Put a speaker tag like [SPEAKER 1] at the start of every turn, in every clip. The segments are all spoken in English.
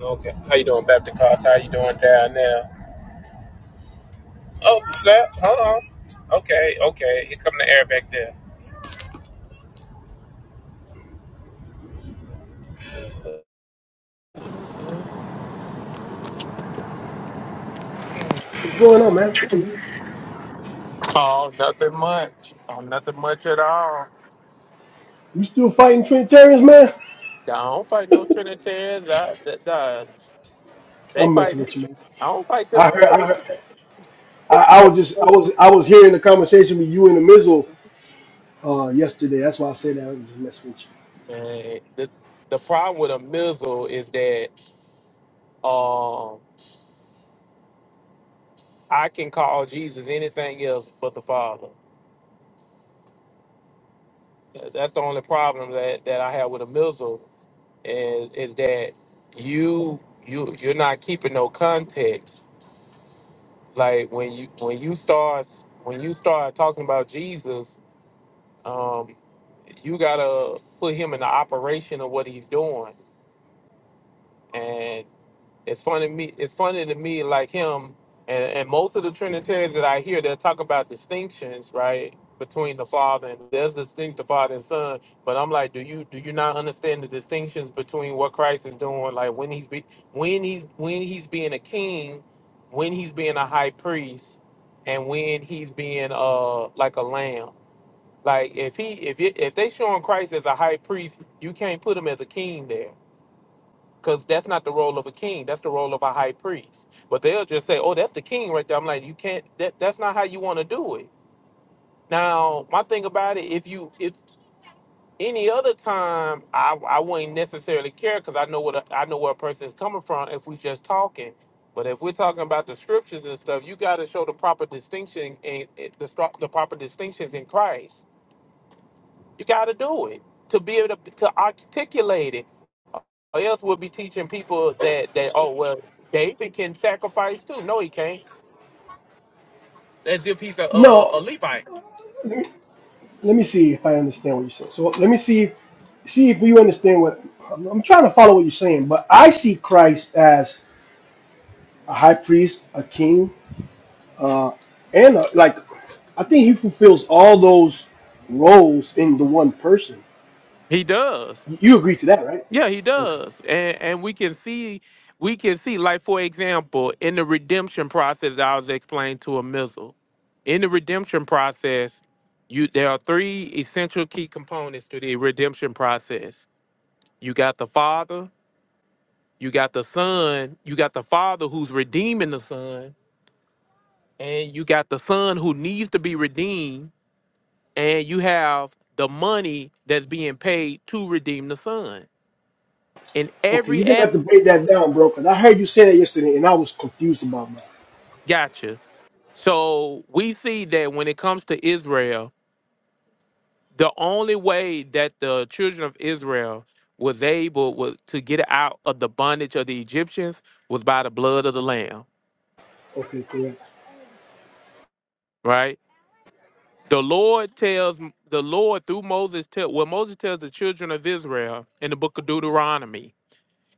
[SPEAKER 1] Okay. How you doing, Baptist Cost? How you doing down there? Oh, sir. Hold on. Okay, okay. Here come the air back there.
[SPEAKER 2] What's going on, man?
[SPEAKER 1] Oh, nothing much. Oh, nothing much at all.
[SPEAKER 2] You still fighting Trinitarians, man?
[SPEAKER 1] I don't fight no Trinitarians. I, th- th- they
[SPEAKER 2] I'm
[SPEAKER 1] fight
[SPEAKER 2] messing with
[SPEAKER 1] me.
[SPEAKER 2] you, man.
[SPEAKER 1] I don't fight them.
[SPEAKER 2] I
[SPEAKER 1] They
[SPEAKER 2] heard, I,
[SPEAKER 1] fight
[SPEAKER 2] heard, I, I was just, I
[SPEAKER 1] me.
[SPEAKER 2] was, I was hearing the conversation with you and the Mizzle uh, yesterday. That's why I say that. I'm just messing with you.
[SPEAKER 1] Man, the, the problem with a missile is that um, I can call Jesus anything else but the Father. That's the only problem that, that I have with a missile is is that you you you're not keeping no context. Like when you when you start when you start talking about Jesus, um, you gotta put him in the operation of what he's doing. and. It's funny to me. It's funny to me like him and, and most of the Trinitarians that I hear, they'll talk about distinctions, right, between the Father and there's distinct the Father and Son. But I'm like, do you do you not understand the distinctions between what Christ is doing, like when he's be, when he's when he's being a king, when he's being a high priest, and when he's being uh like a lamb. Like if he if it, if they showing Christ as a high priest, you can't put him as a king there because that's not the role of a king. That's the role of a high priest. But they'll just say, oh, that's the king right there. I'm like, you can't, that, that's not how you want to do it. Now, my thing about it, if you, if any other time, I, I wouldn't necessarily care because I know what, a, I know where a person's coming from if we just talking. But if we're talking about the scriptures and stuff, you got to show the proper distinction and and the, stro- the proper distinctions in Christ you got to do it to be able to, to articulate it. Or else we'll be teaching people that that
[SPEAKER 2] So-
[SPEAKER 1] oh well David can sacrifice too. No, he can't. As if he's a a, a
[SPEAKER 2] no,
[SPEAKER 1] Levite.
[SPEAKER 2] let me, let me see if I understand what you're saying. So let me see, see if you understand what I'm, I'm trying to follow what you're saying. But I see Christ as a high priest, a king, uh, and a, like I think he fulfills all those roles in the one person.
[SPEAKER 1] He does.
[SPEAKER 2] You agree to that, right?
[SPEAKER 1] Yeah, he
[SPEAKER 2] Okay.
[SPEAKER 1] does. And and we can see we can see like for example in the redemption process I was explained to a missile. In the redemption process, you there are three essential key components to the redemption process. You got the Father, You got the son, you got the father who's redeeming the son, and you got the son who needs to be redeemed, and you have the money that's being paid to redeem the son. In
[SPEAKER 2] Okay, you're
[SPEAKER 1] every
[SPEAKER 2] gonna have to
[SPEAKER 1] aspect,
[SPEAKER 2] break that down, bro, because I heard you say that yesterday and I was confused about that.
[SPEAKER 1] gotcha. So we see that when it comes to Israel, the only way that the children of Israel was able was to get out of the bondage of the Egyptians was by the blood of the lamb,
[SPEAKER 2] Okay, correct.
[SPEAKER 1] right? The Lord tells the Lord through Moses tell well Moses tells the children of Israel in the book of Deuteronomy.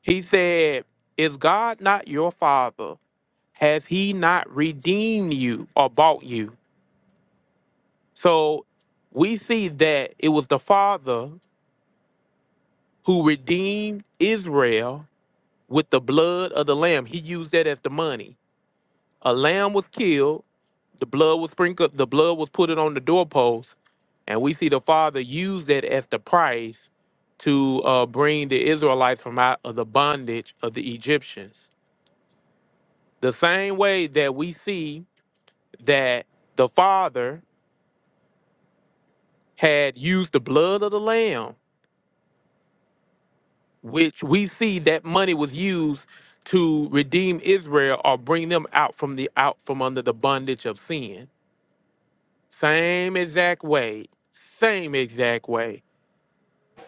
[SPEAKER 1] He said, Is God not your father? Has he not redeemed you or bought you? So we see that it was the father who redeemed Israel with the blood of the lamb. He used that as the money. A lamb was killed. The blood was sprinkled. The blood was put on the doorpost, and we see the Father use that as the price to uh, bring the Israelites from out of the bondage of the Egyptians. The same way that we see that the Father had used the blood of the lamb, which we see that money was used to redeem Israel or bring them out from the out from under the bondage of sin Same exact way. Same exact way.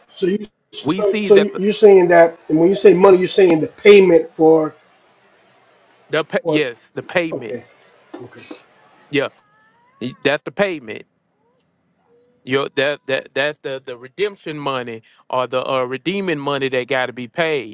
[SPEAKER 2] So you
[SPEAKER 1] We
[SPEAKER 2] so
[SPEAKER 1] see
[SPEAKER 2] so
[SPEAKER 1] that
[SPEAKER 2] you-
[SPEAKER 1] the,
[SPEAKER 2] you're saying that and when you say money, you're saying the payment for
[SPEAKER 1] the pa-
[SPEAKER 2] what
[SPEAKER 1] yes, the payment.
[SPEAKER 2] okay, okay.
[SPEAKER 1] Yeah, that's the payment. Your that that that's the the redemption money or the uh, redeeming money that got to be paid.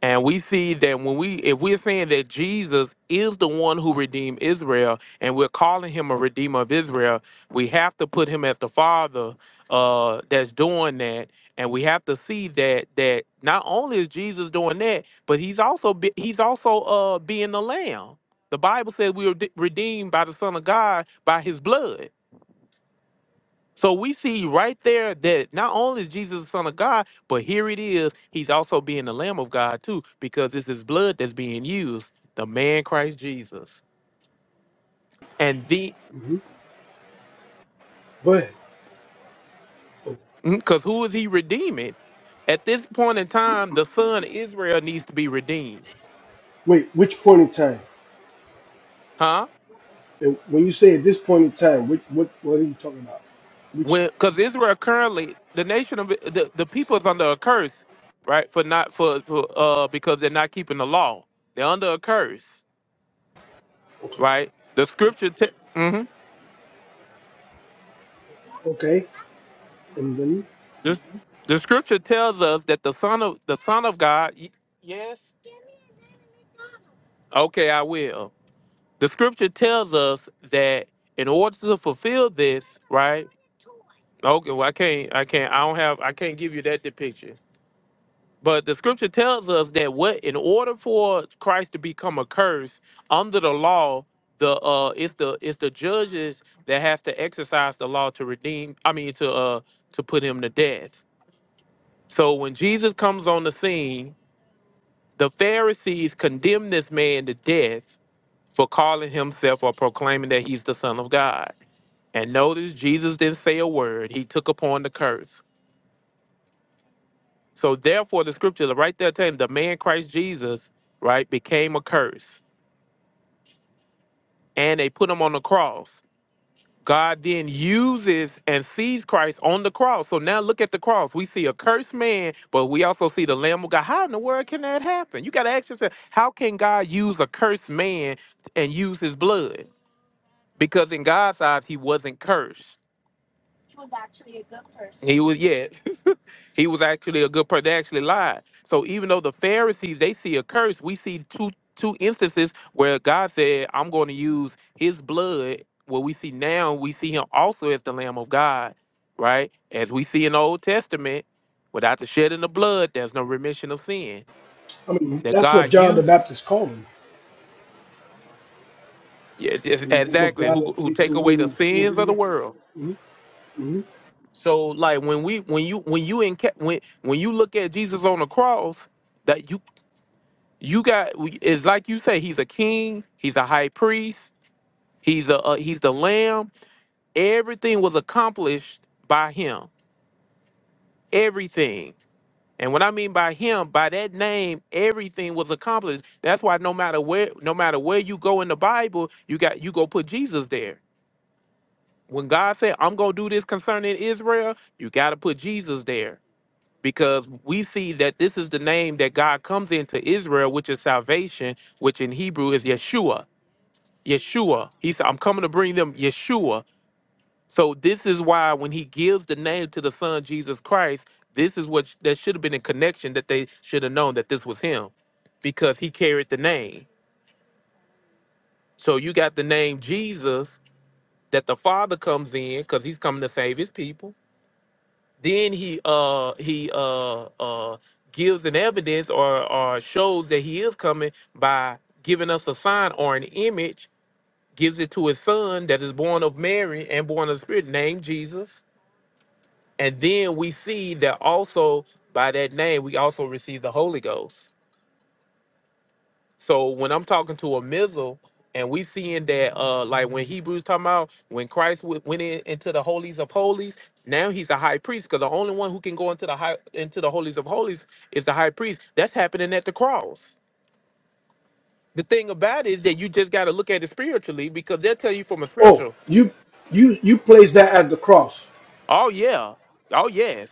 [SPEAKER 1] And we see that when we, if we're saying that Jesus is the one who redeemed Israel, and we're calling him a redeemer of Israel, we have to put him as the Father uh, that's doing that, and we have to see that that not only is Jesus doing that, but he's also be, he's also uh, being the Lamb. The Bible says we are redeemed by the Son of God by His blood. So we see right there that not only is Jesus the Son of God, but here it is, he's also being the Lamb of God too, because it's his blood that's being used, the man Christ Jesus. And the
[SPEAKER 2] hmm Go ahead. Oh,
[SPEAKER 1] because who is he redeeming? At this point in time, the son Israel needs to be redeemed.
[SPEAKER 2] Wait, which point in time?
[SPEAKER 1] Huh?
[SPEAKER 2] And when you say at this point in time, which what what are you talking about? Which
[SPEAKER 1] When because Israel currently the nation of the, the people is under a curse, right? For not for, for uh because they're not keeping the law. They're under a curse,
[SPEAKER 2] okay.
[SPEAKER 1] right? The scripture te- mm-hmm.
[SPEAKER 2] Okay. And then
[SPEAKER 1] The, the scripture tells us that the son of the son of God. y- Yes. Okay, I will. The scripture tells us that in order to fulfill this, right? Okay, well I can't, I can't, I don't have, I can't give you that depiction. But the scripture tells us that what in order for Christ to become a curse under the law, the uh, it's the it's the judges that have to exercise the law to redeem. I mean to uh to put him to death. So when Jesus comes on the scene, The Pharisees condemned this man to death for calling himself or proclaiming that he's the Son of God. And notice Jesus didn't say a word. He took upon the curse. So therefore the scripture right there telling the man Christ Jesus, right, became a curse. And they put him on the cross. God then uses and sees Christ on the cross. So now look at the cross. We see a cursed man, but we also see the Lamb of God. How in the world can that happen? You got to ask yourself, how can God use a cursed man and use his blood? Because in God's eyes, he wasn't cursed. He was, yeah. He was actually a good person. They actually lied. So even though the Pharisees they see a curse, we see two two instances where God said, "I'm going to use His blood." What we see now, we see Him also as the Lamb of God, right? As we see in the Old Testament, without the shedding of blood, there's no remission of sin.
[SPEAKER 2] I mean
[SPEAKER 1] That
[SPEAKER 2] that's what
[SPEAKER 1] God
[SPEAKER 2] John the
[SPEAKER 1] uses,
[SPEAKER 2] Baptist called him.
[SPEAKER 1] yes, yes,
[SPEAKER 2] The Lamb of
[SPEAKER 1] exactly,
[SPEAKER 2] God
[SPEAKER 1] who
[SPEAKER 2] that
[SPEAKER 1] who
[SPEAKER 2] takes
[SPEAKER 1] take
[SPEAKER 2] away
[SPEAKER 1] away the
[SPEAKER 2] the sins of the
[SPEAKER 1] sins of the
[SPEAKER 2] world.
[SPEAKER 1] world.
[SPEAKER 2] Mm-hmm.
[SPEAKER 1] So like when we when you when you in when when you look at Jesus on the cross. that you. you got we- it's like you say he's a king he's a high priest he's a uh, he's the lamb everything was accomplished by him everything and what i mean by him by that name everything was accomplished that's why no matter where no matter where you go in the bible you got you go put jesus there when god said i'm gonna do this concerning israel you gotta put jesus there because we see that this is the name that god comes into israel which is salvation which in hebrew is yeshua Yeshua. He said, I'm coming to bring them Yeshua. So this is why when he gives the name to the son Jesus Christ, this is what that should have been in connection that they should have known that this was him because he carried the name. So you got the name Jesus that the Father comes in because he's coming to save his people. Then he uh he uh uh gives an evidence or or shows that he is coming by giving us a sign or an image gives it to his son that is born of Mary and born of the Spirit, named Jesus. And then we see that also by that name, we also receive the Holy Ghost. So when I'm talking to a missile, and we seeing that, uh, like when Hebrews talking about when Christ w- went in, into the holies of holies, now he's a high priest because the only one who can go into the high into the holies of holies is the high priest. That's happening at the cross. The thing about it is that you just got to look at it spiritually because they'll tell you from a
[SPEAKER 2] Oh,
[SPEAKER 1] spiritual
[SPEAKER 2] you you you place that at the cross.
[SPEAKER 1] Oh yeah. Oh yes.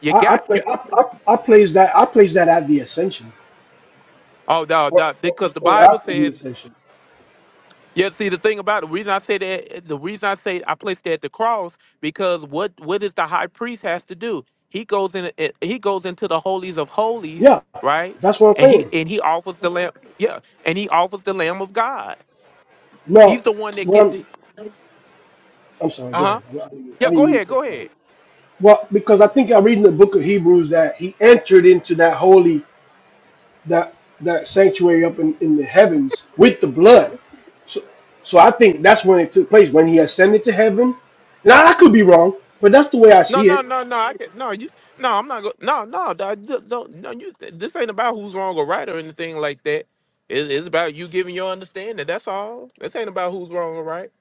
[SPEAKER 1] You
[SPEAKER 2] I I
[SPEAKER 1] got
[SPEAKER 2] play
[SPEAKER 1] to.
[SPEAKER 2] I, I, I place that I place that at the ascension
[SPEAKER 1] Oh no,
[SPEAKER 2] or,
[SPEAKER 1] no,
[SPEAKER 2] or
[SPEAKER 1] because the
[SPEAKER 2] or
[SPEAKER 1] Bible
[SPEAKER 2] after the
[SPEAKER 1] says.
[SPEAKER 2] ascension.
[SPEAKER 1] Yeah. See, the thing about it, the reason I say that, the reason I say I placed it at the cross, because what what is the high priest has to do? He goes in. eh, He goes into the holies of holies,
[SPEAKER 2] Yeah,
[SPEAKER 1] right?
[SPEAKER 2] that's what I'm
[SPEAKER 1] And he
[SPEAKER 2] saying.
[SPEAKER 1] and he offers the lamb. Yeah. And he offers the Lamb of God.
[SPEAKER 2] No,
[SPEAKER 1] He's the one that
[SPEAKER 2] what I'm
[SPEAKER 1] get.
[SPEAKER 2] I'm sorry.
[SPEAKER 1] Uh
[SPEAKER 2] Go
[SPEAKER 1] huh.
[SPEAKER 2] ahead. I didn't,
[SPEAKER 1] Yeah.
[SPEAKER 2] I didn't
[SPEAKER 1] Go
[SPEAKER 2] mean to
[SPEAKER 1] ahead. Go
[SPEAKER 2] cut you
[SPEAKER 1] ahead.
[SPEAKER 2] off. Well, because I think I read in the book of Hebrews that he entered into that holy that that sanctuary up in, in the heavens with the blood. So so I think that's when it took place when he ascended to heaven. Now I could be wrong, but that's the way I
[SPEAKER 1] No,
[SPEAKER 2] see
[SPEAKER 1] no,
[SPEAKER 2] it.
[SPEAKER 1] no, no. I can no, you no, I'm not go no, no, dog, ju- don't no you this ain't about who's wrong or right or anything like that. It's, it's about you giving your understanding. That's all. This ain't about who's wrong or right.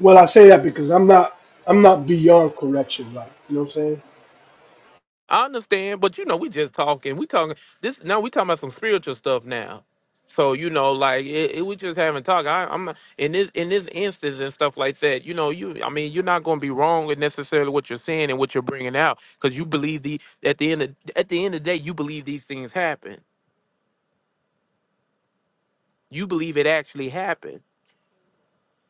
[SPEAKER 2] Well, I say that because I'm not I'm not beyond correction, right? You know what I'm saying?
[SPEAKER 1] I understand, but you know, we just talking. We talking this now we talking about some spiritual stuff now. So, you know, like it, it we just haven't talked. I I'm not in this in this instance and stuff like that, you know, you I mean, you're not gonna be wrong in necessarily what you're saying and what you're bringing out because you believe the at the end of at the end of the day you believe these things happen you believe it actually happened.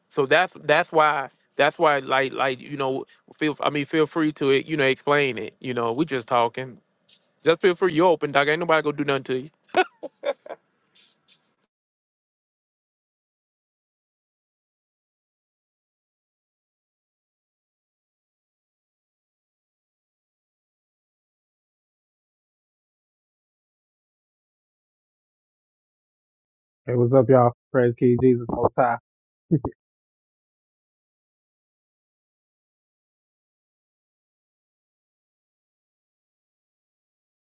[SPEAKER 1] So that's that's why that's why like like you know feel I mean feel free to it you know explain it. You know we just talking. Just feel free. You open dog. Ain't nobody gonna do nothing to you.
[SPEAKER 3] Hey, what's up, y'all? Praise King Jesus Most High.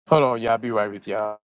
[SPEAKER 1] Hold on, y'all. Be right with y'all.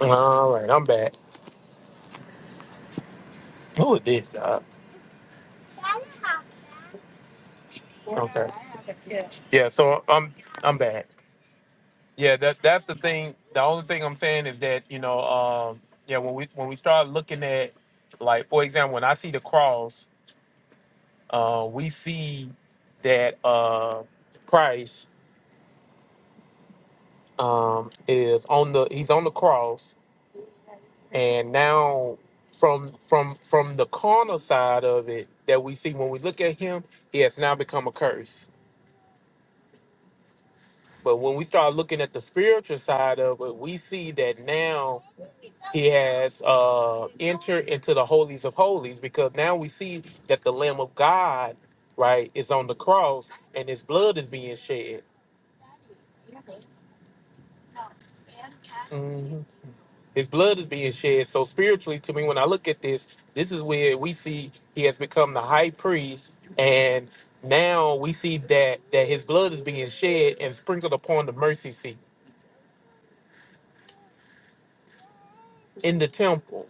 [SPEAKER 1] All right, I'm back. Who is this? dog? Okay. Yeah. So I'm I'm back. Yeah. That that's the thing. The only thing I'm saying is that you know um yeah when we when we start looking at like for example when I see the cross uh we see that uh Christ um, is on the he's on the cross, and now from from from the carnal side of it that we see when we look at him, he has now become a curse. But when we start looking at the spiritual side of it, we see that now he has uh, entered into the holies of holies because now we see that the Lamb of God, right, is on the cross and his blood is being shed. Mm-hmm. His blood is being shed. So spiritually, to me, when I look at this, this is where we see he has become the high priest, and now we see that that his blood is being shed and sprinkled upon the mercy seat in the temple,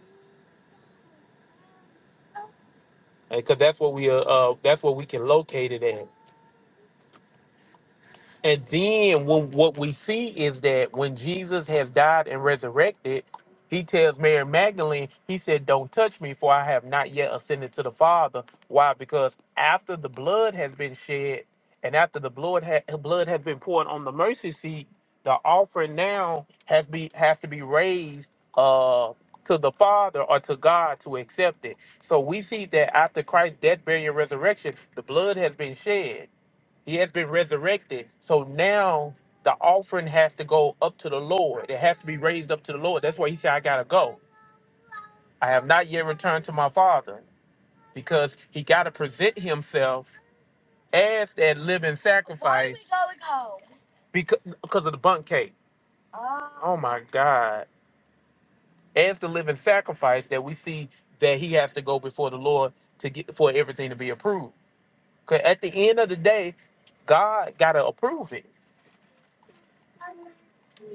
[SPEAKER 1] because that's what we uh, uh that's what we can locate it at. And then when, what we see is that when Jesus has died and resurrected, he tells Mary Magdalene, he said, Don't touch me, for I have not yet ascended to the Father. Why? Because after the blood has been shed and after the blood, ha- blood has been poured on the mercy seat, the offering now has be has to be raised uh to the Father or to God to accept it. So we see that after Christ's death, burial, and resurrection, the blood has been shed. He has been resurrected. So now the offering has to go up to the Lord. It has to be raised up to the Lord. That's why he said, I got to go. I have not yet returned to my father because he got to present himself as that living sacrifice. Why are we going home? Because, because of the bunk cake. Oh Oh my God. As the living sacrifice that we see that he has to go before the Lord to get for everything to be approved. Because at the end of the day, God got to approve it.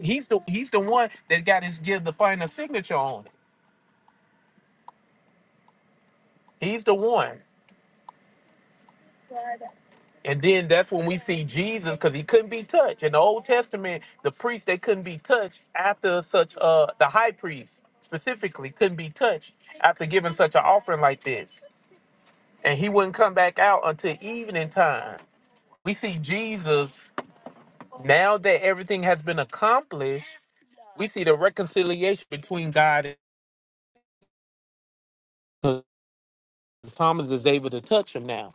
[SPEAKER 1] He's the he's the one that got his give the final signature on it. He's the one. And then that's when we see Jesus because he couldn't be touched. In the Old Testament, the priest they couldn't be touched after such uh the high priest specifically couldn't be touched after giving such an offering like this. And he wouldn't come back out until evening time. We see Jesus now that everything has been accomplished, we see the reconciliation between God and Thomas is able to touch him now.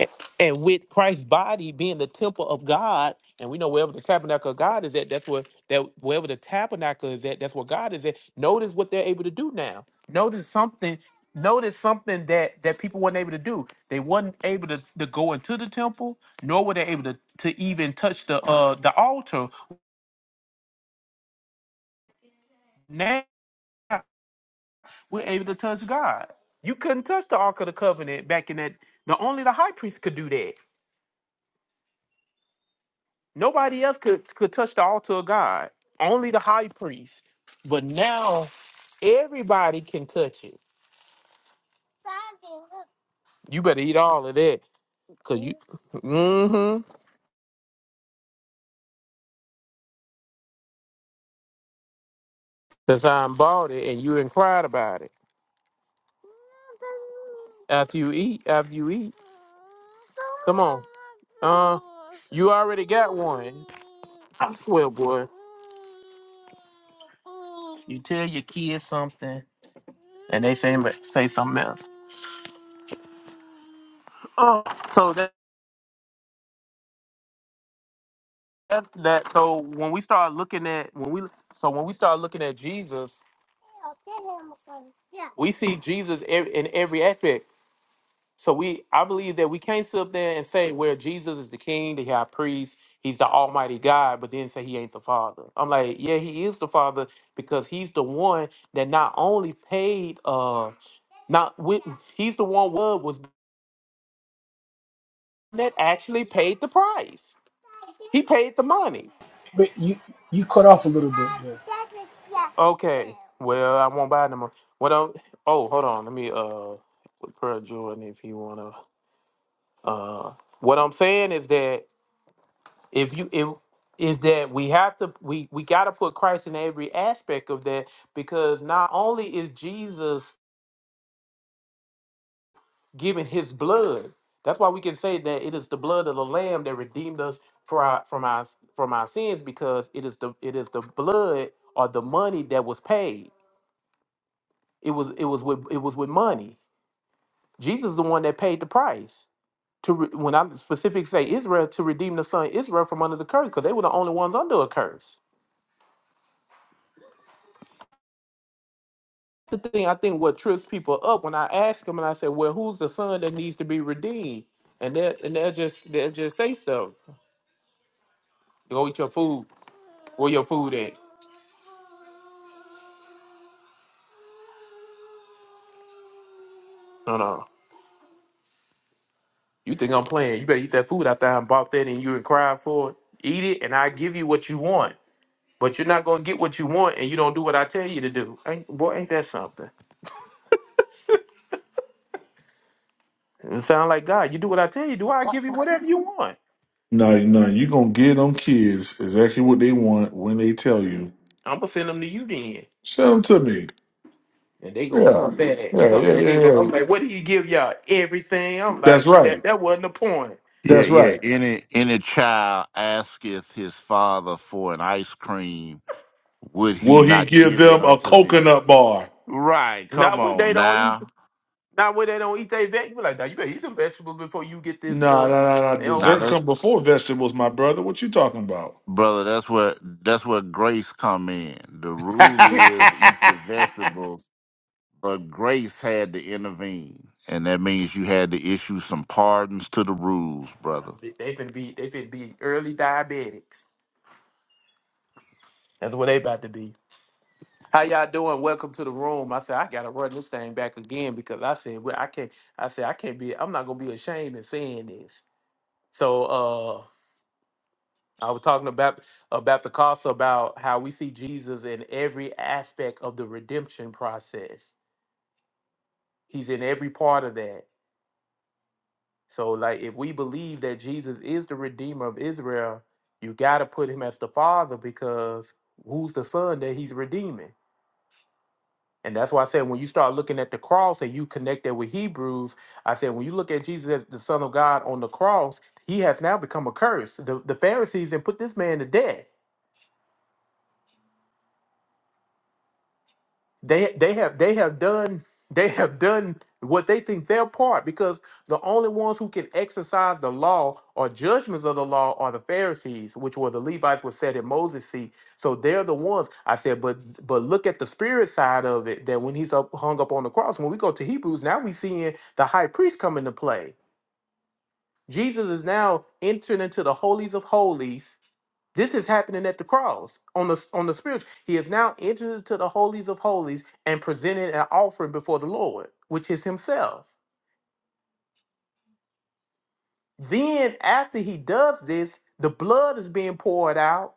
[SPEAKER 1] A- And with Christ's body being the temple of God, and we know wherever the tabernacle of God is at, that's where that wherever the tabernacle is at, that's where God is at. Notice what they're able to do now. Notice something. Notice something that that people weren't able to do. They weren't able to, to go into the temple, nor were they able to, to even touch the uh the altar. Now we're able to touch God. You couldn't touch the Ark of the Covenant back in that. The only the high priest could do that. Nobody else could could touch the altar of God. Only the high priest. But now everybody can touch it. You better eat all of that. Cause you mm-hmm. Cause I bought it and you inquired about it. After you eat, after you eat. Come on. Uh you already got one. I swear, boy. You tell your kids something and they say say something else. Oh, so that, that that so when we start looking at when we so when we start looking at Jesus we see Jesus ev- in every aspect. So we, I believe that we can't sit up there and say where Jesus is the King, the High Priest, He's the Almighty God, but then say He ain't the Father. I'm like, yeah, He is the Father because He's the one that not only paid, uh, not with, He's the one what was that actually paid the price. He paid the money.
[SPEAKER 2] But you you cut off a little bit there.
[SPEAKER 1] Okay, well, I won't buy no more. What? I'm, oh, hold on, let me uh, with Pearl Jordan if you wanna. Uh, what I'm saying is that if you if is that we have to we we got to put christ in every aspect of that because not only is jesus giving his blood that's why we can say that it is the blood of the lamb that redeemed us for our from our from our sins because it is the it is the blood or the money that was paid it was it was with it was with money jesus is the one that paid the price to re, when i specifically say israel to redeem the son israel from under the curse because they were the only ones under a curse the thing I think what trips people up when I ask them and I say, "Well, who's the son that needs to be redeemed?" And they and they'll just they'll just say stuff. Go eat your food. Where your food at? No, no. You think I'm playing? You better eat that food after I done bought that and you and cried for it. Eat it, and I give you what you want. But you're not gonna get what you want, and you don't do what I tell you to do. Ain't, boy, ain't that something? It sound like God. You do what I tell you. Do I give you whatever you want?
[SPEAKER 4] No, no, you gonna give them kids exactly what they want when they tell you.
[SPEAKER 1] I'm gonna send them to you then.
[SPEAKER 4] Send them to me.
[SPEAKER 1] And they go
[SPEAKER 4] Yeah,
[SPEAKER 1] come back,
[SPEAKER 4] yeah,
[SPEAKER 1] come
[SPEAKER 4] yeah,
[SPEAKER 1] back. They go.
[SPEAKER 4] yeah.
[SPEAKER 1] I'm
[SPEAKER 4] yeah.
[SPEAKER 1] like, what did he give y'all? Everything. I'm
[SPEAKER 4] That's
[SPEAKER 1] like, that,
[SPEAKER 4] right.
[SPEAKER 1] that wasn't the point.
[SPEAKER 5] Yeah,
[SPEAKER 4] That's
[SPEAKER 5] yeah.
[SPEAKER 4] right.
[SPEAKER 5] Any any child asketh his father for an ice cream, would he
[SPEAKER 4] Will he
[SPEAKER 5] not
[SPEAKER 4] give
[SPEAKER 5] give it
[SPEAKER 4] them a
[SPEAKER 5] unto them?
[SPEAKER 4] coconut bar?
[SPEAKER 5] Right. Come
[SPEAKER 1] Not when
[SPEAKER 5] on
[SPEAKER 1] they don't eat.
[SPEAKER 5] now.
[SPEAKER 1] Not when they don't eat their vegetables. Like, nah, you better eat them vegetables before you get this
[SPEAKER 4] No,
[SPEAKER 1] stuff.
[SPEAKER 4] no, no, no.
[SPEAKER 1] They don't
[SPEAKER 5] Now
[SPEAKER 4] Dessert
[SPEAKER 1] want
[SPEAKER 5] that,
[SPEAKER 1] to.
[SPEAKER 4] come before vegetables, my brother. What you talking about?
[SPEAKER 5] brother, that's where that's where grace come in. The rule is eat your vegetables, but grace had to intervene. And that means you had to issue some pardons to the rules, brother.
[SPEAKER 1] they finna be. They finna be early diabetics. That's what they about to be. How y'all doing? Welcome to the room. I said I gotta run this thing back again because I said well, I can't. I said I can't be. I'm not gonna be ashamed in saying this. So. I was talking about about the cost about how we see Jesus in every aspect of the redemption process. He's in every part of that. So like if we believe that Jesus is the redeemer of Israel, you got to put him as the father because who's the son that he's redeeming? And that's why I said when you start looking at the cross and you connect that with Hebrews, I said when you look at Jesus as the son of God on the cross, he has now become a curse. The the Pharisees and put this man to death they they have they have done they have done what they think their part because the only ones who can exercise the law or judgments of the law are the Pharisees, which were the Levites were set at Moses' seat. So they're the ones I said, but but look at the spirit side of it. That when he's up hung up on the cross, when we go to Hebrews, now we seeing the high priest come into play. Jesus is now entering into the holies of holies this is happening at the cross on the on the spiritual. He is now entered into the holies of holies and presented an offering before the Lord, which is himself. Then after he does this, the blood is being poured out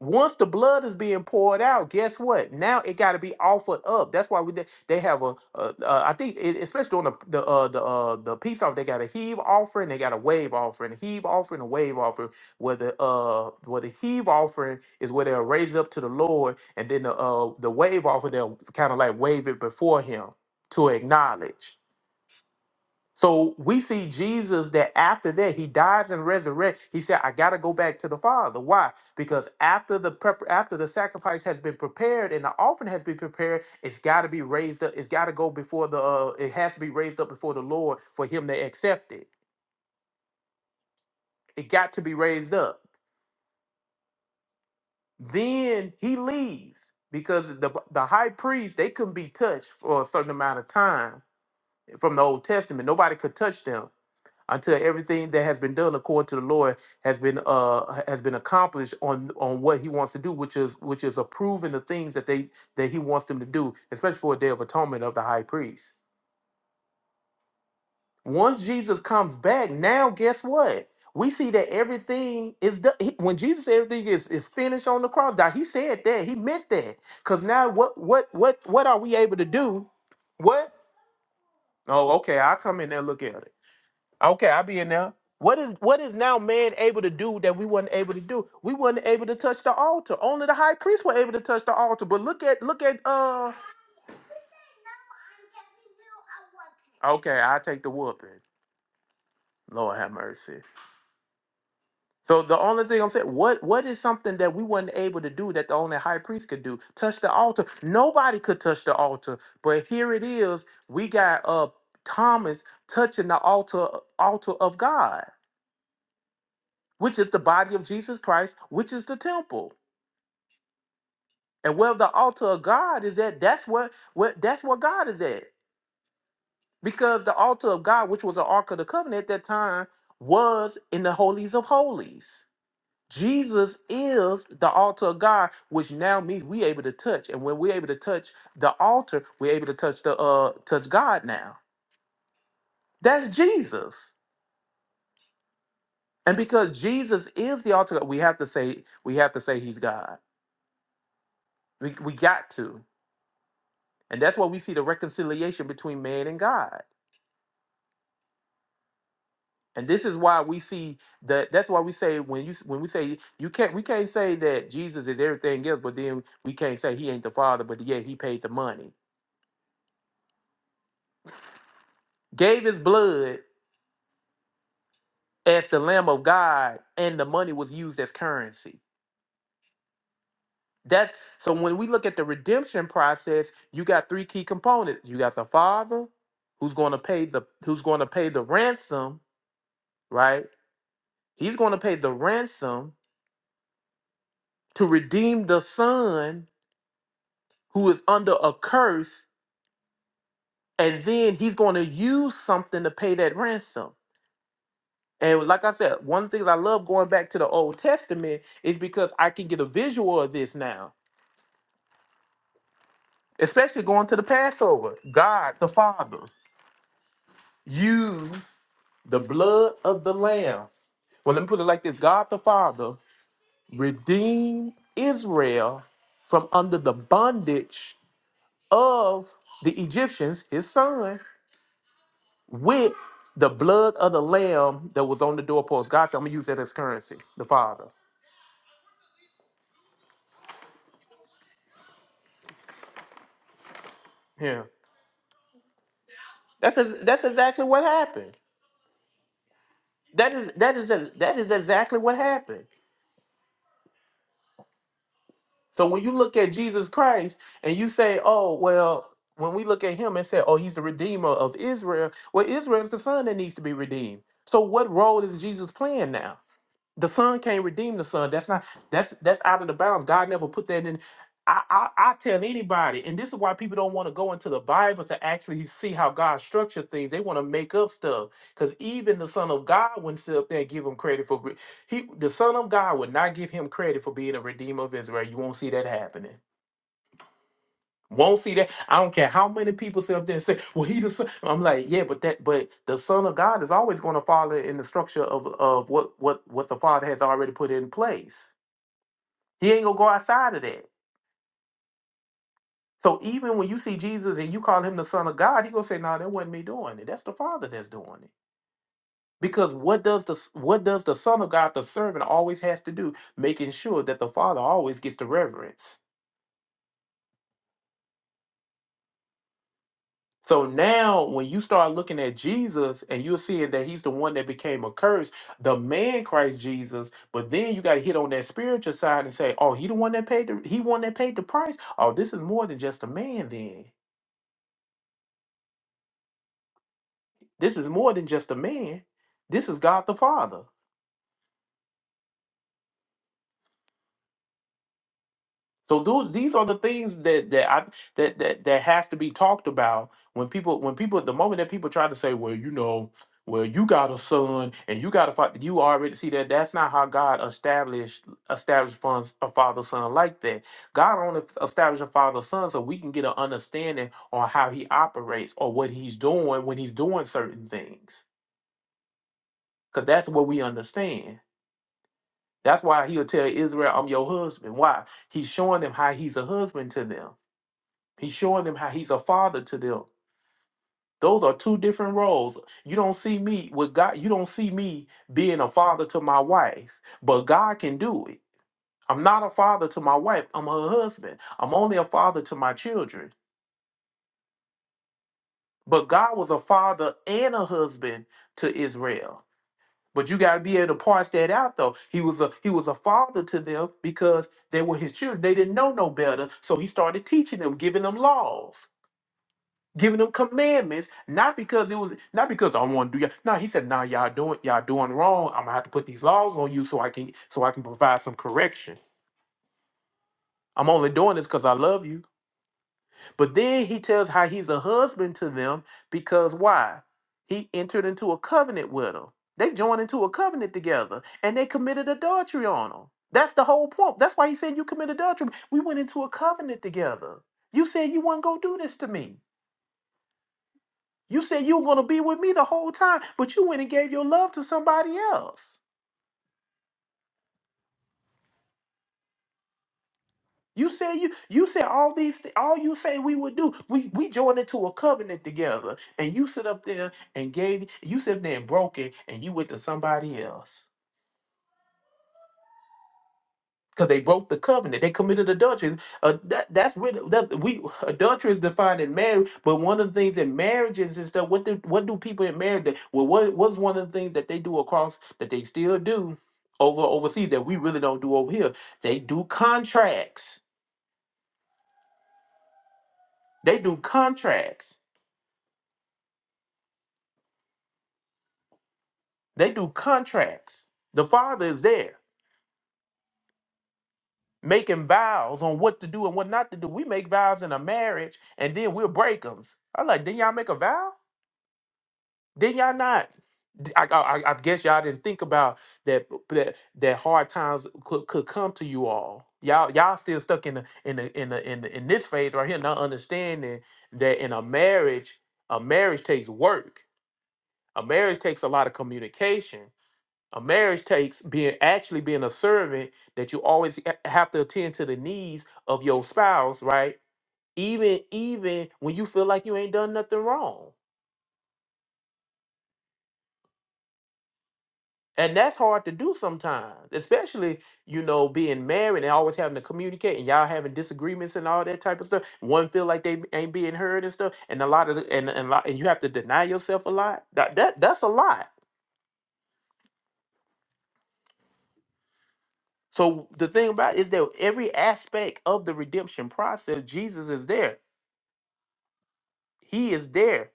[SPEAKER 1] once the blood is being poured out, guess what? Now it got to be offered up. That's why we did- they have a, a, a I think it, especially on the the uh, the uh, the peace offering, they got a heave offering, they got a wave offering, a heave offering, a wave offering. Where the uh where the heave offering is where they'll raise it up to the Lord, and then the uh the wave offering they'll kind of like wave it before Him to acknowledge. So we see Jesus that after that he dies and resurrects. He said, "I got to go back to the Father." Why? Because after the prep, after the sacrifice has been prepared and the offering has been prepared, it's got to be raised up. It's got to go before the. Uh, it has to be raised up before the Lord for him to accept it. It got to be raised up. Then he leaves because the the high priest they couldn't be touched for a certain amount of time from the Old Testament. Nobody could touch them. until everything that has been done according to the Lord has been uh has been accomplished on on what he wants to do, which is which is approving the things that they that he wants them to do, especially for a day of atonement of the high priest. Once Jesus comes back, now guess what? We see that everything is done. He- When Jesus said everything is, is finished on the cross, now he said that. He meant that. Because now what what what what are we able to do? What? Oh, okay. I'll come in there and look at it. Okay, I'll be in there. What is what is now man able to do that we weren't able to do? We weren't able to touch the altar. Only the high priest were able to touch the altar. But look at look at uh okay, I take the whooping. Lord have mercy. So the only thing I'm saying, what what is something that we weren't able to do that the only high priest could do? Touch the altar. Nobody could touch the altar. But here it is. We got uh Thomas touching the altar altar of God, which is the body of Jesus Christ, which is the temple. And where the altar of God is at, that's what where, that's where God is at. Because the altar of God, which was the Ark of the Covenant at that time, was in the holies of holies. Jesus is the altar of God, which now means we able to touch. And when we're able to touch the altar, we're able to touch the uh touch God now. That's Jesus. And because Jesus is the altar, we have to say, we have to say he's God. We, we got to. And that's why we see the reconciliation between man and God. And this is why we see that. That's why we say when you when we say you can't we can't say that Jesus is everything else, but then we can't say he ain't the Father, but yet he paid the money, gave his blood as the Lamb of God, and the money was used as currency. That's so when we look at the redemption process, you got three key components. You got the Father, who's going to pay the who's going to pay the ransom, right? He's going to pay the ransom to redeem the Son, who is under a curse and then he's going to use something to pay that ransom. And like I said, one of the things I love going back to the Old Testament is because I can get a visual of this now, especially going to the Passover. God the Father used the blood of the Lamb. Well, let me put it like this God the Father redeemed Israel from under the bondage of the Egyptians, his son. with the blood of the lamb that was on the doorpost. God said, I'm gonna use that as currency, the Father. Yeah. That's ex- that's exactly what happened. That is that is that is exactly what happened. So when you look at Jesus Christ and you say, Oh, well, when we look at him and say, Oh, he's the redeemer of Israel, well, Israel is the son that needs to be redeemed. So what role is Jesus playing now? The son can't redeem the son. That's not that's that's out of the bounds. God never put that in. I, I I tell anybody, and this is why people don't want to go into the Bible to actually see how God structured things. They want to make up stuff. Because even the Son of God wouldn't sit up there and give him credit for re- he the Son of God would not give him credit for being a redeemer of Israel. You won't see that happening. Won't see that. I don't care how many people sit up there and say, "Well, he's the son." I'm like, yeah, but that, but the Son of God is always going to follow in the structure of of what what what the Father has already put in place. He ain't gonna go outside of that. So even when you see Jesus and you call him the Son of God, he gonna say, "No, that wasn't me doing it. That's the Father that's doing it." Because what does the what does the Son of God, the servant, always has to do? Making sure that the Father always gets the reverence. So now, when you start looking at Jesus and you're seeing that he's the one that became a curse, the man Christ Jesus, but then you got to hit on that spiritual side and say, oh, he the one that paid the, he one that paid the price. Oh, this is more than just a man then. This is more than just a man. This is God the Father. So those, these are the things that that I that that that has to be talked about when people when people the moment that people try to say, well, you know, well, you got a son and you got a father, you already see that that's not how God established established funds a father son like that. God only established a father son so we can get an understanding on how He operates or what He's doing when He's doing certain things, because that's what we understand. That's why He'll tell Israel, "I'm your husband." Why? He's showing them how He's a husband to them He's showing them how he's a father to them. Those are two different roles. You don't see me with God, you don't see me being a father to my wife, but God can do it. I'm not a father to my wife, I'm her husband. I'm only a father to my children. But God was a father and a husband to Israel. But you gotta be able to parse that out though. He was a he was a father to them because they were his children. They didn't know no better. So he started teaching them, giving them laws. giving them commandments, not because it was not because I want to do y'all. No, he said, "Now y'all doing y'all doing wrong. I'm gonna have to put these laws on you so I can so I can provide some correction. I'm only doing this because I love you." But then he tells how he's a husband to them because why? He entered into a covenant with them. They joined into a covenant together, and they committed adultery on them. That's the whole point. That's why he said you committed adultery. We went into a covenant together. You said you weren't gonna do this to me. You said you were going to be with me the whole time, but you went and gave your love to somebody else. You said you you said all these thi- all you say we would do. We we joined into a covenant together, and you sit up there and gave you sit up there and broke it, and you went to somebody else. because they broke the covenant. They committed adultery. Uh, that, that's where that we adultery is defined in marriage. But one of the things in marriages and stuff, what do what do people in marriage? do? Well, what what's one of the things that they do across that they still do over overseas that we really don't do over here? They do contracts. They do contracts. They do contracts. The father is there making vows on what to do and what not to do. We make vows in a marriage and then we'll break them. I like, didn't y'all make a vow? Did y'all not? I I I guess y'all didn't think about that that, that hard times could, could come to you all. Y'all y'all still stuck in the in the in the in, the, in this phase right here, not understanding that in a marriage, a marriage takes work. A marriage takes a lot of communication. A marriage takes being actually being a servant that you always ha- have to attend to the needs of your spouse, right? Even even when you feel like you ain't done nothing wrong And that's hard to do sometimes, especially, you know, being married and always having to communicate and y'all having disagreements and all that type of stuff. One feel like they ain't being heard and stuff. And a lot of the, and, and, lot, and you have to deny yourself a lot. That, that That's a lot. So the thing about it is that every aspect of the redemption process, Jesus is there. He is there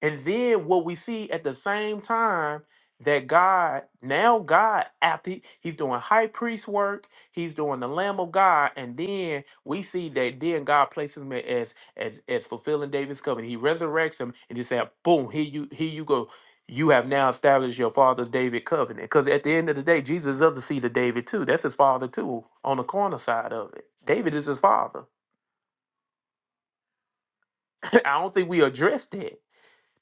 [SPEAKER 1] And then what we see at the same time that God, now God, after he- he's doing high priest work, he's doing the Lamb of God, and then we see that then God places him as as as fulfilling David's covenant. He resurrects him and just said, boom, here you here you go. You have now established your father David covenant. Because at the end of the day, Jesus is of the seed of David too. That's his father too, on the corner side of it. David is his father. I don't think we addressed that.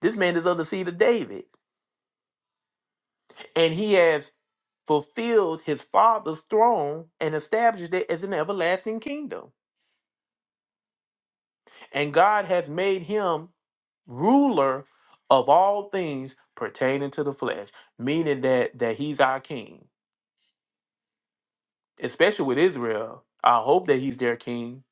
[SPEAKER 1] This man is of the seed of David. and he has fulfilled his father's throne and established it as an everlasting kingdom. And God has made him ruler of all things pertaining to the flesh, meaning that that he's our king, especially with Israel. I hope that he's their king.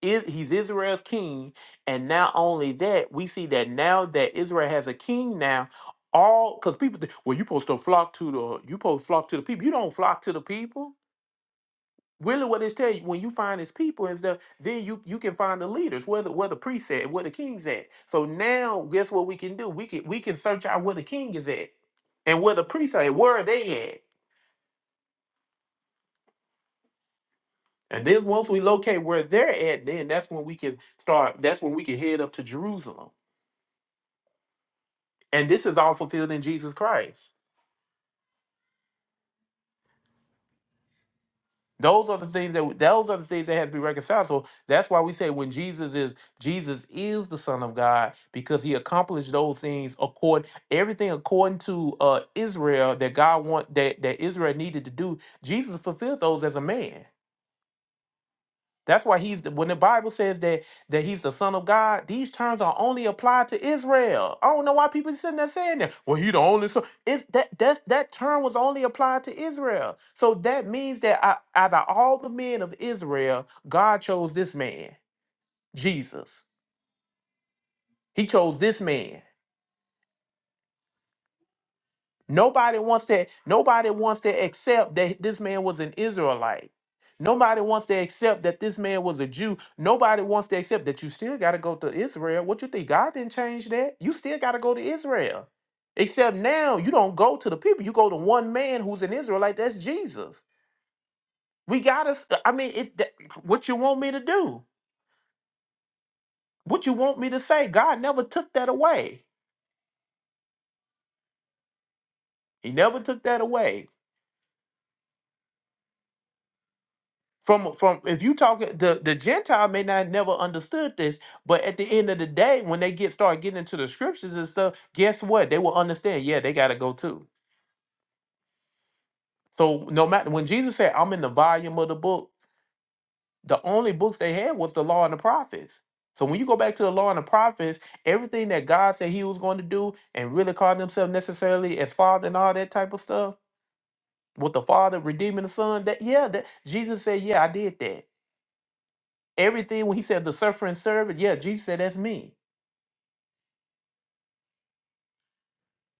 [SPEAKER 1] Is he's Israel's king, and not only that, we see that now that Israel has a king now, all because people think, well, you supposed to flock to the you supposed to flock to the people. You don't flock to the people Really, what it's tell you when you find his people and stuff, then you you can find the leaders, where the where the priest at, where the king's at. So now, guess what we can do? We can we can search out where the king is at, and where the priests are at. Where are they at? And then once we locate where they're at, then that's when we can start. That's when we can head up to Jerusalem. And this is all fulfilled in Jesus Christ. Those are the things that those are the things that have to be reconciled. So that's why we say when Jesus is Jesus is the Son of God because He accomplished those things according everything according to uh, Israel that God want that that Israel needed to do. Jesus fulfilled those as a man. That's why he's the, when the Bible says that that he's the son of God, these terms are only applied to Israel. I don't know why people sitting there saying that. Well, he the only son. It's that that that term was only applied to Israel. So that means that out out of all the men of Israel, God chose this man, Jesus. He chose this man. Nobody wants to nobody wants to accept that this man was an Israelite. Nobody wants to accept that this man was a Jew. Nobody wants to accept that you still got to go to Israel. What you think God didn't change that? You still got to go to Israel. Except now you don't go to the people. You go to one man who's an Israelite. That's Jesus. We got to I mean it that- what you want me to do? What you want me to say? God never took that away. He never took that away. From from if you talking the the Gentile may not never understood this, but at the end of the day, when they get start getting into the scriptures and stuff, guess what? They will understand. Yeah, they got to go too. So no matter when Jesus said, "I'm in the volume of the book," the only books they had was the law and the prophets. So when you go back to the law and the prophets, everything that God said He was going to do, and really called Himself necessarily as Father and all that type of stuff, with the Father redeeming the Son, that yeah, that Jesus said, yeah, I did that. Everything when he said the suffering servant, yeah, Jesus said that's me.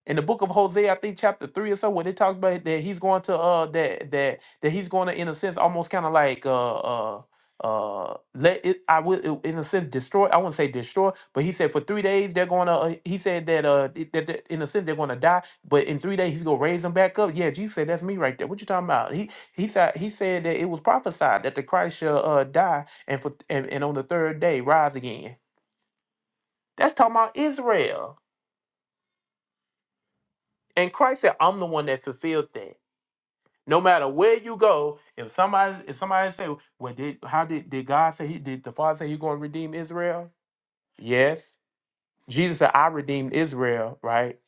[SPEAKER 1] In the book of Hosea, I think chapter three or so, when it talks about that he's going to uh that that that he's going to in a sense almost kind of like uh uh uh let it I will in a sense destroy I wouldn't say destroy but he said for three days they're going to uh, he said that uh it- that, that in a sense they're going to die but in three days he's going to raise them back up yeah Jesus said that's me right there what you talking about he he said he said that it was prophesied that the Christ shall uh die and for and, and on the third day rise again That's talking about Israel. And Christ said, I'm the one that fulfilled that. No matter where you go, if somebody if somebody say, Well, did how did, did God say he did the Father say he's gonna redeem Israel? Yes. Jesus said, I redeemed Israel, right?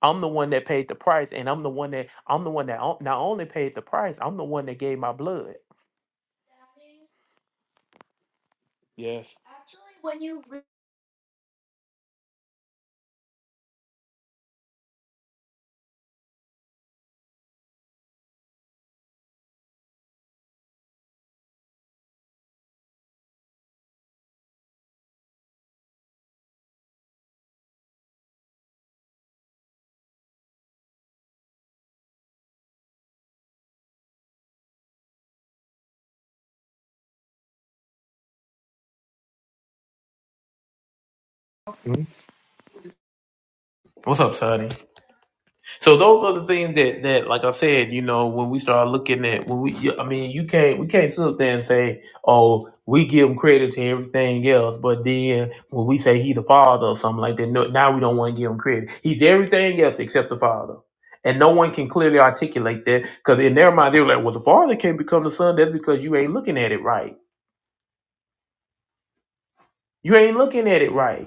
[SPEAKER 1] I'm the one that paid the price, and I'm the one that I'm the one that o- not only paid the price, I'm the one that gave my blood. Yes. Mhm. What's up, Sonny? So those are the things that that, like I said, you know, when we start looking at when we, I mean, you can't we can't sit up there and say, oh, we give him credit to everything else, but then when we say he the father or something like that, no, now we don't want to give him credit. He's everything else except the father. And no one can clearly articulate that because in their mind they're like, well, the father can't become the son. That's because you ain't looking at it right. You ain't looking at it right.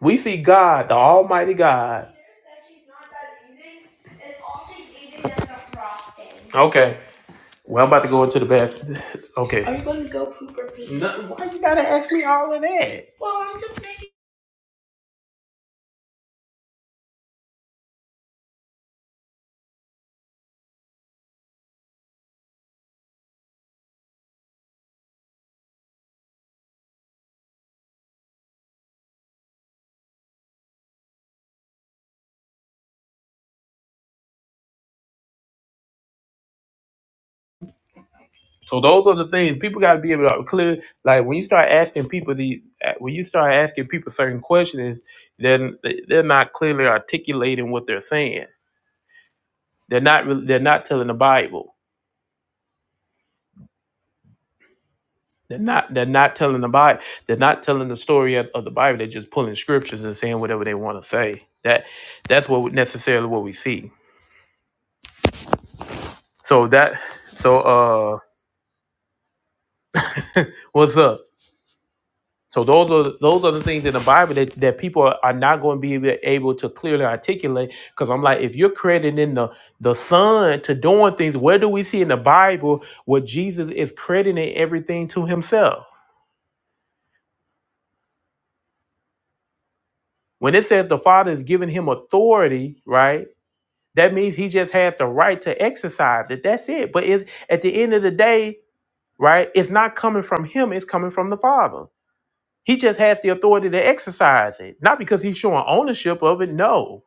[SPEAKER 1] We see God, the Almighty God. Okay. Well, I'm about to go into the bathroom. Okay. are you going to go poop or pee? No, why you gotta ask me all of that? So those are the things people gotta be able to clear. Like when you start asking people these, when you start asking people certain questions, then they- are not clearly articulating what they're saying. They're not. really, They're not telling the Bible. They're not. They're not telling the Bible. They're not telling the story of, of the Bible. They're just pulling scriptures and saying whatever they want to say. That that's what necessarily what we see. So that so uh, what's up? So those are those are the things in the Bible that, that people are not going to be able able to clearly articulate. Because I'm like, if you're crediting the the Son to doing things, where do we see in the Bible where Jesus is crediting everything to Himself? When it says the Father is giving Him authority, right? That means he just has the right to exercise it. That's it. But it's, at the end of the day, right, it's not coming from him, it's coming from the Father. He just has the authority to exercise it, not because he's showing ownership of it. No.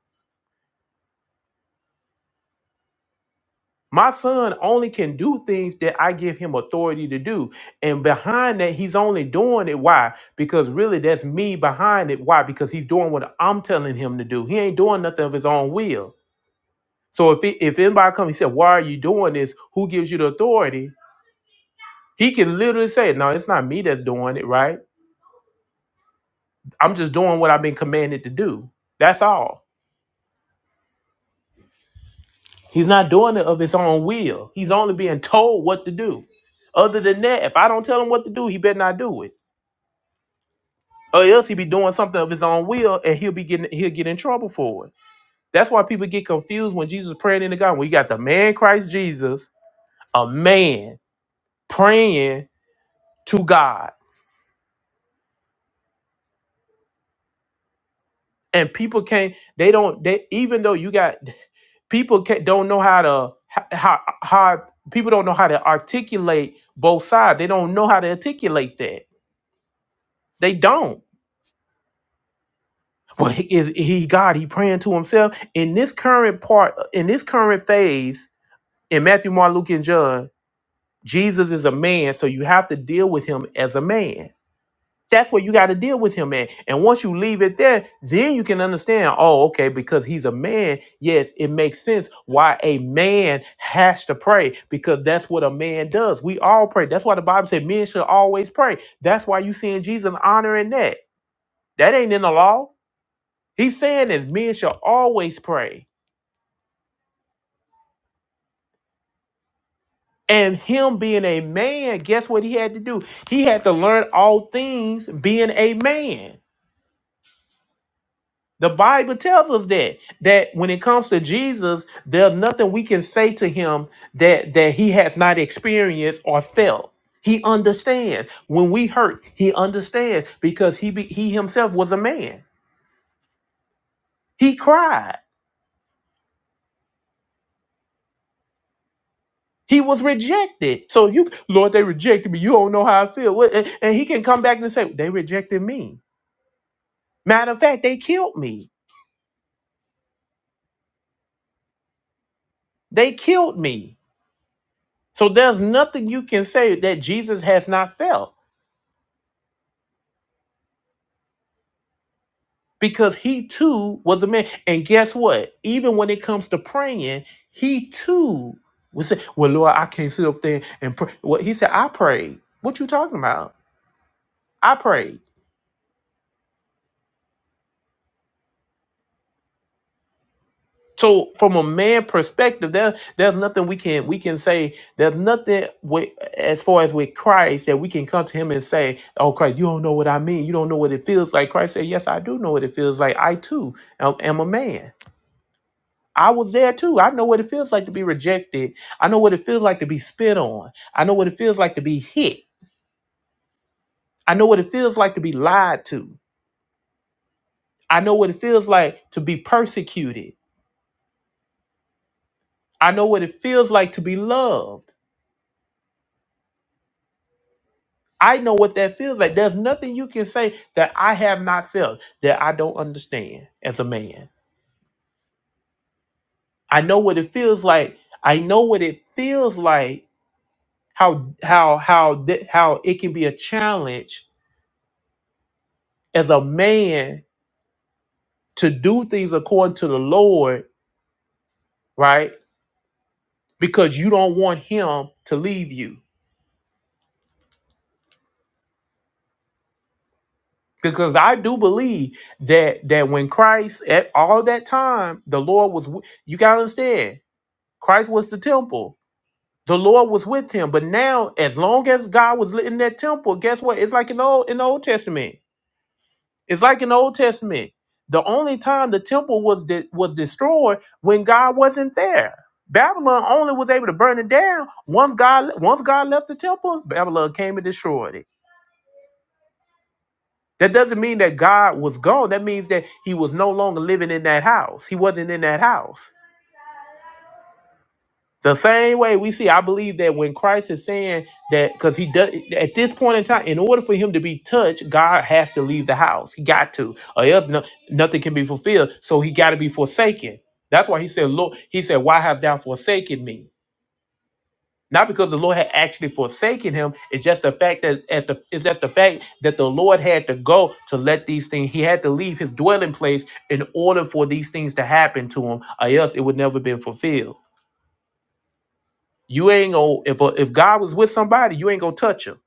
[SPEAKER 1] My son only can do things that I give him authority to do. And behind that, he's only doing it. Why? Because really, that's me behind it. Why? Because he's doing what I'm telling him to do. He ain't doing nothing of his own will. So if, it, if anybody comes and said, Why are you doing this? Who gives you the authority? He can literally say, No, it's not me that's doing it, right? I'm just doing what I've been commanded to do. That's all. He's not doing it of his own will. He's only being told what to do. Other than that, if I don't tell him what to do, he better not do it. Or else he be doing something of his own will and he'll be getting he'll get in trouble for it. That's why people get confused when Jesus praying in the garden. We got the man Christ Jesus, a man praying to God. And people can't, they don't, they even though you got people ca don't know how to how, how people don't know how to articulate both sides. They don't know how to articulate that. They don't. Well, he, is he God? He praying to himself in this current part in this current phase in Matthew, Mark, Luke, and John. Jesus is a man, so you have to deal with him as a man. That's what you got to deal with him, man. And once you leave it there, then you can understand, oh, okay, because he's a man, yes, it makes sense why a man has to pray because that's what a man does. We all pray. That's why the Bible said men should always pray. That's why you seeing Jesus honoring that. That ain't in the law. He's saying that men should always pray. And him being a man, guess what he had to do? He had to learn all things being a man. The Bible tells us that that when it comes to Jesus, there's nothing we can say to him that that he has not experienced or felt. He understands. When we hurt, he understands because he be, he himself was a man. He cried. He was rejected. So you, Lord, they rejected me. You don't know how I feel. What- And, and he can come back and say, they rejected me. Matter of fact, they killed me. They killed me. So there's nothing you can say that Jesus has not felt. because he too was a man. And guess what? Even when it comes to praying, he too was say, "Well, Lord, I can't sit up there and pray." Well, he said, "I prayed." What you talking about? I prayed. So from a man perspective, there, there's nothing we can we can say. There's nothing with, as far as with Christ that we can come to him and say, "Oh Christ, you don't know what I mean. You don't know what it feels like." Christ said, "Yes, I do know what it feels like. I too am am a man." I was there too. I know what it feels like to be rejected. I know what it feels like to be spit on. I know what it feels like to be hit. I know what it feels like to be lied to. I know what it feels like to be persecuted. I know what it feels like to be loved. I know what that feels like. There's nothing you can say that I have not felt that I don't understand as a man. I know what it feels like. I know what it feels like how how how th- how it can be a challenge as a man to do things according to the Lord, right? Because you don't want him to leave you. Because I do believe that that when Christ at all that time, the Lord was wi- you got to understand. Christ was the temple. The Lord was with him. But now as long as God was in that temple, guess what? It's like in the old in the Old Testament. It's like in the Old Testament. The only time the temple was de- was destroyed when God wasn't there. Babylon only was able to burn it down once God once God left the temple. Babylon came and destroyed it. That doesn't mean that God was gone. That means that He was no longer living in that house. He wasn't in that house. The same way we see, I believe that when Christ is saying that, because he does at this point in time, in order for him to be touched, God has to leave the house. He got to, or else no, nothing can be fulfilled. So he got to be forsaken. That's why he said, "Lord," he said, "Why hast thou forsaken me?" Not because the Lord had actually forsaken him. It's just the fact that at the it's just the fact that the Lord had to go to let these things. He had to leave his dwelling place in order for these things to happen to him, or else it would never been fulfilled. You ain't gonna if a, if God was with somebody, you ain't gonna touch him.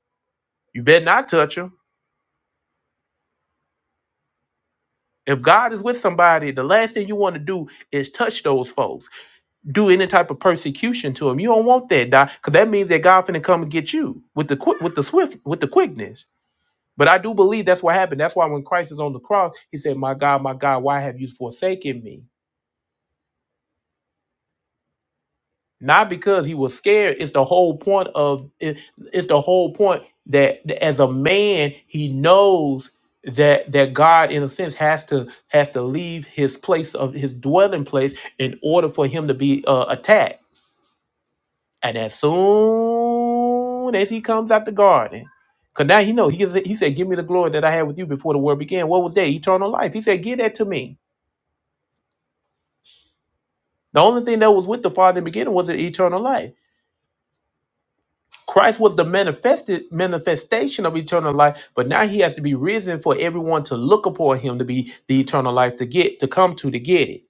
[SPEAKER 1] You better not touch him. If God is with somebody, the last thing you want to do is touch those folks. Do any type of persecution to them. You don't want that, Doc, because that means that God finna come and get you with the quick, with the swift, with the quickness. But I do believe that's what happened. That's why when Christ is on the cross, he said, "My God, my God, why have you forsaken me?" not because he was scared it's the whole point of it, it's the whole point that, that as a man he knows that that god in a sense has to has to leave his place of his dwelling place in order for him to be uh, attacked and as soon as he comes out the garden because now he know he, gives he said give me the glory that i had with you before the world began what was that eternal life he said give that to me the only thing that was with the father in the beginning was the eternal life Christ was the manifested manifestation of eternal life, but now he has to be risen for everyone to look upon him to be the eternal life to get to come to to get it.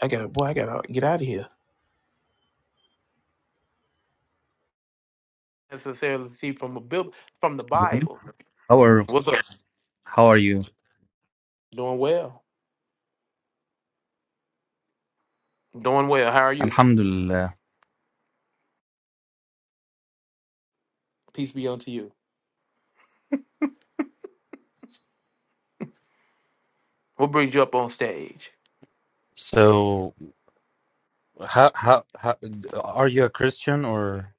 [SPEAKER 1] I gotta boy, I gotta get out of here. Necessarily see from a Bib- from the
[SPEAKER 6] Hello.
[SPEAKER 1] Bible.
[SPEAKER 6] How are
[SPEAKER 1] What's up?
[SPEAKER 6] how are you?
[SPEAKER 1] Doing well. Doing well. How are you?
[SPEAKER 6] Alhamdulillah.
[SPEAKER 1] Peace be unto you. What brings you up on stage?
[SPEAKER 6] So, how how, how are you a Christian or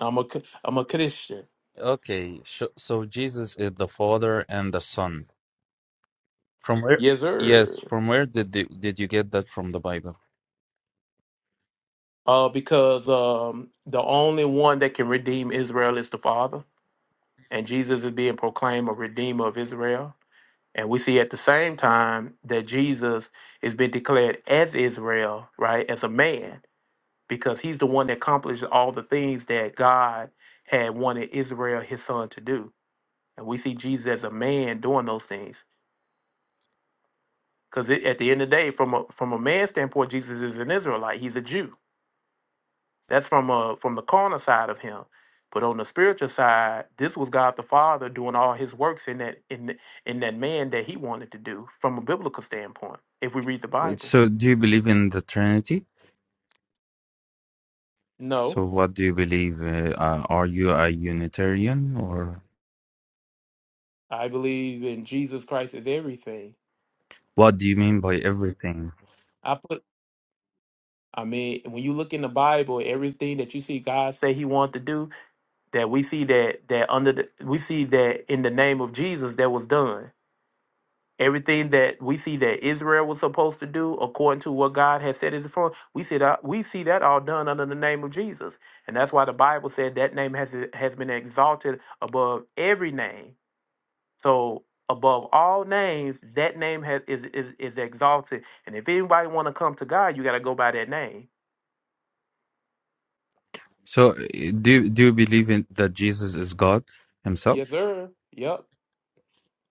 [SPEAKER 1] I'm a c- I'm a Christian.
[SPEAKER 6] okay? So, so Jesus is the Father and the Son. From where?
[SPEAKER 1] Yes,
[SPEAKER 6] Yes.
[SPEAKER 1] sir.
[SPEAKER 6] From where did the, did you get that from the Bible?
[SPEAKER 1] Uh, because um, the only one that can redeem Israel is the Father, and Jesus is being proclaimed a redeemer of Israel And we see at the same time that Jesus has been declared as Israel, right, as a man, because he's the one that accomplished all the things that God had wanted Israel, his son, to do. And we see Jesus as a man doing those things. Because at the end of the day, from a from a man's standpoint, Jesus is an Israelite. He's a Jew. That's from a from the carnal side of him. But on the spiritual side, this was God the Father doing all his works in that in in that man that he wanted to do from a biblical standpoint, if we read the Bible.
[SPEAKER 6] So, do you believe in the Trinity?
[SPEAKER 1] No,
[SPEAKER 6] So, what do you believe? Uh, uh, are you a Unitarian or
[SPEAKER 1] I believe in Jesus Christ is everything.
[SPEAKER 6] what do you mean by everything?
[SPEAKER 1] I put, I mean, when you look in the Bible, everything that you see God say He want to do, that we see that that under the, we see that in the name of Jesus that was done. Everything that we see that Israel was supposed to do, according to what God had said in the front, we see that we see that all done under the name of Jesus, and that's why the Bible said that name has has been exalted above every name. So above all names, that name has, is is is exalted. And if anybody want to come to God, you got to go by that name.
[SPEAKER 6] So, uh, do do you believe in that Jesus is God
[SPEAKER 1] Yes,
[SPEAKER 6] Himself?
[SPEAKER 1] sir. Yep.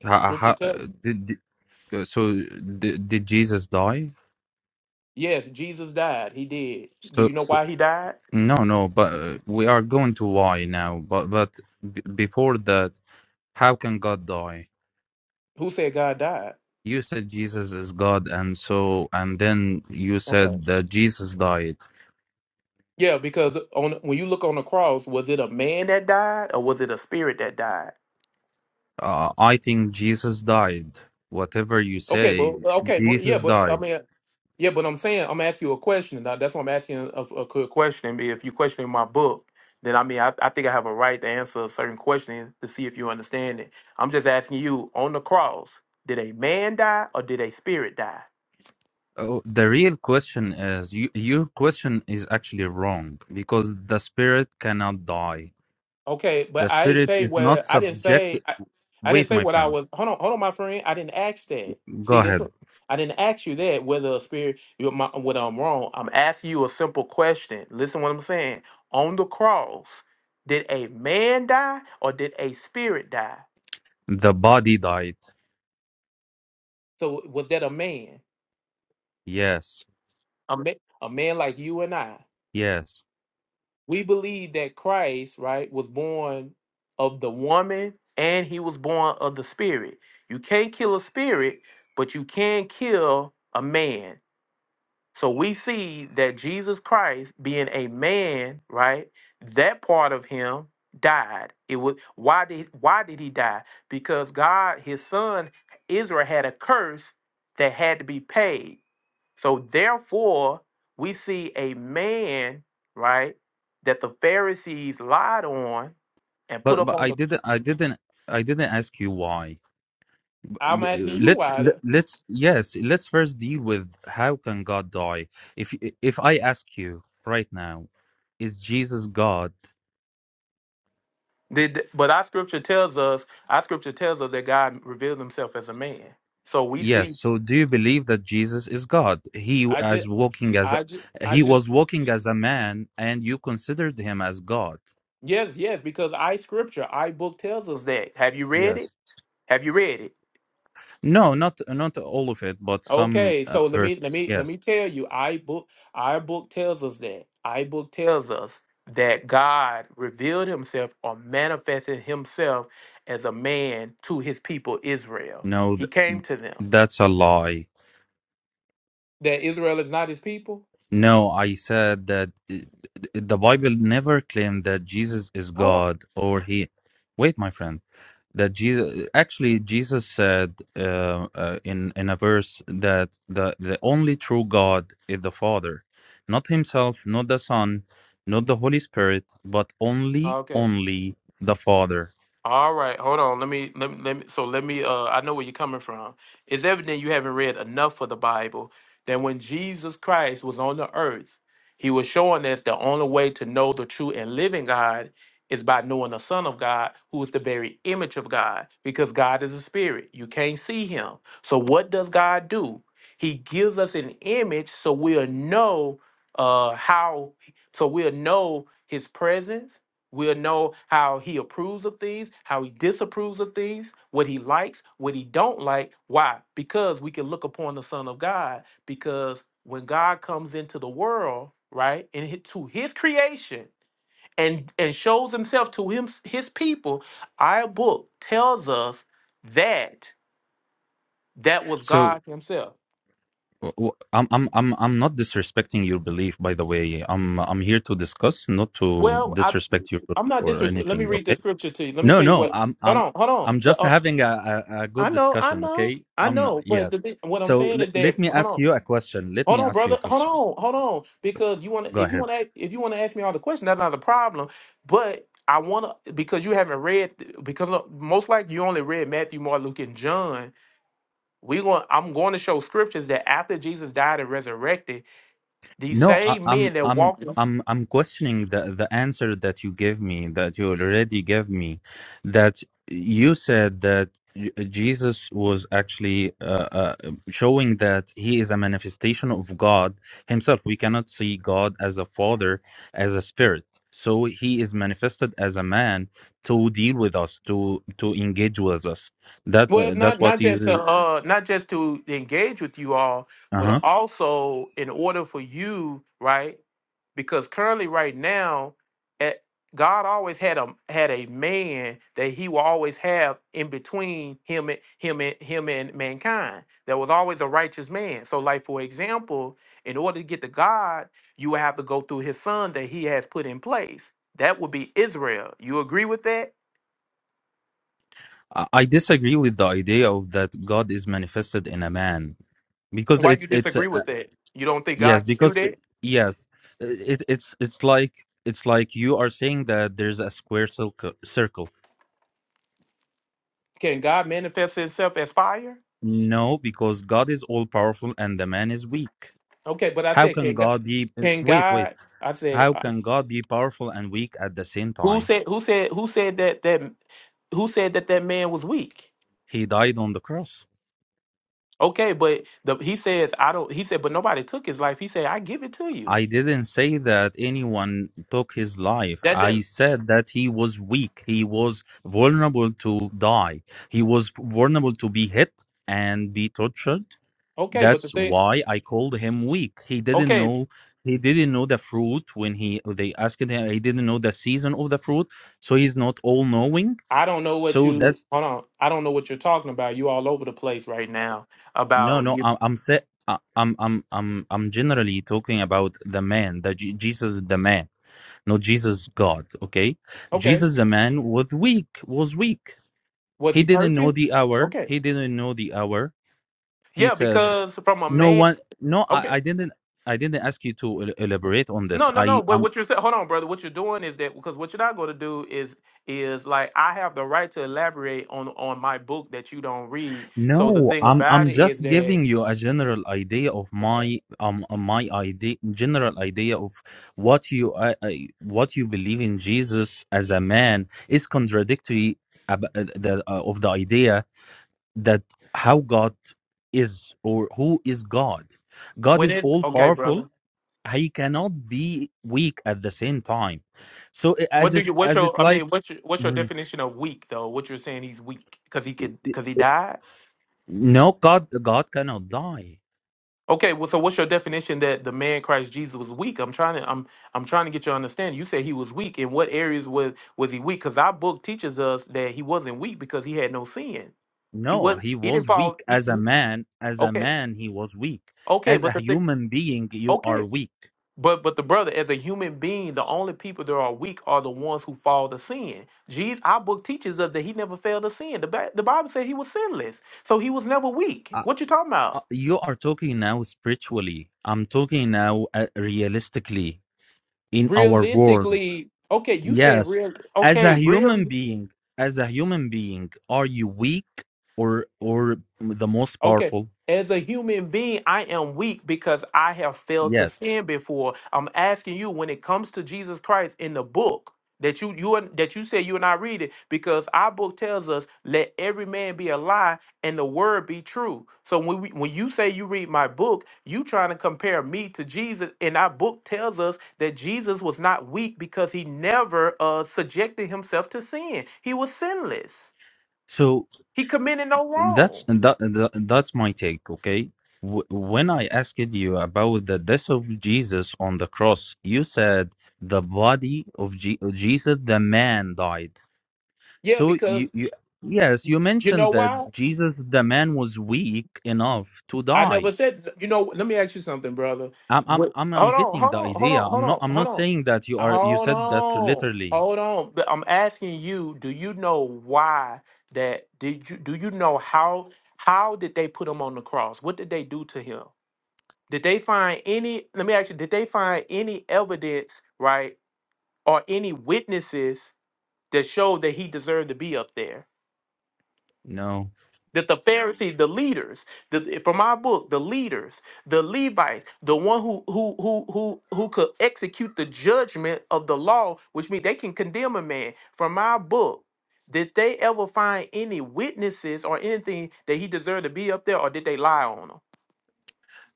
[SPEAKER 6] How,
[SPEAKER 1] Scripture tells.
[SPEAKER 6] how, Uh, So did, did Jesus die?
[SPEAKER 1] Yes, Jesus died. He did. Do
[SPEAKER 6] So,
[SPEAKER 1] you know
[SPEAKER 6] so
[SPEAKER 1] why he died?
[SPEAKER 6] no, no. But uh, we are going to why now. But but b- before that, how can God die?
[SPEAKER 1] Who said God died?
[SPEAKER 6] You said Jesus is God, and so and then you
[SPEAKER 1] Okay.
[SPEAKER 6] said that Jesus died.
[SPEAKER 1] Yeah, because on when you look on the cross, was it a man that died or was it a spirit that died?
[SPEAKER 6] Uh, I think Jesus died. Whatever you
[SPEAKER 1] Okay,
[SPEAKER 6] say,
[SPEAKER 1] but okay, but, yeah,
[SPEAKER 6] Jesus
[SPEAKER 1] but I
[SPEAKER 6] died.
[SPEAKER 1] mean, Yeah, but I'm saying I'm asking you a question. that- That's why I'm asking a, a good question. I mean, If you're questioning my book, then I mean I, I think I have a right to answer a certain question to see if you understand it. I'm just asking you on the cross, did a man die or did a spirit die?
[SPEAKER 6] Oh, the real question is you, your question is actually wrong because the spirit cannot die.
[SPEAKER 1] Okay,
[SPEAKER 6] The
[SPEAKER 1] but I didn't
[SPEAKER 6] spirit
[SPEAKER 1] say
[SPEAKER 6] is not
[SPEAKER 1] what I didn't
[SPEAKER 6] subject.
[SPEAKER 1] say. I, I didn't
[SPEAKER 6] Wait,
[SPEAKER 1] say
[SPEAKER 6] my
[SPEAKER 1] what I
[SPEAKER 6] friend
[SPEAKER 1] was. Hold on, hold on, my friend. I didn't ask that.
[SPEAKER 6] Go
[SPEAKER 1] See, that's
[SPEAKER 6] ahead.
[SPEAKER 1] what- I didn't ask you that. Whether a spirit, you my, whether I'm wrong, I'm asking you a simple question. Listen, what I'm saying. On the cross, did a man die or did a spirit die?
[SPEAKER 6] The body died.
[SPEAKER 1] So was that a man?
[SPEAKER 6] Yes,
[SPEAKER 1] A man, a man like you and I.
[SPEAKER 6] yes.
[SPEAKER 1] we believe that Christ, right, was born of the woman and he was born of the spirit. You can't kill a spirit, but you can kill a man. So we see that Jesus Christ being a man, right? That part of him died. It was why did why did he die? Because God, his son Israel had a curse that had to be paid. So therefore, we see a man, right, that the Pharisees lied on and put
[SPEAKER 6] But
[SPEAKER 1] up
[SPEAKER 6] but
[SPEAKER 1] on
[SPEAKER 6] I
[SPEAKER 1] the.
[SPEAKER 6] didn't I didn't I didn't ask you why.
[SPEAKER 1] I'm
[SPEAKER 6] B- uh,
[SPEAKER 1] asking you
[SPEAKER 6] Let's
[SPEAKER 1] why.
[SPEAKER 6] let,
[SPEAKER 1] The,
[SPEAKER 6] let's yes. Let's first deal with how can God die. If y- if I ask you right now, is Jesus God?
[SPEAKER 1] did, but our scripture tells us. Our scripture tells us that God revealed Himself as a man. So we
[SPEAKER 6] Yes.
[SPEAKER 1] see.
[SPEAKER 6] So do you believe that Jesus is God? He
[SPEAKER 1] I just.
[SPEAKER 6] as walking as
[SPEAKER 1] I just.
[SPEAKER 6] a-
[SPEAKER 1] I
[SPEAKER 6] he
[SPEAKER 1] just.
[SPEAKER 6] was walking as a man, and you considered him as God.
[SPEAKER 1] Yes. Yes. Because I scripture. I book tells us that. Have you read it?
[SPEAKER 6] Yes.
[SPEAKER 1] Have you read it?
[SPEAKER 6] No, not not all of it, but some
[SPEAKER 1] Okay,
[SPEAKER 6] uh,
[SPEAKER 1] so let me
[SPEAKER 6] verses.
[SPEAKER 1] let me let
[SPEAKER 6] Yes.
[SPEAKER 1] me tell you, I book our book tells us that. I book tells us that God revealed himself or manifested himself as a man to his people Israel.
[SPEAKER 6] No,
[SPEAKER 1] He came
[SPEAKER 6] th-
[SPEAKER 1] to them.
[SPEAKER 6] that's a lie.
[SPEAKER 1] That Israel is not his people?
[SPEAKER 6] No, I said that uh, the Bible never claimed that Jesus is
[SPEAKER 1] Hold
[SPEAKER 6] God or he. Wait, my friend, that Jesus actually Jesus said uh, uh, in in a verse that the the only true God is the Father, not himself, not the Son, not the Holy Spirit, but only
[SPEAKER 1] on.
[SPEAKER 6] only the Father.
[SPEAKER 1] All right, hold on. Let me let me, let me so let me uh I know where you're coming from. It's evident you haven't read enough of the Bible that when Jesus Christ was on the earth, he was showing us the only way to know the true and living God is by knowing the Son of God, who is the very image of God, because God is a spirit. You can't see him. So what does God do? He gives us an image so we'll know uh how so we'll know his presence We'll know how he approves of things, how he disapproves of things, what he likes, what he don't like. Why? Because we can look upon the Son of God. Because when God comes into the world, right, and hi- to His creation, and and shows Himself to Him His people, our book tells us that that was
[SPEAKER 6] So
[SPEAKER 1] God Himself.
[SPEAKER 6] w- w- I'm I'm I'm I'm not disrespecting your belief, by the way. I'm I'm here to discuss, not to
[SPEAKER 1] Well, I
[SPEAKER 6] disrespect your
[SPEAKER 1] I'm
[SPEAKER 6] belief
[SPEAKER 1] not
[SPEAKER 6] or
[SPEAKER 1] disrespectful. Let me
[SPEAKER 6] anything.
[SPEAKER 1] read
[SPEAKER 6] Okay?
[SPEAKER 1] this scripture to you. Let me
[SPEAKER 6] No,
[SPEAKER 1] tell you
[SPEAKER 6] no.
[SPEAKER 1] what.
[SPEAKER 6] I'm
[SPEAKER 1] Hold
[SPEAKER 6] I'm
[SPEAKER 1] on, hold
[SPEAKER 6] I'm just
[SPEAKER 1] on.
[SPEAKER 6] having a a, a
[SPEAKER 1] I
[SPEAKER 6] good
[SPEAKER 1] know, I
[SPEAKER 6] discussion.
[SPEAKER 1] know,
[SPEAKER 6] Okay?
[SPEAKER 1] I
[SPEAKER 6] I'm not,
[SPEAKER 1] know. But
[SPEAKER 6] yes.
[SPEAKER 1] the thing, what I'm
[SPEAKER 6] So
[SPEAKER 1] saying
[SPEAKER 6] l-
[SPEAKER 1] is
[SPEAKER 6] let
[SPEAKER 1] that
[SPEAKER 6] me
[SPEAKER 1] hold
[SPEAKER 6] ask
[SPEAKER 1] on,
[SPEAKER 6] you a question. Let
[SPEAKER 1] hold
[SPEAKER 6] me
[SPEAKER 1] on,
[SPEAKER 6] ask you a
[SPEAKER 1] brother, hold
[SPEAKER 6] question.
[SPEAKER 1] on, hold on. Because you want
[SPEAKER 6] Go
[SPEAKER 1] to, if you
[SPEAKER 6] ahead.
[SPEAKER 1] want to, if you want to ask me all the questions, that's not a problem. But I want to because you haven't read because look, most likely you only read Matthew, Mark, Luke, and John. We going, I'm going to show scriptures that after Jesus died and resurrected, these
[SPEAKER 6] No, I,
[SPEAKER 1] same
[SPEAKER 6] I'm
[SPEAKER 1] men that
[SPEAKER 6] I'm
[SPEAKER 1] walked
[SPEAKER 6] I'm I'm questioning the the answer that you gave me that you already gave me that you said that J- Jesus was actually uh, uh, showing that he is a manifestation of God himself. We cannot see God as a father, as a spirit. So he is manifested as a man to deal with us, to to engage with us. That
[SPEAKER 1] Well,
[SPEAKER 6] uh, that's
[SPEAKER 1] not
[SPEAKER 6] what
[SPEAKER 1] not just uh,
[SPEAKER 6] you.
[SPEAKER 1] uh not just to engage with you all,
[SPEAKER 6] Uh huh.
[SPEAKER 1] but also in order for you, right? Because currently, right now, at, God always had a had a man that He will always have in between him and him and him and mankind. There was always a righteous man. So, like for example, in order to get to God, you would have to go through His Son that He has put in place. That would be Israel. You agree with that?
[SPEAKER 6] I I disagree with the idea of that God is manifested in a man because
[SPEAKER 1] Why you
[SPEAKER 6] it's it's uh,
[SPEAKER 1] disagree with that? You don't think
[SPEAKER 6] yes
[SPEAKER 1] God can do
[SPEAKER 6] because
[SPEAKER 1] that?
[SPEAKER 6] it, yes uh, it, it's it's like it's like you are saying that there's a square circle circle
[SPEAKER 1] Can God manifest Himself as fire?
[SPEAKER 6] no because god is all powerful and the man is weak
[SPEAKER 1] Okay, but I
[SPEAKER 6] how
[SPEAKER 1] said,
[SPEAKER 6] can
[SPEAKER 1] can God?
[SPEAKER 6] god be is-
[SPEAKER 1] Can
[SPEAKER 6] wait wait
[SPEAKER 1] God? I said,
[SPEAKER 6] how
[SPEAKER 1] I,
[SPEAKER 6] can god be powerful and weak at the same
[SPEAKER 1] who
[SPEAKER 6] time
[SPEAKER 1] said? Who said? Who said that? That who said that that man was weak?
[SPEAKER 6] he died on the cross
[SPEAKER 1] Okay, but the he says I don't. He said, but nobody took his life. He said, I give it to you.
[SPEAKER 6] I didn't say that anyone took his life.
[SPEAKER 1] That that
[SPEAKER 6] I said that he was weak. He was vulnerable to die. He was vulnerable to be hit and be tortured.
[SPEAKER 1] okay, but the
[SPEAKER 6] That's
[SPEAKER 1] thing
[SPEAKER 6] why I called him weak. He didn't
[SPEAKER 1] okay,
[SPEAKER 6] know he didn't know the fruit when he they asked him he didn't know the season of the fruit, so he's not all knowing.
[SPEAKER 1] I don't know what
[SPEAKER 6] So
[SPEAKER 1] you
[SPEAKER 6] that's
[SPEAKER 1] hold on. I don't know what you're talking about. You all over the place right now
[SPEAKER 6] no
[SPEAKER 1] about
[SPEAKER 6] no
[SPEAKER 1] you.
[SPEAKER 6] I, I'm sa- I, I'm I'm I'm I'm generally talking about the man, the Jesus is the man No, Jesus God. Okay,
[SPEAKER 1] Okay,
[SPEAKER 6] Jesus, a man, was weak. Was weak.
[SPEAKER 1] was
[SPEAKER 6] He
[SPEAKER 1] he
[SPEAKER 6] didn't know
[SPEAKER 1] perfect?
[SPEAKER 6] the hour.
[SPEAKER 1] Okay,
[SPEAKER 6] He didn't know the hour. He
[SPEAKER 1] yeah,
[SPEAKER 6] said,
[SPEAKER 1] because from a
[SPEAKER 6] "No
[SPEAKER 1] man.
[SPEAKER 6] one. No,
[SPEAKER 1] Okay,
[SPEAKER 6] I, I didn't. I didn't ask you to el- elaborate on this.
[SPEAKER 1] No, no,
[SPEAKER 6] I
[SPEAKER 1] no. But
[SPEAKER 6] um
[SPEAKER 1] what you're saying, hold on, brother. What you're doing is that because what you're not going to do is is like I have the right to elaborate on on my book that you don't read. So the
[SPEAKER 6] no.
[SPEAKER 1] thing
[SPEAKER 6] I'm
[SPEAKER 1] about
[SPEAKER 6] I'm
[SPEAKER 1] it is
[SPEAKER 6] just
[SPEAKER 1] that
[SPEAKER 6] giving you a general idea of
[SPEAKER 1] okay,
[SPEAKER 6] my um uh, my idea general idea of what you I, I, what you believe in Jesus as a man is contradictory. Ab- uh, the, uh, of the idea that how God is or who is God. God
[SPEAKER 1] when
[SPEAKER 6] is
[SPEAKER 1] it
[SPEAKER 6] all
[SPEAKER 1] okay,
[SPEAKER 6] powerful.
[SPEAKER 1] brother.
[SPEAKER 6] He cannot be weak at the same time. So i- as
[SPEAKER 1] What do
[SPEAKER 6] it
[SPEAKER 1] you? What's
[SPEAKER 6] as it
[SPEAKER 1] your? I
[SPEAKER 6] like
[SPEAKER 1] mean, what's your, what's your
[SPEAKER 6] Mhm.
[SPEAKER 1] definition of weak though? What you're saying he's weak because he could because he died.
[SPEAKER 6] no God God cannot die.
[SPEAKER 1] Okay, well, so what's your definition that the man Christ Jesus was weak? I'm trying to I'm I'm trying to get your understanding. You say he was weak. In what areas was was he weak? Because our book teaches us that he wasn't weak because he had no sin. He
[SPEAKER 6] No,
[SPEAKER 1] was
[SPEAKER 6] he
[SPEAKER 1] he didn't
[SPEAKER 6] was
[SPEAKER 1] follow.
[SPEAKER 6] weak
[SPEAKER 1] He,
[SPEAKER 6] as a
[SPEAKER 1] he,
[SPEAKER 6] man. As a
[SPEAKER 1] okay,
[SPEAKER 6] man, he was weak.
[SPEAKER 1] okay,
[SPEAKER 6] As a
[SPEAKER 1] but the thing,
[SPEAKER 6] human being, you are
[SPEAKER 1] okay,
[SPEAKER 6] weak.
[SPEAKER 1] but but the brother, as a human being, the only people that are weak are the ones who fall to sin. Jesus, our book teaches us that he never failed to sin. The, Bi- the Bible said he was sinless, so he was never weak.
[SPEAKER 6] Uh,
[SPEAKER 1] What you talking
[SPEAKER 6] uh,
[SPEAKER 1] about?
[SPEAKER 6] you are talking now spiritually. I'm talking now uh, realistically in our world
[SPEAKER 1] Realistically, okay, you saying
[SPEAKER 6] Yes.
[SPEAKER 1] real?
[SPEAKER 6] As a
[SPEAKER 1] Okay, real.
[SPEAKER 6] human being, as a human being, are you weak or or the most
[SPEAKER 1] Okay.
[SPEAKER 6] powerful?
[SPEAKER 1] As a human being, I am weak because I have failed to
[SPEAKER 6] Yes.
[SPEAKER 1] sin before. I'm asking you when it comes to Jesus Christ in the book that you you and- that you say you and I read it because our book tells us let every man be a lie and the word be true. So when we, when you say you read my book, you trying to compare me to Jesus, and our book tells us that Jesus was not weak because he never uh, subjected himself to sin. He was sinless.
[SPEAKER 6] So
[SPEAKER 1] He committed no
[SPEAKER 6] that's
[SPEAKER 1] wrong.
[SPEAKER 6] that, that that's my take, okay? Wh- When I asked you about the death of Jesus on the cross, you said the body of Je- Jesus, the man died.
[SPEAKER 1] Yeah,
[SPEAKER 6] So
[SPEAKER 1] because
[SPEAKER 6] you, you yes, you
[SPEAKER 1] You know
[SPEAKER 6] mentioned that
[SPEAKER 1] why?
[SPEAKER 6] Jesus, the man, was weak enough to
[SPEAKER 1] I
[SPEAKER 6] die
[SPEAKER 1] never said. You know. Let me ask you something, brother.
[SPEAKER 6] I'm I'm
[SPEAKER 1] What?
[SPEAKER 6] I'm I'm
[SPEAKER 1] Hold on.
[SPEAKER 6] getting
[SPEAKER 1] Hold
[SPEAKER 6] the
[SPEAKER 1] on. Hold
[SPEAKER 6] idea.
[SPEAKER 1] on.
[SPEAKER 6] I'm
[SPEAKER 1] Hold
[SPEAKER 6] not
[SPEAKER 1] on.
[SPEAKER 6] I'm
[SPEAKER 1] Hold
[SPEAKER 6] not
[SPEAKER 1] on.
[SPEAKER 6] saying that you
[SPEAKER 1] Uh,
[SPEAKER 6] are you
[SPEAKER 1] Hold
[SPEAKER 6] said that
[SPEAKER 1] on.
[SPEAKER 6] literally.
[SPEAKER 1] Hold on. But I'm asking you. Do you know why that? Did you? Do you know how? How did they put him on the cross? What did they do to him? Did they find any? Let me ask you. Did they find any evidence, right, or any witnesses that showed that he deserved to be up there?
[SPEAKER 6] No.
[SPEAKER 1] that the Pharisees, the leaders, the, from our book, the leaders, the Levites, the one who who who who who could execute the judgment of the law, which means they can condemn a man. From our book, did they ever find any witnesses or anything that he deserved to be up there, or did they lie on him?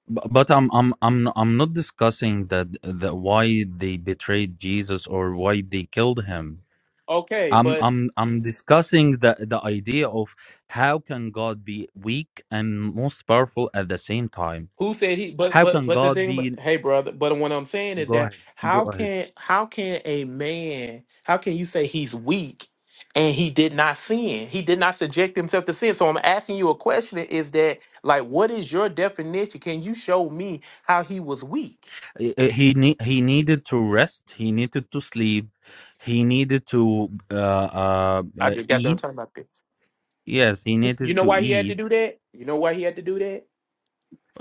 [SPEAKER 6] But, but I'm I'm I'm I'm not discussing that that why they betrayed Jesus or why they killed him.
[SPEAKER 1] Okay,
[SPEAKER 6] I'm
[SPEAKER 1] but.
[SPEAKER 6] I'm I'm discussing the the idea of how can God be weak and most powerful at the same time?
[SPEAKER 1] Who said he? But
[SPEAKER 6] How
[SPEAKER 1] but
[SPEAKER 6] can
[SPEAKER 1] but the
[SPEAKER 6] God
[SPEAKER 1] thing, about-
[SPEAKER 6] be
[SPEAKER 1] hey brother. But what I'm saying is
[SPEAKER 6] Go
[SPEAKER 1] that
[SPEAKER 6] ahead. Go
[SPEAKER 1] how
[SPEAKER 6] ahead.
[SPEAKER 1] can how can a man? How can you say he's weak and he did not sin? He did not subject himself to sin. So I'm asking you a question: Is that like what is your definition? Can you show me how he was weak?
[SPEAKER 6] Eh, eh, He ne- he needed to rest, he needed to sleep, he needed to uh, uh,
[SPEAKER 1] I
[SPEAKER 6] uh,
[SPEAKER 1] just got done
[SPEAKER 6] eat
[SPEAKER 1] talking about this.
[SPEAKER 6] Yes, he
[SPEAKER 1] You
[SPEAKER 6] needed
[SPEAKER 1] know
[SPEAKER 6] to
[SPEAKER 1] why he had to do
[SPEAKER 6] eat
[SPEAKER 1] that? You know why he had to do that?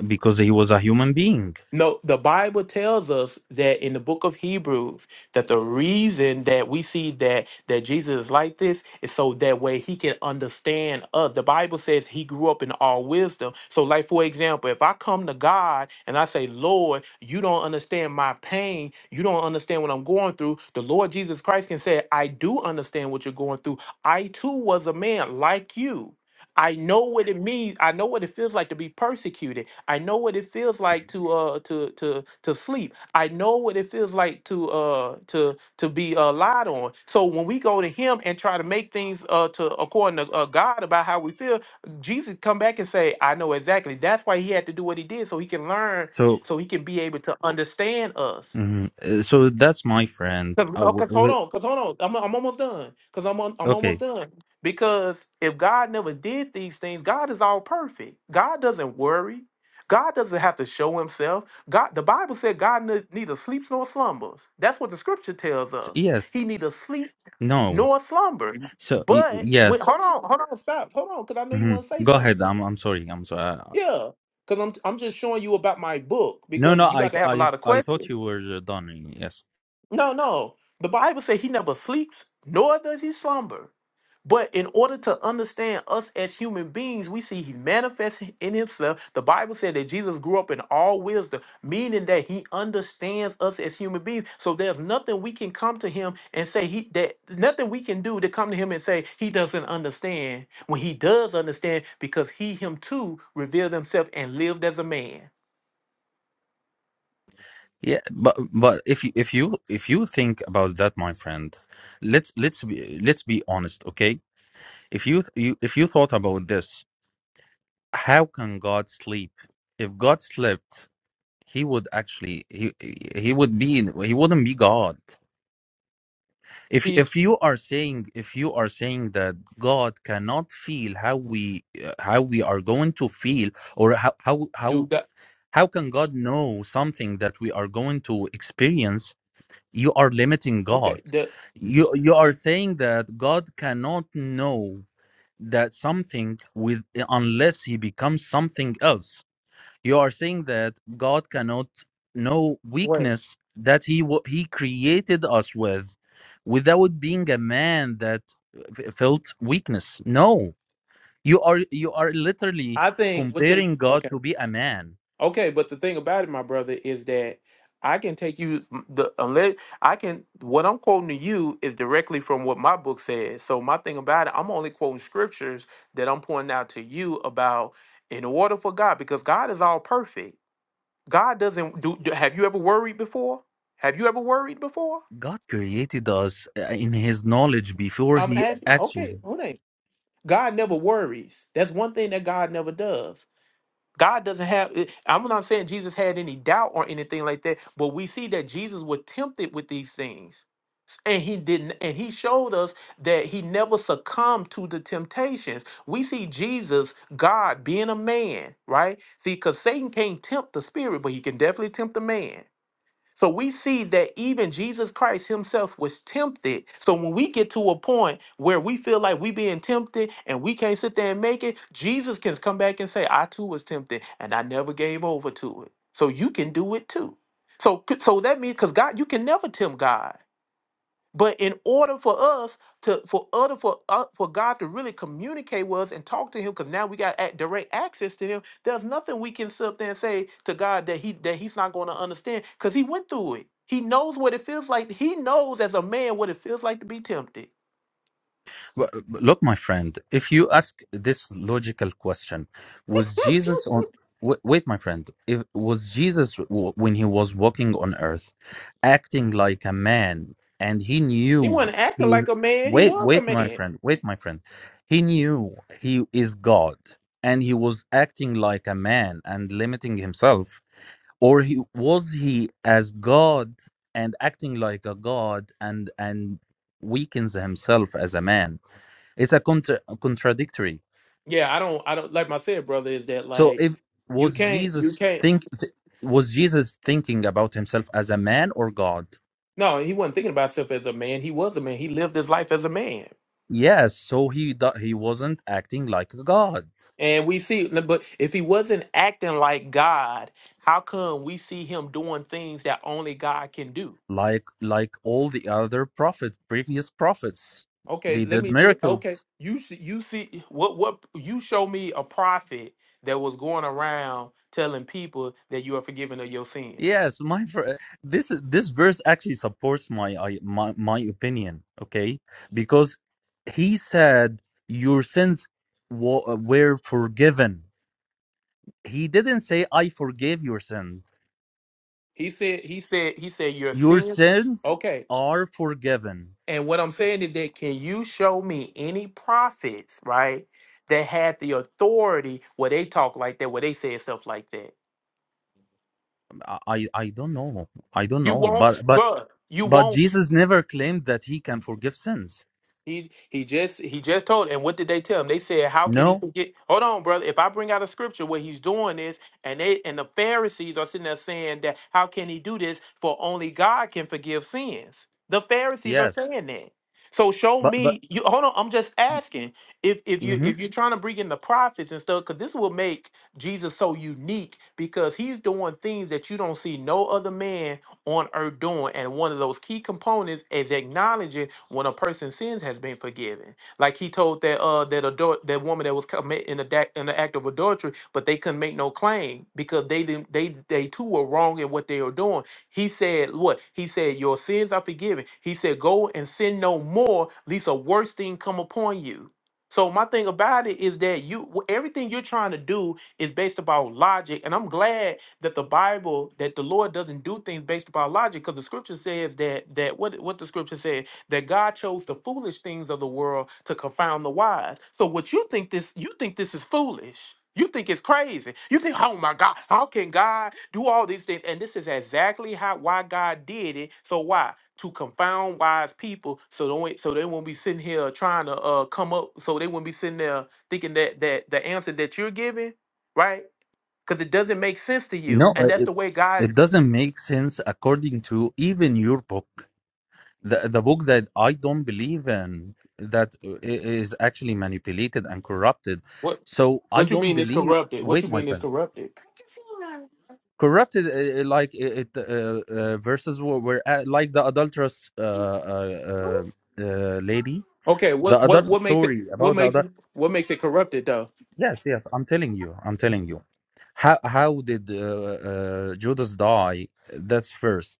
[SPEAKER 6] because he was a human being.
[SPEAKER 1] No, the Bible tells us that in the book of Hebrews that the reason that we see that that Jesus is like this is so that way he can understand us. The Bible says he grew up in all wisdom. So like for example, if I come to God and I say, "Lord, you don't understand my pain. You don't understand what I'm going through." The Lord Jesus Christ can say, "I do understand what you're going through. I too was a man like you." I know what it means. I know what it feels like to be persecuted. I know what it feels like to uh to to to sleep. I know what it feels like to uh to to be uh, lied on. So when we go to Him and try to make things uh to according to uh, God about how we feel, Jesus come back and say, "I know exactly." That's why He had to do what He did, so He can learn,
[SPEAKER 6] So,
[SPEAKER 1] so He can be able to understand us.
[SPEAKER 6] mhm, uh, so that's my friend.
[SPEAKER 1] Cause,
[SPEAKER 6] Uh,
[SPEAKER 1] oh,
[SPEAKER 6] w-
[SPEAKER 1] cause hold
[SPEAKER 6] w-
[SPEAKER 1] on, cause hold on, I'm I'm almost done. Cause I'm on, I'm almost
[SPEAKER 6] okay.
[SPEAKER 1] done. Because if God never did these things, God is all perfect. God doesn't worry. God doesn't have to show Himself. God, the Bible said God ne- neither sleeps nor slumbers. That's what the Scripture tells
[SPEAKER 6] S-
[SPEAKER 1] us.
[SPEAKER 6] yes.
[SPEAKER 1] He neither sleep
[SPEAKER 6] No.
[SPEAKER 1] nor slumber.
[SPEAKER 6] So y-
[SPEAKER 1] But when,
[SPEAKER 6] yes.
[SPEAKER 1] hold on, hold on, stop, hold on, cause I know you
[SPEAKER 6] mhm.
[SPEAKER 1] want to say
[SPEAKER 6] Go ahead.
[SPEAKER 1] something.
[SPEAKER 6] I'm. I'm sorry. I'm sorry.
[SPEAKER 1] Yeah, cause I'm I'm just showing you about my book
[SPEAKER 6] No.
[SPEAKER 1] because
[SPEAKER 6] No.
[SPEAKER 1] you
[SPEAKER 6] I.
[SPEAKER 1] about
[SPEAKER 6] th-
[SPEAKER 1] to have a
[SPEAKER 6] I.
[SPEAKER 1] lot of
[SPEAKER 6] I thought
[SPEAKER 1] questions.
[SPEAKER 6] you were uh, done. Yes.
[SPEAKER 1] No, no. The Bible says he never sleeps, nor does he slumber. But in order to understand us as human beings, we see he manifests in himself. The Bible said that Jesus grew up in all wisdom, meaning that he understands us as human beings. So there's nothing we can come to him and say he that nothing we can do to come to him and say he doesn't understand when he does understand because he him too revealed himself and lived as a man.
[SPEAKER 6] Yeah. But. But if you. If you. If you think about that, my friend, let's. Let's be. Let's be honest. Okay. If you. th- you if you thought about this, how can God sleep? If God slept. he would actually he he would be he wouldn't be god
[SPEAKER 1] If
[SPEAKER 6] if
[SPEAKER 1] he
[SPEAKER 6] if you are saying if you are saying that god cannot feel how we uh, how we are going to feel or how how how
[SPEAKER 1] do that,
[SPEAKER 6] how can god know something that we are going to experience you are limiting god
[SPEAKER 1] okay. The,
[SPEAKER 6] you you are saying that god cannot know that something with unless he becomes something else you are saying that God cannot know
[SPEAKER 1] wait,
[SPEAKER 6] weakness that he wa- he created us with without being a man that f- felt weakness. No. You are you are literally
[SPEAKER 1] I think what you
[SPEAKER 6] comparing God
[SPEAKER 1] okay.
[SPEAKER 6] to be a man.
[SPEAKER 1] Okay, but the thing about it, my brother, is that I can take you mm, the unless I can what I'm quoting to you is directly from what my book says. So my thing about it, I'm only quoting scriptures that I'm pointing out to you about in order for God, because God is all perfect. God doesn't do. do- Have you ever worried before? Have you ever worried before?
[SPEAKER 6] God created us uh, in his knowledge before
[SPEAKER 1] I'm
[SPEAKER 6] he
[SPEAKER 1] asking.
[SPEAKER 6] actually
[SPEAKER 1] Okay, hold on. God never worries. That's one thing that God never does. God doesn't have, I'm not saying Jesus had any doubt or anything like that, but we see that Jesus was tempted with these things. And he didn't, and he showed us that he never succumbed to the temptations. We see Jesus, God, being a man, right? See, because Satan can't tempt the spirit, but he can definitely tempt the man. So we see that even Jesus Christ himself was tempted. So when we get to a point where we feel like we being tempted and we can't sit there and make it, Jesus can come back and say, I too was tempted and I never gave over to it. So you can do it too. So so that means because God, you can never tempt God. But in order for us to, for order for uh, for God to really communicate with us and talk to Him, because now we got a- direct access to Him. There's nothing we can sit up there and say to God that He that He's not going to understand, because He went through it. He knows what it feels like. He knows as a man what it feels like to be tempted.
[SPEAKER 6] Well, Look, my friend, if you ask this logical question, was Jesus on? Wait, wait, my friend, if was Jesus w- when he was walking on earth, acting like a man, and he
[SPEAKER 1] He
[SPEAKER 6] knew
[SPEAKER 1] wasn't acting
[SPEAKER 6] he is.
[SPEAKER 1] like a man. He
[SPEAKER 6] Wait,
[SPEAKER 1] was a
[SPEAKER 6] wait, my
[SPEAKER 1] man.
[SPEAKER 6] friend, wait, my friend, he knew he is God, and he was acting like a man and limiting himself, or he was he as God and acting like a God and and weakens himself as a man it's a contra- contradictory
[SPEAKER 1] Yeah, I don't, I don't like I said, brother. Is that
[SPEAKER 6] so
[SPEAKER 1] like
[SPEAKER 6] if
[SPEAKER 1] you
[SPEAKER 6] was
[SPEAKER 1] can't, you
[SPEAKER 6] jesus
[SPEAKER 1] can't?
[SPEAKER 6] think th- was jesus thinking about himself as a man or god
[SPEAKER 1] No, he wasn't thinking about himself as a man. He was a man. He lived his life as a man.
[SPEAKER 6] yes so he do- he wasn't acting like a god
[SPEAKER 1] And we see, but if he wasn't acting like God, how come we see him doing things that only God can do?
[SPEAKER 6] like like all the other prophet previous prophets
[SPEAKER 1] Okay,
[SPEAKER 6] they
[SPEAKER 1] let
[SPEAKER 6] did
[SPEAKER 1] me. Okay,
[SPEAKER 6] miracles
[SPEAKER 1] you see, you see what what you show me a prophet that was going around telling people that you are forgiven of your sins.
[SPEAKER 6] yes my fr- this this verse actually supports my I, my my opinion okay because he said your sins wa- were forgiven he didn't say i forgive your sin
[SPEAKER 1] He said, he said, he said your
[SPEAKER 6] your
[SPEAKER 1] sins.
[SPEAKER 6] sins
[SPEAKER 1] Okay,
[SPEAKER 6] are forgiven
[SPEAKER 1] and what I'm saying is that can you show me any prophets right that had the authority where they talk like that, where they said stuff like that?
[SPEAKER 6] Um, i i I don't know i don't
[SPEAKER 1] You
[SPEAKER 6] know
[SPEAKER 1] won't,
[SPEAKER 6] but but
[SPEAKER 1] bruh. You
[SPEAKER 6] but
[SPEAKER 1] won't.
[SPEAKER 6] jesus never claimed that he can forgive sins
[SPEAKER 1] He he just he just told. And what did they tell him? They said, "How can
[SPEAKER 6] no
[SPEAKER 1] he forget?" Hold on, brother. If I bring out a scripture where he's doing this, and they and the Pharisees are sitting there saying that, "How can he do this? For only God can forgive sins." The Pharisees are
[SPEAKER 6] yes
[SPEAKER 1] saying that. So show
[SPEAKER 6] but but
[SPEAKER 1] me. You hold on. I'm just asking if if you
[SPEAKER 6] mhm.
[SPEAKER 1] if you're trying to bring in the prophets and stuff, because this will make Jesus so unique because he's doing things that you don't see no other man on earth doing. And one of those key components is acknowledging when a person's sins has been forgiven. Like he told that uh that adult that woman that was commit in the da- in the act of adultery, but they couldn't make no claim because they didn't they they too were wrong in what they were doing. He said what? He said your sins are forgiven. He said go and sin no more, lest a worse thing come upon you. So my thing about it is that you wh- everything you're trying to do is based about logic. And I'm glad that the Bible, that the Lord doesn't do things based upon logic, because the scripture says that that what, what the scripture said, that God chose the foolish things of the world to confound the wise. So what you think this you think this is foolish. You think it's crazy. You think, oh my God, how can God do all these things? And this is exactly how why God did it. So why? To confound wise people, so don't so they won't be sitting here trying to uh come up, so they won't be sitting there thinking that that the answer that you're giving right? Because it doesn't make sense to
[SPEAKER 6] no
[SPEAKER 1] you, and
[SPEAKER 6] uh,
[SPEAKER 1] that's
[SPEAKER 6] it,
[SPEAKER 1] the way God.
[SPEAKER 6] it doesn't make sense according to even your book the, the book that i don't believe in that uh, i- is actually manipulated and corrupted
[SPEAKER 1] What
[SPEAKER 6] so i
[SPEAKER 1] What you
[SPEAKER 6] don't
[SPEAKER 1] mean is
[SPEAKER 6] believe
[SPEAKER 1] corrupted? What
[SPEAKER 6] wait
[SPEAKER 1] you
[SPEAKER 6] my
[SPEAKER 1] mean is
[SPEAKER 6] friend
[SPEAKER 1] corrupted?
[SPEAKER 6] corrupted uh, uh, like it it, uh, uh, verses were, were uh, like the adulterous uh, uh, uh, uh, lady
[SPEAKER 1] Okay,
[SPEAKER 6] the
[SPEAKER 1] what what
[SPEAKER 6] adult
[SPEAKER 1] what makes it
[SPEAKER 6] story
[SPEAKER 1] what
[SPEAKER 6] about the
[SPEAKER 1] makes
[SPEAKER 6] other
[SPEAKER 1] what makes it corrupted though?
[SPEAKER 6] yes yes i'm telling you i'm telling you how how did uh, uh, judas die that's first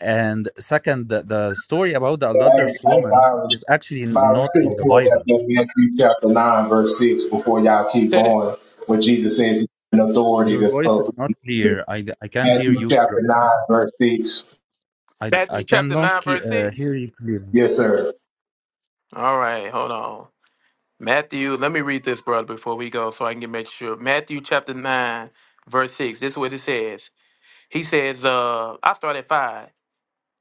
[SPEAKER 6] and second the, the story about the
[SPEAKER 7] Hey,
[SPEAKER 6] adulterous
[SPEAKER 7] hey,
[SPEAKER 6] woman
[SPEAKER 7] Byron,
[SPEAKER 6] is actually
[SPEAKER 7] Byron, you
[SPEAKER 6] not in
[SPEAKER 7] could
[SPEAKER 6] the
[SPEAKER 7] pulled that
[SPEAKER 6] bible
[SPEAKER 7] in Matthew chapter 9, verse 6 before y'all keep
[SPEAKER 1] Said it
[SPEAKER 7] going, where Jesus says he's an authority
[SPEAKER 6] your
[SPEAKER 7] to
[SPEAKER 6] voice is
[SPEAKER 7] uh,
[SPEAKER 6] not clear i i can't hear
[SPEAKER 7] Matthew
[SPEAKER 6] you
[SPEAKER 7] chapter
[SPEAKER 6] cl-
[SPEAKER 7] 9, verse 6.
[SPEAKER 6] i i
[SPEAKER 1] Matthew chapter
[SPEAKER 6] cannot
[SPEAKER 1] nine
[SPEAKER 6] ke-
[SPEAKER 1] verse
[SPEAKER 6] uh,
[SPEAKER 1] six.
[SPEAKER 6] hear you clearly
[SPEAKER 7] Yes, sir.
[SPEAKER 1] All right, hold on. Matthew, let me read this, brother, before we go, so I can make sure. Matthew chapter nine verse six. This is what it says. He says, uh, I start at five.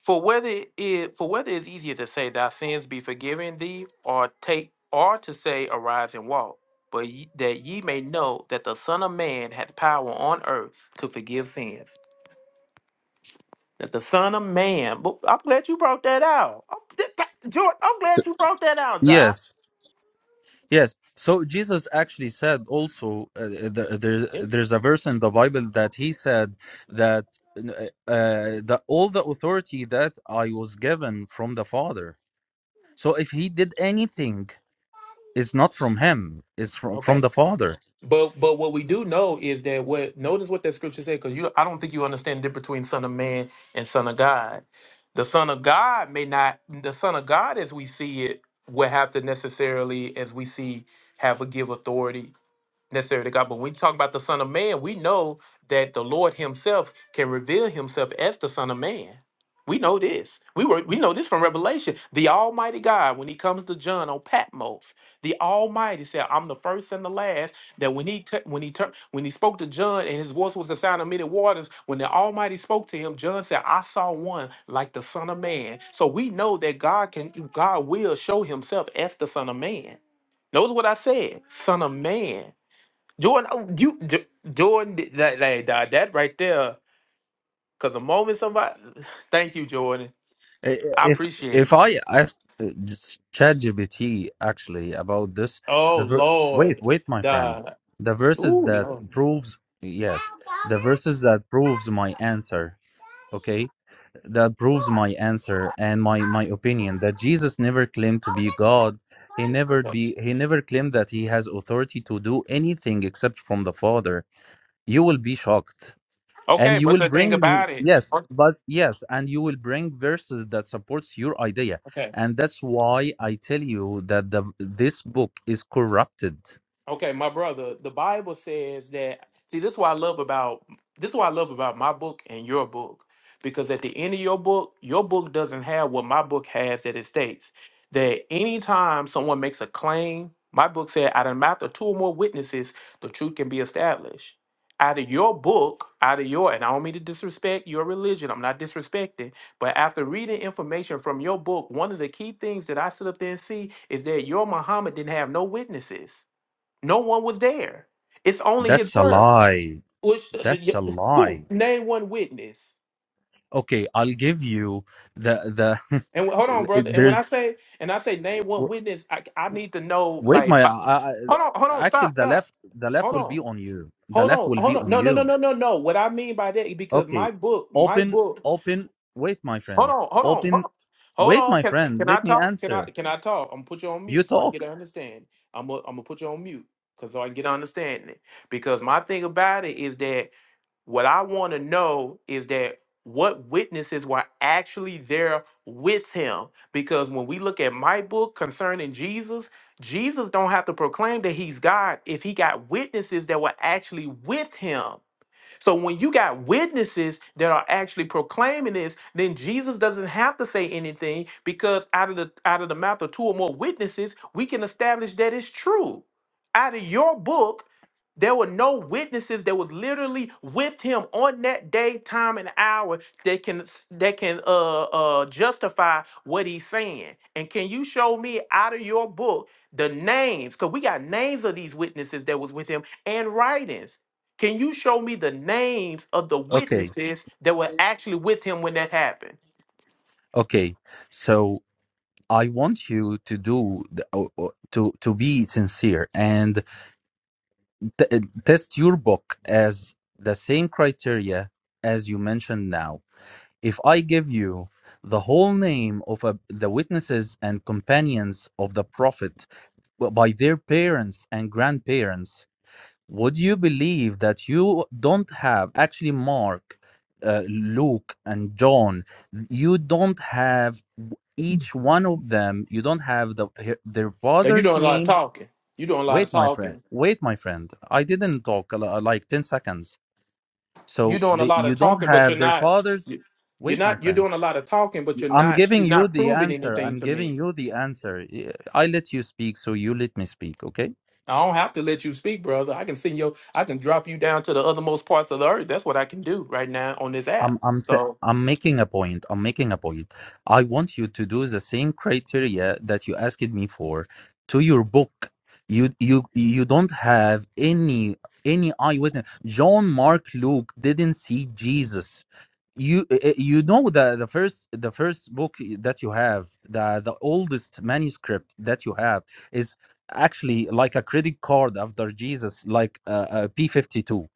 [SPEAKER 1] For whether it is for whether it's easier to say thy sins be forgiven thee, or take or to say arise and walk, but ye, that ye may know that the Son of Man hath power on earth to forgive sins. That the Son of Man, but I'm glad you brought that out. I'm, th- th- George, I'm glad
[SPEAKER 6] So-
[SPEAKER 1] you brought that out,
[SPEAKER 6] yes
[SPEAKER 1] Doc.
[SPEAKER 6] Yes. So Jesus actually said also uh, uh, the, there's
[SPEAKER 1] Yes.
[SPEAKER 6] there's a verse in the Bible that he said that uh, that all the authority that I was given from the Father. So if he did anything, it's not from him. It's from from the Father.
[SPEAKER 1] But but what we do know is that what notice what that scripture said because you I don't think you understand the difference between son of man and son of God. The son of God may not the son of God as we see it will have to necessarily as we see have a give authority Necessary to God. But when we talk about the Son of Man, we know that the Lord Himself can reveal Himself as the Son of Man. We know this. We were we know this from Revelation. The Almighty God, when He comes to John on Patmos, the Almighty said, "I'm the first and the last." That when He tu- when He turned when He spoke to John, and His voice was the sound of many waters. When the Almighty spoke to him, John said, "I saw one like the Son of Man." So we know that God can God will show Himself as the Son of Man. Notice what I said, Son of Man. Jordan, oh, you J- Jordan, did that like, that that right there. Cause the moment somebody, thank you, Jordan.
[SPEAKER 6] I-
[SPEAKER 1] I
[SPEAKER 6] If if
[SPEAKER 1] appreciate it.
[SPEAKER 6] I ask uh, ChatGPT actually about this,
[SPEAKER 1] Oh
[SPEAKER 6] the ver- wait
[SPEAKER 1] Lord,
[SPEAKER 6] wait my friend,
[SPEAKER 1] duh.
[SPEAKER 6] the verses
[SPEAKER 1] Ooh,
[SPEAKER 6] that
[SPEAKER 1] Lord.
[SPEAKER 6] proves yes, the verses that proves my answer. Okay that proves my answer and my my opinion that Jesus never claimed to be God. He never
[SPEAKER 1] Okay.
[SPEAKER 6] be he never claimed that he has authority to do anything except from the Father. You will be shocked. And
[SPEAKER 1] okay,
[SPEAKER 6] you
[SPEAKER 1] but
[SPEAKER 6] will
[SPEAKER 1] the thing
[SPEAKER 6] bring
[SPEAKER 1] about it,
[SPEAKER 6] yes, but yes, and you will bring verses that supports your idea.
[SPEAKER 1] okay.
[SPEAKER 6] And that's why I tell you that the this book is corrupted.
[SPEAKER 1] Okay, my brother, the Bible says that see this is what I love about this is what I love about my book and your book. Because at the end of your book, your book doesn't have what my book has that it states. That anytime someone makes a claim, my book said out of the mouth of two or more witnesses, the truth can be established. Out of your book, out of your, and I don't mean to disrespect your religion, I'm not disrespecting, but after reading information from your book, one of the key things that I sit up there and see is that your Muhammad didn't have no witnesses no one was there. It's only
[SPEAKER 6] That's
[SPEAKER 1] his
[SPEAKER 6] a
[SPEAKER 1] word.
[SPEAKER 6] lie.
[SPEAKER 1] Which
[SPEAKER 6] That's a lie.
[SPEAKER 1] who name one witness?
[SPEAKER 6] okay i'll give you the the
[SPEAKER 1] And wh- hold on, brother. And when I
[SPEAKER 6] there's
[SPEAKER 1] say and I say name one
[SPEAKER 6] w-
[SPEAKER 1] witness, I, I need to know
[SPEAKER 6] wait
[SPEAKER 1] like.
[SPEAKER 6] my
[SPEAKER 1] by-
[SPEAKER 6] I, I,
[SPEAKER 1] Hold on, hold on,
[SPEAKER 6] actually
[SPEAKER 1] stop,
[SPEAKER 6] the
[SPEAKER 1] stop.
[SPEAKER 6] left the left
[SPEAKER 1] Hold
[SPEAKER 6] will be
[SPEAKER 1] on,
[SPEAKER 6] on you the
[SPEAKER 1] hold
[SPEAKER 6] left
[SPEAKER 1] on,
[SPEAKER 6] will be
[SPEAKER 1] hold on.
[SPEAKER 6] on
[SPEAKER 1] No, no, no,
[SPEAKER 6] you
[SPEAKER 1] no, no, no. What I mean by that because my
[SPEAKER 6] okay
[SPEAKER 1] book, my
[SPEAKER 6] open
[SPEAKER 1] book.
[SPEAKER 6] open wait my
[SPEAKER 1] Hold
[SPEAKER 6] friend
[SPEAKER 1] on, hold on, hold
[SPEAKER 6] open
[SPEAKER 1] on. Hold
[SPEAKER 6] wait
[SPEAKER 1] on,
[SPEAKER 6] my
[SPEAKER 1] can,
[SPEAKER 6] friend
[SPEAKER 1] can I
[SPEAKER 6] let me
[SPEAKER 1] talk? Can I
[SPEAKER 6] answer
[SPEAKER 1] can I talk? I'm gonna put you on
[SPEAKER 6] you
[SPEAKER 1] mute so I can get
[SPEAKER 6] talked
[SPEAKER 1] an understanding. I'm gonna I'm gonna put you on mute because so I can get an understanding. Because my thing about it is that What I want to know is that what witnesses were actually there with him because when we look at my book concerning Jesus, Jesus don't have to proclaim that he's God if he got witnesses that were actually with him. So when you got witnesses that are actually proclaiming this, then Jesus doesn't have to say anything because out of the out of the mouth of two or more witnesses, we can establish that it's true. Out of your book, there were no witnesses that was literally with him on that day, time, and hour that can that can uh uh justify what he's saying. And can you show me out of your book the names? Because we got names of these witnesses that was with him and writings. Can you show me the names of the
[SPEAKER 6] okay
[SPEAKER 1] witnesses that were actually with him when that happened?
[SPEAKER 6] okay so i want you to do the, o- o- to to be sincere and t- test your book as the same criteria as you mentioned now if I give you the whole name of a, the witnesses and companions of the prophet well, by their parents and grandparents, would you believe that you don't have actually Mark, uh, Luke, and John? You don't have each one of them. You don't have the their
[SPEAKER 1] Now you're
[SPEAKER 6] father's
[SPEAKER 1] doing a lot of
[SPEAKER 6] name.
[SPEAKER 1] talking. You're doing a lot of
[SPEAKER 6] Wait, my friend.
[SPEAKER 1] talking.
[SPEAKER 6] Wait, my friend. I didn't talk uh, like ten seconds.
[SPEAKER 1] You're
[SPEAKER 6] So
[SPEAKER 1] doing a
[SPEAKER 6] they,
[SPEAKER 1] lot
[SPEAKER 6] you
[SPEAKER 1] of
[SPEAKER 6] don't
[SPEAKER 1] talking, but
[SPEAKER 6] have
[SPEAKER 1] you're
[SPEAKER 6] their
[SPEAKER 1] not.
[SPEAKER 6] father's.
[SPEAKER 1] you- You're
[SPEAKER 6] Wait, my
[SPEAKER 1] not. You're
[SPEAKER 6] friend
[SPEAKER 1] doing a lot of talking, but you're
[SPEAKER 6] I'm
[SPEAKER 1] not.
[SPEAKER 6] giving
[SPEAKER 1] You're
[SPEAKER 6] you
[SPEAKER 1] not
[SPEAKER 6] the
[SPEAKER 1] proving
[SPEAKER 6] answer.
[SPEAKER 1] anything
[SPEAKER 6] I'm
[SPEAKER 1] to
[SPEAKER 6] giving
[SPEAKER 1] me.
[SPEAKER 6] you the answer. I I let you speak, so you let me speak, okay?
[SPEAKER 1] I don't have to let you speak, brother. I can send you. I can drop you down to the othermost parts of the earth. That's what I can do right now on this
[SPEAKER 6] I'm
[SPEAKER 1] app.
[SPEAKER 6] I'm sa-
[SPEAKER 1] So.
[SPEAKER 6] I'm making a point. I'm making a point. I want you to do the same criteria that you asked me for to your book. You you you don't have any any eyewitness. John, Mark, Luke didn't see Jesus. You eh, eh, you know the the first the first book that you have the the oldest manuscript that you have is actually like a credit card after Jesus, like a a P fifty two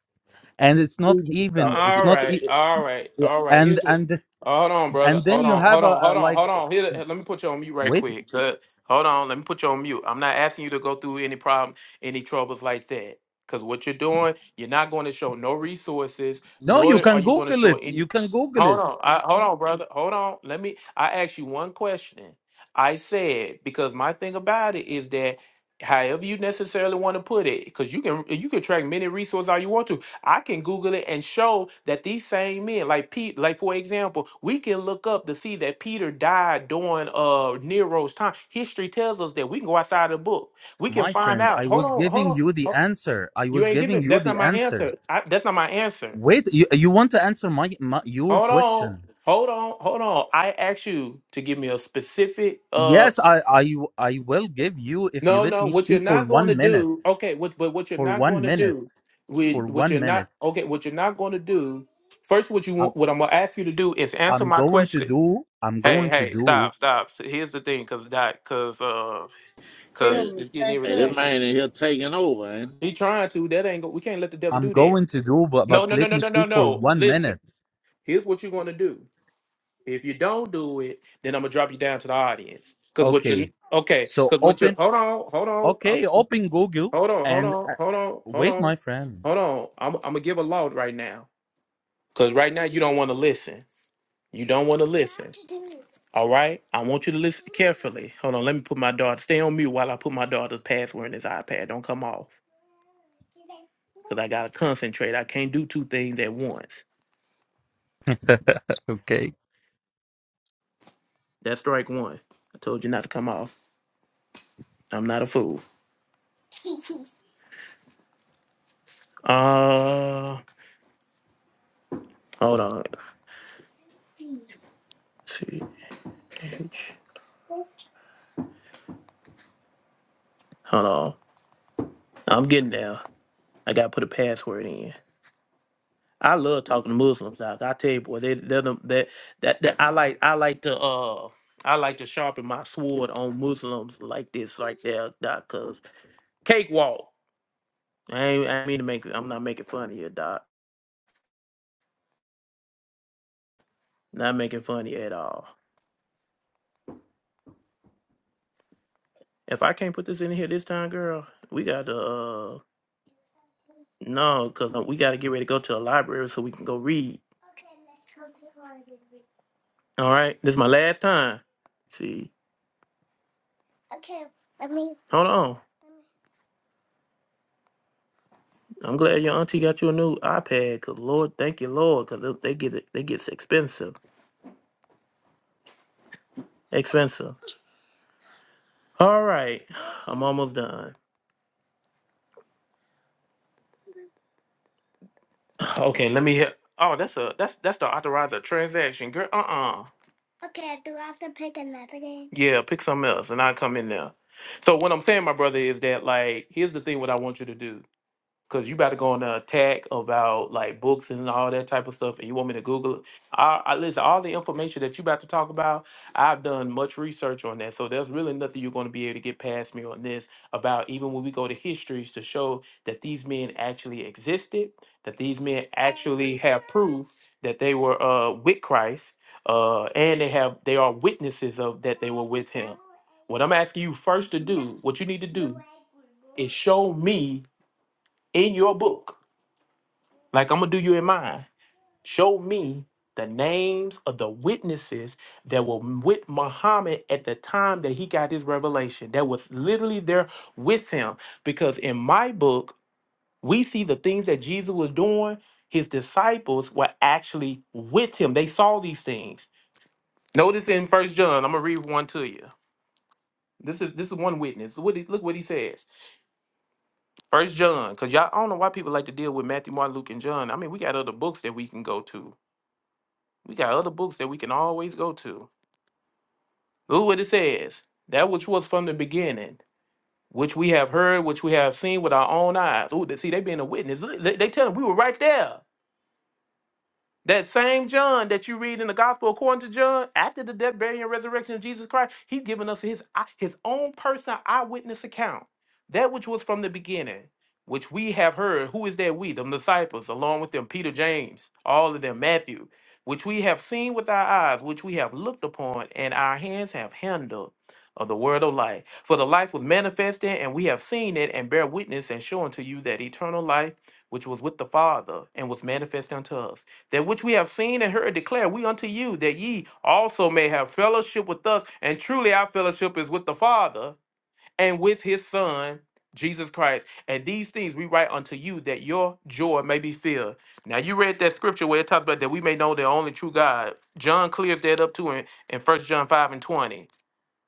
[SPEAKER 6] and it's not
[SPEAKER 8] Angel
[SPEAKER 6] even
[SPEAKER 8] fallacy.
[SPEAKER 6] it's
[SPEAKER 1] All
[SPEAKER 6] not e-
[SPEAKER 1] right, all right,
[SPEAKER 6] yeah,
[SPEAKER 1] all right.
[SPEAKER 6] and
[SPEAKER 1] Here's what.
[SPEAKER 6] and
[SPEAKER 1] Oh, hold on, brother.
[SPEAKER 6] and then
[SPEAKER 1] Hold
[SPEAKER 6] you
[SPEAKER 1] on,
[SPEAKER 6] have
[SPEAKER 1] hold
[SPEAKER 6] a,
[SPEAKER 1] on,
[SPEAKER 6] a
[SPEAKER 1] hold on,
[SPEAKER 6] like
[SPEAKER 1] hold on. Here, let me put you on mute right
[SPEAKER 6] wait
[SPEAKER 1] quick. Uh, Hold on, let me put you on mute. I'm not asking you to go through any problem, any troubles like that. Because what you're doing, you're not going to show no resources,
[SPEAKER 6] no you
[SPEAKER 1] nor are
[SPEAKER 6] can
[SPEAKER 1] you going to
[SPEAKER 6] google
[SPEAKER 1] show
[SPEAKER 6] it you
[SPEAKER 1] any.
[SPEAKER 6] can google
[SPEAKER 1] Hold
[SPEAKER 6] it
[SPEAKER 1] on, I, hold on, brother. Hold on. Let me. I asked you one question. I said because my thing about it is that however you necessarily want to put it because you can you can track many resources all you want to I can Google it and show that these same men, like Pete, like for example, we can look up to see that Peter died during uh Nero's time. History tells us that we can go outside the book. We can
[SPEAKER 6] my
[SPEAKER 1] find
[SPEAKER 6] friend i
[SPEAKER 1] out. Hold
[SPEAKER 6] was
[SPEAKER 1] on, hold
[SPEAKER 6] giving
[SPEAKER 1] on.
[SPEAKER 6] you the
[SPEAKER 1] ho-
[SPEAKER 6] answer i
[SPEAKER 1] You
[SPEAKER 6] was
[SPEAKER 1] ain't
[SPEAKER 6] giving
[SPEAKER 1] giving.
[SPEAKER 6] you
[SPEAKER 1] That's not
[SPEAKER 6] the
[SPEAKER 1] my
[SPEAKER 6] answer
[SPEAKER 1] answer. I, that's not my answer.
[SPEAKER 6] wait you, you want to answer my, my your
[SPEAKER 1] Hold on,
[SPEAKER 6] question
[SPEAKER 1] hold on, hold on. I asked you to give me a specific uh,
[SPEAKER 6] yes I, I i will give you if you
[SPEAKER 1] No,
[SPEAKER 6] let
[SPEAKER 1] no.
[SPEAKER 6] me
[SPEAKER 1] What you're
[SPEAKER 6] speak for
[SPEAKER 1] not going to
[SPEAKER 6] 1 minute
[SPEAKER 1] do, okay? What, but what you're
[SPEAKER 6] for
[SPEAKER 1] not
[SPEAKER 6] 1
[SPEAKER 1] going to
[SPEAKER 6] minute
[SPEAKER 1] do, we,
[SPEAKER 6] for
[SPEAKER 1] what
[SPEAKER 6] 1
[SPEAKER 1] you're not,
[SPEAKER 6] minute
[SPEAKER 1] okay? What you're not going to do. First, what you
[SPEAKER 6] i'm
[SPEAKER 1] want, what I'm going to ask you to do is answer
[SPEAKER 6] i'm
[SPEAKER 1] my
[SPEAKER 6] going to
[SPEAKER 1] question.
[SPEAKER 6] do i'm
[SPEAKER 1] Hey,
[SPEAKER 6] going to
[SPEAKER 1] hey,
[SPEAKER 6] do
[SPEAKER 1] stop, stop. So, Here's the thing, cause that, cause, uh, cause
[SPEAKER 5] Tell Hey, me,
[SPEAKER 1] it's getting
[SPEAKER 5] thank hey, you. that you.
[SPEAKER 1] irritated.
[SPEAKER 5] man in here taking over, ain't
[SPEAKER 1] He trying to. That ain't. go- We can't let the devil
[SPEAKER 6] i'm
[SPEAKER 1] do that.
[SPEAKER 6] going to do but
[SPEAKER 1] No,
[SPEAKER 6] but
[SPEAKER 1] no, no,
[SPEAKER 6] let
[SPEAKER 1] no,
[SPEAKER 6] me
[SPEAKER 1] no, no,
[SPEAKER 6] speak for
[SPEAKER 1] no.
[SPEAKER 6] 1
[SPEAKER 1] Listen.
[SPEAKER 6] minute
[SPEAKER 1] Here's what you're going to do. If you don't do it, then I'm gonna drop you down to the audience. Cause what
[SPEAKER 6] okay
[SPEAKER 1] you okay?
[SPEAKER 6] so
[SPEAKER 1] Cause what you
[SPEAKER 6] open
[SPEAKER 1] hold on, hold on. uh,
[SPEAKER 6] Okay, open Google
[SPEAKER 1] Hold on, hold
[SPEAKER 6] and
[SPEAKER 1] on,
[SPEAKER 6] uh,
[SPEAKER 1] hold on, hold
[SPEAKER 6] wait,
[SPEAKER 1] on,
[SPEAKER 6] my friend.
[SPEAKER 1] hold on. I'm, I'm gonna give a loud right now, cause right now you don't want to listen. You don't want to listen. All right, I want you to listen carefully. Hold on, let me put my daughter. Stay on mute while I put my daughter's password in this iPad. Don't come off, cause I gotta concentrate. I can't do two things at once.
[SPEAKER 6] okay
[SPEAKER 1] That's strike one. I told you not to come off. I'm not a fool. Uh, hold on. Let's see, H. Hold on. I'm getting there. I gotta put a password in. I love talking to Muslims. Doc. I tell you, boy, they they're the, that, that that I like I like to uh I like to sharpen my sword on Muslims like this right there, Doc. Cause cakewalk. I ain't I mean to make I'm not making fun of you, Doc. Not making fun of you at all. If I can't put this in here this time, girl, we got to uh no, cause uh, we got to get ready to go to the library so we can go read. All right, this is my last time. See, hold on. I'm glad your auntie got you a new iPad. Cause Lord, thank you, Lord, cause they they get it, they gets expensive, expensive. All right, I'm almost done. Okay, let me hear. Oh, that's a that's that's the authorizer transaction, girl. Uh uh Yeah, pick something else, and I will come in there. So what I'm saying, my brother, is that like here's the thing. What I want you to do. Cause you about to go on the attack about like books and all that type of stuff, and you want me to Google it. I, I listen. All the information that you about to talk about, I've done much research on that. So there's really nothing you're going to be able to get past me on this. About even when we go to histories to show that these men actually existed, that these men actually have proof that they were uh, with Christ, uh, and they have they are witnesses of that they were with Him. What I'm asking you first to do, what you need to do, is show me in your book like I'm gonna do you in mine. Show me the names of the witnesses that were with Muhammad at the time that he got his revelation. That was literally there with him. Because in my book, we see the things that Jesus was doing. His disciples were actually with him. They saw these things. Notice in First John, I'm gonna read one to you. This is this is one witness. What he, look what he says. First John, because y'all I don't know why people like to deal with Matthew, Mark, Luke, and John. I mean, we got other books that we can go to We got other books that we can always go to. Look what it says. That which was from the beginning, which we have heard, which we have seen with our own eyes. Ooh, they- see, they being a witness. Look, They, they tell them we were right there. That same John that you read in the gospel according to John, after the death, burial, and resurrection of Jesus Christ, he's given us his eye- his own personal eyewitness account. That which was from the beginning, which we have heard. Who is that we? The disciples, along with them, Peter, James, all of them, Matthew, which we have seen with our eyes, which we have looked upon, and our hands have handled of the word of life. For the life was manifested, and we have seen it, and bear witness, and show unto you that eternal life which was with the Father, and was manifest unto us that which we have seen and heard declare we unto you, that ye also may have fellowship with us. And truly our fellowship is with the Father and with his Son, Jesus Christ. And these things we write unto you, that your joy may be filled. Now you read that scripture where it talks about that we may know the only true God. John clears that up too in, in First John 5 and 20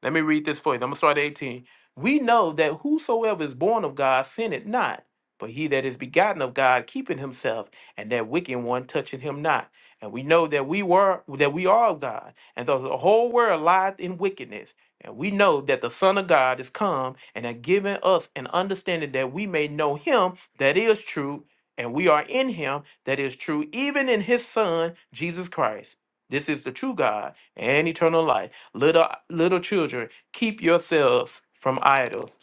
[SPEAKER 1] let me read this for you. I'm going to start at 18. We know that whosoever is born of God sinneth not, but he that is begotten of God keepeth himself, and that wicked one toucheth him not. And we know that we were that we are of God, and that the whole world lieth in wickedness. And we know that the Son of God is come and hath given us an understanding that we may know him that is true, and we are in him that is true, even in his Son, Jesus Christ. This is the true God and eternal life. Little little children, keep yourselves from idols.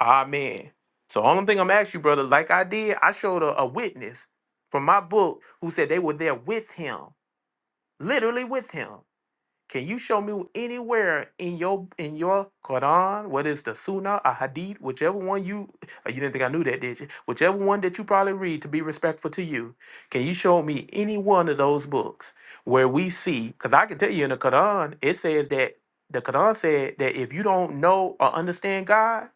[SPEAKER 1] Amen. So only thing I'm asking you, brother, like I did, I showed a, a witness from my book who said they were there with him, literally with him. Can you show me anywhere in your in your Quran, whether it's the Sunnah a Hadith, whichever one you uh, you didn't think I knew that, did you? Whichever one that you probably read to be respectful to you, can you show me any one of those books where we see? Because I can tell you in the Quran, it says that the Quran said that if you don't know or understand God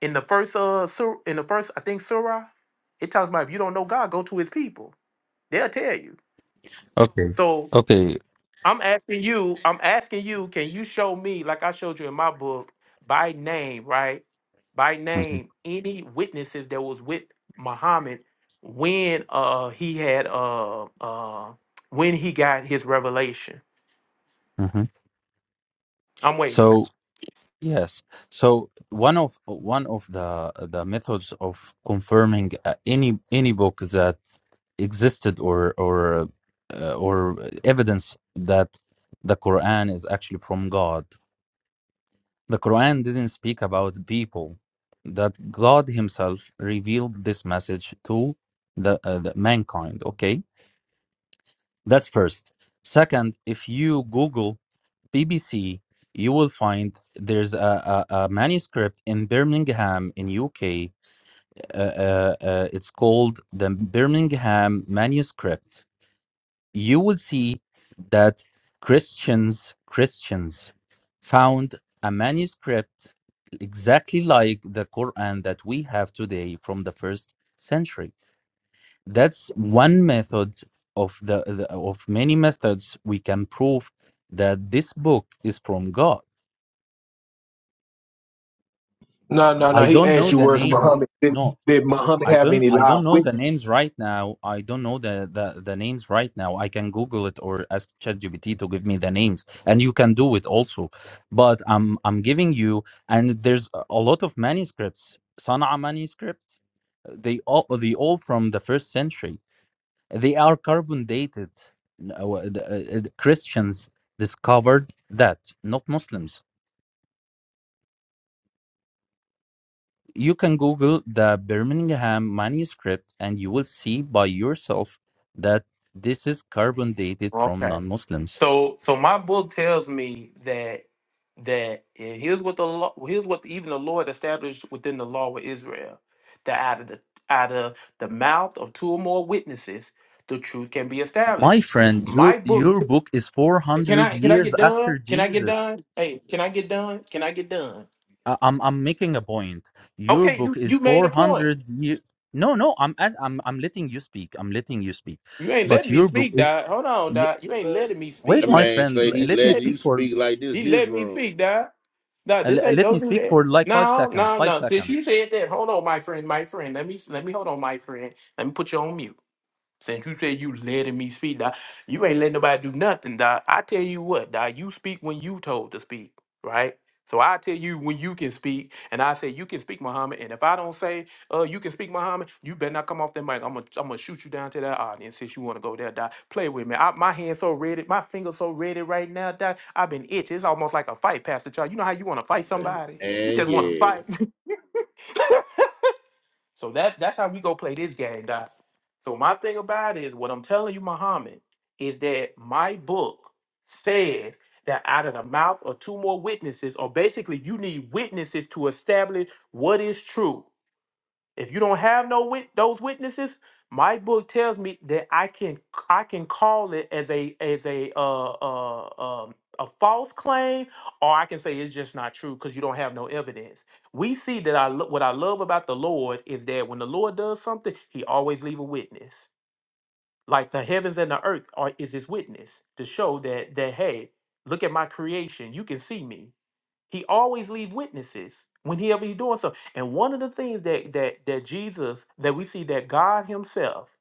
[SPEAKER 1] in the first uh sur- in the first I think surah, it talks about if you don't know God, go to His people. They'll tell you.
[SPEAKER 6] okay
[SPEAKER 1] So
[SPEAKER 6] okay
[SPEAKER 1] I'm asking you, I'm asking you, can you show me, like I showed you in my book, by name, right? By
[SPEAKER 6] hmm
[SPEAKER 1] name, any witnesses that was with Muhammad when uh he had uh uh when he got his revelation.
[SPEAKER 6] hmm
[SPEAKER 1] I'm waiting.
[SPEAKER 6] so yes so one of one of the the methods of confirming uh, any any book that existed or or uh, or evidence that the quran is actually from god the quran didn't speak about people that god himself revealed this message to the, uh, the mankind okay That's first. Second, if you Google BBC, you will find there's a, a, a manuscript in Birmingham in UK. Uh, uh, uh, it's called the Birmingham Manuscript. You will see that Christians Christians found a manuscript exactly like the Quran that we have today from the first century that's one method of the, the of many methods we can prove that this book is from god
[SPEAKER 7] No, no, no.
[SPEAKER 6] i
[SPEAKER 7] He
[SPEAKER 6] don't know
[SPEAKER 7] asked you,
[SPEAKER 6] the
[SPEAKER 7] where's
[SPEAKER 6] names
[SPEAKER 7] Muhammad? Did,
[SPEAKER 6] no
[SPEAKER 7] did
[SPEAKER 6] i
[SPEAKER 7] Muhammad
[SPEAKER 6] I
[SPEAKER 7] have
[SPEAKER 6] don't
[SPEAKER 7] any
[SPEAKER 6] i
[SPEAKER 7] live
[SPEAKER 6] don't know the
[SPEAKER 7] witnesses?
[SPEAKER 6] names right now i don't know the the, the names right now i can google it or ask chatgpt to give me the names and you can do it also but i'm i'm giving you and there's a a lot of manuscripts sana'a manuscript they all they all from the first century They are carbon dated. N- uh, the, uh, uh, Christians discovered that, not Muslims. You can Google the Birmingham manuscript and you will see by yourself that this is carbon dated from
[SPEAKER 1] Okay.
[SPEAKER 6] non Muslims.
[SPEAKER 1] So so my book tells me that that and here's what the law here's what even the Lord established within the law of Israel. That out of the out of the mouth of two or more witnesses, the truth can be
[SPEAKER 6] My
[SPEAKER 1] established.
[SPEAKER 6] friend, your,
[SPEAKER 1] My book
[SPEAKER 6] your book is
[SPEAKER 1] can
[SPEAKER 6] 400
[SPEAKER 1] I can I
[SPEAKER 6] years
[SPEAKER 1] get done?
[SPEAKER 6] after
[SPEAKER 1] Can I get
[SPEAKER 6] Jesus.
[SPEAKER 1] done? Hey, can I get done? Can I get done?
[SPEAKER 6] I- I'm, I'm making a point. Your
[SPEAKER 1] Okay,
[SPEAKER 6] book
[SPEAKER 1] you
[SPEAKER 6] is
[SPEAKER 1] you made a point.
[SPEAKER 6] 400 years. No, no, I'm, I'm, I'm letting you speak. I'm letting you speak.
[SPEAKER 1] You ain't
[SPEAKER 6] But
[SPEAKER 1] letting me
[SPEAKER 6] your book
[SPEAKER 1] speak,
[SPEAKER 6] is
[SPEAKER 1] Dot. Hold on, Dot. You ain't letting me
[SPEAKER 5] he?
[SPEAKER 6] Wait,
[SPEAKER 5] That
[SPEAKER 1] speak.
[SPEAKER 5] Thank
[SPEAKER 6] my
[SPEAKER 5] man
[SPEAKER 6] friend.
[SPEAKER 5] say
[SPEAKER 6] l-
[SPEAKER 5] he
[SPEAKER 6] Let
[SPEAKER 1] You
[SPEAKER 6] me
[SPEAKER 5] letting
[SPEAKER 1] ain't
[SPEAKER 5] you
[SPEAKER 6] speak for
[SPEAKER 5] speak like this
[SPEAKER 1] he
[SPEAKER 5] his
[SPEAKER 1] let me
[SPEAKER 5] room.
[SPEAKER 1] speak, Dot. No,
[SPEAKER 6] uh,
[SPEAKER 1] this
[SPEAKER 6] l-
[SPEAKER 1] ain't.
[SPEAKER 6] let me
[SPEAKER 1] Don't do
[SPEAKER 6] speak
[SPEAKER 1] that.
[SPEAKER 6] for like five
[SPEAKER 1] No,
[SPEAKER 6] seconds.
[SPEAKER 1] no,
[SPEAKER 6] Five
[SPEAKER 1] no. Since you
[SPEAKER 6] seconds.
[SPEAKER 1] said that, hold on, my friend, my friend. Let me, let me hold on, my friend. Let me put you on mute. Since you said you letting me speak, dog, you ain't letting nobody do nothing, dog. I tell you what, dog, you speak when you told to speak, right? So I tell you when you can speak, and I say you can speak, Muhammad. And if I don't say, uh, you can speak, Muhammad, you better not come off that mic. I'm gonna, I'm gonna shoot you down to that audience since you wanna go there, dog. Play with me. I, my hand's so ready, my finger's so ready right now, dog. I've been itching. It's almost like a fight, Pastor Charles. You know how you wanna fight
[SPEAKER 5] And
[SPEAKER 1] somebody? You
[SPEAKER 5] and
[SPEAKER 1] just wanna
[SPEAKER 5] yeah,
[SPEAKER 1] fight. So that that's how we go play this game, Doc. So my thing about it is what I'm telling you, Muhammad, is that my book says that out of the mouth of two more witnesses, or basically you need witnesses to establish what is true. If you don't have no wit- those witnesses, my book tells me that I can I can call it as a as a uh, uh, um, a false claim, or I can say it's just not true because you don't have no evidence. We see that I lo- what I love about the Lord is that when the Lord does something, He always leave a witness. Like the heavens and the earth are is His witness to show that that hey, look at my creation, you can see me. He always leave witnesses whenever he doing so. And one of the things that that that Jesus that we see that God Himself,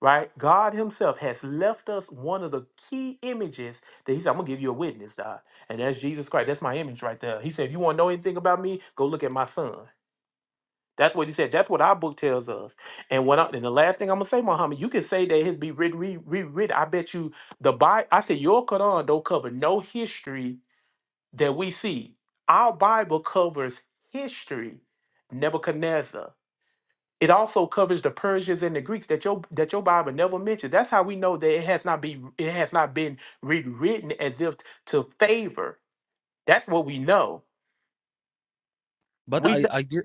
[SPEAKER 1] right? God Himself has left us one of the key images that He said, "I'm gonna give you a witness, God," and that's Jesus Christ. That's my image right there. He said, "If you want to know anything about me, go look at my Son." That's what he said. That's what our book tells us. And what I, and the last thing I'm gonna say, Muhammad, you can say that it's be written, re, rewritten. I bet you the Bible. I said your Quran don't cover no history that we see. Our Bible covers history, Nebuchadnezzar. It also covers the Persians and the Greeks that your that your Bible never mentions. That's how we know that it has not been it has not been rewritten as if to favor. That's what we know.
[SPEAKER 6] But
[SPEAKER 1] We
[SPEAKER 6] I I did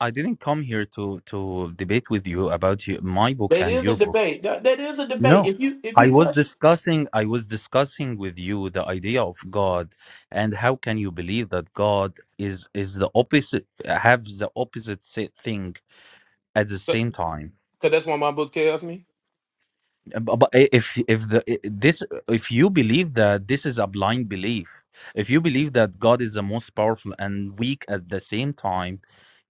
[SPEAKER 6] I didn't come here to to debate with you about you, my book
[SPEAKER 1] that
[SPEAKER 6] and
[SPEAKER 1] is a
[SPEAKER 6] your book.
[SPEAKER 1] debate. That, that is a debate.
[SPEAKER 6] No.
[SPEAKER 1] If you if
[SPEAKER 6] I
[SPEAKER 1] you
[SPEAKER 6] was
[SPEAKER 1] question,
[SPEAKER 6] discussing I was discussing with you the idea of God and how can you believe that God is is the opposite have the opposite sa- thing at the
[SPEAKER 1] because
[SPEAKER 6] same time.
[SPEAKER 1] that's what my book tells me.
[SPEAKER 6] but but i- if if the i- this if you believe that this is a blind belief if you believe that god is the most powerful and weak at the same time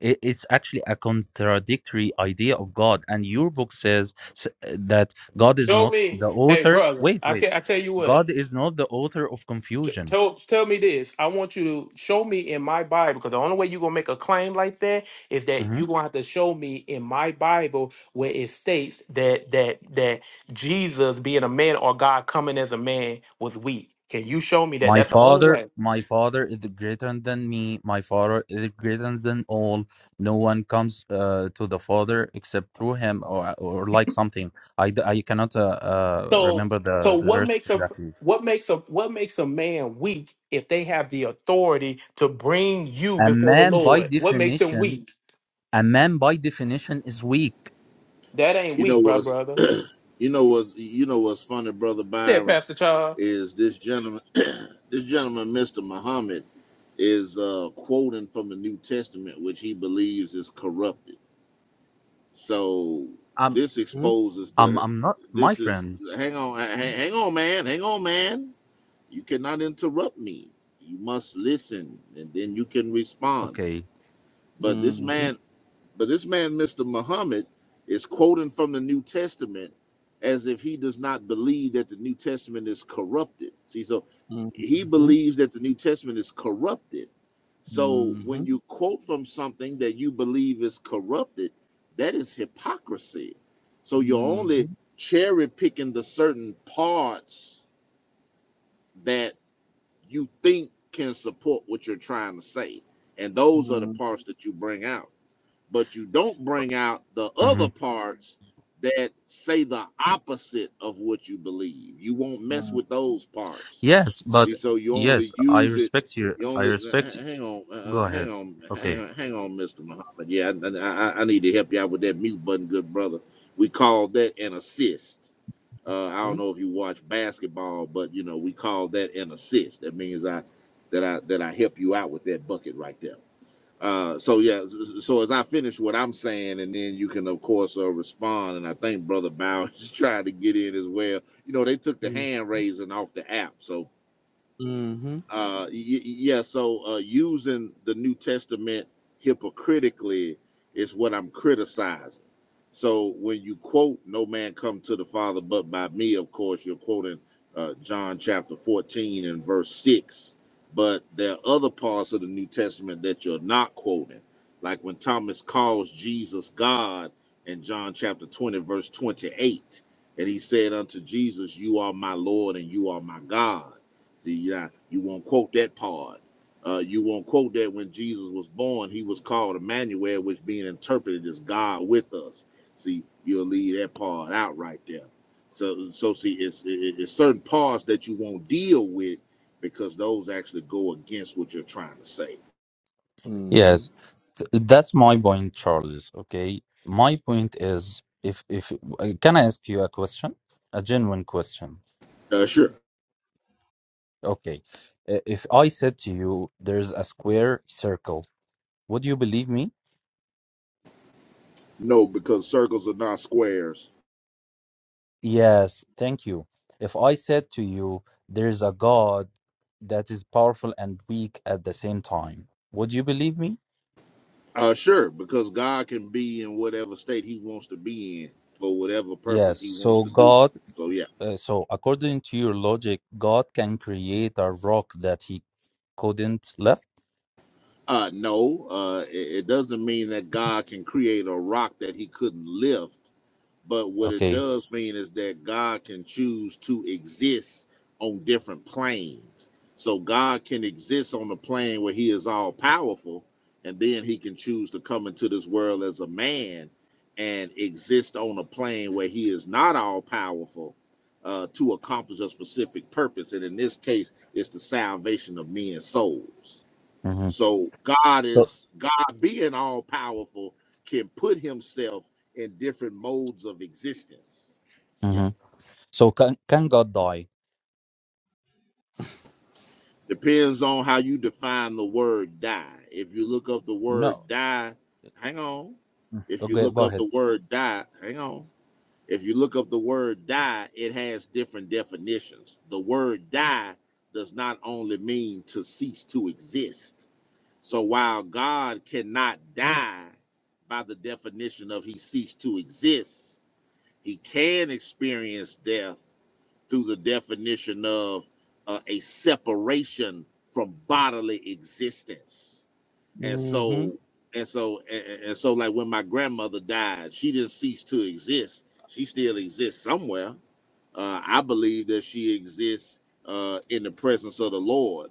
[SPEAKER 6] i- it's actually a contradictory idea of god and your book says s- that god is
[SPEAKER 1] Show
[SPEAKER 6] not
[SPEAKER 1] me,
[SPEAKER 6] the
[SPEAKER 1] hey
[SPEAKER 6] author
[SPEAKER 1] brother.
[SPEAKER 6] wait
[SPEAKER 1] I
[SPEAKER 6] wait
[SPEAKER 1] can I tell you what.
[SPEAKER 6] god is not the author of
[SPEAKER 1] J-
[SPEAKER 6] confusion
[SPEAKER 1] Tell tell me this. I want you to show me in my Bible because the only way you're gonna make a claim like that is that you're gonna have to show me in my Bible where it states that that that Jesus being a man or God coming as a man was weak. Can you show me that?
[SPEAKER 6] My
[SPEAKER 1] That's the only
[SPEAKER 6] father,
[SPEAKER 1] way.
[SPEAKER 6] my father is greater than me. My father is greater than all. No one comes uh, to the father except through him, or or like something. I, d- I cannot uh, uh,
[SPEAKER 1] So
[SPEAKER 6] remember
[SPEAKER 1] so
[SPEAKER 6] the, the
[SPEAKER 1] what
[SPEAKER 6] verse
[SPEAKER 1] makes a
[SPEAKER 6] exactly.
[SPEAKER 1] what makes a what makes a man weak if they have the authority to bring you
[SPEAKER 6] A
[SPEAKER 1] before the
[SPEAKER 6] man by
[SPEAKER 1] Lord? What makes them
[SPEAKER 6] definition,
[SPEAKER 1] weak?
[SPEAKER 6] a man by definition is weak.
[SPEAKER 1] That ain't
[SPEAKER 5] you know
[SPEAKER 1] weak, bro,
[SPEAKER 5] what's
[SPEAKER 1] brother.
[SPEAKER 5] you know what's you know what's funny, brother
[SPEAKER 1] Said
[SPEAKER 5] Byron,
[SPEAKER 1] Pastor Charles.
[SPEAKER 5] is this gentleman this gentleman, Mr. Muhammad, is uh quoting from the New Testament, which he believes is corrupted. So
[SPEAKER 6] I'm
[SPEAKER 5] this
[SPEAKER 8] Mm-hmm.
[SPEAKER 5] exposes
[SPEAKER 6] I'm
[SPEAKER 5] the
[SPEAKER 6] I'm not my
[SPEAKER 5] this is
[SPEAKER 6] friend.
[SPEAKER 5] hang on hang, hang on man, hang on man. You cannot interrupt me. You must listen and then you can respond.
[SPEAKER 6] Okay.
[SPEAKER 5] But this
[SPEAKER 8] Mm-hmm.
[SPEAKER 5] man But this man, Mr. Muhammad, is quoting from the New Testament as if he does not believe that the New Testament is corrupted. See, so he
[SPEAKER 8] Mm-hmm.
[SPEAKER 5] believes that the New Testament is corrupted. So when
[SPEAKER 8] Mm-hmm.
[SPEAKER 5] you quote from something that you believe is corrupted, that is hypocrisy. So you're only cherry picking the certain parts that you think can support what you're trying to say. And those are the parts that you bring out but you don't bring out the
[SPEAKER 6] hmm
[SPEAKER 5] other parts that say the opposite of what you believe. You won't mess with those parts.
[SPEAKER 6] Yes, but
[SPEAKER 5] See, so you
[SPEAKER 6] yes,
[SPEAKER 5] only
[SPEAKER 6] I
[SPEAKER 5] use it.
[SPEAKER 6] respect you.
[SPEAKER 5] You
[SPEAKER 6] I
[SPEAKER 5] only uh,
[SPEAKER 6] respect you.
[SPEAKER 5] uh, hang on, uh,
[SPEAKER 6] Go
[SPEAKER 5] uh, hang
[SPEAKER 6] ahead.
[SPEAKER 5] on, hang
[SPEAKER 6] Okay.
[SPEAKER 5] on, hang on, Mister Muhammad. Yeah, I, I, I need to help you out with that mute button, good brother. We call that an assist. Uh, I don't know if you watch basketball, but you know we call that an assist. That means I that I that I help you out with that bucket right there. Uh, so yeah, so as I finish what I'm saying, and then you can of course uh, respond. And I think Brother Bow is trying to get in as well. You know, they took the
[SPEAKER 8] hmm
[SPEAKER 5] hand raising off the app, so uh y- yeah so uh using the new testament hypocritically is what i'm criticizing so when you quote no man come to the father but by me of course you're quoting uh john chapter 14 and verse 6 but there are other parts of the new testament that you're not quoting like when thomas calls jesus god in john chapter 20 verse 28 and he said unto jesus you are my lord and you are my god See, yeah, you won't quote that part. Uh, you won't quote that when Jesus was born, he was called Emmanuel, which being interpreted as God with us. See, you'll leave that part out right there. So, so see, it's, it's certain parts that you won't deal with because those actually go against what you're trying to say.
[SPEAKER 8] hmm
[SPEAKER 6] Yes, th- that's my point, Charles. Okay, my point is if if uh, can I ask you a question, a genuine question?
[SPEAKER 5] Uh, sure.
[SPEAKER 6] Okay, Uh, if I said to you there's a square circle, would you believe me?
[SPEAKER 5] No, because circles are not squares.
[SPEAKER 6] Yes, thank you. If I said to you there's a God that is powerful and weak at the same time, would you believe me?
[SPEAKER 5] Uh, sure, because God can be in whatever state he wants to be in for whatever purpose
[SPEAKER 6] Yes.
[SPEAKER 5] he wants
[SPEAKER 6] So
[SPEAKER 5] to do.
[SPEAKER 6] God,
[SPEAKER 5] So, yeah.
[SPEAKER 6] uh, so according to your logic, God can create a rock that he couldn't lift.
[SPEAKER 5] Uh, no, uh, it, it doesn't mean that God can create a rock that he couldn't lift. But what it
[SPEAKER 6] Okay.
[SPEAKER 5] does mean is that God can choose to exist on different planes. So God can exist on the plane where he is all powerful, and then he can choose to come into this world as a man and exist on a plane where he is not all powerful uh, to accomplish a specific purpose. And in this case, it's the salvation of men's souls.
[SPEAKER 6] Mm-hmm.
[SPEAKER 5] So God
[SPEAKER 6] So
[SPEAKER 5] is God being all powerful can put himself in different modes of existence. Yeah.
[SPEAKER 6] Mm-hmm. So can can God die?
[SPEAKER 5] Depends on how you define the word die. If you look up the word
[SPEAKER 6] No.
[SPEAKER 5] die, hang on. If you
[SPEAKER 6] Okay,
[SPEAKER 5] look
[SPEAKER 6] go
[SPEAKER 5] up
[SPEAKER 6] ahead.
[SPEAKER 5] the word die, hang on. If you look up the word die, it has different definitions. The word die does not only mean to cease to exist So while God cannot die by the definition of he ceased to exist, he can experience death through the definition of uh, a separation from bodily existence. And
[SPEAKER 8] hmm
[SPEAKER 5] so, and so, and, and and so, like when my grandmother died, she didn't cease to exist. She still exists somewhere. Uh, I believe that she exists uh, in the presence of the Lord,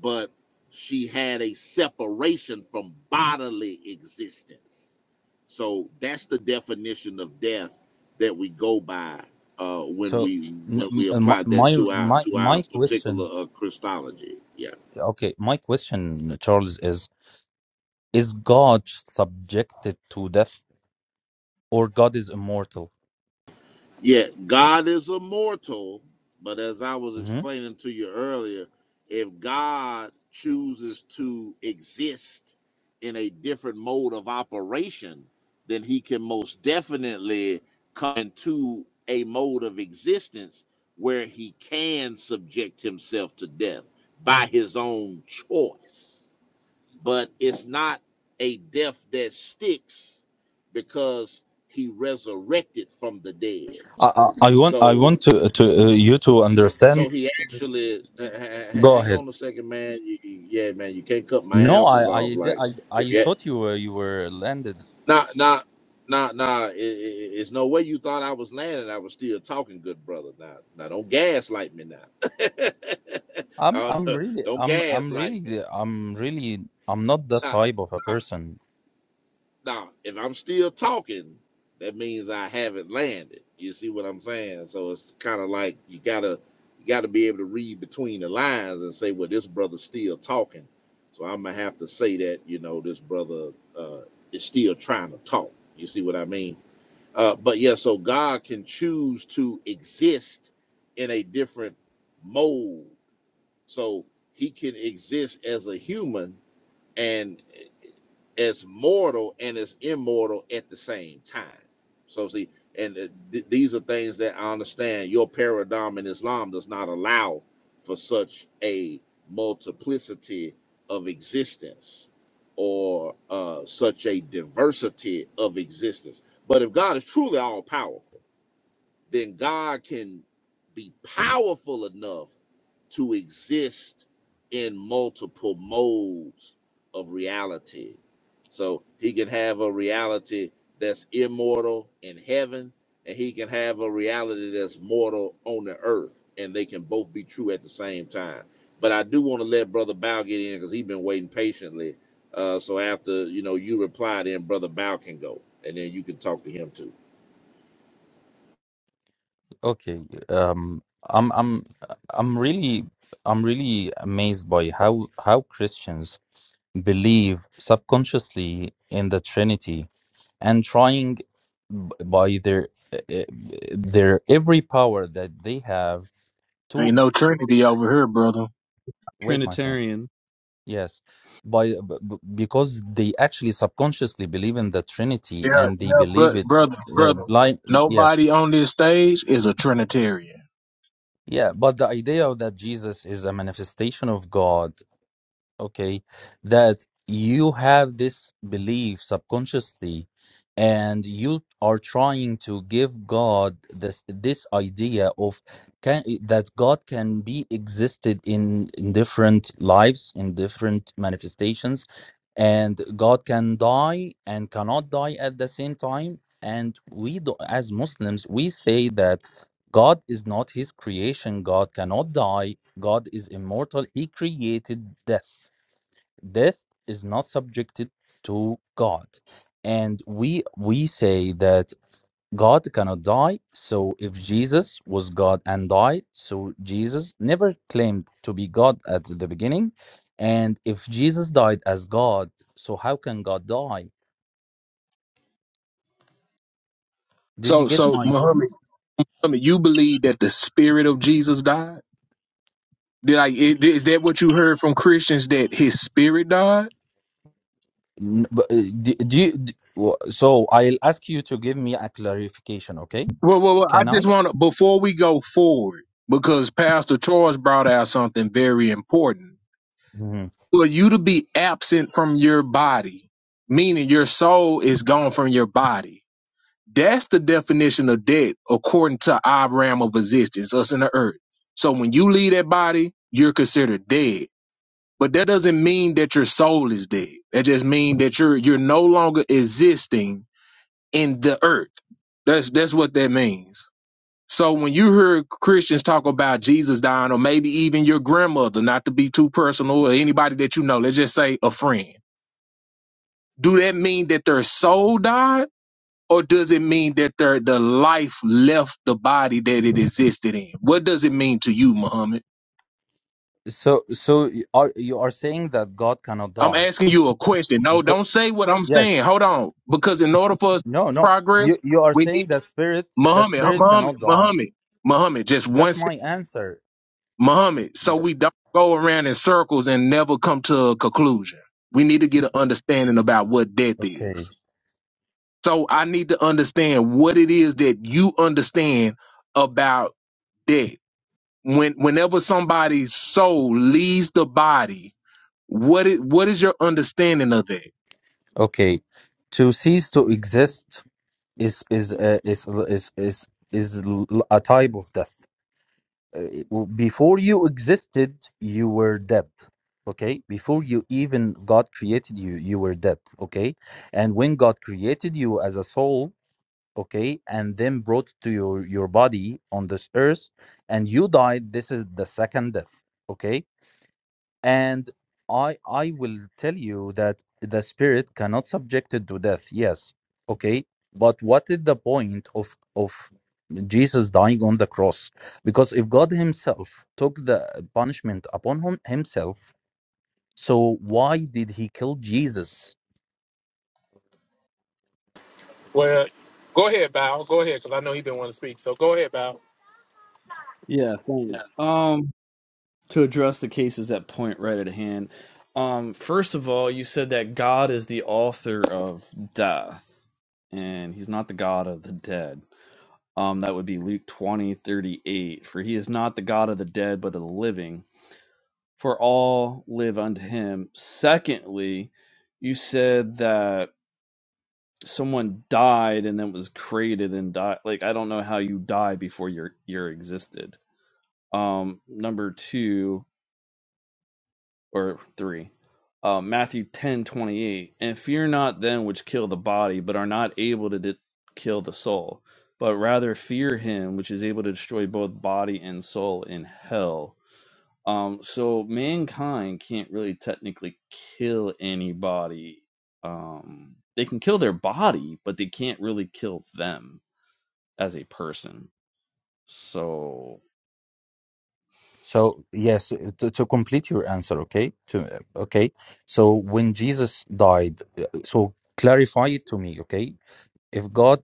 [SPEAKER 5] but she had a separation from bodily existence. So that's the definition of death that we go by uh, when
[SPEAKER 6] So
[SPEAKER 5] we
[SPEAKER 6] n-
[SPEAKER 5] when
[SPEAKER 6] m-
[SPEAKER 5] we
[SPEAKER 6] uh, my
[SPEAKER 5] apply that
[SPEAKER 6] my
[SPEAKER 5] to our
[SPEAKER 6] my
[SPEAKER 5] to our
[SPEAKER 6] my question.
[SPEAKER 5] particular uh, Christology. Yeah.
[SPEAKER 6] Okay, my question, Charles, is: Is God subjected to death, or God is immortal?
[SPEAKER 5] Yet God is immortal, but as I was
[SPEAKER 6] hmm
[SPEAKER 5] explaining to you earlier, if God chooses to exist in a different mode of operation, then he can most definitely come into a mode of existence where he can subject himself to death by his own choice. But it's not a death that sticks because he resurrected from the dead
[SPEAKER 6] I, I I want I
[SPEAKER 5] so
[SPEAKER 6] want to to uh, you to understand.
[SPEAKER 5] so he actually ha- ha-
[SPEAKER 6] Go
[SPEAKER 5] hang
[SPEAKER 6] ahead.
[SPEAKER 5] on a second, man. You, you, yeah, man, you can't cut my
[SPEAKER 6] No, I
[SPEAKER 5] answers
[SPEAKER 6] I
[SPEAKER 5] off.
[SPEAKER 6] di-
[SPEAKER 5] Like
[SPEAKER 6] I,
[SPEAKER 5] if
[SPEAKER 6] I
[SPEAKER 5] yeah,
[SPEAKER 6] thought you were you were landed.
[SPEAKER 5] nah, nah, nah, nah. It, it, it's no way you thought I was landing. I was still talking, good brother. Now, now, don't gaslight me now.
[SPEAKER 6] I'm
[SPEAKER 5] I
[SPEAKER 6] I'm
[SPEAKER 5] don't,
[SPEAKER 6] really
[SPEAKER 5] don't
[SPEAKER 6] I'm I'm
[SPEAKER 5] gaslight
[SPEAKER 6] really
[SPEAKER 5] me.
[SPEAKER 6] I'm really I'm not that
[SPEAKER 5] Nah,
[SPEAKER 6] type of a
[SPEAKER 5] nah,
[SPEAKER 6] person.
[SPEAKER 5] Now, if I'm still talking, that means I haven't landed. You see what I'm saying? So it's kind of like you gotta you gotta be able to read between the lines and say, well, this brother's still talking. So I'm gonna have to say that you know this brother uh, is still trying to talk. You see what I mean? Uh, but yeah, so God can choose to exist in a different mode. So He can exist as a human, and as mortal and as immortal at the same time. So see, and uh, th- these are things that I understand. Your paradigm in Islam does not allow for such a multiplicity of existence or uh, such a diversity of existence. But if God is truly all powerful then God can be powerful enough to exist in multiple modes of reality. So he can have a reality that's immortal in heaven, and he can have a reality that's mortal on the earth, and they can both be true at the same time. But I do want to let Brother Bow get in because he's been waiting patiently. Uh, so after you know you reply, then Brother Bow can go, and then you can talk to him too.
[SPEAKER 6] Okay, um, I'm I'm I'm really I'm really amazed by how how Christians believe subconsciously in the Trinity and trying b- by their uh, uh, their every power that they have
[SPEAKER 7] Ain't
[SPEAKER 6] to
[SPEAKER 7] no Trinity over here, brother.
[SPEAKER 6] wait, my friend.
[SPEAKER 8] Trinitarian.
[SPEAKER 6] Yes, by b- b- because they actually subconsciously believe in the Trinity
[SPEAKER 7] Yeah,
[SPEAKER 6] and
[SPEAKER 7] yeah,
[SPEAKER 6] they believe
[SPEAKER 7] bro-
[SPEAKER 6] it
[SPEAKER 7] brother,
[SPEAKER 6] uh,
[SPEAKER 7] brother.
[SPEAKER 6] blind. Yes,
[SPEAKER 7] Nobody on this stage is a Trinitarian.
[SPEAKER 6] yeah, but the idea of that Jesus is a manifestation of God okay, that you have this belief subconsciously and you are trying to give God this this idea of can that God can be existed in in different lives, in different manifestations, and God can die and cannot die at the same time. And we do, as Muslims, we say that God is not his creation, God cannot die, God is immortal, he created death death is not subjected to god and we we say that god cannot die so if jesus was god and died so jesus never claimed to be god at the beginning and if jesus died as god so how can god die did you
[SPEAKER 7] So,
[SPEAKER 6] get
[SPEAKER 7] so
[SPEAKER 6] my
[SPEAKER 7] Muhammad,
[SPEAKER 6] point
[SPEAKER 7] Muhammad, you believe that the spirit of Jesus died? Did I, it- is that what you heard from Christians that his spirit died?
[SPEAKER 6] N- but, uh, do, do you d- w- so i'll ask you to give me a clarification okay
[SPEAKER 7] Well, well, well I
[SPEAKER 6] can i
[SPEAKER 7] just want to, before we go forward, because Pastor Charles brought out something very important.
[SPEAKER 6] Mhm.
[SPEAKER 7] For you to be absent from your body, meaning your soul is gone from your body, that's the definition of death according to our realm of existence, us and the earth. So when you leave that body, you're considered dead. But that doesn't mean that your soul is dead. That just means that you're you're no longer existing in the earth. That's that's what that means. So when you hear Christians talk about Jesus dying, or maybe even your grandmother, not to be too personal, or anybody that you know, let's just say a friend, do that mean that their soul died, or does it mean that their the life left the body that it existed in? What does it mean to you, Muhammad?
[SPEAKER 6] so so y- are you are saying that god cannot
[SPEAKER 7] I'm
[SPEAKER 6] die
[SPEAKER 7] asking you a question. No, don't say what I'm
[SPEAKER 6] Yes.
[SPEAKER 7] saying. Hold on, because in order for us to
[SPEAKER 6] No, no. You
[SPEAKER 7] progress,
[SPEAKER 6] you are
[SPEAKER 7] we
[SPEAKER 6] saying
[SPEAKER 7] need
[SPEAKER 6] the spirit the
[SPEAKER 7] Muhammad,
[SPEAKER 6] spirit
[SPEAKER 7] Muhammad,
[SPEAKER 6] cannot die.
[SPEAKER 7] Muhammad, Muhammad. Just one.
[SPEAKER 6] That's my answer.
[SPEAKER 7] Muhammad, so
[SPEAKER 6] The-
[SPEAKER 7] we don't go around in circles and never come to a conclusion. We need to get an understanding about what death
[SPEAKER 6] Okay.
[SPEAKER 7] is. So I need to understand what it is that you understand about death. When whenever somebody's soul leaves the body, what it what is your understanding of that?
[SPEAKER 6] Okay. To cease to exist is is uh, is is is is l- a type of death. Uh, it w- Before you existed, you were dead. Okay. Before you even God created you, you were dead. Okay. And when God created you as a soul, okay and then brought to your your body on this earth and you died this is the second death okay and i i will tell you that the spirit cannot subject it to death yes okay but what is the point of of jesus dying on the cross because if god himself took the punishment upon him, himself so why did he kill jesus
[SPEAKER 1] Well, go ahead, Bow. Go ahead, because I know he been wanting to speak. So go ahead, Bow.
[SPEAKER 8] Yeah, thanks. Um, to address the cases at point right at hand. Um, first of all, you said that God is the author of death, and he's not the God of the dead. Um, that would be Luke twenty thirty eight. For he is not the God of the dead, but of the living for all live unto him. Secondly, you said that someone died and then was created and died. Like I don't know how you die before you're you're existed. Um, number two or three, uh, Matthew ten twenty eight, and fear not them which kill the body, but are not able to de- kill the soul, but rather fear him which is able to destroy both body and soul in hell Um, so mankind can't really technically kill anybody. Um, they can kill their body, but they can't really kill them as a person. So,
[SPEAKER 6] So yes, to, to complete your answer, okay? To okay. So when Jesus died, uh, so clarify it to me, okay? If God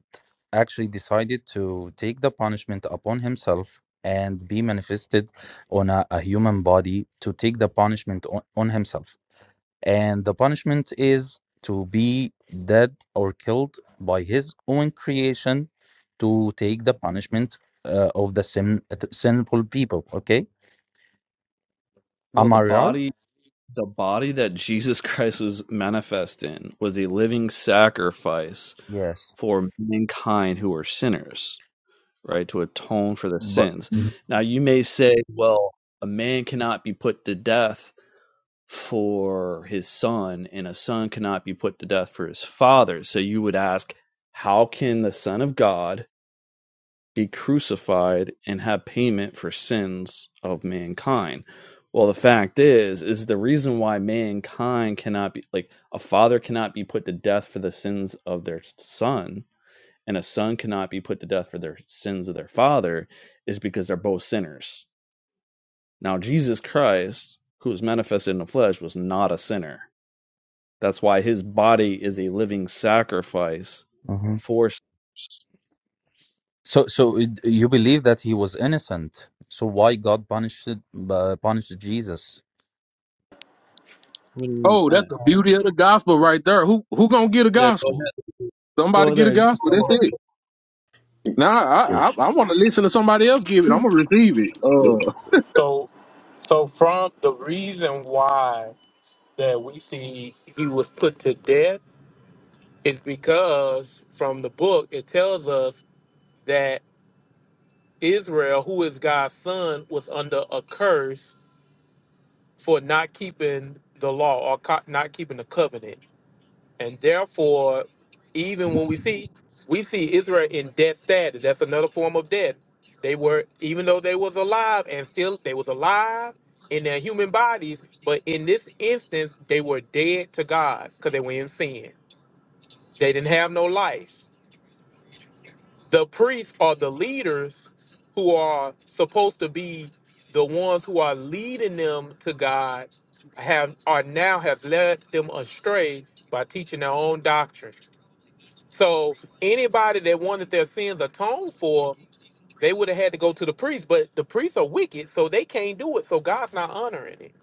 [SPEAKER 6] actually decided to take the punishment upon himself and be manifested on a, a human body to take the punishment on, on himself, and the punishment is to be dead or killed by his own creation to take the punishment uh, of the sin, sinful people, okay?
[SPEAKER 8] well,
[SPEAKER 6] Am
[SPEAKER 8] the
[SPEAKER 6] I right?
[SPEAKER 8] body, the body that Jesus Christ was manifest in was a living sacrifice
[SPEAKER 6] Yes.
[SPEAKER 8] for mankind who are sinners, right? To atone for the
[SPEAKER 6] But
[SPEAKER 8] sins.
[SPEAKER 6] Mhm.
[SPEAKER 8] Now, you may say, well, a man cannot be put to death for his son, and a son cannot be put to death for his father. So you would ask, how can the Son of God be crucified and have payment for sins of mankind? Well, the fact is, is the reason why mankind cannot be like a father cannot be put to death for the sins of their son, and a son cannot be put to death for their sins of their father, is because they're both sinners. Now, Jesus Christ, who was manifested in the flesh, was not a sinner that's why his body is a living sacrifice
[SPEAKER 6] Mhm.
[SPEAKER 8] for sinners.
[SPEAKER 6] So, so it- you believe that he was innocent. So why God punished uh, punished Jesus?
[SPEAKER 8] What do you mean
[SPEAKER 7] Oh, that's
[SPEAKER 8] punning?
[SPEAKER 7] the beauty of the gospel right there. Who who gonna get a
[SPEAKER 8] Yeah, go
[SPEAKER 7] gospel?
[SPEAKER 8] ahead.
[SPEAKER 7] Somebody
[SPEAKER 8] Go
[SPEAKER 7] get a
[SPEAKER 8] there. Go
[SPEAKER 7] gospel. That's
[SPEAKER 8] ahead.
[SPEAKER 7] it.
[SPEAKER 9] If
[SPEAKER 7] Nah, I I, I want to listen to somebody else give it. I'm gonna receive it. Uh,
[SPEAKER 1] So, so from the reason why that we see he was put to death is because from the book it tells us that Israel, who is God's son, was under a curse for not keeping the law or co- not keeping the covenant. And therefore, even when we see we see Israel in death status, that's another form of death. They were even though they was alive and still they was alive in their human bodies, but in this instance they were dead to God because they were in sin. They didn't have no life. The priests are the leaders who are supposed to be the ones who are leading them to God have are now have led them astray by teaching their own doctrine. So anybody that wanted their sins atoned for, they would have had to go to the priest. But the priests are wicked, so they can't do it. So God's not honoring it.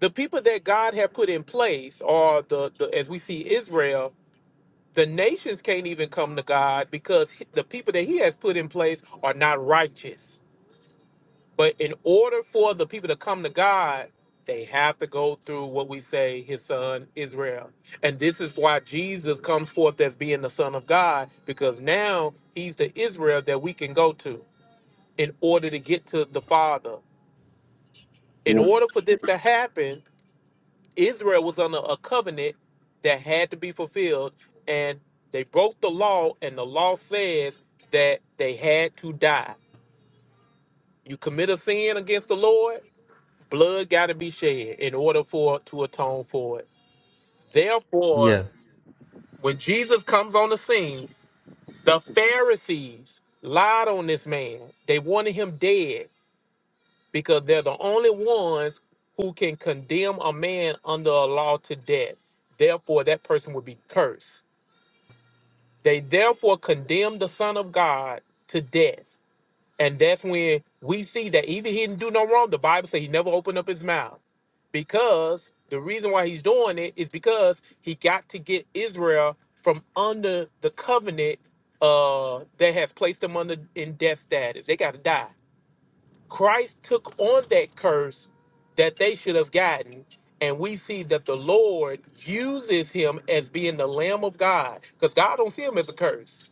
[SPEAKER 1] The people that God had put in place are the, the as we see Israel, the nations can't even come to God because the people that He has put in place are not righteous. But in order for the people to come to God, they have to go through what we say his son Israel. And this is why Jesus comes forth as being the son of God because now he's the Israel that we can go to in order to get to the Father. In order for this to happen, Israel was under a covenant that had to be fulfilled and they broke the law and the law says that they had to die. You commit a sin against the Lord, Blood got to be shed in order for to atone for it. Therefore,
[SPEAKER 6] yes.
[SPEAKER 1] when Jesus comes on the scene, the Pharisees lied on this man. They wanted him dead because they're the only ones who can condemn a man under a law to death. Therefore, that person would be cursed. They therefore condemned the Son of God to death And that's when we see that even he didn't do no wrong. The Bible says he never opened up his mouth because the reason why he's doing it is because he got to get Israel from under the covenant uh, that has placed them under in death status. They got to die. Christ took on that curse that they should have gotten. And we see that the Lord uses him as being the Lamb of God because God don't see him as a curse.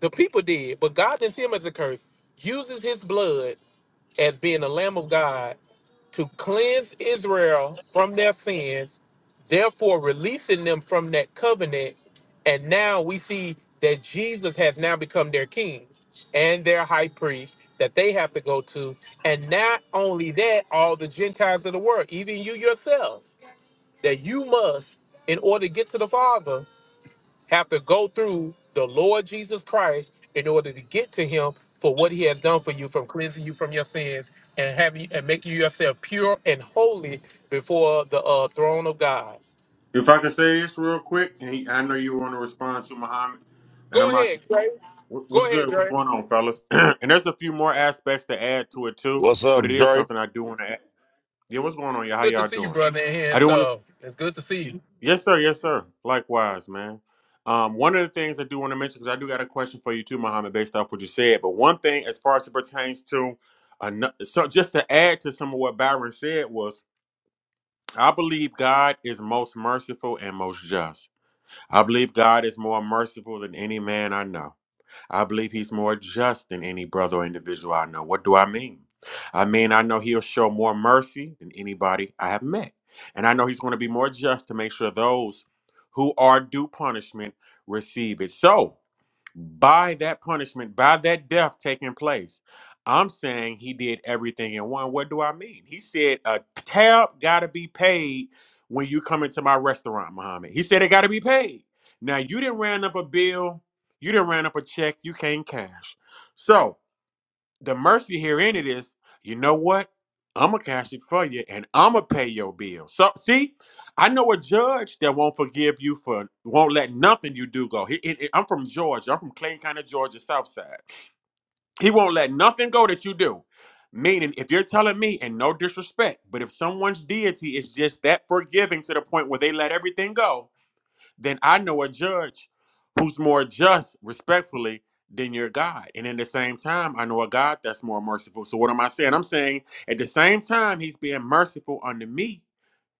[SPEAKER 1] The people did, but God didn't see him as a curse uses his blood as being the Lamb of God to cleanse Israel from their sins, therefore releasing them from that covenant. And now we see that Jesus has now become their king and their high priest that they have to go to. And not only that, all the Gentiles of the world, even you yourself, that you must, in order to get to the Father, have to go through the Lord Jesus Christ in order to get to him for what he has done for you from cleansing you from your sins and having and making yourself pure and holy before the uh, throne of God.
[SPEAKER 9] I could say this real quick, and I know you want to respond to Muhammad,
[SPEAKER 1] Go
[SPEAKER 9] and I'm not.
[SPEAKER 1] ahead. Go
[SPEAKER 9] What's good?
[SPEAKER 1] ahead,
[SPEAKER 9] What's
[SPEAKER 1] Dre.
[SPEAKER 9] going on, fellas? and there's a few more aspects to add to it too,
[SPEAKER 5] What's
[SPEAKER 9] but
[SPEAKER 5] up,
[SPEAKER 9] it is
[SPEAKER 5] Dre?
[SPEAKER 9] something I do want to add. Yeah, what's going on? Yeah, how
[SPEAKER 1] Good to
[SPEAKER 9] y'all
[SPEAKER 1] see you,
[SPEAKER 9] doing?
[SPEAKER 1] brother, in here
[SPEAKER 9] I
[SPEAKER 1] and
[SPEAKER 9] do want to.
[SPEAKER 1] stuff. It's good to see you.
[SPEAKER 9] Yes, sir. Yes, sir. Likewise, man. Um, one of the things I do want to mention because I do got a question for you too, Muhammad, based off what you said. But one thing, as far as it pertains to, ano- so just to add to some of what Byron said was. I believe God is most merciful and most just. I believe God is more merciful than any man I know. I believe he's more just than any brother or individual I know. What do I mean? I mean, I know he'll show more mercy than anybody I have met. And I know he's going to be more just to make sure those who are due punishment receive it. So, by that punishment, by that death taking place. I'm saying he did everything in one. What do I mean? He said a tab got to be paid when you come into my restaurant, Muhammad. He said it got to be paid. Now you didn't ran up a bill, you didn't ran up a check, you can't cash. So the mercy here in it is, you know what? I'ma cash it for you and I'ma pay your bill. So see, I know a judge that won't forgive you for won't let nothing you do go. He, he- he- I'm from Georgia. I'm from Clayton County, Georgia, South Side. He won't let nothing go that you do. Meaning, if you're telling me, and no disrespect, but if someone's deity is just that forgiving to the point where they let everything go, then I know a judge who's more just, respectfully, than your God. And in the same time, I know a God that's more merciful. So what am I saying? I'm saying at the same time, he's being merciful unto me.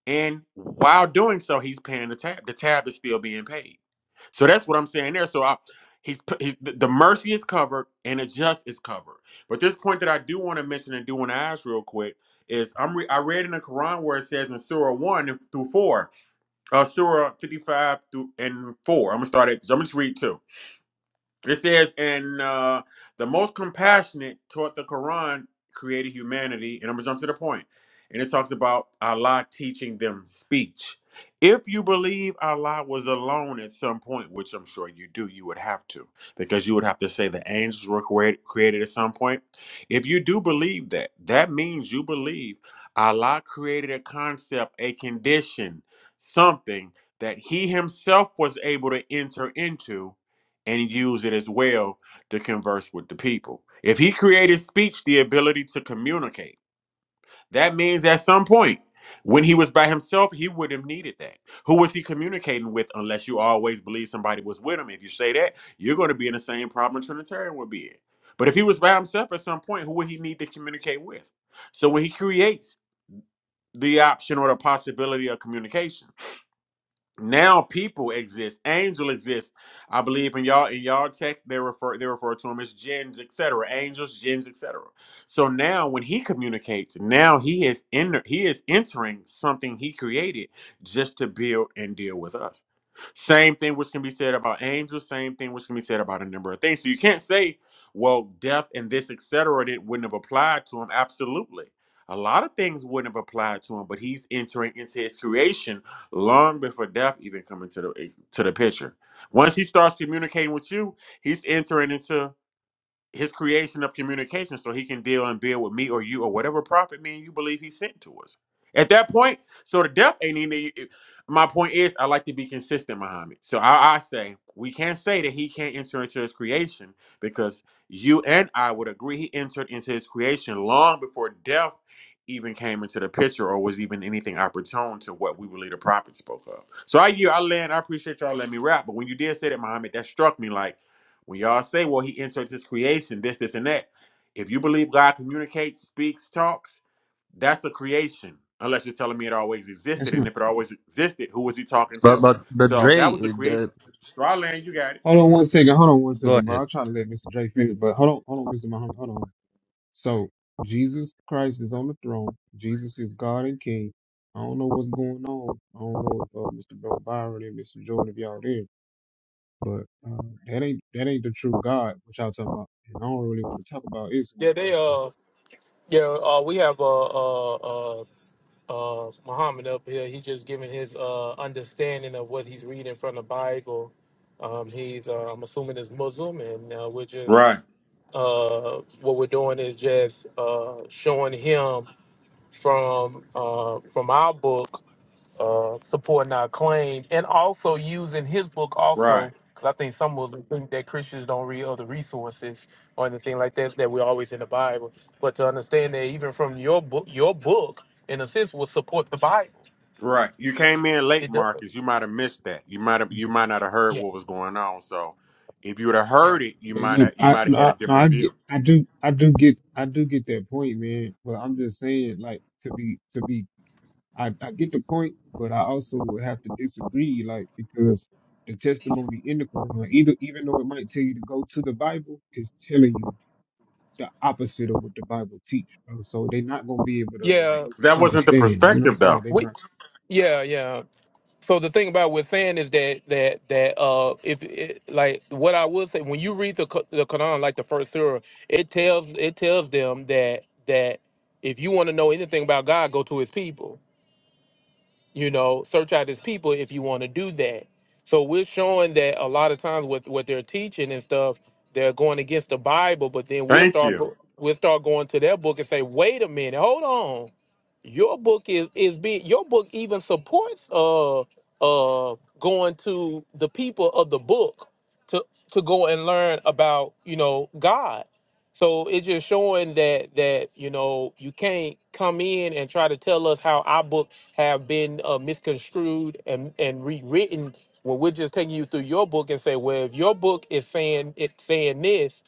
[SPEAKER 9] And while doing so, he's paying the tab. The tab is still being paid. So that's what I'm saying there. So I, he's, he's the the mercy is covered and the just is covered. But this point that I do want to mention and do want to ask real quick is I'm re- I read in the Quran where it says in Surah one through four uh, Surah 55 through and 4. I'm going to start at, I'm going to just read 2. It says, and uh, the most compassionate taught the Quran created humanity. And I'm going to jump to the point. And it talks about Allah teaching them speech. If you believe Allah was alone at some point, which I'm sure you do, you would have to, because you would have to say the angels were created, created at some point. If you do believe that, that means you believe Allah created a concept, a condition, something that He Himself was able to enter into and use it as well to converse with the people. If he created speech, the ability to communicate, that means at some point when he was by himself, he would have needed that. Who was he communicating with unless you always believe somebody was with him? If you say that, you're going to be in the same problem Trinitarian would be in. But if he was by himself at some point, who would he need to communicate with? So when he creates the option or the possibility of communication, now people exist angel exists i believe in y'all in y'all text they refer they refer to him as jinns etc angels jinns etc so now when he communicates now he is in he is entering something he created just to build and deal with us same thing which can be said about angels, same thing which can be said about a number of things. So you can't say, well, death and this, etc., it wouldn't have applied to him. Absolutely. A lot of things wouldn't have applied to him, but he's entering into his creation long before death even come into the eh, to the picture. Once he starts communicating with you, he's entering into his creation of communication so he can deal and build with me or you or whatever prophet man you believe he sent to us. At that point, so the death ain't even. My point is, I like to be consistent, Muhammad. So I, I say we can't say that he can't enter into his creation because you and I would agree he entered into his creation long before death even came into the picture or was even anything opportune to what we believe the prophet spoke of. So I you I land. I appreciate y'all letting me rap, but when you did say that, Muhammad, that struck me like. When y'all say, well, he entered his creation, this, this, and that. If you believe God communicates, speaks, talks, that's a creation. Unless you're telling me it always
[SPEAKER 3] Yes,
[SPEAKER 9] existed. And
[SPEAKER 3] ma'am.
[SPEAKER 9] if it always existed, who was he talking
[SPEAKER 6] But
[SPEAKER 9] to?
[SPEAKER 6] but but
[SPEAKER 9] So
[SPEAKER 6] Dre,
[SPEAKER 9] that was
[SPEAKER 6] uh,
[SPEAKER 9] the creation.
[SPEAKER 6] the,
[SPEAKER 9] So I land, you got it.
[SPEAKER 3] Hold on one second. Hold on one
[SPEAKER 6] Go
[SPEAKER 3] second, bro.
[SPEAKER 6] ahead.
[SPEAKER 3] I'm trying to let Mr. J finish, but hold on, hold on, Mr. Muhammad. Hold on. So Jesus Christ is on the throne. Jesus is God and King. I don't know what's going on. I don't know if uh, Mr. Bill Byron and Mr. Jordan if y'all there, but uh, that ain't that ain't the true God which y'all talking about. And I don't really want to talk about Islam,
[SPEAKER 1] Yeah,
[SPEAKER 3] bro.
[SPEAKER 1] they
[SPEAKER 3] So,
[SPEAKER 1] uh yeah, uh we have uh uh uh uh Muhammad up here. He just giving his uh understanding of what he's reading from the Bible. Um he's uh, I'm assuming is Muslim and uh, we're just
[SPEAKER 9] Right,
[SPEAKER 1] uh, what we're doing is just uh, showing him from uh, from our book, uh, supporting our claim, and also using his book
[SPEAKER 9] right,
[SPEAKER 1] also. Because I think some of us think that Christians don't read other resources or anything like that. That we're always in the Bible, but to understand that even from your book, your book in a sense will support the Bible.
[SPEAKER 9] right. You came in late,
[SPEAKER 1] It does.
[SPEAKER 9] Marcus. You might have missed that. You might have you might not have heard
[SPEAKER 1] Yeah.
[SPEAKER 9] what was going on. So if you would have
[SPEAKER 1] Yeah.
[SPEAKER 9] heard it, you
[SPEAKER 3] but
[SPEAKER 9] might
[SPEAKER 3] yeah,
[SPEAKER 9] have you
[SPEAKER 3] I
[SPEAKER 9] might have
[SPEAKER 3] no,
[SPEAKER 9] had a
[SPEAKER 3] I no, I
[SPEAKER 9] different
[SPEAKER 3] get
[SPEAKER 9] view.
[SPEAKER 3] I do I do get I do get that point, man. But I'm just saying, like to be to be I, I get the point, but I also would have to disagree, like because the testimony in the Quran, like, either even though it might tell you to go to the Bible, is telling you the opposite of what the Bible teach. bro. So they're not gonna be able to like
[SPEAKER 1] Yeah.
[SPEAKER 9] That wasn't the
[SPEAKER 3] understand. You know what I'm
[SPEAKER 9] perspective
[SPEAKER 3] saying? Like
[SPEAKER 9] though.
[SPEAKER 3] they're
[SPEAKER 1] We.
[SPEAKER 3] not.
[SPEAKER 1] Yeah. Yeah. So the thing about what we're saying is that that that uh, if it, like what I would say when you read the Q- the Quran, like the first surah, it tells it tells them that that if you want to know anything about God, go to His people you know search out his people if you want to do that so we're showing that a lot of times with what they're teaching and stuff they're going against the bible but then we'll
[SPEAKER 9] Thank
[SPEAKER 1] start
[SPEAKER 9] you.
[SPEAKER 1] go- we'll start going to their book and say wait a minute hold on your book is is being your book even supports uh uh going to the people of the book to to go and learn about you know god so it's just showing that that you know you can't come in and try to tell us how our book have been uh, misconstrued and and rewritten when we're just taking you through your book and say, well, if your book is saying it's saying this,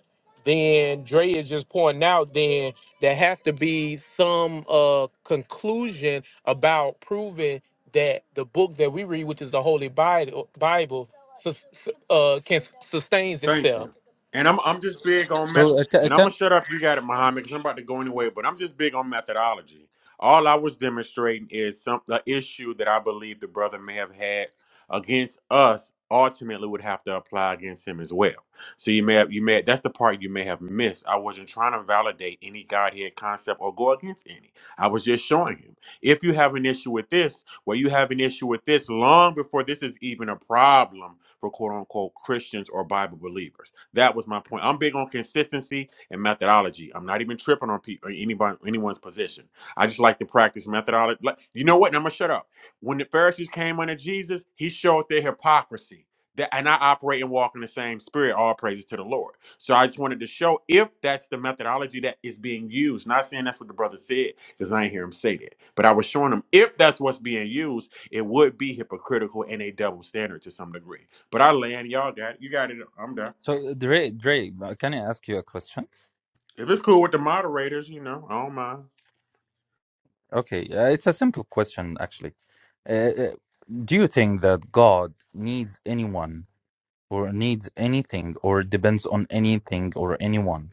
[SPEAKER 1] then Dre is just pointing out then there has to be some uh conclusion about proving that the book that we read, which is the Holy Bible, Bible sus- uh, can sustains
[SPEAKER 9] Thank
[SPEAKER 1] itself
[SPEAKER 9] you. And I'm I'm just big on meth.
[SPEAKER 6] So uh, ca- uh,
[SPEAKER 9] And I'm gonna
[SPEAKER 6] can
[SPEAKER 9] shut up. You got it, Muhammad, because I'm about to go anyway. But I'm just big on methodology. All I was demonstrating is some the issue that I believe the brother may have had against us. Ultimately, would have to apply against him as well. So you may have you may that's the part you may have missed. I wasn't trying to validate any Godhead concept or go against any. I was just showing him. If you have an issue with this, well, you have an issue with this long before this is even a problem for quote unquote Christians or Bible believers. That was my point. I'm big on consistency and methodology. I'm not even tripping on people, anybody, anyone's position. I just like to practice methodology. Like, you know what? And I'm gonna shut up. When the Pharisees came under Jesus, he showed their hypocrisy. That, and I operate and walk in the same spirit. All praises to the Lord. So I just wanted to show if that's the methodology that is being used. Not saying that's what the brother said, because I didn't hear him say that. But I was showing him if that's what's being used, it would be hypocritical and a double standard to some degree. But I land, y'all got it. you got it. I'm done.
[SPEAKER 6] so uh, Dre Dre, uh, can I ask you a question?
[SPEAKER 9] If it's cool with the moderators, you know, I don't mind.
[SPEAKER 6] Okay, uh, it's a simple question actually. Uh, uh, do you think that God needs anyone or needs anything or depends on anything or anyone?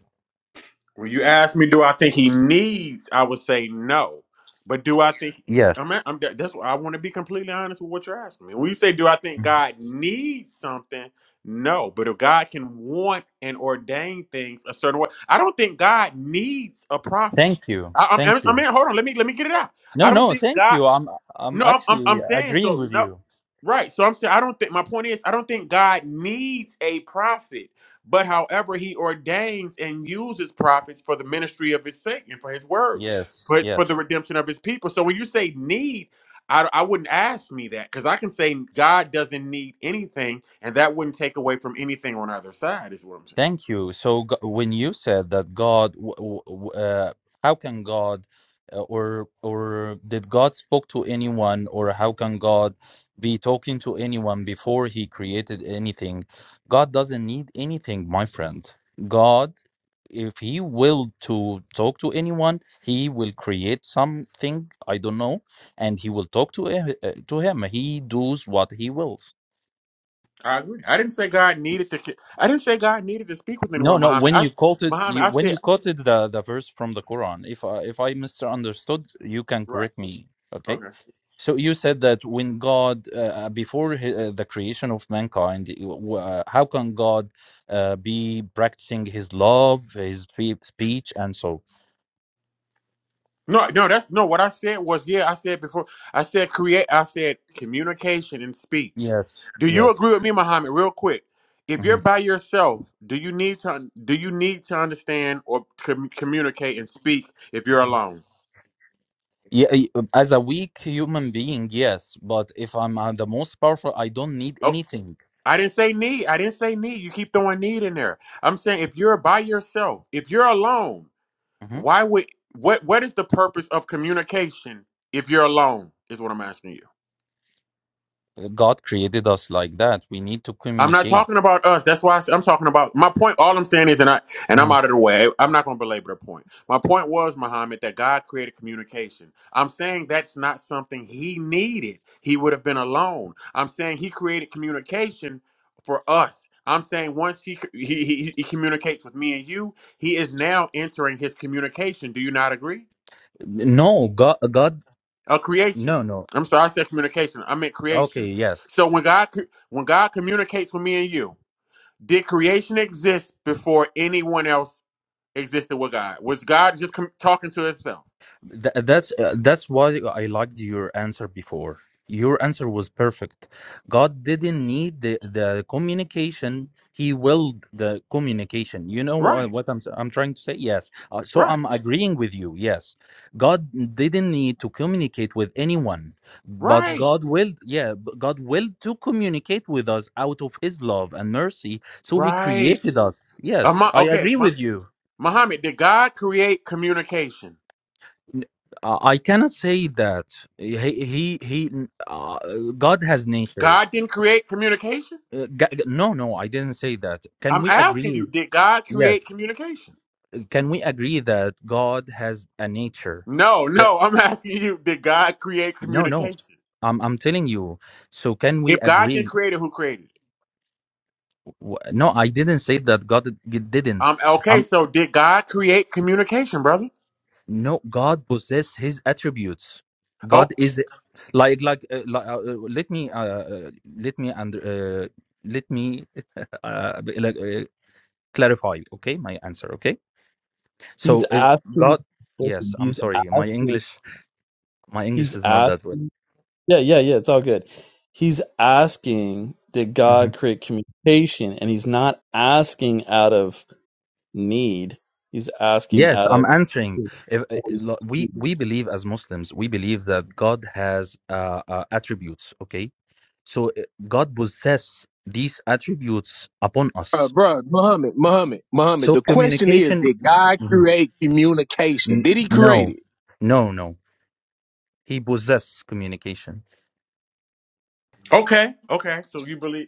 [SPEAKER 9] When you ask me, do I think he needs? I would say no. But do I think? I'm,
[SPEAKER 6] Yes.
[SPEAKER 9] I'm that's why I want to be completely honest with what you're asking me. When you say, do I think God needs something? No. But if God can want and ordain things a certain way, I don't think God needs a prophet.
[SPEAKER 6] Thank you.
[SPEAKER 9] I, I'm,
[SPEAKER 6] Thank
[SPEAKER 9] I'm,
[SPEAKER 6] you.
[SPEAKER 9] hold on. Let me let me get it out. I
[SPEAKER 6] No,
[SPEAKER 9] don't
[SPEAKER 6] no,
[SPEAKER 9] think
[SPEAKER 6] thank
[SPEAKER 9] God.
[SPEAKER 6] you. I'm I'm
[SPEAKER 9] No, I'm, I'm I'm
[SPEAKER 6] actually
[SPEAKER 9] saying
[SPEAKER 6] agreeing
[SPEAKER 9] so.
[SPEAKER 6] with
[SPEAKER 9] No,
[SPEAKER 6] you.
[SPEAKER 9] right. So I'm saying I don't think my point is I don't think God needs a prophet, but however He ordains and uses prophets for the ministry of His sake and for His word,
[SPEAKER 6] Yes,
[SPEAKER 9] for
[SPEAKER 6] yes.
[SPEAKER 9] for the redemption of His people. So when you say need, I I wouldn't ask me that because I can say God doesn't need anything, and that wouldn't take away from anything on either side. Is what I'm saying.
[SPEAKER 6] Thank you. So g- when you said that God, w- w- w- uh, how can God, uh, or or did God spoke to anyone, or how can God be talking to anyone before He created anything? God doesn't need anything, my friend. God, if He will to talk to anyone, He will create something. I don't know, and He will talk to uh, uh, to him. He does what He wills.
[SPEAKER 9] I agree. I didn't say God needed to. I didn't say God needed to speak with
[SPEAKER 6] No,
[SPEAKER 9] anyone,
[SPEAKER 6] no.
[SPEAKER 9] Muhammad.
[SPEAKER 6] When
[SPEAKER 9] I
[SPEAKER 6] you quoted
[SPEAKER 9] Muhammad.
[SPEAKER 6] you
[SPEAKER 9] I
[SPEAKER 6] when
[SPEAKER 9] said
[SPEAKER 6] you quoted the the verse from the Quran, if I, if I misunderstood, you can
[SPEAKER 9] right.
[SPEAKER 6] correct me. Okay.
[SPEAKER 9] Okay.
[SPEAKER 6] So you said that when God uh, uh, before he, uh, the creation of mankind, uh, w- uh, how can God uh, be practicing His love, His spe- speech, and so?
[SPEAKER 9] No, no, that's no. What I said was, yeah, I said before, I said create, I said communication and speech.
[SPEAKER 6] Yes.
[SPEAKER 9] Do you
[SPEAKER 6] Yes.
[SPEAKER 9] agree with me, Muhammad? Real quick, if you're
[SPEAKER 6] Mhm.
[SPEAKER 9] by yourself, do you need to un- do you need to understand or com- communicate and speak if you're alone?
[SPEAKER 6] Yeah, I- as a weak human being, yes, but if I'm uh, the most powerful, I don't need
[SPEAKER 9] Oh,
[SPEAKER 6] anything.
[SPEAKER 9] I didn't say need. I didn't say need. You keep throwing need in there. I'm saying if you're by yourself, if you're alone,
[SPEAKER 6] Mhm.
[SPEAKER 9] why would what what is the purpose of communication if you're alone? Is what I'm asking you.
[SPEAKER 6] God created us like that. We need to
[SPEAKER 9] I'm not
[SPEAKER 6] communicate.
[SPEAKER 9] talking about us. That's why I, am talking about my point. All I'm saying is, and I and I'm out of the way. I'm not going to belabor the point. My point was, Muhammad, that God created communication. I'm saying that's not something He needed. He would have been alone. I'm saying He created communication for us. I'm saying once he, he he he communicates with me and you, he is now entering his communication. Do you not agree?
[SPEAKER 6] No, God, God,
[SPEAKER 9] A creation.
[SPEAKER 6] no, no.
[SPEAKER 9] I'm sorry, I said communication. I meant
[SPEAKER 6] Okay,
[SPEAKER 9] creation.
[SPEAKER 6] yes.
[SPEAKER 9] So when God co- when God communicates with me and you. Did creation exist before anyone else existed with God? Was God just com- talking to himself?
[SPEAKER 6] Th that's uh, that's why I liked your answer before. Your answer was perfect. God didn't need the, the communication. He willed the communication. You know what,
[SPEAKER 9] Right,
[SPEAKER 6] what I'm s- I'm trying to say? Yes. Uh, so
[SPEAKER 9] right,
[SPEAKER 6] I'm agreeing with you. Yes. God didn't need to communicate with anyone, but
[SPEAKER 9] right,
[SPEAKER 6] God willed, yeah, but God willed to communicate with us out of his love and mercy. So he
[SPEAKER 9] right.
[SPEAKER 6] created us. Yes,
[SPEAKER 9] Ama-
[SPEAKER 6] I
[SPEAKER 9] okay,
[SPEAKER 6] agree
[SPEAKER 9] Ma-
[SPEAKER 6] with you.
[SPEAKER 9] Muhammad, did God create communication?
[SPEAKER 6] N- uh, I cannot say that he he he. Uh, God has nature.
[SPEAKER 9] God didn't create communication?
[SPEAKER 6] Uh, Ga- No, no, I didn't say that. Can
[SPEAKER 9] I'm
[SPEAKER 6] we
[SPEAKER 9] asking
[SPEAKER 6] agree?
[SPEAKER 9] you, did God create
[SPEAKER 6] Yes.
[SPEAKER 9] communication?
[SPEAKER 6] Can we agree that God has a nature?
[SPEAKER 9] No,
[SPEAKER 6] Yeah.
[SPEAKER 9] no, I'm asking you, did God create
[SPEAKER 6] No, no.
[SPEAKER 9] communication?
[SPEAKER 6] I'm I'm telling you. So can we
[SPEAKER 9] If God didn't
[SPEAKER 6] agree?
[SPEAKER 9] create it, who created it?
[SPEAKER 6] W- No, I didn't say that God d- didn't.
[SPEAKER 9] Um, okay,
[SPEAKER 6] Um,
[SPEAKER 9] so did God create communication, brother?
[SPEAKER 6] no, God possess His attributes. God is like like, uh, like uh, uh, let me uh, uh, let me under uh, let me uh, like, uh, clarify okay my answer okay
[SPEAKER 8] He's
[SPEAKER 6] so if
[SPEAKER 8] asking.
[SPEAKER 6] god yes
[SPEAKER 8] Listen,
[SPEAKER 6] i'm
[SPEAKER 8] he's
[SPEAKER 6] sorry my
[SPEAKER 8] asking.
[SPEAKER 6] english my english
[SPEAKER 8] He's
[SPEAKER 6] is not that well
[SPEAKER 8] asking. Yeah, yeah, yeah. It's all good. He's asking, did
[SPEAKER 6] Mhm.
[SPEAKER 8] God create communication? And he's not asking out of need. He's asking
[SPEAKER 6] yes
[SPEAKER 8] out
[SPEAKER 6] i'm
[SPEAKER 8] of.
[SPEAKER 6] answering
[SPEAKER 8] his
[SPEAKER 6] if uh,
[SPEAKER 8] Holy
[SPEAKER 6] lo- we
[SPEAKER 8] Spirit.
[SPEAKER 6] we believe as muslims we believe that god has uh, uh attributes okay so uh, god possess these attributes upon
[SPEAKER 7] Uh,
[SPEAKER 6] us
[SPEAKER 7] bruh, Muhammad, Muhammad, Muhammad.
[SPEAKER 6] so
[SPEAKER 7] The question is,
[SPEAKER 6] communication
[SPEAKER 7] did God
[SPEAKER 6] Mhm.
[SPEAKER 7] create communication?
[SPEAKER 6] N-
[SPEAKER 7] Did He create
[SPEAKER 6] no
[SPEAKER 7] it?
[SPEAKER 6] no no he possess communication
[SPEAKER 9] Okay, okay. So you believe,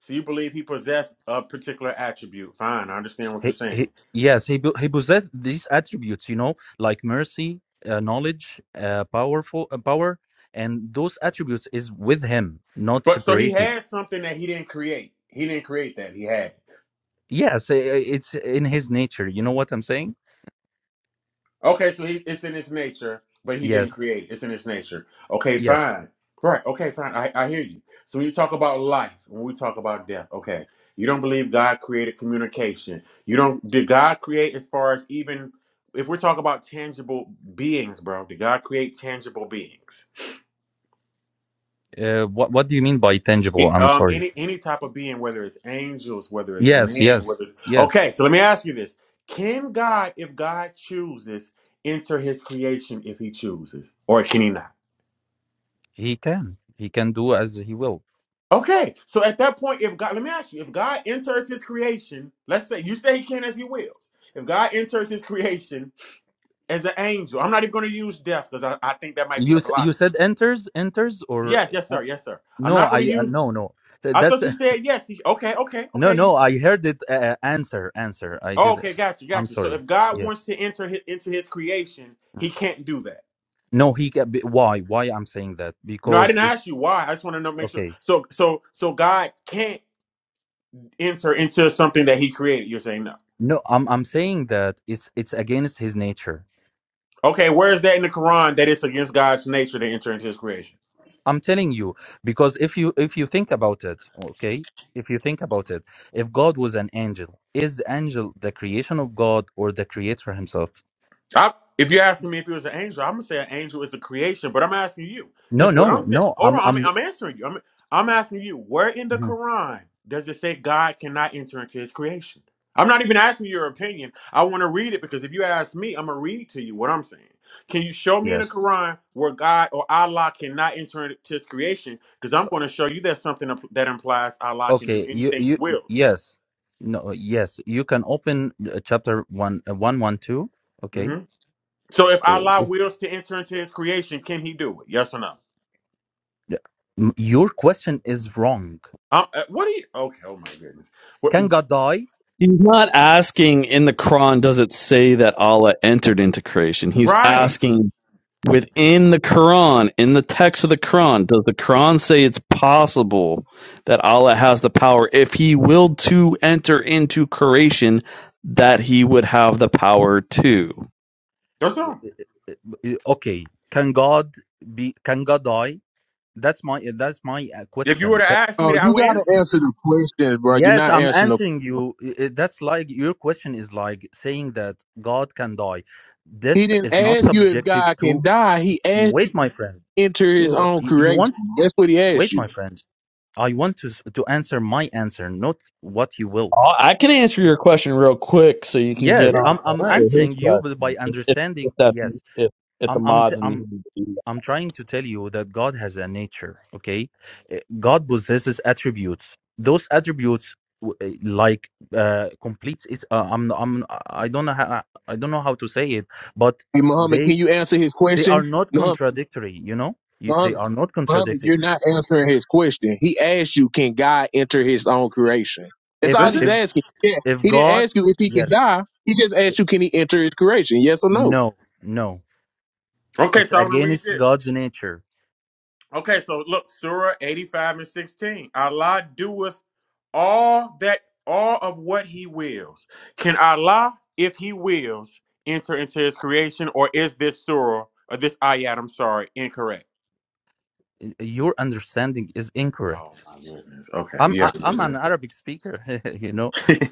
[SPEAKER 9] so you believe he possessed a particular attribute. Fine, I understand what you're
[SPEAKER 6] He,
[SPEAKER 9] saying.
[SPEAKER 6] he, yes, he po- he possessed these attributes, you know, like mercy, uh, knowledge, uh, powerful uh, power, and those attributes is with him, not
[SPEAKER 9] But so he
[SPEAKER 6] separated.
[SPEAKER 9] had something that he didn't create. He didn't create that. He had.
[SPEAKER 6] Yes, uh, it's in his nature. You know what I'm saying?
[SPEAKER 9] Okay, so he, it's in his nature, but he didn't
[SPEAKER 6] Yes,
[SPEAKER 9] create it. It's in his nature. Okay,
[SPEAKER 6] yes.
[SPEAKER 9] fine. Right. Okay, fine. I, I hear you. So when you talk about life, when we talk about death, okay, you don't believe God created communication. You don't. Did God create as far as even if we're talking about tangible beings, bro? Did God create tangible beings?
[SPEAKER 6] Uh, what what do you mean by tangible?
[SPEAKER 9] It-
[SPEAKER 6] I'm
[SPEAKER 9] um,
[SPEAKER 6] sorry.
[SPEAKER 9] any any type of being, whether it's angels, whether it's
[SPEAKER 6] Yes,
[SPEAKER 9] men,
[SPEAKER 6] yes,
[SPEAKER 9] whether
[SPEAKER 6] yes.
[SPEAKER 9] okay. So let me ask you this: Can God, if God chooses, enter His creation if He chooses, or can He not?
[SPEAKER 6] He can. He can do as he will.
[SPEAKER 9] Okay. So at that point, if God, let me ask you: If God enters His creation, let's say you say He can as He wills. If God enters His creation as an angel, I'm not even going to use death because I, I think that might be
[SPEAKER 6] You
[SPEAKER 9] a
[SPEAKER 6] s- you
[SPEAKER 9] blocker.
[SPEAKER 6] said enters enters or
[SPEAKER 9] Yes, yes,
[SPEAKER 6] uh,
[SPEAKER 9] sir, yes, sir. I'm
[SPEAKER 6] no?
[SPEAKER 9] not going
[SPEAKER 6] I
[SPEAKER 9] to
[SPEAKER 6] uh,
[SPEAKER 9] use.
[SPEAKER 6] no no. Th-
[SPEAKER 9] I
[SPEAKER 6] That's
[SPEAKER 9] thought you said yes. He, okay, okay,
[SPEAKER 6] No,
[SPEAKER 9] okay.
[SPEAKER 6] no, I heard it. Uh, uh, answer, answer. I did. uh,
[SPEAKER 9] Okay, got you,
[SPEAKER 6] I'm
[SPEAKER 9] got you. So
[SPEAKER 6] sorry.
[SPEAKER 9] if God
[SPEAKER 6] Yeah.
[SPEAKER 9] wants to enter his, into His creation, He can't do that.
[SPEAKER 6] No, he. ca- be- Why? Why I'm saying that?
[SPEAKER 9] No, I
[SPEAKER 6] Because
[SPEAKER 9] didn't
[SPEAKER 6] it's
[SPEAKER 9] ask you why. I just want to know, make sure.
[SPEAKER 6] okay.
[SPEAKER 9] So, so, so God can't enter into something that He created. You're saying no.
[SPEAKER 6] No, I'm. I'm saying that it's. It's against his nature.
[SPEAKER 9] Okay, where is that in the Quran that it's against God's nature to enter into His creation?
[SPEAKER 6] I'm telling you because if you if you think about it, okay. If you think about it, if God was an angel, is the angel the creation of God or the Creator Himself?
[SPEAKER 9] I, if you're asking me if he was an angel, I'm gonna say an angel is a creation, but I'm asking you
[SPEAKER 6] No,
[SPEAKER 9] because what I'm
[SPEAKER 6] no,
[SPEAKER 9] saying.
[SPEAKER 6] no.
[SPEAKER 9] Hold
[SPEAKER 6] I'm.
[SPEAKER 9] on, I'm,
[SPEAKER 6] I'm.
[SPEAKER 9] I'm answering you. I'm I'm asking you. Where in the
[SPEAKER 6] Mhm.
[SPEAKER 9] Quran does it say God cannot enter into His creation? I'm not even asking your opinion. I want to read it because if you ask me, I'm gonna read to you what I'm saying. Can you show me in the
[SPEAKER 6] Yes.
[SPEAKER 9] Quran where God or Allah cannot enter into His creation? Because I'm going to show you there's something that implies Allah can do
[SPEAKER 6] Okay, you
[SPEAKER 9] anything He
[SPEAKER 6] you
[SPEAKER 9] wills.
[SPEAKER 6] yes, no yes, you can open uh, chapter one uh, one one two. Okay,
[SPEAKER 9] hmm So if
[SPEAKER 6] Uh,
[SPEAKER 9] Allah
[SPEAKER 6] if
[SPEAKER 9] wills to enter into His creation, can He do it? Yes or no?
[SPEAKER 6] yeah. M- your question is wrong.
[SPEAKER 9] Um, uh, what do you? Okay, oh my goodness. What,
[SPEAKER 6] Can God die?
[SPEAKER 8] He's not asking in the Quran, does it say that Allah entered into creation? He's
[SPEAKER 9] right.
[SPEAKER 8] asking within the Quran, in the text of the Quran, does the Quran say it's possible that Allah has the power, if He willed to enter into creation, that He would have the power to?
[SPEAKER 9] That's
[SPEAKER 6] Uh,
[SPEAKER 9] all.
[SPEAKER 6] Okay, can God be? Can God die? That's my eh, that's my uh,
[SPEAKER 9] If you were
[SPEAKER 6] question.
[SPEAKER 9] to ask me
[SPEAKER 7] Oh,
[SPEAKER 9] that, I
[SPEAKER 7] you
[SPEAKER 9] would
[SPEAKER 7] gotta
[SPEAKER 9] answer you.
[SPEAKER 7] answer the questions, bro. You're
[SPEAKER 6] Yes,
[SPEAKER 7] not
[SPEAKER 6] I'm
[SPEAKER 7] answering the.
[SPEAKER 6] answering you. I- I- That's like your question is like saying that God can die. This
[SPEAKER 7] He didn't
[SPEAKER 6] is not
[SPEAKER 7] ask you if
[SPEAKER 6] subjected
[SPEAKER 7] God can
[SPEAKER 6] to.
[SPEAKER 7] die. He asked you
[SPEAKER 6] Wait, my friend.
[SPEAKER 7] to enter His
[SPEAKER 8] Well,
[SPEAKER 7] own
[SPEAKER 6] You, you
[SPEAKER 7] creation.
[SPEAKER 6] want?
[SPEAKER 7] That's what He asked
[SPEAKER 6] Wait, my
[SPEAKER 7] you.
[SPEAKER 6] friend. I want to s- to answer my answer, not what you will.
[SPEAKER 8] I can answer your question real quick so you can get
[SPEAKER 6] Yes,
[SPEAKER 8] on
[SPEAKER 6] I'm
[SPEAKER 9] Yeah.
[SPEAKER 6] I'm
[SPEAKER 9] Right.
[SPEAKER 8] to his
[SPEAKER 6] answering you, but
[SPEAKER 8] question
[SPEAKER 6] by
[SPEAKER 8] if,
[SPEAKER 6] understanding.
[SPEAKER 8] if, that,
[SPEAKER 6] Yes,
[SPEAKER 8] if, if the
[SPEAKER 6] I'm I'm t-
[SPEAKER 8] mods need.
[SPEAKER 6] I'm
[SPEAKER 8] to
[SPEAKER 6] I'm trying to tell you that God has a nature, okay? Uh, God possesses attributes. Those attributes w- uh, like uh completes it's uh, I'm I'm I don't know how, I don't know how to say it, but
[SPEAKER 7] Hey, Muhammad,
[SPEAKER 6] they
[SPEAKER 7] can you answer His
[SPEAKER 6] they are
[SPEAKER 7] question?
[SPEAKER 6] not
[SPEAKER 7] Muhammad,
[SPEAKER 6] contradictory, you know? You, they
[SPEAKER 7] Muhammad,
[SPEAKER 6] are not
[SPEAKER 7] Muhammad,
[SPEAKER 6] contradictory.
[SPEAKER 7] you're not answering His question. He asked you, can God enter His own creation? That's
[SPEAKER 6] If
[SPEAKER 7] all
[SPEAKER 9] That's
[SPEAKER 7] He's
[SPEAKER 6] if
[SPEAKER 9] it.
[SPEAKER 7] asking. Yeah,
[SPEAKER 6] if
[SPEAKER 7] He didn't
[SPEAKER 6] God,
[SPEAKER 7] ask you if He can
[SPEAKER 6] yes.
[SPEAKER 7] die. He just
[SPEAKER 6] i-
[SPEAKER 7] asked you, can He enter His creation? Yes or no?
[SPEAKER 6] No, no.
[SPEAKER 9] Okay,
[SPEAKER 6] It's
[SPEAKER 9] so I'm gonna read
[SPEAKER 6] against
[SPEAKER 9] this.
[SPEAKER 6] God's nature.
[SPEAKER 9] Okay, so look, Surah 85 and 16. Allah doeth all that all of what he wills. Can Allah, if he wills, enter into his creation, or is this surah or this ayat, I'm sorry, incorrect?
[SPEAKER 6] Y- Your understanding is
[SPEAKER 9] Oh
[SPEAKER 6] incorrect.
[SPEAKER 9] my goodness.
[SPEAKER 6] I'm
[SPEAKER 9] Okay,
[SPEAKER 6] I, I'm an Arabic speaker, you know.
[SPEAKER 9] yeah.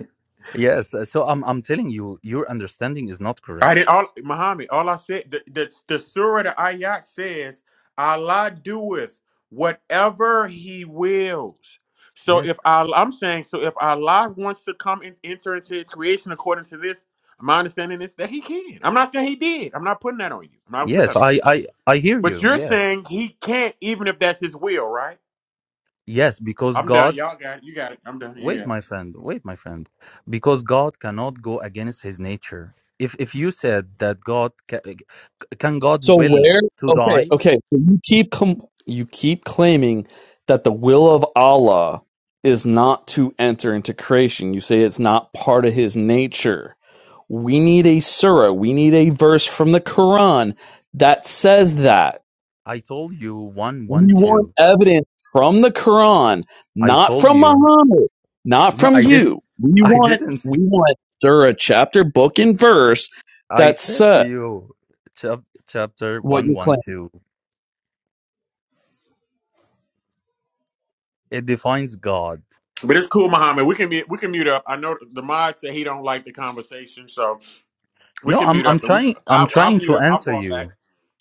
[SPEAKER 6] Yes, uh, so I'm I'm telling you, your understanding is not
[SPEAKER 9] I did
[SPEAKER 6] correct.
[SPEAKER 9] all Muhammad. All I said the the, the surah the ayat says Allah doeth whatever He wills. So if
[SPEAKER 6] Yes.
[SPEAKER 9] Allah, I'm saying so if Allah wants to come and enter into His creation according to this, my understanding is that He can. I'm not saying He did. I'm not putting that on you. I'm not put
[SPEAKER 6] Yes,
[SPEAKER 9] that on you.
[SPEAKER 6] I I I hear
[SPEAKER 9] But
[SPEAKER 6] you.
[SPEAKER 9] you're
[SPEAKER 6] Yes.
[SPEAKER 9] saying He can't, even if that's His will, right?
[SPEAKER 6] Yes, because
[SPEAKER 9] I'm done.
[SPEAKER 6] God,
[SPEAKER 9] Y'all got it. You got it. I'm done. You
[SPEAKER 6] wait
[SPEAKER 9] got it.
[SPEAKER 6] my friend, wait my friend. Because God cannot go against his nature. If if you said that God ca- c- can God
[SPEAKER 8] So
[SPEAKER 6] will
[SPEAKER 8] where?
[SPEAKER 6] to
[SPEAKER 8] Okay,
[SPEAKER 6] die?
[SPEAKER 8] okay. So you keep com- you keep claiming that the will of Allah is not to enter into creation. You say it's not part of His nature. We need a surah. We need a verse from the Quran that says that.
[SPEAKER 6] I told you one
[SPEAKER 8] We
[SPEAKER 6] one
[SPEAKER 8] want
[SPEAKER 6] two.
[SPEAKER 8] evidence from the Quran,
[SPEAKER 6] I
[SPEAKER 8] not
[SPEAKER 6] told
[SPEAKER 8] from
[SPEAKER 6] you.
[SPEAKER 8] Muhammad, not
[SPEAKER 6] No,
[SPEAKER 8] from
[SPEAKER 6] I did.
[SPEAKER 8] you. We
[SPEAKER 6] I
[SPEAKER 8] want
[SPEAKER 6] didn't. s-
[SPEAKER 8] we want surah, chapter, book, and verse
[SPEAKER 6] I
[SPEAKER 8] that
[SPEAKER 6] said to
[SPEAKER 8] says
[SPEAKER 6] you, chap, chapter
[SPEAKER 8] what
[SPEAKER 6] one
[SPEAKER 8] you
[SPEAKER 6] one
[SPEAKER 8] claim.
[SPEAKER 6] two. It defines God.
[SPEAKER 9] But it's cool, Muhammad. We can be we can mute up. I know the mod said he don't like the conversation, so. We
[SPEAKER 6] No,
[SPEAKER 9] can
[SPEAKER 6] I'm.
[SPEAKER 9] mute
[SPEAKER 6] I'm
[SPEAKER 9] up and we.
[SPEAKER 6] trying. I'm
[SPEAKER 9] I, I'll
[SPEAKER 6] trying
[SPEAKER 9] mute
[SPEAKER 6] to
[SPEAKER 9] up. I'll
[SPEAKER 6] answer
[SPEAKER 9] fall back.
[SPEAKER 6] you.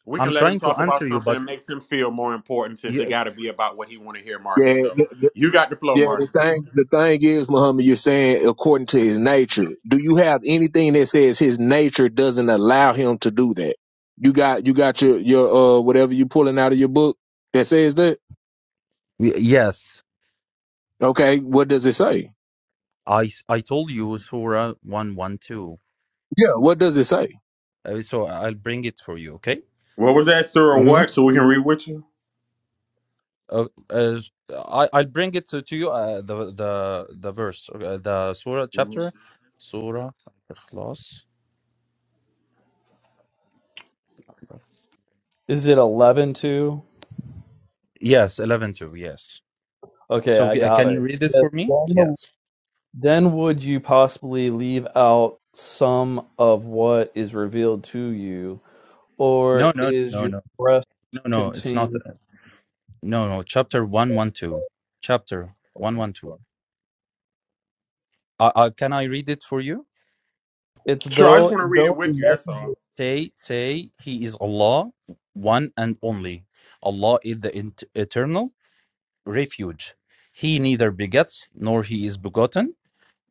[SPEAKER 9] We
[SPEAKER 6] I'm
[SPEAKER 9] can let him
[SPEAKER 6] trying to
[SPEAKER 9] talk about
[SPEAKER 6] answer you,
[SPEAKER 9] something that
[SPEAKER 6] but
[SPEAKER 9] makes him feel more important since it
[SPEAKER 6] y-
[SPEAKER 9] got to be about what he want to hear, Marcus.
[SPEAKER 7] Yeah,
[SPEAKER 9] So you got the flow,
[SPEAKER 7] Yeah, the
[SPEAKER 9] Marcus.
[SPEAKER 7] thing the thing is, Muhammad, you're saying according to his nature. Do you have anything that says his nature doesn't allow him to do that? You got you got your your uh whatever you pulling out of your book that says that.
[SPEAKER 6] y- yes,
[SPEAKER 7] Okay, what does it say?
[SPEAKER 6] I. s- I told you Surah one one two.
[SPEAKER 7] Yeah, what does it say?
[SPEAKER 6] Uh, so I'll bring it for you. Okay.
[SPEAKER 9] What was that, sir, or
[SPEAKER 7] hmm
[SPEAKER 9] what? So we can read with you?
[SPEAKER 6] Uh, uh, I I'll bring it to, to you. Uh, the the the verse. Uh, the Surah
[SPEAKER 9] Mhm.
[SPEAKER 6] chapter. Surah. Ikhlas.
[SPEAKER 8] Is it eleven two?
[SPEAKER 6] Yes, 11 2. Yes.
[SPEAKER 8] Okay,
[SPEAKER 6] So
[SPEAKER 8] I
[SPEAKER 6] uh,
[SPEAKER 8] got
[SPEAKER 6] can you
[SPEAKER 8] it.
[SPEAKER 6] read it
[SPEAKER 8] Yes,
[SPEAKER 6] for me?
[SPEAKER 8] Then
[SPEAKER 6] Yes.
[SPEAKER 8] then would you possibly leave out some of what is revealed to you, or
[SPEAKER 6] No, no,
[SPEAKER 8] is
[SPEAKER 6] no,
[SPEAKER 8] your
[SPEAKER 6] no,
[SPEAKER 8] breast
[SPEAKER 6] no, no. It's not.
[SPEAKER 8] contained?
[SPEAKER 6] uh, No, no. Chapter 112. Chapter 112. Uh, uh, can I read it for you?
[SPEAKER 8] It's
[SPEAKER 9] Sure, I just
[SPEAKER 8] though
[SPEAKER 9] want to read it
[SPEAKER 8] though. the
[SPEAKER 9] with you. That's
[SPEAKER 8] message is-
[SPEAKER 9] all.
[SPEAKER 6] Say, say, He is Allah, one and only. Allah is the int- eternal refuge. He neither begets, nor he is begotten,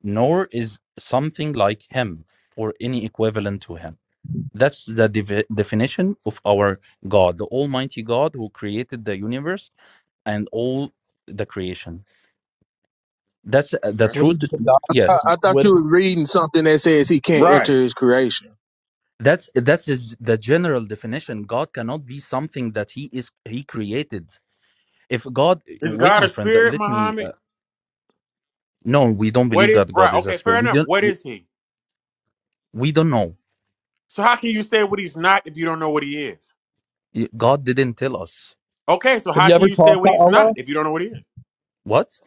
[SPEAKER 6] nor is something like him or any equivalent to him. That's the devi- definition of our God, the Almighty God who created the universe and all the creation. That's uh, the
[SPEAKER 9] Okay.
[SPEAKER 8] What is
[SPEAKER 6] truth.
[SPEAKER 8] the
[SPEAKER 7] I,
[SPEAKER 6] Yes,
[SPEAKER 8] document?
[SPEAKER 7] I thought
[SPEAKER 8] What
[SPEAKER 7] you were reading something that says he can't
[SPEAKER 9] Right.
[SPEAKER 7] enter his creation.
[SPEAKER 6] that's that's the the general definition. God cannot be something that He is He created. If God,
[SPEAKER 9] Is
[SPEAKER 6] wait,
[SPEAKER 9] God
[SPEAKER 6] my
[SPEAKER 9] a
[SPEAKER 6] friend, uh,
[SPEAKER 9] spirit,
[SPEAKER 6] let me.
[SPEAKER 9] Muhammad?
[SPEAKER 6] Uh, no, we don't
[SPEAKER 9] What
[SPEAKER 6] believe
[SPEAKER 9] is,
[SPEAKER 6] that
[SPEAKER 9] right.
[SPEAKER 6] God is a
[SPEAKER 9] Okay,
[SPEAKER 6] spirit.
[SPEAKER 9] fair
[SPEAKER 6] We
[SPEAKER 9] enough.
[SPEAKER 6] don't.
[SPEAKER 9] What is he?
[SPEAKER 6] We don't know.
[SPEAKER 9] So how can you say what he's not if you don't know what he is?
[SPEAKER 6] Y- God didn't tell us.
[SPEAKER 9] Okay, so
[SPEAKER 8] have
[SPEAKER 9] how
[SPEAKER 8] you
[SPEAKER 9] can
[SPEAKER 8] ever
[SPEAKER 9] you say
[SPEAKER 8] talked
[SPEAKER 9] what
[SPEAKER 8] to
[SPEAKER 9] he's not
[SPEAKER 8] Allah?
[SPEAKER 9] if you don't know what he is?
[SPEAKER 6] What?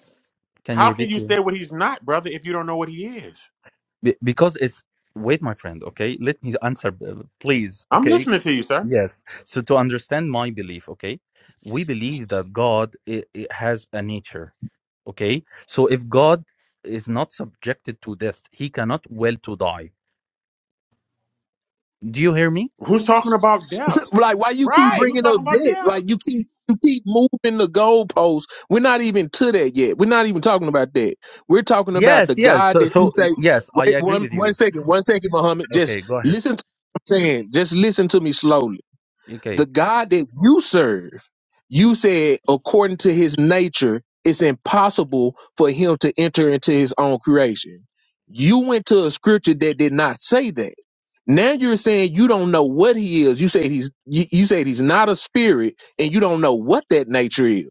[SPEAKER 6] Can you
[SPEAKER 9] How can
[SPEAKER 6] repeat?
[SPEAKER 9] you say what he's not, brother, if you don't know what he is?
[SPEAKER 6] Be- Because it's wait, my friend. Okay, let me answer, uh, please.
[SPEAKER 9] I'm
[SPEAKER 6] Okay
[SPEAKER 9] listening to you, sir.
[SPEAKER 6] Yes. So to understand my belief, okay, we believe that God i i- has a nature, okay? So if God is not subjected to death, he cannot will to die. Do you hear me?
[SPEAKER 9] Who's talking about death?
[SPEAKER 7] like why you keep
[SPEAKER 9] Right. Who's
[SPEAKER 7] bringing
[SPEAKER 9] talking
[SPEAKER 7] up
[SPEAKER 9] about
[SPEAKER 7] that
[SPEAKER 9] death?
[SPEAKER 7] like you keep you keep moving the goalposts we're not even to that yet we're not even talking about that we're talking about the
[SPEAKER 6] Yes, yes.
[SPEAKER 7] god
[SPEAKER 6] So
[SPEAKER 7] that you
[SPEAKER 6] so
[SPEAKER 7] say
[SPEAKER 6] yes, I
[SPEAKER 7] wait
[SPEAKER 6] agree
[SPEAKER 7] one
[SPEAKER 6] with
[SPEAKER 7] one
[SPEAKER 6] you.
[SPEAKER 7] second one second muhammad
[SPEAKER 6] Okay,
[SPEAKER 7] just
[SPEAKER 6] go ahead.
[SPEAKER 7] listen to what i'm saying just listen to me slowly the
[SPEAKER 6] Okay.
[SPEAKER 7] god that you serve you said according to his nature it's impossible for him to enter into his own creation you went to a scripture that did not say that now you're saying you don't know what he is. You said he's you, you said he's not a spirit, and you don't know what that nature is.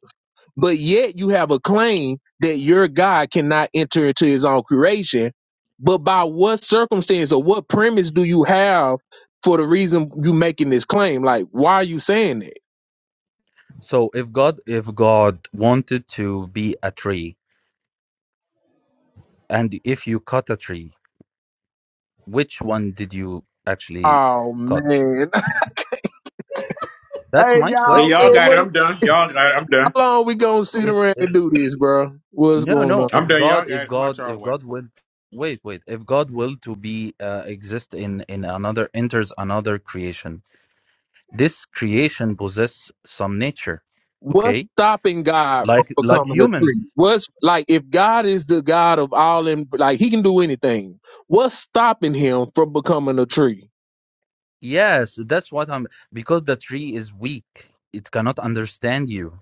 [SPEAKER 7] But yet you have a claim that your God cannot enter into his own creation. But by what circumstance or what premise do you have for the reason you making this claim? Like, why are you saying that?
[SPEAKER 6] So if God if God wanted to be a tree and if you cut a tree, which one did you actually
[SPEAKER 7] Oh
[SPEAKER 6] cut?
[SPEAKER 7] man.
[SPEAKER 6] That's
[SPEAKER 7] Hey
[SPEAKER 6] my
[SPEAKER 9] Yeah,
[SPEAKER 7] y'all
[SPEAKER 9] y'all
[SPEAKER 6] question.
[SPEAKER 7] man,
[SPEAKER 9] got it.
[SPEAKER 7] what the-
[SPEAKER 9] I'm done. Y'all got it. I'm done.
[SPEAKER 7] how long we gonna sit
[SPEAKER 6] If
[SPEAKER 7] around
[SPEAKER 6] if
[SPEAKER 7] and do this, bro? What's
[SPEAKER 6] No,
[SPEAKER 7] going on?
[SPEAKER 6] no.
[SPEAKER 9] I'm
[SPEAKER 6] If
[SPEAKER 9] done.
[SPEAKER 6] God,
[SPEAKER 9] Y'all got
[SPEAKER 6] if
[SPEAKER 9] it. I'm out
[SPEAKER 6] God,
[SPEAKER 9] y'all
[SPEAKER 6] if
[SPEAKER 9] way.
[SPEAKER 6] God will, wait, wait. If God will to be uh, exist in in another enters another creation, this creation possess some nature,
[SPEAKER 7] What's
[SPEAKER 6] okay?
[SPEAKER 7] stopping God from
[SPEAKER 6] Like like
[SPEAKER 7] becoming a tree?
[SPEAKER 6] humans.
[SPEAKER 7] What's like if God is the God of all and like he can do anything, what's stopping him from becoming a tree?
[SPEAKER 6] Yes, that's what I'm. Because the tree is weak, it cannot understand you.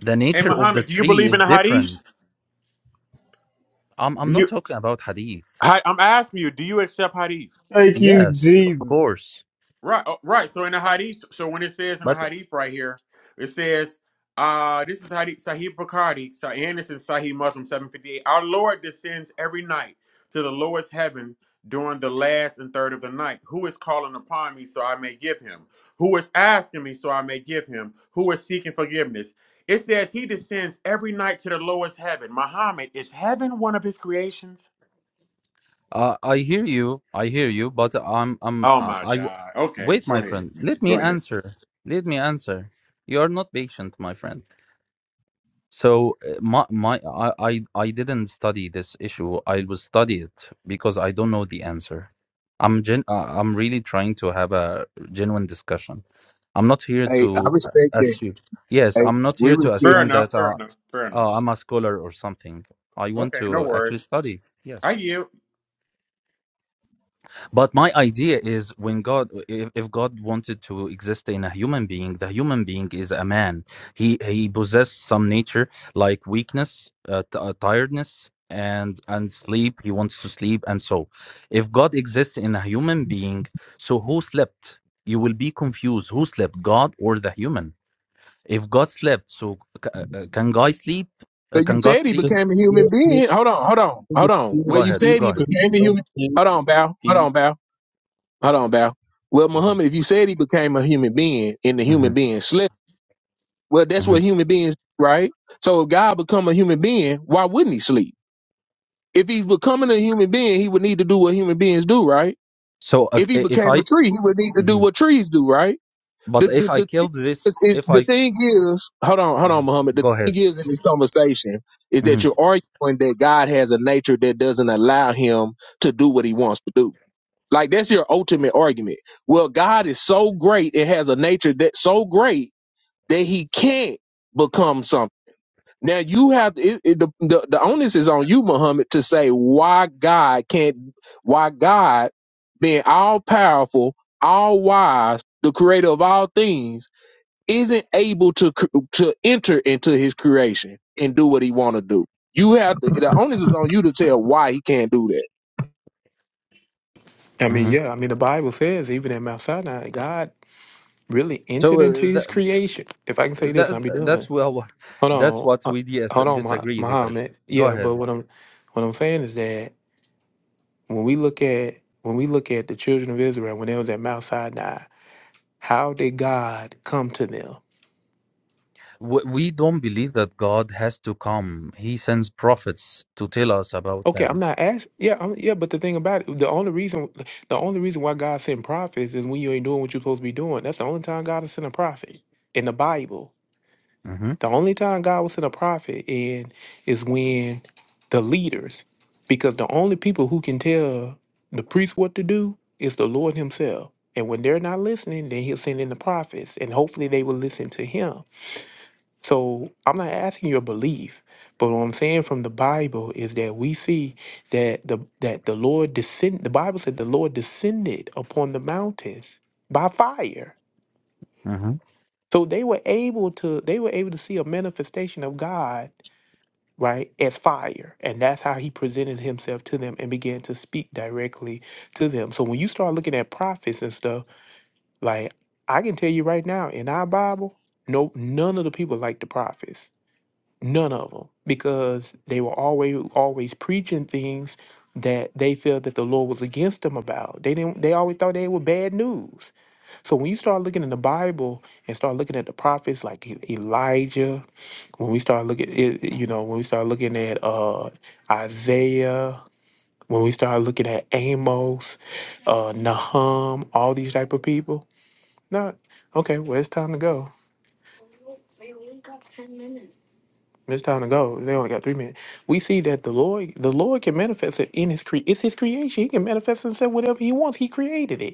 [SPEAKER 6] The
[SPEAKER 9] Hey,
[SPEAKER 6] nature of the
[SPEAKER 9] Muhammad, do you
[SPEAKER 6] tree
[SPEAKER 9] believe in
[SPEAKER 6] is
[SPEAKER 9] the hadith?
[SPEAKER 6] different. I'm
[SPEAKER 9] Do
[SPEAKER 6] I'm not
[SPEAKER 9] you?
[SPEAKER 6] talking about hadith.
[SPEAKER 9] I, I'm asking you. Do you accept hadith?
[SPEAKER 3] Thank you,
[SPEAKER 6] Yes, of
[SPEAKER 3] Jesus.
[SPEAKER 6] course.
[SPEAKER 9] Right, uh, right. So in the hadith, so when it says in the
[SPEAKER 6] But
[SPEAKER 9] hadith right here, it says, uh, this is hadith Sahih Bukhari, Sa- and this is Sahih Muslim 758. Our Lord descends every night to the lowest heaven during the last and third of the night. Who is calling upon me so I may give him? Who is asking me so I may give him? Who is seeking forgiveness? It says he descends every night to the lowest heaven. Muhammad, is heaven one of his creations?
[SPEAKER 6] Uh, I hear you. I hear you, but I'm I'm
[SPEAKER 9] Oh
[SPEAKER 6] uh,
[SPEAKER 9] my
[SPEAKER 6] I
[SPEAKER 9] God. Okay,
[SPEAKER 6] wait,
[SPEAKER 9] go
[SPEAKER 6] my
[SPEAKER 9] ahead.
[SPEAKER 6] friend. Let me
[SPEAKER 9] Go ahead.
[SPEAKER 6] answer. Let me answer. You are not patient, my friend. So uh, my my I I, I didn't study this issue. I will study it because I don't know the answer. I'm gen uh, I'm really trying to have a genuine discussion. I'm not here
[SPEAKER 7] Hey, I
[SPEAKER 6] to uh,
[SPEAKER 7] respect that.
[SPEAKER 6] assume. Yes,
[SPEAKER 7] Hey,
[SPEAKER 6] I'm not
[SPEAKER 7] we
[SPEAKER 6] here to
[SPEAKER 7] respect.
[SPEAKER 9] Fair
[SPEAKER 6] assume
[SPEAKER 9] enough.
[SPEAKER 6] that
[SPEAKER 9] Fair
[SPEAKER 6] uh,
[SPEAKER 9] enough. Fair enough.
[SPEAKER 6] uh, I'm a scholar or something. I want
[SPEAKER 9] Okay, no
[SPEAKER 6] to actually
[SPEAKER 9] worries.
[SPEAKER 6] study. Yes.
[SPEAKER 9] I yield.
[SPEAKER 6] But my idea is when God, if, if God wanted to exist in a human being, the human being is a man. He he possesses some nature like weakness, uh, t- uh, tiredness, and and sleep. He wants to sleep, and so, if God exists in a human being, so who slept? You will be confused. Who slept, God or the human? If God slept, so c- uh, uh, can God sleep? Uh,
[SPEAKER 7] But you
[SPEAKER 6] can God
[SPEAKER 7] said he
[SPEAKER 8] Does
[SPEAKER 6] sleep?
[SPEAKER 7] became a
[SPEAKER 8] the
[SPEAKER 7] human
[SPEAKER 8] spirit
[SPEAKER 7] being. Hold on, hold on,
[SPEAKER 8] think
[SPEAKER 7] hold
[SPEAKER 8] it's
[SPEAKER 7] on.
[SPEAKER 8] good
[SPEAKER 6] Go
[SPEAKER 7] Well,
[SPEAKER 8] to
[SPEAKER 7] you
[SPEAKER 6] ahead.
[SPEAKER 8] sleep,
[SPEAKER 7] said
[SPEAKER 6] Go
[SPEAKER 7] he
[SPEAKER 6] ahead.
[SPEAKER 8] couldn't
[SPEAKER 7] became a
[SPEAKER 8] go to
[SPEAKER 7] human.
[SPEAKER 8] sleep,
[SPEAKER 7] Hold on, Bow.
[SPEAKER 8] eat,
[SPEAKER 7] Hold on, Bow. Hold on, Bow. Well,
[SPEAKER 6] Mhm,
[SPEAKER 7] Muhammad, if you said he became a human being and the human
[SPEAKER 6] mhm,
[SPEAKER 7] being slept, well, that's what
[SPEAKER 6] mhm.
[SPEAKER 7] human beings, right? So if God become a human being, why wouldn't he sleep? If he's becoming a human being, he would need to do what human beings do, right?
[SPEAKER 6] So uh,
[SPEAKER 7] If he
[SPEAKER 6] if
[SPEAKER 7] became
[SPEAKER 6] I,
[SPEAKER 7] a tree, he would need to
[SPEAKER 6] mm-hmm.
[SPEAKER 7] do what trees do, right? The
[SPEAKER 6] But if
[SPEAKER 7] the,
[SPEAKER 6] I
[SPEAKER 7] the thing
[SPEAKER 6] killed this,
[SPEAKER 7] is, is
[SPEAKER 6] if
[SPEAKER 7] the
[SPEAKER 6] I
[SPEAKER 7] thing is, hold on, hold on,
[SPEAKER 6] Mhm.
[SPEAKER 7] Muhammad. The
[SPEAKER 6] go
[SPEAKER 7] thing
[SPEAKER 6] ahead.
[SPEAKER 7] is in this conversation is
[SPEAKER 6] hmm
[SPEAKER 7] that you're arguing that God has a nature that doesn't allow him to do what he wants to do. Like that's your ultimate argument. Well, God is so great, it has a nature that's so great that he can't become something. Now you have it, it, the, the the onus is on you, Muhammad, to say why God can't, why God, being all powerful, all wise, the creator of all things, isn't able to cr- to enter into His creation and do what He want to do. You have to. The onus is on you to tell why He can't do that.
[SPEAKER 1] I mean,
[SPEAKER 6] hmm
[SPEAKER 1] yeah, I mean, the Bible says even at Mount Sinai, God really entered
[SPEAKER 6] So
[SPEAKER 1] into
[SPEAKER 6] uh,
[SPEAKER 1] his
[SPEAKER 6] that
[SPEAKER 1] creation. If I can say this, I'll
[SPEAKER 6] that's
[SPEAKER 1] be done.
[SPEAKER 6] that's well,
[SPEAKER 1] Hold
[SPEAKER 6] that's
[SPEAKER 1] on.
[SPEAKER 6] what
[SPEAKER 1] Uh,
[SPEAKER 6] we dis-
[SPEAKER 1] hold on, Mah-
[SPEAKER 6] disagree with. It.
[SPEAKER 1] Muhammad.
[SPEAKER 6] Go
[SPEAKER 1] Yeah, but
[SPEAKER 6] ahead.
[SPEAKER 1] what I'm what I'm saying is that when we look at when we look at the children of Israel when they was at Mount Sinai, how did God come to them?
[SPEAKER 6] We, we don't believe that God has to come. He sends prophets to tell us about
[SPEAKER 1] Okay, I'm
[SPEAKER 6] Him.
[SPEAKER 1] not asking. Yeah, I'm, yeah, but the thing about it, the only reason the only reason why God sent prophets is when you ain't doing what you're supposed to be doing. That's the only time God will send a prophet in the Bible
[SPEAKER 6] hmm
[SPEAKER 1] The only time God will send a prophet in is when the leaders, because the only people who can tell the priest what to do is the Lord Himself. And when they're not listening, then He'll send in the prophets, and hopefully they will listen to Him. So I'm not asking your belief, but what I'm saying from the Bible is that we see that the that the Lord descend. The Bible said the Lord descended upon the mountains by fire. So they were able to they were able to see a manifestation of God right, as fire. And that's how he presented himself to them and began to speak directly to them. So when you start looking at prophets and stuff, like I can tell you right now, in our Bible, no, none of the people like the prophets. None of them, because they were always always preaching things that they felt that the Lord was against them about. They didn't. They always thought they were bad news. So when you start looking in the Bible and start looking at the prophets like E- Elijah, when we start looking it, it- you know when we start looking at uh isaiah when we start looking at amos uh nahum all these type of people not okay well it's time to go it's time to go they only got three minutes we see that the lord the lord can manifest it in his cre it's his creation he can manifest himself whatever he wants he created it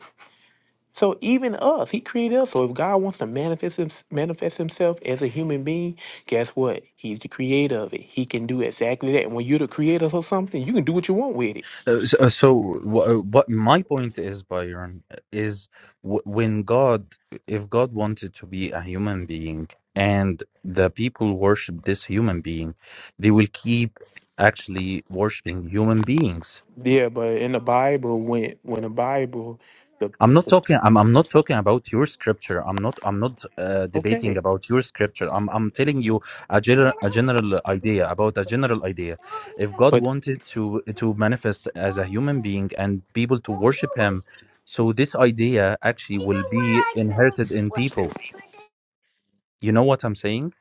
[SPEAKER 1] So even us, he created us. So if God wants to manifest him, manifest himself as a human being, guess what? He's the creator of it. He can do exactly that. And when you're the creator of something, you can do what you want with it.
[SPEAKER 6] Uh, So, uh, so wh- uh, what my point is, Byron, is w- when God, if God wanted to be a human being and the people worship this human being, they will keep actually worshiping human beings.
[SPEAKER 1] Yeah, but in the Bible, when when the Bible, the,
[SPEAKER 6] I'm not
[SPEAKER 1] the
[SPEAKER 6] talking. I'm, I'm not talking about your scripture. I'm not. I'm not uh, debating
[SPEAKER 1] okay,
[SPEAKER 6] about your scripture. I'm. I'm telling you a general a general idea about a general idea. If God
[SPEAKER 1] but
[SPEAKER 6] wanted to to manifest as a human being and people to worship Him, so this idea actually will be inherited in people. You know what I'm saying?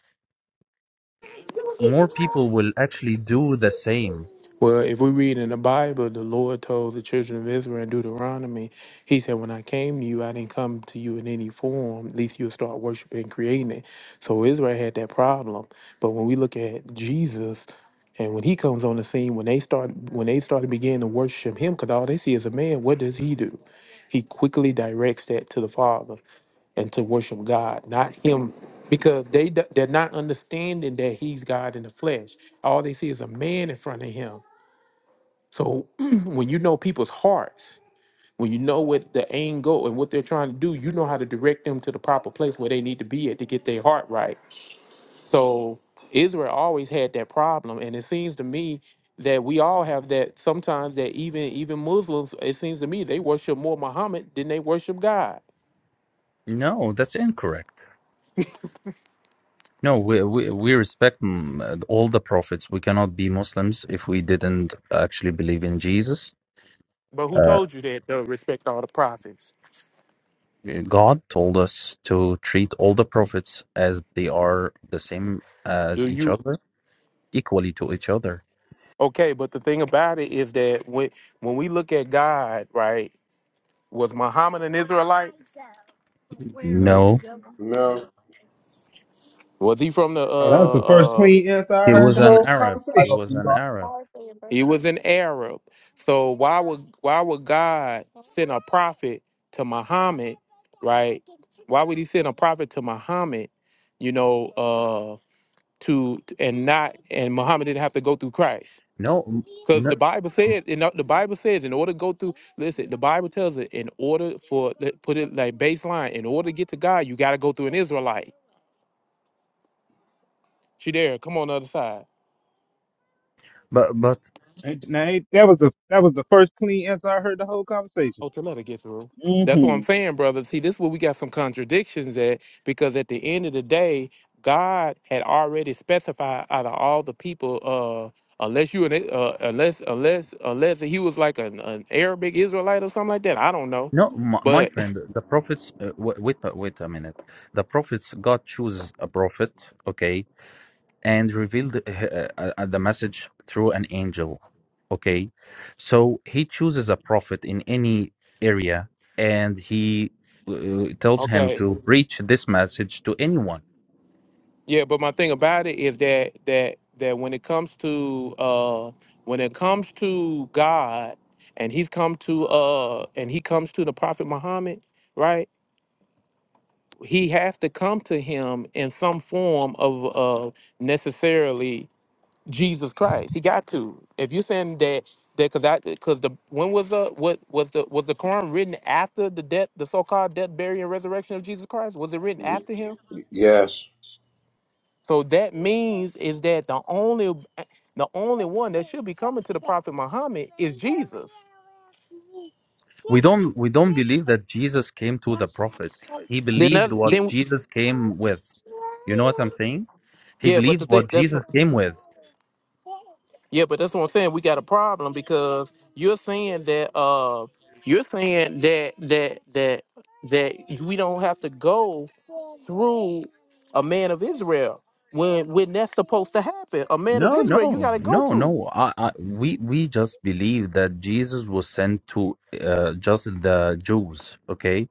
[SPEAKER 6] More people will actually do the same.
[SPEAKER 1] Well, if we read in the Bible, the Lord told the children of Israel in Deuteronomy, He said, When I came to you, I didn't come to you in any form. At least you'll start worshiping and creating it. So Israel had that problem. But when we look at Jesus, and when he comes on the scene, when they start when they start to begin to worship him, because all they see is a man, what does he do? He quickly directs that to the Father and to worship God, not Him, because they d- they're not understanding that He's God in the flesh. All they see is a man in front of Him. So when you know people's hearts, when you know what the aim goal and what they're trying to do, you know how to direct them to the proper place where they need to be at to get their heart right. So Israel always had that problem, and it seems to me that we all have that sometimes that even even Muslims, it seems to me they worship more Muhammad than they worship God.
[SPEAKER 6] No, that's incorrect. No, we we, we respect mm, uh, all the prophets. We cannot be Muslims if we didn't actually believe in Jesus.
[SPEAKER 1] But who
[SPEAKER 6] Uh,
[SPEAKER 1] told you that though respect all the prophets?
[SPEAKER 6] God told us to treat all the prophets as they are the same as
[SPEAKER 1] Do
[SPEAKER 6] each
[SPEAKER 1] you
[SPEAKER 6] other, equally to each other.
[SPEAKER 1] okay, but the thing about it is that when when we look at God, right, was Muhammad an Israelite?
[SPEAKER 3] No.
[SPEAKER 6] No,
[SPEAKER 9] No.
[SPEAKER 1] Was he from the
[SPEAKER 3] Oh, that was
[SPEAKER 1] uh
[SPEAKER 3] the first
[SPEAKER 1] uh?
[SPEAKER 3] clean answer I
[SPEAKER 6] he
[SPEAKER 1] Di-
[SPEAKER 3] heard
[SPEAKER 6] was
[SPEAKER 3] the
[SPEAKER 6] an
[SPEAKER 3] whole
[SPEAKER 6] Arab. He
[SPEAKER 3] conversation.
[SPEAKER 6] was an Arab.
[SPEAKER 1] He was an Arab. So why would why would God send a prophet to Muhammad, right? Why would he send a prophet to Muhammad, you know, uh to and not and Muhammad didn't have to go through Christ?
[SPEAKER 6] No, m-
[SPEAKER 1] Because
[SPEAKER 6] no,
[SPEAKER 1] the Bible says, in the Bible says, in order to go through, listen, the Bible tells it, in order for, let- put it like baseline, in order to get to God, you got to go through an Israelite. She there, come on the other side.
[SPEAKER 6] but but
[SPEAKER 3] Ain't- Now, ain't- that was the that was the first clean answer I heard the whole conversation.
[SPEAKER 1] Oh, Janetta gets the That's what I'm
[SPEAKER 3] hmm
[SPEAKER 1] saying, brother. See, this is where we got some contradictions at because at the end of the day, God had already specified out of all the people, uh, unless you an uh, unless unless unless he was like an, an Arabic Israelite or something like that. I don't know,
[SPEAKER 6] no, my, my
[SPEAKER 1] but
[SPEAKER 6] friend. The prophets. Uh, wa- wait, a- wait a minute. The prophets. God chooses a prophet. Okay, and revealed uh, uh, uh, the message through an angel. Okay, so he chooses a prophet in any area and he uh, tells him
[SPEAKER 1] okay,
[SPEAKER 6] to preach this message to anyone.
[SPEAKER 1] yeah. But my thing about it is that that that when it comes to uh, when it comes to God and he's come to uh and he comes to the prophet Muhammad, right? he has to come to him in some form of uh, necessarily Jesus Christ. He got to. If you're saying that that because I because the when was the what was the was the Quran written after the death the so called death, burial, and resurrection of Jesus Christ? Was it written after him?
[SPEAKER 9] Yes.
[SPEAKER 1] So that means is that the only the only one that should be coming to the Prophet Muhammad is Jesus.
[SPEAKER 6] We don't we don't believe that Jesus came to the prophet. He
[SPEAKER 1] Then
[SPEAKER 6] believed
[SPEAKER 1] that
[SPEAKER 6] what
[SPEAKER 1] then
[SPEAKER 6] Jesus came with. You know what I'm saying? He
[SPEAKER 1] yeah, but the
[SPEAKER 6] believed
[SPEAKER 1] thing
[SPEAKER 6] what
[SPEAKER 1] that's
[SPEAKER 6] Jesus came with.
[SPEAKER 1] Yeah, but that's what I'm saying. We got a problem because you're saying that uh you're saying that that that that we don't have to go through a man of Israel when when that's supposed to happen. A man of
[SPEAKER 6] No,
[SPEAKER 1] Israel you
[SPEAKER 6] no,
[SPEAKER 1] gotta go
[SPEAKER 6] no,
[SPEAKER 1] through.
[SPEAKER 6] no. I, I, we we just believe that Jesus was sent to uh, just the Jews, okay?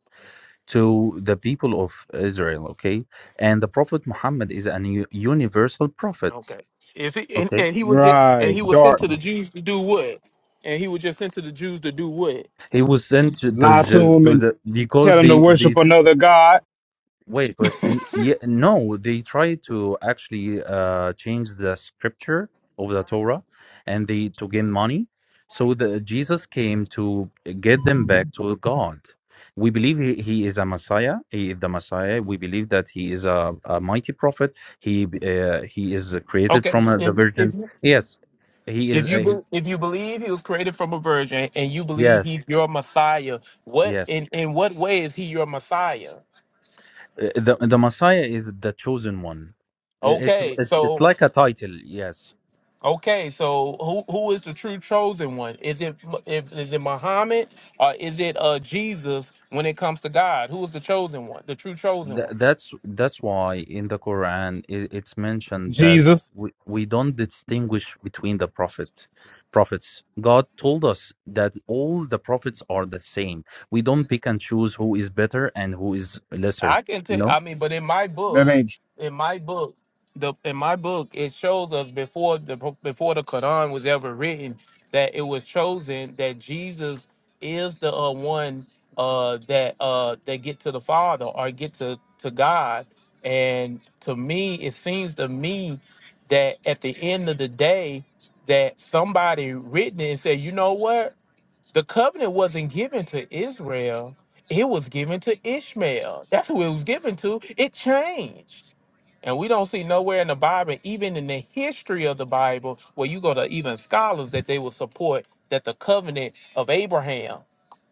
[SPEAKER 6] to the people of Israel, okay? And the Prophet Muhammad is an u- universal prophet,
[SPEAKER 1] Okay. If he, and,
[SPEAKER 6] okay?
[SPEAKER 1] and he was just, and
[SPEAKER 3] Right,
[SPEAKER 1] he was sent to the
[SPEAKER 3] darkness.
[SPEAKER 1] Jews to do what? And he was just sent to the Jews to do what?
[SPEAKER 6] He was sent to the,
[SPEAKER 3] Lie to him
[SPEAKER 6] to
[SPEAKER 3] and
[SPEAKER 6] the
[SPEAKER 3] tell
[SPEAKER 6] because
[SPEAKER 3] him to
[SPEAKER 6] the,
[SPEAKER 3] worship
[SPEAKER 6] the
[SPEAKER 3] another god
[SPEAKER 6] Wait, but n- yeah, no, they try to actually uh change the scripture of the Torah and they to gain money. So the Jesus came to get them back to God. We believe he, he is a Messiah. He is the Messiah. We believe that he is a, a mighty prophet. He uh, he is created
[SPEAKER 1] Okay.
[SPEAKER 6] from uh, the
[SPEAKER 1] If, if
[SPEAKER 6] Virgin. Yes, he is.
[SPEAKER 1] If you
[SPEAKER 6] A,
[SPEAKER 1] be,
[SPEAKER 6] he-
[SPEAKER 1] if you believe he was created from a virgin and you believe he's
[SPEAKER 6] yes,
[SPEAKER 1] your Messiah, what
[SPEAKER 6] yes.
[SPEAKER 1] in in what way is he your Messiah?
[SPEAKER 6] Uh, The the Messiah is the chosen one. It's
[SPEAKER 1] Okay,
[SPEAKER 6] it's it's
[SPEAKER 1] so
[SPEAKER 6] like a title. Yes.
[SPEAKER 1] okay, so who who is the true chosen one? Is it Mu- if is it Muhammad or is it uh Jesus? When it comes to God, who is the chosen one, the true chosen
[SPEAKER 6] Th-
[SPEAKER 1] one?
[SPEAKER 6] that's that's why in the Quran it, it's mentioned that
[SPEAKER 3] Jesus.
[SPEAKER 6] we, we don't distinguish between the prophet prophets. God told us that all the prophets are the same. We don't pick and choose who is better and who is lesser.
[SPEAKER 1] I can
[SPEAKER 6] You
[SPEAKER 1] tell.
[SPEAKER 6] know.
[SPEAKER 1] I mean, but in my
[SPEAKER 3] That
[SPEAKER 1] book,
[SPEAKER 3] ain't
[SPEAKER 1] in my book, the in my book, it shows us before the before the Quran was ever written that it was chosen that Jesus is the uh, one uh, that uh, that get to the Father or get to to God. And to me, it seems to me that at the end of the day, that somebody written it and said, you know what? The covenant wasn't given to Israel, it was given to Ishmael. That's who it was given to. It changed. And we don't see nowhere in the Bible, even in the history of the Bible, where you go to even scholars that they will support that the covenant of Abraham,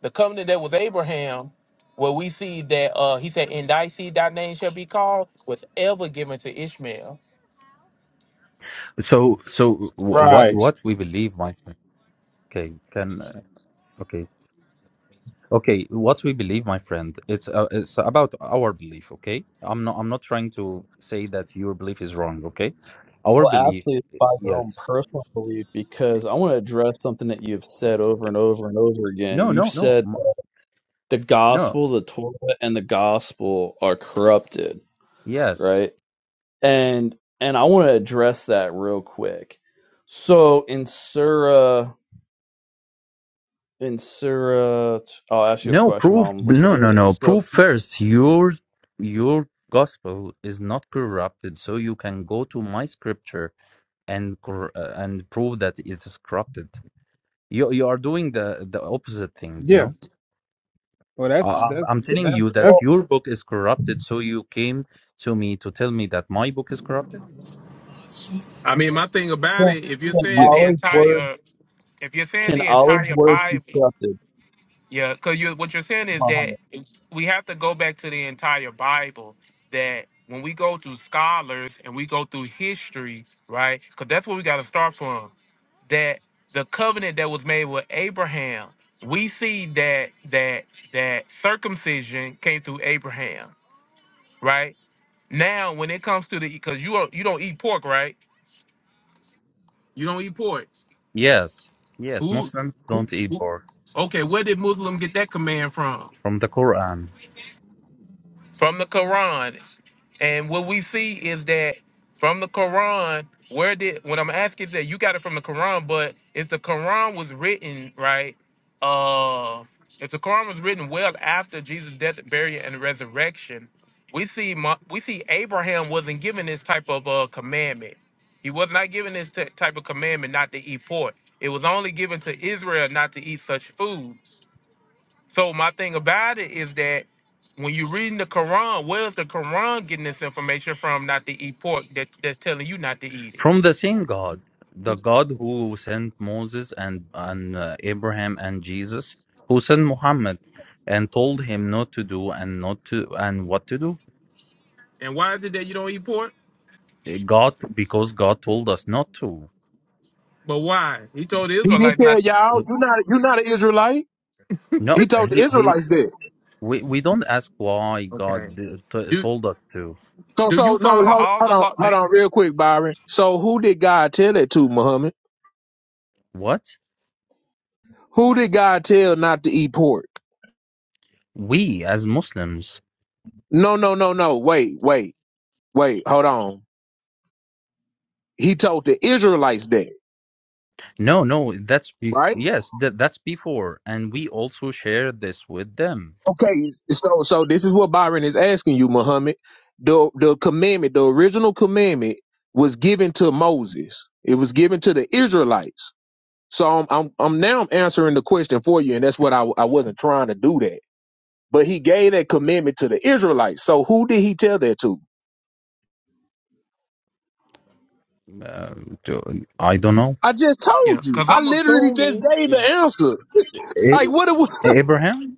[SPEAKER 1] the covenant that was Abraham, where we see that uh, he said, In thy seed thy name shall be called, was ever given to Ishmael.
[SPEAKER 6] So so wh- what
[SPEAKER 3] right.
[SPEAKER 6] what we believe, my friend. Okay, can uh, okay. okay what we believe my friend it's uh, it's about our belief okay i'm not i'm not trying to say that your belief is wrong okay our
[SPEAKER 8] Well,
[SPEAKER 6] belief
[SPEAKER 8] actually, it's by your own
[SPEAKER 6] yes
[SPEAKER 8] personal belief because I want to address something that you've said over and over and over again.
[SPEAKER 6] no
[SPEAKER 8] You've
[SPEAKER 6] no no
[SPEAKER 8] said
[SPEAKER 6] m-
[SPEAKER 8] the
[SPEAKER 6] no
[SPEAKER 8] gospel, the Torah, and the gospel are corrupted,
[SPEAKER 6] yes
[SPEAKER 8] right? And and I want to address that real quick. So in Surah, in Surah, I'll ask you a
[SPEAKER 6] no
[SPEAKER 8] question while
[SPEAKER 6] proof
[SPEAKER 8] I'm looking
[SPEAKER 6] no
[SPEAKER 8] at
[SPEAKER 6] no no
[SPEAKER 8] this. So
[SPEAKER 6] proof first your your gospel is not corrupted so you can go to my scripture and cor- uh, and prove that it is corrupted you you are doing the the opposite thing you
[SPEAKER 3] Yeah.
[SPEAKER 6] know
[SPEAKER 3] Well, that's
[SPEAKER 6] Uh, I'm,
[SPEAKER 3] that's
[SPEAKER 6] I'm telling
[SPEAKER 3] that's
[SPEAKER 6] you that
[SPEAKER 3] that's
[SPEAKER 6] your book is corrupted, so you came to me to tell me that my book is corrupted?
[SPEAKER 1] I mean, my thing about
[SPEAKER 8] can
[SPEAKER 1] it, if you're saying
[SPEAKER 3] yeah.
[SPEAKER 1] the
[SPEAKER 8] Allah's word
[SPEAKER 1] entire, if you're saying
[SPEAKER 8] can
[SPEAKER 1] the
[SPEAKER 8] Allah's
[SPEAKER 1] entire
[SPEAKER 8] word be
[SPEAKER 1] Bible.
[SPEAKER 8] corrupted,
[SPEAKER 1] Yeah, because you what you're saying is that
[SPEAKER 8] Muhammad?
[SPEAKER 1] it's- we have to go back to the entire Bible. That when we go through scholars and we go through history, right? Because that's where we got to start from. That the covenant that was made with Abraham, we see that that that circumcision came through Abraham, right? Now, when it comes to the because you are, you don't eat pork, right? You don't eat pork.
[SPEAKER 6] Yes, yes,
[SPEAKER 1] Who,
[SPEAKER 6] Muslims
[SPEAKER 1] who,
[SPEAKER 6] don't eat
[SPEAKER 1] who?
[SPEAKER 6] pork
[SPEAKER 1] Okay, where did Muslim get that command from?
[SPEAKER 6] from the Quran.
[SPEAKER 1] From the Quran And what we see is that from the Quran, where did what I'm asking is that you got it from the Quran, but if the Quran was written, right? Uh if the Quran was written well after Jesus' death, burial, and resurrection, we see Mo- we see Abraham wasn't given this type of uh commandment. He was not given this t- type of commandment not to eat pork. It was only given to Israel not to eat such food. So my thing about it is that when you're reading the Quran, where's the Quran getting this information from not to eat pork that, that's telling you not to eat it?
[SPEAKER 6] From the same God, the God who sent Moses and, and uh, Abraham and Jesus, who sent Muhammad and told him not to do and not to and what to do.
[SPEAKER 1] And why is it that you don't eat pork?
[SPEAKER 6] God, because God told us not to.
[SPEAKER 1] But why? He told the
[SPEAKER 7] He didn't
[SPEAKER 1] Israelites
[SPEAKER 7] tell
[SPEAKER 1] not to.
[SPEAKER 7] y'all. You're not. You're not an Israelite.
[SPEAKER 6] No,
[SPEAKER 7] He told the
[SPEAKER 6] he, he
[SPEAKER 7] Israelites that.
[SPEAKER 6] we, we don't ask why God
[SPEAKER 1] Okay.
[SPEAKER 6] d- t-
[SPEAKER 1] Do
[SPEAKER 6] told us to.
[SPEAKER 7] So
[SPEAKER 1] do you
[SPEAKER 7] so no.
[SPEAKER 1] follow
[SPEAKER 7] Hold,
[SPEAKER 1] all
[SPEAKER 7] hold
[SPEAKER 1] the
[SPEAKER 7] on.
[SPEAKER 1] law? Do
[SPEAKER 7] Hold
[SPEAKER 1] you,
[SPEAKER 7] on. Real quick, Byron. So who did God tell that to, Muhammad?
[SPEAKER 6] What?
[SPEAKER 7] Who did God tell not to eat pork?
[SPEAKER 6] We as Muslims.
[SPEAKER 7] No, no, no, no. Wait, wait, wait. Hold on. He told the Israelites that,
[SPEAKER 6] No, no, that's bef-
[SPEAKER 7] right?
[SPEAKER 6] yes, that, that's before and we also share this with them.
[SPEAKER 7] Okay. So, so this is what Byron is asking you, Muhammad. The the commandment, the original commandment, was given to Moses. It was given to the Israelites. So I'm I'm, I'm now answering the question for you, and that's what I I wasn't trying to do that. But he gave that commandment to the Israelites. So who did he tell that to?
[SPEAKER 6] Uh, to, I don't know.
[SPEAKER 7] I just told
[SPEAKER 1] yeah,
[SPEAKER 7] you.
[SPEAKER 1] because
[SPEAKER 7] I
[SPEAKER 1] I'm
[SPEAKER 7] literally just
[SPEAKER 1] assuming.
[SPEAKER 7] gave
[SPEAKER 1] Yeah.
[SPEAKER 7] the answer. Like
[SPEAKER 6] A-
[SPEAKER 7] what?
[SPEAKER 6] Abraham?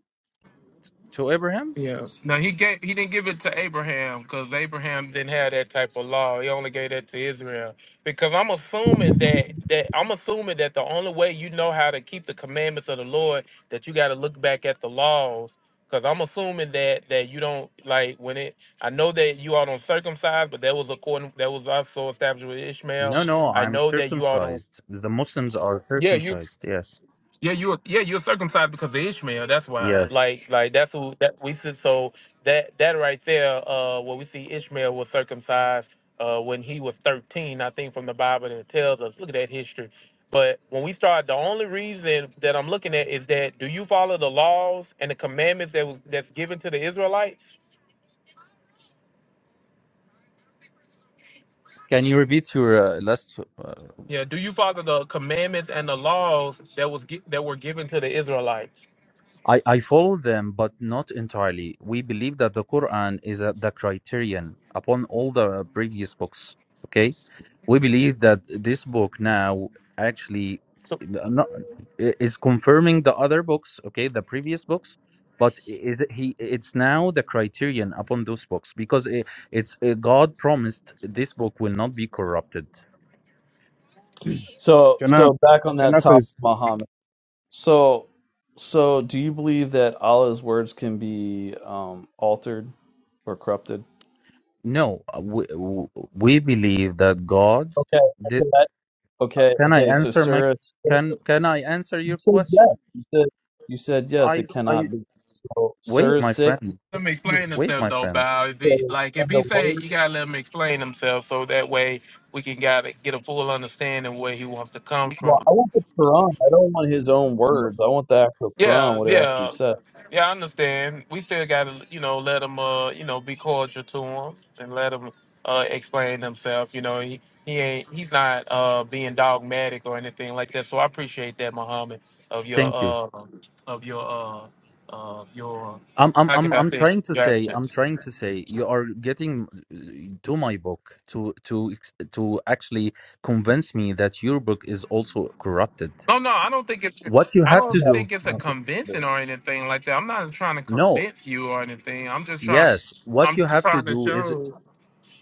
[SPEAKER 6] To Abraham?
[SPEAKER 1] Yeah. Now he gave he didn't give it to Abraham because Abraham didn't have that type of law. He only gave that to Israel. Because I'm assuming that that I'm assuming that the only way you know how to keep the commandments of the Lord that you got to look back at the laws. Because I'm assuming that that you don't like when it. I know that you all don't circumcise, but that was according that was also established with Ishmael.
[SPEAKER 6] No, no,
[SPEAKER 1] I
[SPEAKER 6] I'm
[SPEAKER 1] know that you all don't.
[SPEAKER 6] circumcised. The Muslims are
[SPEAKER 1] Yeah, you
[SPEAKER 6] circumcised. Yes.
[SPEAKER 1] yeah, you were yeah, you're circumcised because of Ishmael. That's why.
[SPEAKER 6] Yes.
[SPEAKER 1] Like like that's who that we see so that that right there, uh where we see Ishmael was circumcised uh when he was thirteen, I think from the Bible and it tells us. Look at that history. But when we start the only reason that I'm looking at is that do you follow the laws and the commandments that was that's given to the Israelites?
[SPEAKER 6] Can you repeat your uh, last? uh,
[SPEAKER 1] Yeah, do you follow the commandments and the laws that was gi- that were given to the Israelites?
[SPEAKER 6] I, I follow them, but not entirely. We believe that the Quran is a, the criterion upon all the previous books. Okay, we believe that this book now actually not, is confirming the other books. Okay, the previous books, but is he? It's now the criterion upon those books because it, it's uh, God promised this book will not be corrupted.
[SPEAKER 8] So
[SPEAKER 3] Can I
[SPEAKER 8] so back on
[SPEAKER 3] can I
[SPEAKER 8] that
[SPEAKER 3] say
[SPEAKER 8] topic,
[SPEAKER 3] s-
[SPEAKER 8] Muhammad. So so do you believe that Allah's words can be um, altered or corrupted?
[SPEAKER 6] No, uh, we, we believe that God.
[SPEAKER 8] Okay. Okay,
[SPEAKER 6] Can I
[SPEAKER 8] okay. So
[SPEAKER 6] answer my
[SPEAKER 8] Surah, s-
[SPEAKER 6] can can I answer
[SPEAKER 8] you
[SPEAKER 6] your
[SPEAKER 8] said yes.
[SPEAKER 6] question?
[SPEAKER 8] You said, you said yes.
[SPEAKER 6] I
[SPEAKER 8] It
[SPEAKER 6] I
[SPEAKER 8] cannot be. So
[SPEAKER 6] wait,
[SPEAKER 8] Surah
[SPEAKER 6] my
[SPEAKER 8] six,
[SPEAKER 6] friend.
[SPEAKER 1] let him
[SPEAKER 8] and
[SPEAKER 1] explain
[SPEAKER 6] Wait,
[SPEAKER 1] himself
[SPEAKER 6] my
[SPEAKER 1] though,
[SPEAKER 6] friend.
[SPEAKER 1] Bow. If he like if
[SPEAKER 8] the
[SPEAKER 1] he say
[SPEAKER 8] word.
[SPEAKER 1] you gotta let him explain himself so that way we can got to get a full understanding where he wants to come
[SPEAKER 8] Well,
[SPEAKER 1] from.
[SPEAKER 8] I want the Quran. I don't want his own
[SPEAKER 6] B-
[SPEAKER 8] words. I want the actual Quran,
[SPEAKER 1] Yeah,
[SPEAKER 8] what it actually
[SPEAKER 1] yeah.
[SPEAKER 8] says.
[SPEAKER 1] Yeah, I understand. We still gotta, you know, let him uh, you know, be cordial to him and let him uh explain himself. You know, he, he ain't he's not uh being dogmatic or anything like that. So I appreciate that, Muhammad, of your
[SPEAKER 6] Thank you.
[SPEAKER 1] uh of your uh uh your
[SPEAKER 6] I'm I'm
[SPEAKER 1] how can
[SPEAKER 6] I'm
[SPEAKER 1] I
[SPEAKER 6] I'm
[SPEAKER 1] say
[SPEAKER 6] trying to
[SPEAKER 1] your
[SPEAKER 6] say
[SPEAKER 1] attitude.
[SPEAKER 6] I'm trying to say you are getting uh, to my book to to ex- to actually convince me that your book is also corrupted.
[SPEAKER 1] No, no, I don't think it's.
[SPEAKER 6] What you
[SPEAKER 1] I
[SPEAKER 6] have
[SPEAKER 1] don't
[SPEAKER 6] to do?
[SPEAKER 1] think it's a
[SPEAKER 3] no.
[SPEAKER 1] convincing or anything like that. I'm not trying to
[SPEAKER 6] No.
[SPEAKER 1] convince you or anything. I'm just trying.
[SPEAKER 6] Yes, what
[SPEAKER 1] I'm
[SPEAKER 6] you
[SPEAKER 1] just
[SPEAKER 6] have to
[SPEAKER 1] trying to
[SPEAKER 6] do is
[SPEAKER 1] show.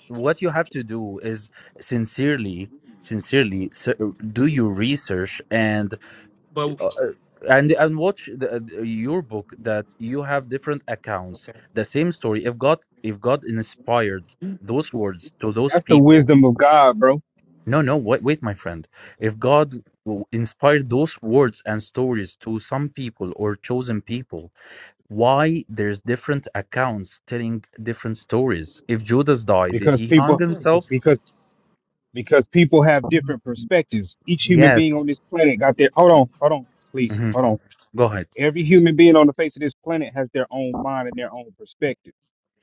[SPEAKER 6] what you have to do is sincerely sincerely s- do your research and
[SPEAKER 1] But
[SPEAKER 6] uh,
[SPEAKER 1] okay,
[SPEAKER 6] uh, and and watch the, uh, your book that you have different accounts
[SPEAKER 1] okay,
[SPEAKER 6] the same story if god if god inspired those words to those
[SPEAKER 3] that's the
[SPEAKER 6] people
[SPEAKER 3] wisdom of God, bro?
[SPEAKER 6] no no wait wait my friend if god w- inspired those words and stories to some people or chosen people why there's different accounts telling different stories if judas died did
[SPEAKER 3] Because
[SPEAKER 6] he hang
[SPEAKER 3] people
[SPEAKER 1] Mm,
[SPEAKER 6] himself
[SPEAKER 3] because because people have different perspectives. Each human
[SPEAKER 6] yes
[SPEAKER 3] being on this planet got their hold on, hold on, please,
[SPEAKER 6] Mhm.
[SPEAKER 3] hold on.
[SPEAKER 6] go ahead
[SPEAKER 3] Every human being on the face of this planet has their own mind and their own perspective.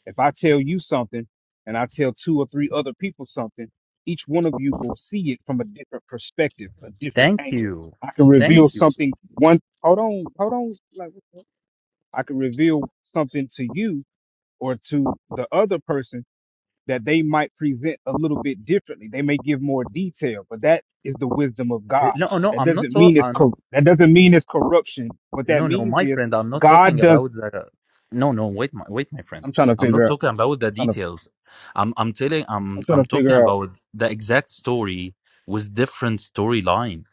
[SPEAKER 3] If I tell you something and I tell two or three other people something, each one of you will see it from a different perspective, a different
[SPEAKER 6] thank
[SPEAKER 3] angle.
[SPEAKER 6] you
[SPEAKER 3] I can
[SPEAKER 6] thank
[SPEAKER 3] reveal
[SPEAKER 6] you
[SPEAKER 3] something one hold on, hold on. like, I can reveal something to you or to the other person that they might present a little bit differently. They may give more detail, but that is the wisdom of
[SPEAKER 6] Uh,
[SPEAKER 3] God.
[SPEAKER 6] no no
[SPEAKER 3] That
[SPEAKER 6] i'm not
[SPEAKER 3] doesn't
[SPEAKER 6] to-
[SPEAKER 3] mean it's
[SPEAKER 6] I'm talking
[SPEAKER 3] cor- that doesn't mean it's corruption. What that
[SPEAKER 6] No, no,
[SPEAKER 3] means
[SPEAKER 6] my
[SPEAKER 3] is
[SPEAKER 6] friend, I'm not
[SPEAKER 3] God
[SPEAKER 6] talking
[SPEAKER 3] does
[SPEAKER 6] about the. No, no, wait, my, wait, my friend.
[SPEAKER 3] I'm trying to
[SPEAKER 6] I'm not
[SPEAKER 3] figure out
[SPEAKER 6] talking about
[SPEAKER 3] I'm
[SPEAKER 6] the
[SPEAKER 3] trying to
[SPEAKER 6] details. I'm, I'm telling,
[SPEAKER 3] I'm
[SPEAKER 6] I'm,
[SPEAKER 3] trying
[SPEAKER 6] I'm
[SPEAKER 3] to
[SPEAKER 6] talking
[SPEAKER 3] figure out
[SPEAKER 6] about the exact story with different storyline.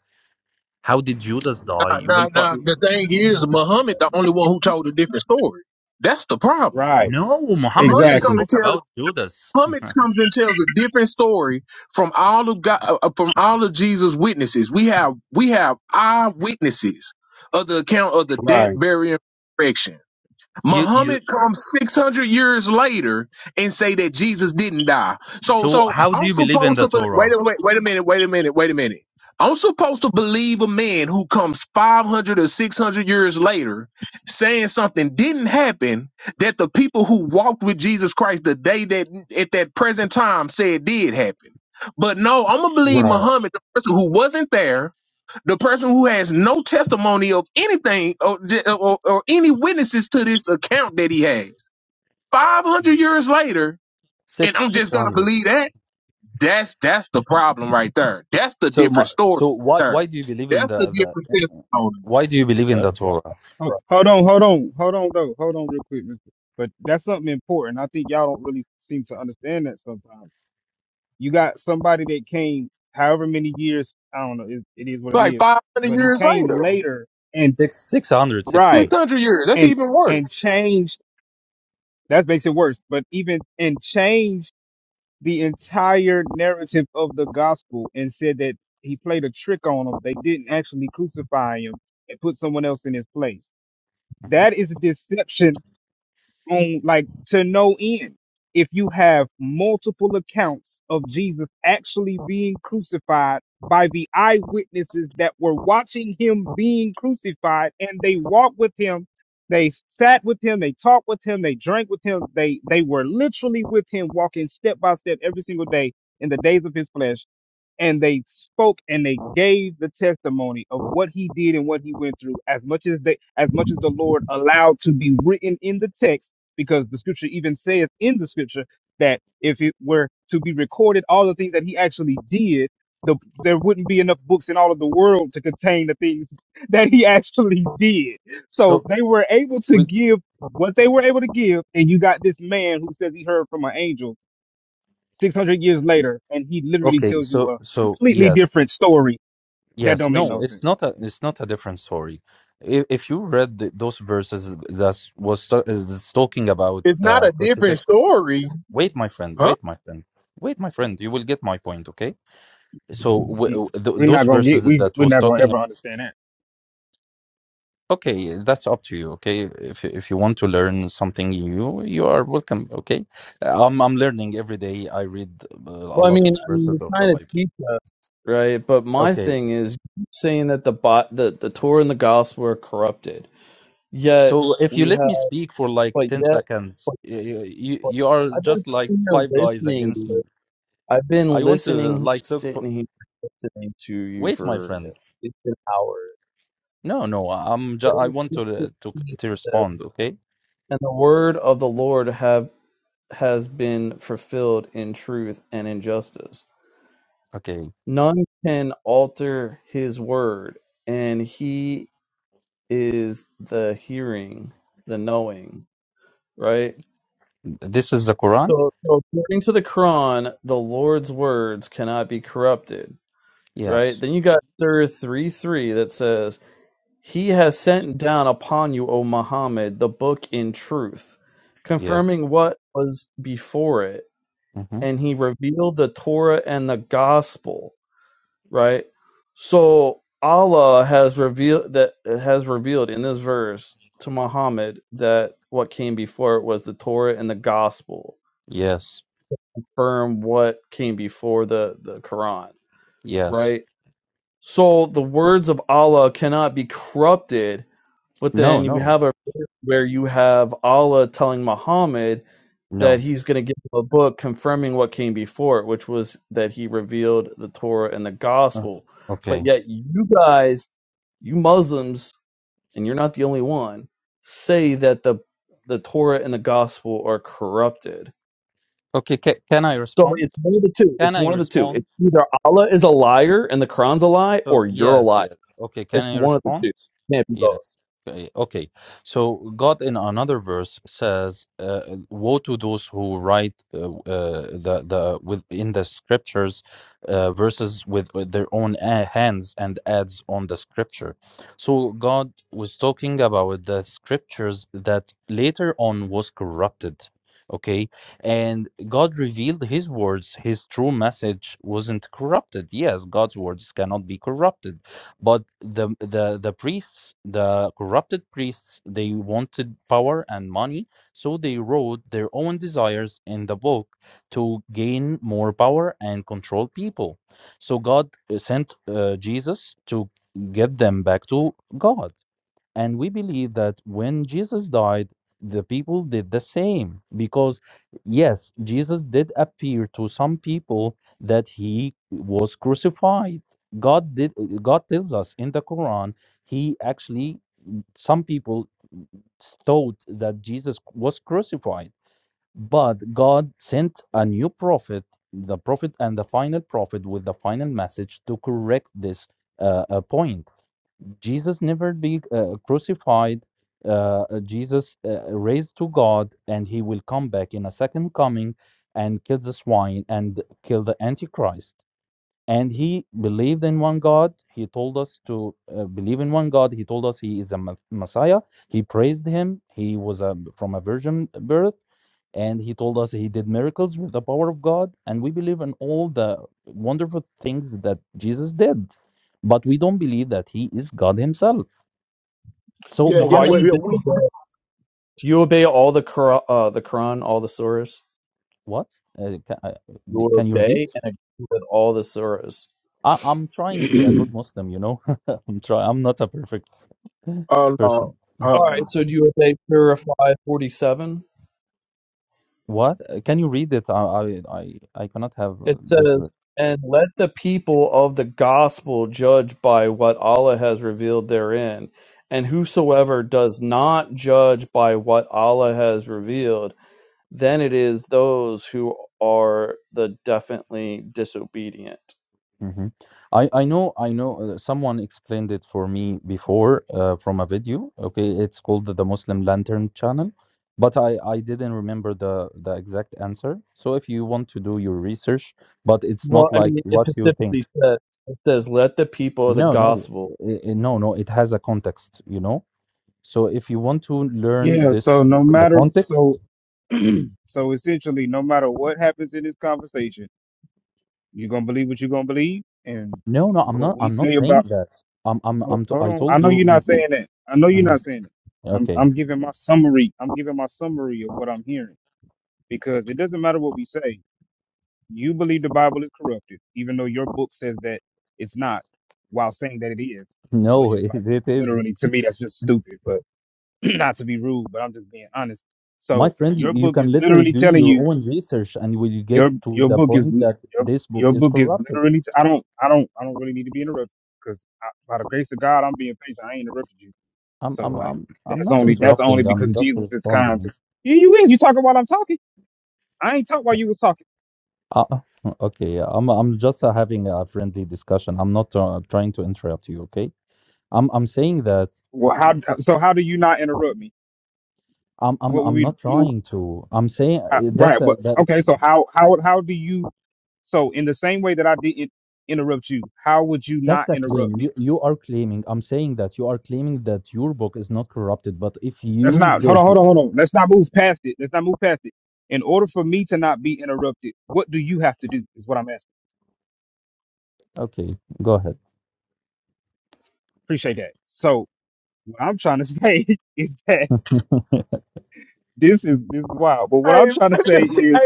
[SPEAKER 6] How did Judas die?
[SPEAKER 7] Now,
[SPEAKER 6] You will
[SPEAKER 7] now, now,
[SPEAKER 6] find.
[SPEAKER 7] the thing is, Muhammad, the only one who told a different story. That's the problem.
[SPEAKER 3] right
[SPEAKER 6] No, Muhammad
[SPEAKER 7] Muhammad
[SPEAKER 6] didn't
[SPEAKER 3] Exactly.
[SPEAKER 7] come and
[SPEAKER 6] talk
[SPEAKER 7] tell
[SPEAKER 6] about Judas.
[SPEAKER 7] Muhammad comes and tells a different story from all of God, uh, uh, from all of Jesus' witnesses. We have we have eyewitnesses of the account of the death,
[SPEAKER 3] Right.
[SPEAKER 7] burial, and resurrection.
[SPEAKER 6] you, you.
[SPEAKER 7] Muhammad comes 600 years later and say that Jesus didn't die. So,
[SPEAKER 6] So,
[SPEAKER 7] so
[SPEAKER 6] how do
[SPEAKER 7] I'm
[SPEAKER 6] you believe in
[SPEAKER 7] supposed
[SPEAKER 6] the
[SPEAKER 7] to, bel wait,
[SPEAKER 6] Torah?
[SPEAKER 7] a- wait, wait a minute, wait a minute, wait a minute. I'm supposed to believe a man who comes 500 or 600 years later saying something didn't happen that the people who walked with Jesus Christ the day that at that present time said did happen. But no, I'm going to believe
[SPEAKER 3] Right.
[SPEAKER 7] Muhammad, the person who wasn't there, the person who has no testimony of anything or, or, or any witnesses to this account that he has 500 years later and
[SPEAKER 6] Six,
[SPEAKER 7] i'm
[SPEAKER 6] six
[SPEAKER 7] just gonna
[SPEAKER 6] hundred.
[SPEAKER 7] believe that that's that's the problem right there that's the
[SPEAKER 6] So, my,
[SPEAKER 7] different story
[SPEAKER 6] so
[SPEAKER 7] right
[SPEAKER 6] why, why
[SPEAKER 7] there
[SPEAKER 6] do you believe in
[SPEAKER 7] that's the
[SPEAKER 6] the, the,
[SPEAKER 7] different testimony
[SPEAKER 6] why do you believe in the Torah?
[SPEAKER 3] Ho- Hold on. Hold on. Hold on. Though. Hold on, real quick, Mister. But that's something important. I think y'all don't really seem to understand that sometimes. You got somebody that came however many years. I don't know. It, it is what it
[SPEAKER 7] like
[SPEAKER 3] is.
[SPEAKER 7] 500
[SPEAKER 3] But he
[SPEAKER 7] years
[SPEAKER 3] came
[SPEAKER 7] later
[SPEAKER 3] later and
[SPEAKER 6] Six six hundred, six
[SPEAKER 3] right
[SPEAKER 6] hundred.
[SPEAKER 7] 600 years that's
[SPEAKER 3] and
[SPEAKER 7] even
[SPEAKER 3] and
[SPEAKER 7] worse
[SPEAKER 3] changed. That makes it worse. But even and changed the entire narrative of the gospel and said that he played a trick on them. They didn't actually crucify him and put someone else in his place
[SPEAKER 6] Mhm.
[SPEAKER 3] that is deception on like to no end if you have multiple accounts of jesus actually being crucified by the eyewitnesses that were watching him being crucified and they walked with him they sat with him they talked with him they drank with him they they were literally with him walking step by step every single day in the days of his flesh and they spoke and they gave the testimony of what he did and what he went through as much as they as much as the lord allowed to be written in the text because the scripture even says in the scripture that if it were to be recorded all the things that he actually did the, there wouldn't be enough books in all of the world to contain the things that he actually did so
[SPEAKER 6] So
[SPEAKER 3] they were able to
[SPEAKER 6] we
[SPEAKER 3] give what they were able to give and you got this man who says he heard from an angel 600 years later, and he literally
[SPEAKER 6] okay.
[SPEAKER 3] tells you
[SPEAKER 6] So
[SPEAKER 3] a
[SPEAKER 6] so
[SPEAKER 3] completely
[SPEAKER 6] yes,
[SPEAKER 3] different story that
[SPEAKER 6] yes.
[SPEAKER 3] don't make
[SPEAKER 6] No,
[SPEAKER 3] no
[SPEAKER 6] it's
[SPEAKER 3] sense.
[SPEAKER 6] not a it's not a different story. If, if you read the, those verses that was ta- is is talking about
[SPEAKER 7] it's not
[SPEAKER 6] the
[SPEAKER 7] a different
[SPEAKER 6] crucifixion,
[SPEAKER 7] story
[SPEAKER 6] wait, my friend,
[SPEAKER 7] huh
[SPEAKER 6] wait, my friend, wait, my friend. You will get my point, okay? so w-
[SPEAKER 3] Mm.
[SPEAKER 6] th-
[SPEAKER 3] We're
[SPEAKER 6] those
[SPEAKER 3] not gonna get
[SPEAKER 6] verses
[SPEAKER 3] we
[SPEAKER 6] that
[SPEAKER 3] we're
[SPEAKER 6] was
[SPEAKER 3] not gonna
[SPEAKER 6] talking
[SPEAKER 3] ever understand
[SPEAKER 6] okay that's up to you okay if if you want to learn something new you are welcome okay i'm i'm learning every day i read uh, a
[SPEAKER 8] Well, I
[SPEAKER 6] lot
[SPEAKER 8] mean,
[SPEAKER 6] of
[SPEAKER 8] I mean, you're
[SPEAKER 6] verses of the
[SPEAKER 8] trying to
[SPEAKER 6] bible
[SPEAKER 8] teach us, right? But my
[SPEAKER 6] okay
[SPEAKER 8] thing is saying that the bot, the the Torah and the Gospel are corrupted. Yet
[SPEAKER 6] so if you
[SPEAKER 8] we
[SPEAKER 6] let
[SPEAKER 8] have,
[SPEAKER 6] me speak for like
[SPEAKER 8] but
[SPEAKER 6] 10
[SPEAKER 8] yet,
[SPEAKER 6] seconds
[SPEAKER 8] but,
[SPEAKER 6] you you,
[SPEAKER 8] but
[SPEAKER 6] you are
[SPEAKER 8] I've been
[SPEAKER 6] just like
[SPEAKER 8] sitting here
[SPEAKER 6] five guys
[SPEAKER 8] listening.
[SPEAKER 6] against
[SPEAKER 8] dude.
[SPEAKER 6] me
[SPEAKER 8] I've been
[SPEAKER 6] i want to
[SPEAKER 8] listening,
[SPEAKER 6] like talk for
[SPEAKER 8] sitting here listening to you
[SPEAKER 6] wait my
[SPEAKER 8] for
[SPEAKER 6] friend
[SPEAKER 8] it's an hour,
[SPEAKER 6] no no i'm ju- i want to uh, to to respond okay
[SPEAKER 8] and the word of the Lord have has been fulfilled in truth and in justice.
[SPEAKER 6] okay
[SPEAKER 8] None can alter His word, and He is the hearing, the knowing, right?
[SPEAKER 6] this is the quran
[SPEAKER 8] So, so according to the Quran, the Lord's words cannot be corrupted, right?
[SPEAKER 6] yes
[SPEAKER 8] Then you got Sir three three that says. He has sent down upon you, O Muhammad, the book in truth,
[SPEAKER 6] yes
[SPEAKER 8] confirming what was before it,
[SPEAKER 6] mm-hmm.
[SPEAKER 8] and he revealed the Torah and the gospel, right? So Allah has revealed that has revealed in this verse to Muhammad that what came before it was the Torah and the gospel,
[SPEAKER 6] Yes.
[SPEAKER 8] confirm what came before the the Quran,
[SPEAKER 6] Yes.
[SPEAKER 8] right? So the words of Allah cannot be corrupted But
[SPEAKER 6] No,
[SPEAKER 8] then we
[SPEAKER 6] no,
[SPEAKER 8] have a where you have Allah telling Muhammad that
[SPEAKER 6] no.
[SPEAKER 8] he's going to give him a book confirming what came before it, which was that he revealed the Torah and the
[SPEAKER 6] Uh,
[SPEAKER 8] gospel. But
[SPEAKER 6] Okay.
[SPEAKER 8] yet, you guys, you Muslims, and you're not the only one, say that the the Torah and the gospel are corrupted.
[SPEAKER 6] Okay. Ca can I
[SPEAKER 8] So
[SPEAKER 6] respond?
[SPEAKER 8] it's one of the two.
[SPEAKER 6] Can
[SPEAKER 8] It's
[SPEAKER 6] I
[SPEAKER 8] one of the two.
[SPEAKER 6] respond?
[SPEAKER 8] It's either Allah is a liar and the Quran's a lie,
[SPEAKER 6] So
[SPEAKER 8] or you're a
[SPEAKER 6] yes,
[SPEAKER 8] liar.
[SPEAKER 6] yes. Okay, can
[SPEAKER 8] It's
[SPEAKER 6] I
[SPEAKER 8] one of the
[SPEAKER 6] respond?
[SPEAKER 8] two. Can't be both.
[SPEAKER 6] Yes. Okay. okay. So God in another verse says, uh, "Woe to those who write uh, uh, the the with in the scriptures uh, verses with, with their own uh, hands and adds on the scripture." So God was talking about the scriptures that later on was corrupted. Okay, and God revealed his words. His true message wasn't corrupted. Yes, God's words cannot be corrupted. But the the the priests, the corrupted priests, they wanted power and money, so they wrote their own desires in the book to gain more power and control people. So God uh, sent uh, Jesus to get them back to God and we believe that when Jesus died, the people did the same because, yes, Jesus did appear to some people that he was crucified. God did. God tells us in the Quran, he actually some people thought that Jesus was crucified, but God sent a new prophet, the prophet and the final prophet with the final message to correct this uh, uh, point Jesus never be uh, crucified. Uh, uh, Jesus uh, raised to God, and he will come back in a second coming and kill the swine and kill the Antichrist and he believed in one God. He told us to uh, believe in one God. He told us he is a Ma- Messiah. He praised him. He was a, from a virgin birth, and he told us he did miracles with the power of God. And we believe in all the wonderful things that Jesus did, but we don't believe that he is God himself. So
[SPEAKER 7] yeah
[SPEAKER 8] So why
[SPEAKER 6] Muhammad,
[SPEAKER 8] you
[SPEAKER 7] we
[SPEAKER 8] disobeying? Do you obey all the Quran, uh, the Quran, all the surahs?
[SPEAKER 6] what? Uh, can, uh,
[SPEAKER 8] You will
[SPEAKER 6] can you repeat?
[SPEAKER 8] obey and agree with all the surahs.
[SPEAKER 6] I, I'm trying to be a
[SPEAKER 3] that.
[SPEAKER 6] good Muslim, you know. I'm try. I'm not a perfect
[SPEAKER 7] uh, uh
[SPEAKER 6] person.
[SPEAKER 8] All
[SPEAKER 7] hold
[SPEAKER 8] right,
[SPEAKER 7] on.
[SPEAKER 8] so do you obey Surah 547?
[SPEAKER 6] What? Uh, Can you read it? I I I, I cannot have
[SPEAKER 8] It
[SPEAKER 6] uh, this.
[SPEAKER 8] says,
[SPEAKER 6] re-
[SPEAKER 8] And let the people of the gospel judge by what Allah has revealed therein. And whosoever does not judge by what Allah has revealed, then it is those who are the definitely disobedient.
[SPEAKER 6] hmm I, I know I know uh, someone explained it for me before uh, from a video. Okay, it's called the, the Muslim Lantern Channel, but I, I didn't remember the the exact answer. So if you want to do your research, but it's
[SPEAKER 8] Well,
[SPEAKER 6] not
[SPEAKER 8] I
[SPEAKER 6] like
[SPEAKER 8] mean, it
[SPEAKER 6] what you
[SPEAKER 8] specifically
[SPEAKER 6] think.
[SPEAKER 8] says it says, "Let the people of the
[SPEAKER 6] No, no,
[SPEAKER 8] gospel."
[SPEAKER 6] i- i- no, no. It has a context, you know. So if you want to learn
[SPEAKER 3] yeah.
[SPEAKER 6] this,
[SPEAKER 3] So no
[SPEAKER 6] the
[SPEAKER 3] matter
[SPEAKER 6] context.
[SPEAKER 3] so so essentially, no matter what happens in this conversation, you're gonna believe what you're gonna believe, and
[SPEAKER 6] No, no, I'm
[SPEAKER 3] what
[SPEAKER 6] not.
[SPEAKER 3] we
[SPEAKER 6] I'm not
[SPEAKER 3] say about.
[SPEAKER 6] saying that. I'm. I'm.
[SPEAKER 3] Hold,
[SPEAKER 6] I'm. T-
[SPEAKER 3] hold
[SPEAKER 6] I am I am I am I
[SPEAKER 3] on, I
[SPEAKER 6] told
[SPEAKER 3] know
[SPEAKER 6] you
[SPEAKER 3] you're not saying
[SPEAKER 6] before.
[SPEAKER 3] that. I know you're
[SPEAKER 6] Mhm.
[SPEAKER 3] not saying that. I'm
[SPEAKER 6] Okay.
[SPEAKER 3] I'm giving my summary. I'm giving my summary of what I'm hearing because it doesn't matter what we say. you believe the Bible is corrupted, even though your book says that it's not, while saying that it is, which
[SPEAKER 6] No,
[SPEAKER 3] is like
[SPEAKER 6] it is.
[SPEAKER 3] literally to me that's just stupid. But not to be rude, but I'm just being honest.
[SPEAKER 6] my
[SPEAKER 3] So
[SPEAKER 6] friend, you
[SPEAKER 3] your
[SPEAKER 6] you
[SPEAKER 3] book
[SPEAKER 6] can
[SPEAKER 3] is
[SPEAKER 6] literally
[SPEAKER 3] literally
[SPEAKER 6] do
[SPEAKER 3] telling
[SPEAKER 6] your
[SPEAKER 3] you
[SPEAKER 6] own research and you will get
[SPEAKER 3] your
[SPEAKER 6] to
[SPEAKER 3] your
[SPEAKER 6] the
[SPEAKER 3] book is
[SPEAKER 6] point
[SPEAKER 3] li-
[SPEAKER 6] that
[SPEAKER 3] your
[SPEAKER 6] this book
[SPEAKER 3] your
[SPEAKER 6] is
[SPEAKER 3] book is
[SPEAKER 6] corrupting.
[SPEAKER 3] literally. T- I don't I don't I don't really need to be interrupted because by the grace of God I'm being patient. I ain't interrupted you.
[SPEAKER 6] I'm,
[SPEAKER 3] So
[SPEAKER 6] I'm,
[SPEAKER 3] like
[SPEAKER 6] I'm, I'm
[SPEAKER 3] that's
[SPEAKER 6] not
[SPEAKER 3] only that's only
[SPEAKER 6] interrupting. I'm
[SPEAKER 3] because
[SPEAKER 6] just
[SPEAKER 3] Jesus is kind
[SPEAKER 6] responding.
[SPEAKER 3] to you. You is you talking while I'm talking. I ain't talk while you were talking.
[SPEAKER 6] Uh, uh, okay, I'm, I'm just uh, having a friendly discussion. I'm not uh, trying to interrupt you. Okay, I'm, I'm saying that
[SPEAKER 3] Well, how so? How do you not interrupt me?
[SPEAKER 6] I'm, I'm,
[SPEAKER 3] What would
[SPEAKER 6] I'm
[SPEAKER 3] we?
[SPEAKER 6] not trying to. I'm saying
[SPEAKER 3] Uh,
[SPEAKER 6] uh, that's
[SPEAKER 3] right.
[SPEAKER 6] a
[SPEAKER 3] But
[SPEAKER 6] that,
[SPEAKER 3] okay. So how how how do you? So in the same way that I didn't interrupt you, how would you not
[SPEAKER 6] that's a
[SPEAKER 3] interrupt
[SPEAKER 6] claim. You,
[SPEAKER 3] me?
[SPEAKER 6] you are claiming. I'm saying that you are claiming that your book is not corrupted. But if
[SPEAKER 3] That's
[SPEAKER 6] you
[SPEAKER 3] not. Hold
[SPEAKER 6] did,
[SPEAKER 3] on. Hold on. Hold on. Let's not move past it. Let's not move past it. In order for me to not be interrupted, what do you have to do? Is what I'm asking.
[SPEAKER 6] okay, go ahead.
[SPEAKER 3] Appreciate that. So what I'm trying to say is that this is this is wild. But what I'm
[SPEAKER 7] Hey,
[SPEAKER 3] trying to say
[SPEAKER 7] hey,
[SPEAKER 3] is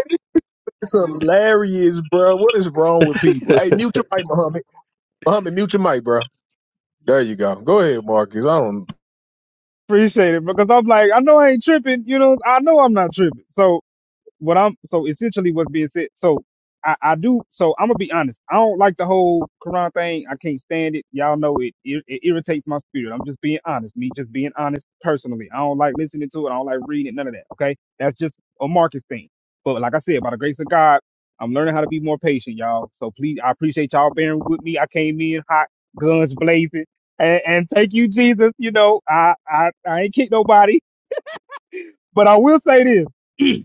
[SPEAKER 7] this is hilarious, bro. What is wrong with people? Hey, mute your mic, Muhammad. Muhammad, mute your mic, bro. There you go. Go ahead, Marcus. I don't.
[SPEAKER 3] appreciate it because I'm like I know I ain't tripping. You know I know I'm not tripping. So. what I'm so essentially what's being said. So I, I do. So I'm gonna be honest. I don't like the whole Quran thing. I can't stand it. Y'all know it. It, it irritates my spirit. I'm just being honest. Me just being honest personally. I don't like listening to it. I don't like reading it. None of that. Okay, that's just a Marcus thing. But like I said, by the grace of God, I'm learning how to be more patient, y'all. So please, I appreciate y'all bearing with me. I came in hot, guns blazing, and, and thank you, Jesus. You know, I I I ain't kick nobody, but I will say this.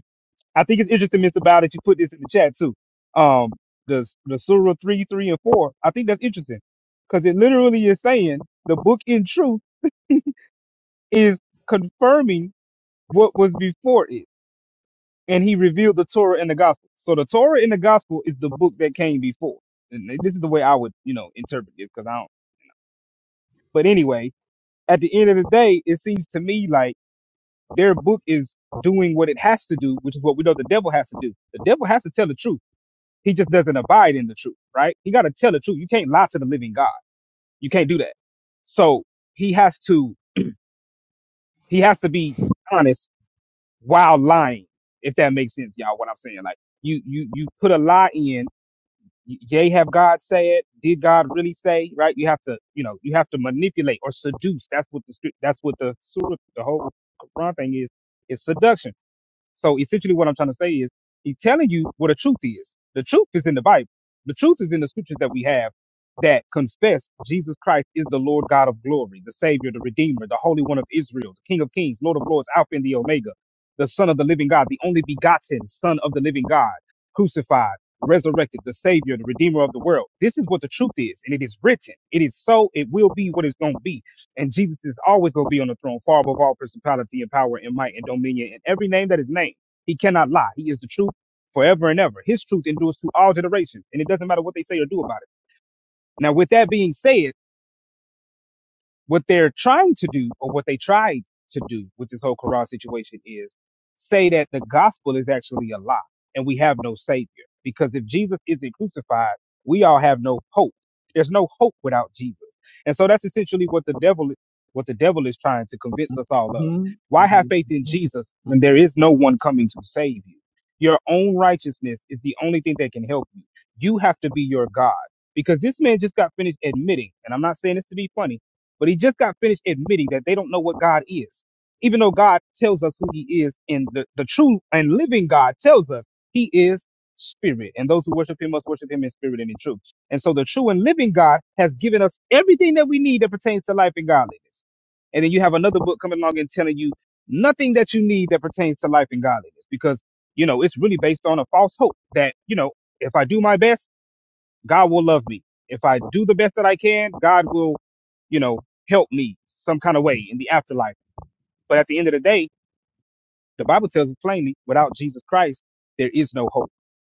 [SPEAKER 3] I think it's interesting, Mr. Bow, that you put this in the chat too. Um, the the Surah three, three, and four. I think that's interesting because it literally is saying the book in truth is confirming what was before it, and he revealed the Torah and the gospel. So the Torah and the gospel is the book that came before. And this is the way I would, you know, interpret this because I don't. But anyway, at the end of the day, it seems to me like their book is doing what it has to do, which is what we know the devil has to do. The devil has to tell the truth He just doesn't abide in the truth, right? He got to tell the truth. You can't lie to the living God. You can't do that. So he has to, he has to be honest while lying. If that makes sense, y'all, what I'm saying. Like you, you, you put a lie in. y- Yea, have God said? Did God really say? Right? You have to, you know, you have to manipulate or seduce. That's what the, scrip- that's what the surah, the whole Quran thing is, is seduction So essentially what I'm trying to say is he's telling you what the truth is. The truth is in the Bible. The truth is in the scriptures that we have that confess Jesus Christ is the Lord God of glory, the Savior, the Redeemer, the Holy One of Israel, the King of Kings, Lord of Lords, Alpha and the Omega, the Son of the Living God, the only begotten Son of the Living God, crucified, resurrected, the Savior, the Redeemer of the world. This is what the truth is, and it is written. It is so, it will be what it's going to be. And Jesus is always going to be on the throne, far above all principality and power and might and dominion and every name that is named. He cannot lie. He is the truth forever and ever. His truth endures to all generations, and it doesn't matter what they say or do about it. Now, with that being said, what they're trying to do or what they tried to do with this whole Quran situation is say that the gospel is actually a lie and we have no savior. Because if Jesus isn't crucified, we all have no hope. There's no hope without Jesus. And so that's essentially what the devil what the devil is trying to convince us all of.
[SPEAKER 8] hmm
[SPEAKER 3] Why have faith in Jesus when there is no one coming to save you? Your own righteousness is the only thing that can help you. You have to be your God. Because this man just got finished admitting, and I'm not saying this to be funny, but he just got finished admitting that they don't know what God is. Even though God tells us who he is, and the, the true and living God tells us he is spirit. And those who worship him must worship him in spirit and in truth. And so the true and living God has given us everything that we need that pertains to life and godliness. And then you have another book coming along and telling you nothing that you need that pertains to life and godliness because, you know, it's really based on a false hope that, you know, if I do my best, God will love me. If I do the best that I can, God will, you know, help me some kind of way in the afterlife. But at the end of the day, the Bible tells us plainly, without Jesus Christ, there is no hope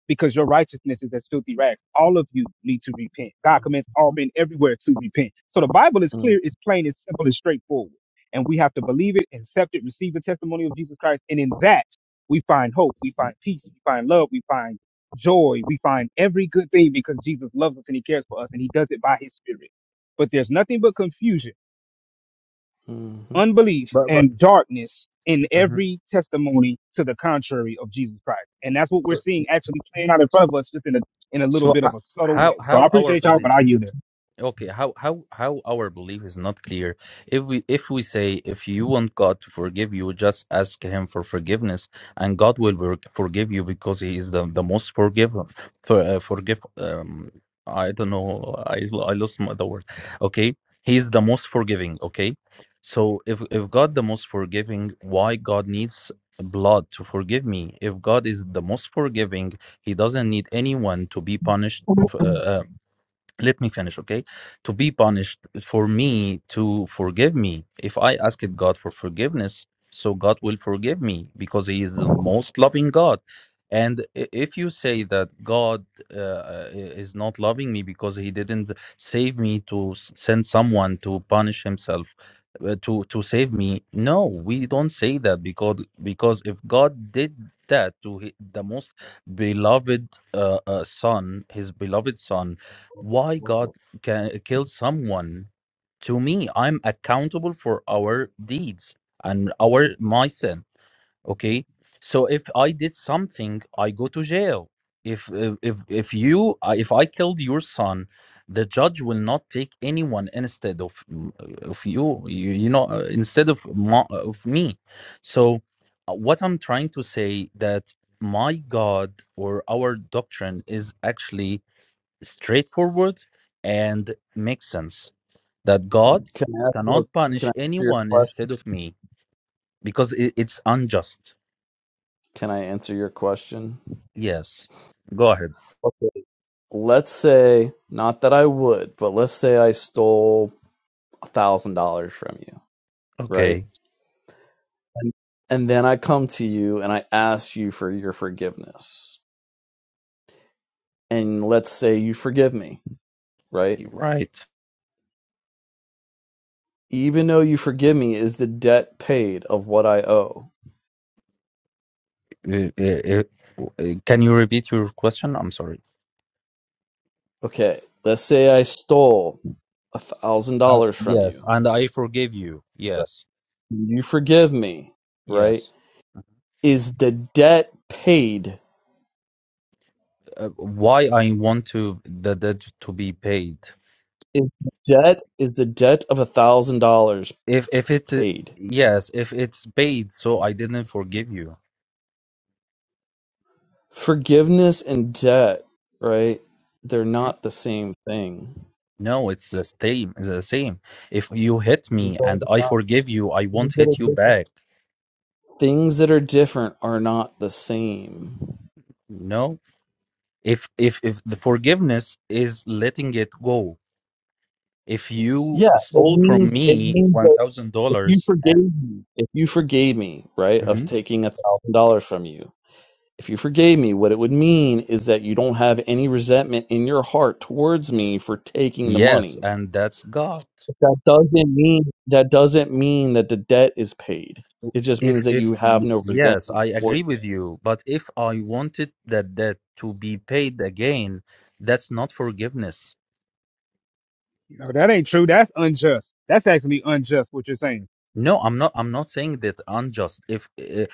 [SPEAKER 3] because your righteousness is as filthy rags. All of you need to repent. God commands all men everywhere to repent. So the Bible is
[SPEAKER 8] hmm
[SPEAKER 3] clear, it's plain, it's simple, it's straightforward. And we have to believe it, accept it, receive the testimony of Jesus Christ. And in that, we find hope, we find peace, we find love, we find joy, we find every good thing because Jesus loves us and he cares for us and he does it by his spirit. But there's nothing but confusion
[SPEAKER 8] hmm
[SPEAKER 3] unbelief
[SPEAKER 6] But but
[SPEAKER 3] and darkness in
[SPEAKER 6] Mhm.
[SPEAKER 3] every testimony to the contrary of Jesus Christ. And that's what we're seeing actually playing out in front of us just in a in a little
[SPEAKER 6] So
[SPEAKER 3] bit of
[SPEAKER 6] h-
[SPEAKER 3] a subtle
[SPEAKER 6] how
[SPEAKER 3] way. So I
[SPEAKER 6] how our
[SPEAKER 3] appreciate y'all,
[SPEAKER 6] belief?
[SPEAKER 3] but I yield there.
[SPEAKER 6] okay how how how our belief is not clear if we if we say if you want god to forgive you just ask him for forgiveness and god will wor- forgive you because he is the, the most forgiven for uh, forgive um i don't know i lo- i lost my, the word okay he is the most forgiving okay so if if god the most forgiving why god needs blood to forgive me if god is the most forgiving he doesn't need anyone to be punished uh, uh, let me finish okay to be punished for me to forgive me if i ask it god for forgiveness so god will forgive me because he is the most loving god and i- if you say that god uh, uh, is not loving me because he didn't save me to s- send someone to punish himself uh, to to save me no we don't say that because because if god did that to hi- the most beloved uh, uh, son his beloved son why God can kill someone to me. I'm accountable for our deeds and our my sin. Okay, so if I did something, I go to jail. If if if if you uh, if I killed your son, the judge will not take anyone instead of mm, of you. You, you know uh, instead of my, of me. So uh, what I'm trying to say that my God or our doctrine is actually straightforward and makes sense that God
[SPEAKER 8] Can I ask you,
[SPEAKER 6] cannot
[SPEAKER 8] can
[SPEAKER 6] punish
[SPEAKER 8] I answer your
[SPEAKER 6] anyone
[SPEAKER 8] question?
[SPEAKER 6] instead of me because i- it's unjust.
[SPEAKER 8] Can I answer your question?
[SPEAKER 6] Yes. Go ahead.
[SPEAKER 8] Okay. Let's say, not that I would, but let's say I stole a thousand dollars from you, right?
[SPEAKER 6] Okay,
[SPEAKER 8] And and then I come to you and I ask you for your forgiveness. And let's say you forgive me, right?
[SPEAKER 6] you're right.
[SPEAKER 8] Even though you forgive me, is the debt paid of what I owe?
[SPEAKER 6] Uh, uh, uh, uh, Can you repeat your question? I'm sorry.
[SPEAKER 8] Okay, let's say I stole a thousand
[SPEAKER 6] Uh,
[SPEAKER 8] dollars from
[SPEAKER 6] yes,
[SPEAKER 8] you.
[SPEAKER 6] and I forgive you. Yes,
[SPEAKER 8] You forgive me, right?
[SPEAKER 6] yes.
[SPEAKER 8] Is the debt paid?
[SPEAKER 6] Uh, why I want to the debt to be paid?
[SPEAKER 8] Is the debt is the debt of a thousand dollars
[SPEAKER 6] If if it uh,
[SPEAKER 8] paid?
[SPEAKER 6] yes, if it's paid, so I didn't forgive you.
[SPEAKER 8] Forgiveness and debt, right? They're not the same thing.
[SPEAKER 6] No, it's the same. The same. If you hit me and I forgive you, I
[SPEAKER 8] Things
[SPEAKER 6] won't
[SPEAKER 8] that are
[SPEAKER 6] hit you
[SPEAKER 8] different
[SPEAKER 6] back.
[SPEAKER 8] things that are different are not the same.
[SPEAKER 6] No. If if if the forgiveness is letting it go. If you
[SPEAKER 8] Yeah, it
[SPEAKER 6] stole from
[SPEAKER 8] means it
[SPEAKER 6] me
[SPEAKER 8] means
[SPEAKER 6] one
[SPEAKER 8] that
[SPEAKER 6] thousand
[SPEAKER 8] if you
[SPEAKER 6] dollars,
[SPEAKER 8] forgave
[SPEAKER 6] and
[SPEAKER 8] me, if you forgave me, right, of
[SPEAKER 6] Mhm.
[SPEAKER 8] taking a thousand dollars from you, if you forgave me, what it would mean is that you don't have any resentment in your heart towards me for taking the
[SPEAKER 6] yes,
[SPEAKER 8] money.
[SPEAKER 6] and that's God.
[SPEAKER 8] But that doesn't mean that doesn't mean that the debt is paid. It just means
[SPEAKER 6] If
[SPEAKER 8] that
[SPEAKER 6] if
[SPEAKER 8] you have
[SPEAKER 6] y-
[SPEAKER 8] no
[SPEAKER 6] yes,
[SPEAKER 8] resentment
[SPEAKER 6] I
[SPEAKER 8] towards
[SPEAKER 6] agree with you. But if I wanted that debt to be paid again, that's not forgiveness.
[SPEAKER 3] You know, that ain't true. That's unjust. That's actually unjust what you're saying.
[SPEAKER 6] No, I'm not. I'm not saying that unjust. If uh,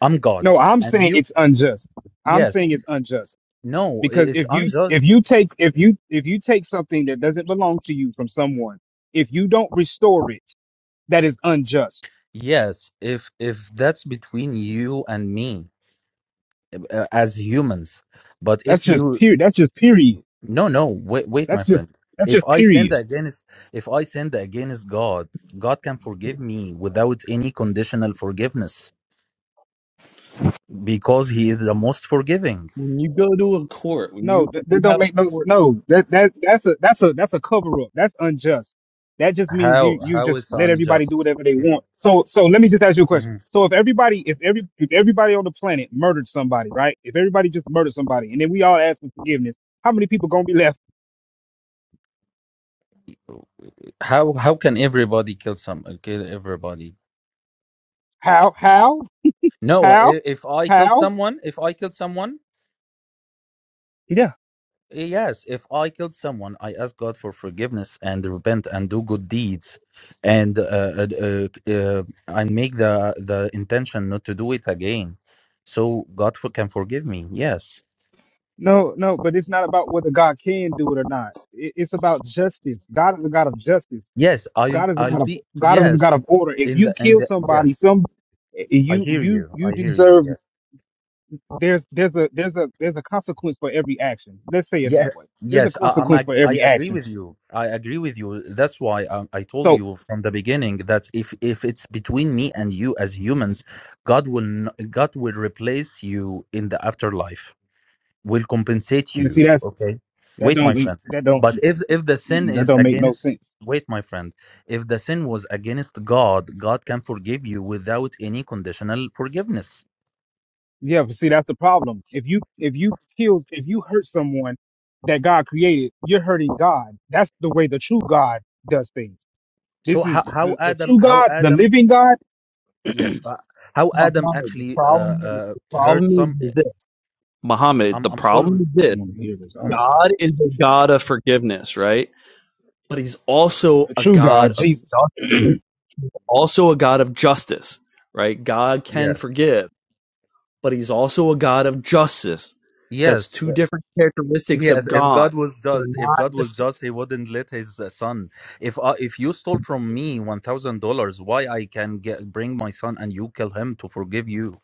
[SPEAKER 6] I'm God,
[SPEAKER 3] No, I'm
[SPEAKER 6] and
[SPEAKER 3] saying
[SPEAKER 6] you
[SPEAKER 3] it's unjust. I'm
[SPEAKER 6] Yes.
[SPEAKER 3] saying it's unjust.
[SPEAKER 6] No, i-
[SPEAKER 3] Because
[SPEAKER 6] it's
[SPEAKER 3] if you
[SPEAKER 6] unjust.
[SPEAKER 3] if you take if you if you take something that doesn't belong to you from someone, if you don't restore it, that is unjust.
[SPEAKER 6] Yes, if if that's between you and me uh, as humans. But
[SPEAKER 3] That's
[SPEAKER 6] if
[SPEAKER 3] just
[SPEAKER 6] you
[SPEAKER 3] period. That's just period.
[SPEAKER 6] No, no, wait wait
[SPEAKER 3] That's
[SPEAKER 6] my
[SPEAKER 3] just
[SPEAKER 6] friend.
[SPEAKER 3] that's
[SPEAKER 6] If
[SPEAKER 3] just
[SPEAKER 6] I sin
[SPEAKER 3] period.
[SPEAKER 6] against if I sin against God, God can forgive me without any conditional forgiveness because he is the most forgiving.
[SPEAKER 8] when you go to a court, when
[SPEAKER 3] No,
[SPEAKER 8] you
[SPEAKER 3] that, that
[SPEAKER 8] you
[SPEAKER 3] don't
[SPEAKER 8] have a
[SPEAKER 3] make no s-
[SPEAKER 8] court,
[SPEAKER 3] no. That that that's a that's a that's a cover up. That's unjust. That just means you
[SPEAKER 6] How
[SPEAKER 3] you
[SPEAKER 6] how
[SPEAKER 3] just
[SPEAKER 6] it's
[SPEAKER 3] let everybody do
[SPEAKER 6] unjust?
[SPEAKER 3] whatever they
[SPEAKER 6] If
[SPEAKER 3] want. So so let me just ask you a question.
[SPEAKER 6] Mhm.
[SPEAKER 3] So if everybody if every if everybody on the planet murdered somebody, right? If everybody just murdered somebody, and then we all ask for forgiveness, how many people gonna be left?
[SPEAKER 6] How how can everybody kill some kill everybody?
[SPEAKER 3] How how
[SPEAKER 6] No,
[SPEAKER 3] how
[SPEAKER 6] i- if I kill
[SPEAKER 3] how?
[SPEAKER 6] someone, if I kill someone
[SPEAKER 3] Yeah.
[SPEAKER 6] Yes, if I killed someone, I ask God for forgiveness and repent and do good deeds, and uh, uh, uh, uh, and make the the intention not to do it again, so God for, can forgive me. Yes,
[SPEAKER 3] No no. But it's not about whether God can do it or not. It, it's about justice. God is the God of justice.
[SPEAKER 6] yes, I'll
[SPEAKER 3] God is the
[SPEAKER 6] I'll
[SPEAKER 3] God of
[SPEAKER 6] be
[SPEAKER 3] God is the
[SPEAKER 6] yes
[SPEAKER 3] God of order. If
[SPEAKER 6] in
[SPEAKER 3] you
[SPEAKER 6] the in
[SPEAKER 3] kill
[SPEAKER 6] the
[SPEAKER 3] somebody,
[SPEAKER 6] yes.
[SPEAKER 3] some
[SPEAKER 6] I
[SPEAKER 3] you
[SPEAKER 6] hear
[SPEAKER 3] you
[SPEAKER 6] you.
[SPEAKER 3] you
[SPEAKER 6] I hear you.
[SPEAKER 3] deserve
[SPEAKER 6] Yes.
[SPEAKER 3] there's there's a there's a there's a consequence for every action. Let's say it
[SPEAKER 6] Yeah,
[SPEAKER 3] that way. There's a
[SPEAKER 6] yes, I, I'm.
[SPEAKER 3] consequence
[SPEAKER 6] ag-
[SPEAKER 3] for
[SPEAKER 6] I
[SPEAKER 3] every
[SPEAKER 6] agree
[SPEAKER 3] action.
[SPEAKER 6] with you. I agree with you. That's why I, I told
[SPEAKER 3] So
[SPEAKER 6] you from the beginning that if if it's between me and you as humans, God will n- God will replace you in the afterlife. Will compensate
[SPEAKER 3] you
[SPEAKER 6] you.
[SPEAKER 3] see that's
[SPEAKER 6] Okay.
[SPEAKER 3] that
[SPEAKER 6] Wait,
[SPEAKER 3] don't
[SPEAKER 6] my
[SPEAKER 3] make
[SPEAKER 6] friend.
[SPEAKER 3] that don't
[SPEAKER 6] But if if the sin
[SPEAKER 3] mm-mm, that
[SPEAKER 6] is
[SPEAKER 3] don't make no
[SPEAKER 6] against,
[SPEAKER 3] sense.
[SPEAKER 6] wait, my friend. If the sin was against God, God can forgive you without any conditional forgiveness.
[SPEAKER 3] Yeah, but see that's the problem. If you if you kill if you hurt someone that God created, you're hurting God. That's the way the true God does things. This
[SPEAKER 6] So
[SPEAKER 3] is
[SPEAKER 6] how, how
[SPEAKER 3] the, the
[SPEAKER 6] Adam
[SPEAKER 3] true
[SPEAKER 6] how
[SPEAKER 3] God, the
[SPEAKER 6] Adam
[SPEAKER 3] living God.
[SPEAKER 6] Yes. Uh, how Adam
[SPEAKER 8] Muhammad, the
[SPEAKER 6] actually uh,
[SPEAKER 8] problem is,
[SPEAKER 6] uh,
[SPEAKER 8] the
[SPEAKER 6] heard
[SPEAKER 8] problem
[SPEAKER 6] some.
[SPEAKER 8] is this. Muhammad,
[SPEAKER 6] I'm,
[SPEAKER 8] the
[SPEAKER 6] I'm
[SPEAKER 8] problem
[SPEAKER 6] following.
[SPEAKER 8] is
[SPEAKER 3] I
[SPEAKER 8] this
[SPEAKER 3] don't want to hear this. I don't
[SPEAKER 6] Mhm.
[SPEAKER 8] God is a
[SPEAKER 3] know.
[SPEAKER 8] God of forgiveness, right? But he's also
[SPEAKER 3] the
[SPEAKER 8] a
[SPEAKER 3] true
[SPEAKER 8] God
[SPEAKER 3] God,
[SPEAKER 8] of
[SPEAKER 3] Jesus.
[SPEAKER 8] justice, also a God of justice, right? God can
[SPEAKER 6] Yes.
[SPEAKER 8] forgive, but he's also a God of justice. That's
[SPEAKER 6] Yes.
[SPEAKER 8] two
[SPEAKER 6] Uh,
[SPEAKER 8] different characteristics
[SPEAKER 6] Yes.
[SPEAKER 8] of
[SPEAKER 6] If
[SPEAKER 8] God.
[SPEAKER 6] God was
[SPEAKER 8] They're
[SPEAKER 6] just, if
[SPEAKER 8] not the
[SPEAKER 6] God was just, He wouldn't let His uh, son. If uh, if you stole from me one thousand dollars, why I can get bring my son and you kill him to forgive you?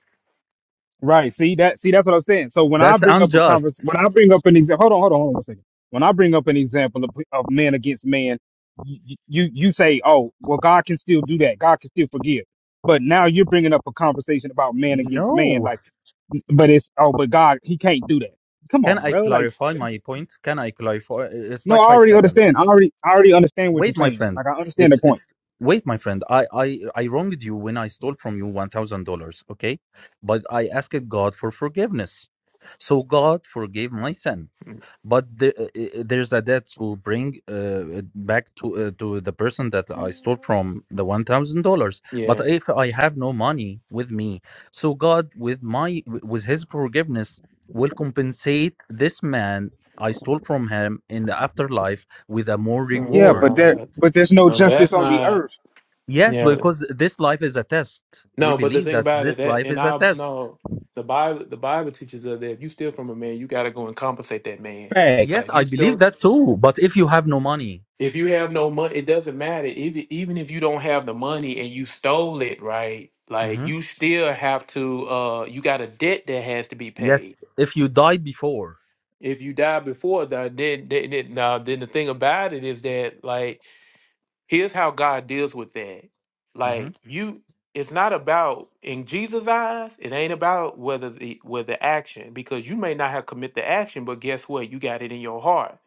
[SPEAKER 3] Right. See that. See that's what I'm saying. So when I
[SPEAKER 6] That's
[SPEAKER 3] bring up a
[SPEAKER 6] unjust.
[SPEAKER 3] convers, when I bring up an example, hold on, hold on, hold on a second. When I bring up an example of, of man against man, you, you you say, oh, well, God can still do that. God can still forgive. But now you're bringing up a conversation about man against man,
[SPEAKER 6] No.
[SPEAKER 3] like, but it's oh, but God, he can't do that. Come
[SPEAKER 6] Can
[SPEAKER 3] on,
[SPEAKER 6] I
[SPEAKER 3] bro. Like,
[SPEAKER 6] clarify
[SPEAKER 3] that's,
[SPEAKER 6] my point? Can I clarify? uh, It's
[SPEAKER 3] no, I
[SPEAKER 6] like five
[SPEAKER 3] already
[SPEAKER 6] seconds.
[SPEAKER 3] understand. I already, I already understand what you're
[SPEAKER 6] Wait, my
[SPEAKER 3] saying.
[SPEAKER 6] friend.
[SPEAKER 3] Like, I understand
[SPEAKER 6] It's
[SPEAKER 3] the point.
[SPEAKER 6] it's wait, my friend. I I I wronged you when I stole from you one thousand dollars. Okay, but I asked God for forgiveness, so God forgave my sin. But the, uh, uh, there's a debt to bring uh, back to uh, to the person that I stole from the one thousand dollars. But
[SPEAKER 1] yeah,
[SPEAKER 6] if I have no money with me, so God with my with His forgiveness will compensate this man I stole from him in the afterlife with a more
[SPEAKER 1] Mm,
[SPEAKER 3] Yeah,
[SPEAKER 6] reward
[SPEAKER 3] but
[SPEAKER 1] no,
[SPEAKER 3] there,
[SPEAKER 1] that,
[SPEAKER 3] but there's no
[SPEAKER 1] no, no,
[SPEAKER 3] justice
[SPEAKER 1] that's
[SPEAKER 3] on the
[SPEAKER 1] not.
[SPEAKER 3] earth.
[SPEAKER 6] Yes,
[SPEAKER 1] Yeah,
[SPEAKER 6] because this life is a test. We
[SPEAKER 1] no, but the
[SPEAKER 6] believe
[SPEAKER 1] thing
[SPEAKER 6] that
[SPEAKER 1] about it,
[SPEAKER 6] this
[SPEAKER 1] that
[SPEAKER 6] life
[SPEAKER 1] and
[SPEAKER 6] is a
[SPEAKER 1] I
[SPEAKER 6] test.
[SPEAKER 1] no, the Bible, the Bible teaches us that if you steal from a man, you got to go and compensate that man.
[SPEAKER 3] Facts.
[SPEAKER 1] Like
[SPEAKER 6] Yes,
[SPEAKER 1] if you
[SPEAKER 6] I believe
[SPEAKER 1] stole,
[SPEAKER 6] that too. But if you have no money,
[SPEAKER 1] If you have no money, it doesn't matter. Even even if you don't have the money and you stole it, right? Like
[SPEAKER 6] Mhm.
[SPEAKER 1] you still have to. Uh, you got a debt that has to be
[SPEAKER 6] yes,
[SPEAKER 1] paid.
[SPEAKER 6] if you die before,
[SPEAKER 1] If you die before that, then then, then now then the thing about it is that like here's how God deals with that.
[SPEAKER 6] Mhm.
[SPEAKER 1] Like you, it's not about in Jesus' eyes. It ain't about whether the whether action because you may not have commit the action, but guess what? You got it in your heart.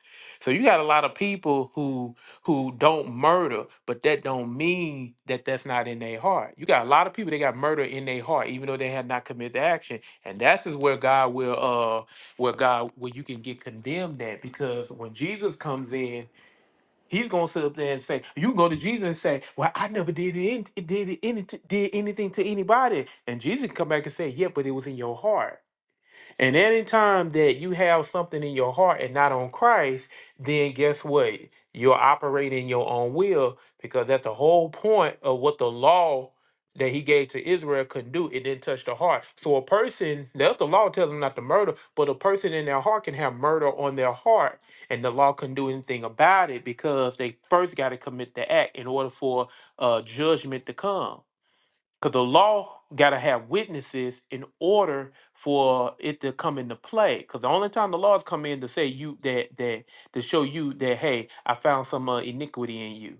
[SPEAKER 1] So you got a lot of people who who don't murder, but that don't mean that that's not in their heart. You got a lot of people that got murder in their heart, even though they have not committed the action, and that's is where God will uh where God where you can get condemned at because when Jesus comes in He's gonna sit up there and say, "You can go to Jesus and say, well, I never did any, did any, did anything to anybody," and Jesus can come back and say, "Yeah, but it was in your heart." And anytime that you have something in your heart and not on Christ, then guess what? You're operating in your own will because that's the whole point of what the law that he gave to Israel couldn't do. It didn't touch the heart. So a person, that's the law tells them not to murder, but a person in their heart can have murder on their heart, and the law couldn't do anything about it because they first got to commit the act in order for uh, judgment to come. Because the law got to have witnesses in order for it to come into play. Because the only time the laws come in to say you that that to show you that hey, I found some uh, iniquity in you.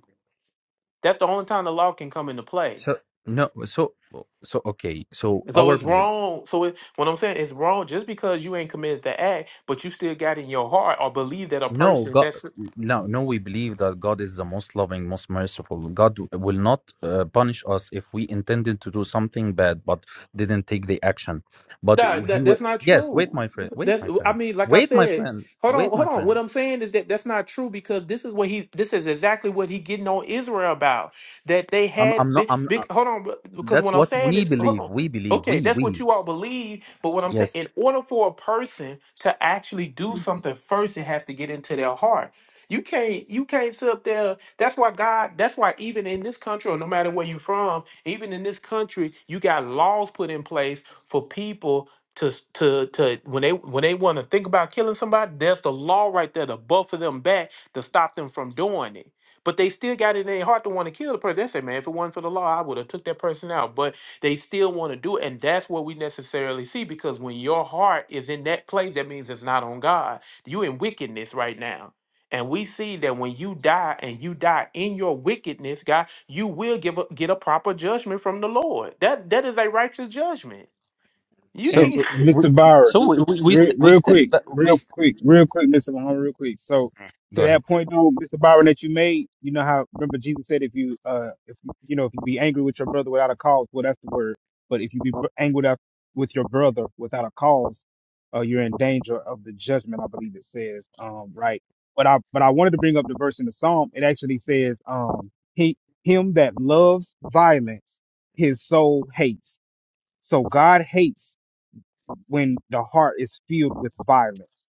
[SPEAKER 1] That's the only time the law can come into play.
[SPEAKER 6] so no, so so okay, so
[SPEAKER 1] So
[SPEAKER 6] our
[SPEAKER 1] it's
[SPEAKER 6] belief.
[SPEAKER 1] wrong. So it, what I'm saying is wrong just because you ain't committed the act, but you still got in your heart or believe that a
[SPEAKER 6] No,
[SPEAKER 1] person
[SPEAKER 6] God,
[SPEAKER 1] that's
[SPEAKER 6] no, no. We believe that God is the most loving, most merciful. God will not uh, punish us if we intended to do something bad but didn't take the action. But
[SPEAKER 1] That,
[SPEAKER 6] He
[SPEAKER 1] that
[SPEAKER 6] will.
[SPEAKER 1] that's not
[SPEAKER 6] Yes, wait,
[SPEAKER 1] true.
[SPEAKER 6] my friend. Wait,
[SPEAKER 1] That's
[SPEAKER 6] my
[SPEAKER 1] I
[SPEAKER 6] friend.
[SPEAKER 1] mean, like I
[SPEAKER 6] Wait, my
[SPEAKER 1] said,
[SPEAKER 6] friend.
[SPEAKER 1] hold on,
[SPEAKER 6] Wait,
[SPEAKER 1] hold
[SPEAKER 6] my
[SPEAKER 1] on.
[SPEAKER 6] friend.
[SPEAKER 1] What I'm saying is that that's not true because this is what he this is exactly what he getting on Israel about that they
[SPEAKER 6] I'm
[SPEAKER 1] had
[SPEAKER 6] I'm not
[SPEAKER 1] big
[SPEAKER 6] I'm uh,
[SPEAKER 1] big. Hold on, because
[SPEAKER 6] that's
[SPEAKER 1] what I'm
[SPEAKER 6] what
[SPEAKER 1] saying
[SPEAKER 6] we
[SPEAKER 1] is hold
[SPEAKER 6] believe.
[SPEAKER 1] on.
[SPEAKER 6] We believe
[SPEAKER 1] Okay,
[SPEAKER 6] we
[SPEAKER 1] that's what
[SPEAKER 6] we
[SPEAKER 1] you all believe, but what I'm saying,
[SPEAKER 6] yes.
[SPEAKER 1] in order for a person to actually do something first, it has to get into their heart. You can't you can't sit up there. That's why God, that's why even in this country, or no matter where you're from, even in this country, you got laws put in place for people to s- to to when they when they want to think about killing somebody, there's the law right there to buffer them back to stop them from doing it. But they still got it in their heart to want to kill the person. They say, man, if it wasn't for the law, I would have took that person out. But they still want to do it. And that's what we necessarily see because when your heart is in that place, that means it's not on God. You in wickedness right now. And we see that when you die and you die in your wickedness, God, you will give a, get a proper judgment from the Lord. That that is a righteous judgment. You
[SPEAKER 6] So
[SPEAKER 3] And,
[SPEAKER 1] think?
[SPEAKER 6] w-
[SPEAKER 3] and
[SPEAKER 6] we,
[SPEAKER 3] Mr. Byron,
[SPEAKER 6] so we we we,
[SPEAKER 3] real,
[SPEAKER 6] st- we
[SPEAKER 3] real
[SPEAKER 6] step
[SPEAKER 3] quick,
[SPEAKER 6] back, we
[SPEAKER 3] real
[SPEAKER 6] st-
[SPEAKER 3] quick, real quick, Mr. Muhammad, real quick. So to
[SPEAKER 6] go ahead.
[SPEAKER 3] that point though, Mr. Byron, that you made, you know how remember Jesus said if you uh if you you know if you be angry with your brother without a cause, well that's the word. But if you be br- angry with with your brother without a cause, uh you're in danger of the judgment. I believe it says um right. But I but I wanted to bring up the verse in the psalm. It actually says um he him that loves violence, his soul hates. So God hates when the heart is filled with violence.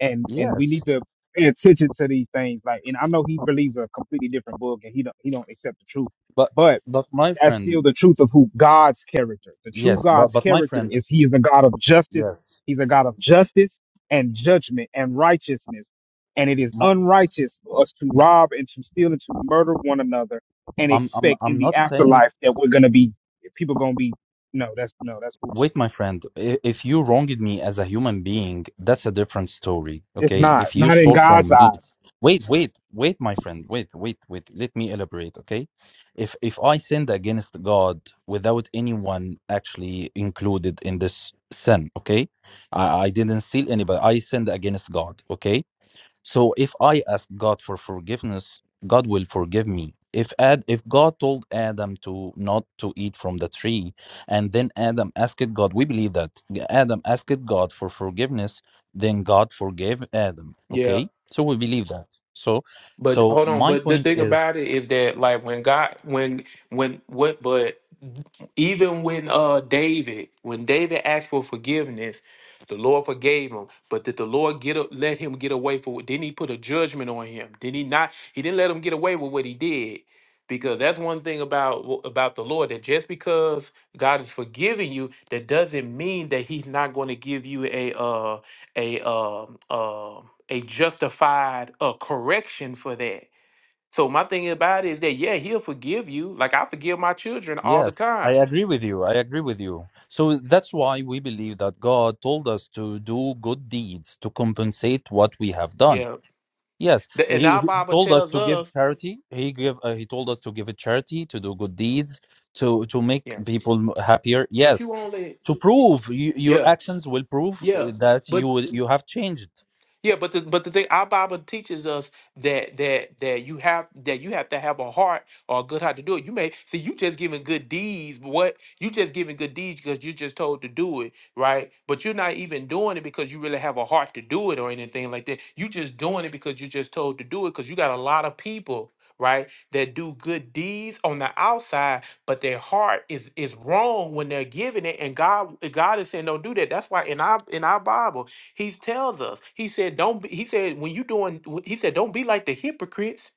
[SPEAKER 3] And and we need
[SPEAKER 6] Yes,
[SPEAKER 3] to pay attention to these things. Like, and I know he believes a completely different book, and he don't he don't accept the truth,
[SPEAKER 6] but
[SPEAKER 3] but
[SPEAKER 6] but my
[SPEAKER 3] that's still
[SPEAKER 6] friend,
[SPEAKER 3] the truth of who God's character. The true
[SPEAKER 6] yes, but
[SPEAKER 3] God's
[SPEAKER 6] but my
[SPEAKER 3] character
[SPEAKER 6] friend,
[SPEAKER 3] is He is a God of justice.
[SPEAKER 6] yes.
[SPEAKER 3] He's a God of justice and judgment and righteousness. And it is
[SPEAKER 6] My,
[SPEAKER 3] unrighteous for us to rob and to steal and to murder one another and
[SPEAKER 6] I'm I'm
[SPEAKER 3] expect in
[SPEAKER 6] I'm
[SPEAKER 3] the
[SPEAKER 6] not saying
[SPEAKER 3] afterlife that we're gonna be people gonna be no, that's no, that's foolish.
[SPEAKER 6] wait my friend i- if you wronged me as a human being that's a different story
[SPEAKER 3] It's
[SPEAKER 6] okay
[SPEAKER 3] not.
[SPEAKER 6] if you
[SPEAKER 3] Not in
[SPEAKER 6] stole
[SPEAKER 3] God's
[SPEAKER 6] from me
[SPEAKER 3] eyes.
[SPEAKER 6] wait wait wait my friend wait wait wait let me elaborate okay if if i sinned against god without anyone actually included in this sin okay i, I didn't steal anybody i sinned against god okay so if I ask God for forgiveness, God will forgive me. If Ad, if God told Adam to not to eat from the tree, and then Adam asked God, we believe that Adam asked God for forgiveness, then God forgave Adam.
[SPEAKER 1] Yeah,
[SPEAKER 6] Okay, so we believe that. So,
[SPEAKER 1] but
[SPEAKER 6] so
[SPEAKER 1] hold on.
[SPEAKER 6] my
[SPEAKER 1] But the
[SPEAKER 6] point
[SPEAKER 1] thing
[SPEAKER 6] is,
[SPEAKER 1] about it is that, like, when God, when, when, what? But even when uh David, when David asked for forgiveness, the Lord forgave him. But did the Lord get a, let him get away for? Didn't He put a judgment on him? Did He not? He didn't let him get away with what he did. Because that's one thing about about the Lord that just because God is forgiving you, that doesn't mean that He's not going to give you a uh a um um a justified uh correction for that. So my thing about it is that yeah, he'll forgive you. Like I forgive my children all the
[SPEAKER 6] yes, I
[SPEAKER 1] time.
[SPEAKER 6] agree with you. I agree with you. So that's why we believe that God told us to do good deeds to compensate what we have done
[SPEAKER 1] Yeah.
[SPEAKER 6] Yes,
[SPEAKER 1] The, and
[SPEAKER 6] he,
[SPEAKER 1] our
[SPEAKER 6] he
[SPEAKER 1] Bible
[SPEAKER 6] told us
[SPEAKER 1] tells
[SPEAKER 6] to give
[SPEAKER 1] us,
[SPEAKER 6] charity. He give uh, he told us to give a charity, to do good deeds, to to make
[SPEAKER 1] yeah,
[SPEAKER 6] people m- happier.
[SPEAKER 1] but
[SPEAKER 6] Yes,
[SPEAKER 1] you only
[SPEAKER 6] to prove you, your
[SPEAKER 1] yeah,
[SPEAKER 6] actions will prove
[SPEAKER 1] yeah.
[SPEAKER 6] uh, that you
[SPEAKER 1] But
[SPEAKER 6] will- you have changed.
[SPEAKER 1] Yeah, but the but the thing our Bible teaches us that that that you have that you have to have a heart or a good heart to do it. You may see you just giving good deeds, but what you just giving good deeds because you're just told to do it, right? But you're not even doing it because you really have a heart to do it or anything like that. You just doing it because you're just told to do it because you got a lot of people, right, that do good deeds on the outside, but their heart is is wrong when they're giving it, and God God is saying don't do that. That's why in our in our Bible. He tells us. He said, "Don't." Be, he said, "When you doing," wh- he said, "Don't be like the hypocrites."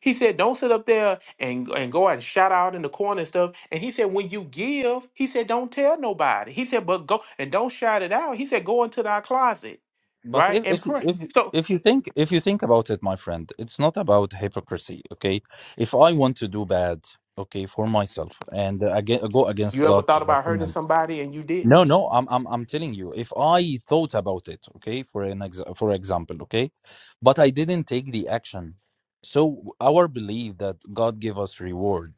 [SPEAKER 1] He said, "Don't sit up there and and go out and shout out in the corner and stuff." And he said, "When you give," he said, "Don't tell nobody." He said, "But go and don't shout it out." He said, "Go into thy closet,
[SPEAKER 6] But
[SPEAKER 1] right,
[SPEAKER 6] if
[SPEAKER 1] and
[SPEAKER 6] if
[SPEAKER 1] pray."
[SPEAKER 6] if
[SPEAKER 1] So
[SPEAKER 6] if you think if you think about it, my friend, it's not about hypocrisy. Okay, if I want to do bad, okay, for myself and uh, aga go against
[SPEAKER 1] you ever
[SPEAKER 6] God's
[SPEAKER 1] thought
[SPEAKER 6] uh,
[SPEAKER 1] about hurting
[SPEAKER 6] commands.
[SPEAKER 1] somebody and you
[SPEAKER 6] No,
[SPEAKER 1] didn't?
[SPEAKER 6] no, I'm I'm I'm telling you, if I thought about it, okay, for an ex for example, okay, but I didn't take the action. So our belief that God give us reward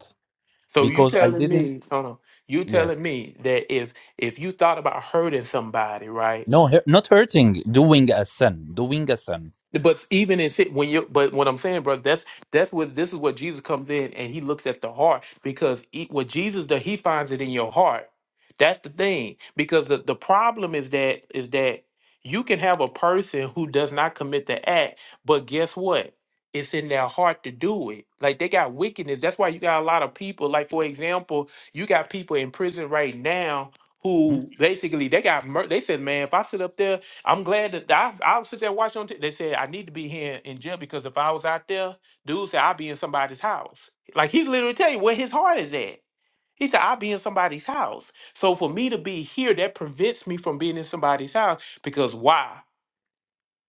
[SPEAKER 1] So you
[SPEAKER 6] because I
[SPEAKER 1] telling
[SPEAKER 6] didn't,
[SPEAKER 1] me, hold on, you
[SPEAKER 6] yes,
[SPEAKER 1] telling me that if if you thought about hurting somebody, right?
[SPEAKER 6] no, hu- not hurting, doing a sin, doing a sin.
[SPEAKER 1] But even in sit when you but what I'm saying, brother, that's that's what this is what Jesus comes in and he looks at the heart because he, what Jesus does, he finds it in your heart. That's the thing because the the problem is that is that you can have a person who does not commit the act, but guess what? It's in their heart to do it. Like they got wickedness. That's why you got a lot of people. Like for example, you got people in prison right now
[SPEAKER 6] Hmm?
[SPEAKER 1] who basically they got mur- they said, man, if I sit up there I'm glad that I I'll sit there watching on. T- V. they said I need to be here in jail because if I was out there, dude said I'd be in somebody's house. Like he's literally telling you where his heart is at. He said I'd be in somebody's house. So for me to be here, that prevents me from being in somebody's house because why?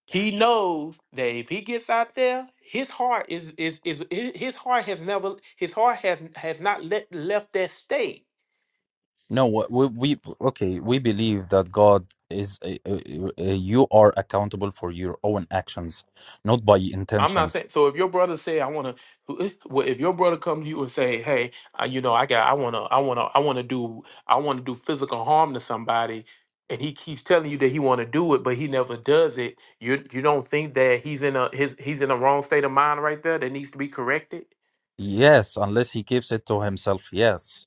[SPEAKER 1] He knows that if he gets out there, his heart is is is hi- his heart has never his heart has has not let, left that state.
[SPEAKER 6] No, wha- we, we okay, we believe that God is uh, uh, uh, you are accountable for your own actions, not by
[SPEAKER 1] I'm not
[SPEAKER 6] intentions.
[SPEAKER 1] saying. So if your brother say, "I want to," well, if your brother come to you and say, "Hey, uh, you know, I got, I want to, I want to, I want to do, I want to do physical harm to somebody," and he keeps telling you that he want to do it, but he never does it, you you don't think that he's in a his he's in a wrong state of mind right there that needs to be corrected.
[SPEAKER 6] Yes, unless he keeps it to himself, yes.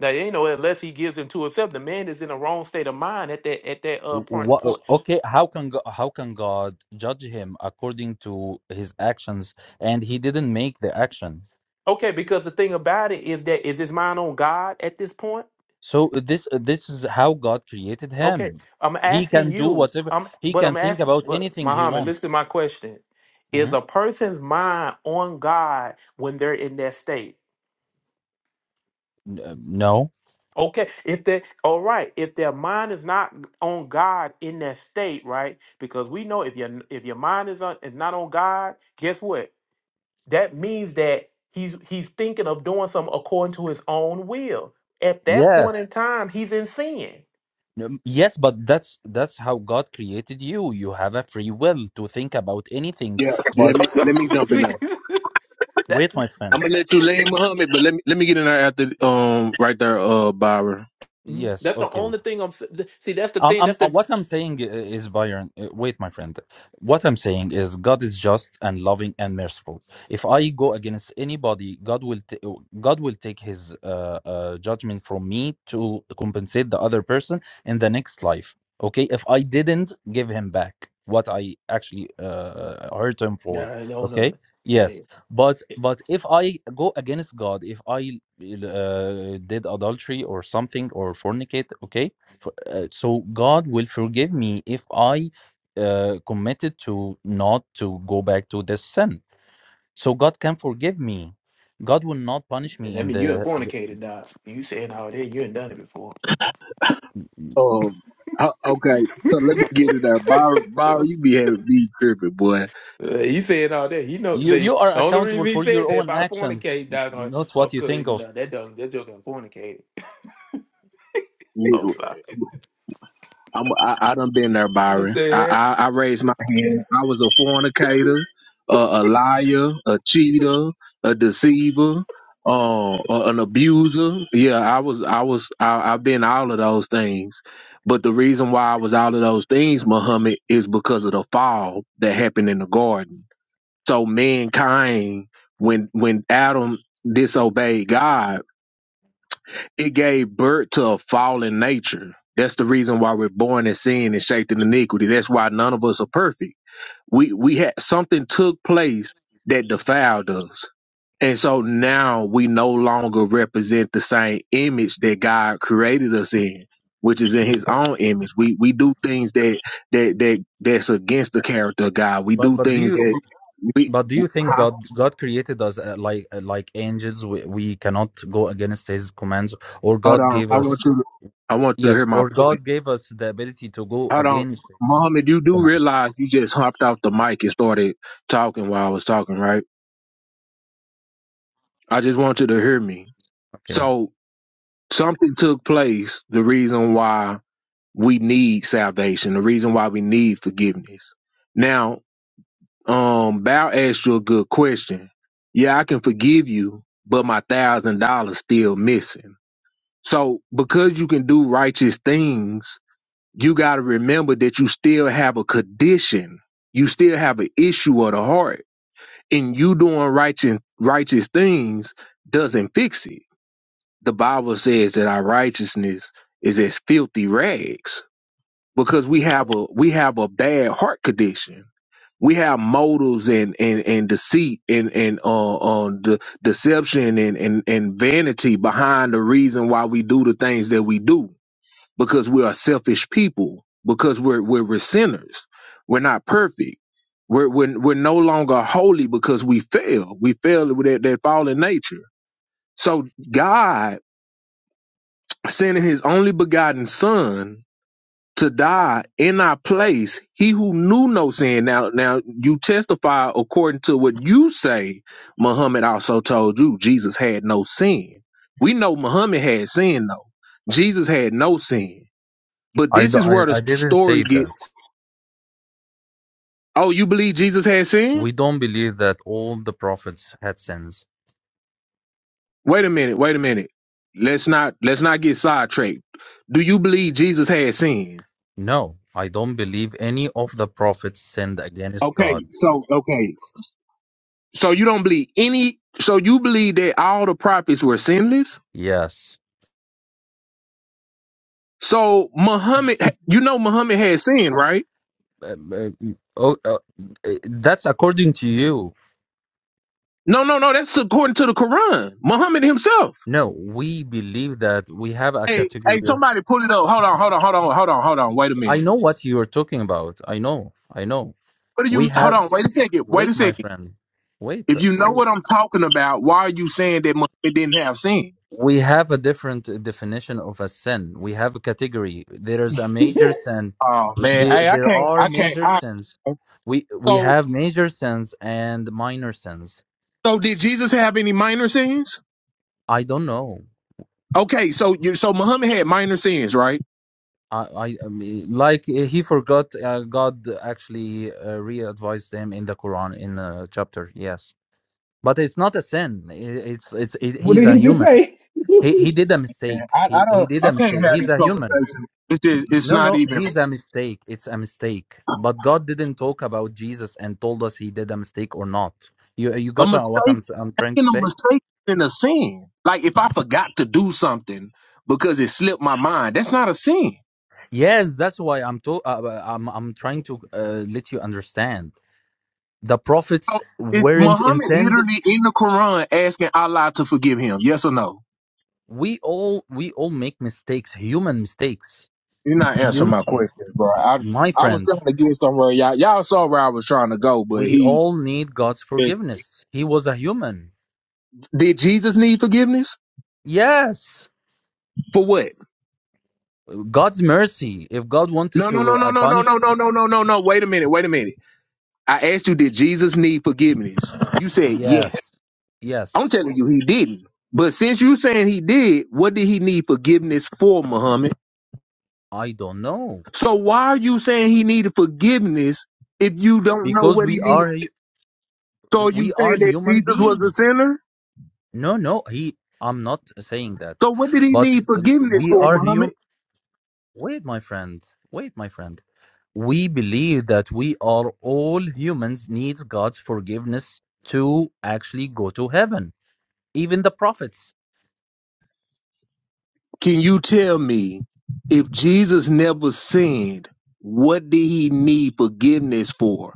[SPEAKER 1] Now you know, unless he gives into himself, the man is in a wrong state of mind at that at that uh point
[SPEAKER 6] What,
[SPEAKER 1] point.
[SPEAKER 6] okay, how can Go- how can God judge him according to his actions, and he didn't make the action?
[SPEAKER 1] Okay, because the thing about it is that is his mind on God at this point.
[SPEAKER 6] So uh, this uh, this is how God created
[SPEAKER 1] Okay,
[SPEAKER 6] him.
[SPEAKER 1] I'm
[SPEAKER 6] He
[SPEAKER 1] asking
[SPEAKER 6] can do
[SPEAKER 1] you.
[SPEAKER 6] whatever
[SPEAKER 1] I'm,
[SPEAKER 6] he
[SPEAKER 1] but
[SPEAKER 6] can
[SPEAKER 1] I'm
[SPEAKER 6] think
[SPEAKER 1] asking,
[SPEAKER 6] about
[SPEAKER 1] but
[SPEAKER 6] anything he
[SPEAKER 1] Muhammad, listen to
[SPEAKER 6] wants.
[SPEAKER 1] my question: Is
[SPEAKER 6] Mhm.
[SPEAKER 1] a person's mind on God when they're in that state?
[SPEAKER 6] N- uh, No.
[SPEAKER 1] Okay, if they, all right, if their mind is not on God in that state, right? Because we know if your if your mind is on is not on God, guess what? That means that he's he's thinking of doing something according to his own will. At that point in
[SPEAKER 6] Yes.
[SPEAKER 1] time, he's in sin.
[SPEAKER 6] Um, Yes, but that's that's how God created you. You have a free will to think about anything.
[SPEAKER 7] Yeah, yeah. Let
[SPEAKER 6] But
[SPEAKER 7] me let me jump in there.
[SPEAKER 6] wait,
[SPEAKER 1] that
[SPEAKER 6] my
[SPEAKER 7] I'm
[SPEAKER 6] friend.
[SPEAKER 7] gonna let you lay Muhammad, but let me let me get in there after um right there, uh, Byron.
[SPEAKER 1] hmm
[SPEAKER 6] Yes.
[SPEAKER 1] That's the
[SPEAKER 6] Okay.
[SPEAKER 1] only thing I'm s- th- see. That's the
[SPEAKER 6] Um,
[SPEAKER 1] thing.
[SPEAKER 6] I'm,
[SPEAKER 1] That's
[SPEAKER 6] uh,
[SPEAKER 1] the
[SPEAKER 6] what I'm saying i- is, Byron, uh, wait, my friend. What I'm saying is, God is just and loving and merciful. If I go against anybody, God will t- uh, God will take His uh, uh, judgment from me to compensate the other person in the next life. Okay, if I didn't give him back what I actually uh, uh, hurt him for.
[SPEAKER 1] nah, no, no.
[SPEAKER 6] Okay, yes,
[SPEAKER 1] Hey,
[SPEAKER 6] but
[SPEAKER 1] it,
[SPEAKER 6] but if I go against God, if I uh, did adultery or something or fornicate, okay uh, so God will forgive me if I uh, committed to not to go back to this sin. So God can forgive me. God will not punish me
[SPEAKER 1] I
[SPEAKER 6] in
[SPEAKER 1] mean, you ain't
[SPEAKER 6] the.
[SPEAKER 1] fornicated, dog. You saying all that? You ain't done it before.
[SPEAKER 7] Um, o- okay. So let me get in there, Byron. Byron, you be having be tripping, boy.
[SPEAKER 1] Uh, he said all that. He know
[SPEAKER 6] You
[SPEAKER 1] they, the
[SPEAKER 6] you are
[SPEAKER 1] the only reason
[SPEAKER 6] accountable
[SPEAKER 1] he
[SPEAKER 6] for your
[SPEAKER 1] said that if
[SPEAKER 6] own
[SPEAKER 1] I
[SPEAKER 6] actions,
[SPEAKER 1] fornicate, dog, or,
[SPEAKER 6] not what
[SPEAKER 1] or
[SPEAKER 6] you
[SPEAKER 1] could
[SPEAKER 6] think
[SPEAKER 1] you
[SPEAKER 6] of.
[SPEAKER 1] know that dog that joke done fornicated.
[SPEAKER 7] You,
[SPEAKER 1] Oh fuck,
[SPEAKER 7] I'm, I, I done been there, Byron. I,
[SPEAKER 1] understand?
[SPEAKER 7] I, I raised my hand. I was a fornicator, uh, a liar, a cheater, a deceiver, uh, a- an abuser. Yeah, I was, I was, I, I've been all of those things. But the reason why I was all of those things, Muhammad, is because of the fall that happened in the garden. So mankind, when when Adam disobeyed God, it gave birth to a fallen nature. That's the reason why we're born in sin and shaped in iniquity. That's why none of us are perfect. We we had something took place that defiled us. And so now we no longer represent the same image that God created us in, which is in his own image. We we do things that that that that's against the character of God. We
[SPEAKER 6] But
[SPEAKER 7] do
[SPEAKER 6] but do
[SPEAKER 7] things
[SPEAKER 6] you
[SPEAKER 7] that
[SPEAKER 6] do-
[SPEAKER 7] we
[SPEAKER 6] but do you think
[SPEAKER 7] huh?
[SPEAKER 6] God God created us uh, like uh, like angels? We, we cannot go against His commands, or
[SPEAKER 7] hold
[SPEAKER 6] God
[SPEAKER 7] on.
[SPEAKER 6] gave
[SPEAKER 7] I want
[SPEAKER 6] us
[SPEAKER 7] you to, I want you to
[SPEAKER 6] yes,
[SPEAKER 7] hear my
[SPEAKER 6] or
[SPEAKER 7] point.
[SPEAKER 6] God gave us the ability to go
[SPEAKER 7] Hold on.
[SPEAKER 6] against His
[SPEAKER 7] Mohammed, you do
[SPEAKER 6] commands.
[SPEAKER 7] realize you just hopped off the mic and started talking while I was talking, right? I just want you to hear me.
[SPEAKER 6] Okay.
[SPEAKER 7] So something took place, the reason why we need salvation, the reason why we need forgiveness. Now, um, Bow asked you a good question. Yeah, I can forgive you, but my thousand dollars still missing. So because you can do righteous things, you got to remember that you still have a condition. You still have an issue of the heart. And you doing righteous, righteous things doesn't fix it. The Bible says that our righteousness is as filthy rags because we have a we have a bad heart condition. We have motives and and, and deceit and and uh, uh de- deception and, and and vanity behind the reason why we do the things that we do because we are selfish people, because we're we're, we're sinners. We're not perfect. We're, we're we're no longer holy because we fail. We fail with that, that fallen nature. So God sending his only begotten son to die in our place, he who knew no sin. Now now you testify according to what you say Muhammad also told you Jesus had no sin. We know Muhammad had sin though. Jesus had no sin. But
[SPEAKER 6] I I I
[SPEAKER 7] this
[SPEAKER 6] d-
[SPEAKER 7] is where the
[SPEAKER 6] I- I didn't
[SPEAKER 7] story
[SPEAKER 6] say
[SPEAKER 7] get.
[SPEAKER 6] that.
[SPEAKER 7] Oh, you believe Jesus had sin?
[SPEAKER 6] We don't believe that all the prophets had sins.
[SPEAKER 7] Wait a minute. Wait a minute. Let's not let's not get sidetracked. Do you believe Jesus had sin?
[SPEAKER 6] No, I don't believe any of the prophets sinned against
[SPEAKER 7] Okay.
[SPEAKER 6] God.
[SPEAKER 7] So okay. So you don't believe any. So you believe that all the prophets were sinless.
[SPEAKER 6] Yes.
[SPEAKER 7] So Muhammad, you know Muhammad had sin, right?
[SPEAKER 6] Um, uh, oh, uh, uh, that's according to you.
[SPEAKER 7] No, no, no. That's according to the Quran. Muhammad himself.
[SPEAKER 6] No, we believe that we have a
[SPEAKER 7] Hey, hey,
[SPEAKER 6] category of.
[SPEAKER 7] somebody pull it up. Hold on, hold on, hold on, hold on, hold on. Wait a
[SPEAKER 6] I
[SPEAKER 7] minute.
[SPEAKER 6] know what you are talking about. I know. I know.
[SPEAKER 7] What do
[SPEAKER 6] We
[SPEAKER 7] you? Hold
[SPEAKER 6] have.
[SPEAKER 7] on. Wait a second. Wait a
[SPEAKER 6] Wait, my
[SPEAKER 7] second.
[SPEAKER 6] friend. Wait.
[SPEAKER 7] If you know
[SPEAKER 6] Wait.
[SPEAKER 7] what I'm talking about, why are you saying that Muhammad didn't have sin?
[SPEAKER 6] we have a different definition of a sin. We have a category. There is a major sin.
[SPEAKER 7] Oh man,
[SPEAKER 6] There,
[SPEAKER 7] hey, I
[SPEAKER 6] there
[SPEAKER 7] can't,
[SPEAKER 6] are
[SPEAKER 7] I can't.
[SPEAKER 6] major
[SPEAKER 7] I,
[SPEAKER 6] sins. We we
[SPEAKER 7] so,
[SPEAKER 6] have major sins and minor sins.
[SPEAKER 7] so did Jesus have any minor sins?
[SPEAKER 6] I don't know.
[SPEAKER 7] Okay, so you, so Muhammad had minor sins, right?
[SPEAKER 6] I, I, I mean, like uh, he forgot. Uh, God actually uh, re-advised him in the Quran in a chapter. Yes, but it's not a sin. I- It's it's it,
[SPEAKER 3] What
[SPEAKER 6] he's
[SPEAKER 3] did
[SPEAKER 6] a
[SPEAKER 3] he just
[SPEAKER 6] human.
[SPEAKER 3] say?
[SPEAKER 6] He he did a
[SPEAKER 7] Man,
[SPEAKER 6] mistake.
[SPEAKER 7] I, I
[SPEAKER 6] He he
[SPEAKER 7] don't,
[SPEAKER 6] did
[SPEAKER 7] I
[SPEAKER 6] a
[SPEAKER 7] can't
[SPEAKER 6] mistake.
[SPEAKER 7] have
[SPEAKER 6] He's
[SPEAKER 7] these
[SPEAKER 6] a human.
[SPEAKER 7] conversations. It's just, it's
[SPEAKER 6] No,
[SPEAKER 7] not
[SPEAKER 6] no,
[SPEAKER 7] even
[SPEAKER 6] he's a mistake. It's a mistake. But God didn't talk about Jesus and told us he did a mistake or not. You you
[SPEAKER 7] a
[SPEAKER 6] got uh, what
[SPEAKER 7] mistake.
[SPEAKER 6] I'm I'm trying to
[SPEAKER 7] And a
[SPEAKER 6] say?
[SPEAKER 7] mistake and a sin. Like if I forgot to do something because it slipped my mind, that's not a sin.
[SPEAKER 6] Yes, that's why I'm to, uh, uh, I'm I'm trying to uh, let you understand. The prophets
[SPEAKER 7] So, is
[SPEAKER 6] weren't
[SPEAKER 7] Muhammad
[SPEAKER 6] intended.
[SPEAKER 7] literally in the Quran asking Allah to forgive him? Yes or no?
[SPEAKER 6] We all we all make mistakes, human mistakes.
[SPEAKER 7] You're not answering
[SPEAKER 6] Hum-
[SPEAKER 7] my questions, bro. I
[SPEAKER 6] my
[SPEAKER 7] I was
[SPEAKER 6] friend,
[SPEAKER 7] trying to get somewhere. Y'all y'all saw where I was trying to go, but
[SPEAKER 6] we
[SPEAKER 7] he
[SPEAKER 6] all need God's forgiveness. He was a human.
[SPEAKER 7] did Jesus need forgiveness
[SPEAKER 6] Yes.
[SPEAKER 7] for what?
[SPEAKER 6] God's mercy. If God wanted
[SPEAKER 7] No, no, no,
[SPEAKER 6] to uh,
[SPEAKER 7] no, no, no,
[SPEAKER 6] punish
[SPEAKER 7] no, no, no, no, no, no. Wait a minute, wait a minute. I asked you, did Jesus need forgiveness? You said yes.
[SPEAKER 6] Yes.
[SPEAKER 7] I'm
[SPEAKER 6] Yes.
[SPEAKER 7] telling you, he didn't. But since you saying he did, what did he need forgiveness for, Muhammad?
[SPEAKER 6] I don't know
[SPEAKER 7] So why are you saying he needed forgiveness if you don't know
[SPEAKER 6] because
[SPEAKER 7] what he
[SPEAKER 6] we
[SPEAKER 7] needed?
[SPEAKER 6] are hu-
[SPEAKER 7] So are you
[SPEAKER 6] we are
[SPEAKER 7] saying that
[SPEAKER 6] human
[SPEAKER 7] Jesus was a
[SPEAKER 6] beings.
[SPEAKER 7] sinner?
[SPEAKER 6] No, no, he I'm not saying that.
[SPEAKER 7] So what did he
[SPEAKER 6] But
[SPEAKER 7] need
[SPEAKER 6] uh,
[SPEAKER 7] forgiveness
[SPEAKER 6] we
[SPEAKER 7] for,
[SPEAKER 6] are
[SPEAKER 7] Muhammad?
[SPEAKER 6] human. Wait, my friend. Wait, my friend. We believe that we are all humans needs God's forgiveness to actually go to heaven. Even the prophets.
[SPEAKER 7] Can you tell me if Jesus never sinned, what did he need forgiveness for?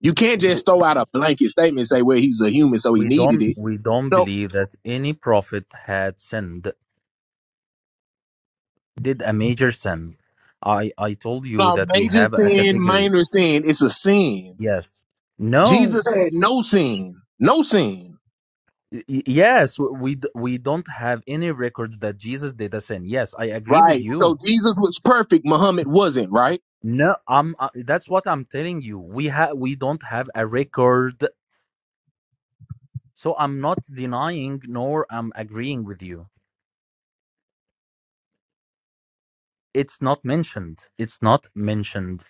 [SPEAKER 7] You can't
[SPEAKER 6] We
[SPEAKER 7] just throw out a blanket statement and say, well, he's a human, so he
[SPEAKER 6] we
[SPEAKER 7] needed
[SPEAKER 6] don't
[SPEAKER 7] it.
[SPEAKER 6] we don't
[SPEAKER 7] No,
[SPEAKER 6] believe that any prophet had sinned did a major sin. I I told you
[SPEAKER 7] no,
[SPEAKER 6] that we
[SPEAKER 7] major
[SPEAKER 6] have a
[SPEAKER 7] sin,
[SPEAKER 6] category.
[SPEAKER 7] minor sin, it's a sin.
[SPEAKER 6] Yes. No.
[SPEAKER 7] Jesus had no sin, no sin.
[SPEAKER 6] Y- y- Yes, w- we d- we don't have any record that Jesus did a sin. Yes, I agree with
[SPEAKER 7] Right. So
[SPEAKER 6] you.
[SPEAKER 7] Jesus was perfect, Muhammad wasn't, right?
[SPEAKER 6] No, I'm uh, that's what I'm telling you. We have we don't have a record. So I'm not denying nor I'm agreeing with you. It's not mentioned. It's not mentioned.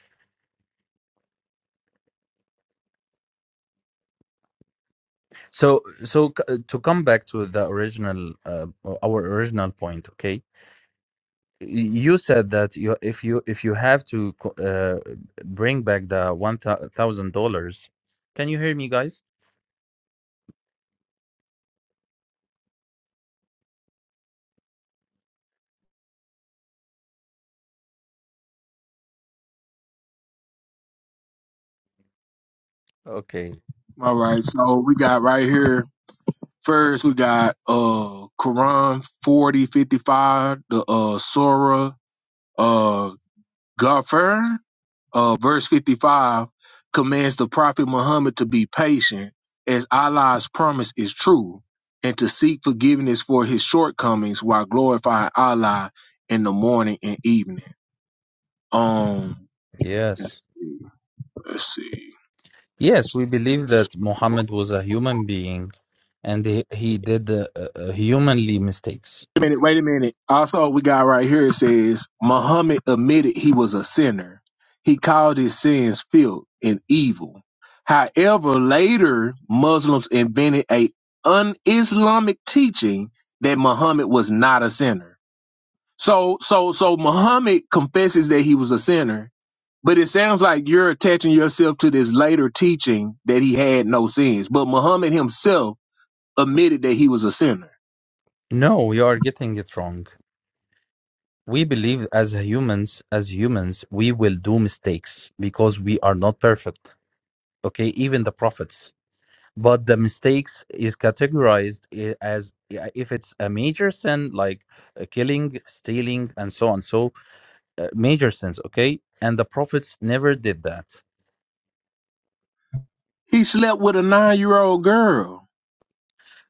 [SPEAKER 6] So so c- uh, to come back to the original uh, our original point, okay? you said that you if you if you have to co- uh, bring back the one thousand dollars can you hear me guys okay
[SPEAKER 7] All right. So we got right here. First, we got uh Quran forty fifty five, the uh Surah uh Ghaffir uh, verse 55 commands the prophet Muhammad to be patient as Allah's promise is true and to seek forgiveness for his shortcomings while glorifying Allah in the morning and evening. Um,
[SPEAKER 6] yes
[SPEAKER 7] let's see.
[SPEAKER 6] Yes, we believe that Muhammad was a human being and he, he did uh, uh, humanly mistakes.
[SPEAKER 7] a minute, wait a minute. Also, we got right here it says Muhammad admitted he was a sinner. He called his sins filth and evil. However, later Muslims invented a un-Islamic teaching that Muhammad was not a sinner. So, so, so Muhammad confesses that he was a sinner, but it sounds like you're attaching yourself to this later teaching that he had no sins. But Muhammad himself admitted that he was a sinner.
[SPEAKER 6] No, you are getting it wrong. We believe as humans, as humans, we will do mistakes because we are not perfect. Okay, even the prophets. But the mistakes is categorized i- as i- if it's a major sin like uh, killing, stealing, and so on. So uh, major sins okay and the prophets never did that
[SPEAKER 7] He slept with a nine-year-old girl.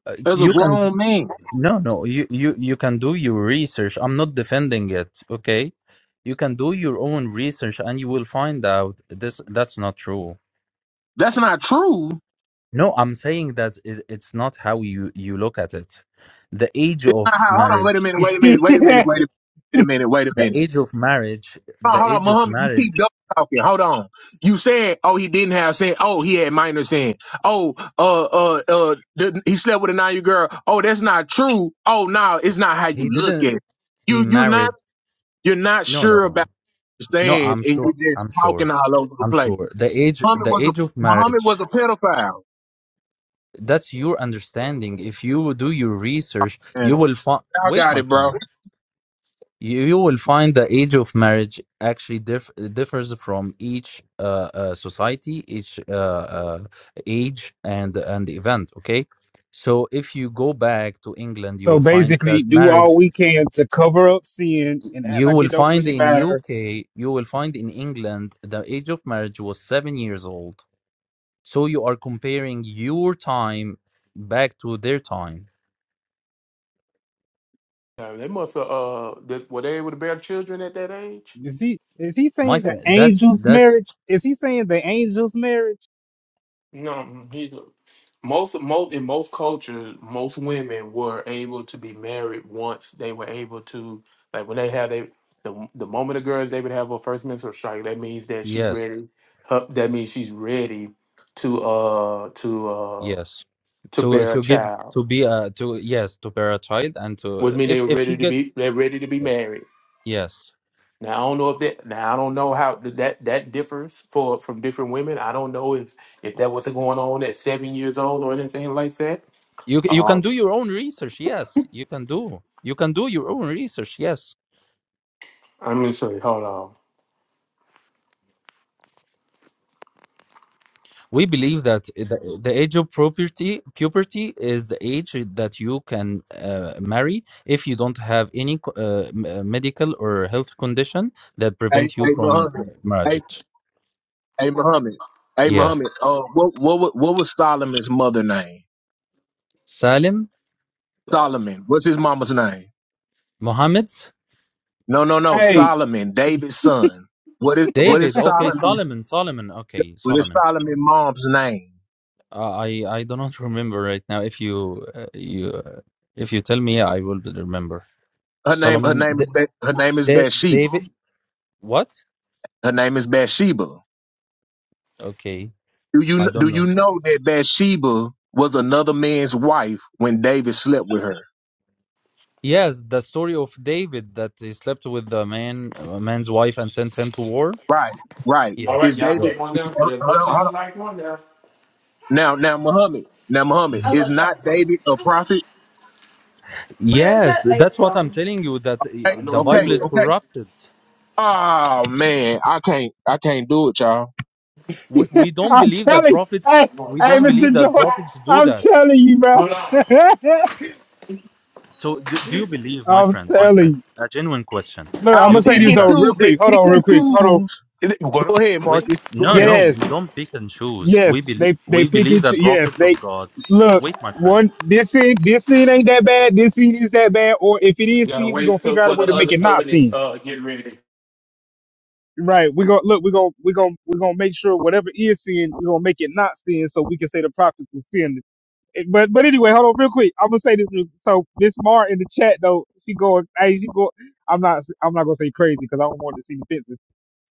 [SPEAKER 6] uh,
[SPEAKER 7] as a
[SPEAKER 6] you can
[SPEAKER 7] grown man.
[SPEAKER 6] no no you, you you can do your research i'm not defending it okay you can do your own research and you will find out this that's not true
[SPEAKER 7] That's not true.
[SPEAKER 6] no i'm saying that it, it's not how you you look at it the age
[SPEAKER 7] Uh,
[SPEAKER 6] of
[SPEAKER 7] Hold on, wait a
[SPEAKER 6] marriage
[SPEAKER 7] minute, wait a minute, wait a minute, wait a wait a minute, wait a
[SPEAKER 6] the
[SPEAKER 7] minute.
[SPEAKER 6] age of marriage
[SPEAKER 7] Hold on,
[SPEAKER 6] the
[SPEAKER 7] hold on,
[SPEAKER 6] age of
[SPEAKER 7] Muhammad, you keep
[SPEAKER 6] marriage
[SPEAKER 7] double talking. Hold on. You said, oh, he didn't have sin. Oh, he had minor sin. Oh, uh, uh, uh, the, he slept with a nine year girl. Oh, that's not true. Oh, no, it's not how you
[SPEAKER 6] he
[SPEAKER 7] look
[SPEAKER 6] didn't
[SPEAKER 7] at it.
[SPEAKER 6] he
[SPEAKER 7] You, you're not,
[SPEAKER 6] married
[SPEAKER 7] you're not
[SPEAKER 6] no
[SPEAKER 7] sure
[SPEAKER 6] no
[SPEAKER 7] about what you're
[SPEAKER 6] no
[SPEAKER 7] saying,
[SPEAKER 6] i'm
[SPEAKER 7] and
[SPEAKER 6] sure
[SPEAKER 7] you're just
[SPEAKER 6] i'm
[SPEAKER 7] talking
[SPEAKER 6] sure
[SPEAKER 7] all over the
[SPEAKER 6] i'm
[SPEAKER 7] place.
[SPEAKER 6] sure the age
[SPEAKER 7] Muhammad
[SPEAKER 6] the
[SPEAKER 7] was a
[SPEAKER 6] age of
[SPEAKER 7] Muhammad
[SPEAKER 6] marriage
[SPEAKER 7] was a pedophile,
[SPEAKER 6] that's your understanding if you will do your research
[SPEAKER 7] and
[SPEAKER 6] you will find
[SPEAKER 7] I
[SPEAKER 6] wait
[SPEAKER 7] got
[SPEAKER 6] my
[SPEAKER 7] it, bro.
[SPEAKER 6] friend you, you will find the age of marriage actually diff- differs from each uh, uh, society each uh, uh, age and and event okay so if you go back to england you
[SPEAKER 3] so
[SPEAKER 6] will find that
[SPEAKER 3] basically, do all
[SPEAKER 6] marriage
[SPEAKER 3] we can to cover up sin and act
[SPEAKER 6] you
[SPEAKER 3] like
[SPEAKER 6] will
[SPEAKER 3] it don't
[SPEAKER 6] find
[SPEAKER 3] really
[SPEAKER 6] in
[SPEAKER 3] matter.
[SPEAKER 6] uk you will find in england the age of marriage was 7 years old so you are comparing your time back to their time
[SPEAKER 1] Now, they must have uh, that, were they able to bear children at that age?
[SPEAKER 3] Is he is he
[SPEAKER 6] my
[SPEAKER 3] saying the
[SPEAKER 6] friend that's
[SPEAKER 3] angel's
[SPEAKER 6] that's
[SPEAKER 3] marriage? Is he saying the angel's marriage?
[SPEAKER 1] No, he most most in most cultures, most women were able to be married once they were able to like when they had they the, the moment a girl is able to have her first menstrual strike, that means that she's
[SPEAKER 6] yes
[SPEAKER 1] ready. Her, that means she's ready to uh to uh
[SPEAKER 6] yes
[SPEAKER 1] to
[SPEAKER 6] to
[SPEAKER 1] bear a
[SPEAKER 6] to get
[SPEAKER 1] child.
[SPEAKER 6] to be a to yes to bear a child and
[SPEAKER 1] Would
[SPEAKER 6] to
[SPEAKER 1] mean they
[SPEAKER 6] if
[SPEAKER 1] were
[SPEAKER 6] if she
[SPEAKER 1] ready to
[SPEAKER 6] get
[SPEAKER 1] be they're ready to be
[SPEAKER 6] yes
[SPEAKER 1] married.
[SPEAKER 6] yes
[SPEAKER 1] Now I don't know if that now I don't know how that that differs for from different women. I don't know if if that was going on at seven years old or anything like that.
[SPEAKER 6] you c- you
[SPEAKER 1] Um.
[SPEAKER 6] can do your own research yes you can do you can do your own research yes
[SPEAKER 1] I'm gonna say, hold on.
[SPEAKER 6] we believe that the, the age of puberty puberty is the age that you can uh, marry if you don't have any co- uh, m- uh, medical or health condition that
[SPEAKER 7] Hey,
[SPEAKER 6] prevent you
[SPEAKER 7] hey,
[SPEAKER 6] from
[SPEAKER 7] Muhammad. Hey,
[SPEAKER 6] marriage
[SPEAKER 7] Hey Muhammad. Hey
[SPEAKER 6] Yeah,
[SPEAKER 7] Muhammad. Uh, what what wa- what was Solomon's mother name?
[SPEAKER 6] salim
[SPEAKER 1] Yeah.
[SPEAKER 7] Solomon. What's his mama's name?
[SPEAKER 6] mohammed
[SPEAKER 7] No, no, no.
[SPEAKER 3] Hey,
[SPEAKER 7] Solomon, David's son. What is what
[SPEAKER 6] David,
[SPEAKER 7] is
[SPEAKER 6] okay,
[SPEAKER 7] Solomon?
[SPEAKER 6] Solomon, Solomon, okay,
[SPEAKER 7] What is
[SPEAKER 6] Solomon.
[SPEAKER 7] Solomon's mom's name?
[SPEAKER 6] Uh, I I do not remember right now. If you uh, you uh, if you tell me, I will remember.
[SPEAKER 7] Her name her
[SPEAKER 6] Solomon,
[SPEAKER 7] name
[SPEAKER 6] D-
[SPEAKER 7] is Ba- her name is
[SPEAKER 6] Da-
[SPEAKER 7] Bathsheba.
[SPEAKER 6] David, what?
[SPEAKER 7] Her name is Bathsheba.
[SPEAKER 6] Okay,
[SPEAKER 7] Do
[SPEAKER 6] I
[SPEAKER 7] you do
[SPEAKER 6] don't
[SPEAKER 7] you
[SPEAKER 6] know.
[SPEAKER 7] know that Bathsheba was another man's wife when David slept with her?
[SPEAKER 6] Yes, the story of David that he slept with the man, a man's wife, and sent him to war.
[SPEAKER 7] Right, right.
[SPEAKER 1] All right,
[SPEAKER 7] Is
[SPEAKER 6] Yes,
[SPEAKER 1] y'all
[SPEAKER 7] David
[SPEAKER 6] yes,
[SPEAKER 1] put on
[SPEAKER 7] is-
[SPEAKER 1] down, but
[SPEAKER 7] hold
[SPEAKER 1] as
[SPEAKER 7] on,
[SPEAKER 1] much as
[SPEAKER 7] hold
[SPEAKER 1] you
[SPEAKER 7] on.
[SPEAKER 1] like on there.
[SPEAKER 7] now now Muhammad? Now Muhammad is not David a prophet?
[SPEAKER 6] yes. That's what I'm telling you. That uh,
[SPEAKER 1] I know
[SPEAKER 6] the
[SPEAKER 1] you
[SPEAKER 6] Bible
[SPEAKER 7] Okay,
[SPEAKER 6] is
[SPEAKER 1] would.
[SPEAKER 7] okay.
[SPEAKER 6] corrupted.
[SPEAKER 7] Oh man, I can't I can't do it, y'all.
[SPEAKER 6] We we don't
[SPEAKER 3] I'm
[SPEAKER 6] believe that
[SPEAKER 3] telling,
[SPEAKER 6] prophets.
[SPEAKER 3] hey,
[SPEAKER 1] Come on,
[SPEAKER 6] We
[SPEAKER 1] bro.
[SPEAKER 3] hey,
[SPEAKER 6] don't
[SPEAKER 3] Mr.
[SPEAKER 6] believe that
[SPEAKER 3] Joy,
[SPEAKER 6] prophets do
[SPEAKER 3] I'm
[SPEAKER 6] that.
[SPEAKER 3] telling you, bro.
[SPEAKER 1] Hold on.
[SPEAKER 6] So, do, do you believe, my
[SPEAKER 3] I'm
[SPEAKER 6] friend, my
[SPEAKER 3] telling
[SPEAKER 6] friend,
[SPEAKER 3] you.
[SPEAKER 6] a genuine question?
[SPEAKER 3] Look, I'm
[SPEAKER 7] I'll
[SPEAKER 6] Do
[SPEAKER 3] gonna
[SPEAKER 6] you
[SPEAKER 3] say
[SPEAKER 7] pick
[SPEAKER 3] this
[SPEAKER 6] believe
[SPEAKER 7] and
[SPEAKER 3] though,
[SPEAKER 6] that
[SPEAKER 3] real
[SPEAKER 7] choose. They
[SPEAKER 3] quick. Hold
[SPEAKER 7] pick
[SPEAKER 3] on, real
[SPEAKER 7] and
[SPEAKER 3] quick. Hold on.
[SPEAKER 7] choose.
[SPEAKER 1] You got
[SPEAKER 7] Go ahead,
[SPEAKER 6] we?
[SPEAKER 7] Marcus. Go
[SPEAKER 6] No,
[SPEAKER 7] ahead.
[SPEAKER 6] no, we
[SPEAKER 3] Yes,
[SPEAKER 6] don't pick and choose.
[SPEAKER 3] Yes,
[SPEAKER 6] We believe
[SPEAKER 3] they they
[SPEAKER 6] we
[SPEAKER 3] pick
[SPEAKER 6] believe
[SPEAKER 3] it.
[SPEAKER 6] that
[SPEAKER 3] Yes,
[SPEAKER 6] prophets
[SPEAKER 3] they
[SPEAKER 6] of God.
[SPEAKER 3] look
[SPEAKER 6] Wait, my friend.
[SPEAKER 3] one. This scene, this scene ain't that bad. This scene is that bad. Or if it is
[SPEAKER 1] You gotta
[SPEAKER 3] seen, we are gonna
[SPEAKER 1] wait till
[SPEAKER 3] figure out a
[SPEAKER 1] for the
[SPEAKER 3] way to make
[SPEAKER 1] other
[SPEAKER 3] it not
[SPEAKER 1] oven is
[SPEAKER 3] seen.
[SPEAKER 1] uh getting ready.
[SPEAKER 3] Right? We gonna look. We gonna we gonna we gonna make sure whatever is seen, we are gonna make it not seen, so we can say the prophets were seeing it. But but anyway, hold on real quick. I'm gonna say this. Real, so this Mar in the chat though, she going. Hey, she go. I'm not. I'm not gonna say crazy because I don't want to seem offensive.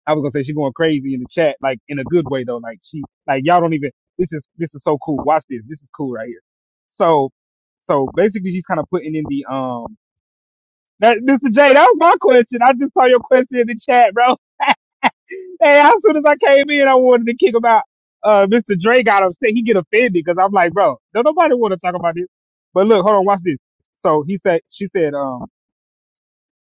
[SPEAKER 3] I was gonna say she going crazy in the chat, like in a good way though. Like she, like y'all don't even. This is this is so cool. Watch this. This is cool right here. So, so basically she's kind of putting in the um. That, Mr. J, that was my question. I just saw your question in the chat, bro. Hey, as soon as I came in, I wanted to kick about. Uh, Mr. Dre got upset. He get offended because I'm like, bro, don't nobody want to talk about this. But look, hold on, watch this. So he said, she said, um,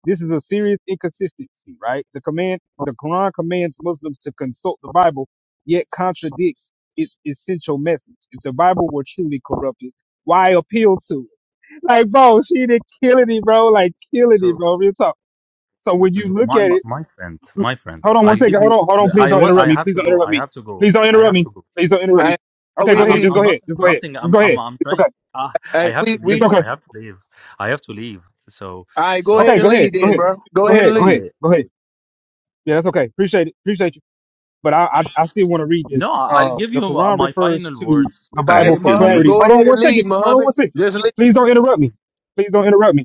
[SPEAKER 3] this is a serious inconsistency, right? The command, the Quran commands Muslims to consult the Bible, yet contradicts its essential message. If the Bible were truly corrupted, why appeal to it? Like, bro, she did killing it, bro. Like, killing it,
[SPEAKER 6] So,
[SPEAKER 3] bro. Real talk. So when you
[SPEAKER 6] so
[SPEAKER 3] look
[SPEAKER 6] my
[SPEAKER 3] at
[SPEAKER 6] my
[SPEAKER 3] it,
[SPEAKER 6] my friend, my friend,
[SPEAKER 3] hold on one
[SPEAKER 6] I'll
[SPEAKER 3] second.
[SPEAKER 6] give
[SPEAKER 3] Hold
[SPEAKER 6] you.
[SPEAKER 3] on, hold on. Please
[SPEAKER 6] I
[SPEAKER 3] don't
[SPEAKER 6] want.
[SPEAKER 3] interrupt
[SPEAKER 6] I
[SPEAKER 3] me.
[SPEAKER 6] have
[SPEAKER 3] Please
[SPEAKER 6] to
[SPEAKER 3] don't
[SPEAKER 6] go.
[SPEAKER 3] interrupt
[SPEAKER 6] I
[SPEAKER 3] me.
[SPEAKER 6] have to go.
[SPEAKER 3] Please don't
[SPEAKER 6] I
[SPEAKER 3] interrupt
[SPEAKER 6] have
[SPEAKER 3] me.
[SPEAKER 6] to go.
[SPEAKER 3] Please don't interrupt me.
[SPEAKER 7] Hey,
[SPEAKER 3] Okay,
[SPEAKER 7] we
[SPEAKER 3] go
[SPEAKER 6] I,
[SPEAKER 3] ahead.
[SPEAKER 6] I'm
[SPEAKER 3] Just
[SPEAKER 7] we
[SPEAKER 6] I'm
[SPEAKER 3] go
[SPEAKER 6] not
[SPEAKER 3] ahead. Just go ahead.
[SPEAKER 6] interrupting.
[SPEAKER 3] Just
[SPEAKER 6] I'm
[SPEAKER 3] go
[SPEAKER 6] I'm
[SPEAKER 3] ahead.
[SPEAKER 6] I'm
[SPEAKER 3] It's
[SPEAKER 6] trying.
[SPEAKER 3] okay.
[SPEAKER 6] Ah, I
[SPEAKER 7] hey
[SPEAKER 6] have to
[SPEAKER 7] we
[SPEAKER 3] It's
[SPEAKER 7] we
[SPEAKER 6] leave. I
[SPEAKER 3] okay.
[SPEAKER 6] have to leave. I have to leave. So
[SPEAKER 7] all right, go
[SPEAKER 6] so
[SPEAKER 3] Okay,
[SPEAKER 7] ahead and
[SPEAKER 3] go ahead.
[SPEAKER 7] leave
[SPEAKER 3] Go
[SPEAKER 7] then,
[SPEAKER 3] ahead.
[SPEAKER 7] bro. Go
[SPEAKER 3] Go
[SPEAKER 7] ahead
[SPEAKER 3] ahead.
[SPEAKER 7] and
[SPEAKER 3] Go ahead.
[SPEAKER 7] leave.
[SPEAKER 6] okay.
[SPEAKER 3] Go ahead. Yeah, that's okay. Appreciate it. Appreciate you. but I, I, I still want to read this.
[SPEAKER 6] No, I'll
[SPEAKER 3] Uh,
[SPEAKER 6] give
[SPEAKER 3] the
[SPEAKER 6] you uh,
[SPEAKER 3] Quran
[SPEAKER 6] my
[SPEAKER 3] refers
[SPEAKER 6] final
[SPEAKER 3] to
[SPEAKER 6] words.
[SPEAKER 3] the
[SPEAKER 10] I have
[SPEAKER 3] Bible
[SPEAKER 7] Hey
[SPEAKER 3] for
[SPEAKER 10] to
[SPEAKER 7] Muhammad,
[SPEAKER 6] Wait,
[SPEAKER 3] clarity.
[SPEAKER 7] go
[SPEAKER 10] leave.
[SPEAKER 3] Hold on
[SPEAKER 7] ahead
[SPEAKER 3] one
[SPEAKER 7] and
[SPEAKER 3] second.
[SPEAKER 7] leave,
[SPEAKER 3] Hold on
[SPEAKER 7] Muhammad.
[SPEAKER 3] one second.
[SPEAKER 7] Just leave.
[SPEAKER 3] Please don't interrupt me. Please don't interrupt me.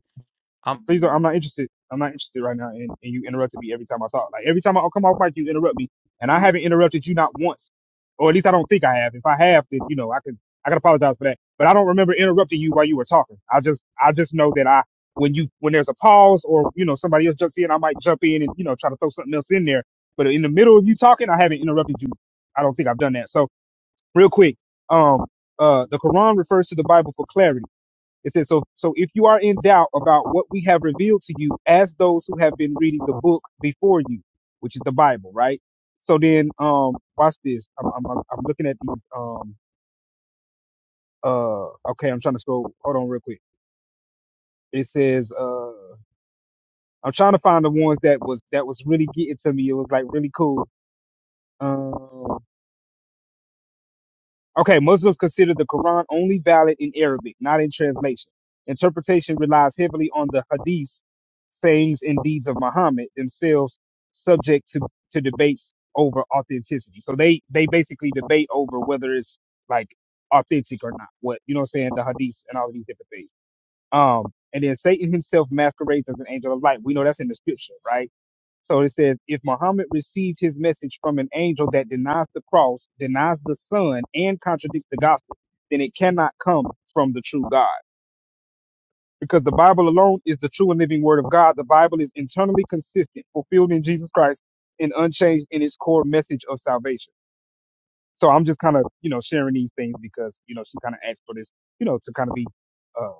[SPEAKER 6] man.
[SPEAKER 3] Please don't. I'm not interested. I'm not interested right now. And, and you interrupted me every time I talk. Like every time I come off mic, you interrupt me, and I haven't interrupted you not once, or at least I don't think I have. If I have, then you know I can I can apologize for that. But I don't remember interrupting you while you were talking. I just I just know that I when you when there's a pause or you know somebody else jumps in, I might jump in and you know try to throw something else in there. But in the middle of you talking, I haven't interrupted you. I don't think I've done that. So real quick, um, uh, the Quran refers to the Bible for clarity it says, so, so if you are in doubt about what we have revealed to you as those who have been reading the book before you, which is the Bible, right? So then, um, watch this. I'm, I'm, I'm I'm looking at these, um, uh, okay, I'm trying to scroll. Hold on real quick. It says, uh, I'm trying to find the ones that was, that was really getting to me. It was like really cool. Um, Okay, Muslims consider the Quran only valid in Arabic, not in translation. Interpretation relies heavily on the hadiths, sayings, and deeds of Muhammad themselves, subject to, to debates over authenticity. So they, they basically debate over whether it's like authentic or not. What you know what I'm saying, the hadiths and all of these different things. Um and then Satan himself masquerades as an angel of light. We know that's in the scripture, right? So it says, if Muhammad receives his message from an angel that denies the cross, denies the son, and contradicts the gospel, then it cannot come from the true God. Because the Bible alone is the true and living word of God. The Bible is internally consistent, fulfilled in Jesus Christ, and unchanged in its core message of salvation. So I'm just kind of, you know, sharing these things because, you know, she kind of asked for this, you know, to kind of be uh,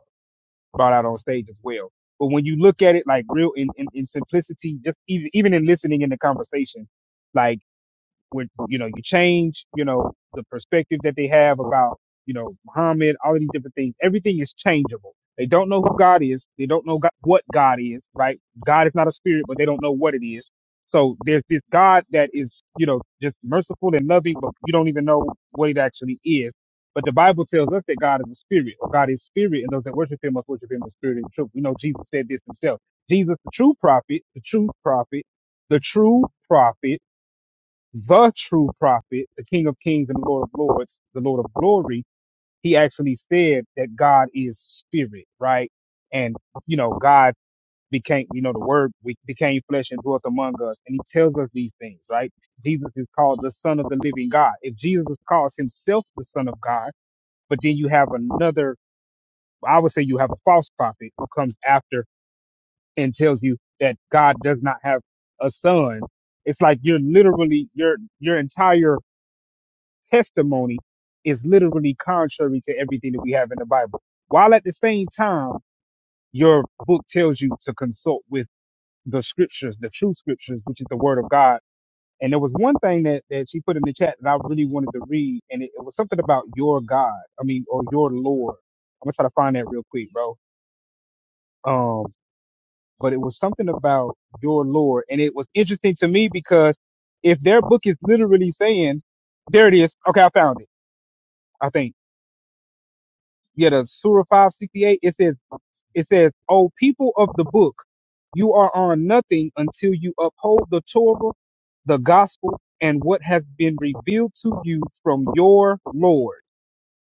[SPEAKER 3] brought out on stage as well. But when you look at it like real in, in, in simplicity, just even, even in listening in the conversation, like when you know you change you know the perspective that they have about you know Muhammad, all of these different things. Everything is changeable. They don't know who God is. They don't know God, what God is. Right? God is not a spirit, but they don't know what it is. So there's this God that is you know just merciful and loving, but you don't even know what it actually is. But the Bible tells us that God is a spirit, or God is spirit, and those that worship Him must worship Him in spirit and truth. We know Jesus said this Himself. Jesus, the true prophet, the true prophet, the true prophet the true prophet, the King of Kings and Lord of Lords, the Lord of Glory, he actually said that God is spirit, right? And, you know, God became, you know, the word we- became flesh and dwelt among us. And he tells us these things, right? Jesus is called the son of the living God. If Jesus calls himself the son of God, but then you have another, I would say you have a false prophet who comes after and tells you that God does not have a son. It's like you're literally, your, your entire testimony is literally contrary to everything that we have in the Bible. While at the same time, your book tells you to consult with the scriptures, the true scriptures, which is the word of God. And there was one thing that, that she put in the chat that I really wanted to read, and it, it was something about your God, I mean, or your Lord. I'm gonna try to find that real quick, bro. Um, but it was something about your Lord, and it was interesting to me because if their book is literally saying, there it is, okay, I found it, I think yeah, the Surah 568, it says, it says, O people of the book, you are on nothing until you uphold the Torah, the gospel, and what has been revealed to you from your Lord.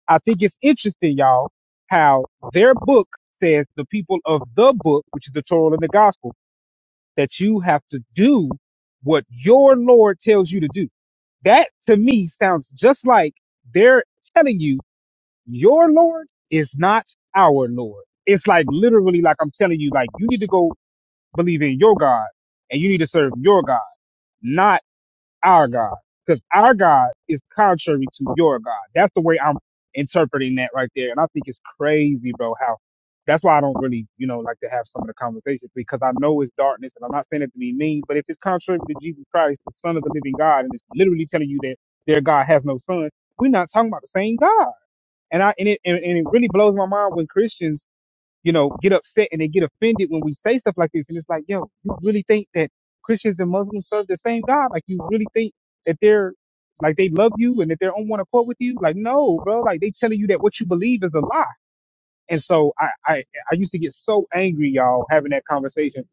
[SPEAKER 3] I think it's interesting, y'all, how their book says the people of the book, which is the Torah and the gospel, that you have to do what your Lord tells you to do. That to me sounds just like they're telling you your Lord is not our Lord. It's like literally, like I'm telling you, like you need to go believe in your God and you need to serve your God, not our God. Because our God is contrary to your God. That's the way I'm interpreting that right there. And I think it's crazy, bro, how that's why I don't really, you know, like to have some of the conversations because I know it's darkness and I'm not saying it to be mean, but if it's contrary to Jesus Christ, the Son of the living God, and it's literally telling you that their God has no son, we're not talking about the same God. And I and it and, and it really blows my mind when Christians, you know, get upset and they get offended when we say stuff like this. And it's like, yo, you really think that Christians and Muslims serve the same God? Like you really think that they're like they love you and that they're on one accord with you? Like, no, bro. Like they telling you that what you believe is a lie. And so I I, I used to get so angry, y'all, having that conversation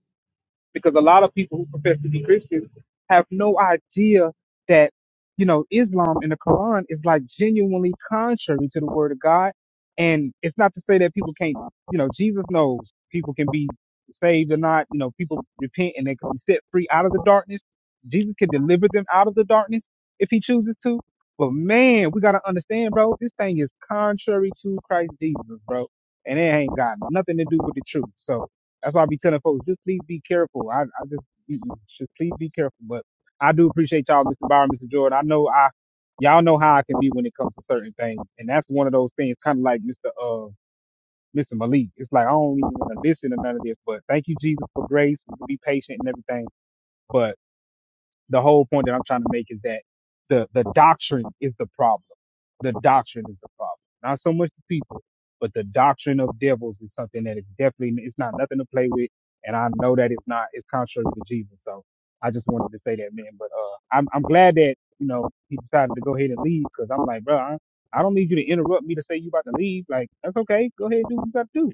[SPEAKER 3] because a lot of people who profess to be Christians have no idea that you know Islam and the Quran is like genuinely contrary to the Word of God, and it's not to say that people can't you know Jesus knows people can be saved or not. You know people repent and they can be set free out of the darkness. Jesus can deliver them out of the darkness if He chooses to. But man, we gotta understand, bro. This thing is contrary to Christ Jesus, bro, and it ain't got nothing to do with the truth. So that's why I be telling folks, just please be careful. I, I just, mm-mm, just please be careful. But I do appreciate y'all, Mr. Byron, Mr. Jordan. I know I, y'all know how I can be when it comes to certain things. And that's one of those things, kind of like Mr. Uh, Mr. Malik. It's like, I don't even want to listen to none of this, but thank you, Jesus, for grace, to be patient and everything. But the whole point that I'm trying to make is that the, the doctrine is the problem. The doctrine is the problem. Not so much the people, but the doctrine of devils is something that is definitely, it's not nothing to play with. And I know that it's not, it's contrary to Jesus. So I just wanted to say that, man. But, uh, I'm, I'm glad that, you know, he decided to go ahead and leave because I'm like, bro, I, I don't need you to interrupt me to say you about to leave. Like, that's okay. Go ahead and do what you got to do.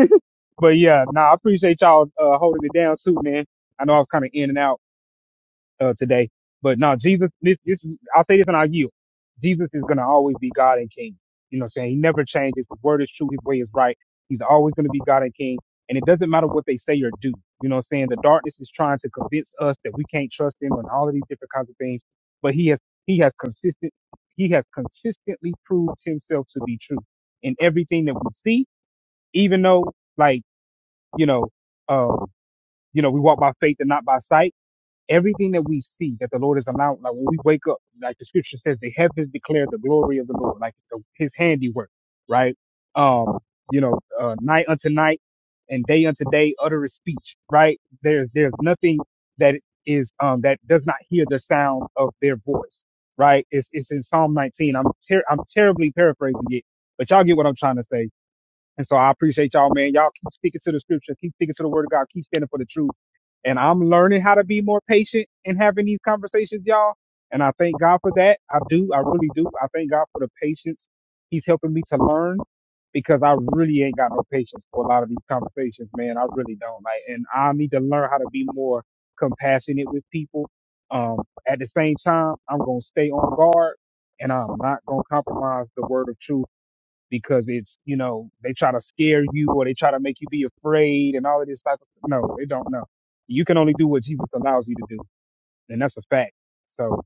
[SPEAKER 3] Like, but yeah, nah, I appreciate y'all, uh, holding it down too, man. I know I was kind of in and out uh, today. But no, Jesus, this, this, I'll say this and I'll yield. Jesus is going to always be God and King. You know what I'm saying? He never changes. His word is true. His way is right. He's always going to be God and King. And it doesn't matter what they say or do. You know what I'm saying? The darkness is trying to convince us that we can't trust him and all of these different kinds of things. But he has, he has consistent, he has consistently proved himself to be true in everything that we see, even though like, you know, um, you know, we walk by faith and not by sight Everything that we see that the Lord is allowing, like when we wake up, like the scripture says, the heavens declare the glory of the Lord, like the, his handiwork, right? Um, you know, uh, night unto night and day unto day, utter His speech, right? There's, there's nothing that is, um, that does not hear the sound of their voice, right? It's, it's in Psalm 19. I'm, ter- I'm terribly paraphrasing it, but y'all get what I'm trying to say and so I appreciate y'all, man. Y'all keep speaking to the scripture, keep speaking to the word of God, keep standing for the truth. And I'm learning how to be more patient in having these conversations, y'all. And I thank God for that. I do. I really do. I thank God for the patience. He's helping me to learn because I really ain't got no patience for a lot of these conversations, man. I really don't. Like, and I need to learn how to be more compassionate with people. Um, at the same time, I'm going to stay on guard and I'm not going to compromise the word of truth because it's, you know, they try to scare you or they try to make you be afraid and all of this type of stuff. No, they don't know. You can only do what Jesus allows you to do. And that's a fact. So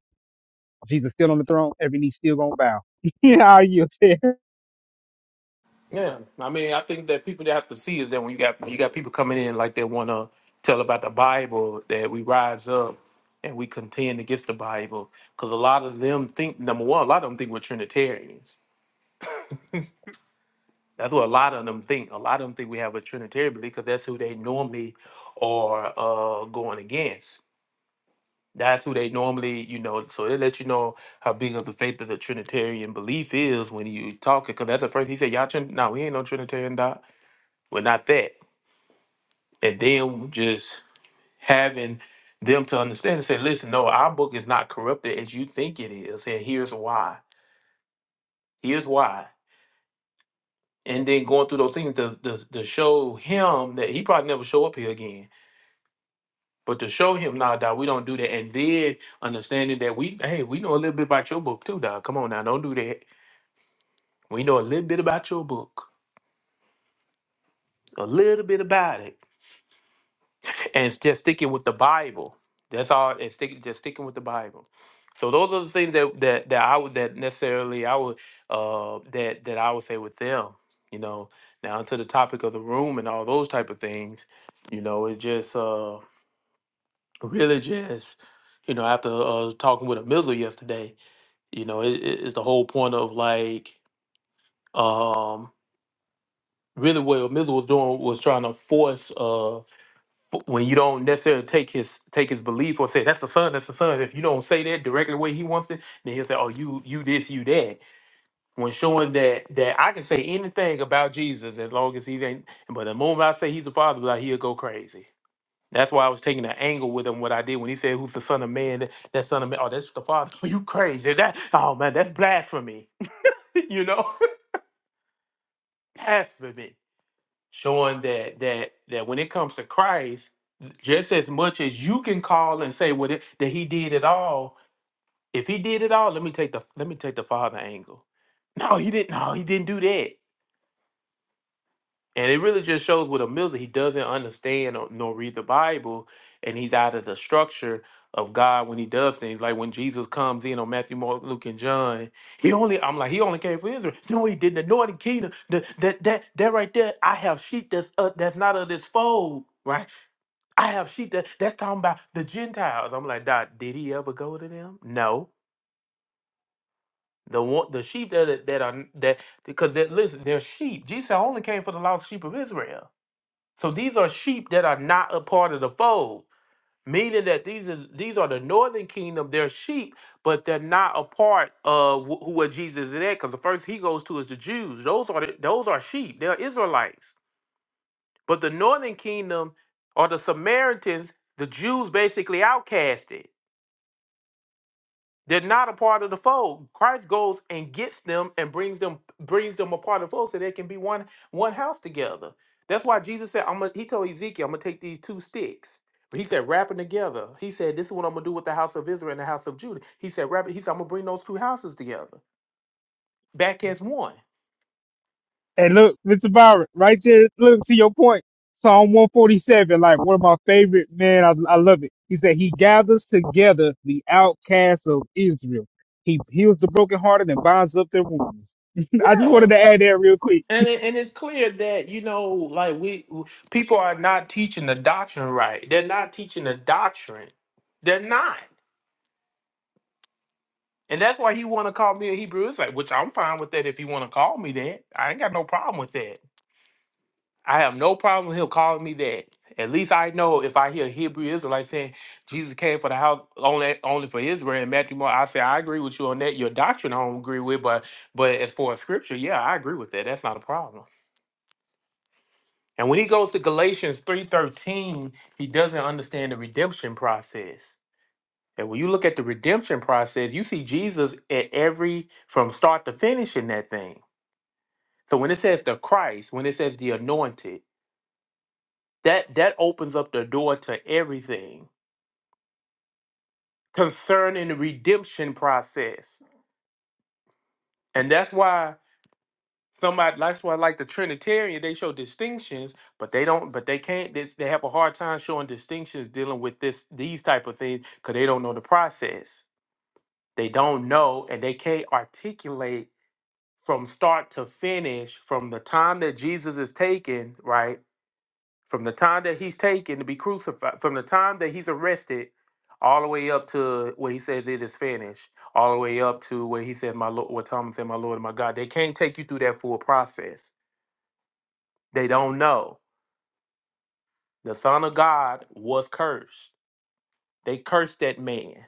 [SPEAKER 3] Jesus still on the throne. Every knee still gonna bow. Yeah, you there.
[SPEAKER 1] Yeah, I mean, I think that people that have to see is that when you got when you got people coming in like they wanna tell about the Bible that we rise up and we contend against the Bible because a lot of them think number one, a lot of them think we're Trinitarians. That's what a lot of them think. A lot of them think we have a Trinitarian belief because that's who they normally are uh, going against. That's who they normally, you know. So it lets you know how big of the faith of the Trinitarian belief is when you talk it. Because that's the first he said, "Y'all, Trin- no, we ain't no Trinitarian doc. We're not that." And then just having them to understand and say, "Listen, no, our book is not corrupted as you think it is, and here's why. Here's why." And then going through those things to, to, to show him that he probably never show up here again But to show him now, dog, we don't do that, and then understanding that we, hey, we know a little bit about your book too, dog. Come on now, don't do that. We know a little bit about your book, a little bit about it, and it's just sticking with the Bible. That's all. And sticking, just sticking with the Bible. So those are the things that that that I would that necessarily I would uh that that I would say with them. You know, now to the topic of the room and all those type of things. You know, it's just uh really just you know after uh talking with a missile yesterday You know, it, it- it's the whole point of like, um, really what Mizzle was doing was trying to force uh f- when you don't necessarily take his take his belief or say that's the son, that's the son. If you don't say that directly the way he wants it, then he'll say, oh, you you this, you that. When showing that that I can say anything about Jesus as long as he ain't, but the moment I say he's the father, like he'll go crazy. That's why I was taking an angle with him. What I did when he said, "Who's the son of man?" That, that son of man. Oh, that's the father. you crazy? That oh man, that's blasphemy. you know. Past testament showing that that that when it comes to Christ, just as much as you can call and say what it, that he did it all, if he did it all, let me take the let me take the father angle. No, he didn't. No, he didn't do that. And it really just shows with a Mills that he doesn't understand or, nor read the Bible, and he's out of the structure of God when he does things. Like when Jesus comes in on Matthew, Mark, Luke, and John, he only I'm like he only came for Israel. No, he didn't. The Northern Kingdom, the, that that that right there. I have sheep that's uh, that's not of this fold, right? I have sheep that that's talking about the Gentiles. I'm like, Dot, did he ever go to them? No. The one, the sheep that are- that are that because that listen, they're sheep. Jesus said, I only came for the lost sheep of Israel. So these are sheep that are not a part of the fold, meaning that these are these are the northern kingdom. They're sheep, but they're not a part of wh- who what Jesus is at. Because the first he goes to is the Jews. Those are the, those are sheep. They're Israelites. But the northern kingdom are the Samaritans. The Jews basically outcasted. They're not a part of the fold. Christ goes and gets them and brings them brings them a part of the fold so they can be one one house together. That's why Jesus said, I'm gonna, he told Ezekiel, I'm gonna take these two sticks. But he said, wrap them together. He said, This is what I'm gonna do with the house of Israel and the house of Judah. He said, wrap it, he said, I'm gonna bring those two houses together back as one.
[SPEAKER 3] And look, Mr. Byron, right there. Look to your point. Psalm 147, like one of my favorite, man. I, I love it. He said, He gathers together the outcasts of Israel. He heals the brokenhearted and binds up their wounds. I just wanted
[SPEAKER 1] Yeah.
[SPEAKER 3] to add that real quick
[SPEAKER 1] And it, and it's clear that, you know, like we people are not teaching the doctrine right. They're not teaching the doctrine. They're not. And that's why he want to call me a Hebrew Israelite, which I'm fine with that if he want to call me that. I ain't got no problem with that. I have no problem with him calling me that. At least I know if I hear Hebrew Israelite saying Jesus came for the house only only for Israel and Matthew Moore, I say I agree with you on that. Your doctrine I don't agree with, but but as for scripture, yeah, I agree with that. That's not a problem. And when he goes to Galatians 3:13, he doesn't understand the redemption process And when you look at the redemption process, you see Jesus at every from start to finish in that thing. So when it says the Christ, when it says the anointed, that that opens up the door to everything concerning the redemption process. And that's why somebody that's why like the Trinitarian, they show distinctions, but they don't but they can't they, they have a hard time showing distinctions dealing with this these type of things because they don't know the process. They don't know and they can't articulate from start to finish, from the time that Jesus is taken, right? From the time that he's taken to be crucified, from the time that he's arrested, all the way up to where he says it is finished, all the way up to where he says, My Lord, what Thomas said, My Lord and my God. They can't take you through that full process. They don't know. The Son of God was cursed. They cursed that man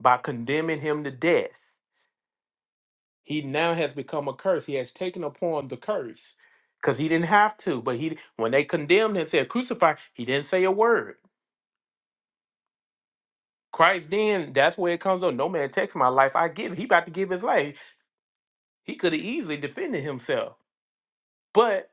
[SPEAKER 1] by condemning him to death. He now has become a curse. He has taken upon the curse because he didn't have to. But he, when they condemned him, said crucify, he didn't say a word. Christ then, that's where it comes on. No man takes my life, I give. it." He about to give his life. He could have easily defended himself, but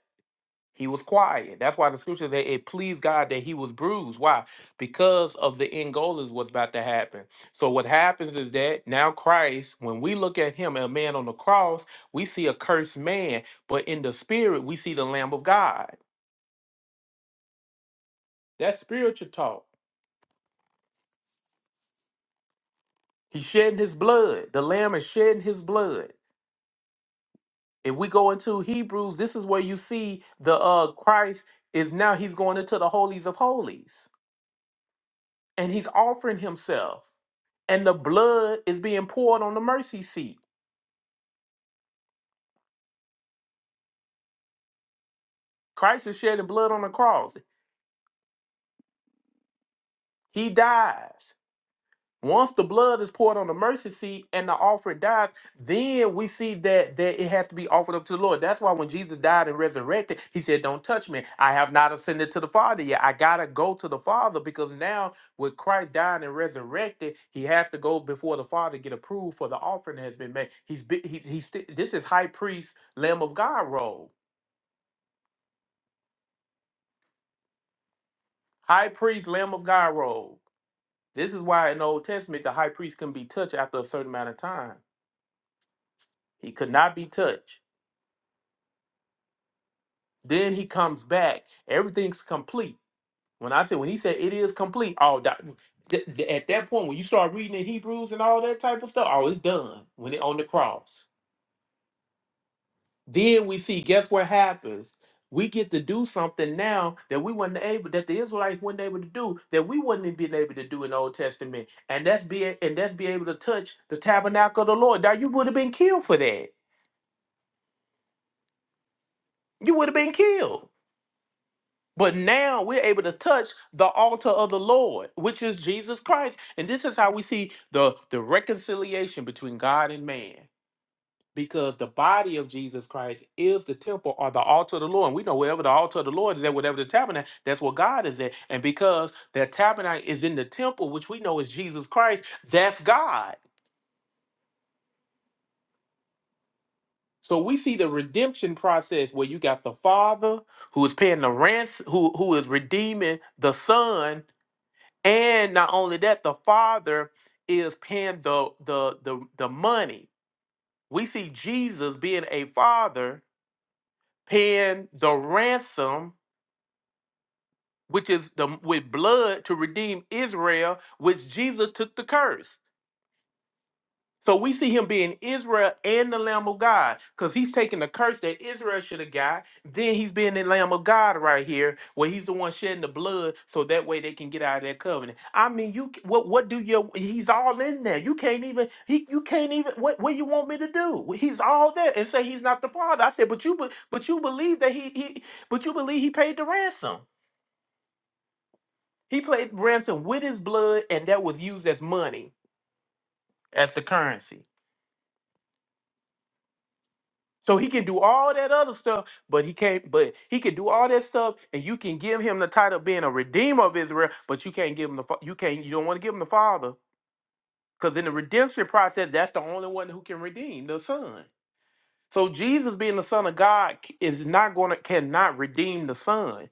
[SPEAKER 1] He was quiet. That's why the scripture said it pleased God that he was bruised. Why? Because of the end goal is what's about to happen. So what happens is that now Christ, when we look at him, a man on the cross, we see a cursed man, but in the spirit, we see the Lamb of God. That's spiritual talk. He's shedding his blood. The Lamb is shedding his blood. If we go into Hebrews, this is where you see the uh Christ is now he's going into the holies of holies. and he's offering himself and the blood is being poured on the mercy seat christ is shedding blood on the cross he dies Once the blood is poured on the mercy seat and the offering dies, then we see that that it has to be offered up to the Lord. That's why when Jesus died and resurrected, he said, Don't touch me. I have not ascended to the Father yet. I gotta go to the Father because now with Christ dying and resurrected, he has to go before the Father to get approved for the offering that has been made. He's be- he's, he's sti- this is high priest, Lamb of God role. High priest, Lamb of God role. This is why in the Old Testament the high priest couldn't be touched after a certain amount of time. He could not be touched. Then he comes back. Everything's complete. When I said when he said it is complete, oh, that, th- th- at that point when you start reading in Hebrews and all that type of stuff, oh, it's done when it on the cross. Then we see, guess what happens? We get to do something now that we weren't able, that the Israelites weren't able to do, that we wouldn't have been able to do in the Old Testament, and that's be and that's be able to touch the tabernacle of the Lord. Now you would have been killed for that. You would have been killed. But now we're able to touch the altar of the Lord, which is Jesus Christ. And this is how we see the, the reconciliation between God and man. Because the body of Jesus Christ is the temple or the altar of the Lord. And we know wherever the altar of the Lord is at, whatever the tabernacle, that's where God is at. And because that tabernacle is in the temple, which we know is Jesus Christ, that's God. So we see the redemption process where you got the Father who is paying the ransom, who, who is redeeming the Son And not only that, the Father is paying the the the, the money. We see Jesus being a father paying the ransom, which is the with blood to redeem Israel, which Jesus took the curse. So we see him being Israel and the Lamb of God because he's taking the curse that Israel should have got. Then he's being the Lamb of God right here, where he's the one shedding the blood so that way they can get out of that covenant. I mean, you c- what what do you he's all in there. You can't even he you can't even what what you want me to do? He's all there and say he's not the father. I said, but you be- but you believe that he he but you believe he paid the ransom. He paid ransom with his blood and that was used as money, as the currency. So he can do all that other stuff, but he can't. But he can do all that stuff, and you can give him the title of being a redeemer of Israel, but you can't give him the fa- you can't you don't want to give him the father because in the redemption process, that's the only one who can redeem the son. So Jesus being the son of God c- is not going to cannot redeem the son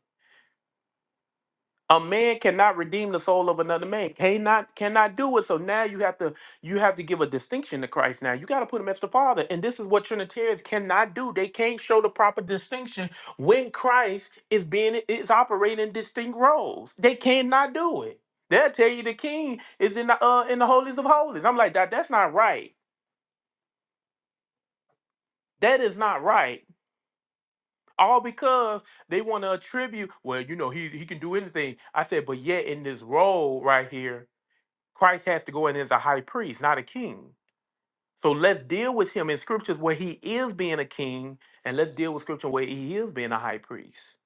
[SPEAKER 1] A man cannot redeem the soul of another man. Cannot cannot do it. So now you have to you have to give a distinction to Christ. Now you got to put him as the Father, and this is what Trinitarians cannot do. They can't show the proper distinction when Christ is being is operating distinct roles. They cannot do it. They'll tell you the King is in the uh, in the holies of holies. I'm like that. That's not right. That is not right. All because they want to attribute. Well, you know he he can do anything. I said, but yet in this role right here Christ has to go in as a high priest, not a king. So let's deal with him in scriptures where he is being a king, and let's deal with scripture where he is being a high priest.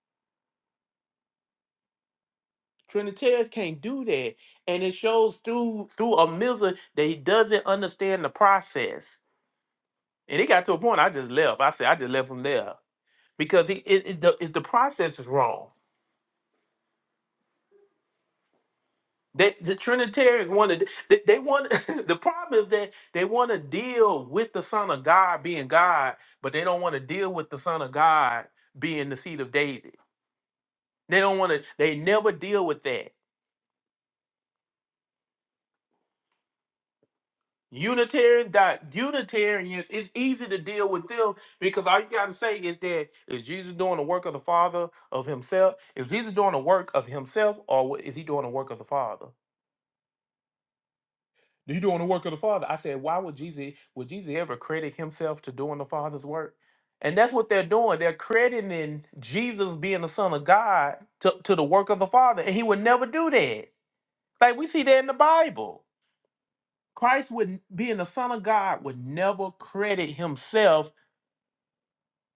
[SPEAKER 1] Trinitarians can't do that. And it shows through through a miser that he doesn't understand the process. And it got to a point I just left. I said I just left him there. Because he it, it- the, it's the process is wrong. They, the Trinitarians want to. They, they want. the problem is that they want to deal with the Son of God being God, but they don't want to deal with the Son of God being the seed of David. They don't want to. They never deal with that. Unitarian dot Unitarians. It's easy to deal with them because all you gotta say is that is Jesus doing the work of the Father of Himself? Is Jesus doing the work of Himself, or is He doing the work of the Father? He doing the work of the Father. I said, why would Jesus would Jesus ever credit himself to doing the Father's work? And that's what they're doing. They're crediting Jesus being the Son of God to, to the work of the Father. And he would never do that. Like we see that in the Bible. Christ would being the Son of God would never credit himself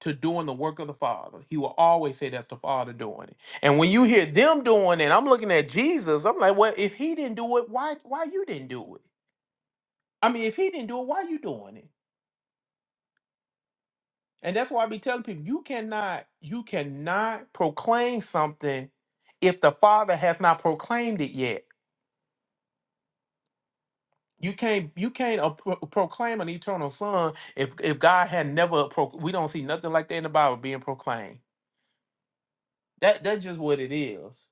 [SPEAKER 1] to doing the work of the Father. He will always say that's the Father doing it. And when you hear them doing it, I'm looking at Jesus. I'm like, well, if he didn't do it, why why you didn't do it? I mean, if he didn't do it, why you doing it? And that's why I be telling people you cannot you cannot proclaim something if the Father has not proclaimed it yet. You can't you can't uh, pro- proclaim an eternal Son if if God had never pro- we don't see nothing like that in the Bible being proclaimed. That that's just what it is.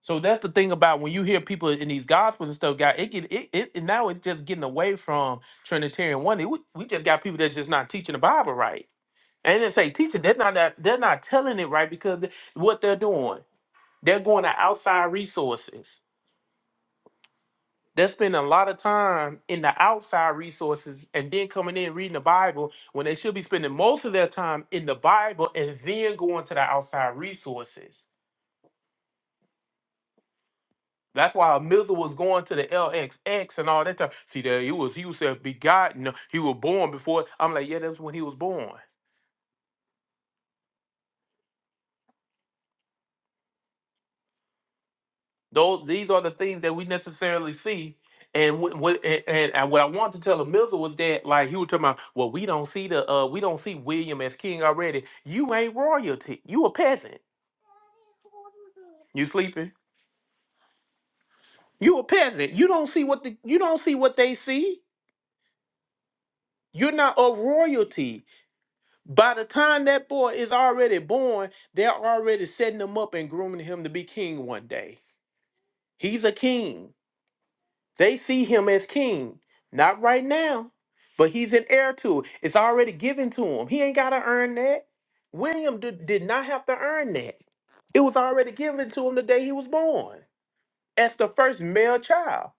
[SPEAKER 1] So that's the thing about when you hear people in these gospels and stuff, God, it get it, it and now it's just getting away from Trinitarian one. We, we just got people that's just not teaching the Bible right. And they say teaching, they're not that- they're not telling it right because th- what they're doing. They're going to outside resources. They're spending a lot of time in the outside resources and then coming in reading the Bible when they should be spending most of their time in the Bible and then going to the outside resources. That's why Mizzle was going to the LXX and all that time. See, there he was. He was said begotten. He was born before. I'm like, yeah, that's when he was born. Those these are the things that we necessarily see. And what what- and, and and what I wanted to tell Amiza was that like he was talking about, well, we don't see the uh we don't see William as king already. You ain't royalty. You a peasant. You sleeping. You a peasant. You don't see what the you don't see what they see. You're not a royalty. By the time that boy is already born, they're already setting him up and grooming him to be king one day. He's a king. They see him as king. Not right now, but he's an heir to it. It's already given to him. He ain't got to earn that. William did, did not have to earn that. It was already given to him the day he was born as the first male child.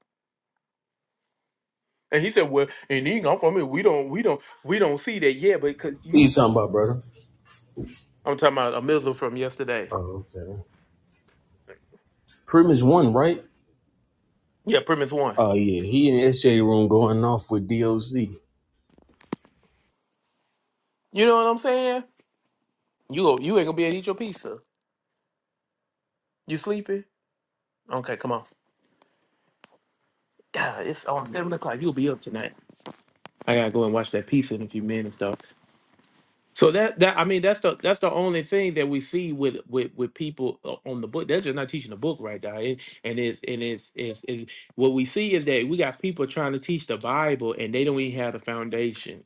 [SPEAKER 1] And he said, "Well, and he come from it. We don't, we don't, we don't see that yet. But because
[SPEAKER 10] What you
[SPEAKER 1] you,
[SPEAKER 10] talking about, brother?
[SPEAKER 1] I'm talking about a missile from yesterday.
[SPEAKER 10] Oh, okay. Prim is one, right?
[SPEAKER 1] Yeah, premise one.
[SPEAKER 10] Oh yeah, he in SJ room going off with DOC.
[SPEAKER 1] You know what I'm saying? You go, you ain't gonna be able to eat your pizza. You sleepy? Okay, come on. God, it's on seven o'clock. You'll be up tonight. I gotta go and watch that piece in a few minutes though. So that that I mean that's the that's the only thing that we see with with with people o- on the book. They're just not teaching the book right now. It, and it's and it's, it's it's what we see is that we got people trying to teach the Bible and they don't even have the foundation.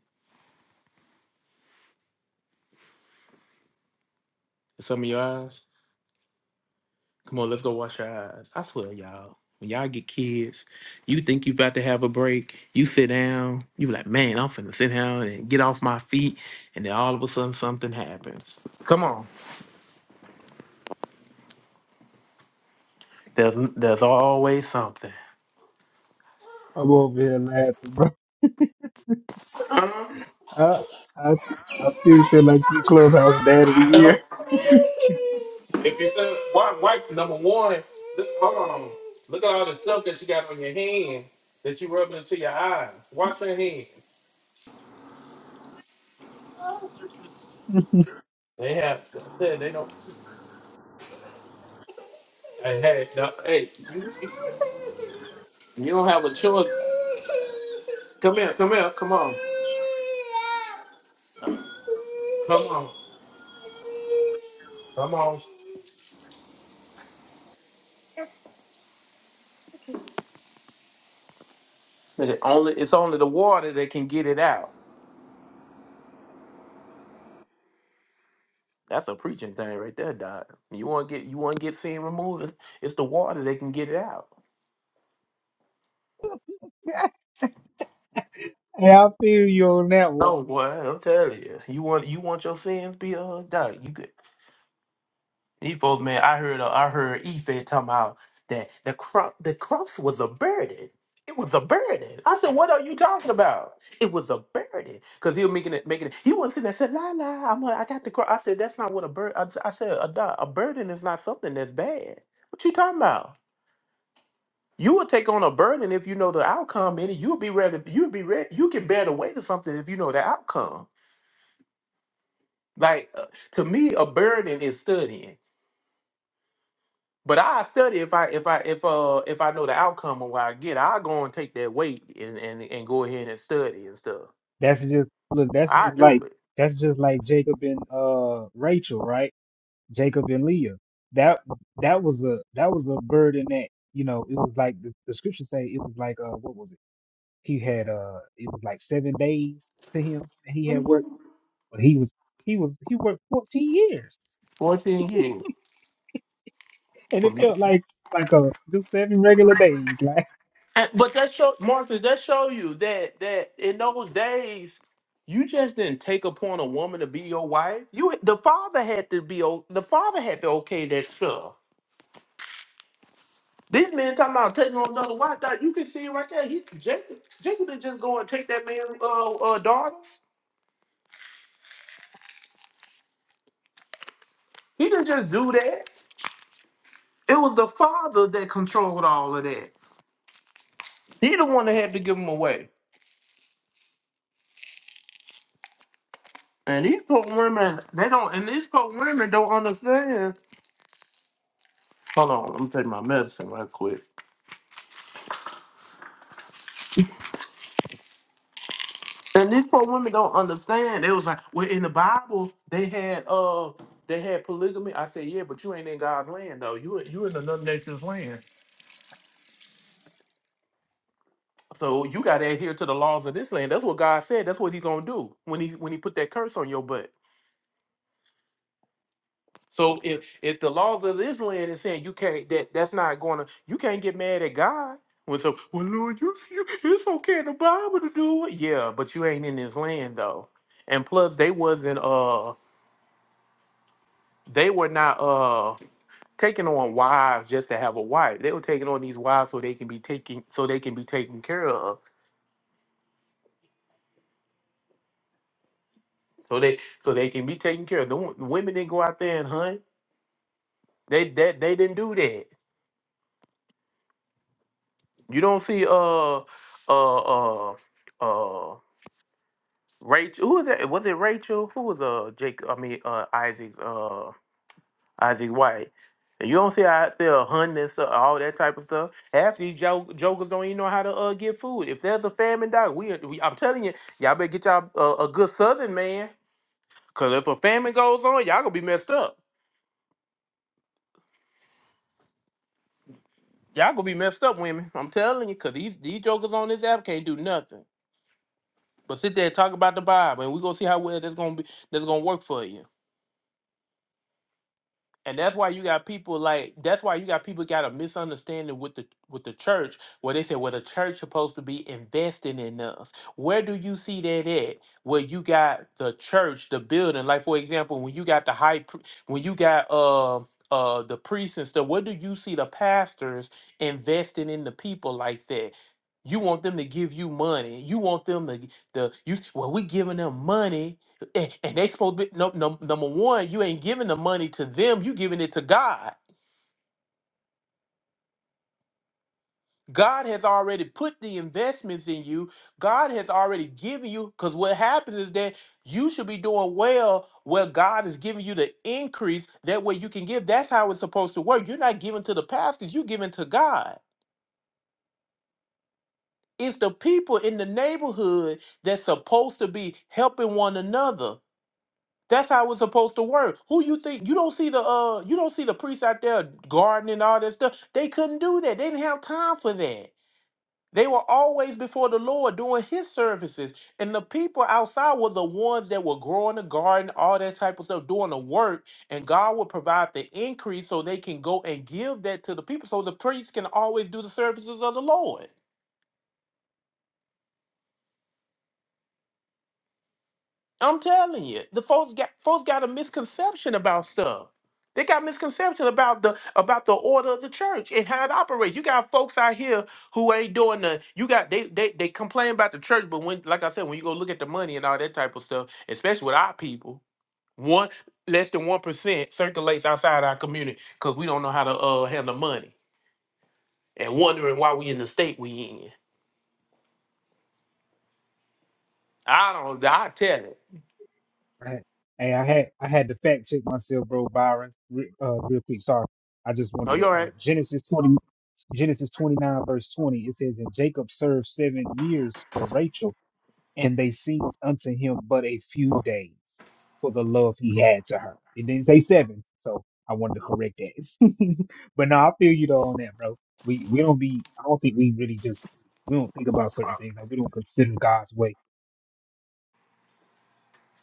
[SPEAKER 1] Some of your eyes. Come on, let's go wash your eyes. I swear, y'all. When y'all get kids, you think you have got to have a break. You sit down. You be like, man, I'm finna sit down and get off my feet. And then all of a sudden, something happens. Come on. There's there's always something.
[SPEAKER 3] I'm over here laughing, bro.
[SPEAKER 1] Uh-huh.
[SPEAKER 3] I, I, I still feel like you clubhouse dad of the
[SPEAKER 1] I know.
[SPEAKER 3] year.
[SPEAKER 1] If you said white, wife number one, look, hold on. Look at all the stuff that you got on your hand that you rubbing into your eyes. Wash your hands.
[SPEAKER 3] hey,
[SPEAKER 1] They have. They they don't. Hey, hey, no, hey. You, you you don't have a choice. Come here. Come here. Come on. Come on. Come on. But it only it's only the water that can get it out. That's a preaching thing right there, Doc. You want to get you want to get sin removed? It's, it's the water that can get it out.
[SPEAKER 3] I feel you on that one.
[SPEAKER 1] Oh boy, I'm telling you, you want you want your sins be uh Doc. You could these folks, man. I heard uh, I heard Ife talking about that the cross the cross was a burden. It was a burden. I said, what are you talking about? It was a burden because he was making it making it. He wasn't sitting there said la la. I'm a, i am like, I got the cross. I said that's not what a burden. I, I said a, doc, a burden is not something that's bad. What you talking about? You will take on a burden if you know the outcome, and you'll be ready. You'll be ready. You can bear the weight of something if you know the outcome. Like uh, to me, a burden is studying. But I study if I if I if uh if I know the outcome of what I get, I go and take that weight and and, and go ahead and study and stuff.
[SPEAKER 3] That's just look. That's
[SPEAKER 1] I
[SPEAKER 3] just
[SPEAKER 1] do
[SPEAKER 3] like
[SPEAKER 1] it.
[SPEAKER 3] that's just like Jacob and uh Rachel, right? Jacob and Leah. That that was a that was a burden that you know it was like the, the scripture say it was like uh what was it? He had uh it was like seven days to him. that He had worked, but he was he was he worked fourteen years.
[SPEAKER 1] Fourteen years.
[SPEAKER 3] and it felt like like a just seven regular days.
[SPEAKER 1] And, but that show, Marcus, that show you that that in those days, you just didn't take upon a woman to be your wife. You, the father had to be, o- the father had to okay that stuff. This man talking about taking on another wife. Dog, you can see it right there. He Jacob, Jacob didn't just go and take that man's uh, uh, daughter. He didn't just do that. It was the father that controlled all of that. He the one that had to give him away. And these poor women, they don't. And these poor women don't understand. Hold on, let me take my medicine right quick. And these poor women don't understand. It was like, well, in the Bible, they had uh they had polygamy. I said, yeah, but you ain't in God's land though. You you in another nation's land. So you gotta adhere to the laws of this land. That's what God said. That's what He gonna do when he when he put that curse on your butt. So if if the laws of this land is saying you can't that that's not gonna you can't get mad at God. When so well Lord you, you it's okay in the Bible to do it. Yeah, but you ain't in this land though. And plus they wasn't uh they were not uh, taking on wives just to have a wife. They were taking on these wives so they can be taken so they can be taken care of. So they so they can be taken care of. The, wo- the women didn't go out there and hunt. They that they didn't do that. You don't see uh uh uh uh Rachel who was that was it Rachel? Who was uh Jacob I mean uh Isaac's uh, Isaac White. And you don't see how out there hunting and stuff, all that type of stuff. Half these jo- jokers don't even know how to uh, get food. If there's a famine, dog, we, uh, we I'm telling you, y'all better get y'all uh, a good Southern man. Cause if a famine goes on, y'all gonna be messed up. Y'all gonna be messed up, women. I'm telling you, cause these, these jokers on this app can't do nothing but sit there and talk about the Bible, and we gonna see how well that's gonna be. That's gonna work for you. And that's why you got people like that's why you got people got a misunderstanding with the with the church where they say well the church supposed to be investing in us. Where do you see that at? Where you got the church, the building, like for example, when you got the high pri- when you got uh uh the priests and stuff, where do you see the pastors investing in the people like that? You want them to give you money. You want them to the you well we giving them money and, and they supposed to be no, no, number one you ain't giving the money to them you giving it to god god has already put the investments in you god has already given you because what happens is that you should be doing well where god is giving you the increase that way you can give that's how it's supposed to work you're not giving to the pastors you giving to god it's the people in the neighborhood that's supposed to be helping one another That's how it's supposed to work. Who you think you don't see the uh you don't see the priests out there gardening and all that stuff. They couldn't do that. They didn't have time for that. They were always before the Lord doing his services. And the people outside were the ones that were growing the garden, all that type of stuff, doing the work. And God would provide the increase so they can go and give that to the people. So the priests can always do the services of the Lord. I'm telling you, the folks got folks got a misconception about stuff. They got misconception about the about the order of the church and how it operates. You got folks out here who ain't doing the. You got they they they complain about the church, but when like I said, when you go look at the money and all that type of stuff, especially with our people, one less than one percent circulates outside our community because we don't know how to uh handle money and wondering why we in the state we in. I don't. I tell it.
[SPEAKER 3] Like, I had- hey, I had I had to fact check myself, bro, Byron, re, uh, real quick. Sorry, I just
[SPEAKER 1] Oh,
[SPEAKER 3] wanted
[SPEAKER 1] you all
[SPEAKER 3] to uh,
[SPEAKER 1] right?
[SPEAKER 3] Genesis twenty, Genesis twenty nine verse twenty. It says, and Jacob served seven years for Rachel, and they seemed unto him but a few days for the love he had to her. It didn't say seven, so I wanted to correct that. but no, I feel you though on that, bro. We we don't be. I don't think we really just we don't think about certain things. Like we don't consider God's way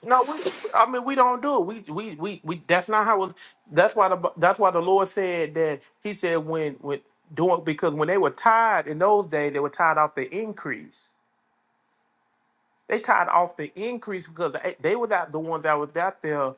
[SPEAKER 1] No, we, I mean we don't do it. We, we we we that's not how it was. That's why the that's why the Lord said that He said when when doing because when they were tied in those days they were tied off the increase. They tied off the increase because they they were not the ones that was out there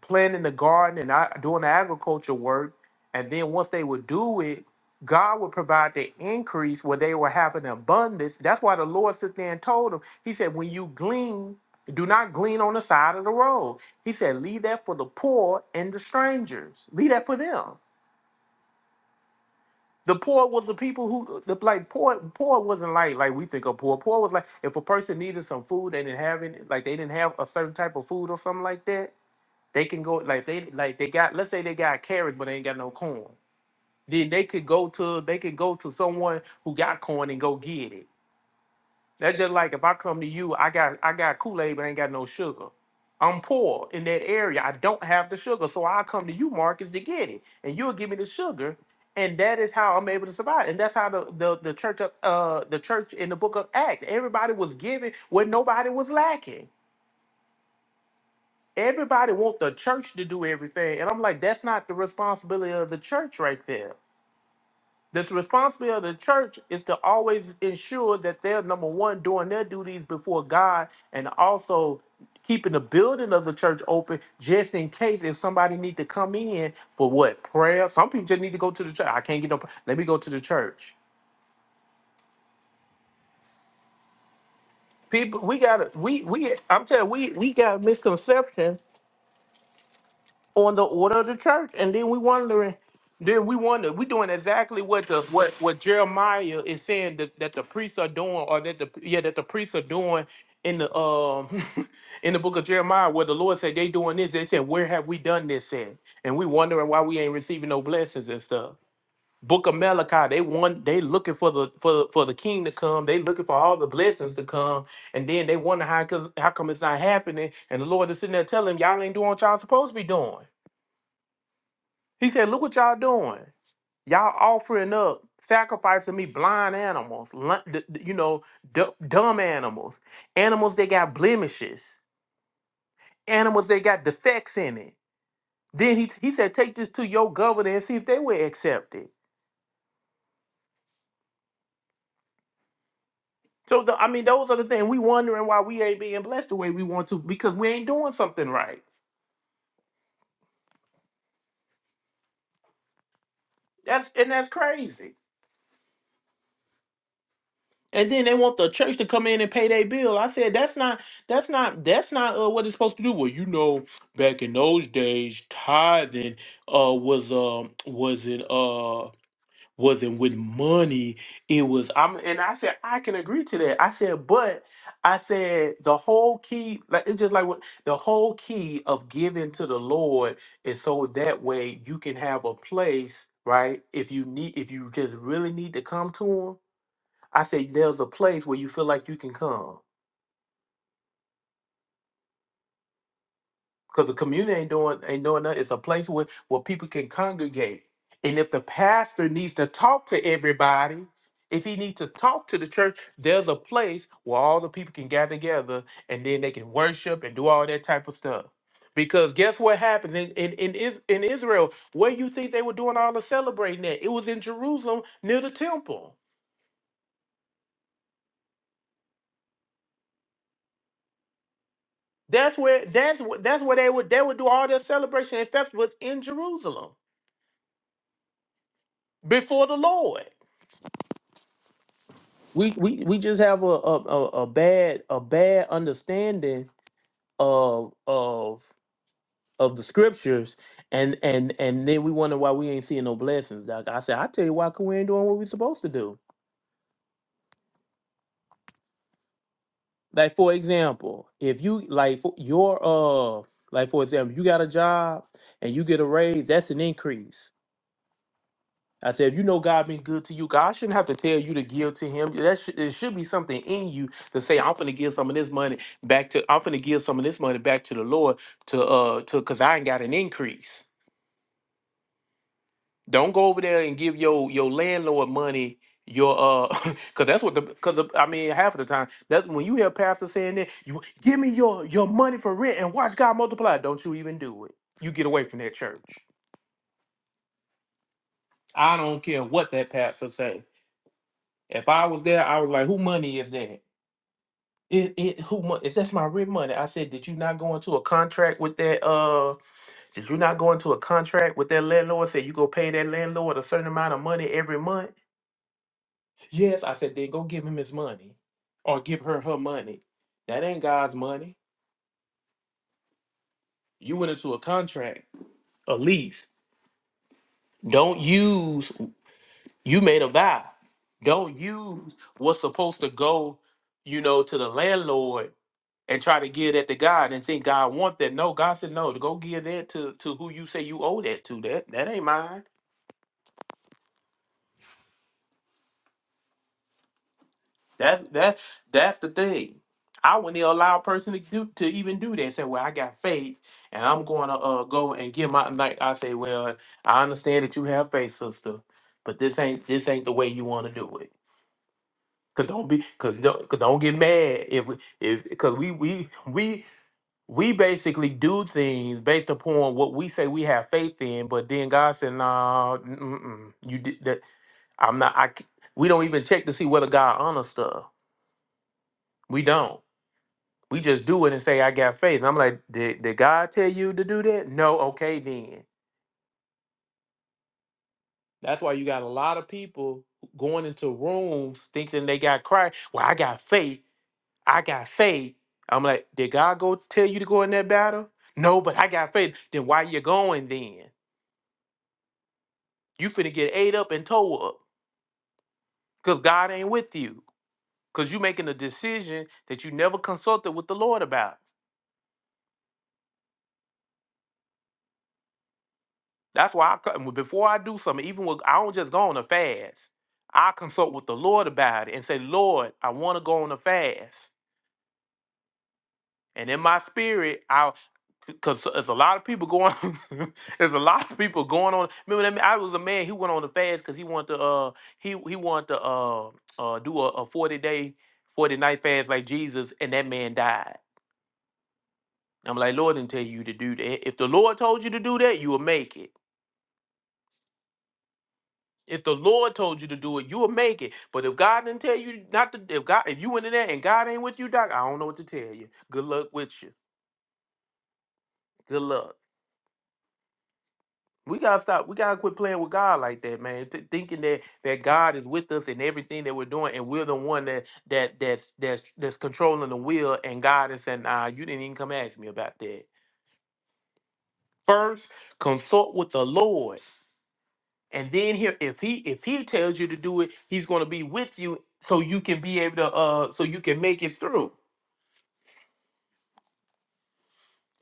[SPEAKER 1] planting the garden and I, doing the agriculture work. And then once they would do it, God would provide the increase where they were having abundance. That's why the Lord sit there and told them, He said, when you glean, do not glean on the side of the road. He said, leave that for the poor and the strangers. Leave that for them. The poor was the people who the like poor poor wasn't like like we think of poor. Poor was like if a person needed some food, they didn't have any like they didn't have a certain type of food or something like that they can go like they like they got let's say they got carrots but they ain't got no corn. Then they could go to they could go to someone who got corn and go get it. That's just like if I come to you, I got I got Kool-Aid but ain't got no sugar. I'm poor in that area. I don't have the sugar. So I come to you, Marcus, to get it. And you'll give me the sugar. And that is how I'm able to survive. And that's how the the, the church of uh the church in the book of Acts, everybody was giving where nobody was lacking. Everybody want the church to do everything, and I'm like, that's not the responsibility of the church right there. The responsibility of the church is to always ensure that they're number one doing their duties before God, and also keeping the building of the church open just in case if somebody need to come in for what prayer. Some people just need to go to the church. I can't get no. pr- Let me go to the church. People, we got to we we. I'm telling you, we we got misconception on the order of the church. And then we wondering, then we wonder, we doing exactly what the what what Jeremiah is saying that, that the priests are doing, or that the yeah that the priests are doing in the um in the book of Jeremiah, where the Lord said they doing this. They said, where have we done this in? And we wondering why we ain't receiving no blessings and stuff. Book of Malachi, they want they looking for the for the, for the king to come. They looking for all the blessings to come, and then they wonder how come- how come it's not happening. And the Lord is sitting there telling them, y'all ain't doing what y'all supposed to be doing. He said, Look what y'all doing. Y'all offering up, sacrificing me blind animals, lun- d- d- you know, d- dumb animals, animals that got blemishes, animals that got defects in it. Then he, he said, Take this to your governor and see if they will accept it. So, the, I mean, those are the things we wondering why we ain't being blessed the way we want to because we ain't doing something right. That's and that's crazy. and then they want the church to come in and pay their bill. I said that's not that's not that's not uh, what it's supposed to do. Well, you know, back in those days, tithing uh was um wasn't uh wasn't with money. It was I'm and I said I can agree to that. I said, but I said the whole key like it's just like what the whole key of giving to the Lord is so that way you can have a place right if you need if you just really need to come to Him I say there's a place where you feel like you can come. Because the community ain't doing ain't doing nothing. It's a place where, where people can congregate. And if the pastor needs to talk to everybody, if he needs to talk to the church, there's a place where all the people can gather together and then they can worship and do all that type of stuff. Because guess what happens in, in, in, Is- in Israel? Where you think they were doing all the celebrating at? It was in Jerusalem near the temple. That's where that's wh- that's where they would they would do all their celebration and festivals in Jerusalem before the Lord. We we, we just have a, a a a bad a bad understanding of of of the scriptures and and and then we wonder why we ain't seeing no blessings. Doc. I said I tell you why 'cause we ain't doing what we supposed to do. Like for example, if you like for your uh like for example, you got a job and you get a raise, that's an increase I said, you know, God been good to you. God shouldn't have to tell you to give to Him. That should it should be something in you to say, I'm finna give some of this money back to. I'm finna give some of this money back to the Lord to uh to cause I ain't got an increase. Don't go over there and give your your landlord money. Your uh, cause that's what the cause I mean half of the time that's when you hear pastors saying that you give me your your money for rent and watch God multiply. Don't you even do it. You get away from that church. I don't care what that pastor say. If I was there, I was like, who money is that? It, it who mo- if that's my rent money? I said, did you not go into a contract with that? Uh, did you not go into a contract with that landlord? Say you go pay that landlord a certain amount of money every month. Yes, I said. Then go give him his money, or give her her money. That ain't God's money. You went into a contract, a lease. Don't use. You made a vow. Don't use what's supposed to go, you know, to the landlord and try to give that to God and think God want that. No, God said no. To go give that to to who you say you owe that to. That that ain't mine. That's that that's the thing. I wouldn't allow a person to do to even do that. Say, well, I got faith, and I'm going to uh, go and give my like. I say, well, I understand that you have faith, sister, but this ain't this ain't the way you want to do it. Cause don't be, cause don't, cause don't get mad if we, if, cause we, we, we we basically do things based upon what we say we have faith in, but then God said, "No, nah, mm, mm, mm, you did that. I'm not. I. c- We don't even check to see whether God honors stuff. We don't. We just do it and say I got faith." And I'm like, "Did did God tell you to do that? No. Okay, then." That's why you got a lot of people going into rooms thinking they got Christ. Well, I got faith. I got faith. I'm like, did God go tell you to go in that battle? No, but I got faith. Then why you going then? You finna get ate up and towed up because God ain't with you. Because you making a decision that you never consulted with the Lord about. That's why I co- before I do something, even with I don't just go on a fast. I consult with the Lord about it and say, Lord, I want to go on a fast. And in my spirit, I because it's a lot of people going there's a lot of people going on. Remember that man- I was a man who went on the fast because he wanted to uh he he wanted to uh uh do a, a 40 day 40 night fast like Jesus and that man died. I'm like, Lord didn't tell you to do that. If the Lord told you to do that, you will make it. If the Lord told you to do it, you will make it. But if God didn't tell you not to, if God, if you went in there and God ain't with you, doc, I don't know what to tell you. Good luck with you. Good luck. We gotta stop. We gotta quit playing with God like that, man. Th- thinking that that God is with us in everything that we're doing, and we're the one that that that's that's that's controlling the wheel, and God is saying, "Nah, you didn't even come ask me about that." First, consult with the Lord, and then here, if he if he tells you to do it, he's gonna be with you, so you can be able to uh, so you can make it through.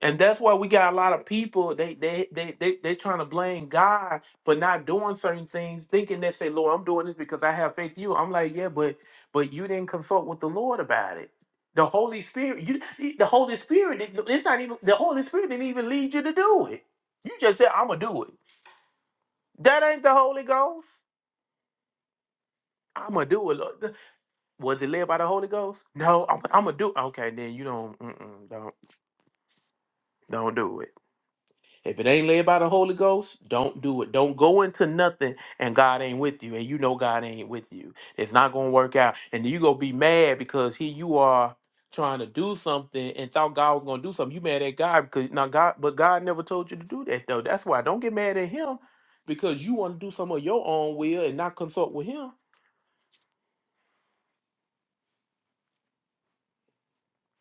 [SPEAKER 1] And that's why we got a lot of people. They they they they they are trying to blame God for not doing certain things, thinking that say, "Lord, I'm doing this because I have faith in you." I'm like, "Yeah, but but you didn't consult with the Lord about it. The Holy Spirit, you the Holy Spirit. didn't- It's not even the Holy Spirit didn't even lead you to do it. You just said, "I'm gonna do it." That ain't the Holy Ghost. I'm gonna do it. Lord. Was it led by the Holy Ghost? No, I'm, I'm gonna do. Okay, then you don't mm-mm, don't don't do it. If it ain't led by the Holy Ghost, don't do it. Don't go into nothing and God ain't with you. And you know God ain't with you. It's not gonna work out. And you gonna be mad because here you are trying to do something and thought God was gonna do something. You mad at God because now God but God never told you to do that though. That's why don't get mad at him because you want to do some of your own will and not consult with him.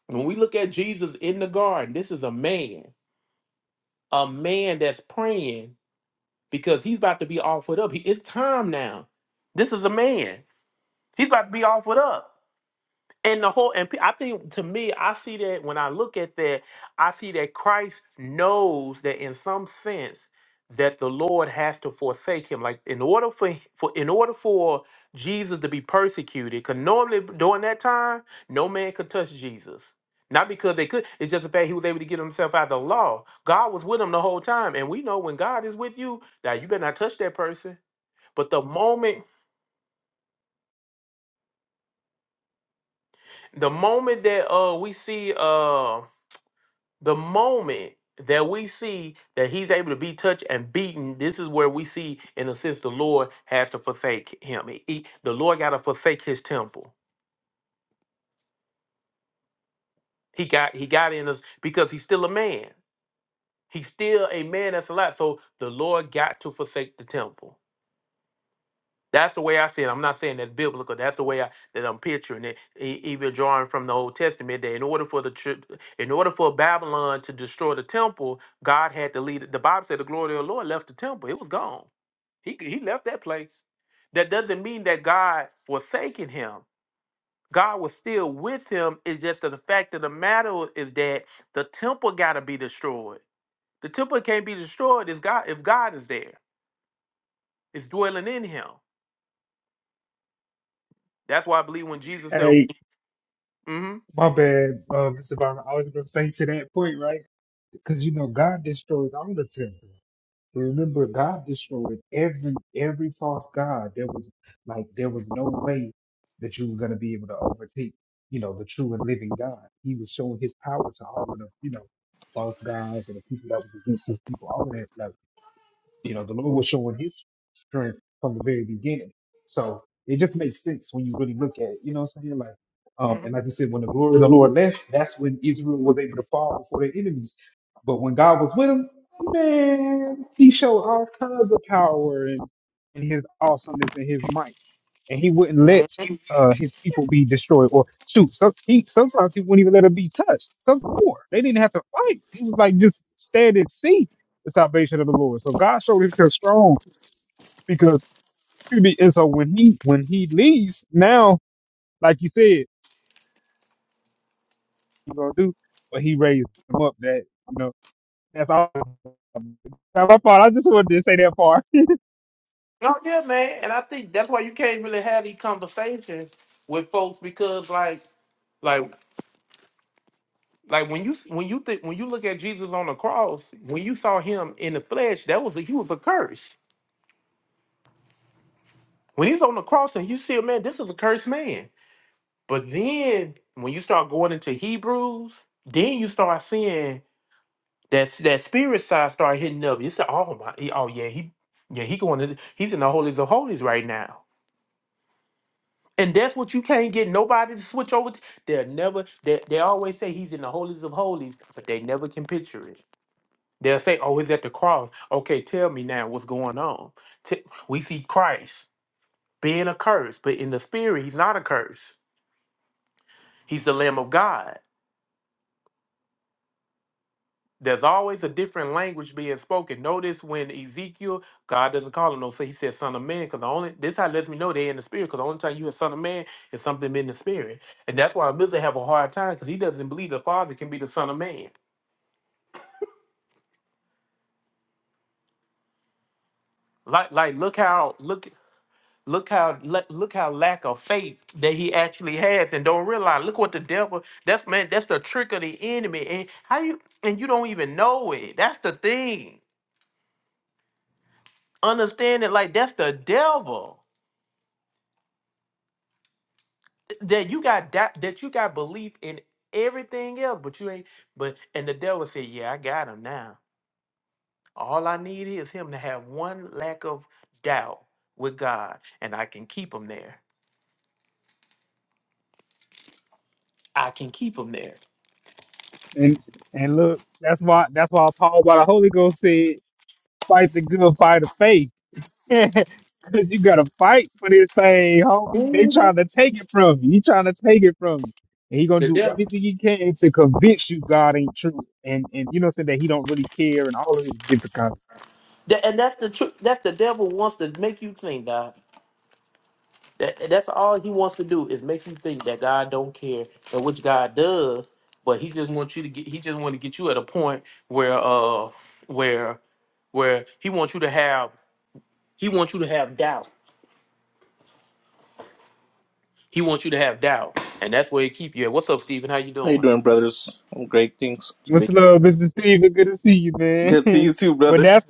[SPEAKER 1] When we look at Jesus in the garden, this is a man, a man that's praying because he's about to be offered up. He, it's time now. This is a man. He's about to be offered up. And the whole and pe- I think to me, I see that when I look at that, I see that Christ knows that in some sense that the Lord has to forsake him. Like in order for h- for in order for Jesus to be persecuted, because normally during that time, no man could touch Jesus. Not because they could, it's just the fact he was able to get himself out of the law. God was with him the whole time. And we know when God is with you, now you better not touch that person. But the moment The moment that uh we see uh the moment that we see that he's able to be touched and beaten, this is where we see in a sense the Lord has to forsake him. He, he- the Lord got to forsake his temple. He got he got in us because he's still a man. He's still a man that's alive. So the Lord got to forsake the temple. That's the way I see it. I'm not saying that's biblical. That's the way I, that I'm picturing it, e- even drawing from the Old Testament. That in order for the chil- in order for Babylon to destroy the temple, God had to lead. it. The Bible said the glory of the Lord left the temple. It was gone. He he left that place. That doesn't mean that God forsaken him. God was still with him. It's just that the fact of the matter is that the temple got to be destroyed. The temple can't be destroyed if God if God is there. It's dwelling in him. That's why I believe when Jesus said,
[SPEAKER 3] Hey,
[SPEAKER 1] Mhm.
[SPEAKER 3] my bad, uh, Mr. Byron. I was gonna say to that point, right? Because you know, God destroys all the temple. Remember, God destroyed every every false god. There was like there was no way that you were gonna be able to overtake, you know, the true and living God. He was showing his power to all of the, you know, false gods and the people that was against his people, all of that. Like, you know, the Lord was showing his strength from the very beginning. So it just makes sense when you really look at it. You know what I'm saying? Like, um, and
[SPEAKER 1] Mhm.
[SPEAKER 3] like you said, when the glory of the Lord left, that's when Israel was able to fall before their enemies. But when God was with them, man, he showed all kinds of power and, and his awesomeness and his might and he wouldn't let uh, his people be destroyed or shoot. Some he sometimes he wouldn't even let them be touched. Some poor they didn't have to fight. He was like just stand and see the salvation of the Lord. So God showed himself strong because excuse me. And so when he when he leaves now, like you said, you gonna do, but he raised him up. That you know that's all. That's my part. I just wanted to say that part.
[SPEAKER 1] Oh yeah, man. And I think that's why you can't really have these conversations with folks because like like like when you when you think when you look at Jesus on the cross, when you saw him in the flesh, that was a, he was a curse. When he's on the cross and you see a man, this is a cursed man. But then when you start going into Hebrews, then you start seeing that that spirit side start hitting up. You say, Oh my oh yeah, he yeah, he going to he's in the holies of holies right now. And that's what you can't get nobody to switch over to. They'll never, they, they always say he's in the holies of holies, but they never can picture it. They'll say, oh, he's at the cross. Okay, tell me now what's going on. T- we see Christ being a curse, but in the spirit, he's not a curse. He's the Lamb of God. There's always a different language being spoken. Notice when Ezekiel, God doesn't call him no, so he says son of man, because the only this how lets me know they're in the spirit, because the only time you hear son of man is something in the spirit. And that's why Mizra have a hard time because he doesn't believe the father can be the son of man. Like like look how look look how look, look how lack of faith that he actually has and don't realize look what the devil that's man that's the trick of the enemy and how you and you don't even know it that's the thing understand it like that's the devil that you got that that you got belief in everything else, but you ain't. But and the devil said, "Yeah, I got him now. All I need is him to have one lack of doubt with God, and I can keep him there. I can keep him there."
[SPEAKER 3] And and look, that's why that's why Paul by the Holy Ghost said, fight the good fight of faith Cause you gotta fight for this thing, homie. They
[SPEAKER 1] Mhm.
[SPEAKER 3] trying to take it from you. He trying to take it from you. And he gonna
[SPEAKER 1] The
[SPEAKER 3] do
[SPEAKER 1] devil,
[SPEAKER 3] everything he can to convince you God ain't true. And and you know what I'm saying that he don't really care and all of his different kinds. of
[SPEAKER 1] Th- and that's the truth. That's the devil wants to make you think, God. That, that's all he wants to do is make you think that God don't care, and which God does, but he just wants you to get. He just want to get you at a point where, uh, where, where he wants you to have. He wants you to have doubt. He wants you to have doubt, and that's where he keep you. at. What's up, Stephen? How you
[SPEAKER 11] How you
[SPEAKER 1] doing?
[SPEAKER 11] doing, brothers? I'm great. Thanks. Good
[SPEAKER 3] what's love, Mr. Steven? Good to see you, man.
[SPEAKER 11] to see you too,
[SPEAKER 3] but
[SPEAKER 11] brother.
[SPEAKER 3] that's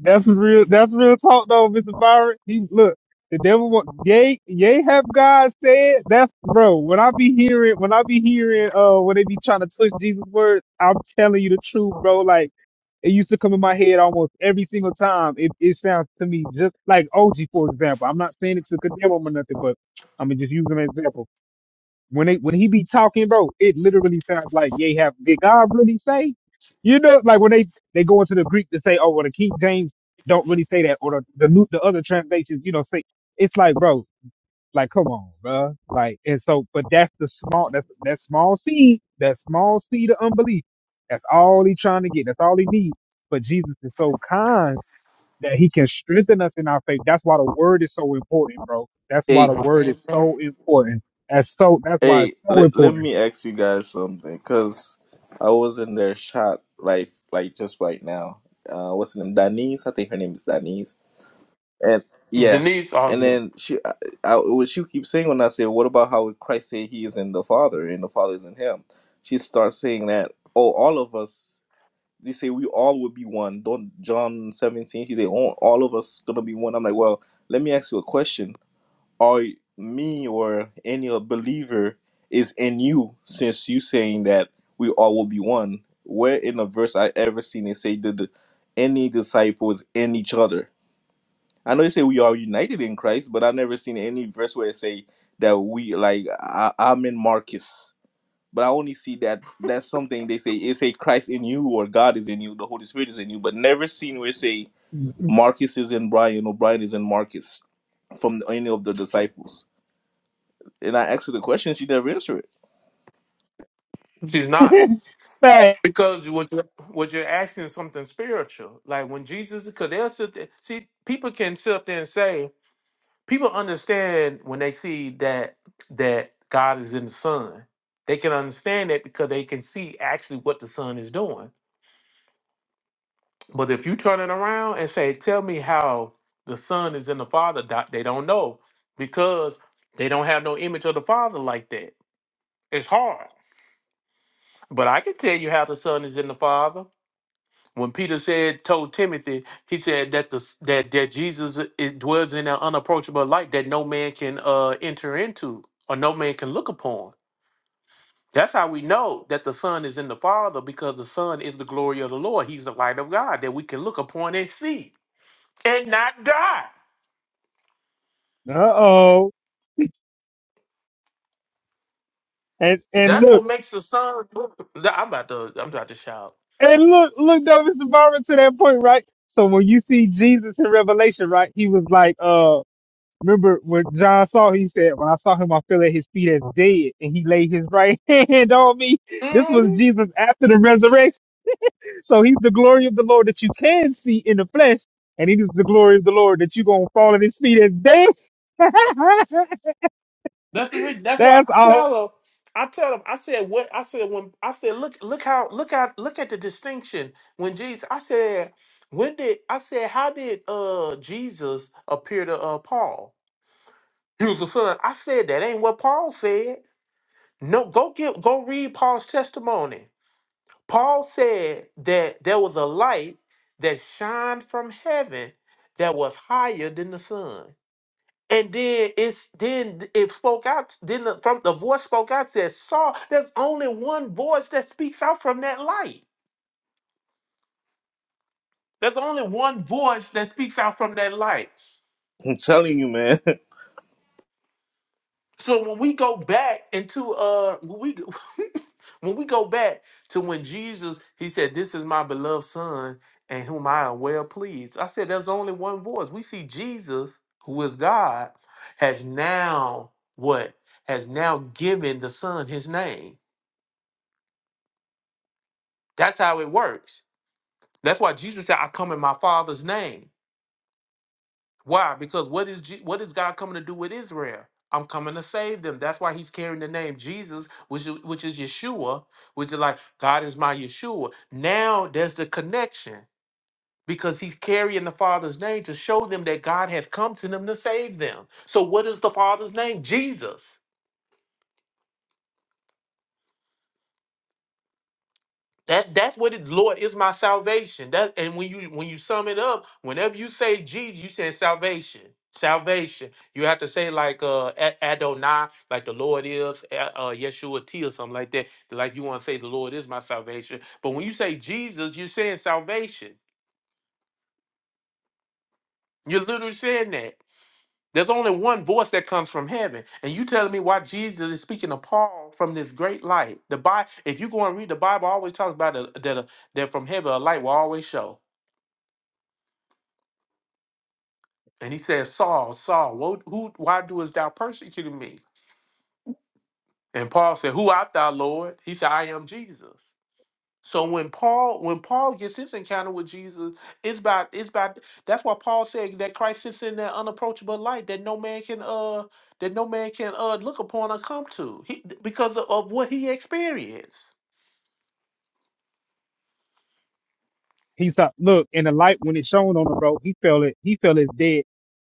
[SPEAKER 3] That's some real. That's real talk, though, Mr. Byron. He look. The devil want. Yay, yay. Have God said that's bro. When I be hearing, when I be hearing, uh, when they be trying to twist Jesus' words, I'm telling you the truth, bro. Like it used to come in my head almost every single time. It it sounds to me just like OG, for example. I'm not saying it to condemn him or nothing, but I'm just use an example when they when he be talking, bro, it literally sounds like they have did God really say? You know, like when they they go into the Greek to say, oh, well, the King James don't really say that, or the the, new, the other translations, you know, say it's like, bro, like come on, bro, like and so, but that's the small that's that small seed, that small seed of unbelief. That's all he trying to get. That's all he needs. But Jesus is so kind that he can strengthen us in our faith. That's why the word is so important, bro. That's why
[SPEAKER 11] Hey,
[SPEAKER 3] the word is
[SPEAKER 1] Mhm.
[SPEAKER 3] so important. That's so that's why
[SPEAKER 11] hey,
[SPEAKER 3] it's so
[SPEAKER 11] let, let
[SPEAKER 3] important.
[SPEAKER 11] me ask you guys something, cause I was in their shot like like just right now. Uh, what's her name? Danise. I think her name is Danise. And yeah,
[SPEAKER 1] Denise, oh
[SPEAKER 11] and
[SPEAKER 1] yeah,
[SPEAKER 11] then she, I, I, what she keeps saying when I say, "What about how Christ say He is in the Father and the Father is in Him?" She starts saying that, "Oh, all of us." they say we all will be one. Don't John 17, he say all, all of us gonna be one. I'm like, well, let me ask you a question. Are me or any other believer is in you since you saying that we all will be one? Where in the verse I ever seen it say that the, any disciples in each other? I know they say we are united in Christ, but i never seen any verse where it say that we like I, I'm in Marcus but I only see that that's something they say it's a Christ in you or God is in you, the Holy Spirit is in you, but never seen where say Marcus is in Brian or Brian is in Marcus from any of the disciples. And I asked her the question, she never answered it.
[SPEAKER 1] she's not
[SPEAKER 3] Fact.
[SPEAKER 1] because what you're, what you're asking is something spiritual. Like when Jesus, because they'll sit there, see people can sit up there and say. people understand when they see that that God is in the Son, They can understand that because they can see actually what the Son is doing. But if you turn it around and say, "Tell me how the son is in the father," doc," they don't know because they don't have no image of the father like that. It's hard. But I can tell you how the son is in the father When Peter said, told Timothy, he said that the that that Jesus is, dwells in an unapproachable light that no man can uh, enter into or no man can look upon. That's how we know that the Son is in the Father because the Son is the glory of the Lord. He's the light of God that we can look upon and see and not die.
[SPEAKER 3] Uh-oh. And and
[SPEAKER 1] That's
[SPEAKER 3] look,
[SPEAKER 1] what makes the Son. I'm about to. I'm about to shout.
[SPEAKER 3] and look, look though, Mr. Barber to that point, right? So when you see Jesus in Revelation, right, he was like, uh, remember when John saw he said, When I saw him, I fell at his feet as dead, and he laid his right hand on me. This
[SPEAKER 1] Mm-hmm.
[SPEAKER 3] was Jesus after the resurrection So he's the glory of the Lord that you can see in the flesh, and he is the glory of the Lord that you're gonna fall at his feet and dance.
[SPEAKER 1] That's the reason. That's why
[SPEAKER 3] That's
[SPEAKER 1] I
[SPEAKER 3] all
[SPEAKER 1] tell them. I tell them. I said what I said when I said look look how look out look at the distinction when Jesus. I said when did I said how did uh Jesus appear to uh Paul? He was a son. I said that ain't what Paul said. No, go get go read Paul's testimony. Paul said that there was a light that shined from heaven that was higher than the sun. And then it's then it spoke out. Then the, from the voice spoke out says, "Saul." There's only one voice that speaks out from that light. There's only one voice that speaks out from that light.
[SPEAKER 11] I'm telling you, man.
[SPEAKER 1] So when we go back into uh, when we when we go back to when Jesus he said, "This is my beloved son, and whom I am well pleased." I said, "There's only one voice." We see Jesus, who is God, has now what has now given the Son His name. That's how it works. That's why Jesus said, "I come in my Father's name." Why? Because what is Je- what is God coming to do with Israel? I'm coming to save them. That's why He's carrying the name Jesus, which is, which is Yeshua, which is like God is my Yeshua. Now there's the connection because He's carrying the Father's name to show them that God has come to them to save them. So what is the Father's name? Jesus. That that's what it Lord is my salvation. That and when you when you sum it up, whenever you say Jesus, you say salvation. Salvation. You have to say like uh A- Adonai, like the Lord is, A- uh Yeshua T or something like that. Like you want to say the Lord is my salvation. But when you say Jesus, you're saying salvation. You're literally saying that. There's only one voice that comes from heaven. And you telling me why Jesus is speaking to Paul from this great light. The Bible, if you go and read the Bible, always talks about a, that a, that from heaven a light will always show. And he said, Saul, Saul, wo- who, why doest thou persecute me? And Paul said, Who art thou, Lord? He said, I am Jesus. So when Paul, when Paul gets his encounter with Jesus, it's by it's by that's why Paul said that Christ sits in that unapproachable light that no man can uh that no man can uh look upon or come to. He, because of, of what he experienced.
[SPEAKER 3] He saw look, and the light when it shone on him, bro, he felt it, he felt his dead,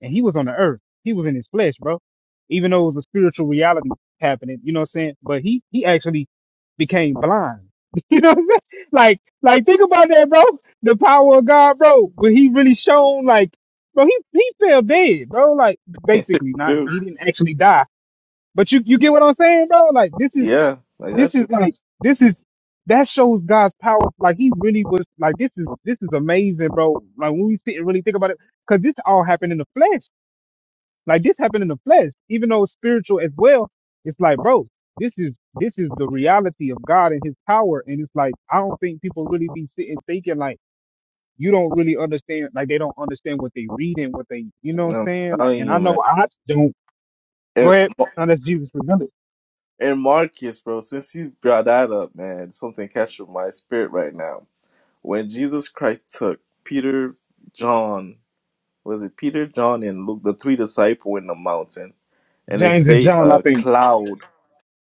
[SPEAKER 3] and he was on the earth. He was in his flesh, bro. Even though it was a spiritual reality happening, you know what I'm saying? But he he actually became blind. You know what I'm saying? Like like think about that, bro. The power of God, bro. When he really shone like bro, he he fell dead, bro. Like basically not
[SPEAKER 11] Dude.
[SPEAKER 3] he didn't actually die. But you you get what I'm saying, bro? Like this is
[SPEAKER 11] Yeah, like
[SPEAKER 3] this
[SPEAKER 11] that's
[SPEAKER 3] is
[SPEAKER 11] what
[SPEAKER 3] like this is that shows God's power. Like he really was like this is this is amazing, bro. Like when we sit and really think about it, because this all happened in the flesh. Like this happened in the flesh, even though it's spiritual as well. It's like, bro, this is this is the reality of God and His power. And it's like I don't think people really be sitting thinking like you don't really understand. Like they don't understand what they read and what they, you know, what I'm
[SPEAKER 11] I'm
[SPEAKER 3] saying. Like,
[SPEAKER 11] telling
[SPEAKER 3] and I
[SPEAKER 11] you, man.
[SPEAKER 3] know I don't. Go
[SPEAKER 11] And,
[SPEAKER 3] ahead, unless Jesus revealed it.
[SPEAKER 11] and Marcus, bro, since you brought that up, man, something captured my spirit right now. When Jesus Christ took Peter, John, was it Peter, John, and Luke, the three disciple in the mountain? and it
[SPEAKER 3] James and
[SPEAKER 11] say
[SPEAKER 3] John, I
[SPEAKER 11] a
[SPEAKER 3] think.
[SPEAKER 11] cloud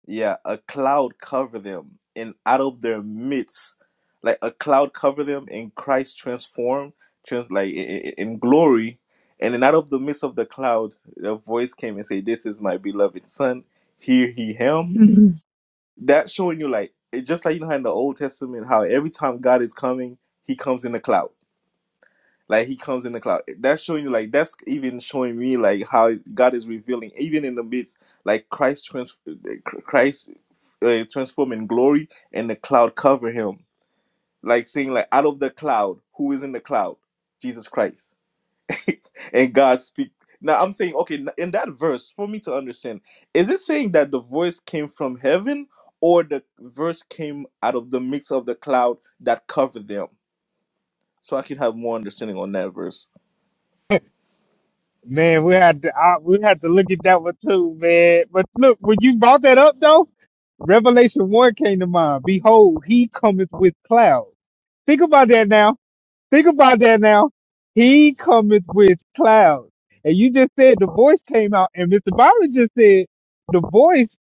[SPEAKER 11] yeah a cloud cover them and out of their midst like a cloud cover them and christ transformed trans like i- i- in glory and then out of the midst of the cloud a voice came and say this is my beloved son hear he him that showing you like it just like you know how in the old testament how every time god is coming he comes in the cloud like he comes in the cloud. That's showing you like that's even showing me like how God is revealing even in the midst like Christ trans Christ uh, transform in glory and the cloud cover him. Like saying like out of the cloud, who is in the cloud? Jesus Christ. and God speak. Now I'm saying okay in that verse for me to understand, is it saying that the voice came from heaven or the verse came out of the mix of the cloud that covered them? So I can have more understanding on that verse.
[SPEAKER 3] Man, we had to I, we had to look at that one too, man. But look, when you brought that up though, Revelation one came to mind. Behold, he cometh with clouds. Think about that now. Think about that now. He cometh with clouds. And you just said the voice came out, and Mr. Byron just said the voice,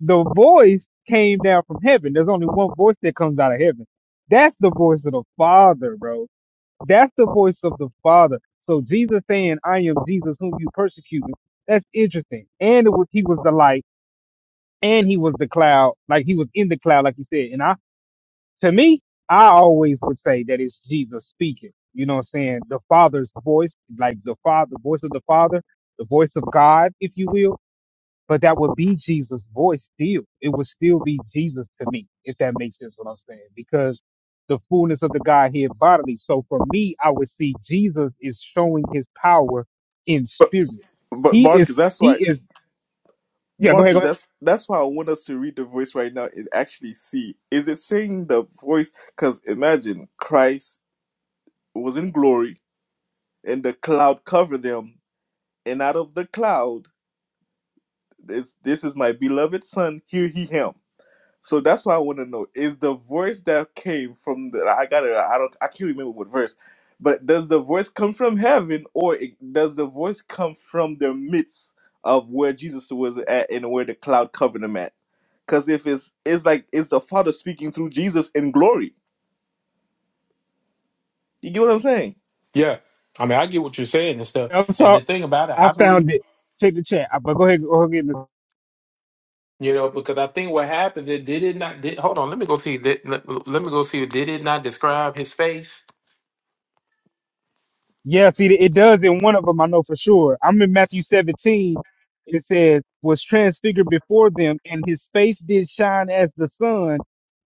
[SPEAKER 3] the voice came down from heaven. There's only one voice that comes out of heaven. That's the voice of the Father, bro that's the voice of the Father. So Jesus saying, I am Jesus whom you persecuted. That's interesting. And it was, he was the light and he was the cloud, like he was in the cloud, like he said. And I, to me, I always would say that it's Jesus speaking. You know what I'm saying? The Father's voice, like the Father, the voice of the Father, the voice of God, if you will but that would be Jesus' voice still. It would still be Jesus to me, if that makes sense what I'm saying, because the fullness of the Godhead bodily. So for me, I would see Jesus is showing his power in spirit.
[SPEAKER 11] But
[SPEAKER 3] He is,
[SPEAKER 11] Marcus, that's why
[SPEAKER 3] he is, yeah, go ahead, go
[SPEAKER 11] Marcus,
[SPEAKER 3] ahead.
[SPEAKER 11] that's that's why I want us to read the voice right now and actually see is it saying the voice? Because imagine Christ was in glory and the cloud covered them, and out of the cloud this this is my beloved son, hear he him. So that's why I want to know is the voice that came from the I got it I don't I can't remember what verse, but does the voice come from heaven or it, does the voice come from the midst? Of where Jesus was at and where the cloud covered him at Cause if it's it's like it's the Father speaking through Jesus in glory. You get what I'm saying?
[SPEAKER 1] Yeah. I mean, I get what you're saying and stuff.
[SPEAKER 3] I'm
[SPEAKER 1] And the
[SPEAKER 3] sorry,
[SPEAKER 1] thing about it,
[SPEAKER 3] I
[SPEAKER 1] I believe.
[SPEAKER 3] found it. Check the chat, but go ahead, go ahead.
[SPEAKER 1] You know, because I think what happens is did it not did hold on, let me go see did, let, let me go see did it not describe his face?
[SPEAKER 3] Yeah, see, it does in one of them, I know for sure. I'm in Matthew 17, it says, was transfigured before them, and his face did shine as the sun,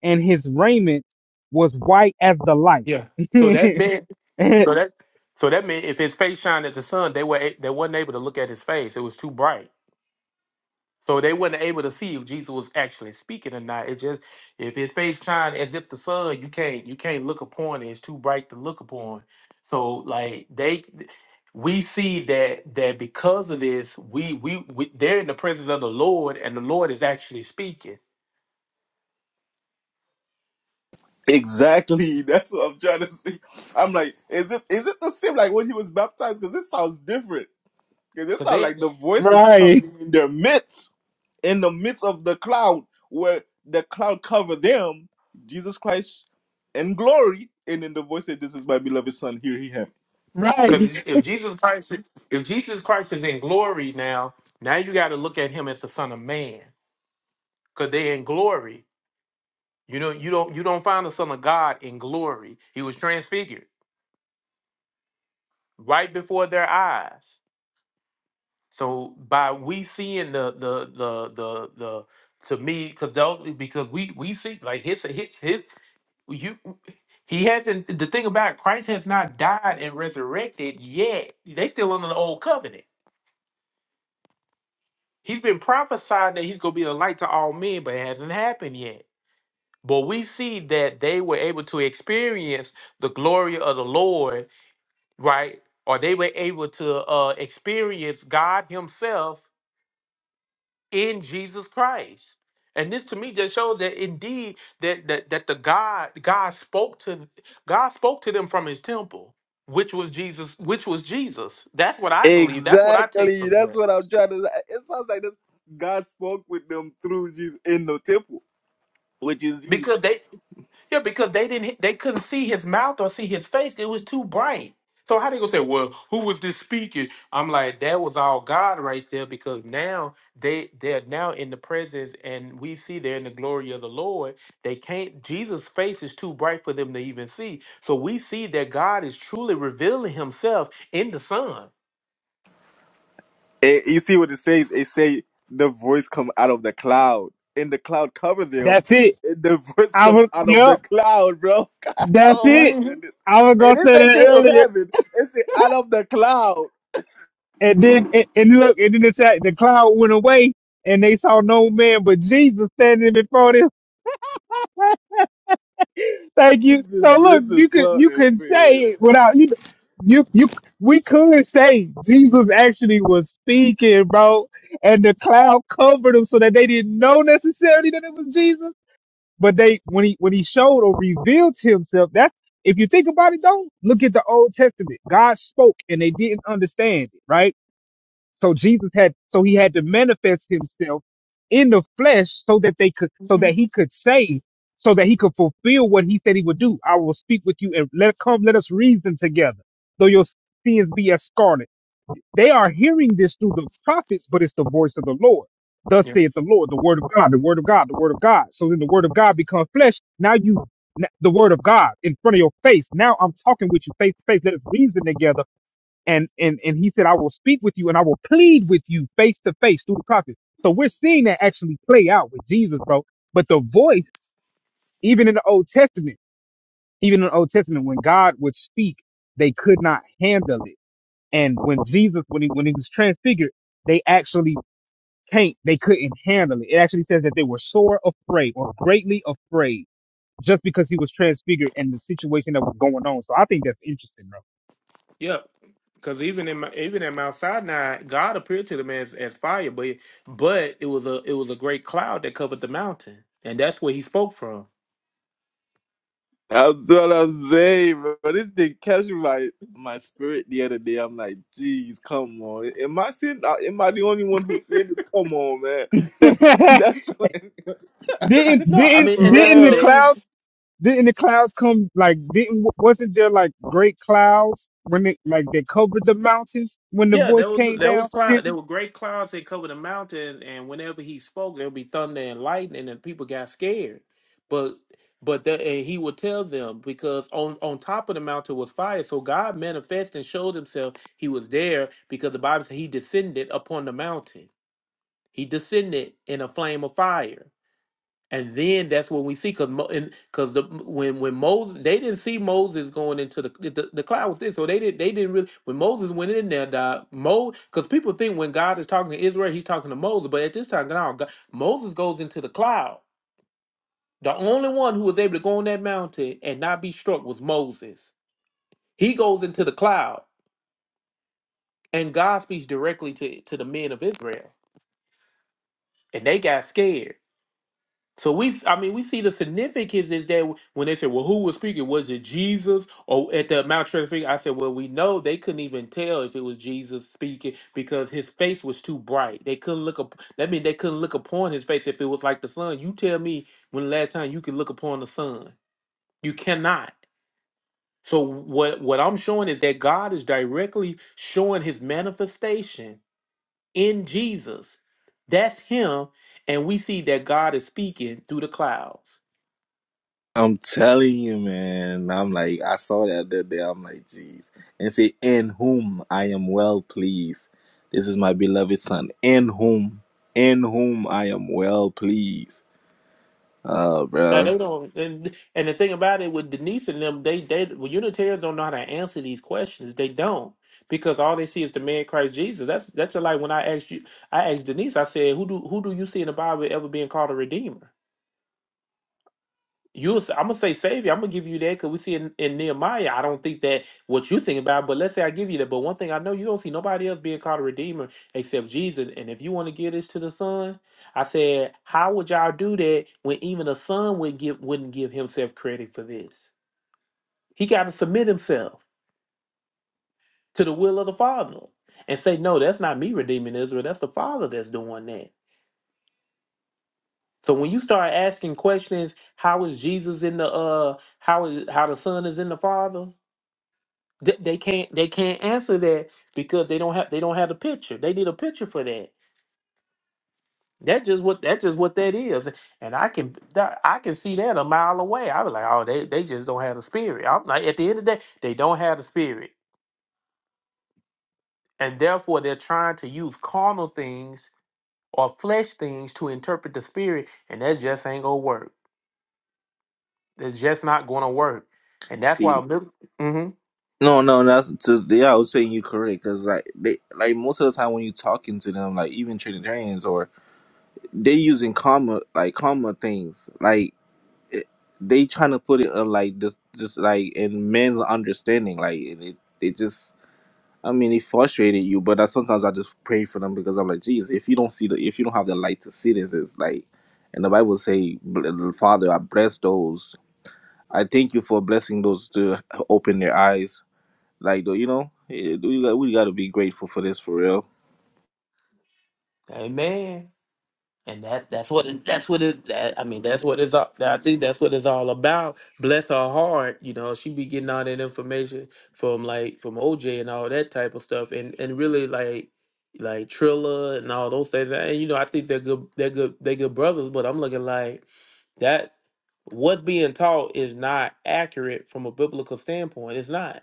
[SPEAKER 3] and his raiment was white as the light.
[SPEAKER 1] Yeah. So that meant so that so that meant if his face shined at the sun, they were a- they wasn't able to look at his face. It was too bright. So they weren't able to see if Jesus was actually speaking or not. It just if his face shine as if the sun, you can't you can't look upon it. It's too bright to look upon. So like they we see that that because of this, we we, we they're in the presence of the Lord and the Lord is actually speaking.
[SPEAKER 11] Exactly. That's what I'm trying to see. I'm like, is it is it the same like when he was baptized? Because this sounds different. Because it
[SPEAKER 1] Cause
[SPEAKER 11] sounds
[SPEAKER 1] they
[SPEAKER 11] like the voice was
[SPEAKER 3] right,
[SPEAKER 11] coming in their midst, in the midst of the cloud, where the cloud covered them, Jesus Christ in glory, and then the voice said, This is my beloved son, hear he him.
[SPEAKER 3] right.
[SPEAKER 1] cause if Jesus Christ if Jesus Christ is in glory now, now you gotta look at him as the Son of Man. Cause they're in glory. You know, you don't you don't find the Son of God in glory. He was transfigured. right before their eyes. So by we seeing the the the the the to me because because we we see like his his his you he hasn't the thing about it, Christ has not died and resurrected yet. They still under the old covenant. He's been prophesying that he's gonna be the light to all men, but it hasn't happened yet. But we see that they were able to experience the glory of the Lord, right? Or they were able to uh, experience God Himself in Jesus Christ. And this to me just shows that indeed that that that the God God spoke to God spoke to them from his temple, which was Jesus, which was Jesus. That's what I believe. That's what I take
[SPEAKER 11] Exactly.
[SPEAKER 1] from
[SPEAKER 11] That's
[SPEAKER 1] that.
[SPEAKER 11] what I'm trying to say. It sounds like this. God spoke with them through Jesus in the temple. which is Jesus.
[SPEAKER 1] Because they Yeah, because they didn't they couldn't see his mouth or see his face. It was too bright. So how they gonna say, Well, who was this speaking? I'm like, that was all God right there because now they they're now in the presence and we see they're in the glory of the Lord. They can't Jesus' face is too bright for them to even see. So we see that God is truly revealing himself in the Son.
[SPEAKER 11] Eh, you see what it says? It say the voice come out of the cloud, and the cloud cover them,
[SPEAKER 3] That's it.
[SPEAKER 11] and the voice
[SPEAKER 3] I
[SPEAKER 11] come
[SPEAKER 3] was,
[SPEAKER 11] out of the
[SPEAKER 3] yep,
[SPEAKER 11] cloud, bro. God,
[SPEAKER 3] that's
[SPEAKER 11] oh my
[SPEAKER 3] it.
[SPEAKER 1] hmm
[SPEAKER 11] goodness!
[SPEAKER 3] I was
[SPEAKER 11] And
[SPEAKER 3] gonna say
[SPEAKER 11] this ain't
[SPEAKER 3] that
[SPEAKER 11] came from
[SPEAKER 3] earlier,
[SPEAKER 11] heaven. It's out of the cloud.
[SPEAKER 3] and then, and, and look, and then it's like the cloud went away, and they saw no man but Jesus standing before Thank
[SPEAKER 11] This
[SPEAKER 3] you. So
[SPEAKER 11] is this
[SPEAKER 3] look, you
[SPEAKER 11] is
[SPEAKER 3] could you
[SPEAKER 11] something,
[SPEAKER 3] could say
[SPEAKER 11] man.
[SPEAKER 3] it without you you you we could say Jesus actually was speaking, bro, and the cloud covered him so that they didn't know necessarily that it was Jesus. But they when he when he showed or revealed himself, that's if you think about it though, look at the Old Testament. God spoke and they didn't understand it, right? So Jesus had, so he had to manifest himself in the flesh so that they could, so that he could say, so that he could fulfill what he said he would do. I will speak with you and let come, let us reason together. Though your sins be as scarlet. They are hearing this through the prophets, but it's the voice of the Lord. Thus saith the Lord, the word of God, the word of God, the word of God. So then the word of God becomes flesh. Now you, the word of God in front of your face. Now I'm talking with you face to face. Let us reason together and and and he said, "I will speak with you and I will plead with you face to face through the prophets." So we're seeing that actually play out with Jesus, bro. But the voice, even in the Old Testament, even in the Old Testament, when God would speak, they could not handle it. And when Jesus, when he when he was transfigured, they actually can't, they couldn't handle it. It actually says that they were sore afraid or greatly afraid just because he was transfigured and the situation that was going on. So I think that's interesting,
[SPEAKER 1] Yep. Because even in my, even at Mount Sinai, God appeared to the man as, as fire, but but it was a it was a great cloud that covered the mountain, and that's where he spoke from.
[SPEAKER 11] That's what I'm saying, bro. This thing captured my my spirit the other day. I'm like, jeez, come on. Am I seeing? Am I the only one who said this? Come on, man.
[SPEAKER 3] bro.
[SPEAKER 11] That's what,
[SPEAKER 3] didn't
[SPEAKER 1] No, I mean,
[SPEAKER 3] didn't
[SPEAKER 11] for
[SPEAKER 1] and that's
[SPEAKER 3] didn't
[SPEAKER 1] the
[SPEAKER 3] the
[SPEAKER 11] real.
[SPEAKER 1] thing.
[SPEAKER 3] cloud? didn't the clouds come like didn't wasn't there like great clouds when it like they covered the mountains when the
[SPEAKER 1] Yeah,
[SPEAKER 3] voice
[SPEAKER 1] there was
[SPEAKER 3] came
[SPEAKER 1] there was
[SPEAKER 3] down from
[SPEAKER 1] cloud.
[SPEAKER 3] heaven?
[SPEAKER 1] There were great clouds that covered the mountain, and whenever he spoke, there would be thunder and lightning, and people got scared. But but the, and he would tell them because on on top of the mountain was fire, so God manifested and showed Himself. He was there because the Bible said He descended upon the mountain. He descended in a flame of fire. And then that's what we see, because because the when when Moses they didn't see Moses going into the the, the cloud was there, so they didn't they didn't really when Moses went in there, dog, Mo because people think when God is talking to Israel, he's talking to Moses, but at this time, no, God, Moses goes into the cloud. The only one who was able to go on that mountain and not be struck was Moses. He goes into the cloud, and God speaks directly to to the men of Israel, and they got scared. So we, s- I mean, we see the significance is that w- when they said, "Well, who was speaking? Was it Jesus?" Or at the Mount Transfiguration, I said, "Well, we know they couldn't even tell if it was Jesus speaking because his face was too bright. They couldn't look up. That mean they couldn't look upon his face if it was like the sun. You tell me when the last time you could look upon the sun? You cannot. So what what I'm showing is that God is directly showing His manifestation in Jesus. That's Him, and we see that God is speaking through the clouds.
[SPEAKER 11] I'm telling you, man. I'm like, I saw that the other day. I'm like, jeez. And say, in whom I am well pleased. This is my beloved son. In whom, in whom I am well pleased. Oh,
[SPEAKER 1] Now
[SPEAKER 11] bro.
[SPEAKER 1] they don't, and and the thing about it with Denise and them, they they well, Unitarians don't know how to answer these questions. They don't because all they see is the man Christ Jesus. That's that's just like when I asked you, I asked Denise, I said, who do who do you see in the Bible ever being called a redeemer? You, I'm gonna say savior. I'm gonna give you that because we see in, in Nehemiah. I don't think that what you think about, but let's say I give you that. But one thing I know, you don't see nobody else being called a redeemer except Jesus. And if you want to give this to the Son, I said, how would y'all do that when even the Son would give wouldn't give himself credit for this? He got to submit himself to the will of the Father and say, no, that's not me redeeming Israel. That's the Father that's doing that. So when you start asking questions, how is Jesus in the uh, how is how the Son is in the Father? They, they can't they can't answer that because they don't have they don't have the picture. They need a picture for that. That just what that just what that is. And I can that- I can see that a mile away. I was like, oh, they they just don't have the spirit. I'm like, at the end of the day, they don't have the spirit, and therefore they're trying to use carnal things or flesh things to interpret the spirit, and that just ain't gonna work. It's just not gonna work. And that's why, mm-hmm.
[SPEAKER 11] No, no, that's to, yeah. I was saying you correct because like they like most of the time when you talking to them, like even Trinitarians or they using comma like comma things like they trying to put it uh, like just, just like in men's understanding like and it they just I mean, it frustrated you, but I, sometimes I just pray for them because I'm like, geez, if you don't see the, if you don't have the light to see this, it's like, and the Bible say, "Bl- Father, I bless those. I thank you for blessing those to open their eyes. Like, you know, eh, we got we got to be grateful for this for real.
[SPEAKER 1] Amen. And that that's what it, that's what it that I mean that's what it's all I think that's what it's all about. Bless her heart, you know, she be getting all that information from like from OJ and all that type of stuff and and really like like Trilla and all those things. And you know, I think they're good they're good they're good brothers, but I'm looking like that what's being taught is not accurate from a biblical standpoint. It's not.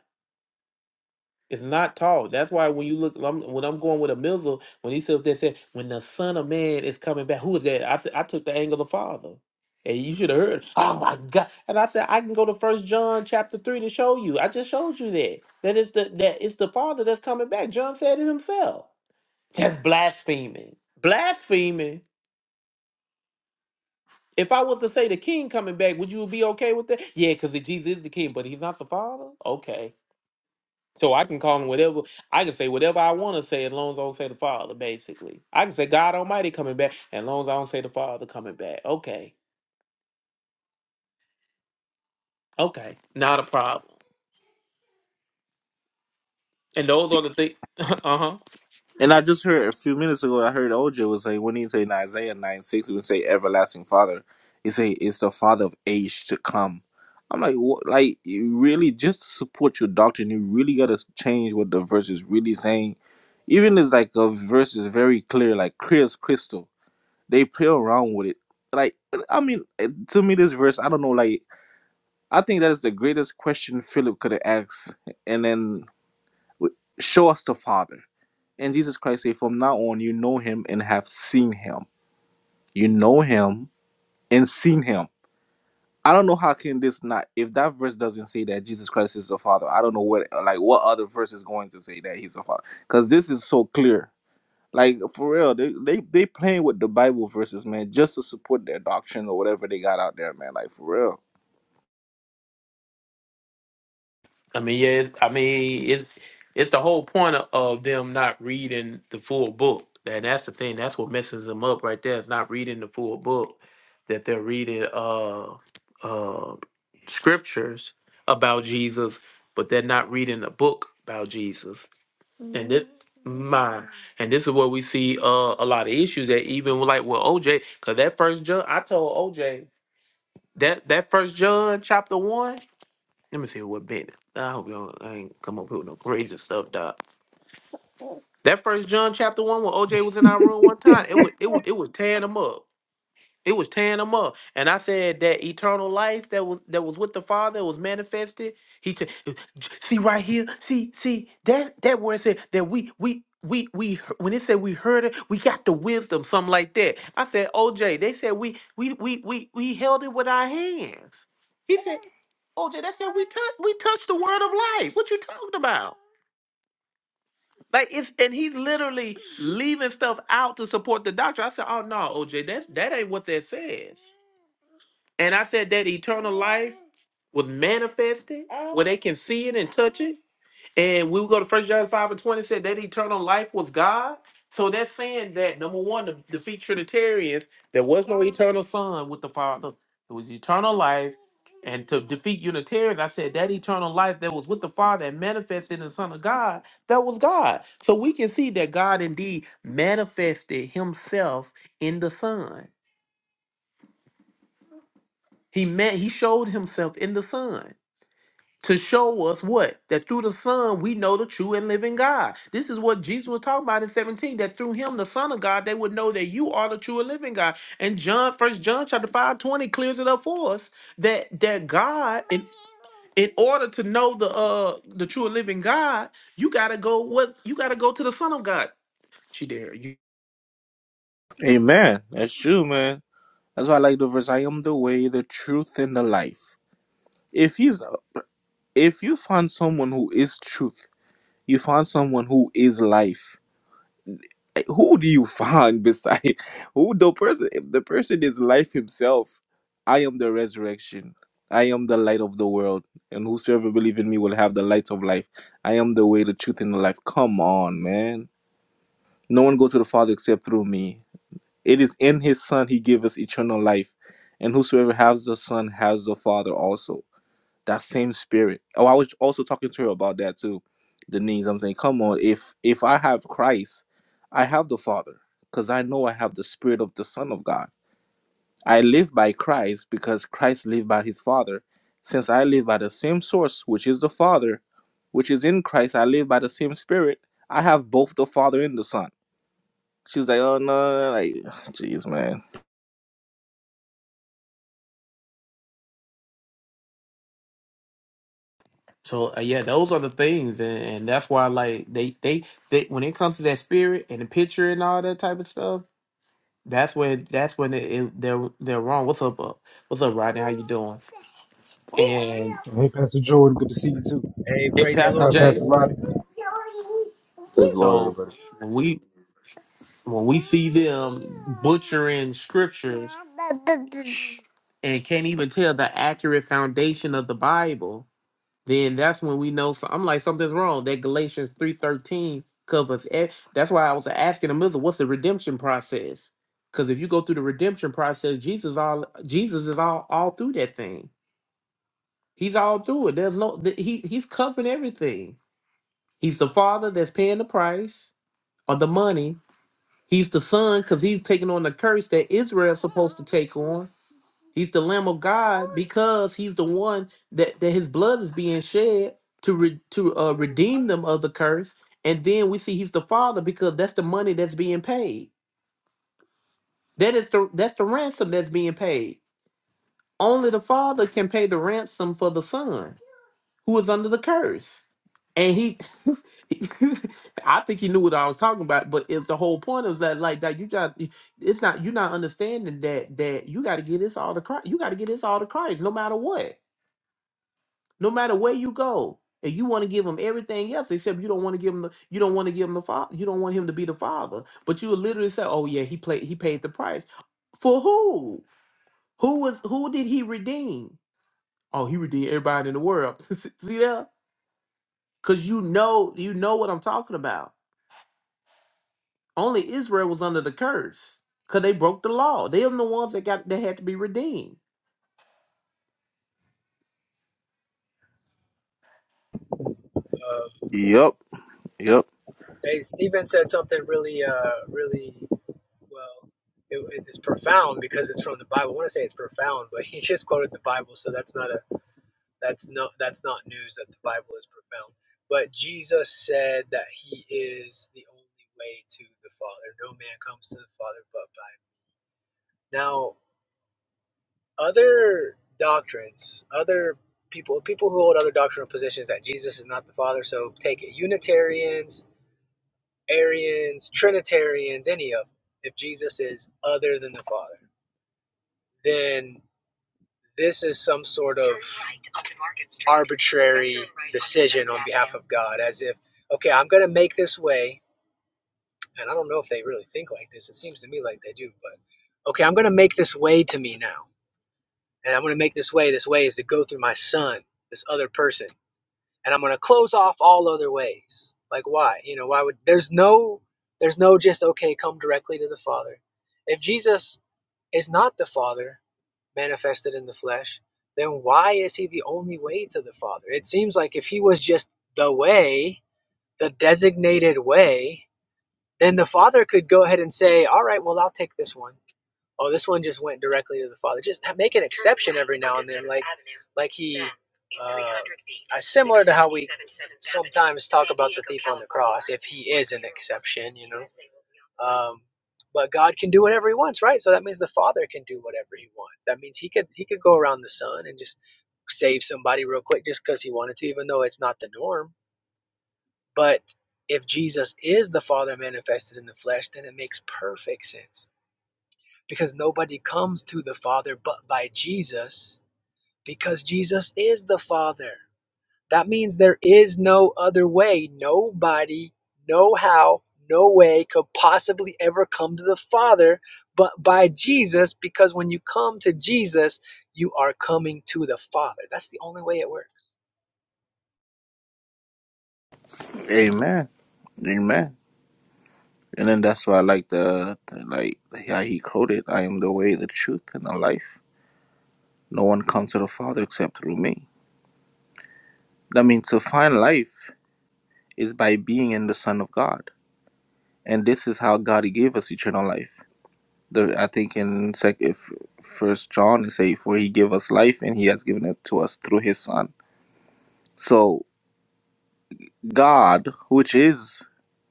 [SPEAKER 1] It's not taught. That's why when you look, I'm, when I'm going with a missile, when he said they said when the Son of Man is coming back, who is that? I said I took the angle of the Father, and you should have heard. Oh my God! And I said I can go to First John chapter three to show you. I just showed you that that is the that it's the Father that's coming back. John said it himself. That's blaspheming. Blaspheming. If I was to say the King coming back, would you be okay with that? Yeah, because Jesus is the King, but he's not the Father. Okay. So I can call him whatever I can say whatever I want to say as long as I don't say the Father, basically. I can say God Almighty coming back as long as I don't say the Father coming back. Okay. Okay. Not a problem. And those are the things uh-huh.
[SPEAKER 11] And I just heard a few minutes ago, I heard OJ was like, when he say in Isaiah 9 6, he would say everlasting father. He say, it's the father of age to come. I'm like, what? Like, you really, just to support your doctrine, you really got to change what the verse is really saying. Even it's like a verse is very clear, like clear as crystal. They play around with it. Like, I mean, to me, this verse, I don't know, like, I think that is the greatest question Philip could have asked. And then show us the father. And Jesus Christ said, From now on, you know him and have seen him. You know him and seen him. I don't know how can this not if that verse doesn't say that Jesus Christ is the Father. I don't know what like what other verse is going to say that he's the Father because this is so clear. Like for real, they they they playing with the Bible verses, man, just to support their doctrine or whatever they got out there, man. Like for real.
[SPEAKER 1] I mean, yeah, it's, I mean, it's it's the whole point of, of them not reading the full book, and that's the thing. That's what messes them up right there. It's not reading the full book that they're reading uh uh scriptures about Jesus, but they're not reading a book about Jesus. And this my and this is where we see uh a lot of issues that even with, like with OJ, cause that first judge I told OJ that that first John chapter one. Let me see what bit. I hope y'all ain't come up here with no crazy stuff, dog. That first John chapter one when OJ was in our room one time, it would it would it was tearing him up. It was tearing them up. And I said that eternal life that was that was with the Father that was manifested. He said, see right here, see, see, that that word said that we we we we he- when it said we heard it, we got the wisdom, something like that. I said, OJ, they said we we we we we held it with our hands. He said, OJ, that said we touch we touched the word of life. What you talking about? Like it's and he's literally leaving stuff out to support the doctor. I said, oh no, OJ, that that ain't what that says. And I said that eternal life was manifested where they can see it and touch it. And we would go to First John 5 and 20 said that eternal life was God. So that's saying that number one, to defeat Trinitarians, there was no eternal son with the Father. It was eternal life. And to defeat Unitarians, I said that eternal life that was with the Father and manifested in the Son of God, that was God. So we can see that God indeed manifested himself in the Son. He met he showed himself in the Son. to show us what that through the son we know the true and living god this is what jesus was talking about in 17 that through him the son of god they would know that you are the true and living god and john first john chapter 5 20, clears it up for us that that god in, in order to know the uh the true and living god you gotta go what you gotta go to the son of god she there you
[SPEAKER 11] Amen. That's true, man. That's why I like the verse. I am the way, the truth, and the life. If he's if you find someone who is truth You found someone who is life. Like, Who do you find beside who the person? If the person is life himself, I am the resurrection. I am the light of the world, and whosoever believes in me will have the light of life. I am the way, the truth, and the life. Come on, man. No one goes to the Father except through me. It is in His Son He gave us eternal life, and whosoever has the Son has the Father also that same spirit. Oh, I was also talking to her about that too, Denise. I'm saying, come on, if if I have Christ, I have the Father, because I know I have the Spirit of the Son of God. I live by Christ because Christ lived by His Father. Since I live by the same source, which is the Father, which is in Christ, I live by the same Spirit. I have both the Father and the Son. She was like, oh no, no, no, like, jeez, man.
[SPEAKER 1] so uh, yeah those are the things and, and that's why like they, they they when it comes to that spirit and the picture and all that type of stuff That's when that's when it, it- they're they're wrong. What's up, uh, what's up, Rodney? How you doing? And
[SPEAKER 3] Hey, Pastor Jordan, good to see you too.
[SPEAKER 12] Hey,
[SPEAKER 1] it,
[SPEAKER 12] praise the
[SPEAKER 1] Pastor
[SPEAKER 12] Lord,
[SPEAKER 3] Uh,
[SPEAKER 12] my
[SPEAKER 3] Pastor
[SPEAKER 1] Jay.
[SPEAKER 3] Roddy.
[SPEAKER 12] brother.
[SPEAKER 13] Praise the Lord,
[SPEAKER 1] So
[SPEAKER 13] everybody.
[SPEAKER 1] when we when we see them butchering scriptures and can't even tell the accurate foundation of the Bible, then that's when we know. So I'm like, something's wrong. That Galatians three thirteen covers. e- That's why I was asking the mother, what's the redemption process? Because if you go through the redemption process, Jesus all Jesus is all all through that thing. He's all through it. There's no th- he he's covering everything. He's the father that's paying the price or the money. He's the son because he's taking on the curse that Israel's supposed to take on. He's the Lamb of God because he's the one that, that his blood is being shed to re, to uh, redeem them of the curse. And then we see he's the Father because that's the money that's being paid. That is the that's the ransom that's being paid. Only the Father can pay the ransom for the Son who is under the curse. And he, I think he knew what I was talking about, but it's the whole point of that. Like that, you got it's not you're not understanding that that you got to get this all to Christ. You got to get this all to Christ, no matter what no matter where you go and you want to give him everything else except you don't want to give him the you don't want to give him the father you don't want him to be the father but you would literally say oh yeah he played he paid the price for who who was who did he redeem oh he redeemed everybody in the world see that because you know you know what i'm talking about only israel was under the curse because they broke the law they're the ones that got that had to be redeemed
[SPEAKER 12] Uh,
[SPEAKER 11] Yep, yep.
[SPEAKER 12] hey, Stephen said something really, uh, really well. It, it's profound because it's from the Bible. I want to say it's profound, but he just quoted the Bible, so that's not a that's not that's not news that the Bible is profound. But Jesus said that He is the only way to the Father. No man comes to the Father but by Him. Now, other doctrines, other people, people who hold other doctrinal positions that Jesus is not the Father. So take it, Unitarians Arians, Trinitarians, any of them, if Jesus is other than the Father, then this is some sort of arbitrary decision on behalf of God, as if, okay, I'm going to make this way, and I don't know if they really think like this. It seems to me like they do, but okay, I'm going to make this way to me now, and I'm going to make this way. This way is to go through my son, this other person and I'm gonna close off all other ways. Like why? You know, why would there's no there's no just okay, come directly to the Father. If Jesus is not the Father manifested in the flesh, then why is he the only way to the Father? It seems like if he was just the way, the designated way, then the Father could go ahead and say, All right, well I'll take this one oh, this one just went directly to the father. Just make an exception every now and then, like like he, uh, uh, similar to how we sometimes talk about the thief on the cross, if he is an exception, you know. Um, but God can do whatever He wants, right? So that means the Father can do whatever He wants. That means He could He could go around the Son and just save somebody real quick just because He wanted to, even though it's not the norm. But if Jesus is the Father manifested in the flesh, then it makes perfect sense because nobody comes to the Father but by Jesus, because Jesus is the Father. That means there is no other way. Nobody, no how, no way could possibly ever come to the Father but by Jesus, because when you come to Jesus, you are coming to the Father. That's the only way it works.
[SPEAKER 11] Amen. Amen. And then that's why I like the, the like how he quoted, "I am the way, the truth, and the life. No one comes to the Father except through me." That means to find life is by being in the Son of God, and this is how God gave us eternal life. The, I think in sec, if First John is say, "For He gave us life, and He has given it to us through His Son." So God, which is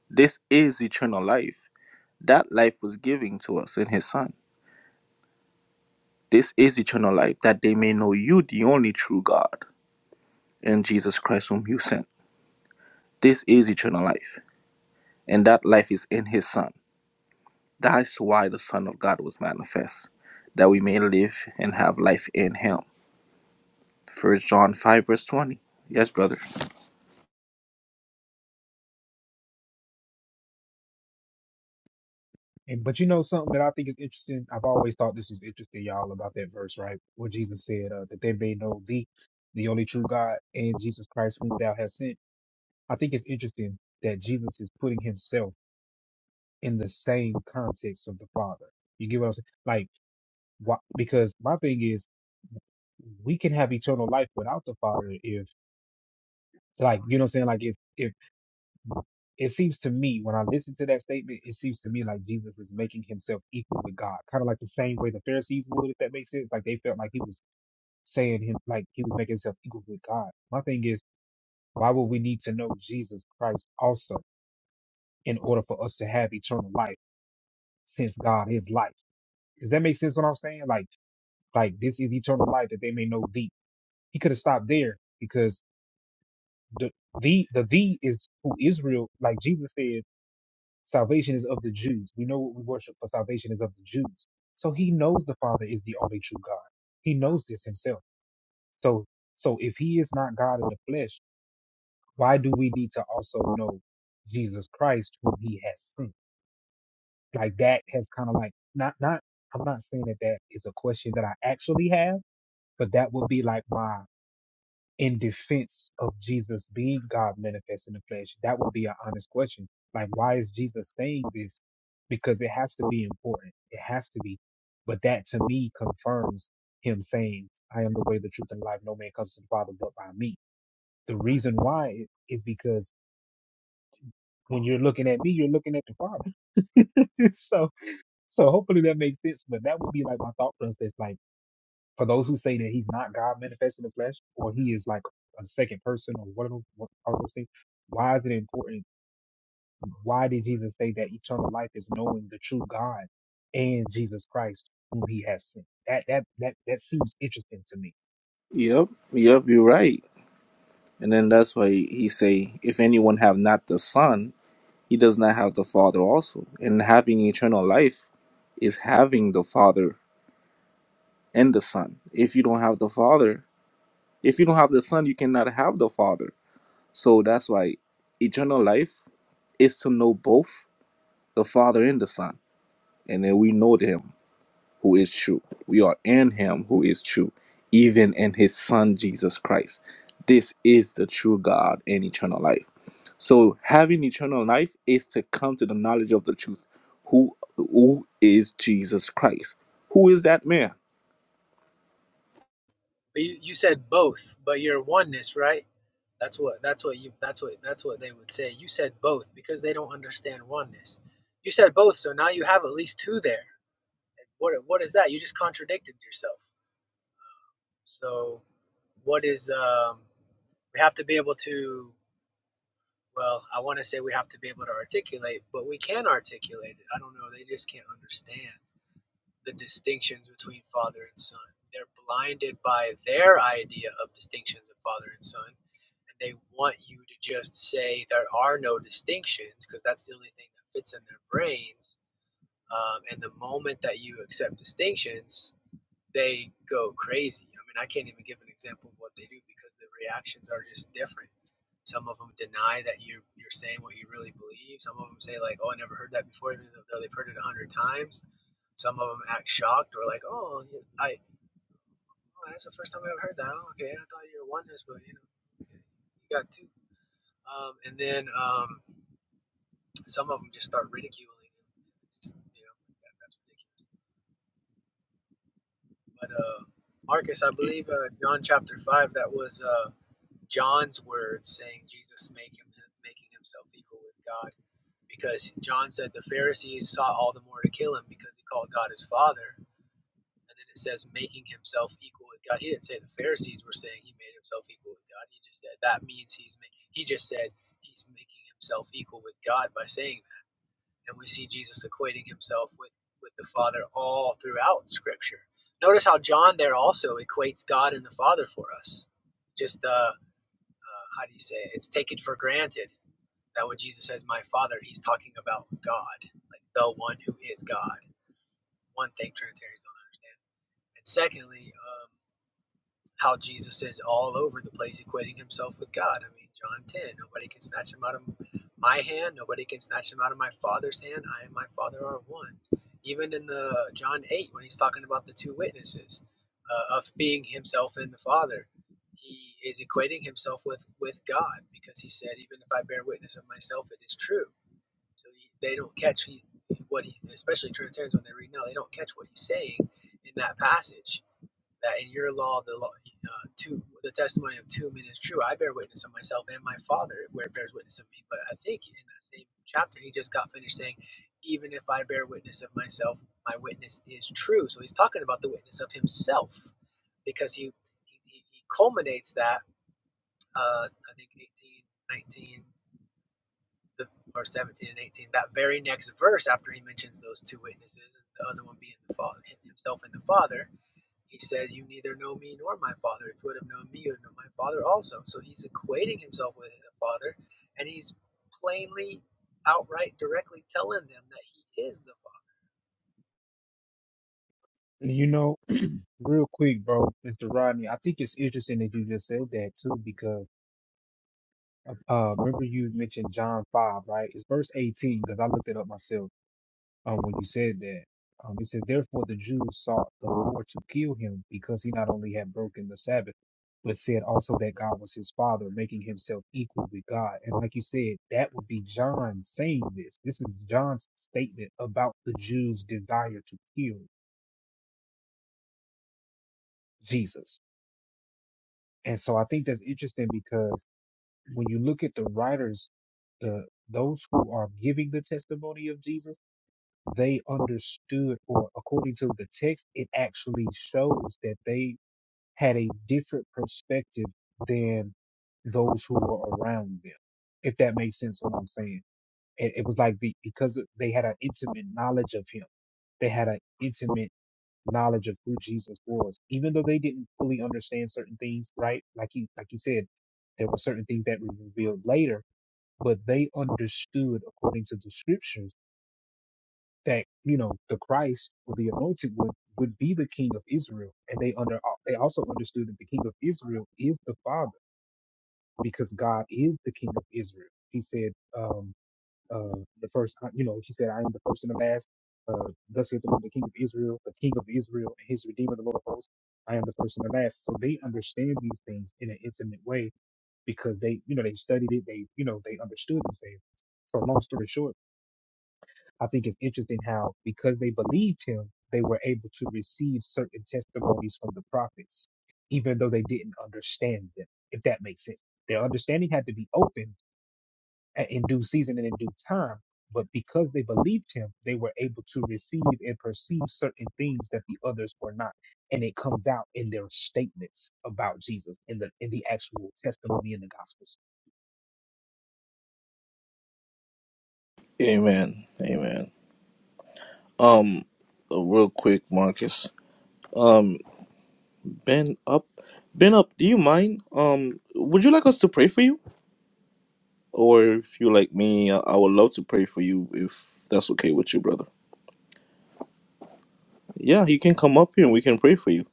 [SPEAKER 11] this, is eternal life. That life was given to us in His Son This is eternal life, that they may know you, the only true God, and Jesus Christ, whom you sent. This is eternal life, and that life is in his Son. That's why the Son of God was manifest, that we may live and have life in him. First John 5, verse 20. Yes, brother.
[SPEAKER 3] And, but you know something that I think is interesting. I've always thought this was interesting, y'all, about that verse, right? Where Jesus said uh, that they may know thee, the only true God, and Jesus Christ whom thou hast sent. I think it's interesting that Jesus is putting himself in the same context of the Father. You get what I'm saying? Like, why? Because my thing is. we can have eternal life without the Father if like you know what I'm saying like if if it seems to me when I listen to that statement it seems to me like Jesus is making himself equal with God kind of like the same way the Pharisees would if that makes sense like they felt like he was saying him like he was making himself equal with God my thing is why would we need to know Jesus Christ also in order for us to have eternal life since God is life does that make sense what I'm saying like like this is eternal life that they may know thee he could have stopped there because the the the the is who Israel, like Jesus said, salvation is of the Jews. We know what we worship for salvation is of the Jews. So he knows the Father is the only true God. He knows this himself. So so if he is not God in the flesh, why do we need to also know Jesus Christ who he has sent? Like that has kind of like not not I'm not saying that that is a question that I actually have, but that would be like my in defense of Jesus being God manifest in the flesh? That would be an honest question. Like, why is Jesus saying this? Because it has to be important. It has to be. But that to me confirms him saying, I am the way, the truth, and the life. No man comes to the Father but by me. The reason why is because when you're looking at me, you're looking at the Father. so, so hopefully that makes sense. But that would be like my thought process. Like, for those who say that he's not God manifest in the flesh, or he is like a second person, or one of those, what are those things? Why is it important? Why did Jesus say that eternal life is knowing the true God and Jesus Christ, whom He has sent? That that that that seems interesting to me.
[SPEAKER 11] Yep, yep, you're right. And then that's why he say, if anyone have not the Son, he does not have the Father also. And having eternal life is having the Father and the Son. If you don't have the Father, If you don't have the Son, you cannot have the Father. So that's why eternal life is to know both the Father and the Son. And then we know Him who is true. We are in Him who is true, even in His Son, Jesus Christ. This is the true God and eternal life. So having eternal life is to come to the knowledge of the truth. Who, who is Jesus Christ? Who is that man?
[SPEAKER 12] But you, you said both, but you're oneness, right? That's what that's what you that's what that's what they would say. You said both because they don't understand oneness. You said both, so now you have at least two there. What what is that? You just contradicted yourself. So what is um we have to be able to well, I want to say we have to be able to articulate, but we can articulate it. I don't know, they just can't understand the distinctions between father and son. They're blinded by their idea of distinctions of father and son and they want you to just say there are no distinctions because that's the only thing that fits in their brains. Um, and the moment that you accept distinctions, they go crazy. I mean, I can't even give an example of what they do because the reactions are just different. Some of them deny that you're you're saying what you really believe. Some of them say like, "Oh, I never heard that before," even though they've heard it a hundred times. Some of them act shocked or like, "Oh, I oh, that's the first time I've heard that. Oh, okay, I thought you were oneness, but you know, you got two um, and then um, some of them just start ridiculing him. It's, you know, that, that's ridiculous. But uh, Marcus, I believe uh, John chapter five, that was uh, John's words saying Jesus make him making himself equal with God, because John said the Pharisees sought all the more to kill him because he called God his father. And then it says making himself equal with God. He didn't say the Pharisees were saying he made himself equal with God. He just said that means he's making. He just said he's making himself equal with God by saying that. and we see Jesus equating himself with with the Father all throughout Scripture. Notice how John there also equates God and the Father for us. Just uh, uh, how do you say it? It's taken for granted that when Jesus says "My Father," he's talking about God, like the one who is God. One thing Trinitarians don't understand. And secondly, um, how Jesus is all over the place, equating himself with God. I mean, John 10, nobody can snatch him out of my hand, nobody can snatch him out of my Father's hand. I and my Father are one. Even in the John 8, when he's talking about the two witnesses uh, of being himself and the Father, he is equating himself with, with God because he said, even if I bear witness of myself, it is true. So he, they don't catch he, what he, especially Trinitarians when they read now, they don't catch what he's saying in that passage that in your law the law uh, two the testimony of two men is true i bear witness of myself and my father where bears witness of me but i think in that same chapter he just got finished saying even if i bear witness of myself my witness is true so he's talking about the witness of himself because he he, he culminates that uh, i think 18 19 the, or 17 and 18 that very next verse after he mentions those two witnesses and the other one being the father himself and the father he says, You neither know me nor my Father. If you would have known me, you would know my Father also. So he's equating himself with the Father, and he's plainly, outright, directly telling them that he is the Father.
[SPEAKER 3] You know, real quick, bro, Mr. Rodney, I think it's interesting that you just said that too, because uh, remember you mentioned John five, right? It's verse eighteen, because I looked it up myself uh, when you said that. Um, it says, Therefore the Jews sought the Lord to kill him because he not only had broken the Sabbath, but said also that God was his father, making himself equal with God. And like you said, that would be John saying this. This is John's statement about the Jews' desire to kill Jesus. And so I think that's interesting because when you look at the writers, the those who are giving the testimony of Jesus, they understood, or according to the text, it actually shows that they had a different perspective than those who were around them, if that makes sense what I'm saying. It, it was like the, because they had an intimate knowledge of him, they had an intimate knowledge of who Jesus was, even though they didn't fully understand certain things, right? Like he, like he said, there were certain things that were revealed later, but they understood according to the scriptures that you know the Christ or the Anointed would would be the King of Israel, and they under they also understood that the King of Israel is the Father because God is the King of Israel. He said, um, uh, the first, uh, you know, he said, "I am the first and the last." Uh, thus saith the Lord, the King of Israel, the King of Israel, and His Redeemer, the Lord of hosts. I am the first and the last. So they understand these things in an intimate way because they, you know, they studied it. They, you know, they understood these things. So long story short I think it's interesting how, because they believed him, they were able to receive certain testimonies from the prophets, even though they didn't understand them, if that makes sense. Their understanding had to be open a- in due season and in due time, but because they believed him, they were able to receive and perceive certain things that the others were not. And it comes out in their statements about Jesus in the in the actual testimony in the gospels.
[SPEAKER 11] Amen. Amen. Um, real quick, Marcus. Um. Ben up. Ben up. Do you mind? Um, would you like us to pray for you, or if you like me, I I would love to pray for you if that's okay with you, brother. Yeah, you can come up here and we can pray for you.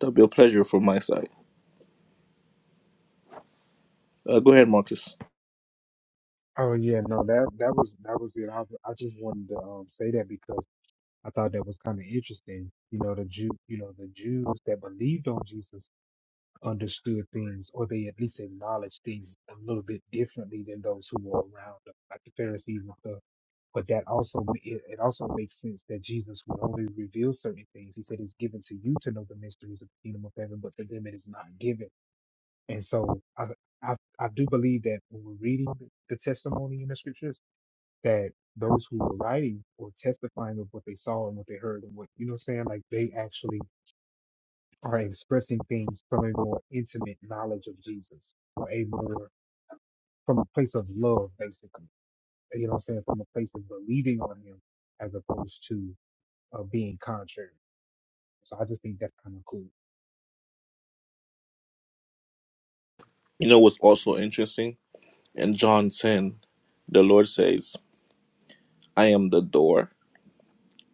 [SPEAKER 11] That'd be a pleasure from my side. Uh, go ahead, Marcus.
[SPEAKER 3] Oh yeah, no, that that was that was it. I I just wanted to um, say that because I thought that was kind of interesting. You know, the Jew, you know, the Jews that believed on Jesus understood things, or they at least acknowledged things a little bit differently than those who were around, them, like the Pharisees and stuff. But that also ma- it, it also makes sense that Jesus would only reveal certain things. He said it's given to you to know the mysteries of the kingdom of heaven, but to them it is not given. And so I I, I do believe that when we're reading the the testimony in the scriptures that those who were writing or testifying of what they saw and what they heard and what you know what I'm saying like they actually are expressing things from a more intimate knowledge of Jesus or a more from a place of love basically you know what I'm saying from a place of believing on him as opposed to uh, being contrary so I just think that's kind of cool
[SPEAKER 11] You know what's also interesting in John ten, the Lord says, "I am the door,"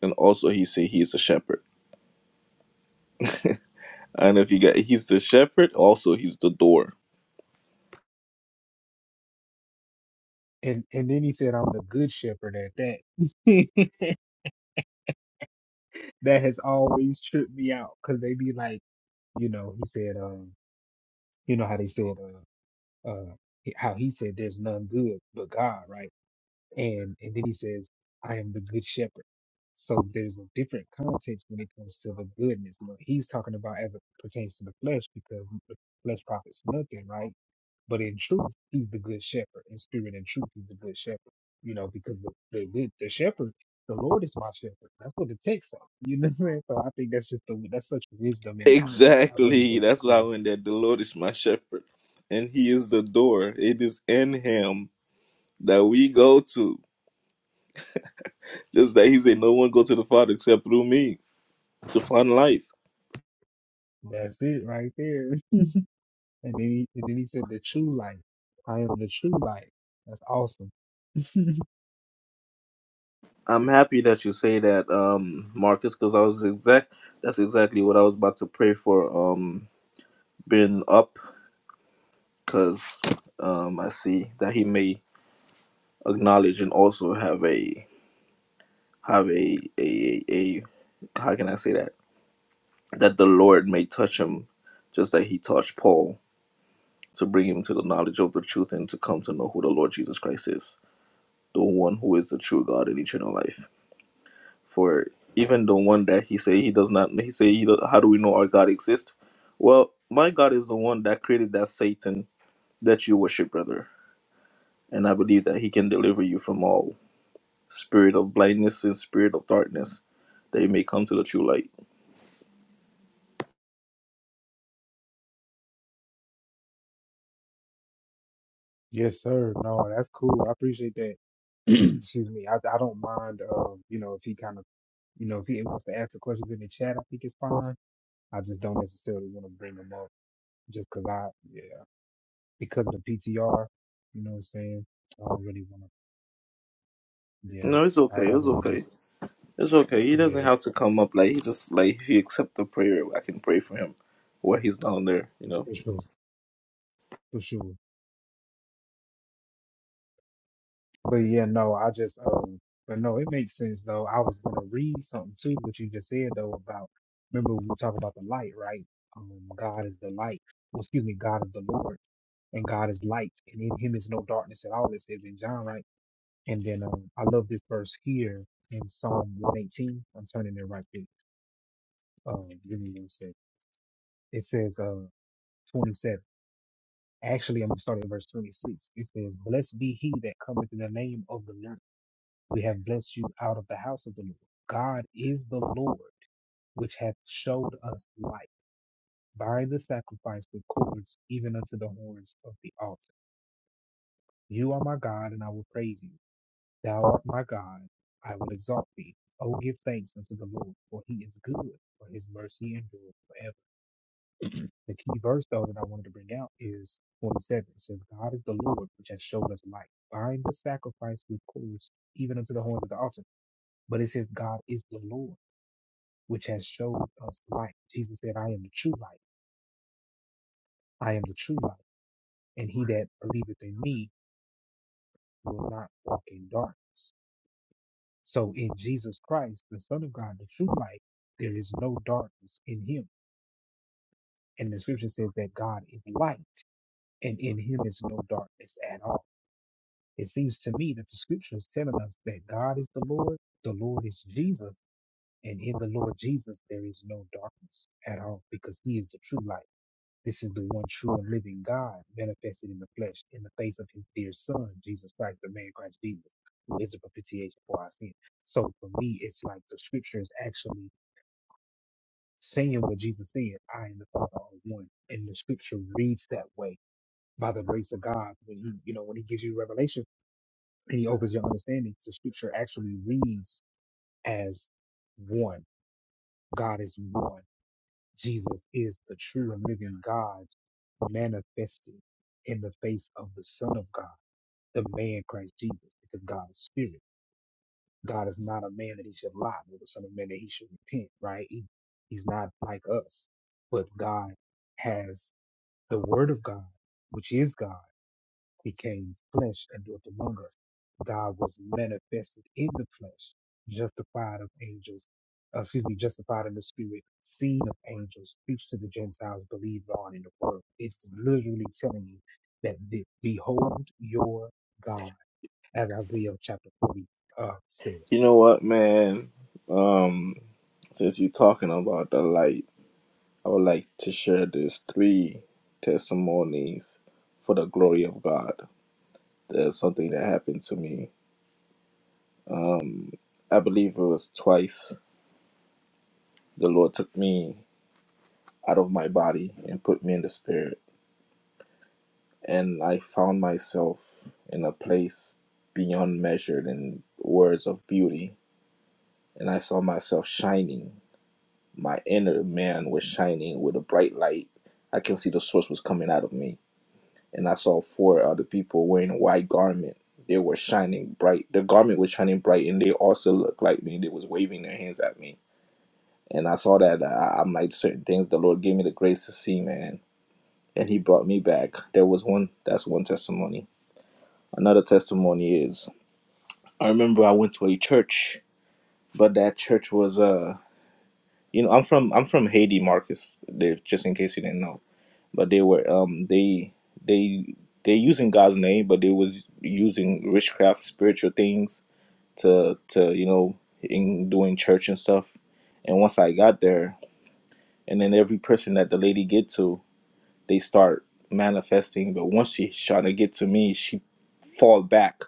[SPEAKER 11] and also He say He is the shepherd. And if you get He's the shepherd, also He's the door.
[SPEAKER 3] and and then he said I'm the good shepherd at that that has always tripped me out because they be like you know he said um you know how they said uh, uh, how he said, "There's none good but God," right? And and then he says, "I am the good shepherd." So there's a different context when it comes to the goodness. What he's talking about as it pertains to the flesh, because the flesh profits nothing, right? But in truth, he's the good shepherd. In spirit and truth, he's the good shepherd. You know, because the the, good, the shepherd, the Lord is my shepherd. That's what the text says. You know what I'm So I think that's just the that's such wisdom in that right there. I really
[SPEAKER 11] Exactly.
[SPEAKER 3] think it's
[SPEAKER 11] That's why I
[SPEAKER 3] cool.
[SPEAKER 11] went there. The Lord is my shepherd, and He is the door. It is in Him that we go to. Just that He said, "No one go to the Father except through me to find life."
[SPEAKER 3] That's it right there. And then he, and then he said, the true light. I am the true light. That's awesome.
[SPEAKER 11] I'm happy that you say that, um, Marcus, because I was exact. That's exactly what I was about to pray for. Um, being up, because um, I see that He may acknowledge and also have a have a a. a how can I say that? that the Lord may touch him, just that he touched Paul, to bring him to the knowledge of the truth and to come to know who the Lord Jesus Christ is, the one who is the true God and eternal life. For even the one that he say he does not, he say, he, do- how do we know our God exists? Well, my God is the one that created that Satan that you worship, brother, and I believe that he can deliver you from all spirit of blindness and spirit of darkness, that you may come to the true light.
[SPEAKER 3] Yes, sir. No, that's cool. I appreciate that. Excuse me. I, I don't mind, uh, you know, if he kind of, you know, if he wants to ask the questions in the chat, I think it's fine. I just don't necessarily want to bring them up just because I, yeah, because of the PTR, you know what I'm saying? I don't really want to, yeah.
[SPEAKER 11] No, it's
[SPEAKER 3] I'd
[SPEAKER 11] okay.
[SPEAKER 3] rather
[SPEAKER 11] It's
[SPEAKER 3] we
[SPEAKER 11] okay.
[SPEAKER 3] just,
[SPEAKER 11] It's okay. He doesn't
[SPEAKER 3] yeah,
[SPEAKER 11] have to come up. Like he just like if you accept the prayer, I can pray for him while he's down there. You know.
[SPEAKER 3] for sure, for sure. But yeah, no, I just, um, but no, it makes sense though. I was gonna read something too, what you just said though about, remember we talked about the light, right? Um, God is the light. Well, excuse me, God is the Lord, and God is light, and in Him is no darkness at all. It says in John, right? And then um, I love this verse here in Psalm 118. I'm turning it right there. Um, give me one sec. It says, uh, 27. Actually, I'm gonna start at verse 26. It says, "Blessed be he that cometh in the name of the Lord." We have blessed you out of the house of the Lord. God is the Lord, which hath showed us light by the sacrifice with cords, even unto the horns of the altar. You are my God, and I will praise you. Thou art my God, I will exalt thee. O give thanks unto the Lord, for he is good, for his mercy endureth forever. The key verse, though, that I wanted to bring out is 47. It says, God is the Lord, which hath showed us light. Bind the sacrifice with cords, even unto the horns of the altar. But it says, God is the Lord. which has showed us life. Jesus said, I am the true light. I am the true light. And he that believeth in me will not walk in darkness. So in Jesus Christ, the Son of God, the true light, there is no darkness in him. And the scripture says that God is light, and in him is no darkness at all. It seems to me that the scripture is telling us that God is the Lord, the Lord is Jesus, and in the Lord Jesus there is no darkness at all because he is the true light. This is the one true and living God manifested in the flesh in the face of his dear son, Jesus Christ, the man Christ Jesus, who is the propitiation for our sin. So for me, it's like the scripture is actually saying what Jesus said, I and the Father are one. And the scripture reads that way by the grace of God. When he, you know, when he gives you revelation and he opens your understanding, the scripture actually reads as one. God is one. Jesus is the true and living God manifested in the face of the Son of God, the man Christ Jesus, because God is spirit. God is not a man that he should lie, nor the Son of Man that he should repent, right? He, he's not like us, but God has the Word of God, which is God became flesh and dwelt among us. God was manifested in the flesh, justified of angels, uh, excuse me, justified in the spirit, seen of angels, preached to the Gentiles, believed on in the world. It's literally telling you that the, behold your God, as Isaiah chapter 40 uh, says.
[SPEAKER 11] You know what, man? Um, since you're talking about the light, I would like to share these three testimonies for the glory of God. There's something that happened to me. Um, I believe it was twice the Lord took me out of my body and put me in the spirit. and I found myself in a place beyond measured in words of beauty. And I saw myself shining. My inner man was shining with a bright light. I can see the source was coming out of me. And I saw four other people wearing white garment. They were shining bright. Their garment was shining bright, and they also looked like me. They was waving their hands at me. And I saw that uh, I, I'm like certain things. The Lord gave me the grace to see, man, and He brought me back. There was one. That's one testimony. Another testimony is I remember I went to a church, but that church was uh you know I'm from I'm from Haiti, Marcus. They, just in case you didn't know, but they were um they they they using God's name, but they was using witchcraft, spiritual things to to you know in doing church and stuff. And once I got there, and then every person that the lady get to. they start manifesting. But once she trying to get to me, she fall back.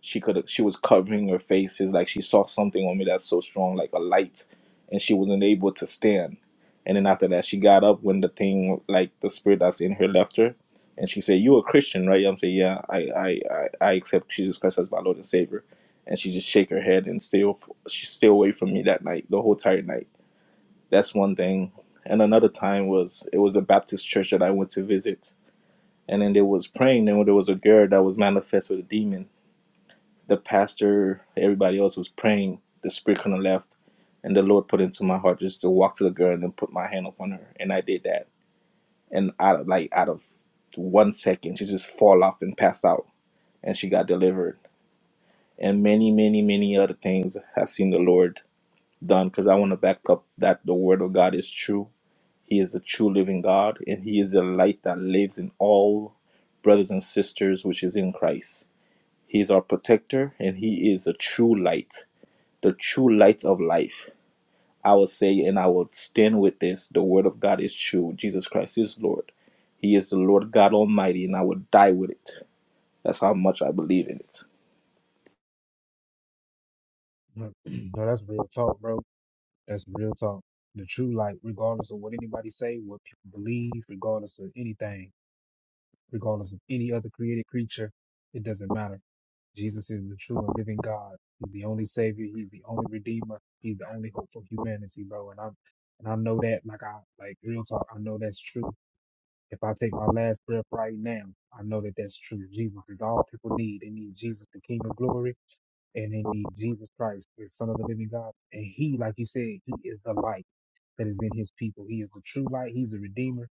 [SPEAKER 11] She could she was covering her faces like she saw something on me that's so strong, like a light, and she wasn't able to stand. And then after that, she got up when the thing like the spirit that's in her left her, and she said, "You a Christian, right?" I'm saying, "Yeah, I I I, I accept Jesus Christ as my Lord and Savior." And she just shake her head and stay off, she stay away from me that night, the whole entire night that's one thing. And another time was it was a Baptist church that I went to visit, and then they was praying, and there was a girl that was manifest with a demon. The pastor, everybody else was praying. The spirit kind of left, and the Lord put into my heart just to walk to the girl and then put my hand upon her, and I did that. And out of like out of one second, she just fall off and passed out, and she got delivered. And many, many, many other things I've seen the Lord done because I want to back up that the word of God is true He is the true living God, and He is the light that lives in all brothers and sisters, which is in Christ. He is our protector, and He is the true light, the true light of life. I will say, and I will stand with this the Word of God is true. Jesus Christ is Lord. He is the Lord God Almighty, and I will die with it. That's how much I believe in it.
[SPEAKER 3] no, that's real talk, bro. That's real talk. The true light, regardless of what anybody say, what people believe, regardless of anything regardless of any other created creature. It doesn't matter. Jesus is the true and living God. He's the only Savior. He's the only Redeemer. He's the only hope for humanity, bro. And I'm and I know that, like I like real talk, I know that's true. If I take my last breath right now, I know that that's true. Jesus is all people need. They need Jesus, the King of Glory, and they need Jesus Christ, the Son of the Living God. And He, like you said, He is the light that is in His people. He is the true light. He's the Redeemer.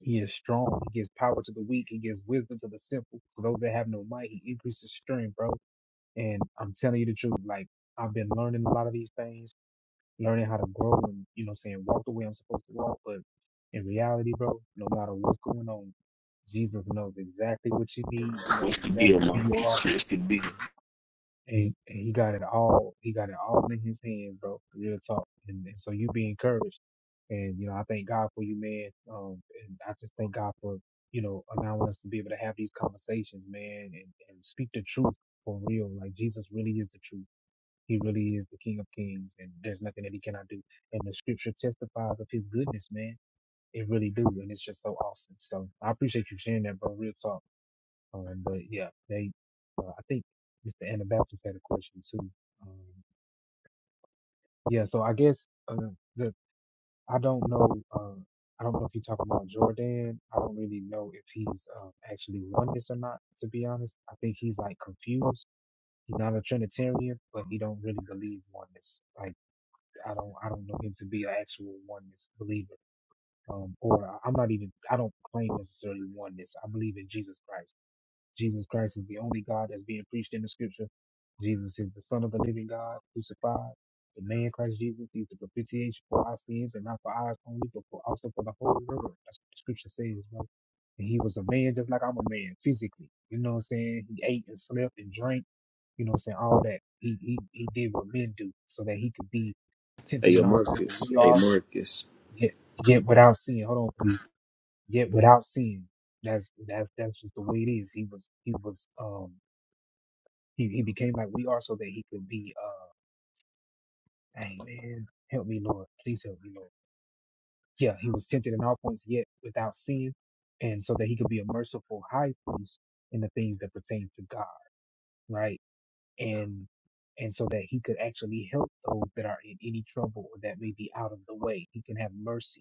[SPEAKER 3] He is strong. He gives power to the weak. He gives wisdom to the simple. To those that have no might, he increases strength, bro. And I'm telling you the truth. Like I've been learning a lot of these things, learning how to grow and, you know, saying walk the way I'm supposed to walk. But in reality, bro, no matter what's going on, Jesus knows exactly what you need. He knows
[SPEAKER 10] What's the deal,
[SPEAKER 3] exactly who you are
[SPEAKER 10] Marcus? What's the deal?
[SPEAKER 3] and, and he got it all. He got it all in his hand, bro. Real talk. And, and so you be encouraged. And you know, I thank God for you, man. Um, and I just thank God for you know allowing us to be able to have these conversations, man, and, and speak the truth for real. Like Jesus really is the truth. He really is the King of Kings, and there's nothing that he cannot do. And the Scripture testifies of his goodness, man. It really do, and it's just so awesome. So I appreciate you sharing that, bro. Real talk. Um, but yeah, they, uh, I think Mr. Anabaptist had a question too. Um, yeah, so I guess uh, the I don't know. Uh, I don't know if you're talking about Jordan. I don't really know if he's uh, actually won this or not. To be honest, I think he's like confused. He's not a Trinitarian, but he don't really believe oneness. Like I don't, I don't know him to be an actual oneness believer. Um, or uh, I'm not even. I don't claim necessarily oneness. I believe in Jesus Christ. Jesus Christ is the only God that's being preached in the scripture. Jesus is the Son of the living God, crucified. The man Christ Jesus, he's the propitiation for our sins, and not for ours only, but for also for the whole world. That's what the scripture says, bro. And he was a man just like I'm a man, physically. You know what I'm saying? He ate and slept and drank, you know what I'm saying? All that. He he he did what men do so that he could be
[SPEAKER 10] Hey,
[SPEAKER 3] tempted
[SPEAKER 10] yo,
[SPEAKER 3] in all points as
[SPEAKER 10] Marcus.
[SPEAKER 3] we
[SPEAKER 10] Hey,
[SPEAKER 3] are,
[SPEAKER 10] Marcus.
[SPEAKER 3] yet yet without sin. Hold on, please yet without sin. That's that's that's just the way it is. He was he was um he, he became like we are so that he could be uh dang man, help me Lord, please help me Lord. Yeah, he was tempted in all points yet without sin, and so that he could be a merciful high priest in the things that pertain to God, right? And and so that he could actually help those that are in any trouble or that may be out of the way. He can have mercy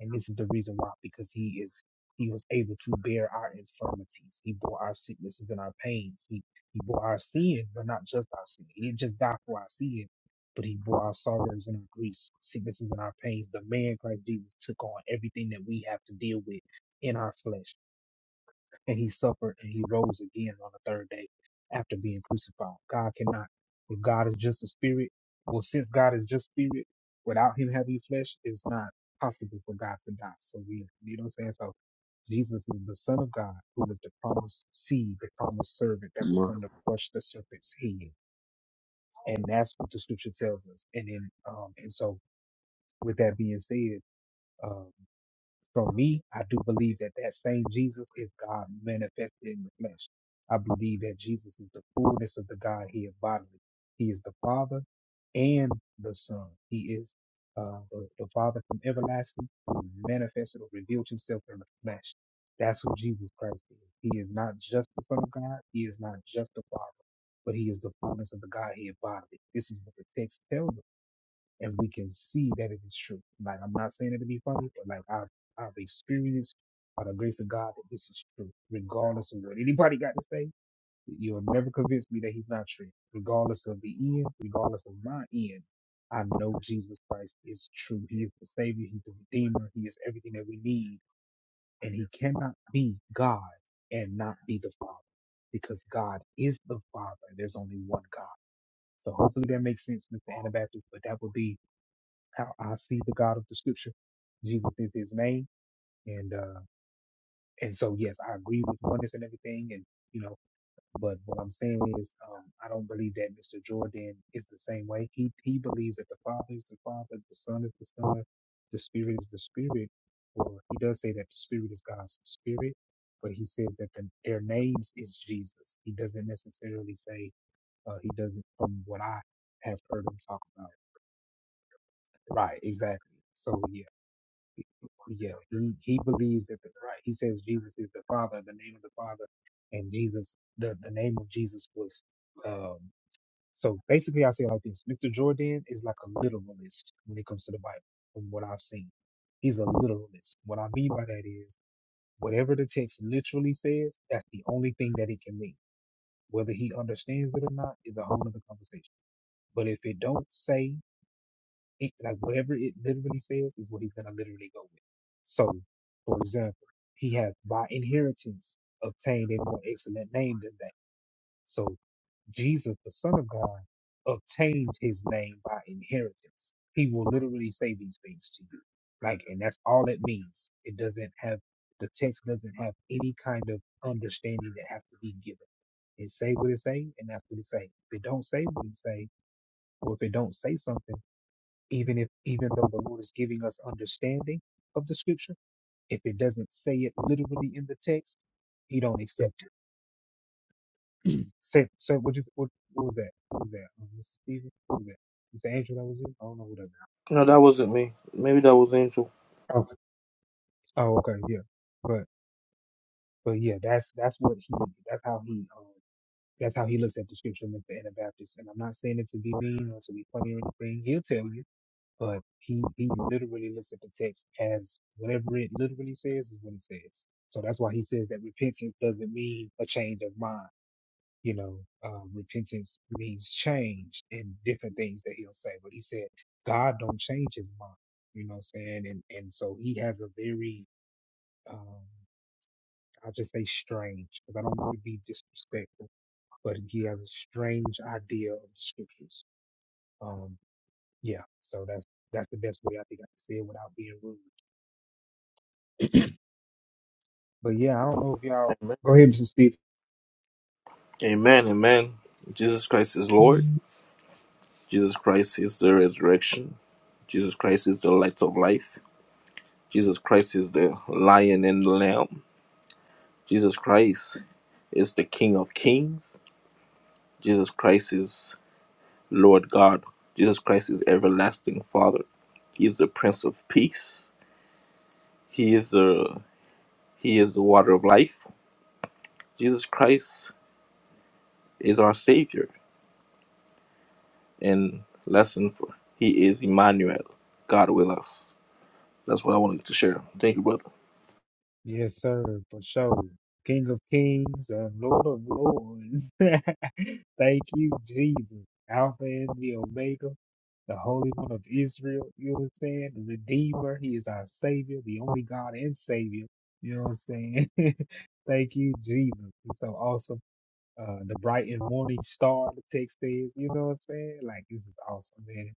[SPEAKER 3] And this is the reason why, because he is he was able to bear our infirmities. He bore our sicknesses and our pains. He he bore our sin, but not just our sin. He didn't just die for our sin, but he bore our sorrows and our griefs, sicknesses and our pains. The man Christ Jesus took on everything that we have to deal with in our flesh and he suffered and he rose again on the third day after being crucified. God cannot. If God is just a spirit, well, since God is just spirit, without him having flesh, it's not possible for God to die. So we, you know what I'm saying? So Jesus is the Son of God who is the promised seed, the promised servant that will
[SPEAKER 10] Mar-
[SPEAKER 3] come to crush the serpent's head. And that's what the scripture tells us. And then, um, and so with that being said, um, for me, I do believe that that same Jesus is God manifested in the flesh. I believe that Jesus is the fullness of the God here bodily. He is the Father and the Son. He is uh, the, the Father from everlasting who manifested or revealed himself in the flesh. That's what Jesus Christ is. He is not just the Son of God. He is not just the Father, but he is the fullness of the God here bodily. This is what the text tells us and we can see that it is true. Like I'm not saying it to be funny, but like I've I've experienced by the grace of God that this is true, regardless of what anybody got to say. You'll never convince me that he's not true, regardless of the end, regardless of my end. I know Jesus Christ is true. He is the Savior. He's the Redeemer. He is everything that we need, and He cannot be God and not be the Father, because God is the Father. There's only one God. So hopefully that makes sense, Mr. Anabaptist. But that would be how I see the God of the scripture. Jesus is his name. And uh and so yes, I agree with oneness and everything and you know, but what I'm saying is um I don't believe that Mr. Jordan is the same way. He he believes that the Father is the Father, the Son is the Son, the Spirit is the Spirit. Or he does say that the Spirit is God's spirit, but he says that the, their names is Jesus. He doesn't necessarily say uh he doesn't from what I have heard him talk about. Right, exactly. So yeah. Yeah, he, he believes that the right. He says Jesus is the Father, the name of the Father, and Jesus, the, the name of Jesus was. Um, so basically, I say it like this: Mr. Jordan is like a literalist when it comes to the Bible, from what I've seen. He's a literalist. What I mean by that is whatever the text literally says, that's the only thing that it can mean. Whether he understands it or not is a whole other conversation. But if it don't say it, like whatever it literally says is what he's gonna literally go with. So, for example, he has by inheritance obtained a more excellent name than that. So, Jesus, the Son of God, obtained his name by inheritance. He will literally say these things to you. Like, and that's all it means. It doesn't have, the text doesn't have any kind of understanding that has to be given. It say what it say, and that's what it say. If it don't say what it say, or if it don't say something, even if even though the Lord is giving us understanding of the scripture, if it doesn't say it literally in the text, he don't accept it. Say, so what, you, what, what was that? What was that? Um, Mr. Stephen? What was that? Mr. Angel that was you? I don't know who that
[SPEAKER 11] So,
[SPEAKER 3] was. Oh, oh, okay, yeah. But but yeah, that's that's what he that's how he um, that's how he looks at the scripture, Mr. Anabaptist. And I'm not saying it to be mean or to be funny or anything. He'll tell you. But he, he literally looks at the text as whatever it literally says is what it says. So that's why he says that repentance doesn't mean a change of mind. You know, uh, repentance means change and different things that he'll say. But he said God don't change his mind. You know what I'm saying? And and so he has a very um, I'll just say strange because I don't want to be disrespectful, but he has a strange idea of the scriptures. Um, yeah. So that's that's the best way I think I can say it without being rude. But yeah, I don't know if y'all
[SPEAKER 11] Amen.
[SPEAKER 3] go ahead, Mr. Steve.
[SPEAKER 11] Amen. Amen. Jesus Christ is Lord. Jesus Christ is the resurrection. Jesus Christ is the light of life. Jesus Christ is the lion and the lamb. Jesus Christ is the King of kings. Jesus Christ is Lord God. Jesus Christ is everlasting Father. He is the Prince of Peace. He is the He is the water of life. Jesus Christ is our Savior and lesson for He is Emmanuel, God with us. That's what I wanted to share. Thank you, brother.
[SPEAKER 3] Yes, sir, for sure. King of Kings and Lord of Lords. Thank you, Jesus. Alpha and the Omega, the Holy One of Israel, you know what I'm saying? The Redeemer, He is our Savior, the only God and Savior. You know what I'm saying? Thank you, Jesus. It's so awesome. uh, the bright and morning star, the text says. You know what I'm saying? Like, this is awesome, man.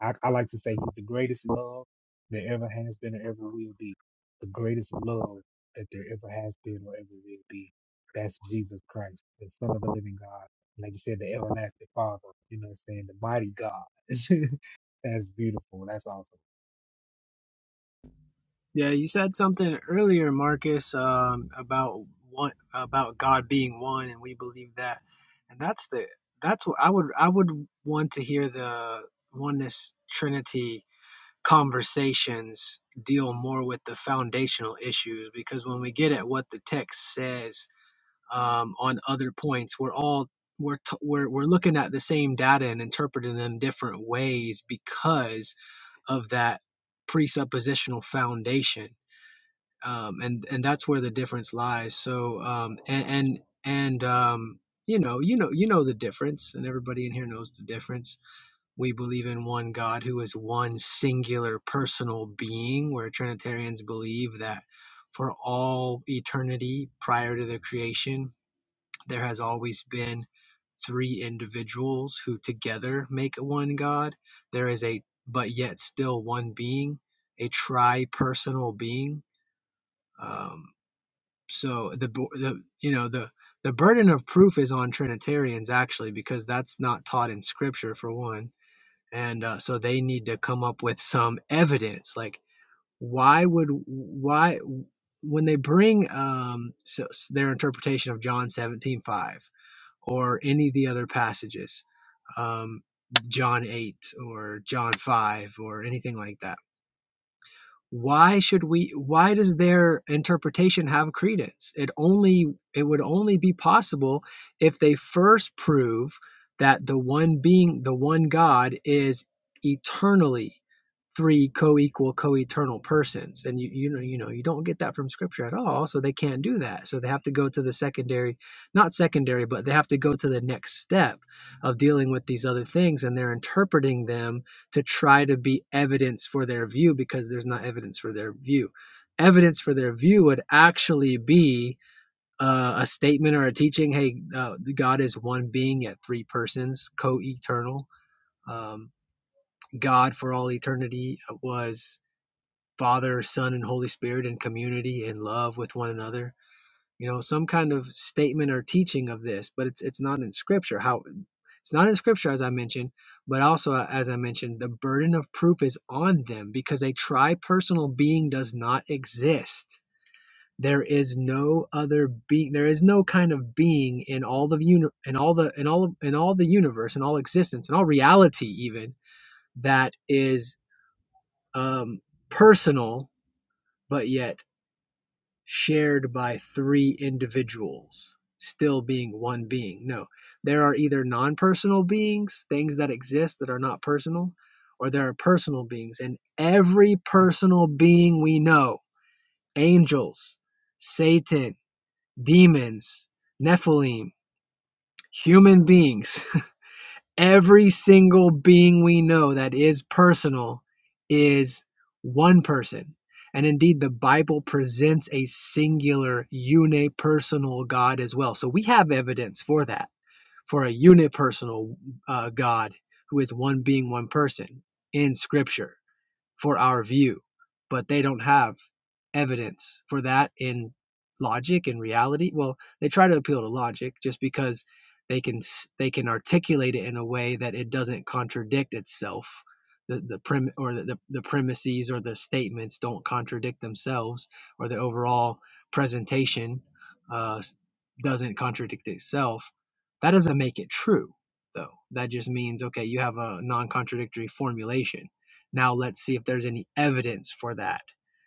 [SPEAKER 3] I, I like to say he's the greatest love there ever has been or ever will be. The greatest love that there ever has been or ever will be. That's Jesus Christ, the Son of the living God. Like you said, the everlasting Father. You know what I'm saying? The mighty God. that's beautiful. That's awesome.
[SPEAKER 12] Yeah, you said something earlier, Marcus, um, about one about God being one, and we believe that, and that's the that's what I would I would want to hear the oneness Trinity conversations deal more with the foundational issues because when we get at what the text says um, on other points. We're all we're, t- we're we're looking at the same data and interpreting them different ways because of that presuppositional foundation, um, and and that's where the difference lies. So um, and and, and um, you know you know you know the difference, and everybody in here knows the difference. We believe in one God who is one singular personal being, where Trinitarians believe that for all eternity prior to the creation there has always been three individuals who together make one God. There is a, but yet still one being, a tri-personal being. Um, so the, the, you know, the, the burden of proof is on Trinitarians actually, because that's not taught in scripture for one. And uh, so they need to come up with some evidence. Like why would, why, when they bring um, so, their interpretation of John seventeen five or any of the other passages, um, John 8 or John 5 or anything like that why should we why does their interpretation have credence it only it would only be possible if they first prove that the one being the one god is eternally three co-equal co-eternal persons and you you know you know you don't get that from scripture at all so they can't do that so they have to go to the secondary not secondary but they have to go to the next step of dealing with these other things and they're interpreting them to try to be evidence for their view because there's not evidence for their view. Evidence for their view would actually be uh, a statement or a teaching hey, uh, God is one being at three persons, co eternal. Um, God for all eternity was Father, Son, and Holy Spirit in community in love with one another you know some kind of statement or teaching of this but it's it's not in scripture how it's not in scripture as i mentioned but also uh, as i mentioned the burden of proof is on them because a tri-personal being does not exist there is no other being there is no kind of being in all the uni- in all the in all of, in all the universe in all existence in all reality even that is um personal but yet shared by three individuals, still being one being. No, there are either non personal beings, things that exist that are not personal, or there are personal beings. And every personal being we know angels, Satan, demons, Nephilim, human beings every single being we know that is personal is one person. And indeed, the Bible presents a singular, unipersonal God as well. So we have evidence for that, for a unipersonal uh, God who is one being, one person in Scripture for our view, but they don't have evidence for that in logic and reality. Well, they try to appeal to logic just because they can they can articulate it in a way that it doesn't contradict itself. The, the prim or the, the, the premises or the statements don't contradict themselves or the overall presentation uh, doesn't contradict itself that doesn't make it true though that just means okay you have a non-contradictory formulation now let's see if there's any evidence for that.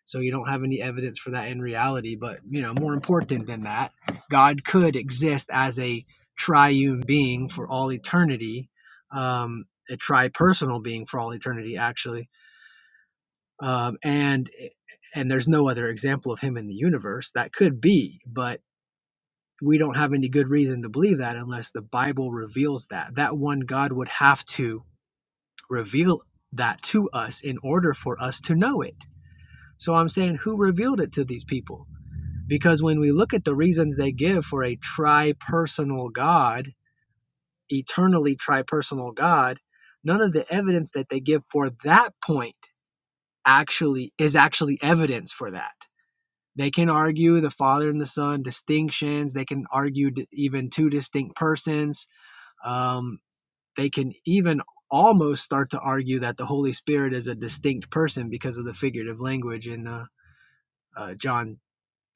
[SPEAKER 12] So you don't have any evidence for that in reality, but you know, more important than that, God could exist as a triune being for all eternity, um, a tri-personal being for all eternity, actually. Um, and and there's no other example of him in the universe that could be, but we don't have any good reason to believe that unless the Bible reveals that. That one God would have to reveal that to us in order for us to know it so I'm saying, who revealed it to these people? Because when we look at the reasons they give for a tri-personal God, eternally tri-personal God, none of the evidence that they give for that point actually is actually evidence for that. They can argue the Father and the Son distinctions. They can argue even two distinct persons. Um, they can even almost start to argue that the Holy Spirit is a distinct person because of the figurative language in uh, uh, John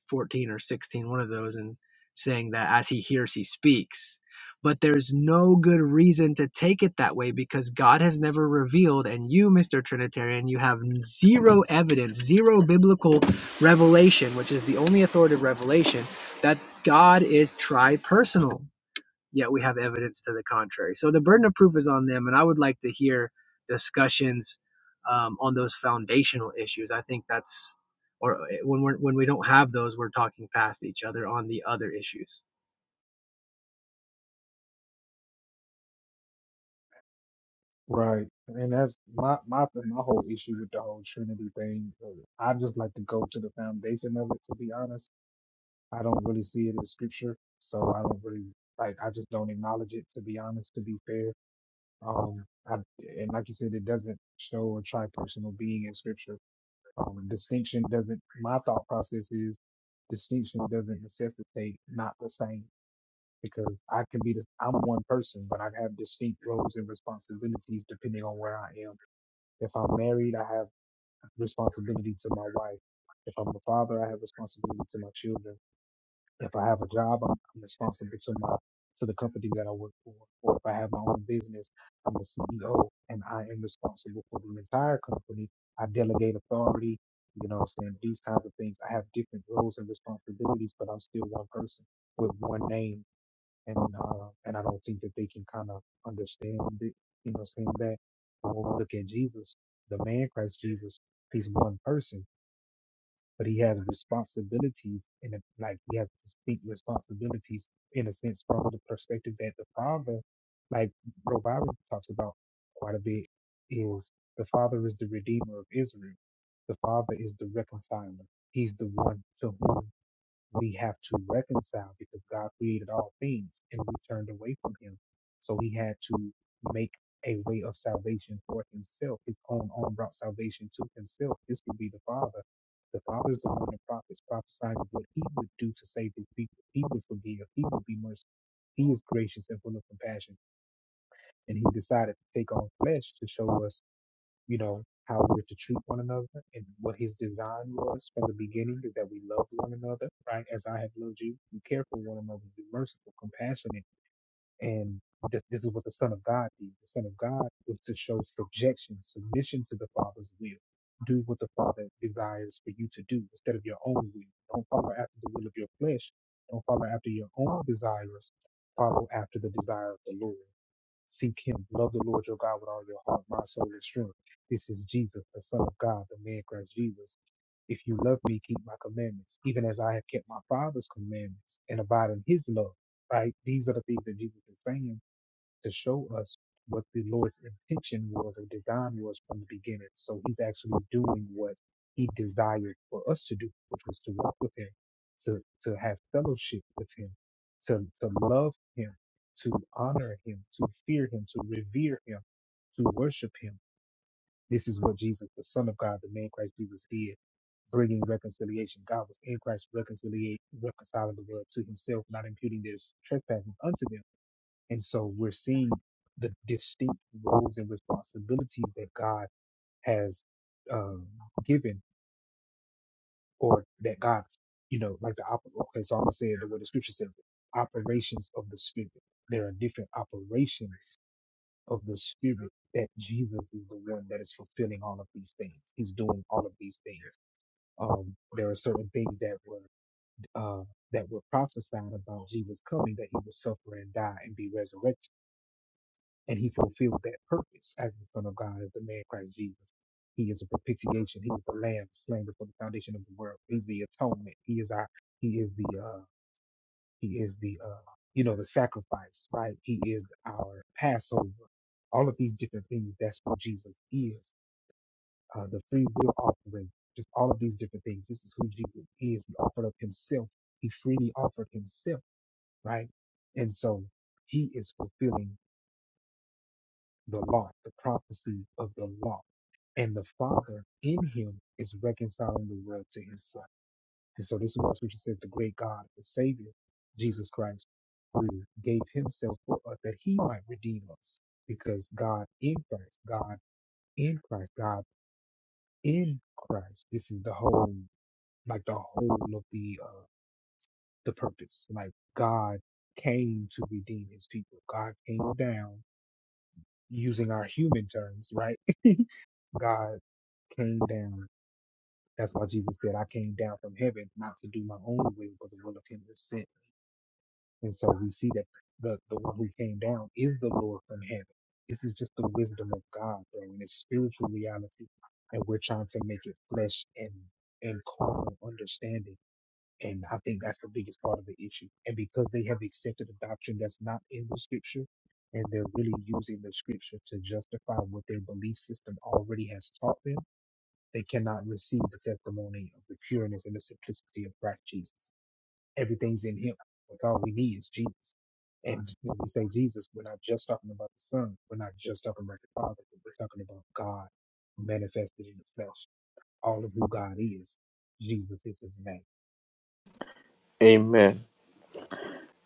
[SPEAKER 12] 14 or sixteen, one of those, and saying that as he hears, he speaks. But there's no good reason to take it that way because God has never revealed, and you, Mr. Trinitarian, you have zero evidence, zero biblical revelation, which is the only authoritative revelation, that God is tri personal yet we have evidence to the contrary. So the burden of proof is on them, and I would like to hear discussions um, on those foundational issues. I think that's or eh, when we're when we don't have those, we're talking past each other on the other issues.
[SPEAKER 3] Right. And that's my my my whole issue with the whole Trinity thing. I just like to go to the foundation of it to be honest. I don't really see it in scripture, so I don't really like. I just don't acknowledge it to be honest. To be fair, um, I, and like you said, it doesn't show a tri-personal being in scripture. Um, distinction doesn't. My thought process is distinction doesn't necessitate not the same because I can be. The, I'm one person, but I have distinct roles and responsibilities depending on where I am. If I'm married, I have responsibility to my wife. If I'm a father, I have responsibility to my children if I have a job, I'm, I'm responsible to my to the company that I work for. Or if I have my own business, I'm a CEO and I am responsible for the entire company. I delegate authority. You know what I'm saying? These kinds of things. I have different roles and responsibilities, but I'm still one person with one name. And uh, and I don't think that they can kind of understand it. You know, what I'm saying that when we look at Jesus, the man Christ Jesus, he's one person but he has responsibilities in a, like he has distinct responsibilities in a sense from the perspective that the father, like Robert talks about quite a bit, is the father is the redeemer of Israel. The father is the reconciler. He's the one to whom we have to reconcile because God created all things and we turned away from him. So he had to make a way of salvation for himself. His own own brought salvation to himself. This would be the Father. The Father is the one that prophets prophesying what he would do to save his people. He would forgive. He would be merciful. He is gracious and full of compassion. And he decided to take on flesh to show us you know, how we're to treat one another and what his design was from the beginning is that we love one another, right? As I have loved you, be careful one another, be merciful, compassionate. And this, this is what the Son of God did. The Son of God was to show subjection, submission to the Father's will. Do what the Father desires for you to do instead of your own will. Don't follow after the will of your flesh. Don't follow after your own desires. Follow after the desire of the Lord. Seek him. Love the Lord your God with all your heart, mind, soul, and strength. This is Jesus, the Son of God, the man Christ Jesus. If you love me, keep my commandments, even as I have kept my Father's commandments and abide in his love. Right? These are the things that Jesus is saying to show us what the Lord's intention was or design was from the beginning. So he's actually doing what he desired for us to do, which was to walk with him, to, to have fellowship with him, to, to love him, to honor him, to fear him, to revere him, to worship him. This is what Jesus, the Son of God, the man Christ Jesus did, bringing reconciliation. God was in Christ reconciliate, reconciling the world to himself, not imputing their trespasses unto them and so we're seeing the distinct roles and responsibilities that God has um, given, or that God, you know, like the op- okay. So I'm gonna say it the way the scripture says it: operations of the spirit. There are different operations of the spirit that Jesus is the one that is fulfilling all of these things. He's doing all of these things. Um, there are certain things that were uh, that were prophesied about Jesus coming, that he would suffer and die and be resurrected and he fulfilled that purpose as the Son of God, as the man Christ Jesus. He is a propitiation. He is the Lamb slain before the foundation of the world. He's the atonement. He is our. He is the. Uh, he is the. Uh, you know the sacrifice, right? He is our Passover. All of these different things. That's what Jesus is. Uh, the free will offering. Just all of these different things. This is who Jesus is. He offered up Himself. He freely offered Himself, right? And so He is fulfilling the law, the prophecy of the law And the Father in him is reconciling the world to himself. And so this is what scripture says the great God, the Savior, Jesus Christ, who gave himself for us that he might redeem us. Because God in Christ, God in Christ, God in Christ. This is the whole, like the whole of the uh the purpose. Like God came to redeem his people. God came down using our human terms, right? God came down That's why Jesus said, I came down from heaven not to do my own will, but the will of him that sent. And so we see that the, the one who came down is the Lord from heaven. This is just the wisdom of God, bro, and it's spiritual reality. And we're trying to make it flesh and, and carnal understanding. And I think that's the biggest part of the issue. And because they have accepted a doctrine that's not in the scripture, and they're really using the scripture to justify what their belief system already has taught them they cannot receive the testimony of the pureness and the simplicity of Christ Jesus. Everything's in Him. That's all we need is Jesus. And when we say Jesus, we're not just talking about the Son. We're not just talking about the Father. But we're talking about God manifested in the flesh. All of who God is, Jesus is His name.
[SPEAKER 11] Amen.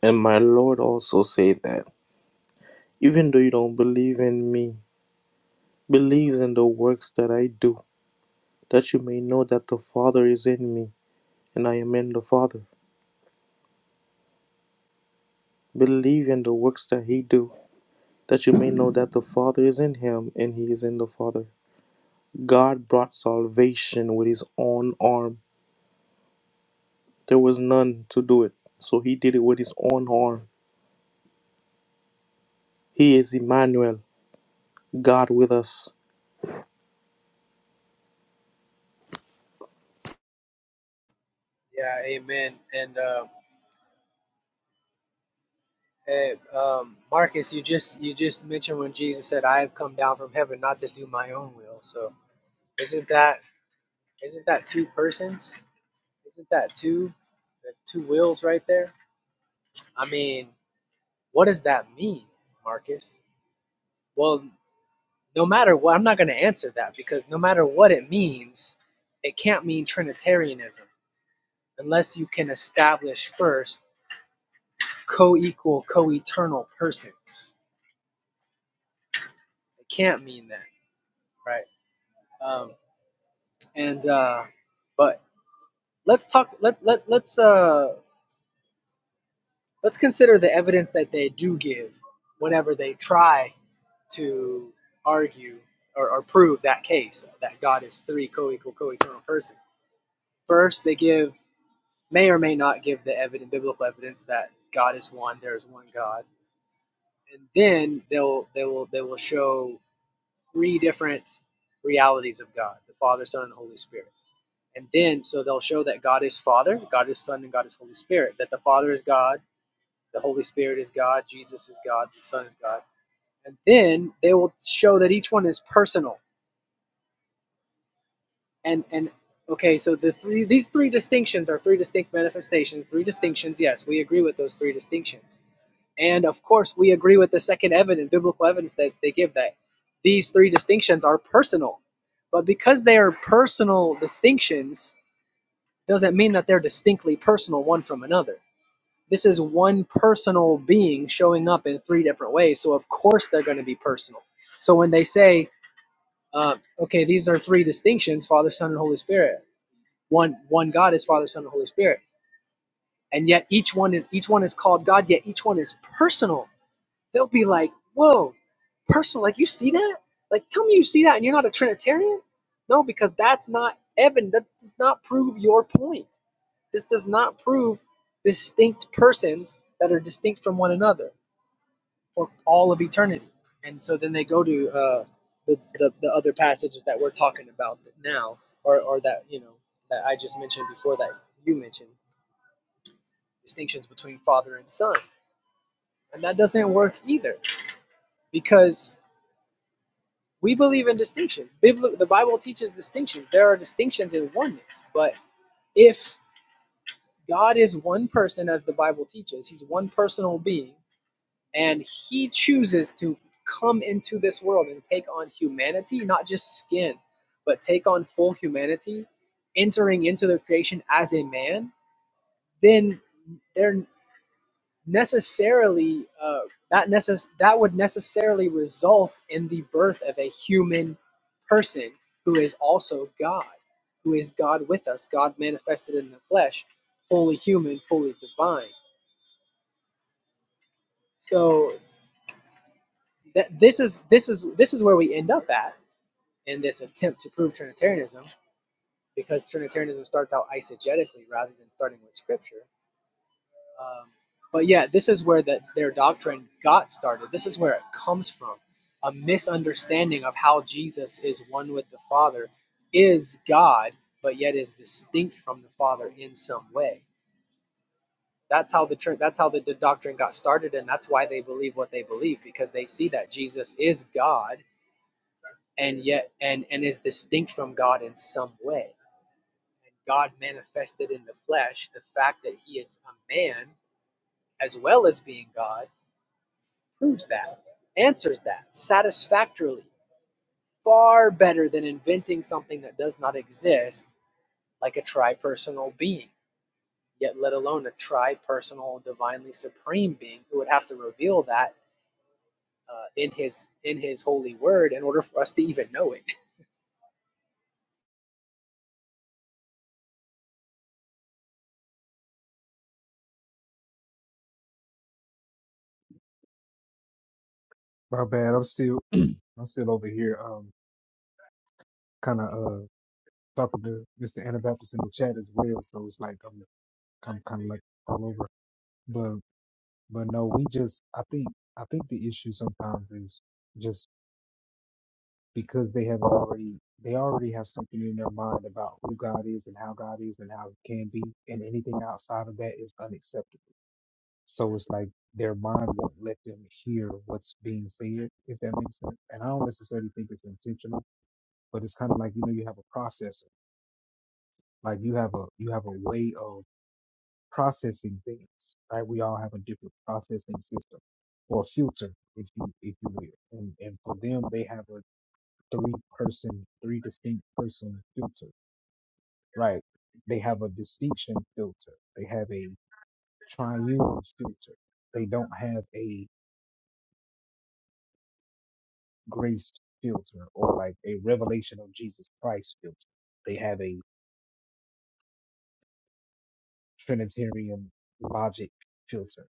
[SPEAKER 11] And my Lord also said that even though you don't believe in me, Believes in the works that I do, that you may know that the Father is in me, and I am in the Father. Believe in the works that he do, that you may know that the Father is in him, and he is in the Father. God brought salvation with his own arm. There was none to do it, so he did it with his own arm. He is Emmanuel, God with us.
[SPEAKER 12] Yeah, amen. And uh, hey, um, Marcus, you just you just mentioned when Jesus said, "I have come down from heaven not to do my own will." So isn't that isn't that two persons? Isn't that two? That's two wills right there. I mean, What does that mean, Marcus? Well, no matter what, I'm not going to answer that because no matter what it means, it can't mean Trinitarianism unless you can establish first co equal, co eternal persons. It can't mean that, right? Um, and, uh, but let's talk, let, let, let's, uh, Let's consider the evidence that they do give whenever they try to argue or, or prove that case that God is three co-equal, co-eternal persons. First, they give may or may not give the evidence, biblical evidence that God is one, there is one God, and then they'll they will they will show three different realities of God: the Father, Son, and the Holy Spirit. And then, so they'll show that God is Father, God is Son, and God is Holy Spirit. That the Father is God, the Holy Spirit is God, Jesus is God, the Son is God. And then they will show that each one is personal. And and okay, so the three these three distinctions are three distinct manifestations, three distinctions. Yes, we agree with those three distinctions. And of course, we agree with the second evidence, biblical evidence that they give that these three distinctions are personal. But because they are personal distinctions, doesn't mean that they're distinctly personal one from another. This is one personal being showing up in three different ways. So of course they're going to be personal. So when they say, uh, okay, these are three distinctions: Father, Son, and Holy Spirit. One one God is Father, Son, and Holy Spirit, and yet each one is each one is called God. Yet each one is personal they'll be like, whoa, personal, like you see that? Like tell me you see that and you're not a Trinitarian? No, because that's not Evan, that does not prove your point. This does not prove distinct persons that are distinct from one another for all of eternity. And so then they go to uh, the, the, the other passages that we're talking about now, or, or that, you know, that I just mentioned before that you mentioned, distinctions between father and son. And that doesn't work either because We believe in distinctions. Bibli- the Bible teaches distinctions. There are distinctions in oneness. But if God is one person, as the Bible teaches, he's one personal being, and he chooses to come into this world and take on humanity, not just skin, but take on full humanity, entering into the creation as a man, then there necessarily uh, not necess- that would necessarily result in the birth of a human person who is also God, who is God with us, God manifested in the flesh, fully human, fully divine. So th- this is this is this is where we end up at in this attempt to prove Trinitarianism, because Trinitarianism starts out eisegetically rather than starting with Scripture Um, but yeah, this is where that their doctrine got started. This is where it comes from. A misunderstanding of how Jesus is one with the Father, is God, but yet is distinct from the Father in some way. That's how the tr- that's how the, the doctrine got started, and that's why they believe what they believe because they see that Jesus is God and yet and and is distinct from God in some way. And God manifested in the flesh the fact that He is a man as well as being God proves that, answers that satisfactorily, far better than inventing something that does not exist, like a tripersonal being, yet let alone a tripersonal, divinely supreme being who would have to reveal that uh, in his in his holy word in order for us to even know it.
[SPEAKER 3] My bad. I'm still, I'm still over here, um, kind of uh talking to Mr. Anabaptist in the chat as well. So it's like I'm, I'm kind of like all over. But But no, we just I think I think the issue sometimes is just because they have already they already have something in their mind about who God is and how God is and how it can be and anything outside of that is unacceptable. So it's like their mind won't let them hear what's being said, if that makes sense. And I don't necessarily think it's intentional, but it's kind of like you know you have a processor, like you have a you have a way of processing things, right? We all have a different processing system or filter, if you if you will. And and for them, they have a three person, three distinct person filter, right? They have a distinction filter. They have a triune filter. They don't have a grace filter or like a revelation of Jesus Christ filter. They have a Trinitarian logic filter.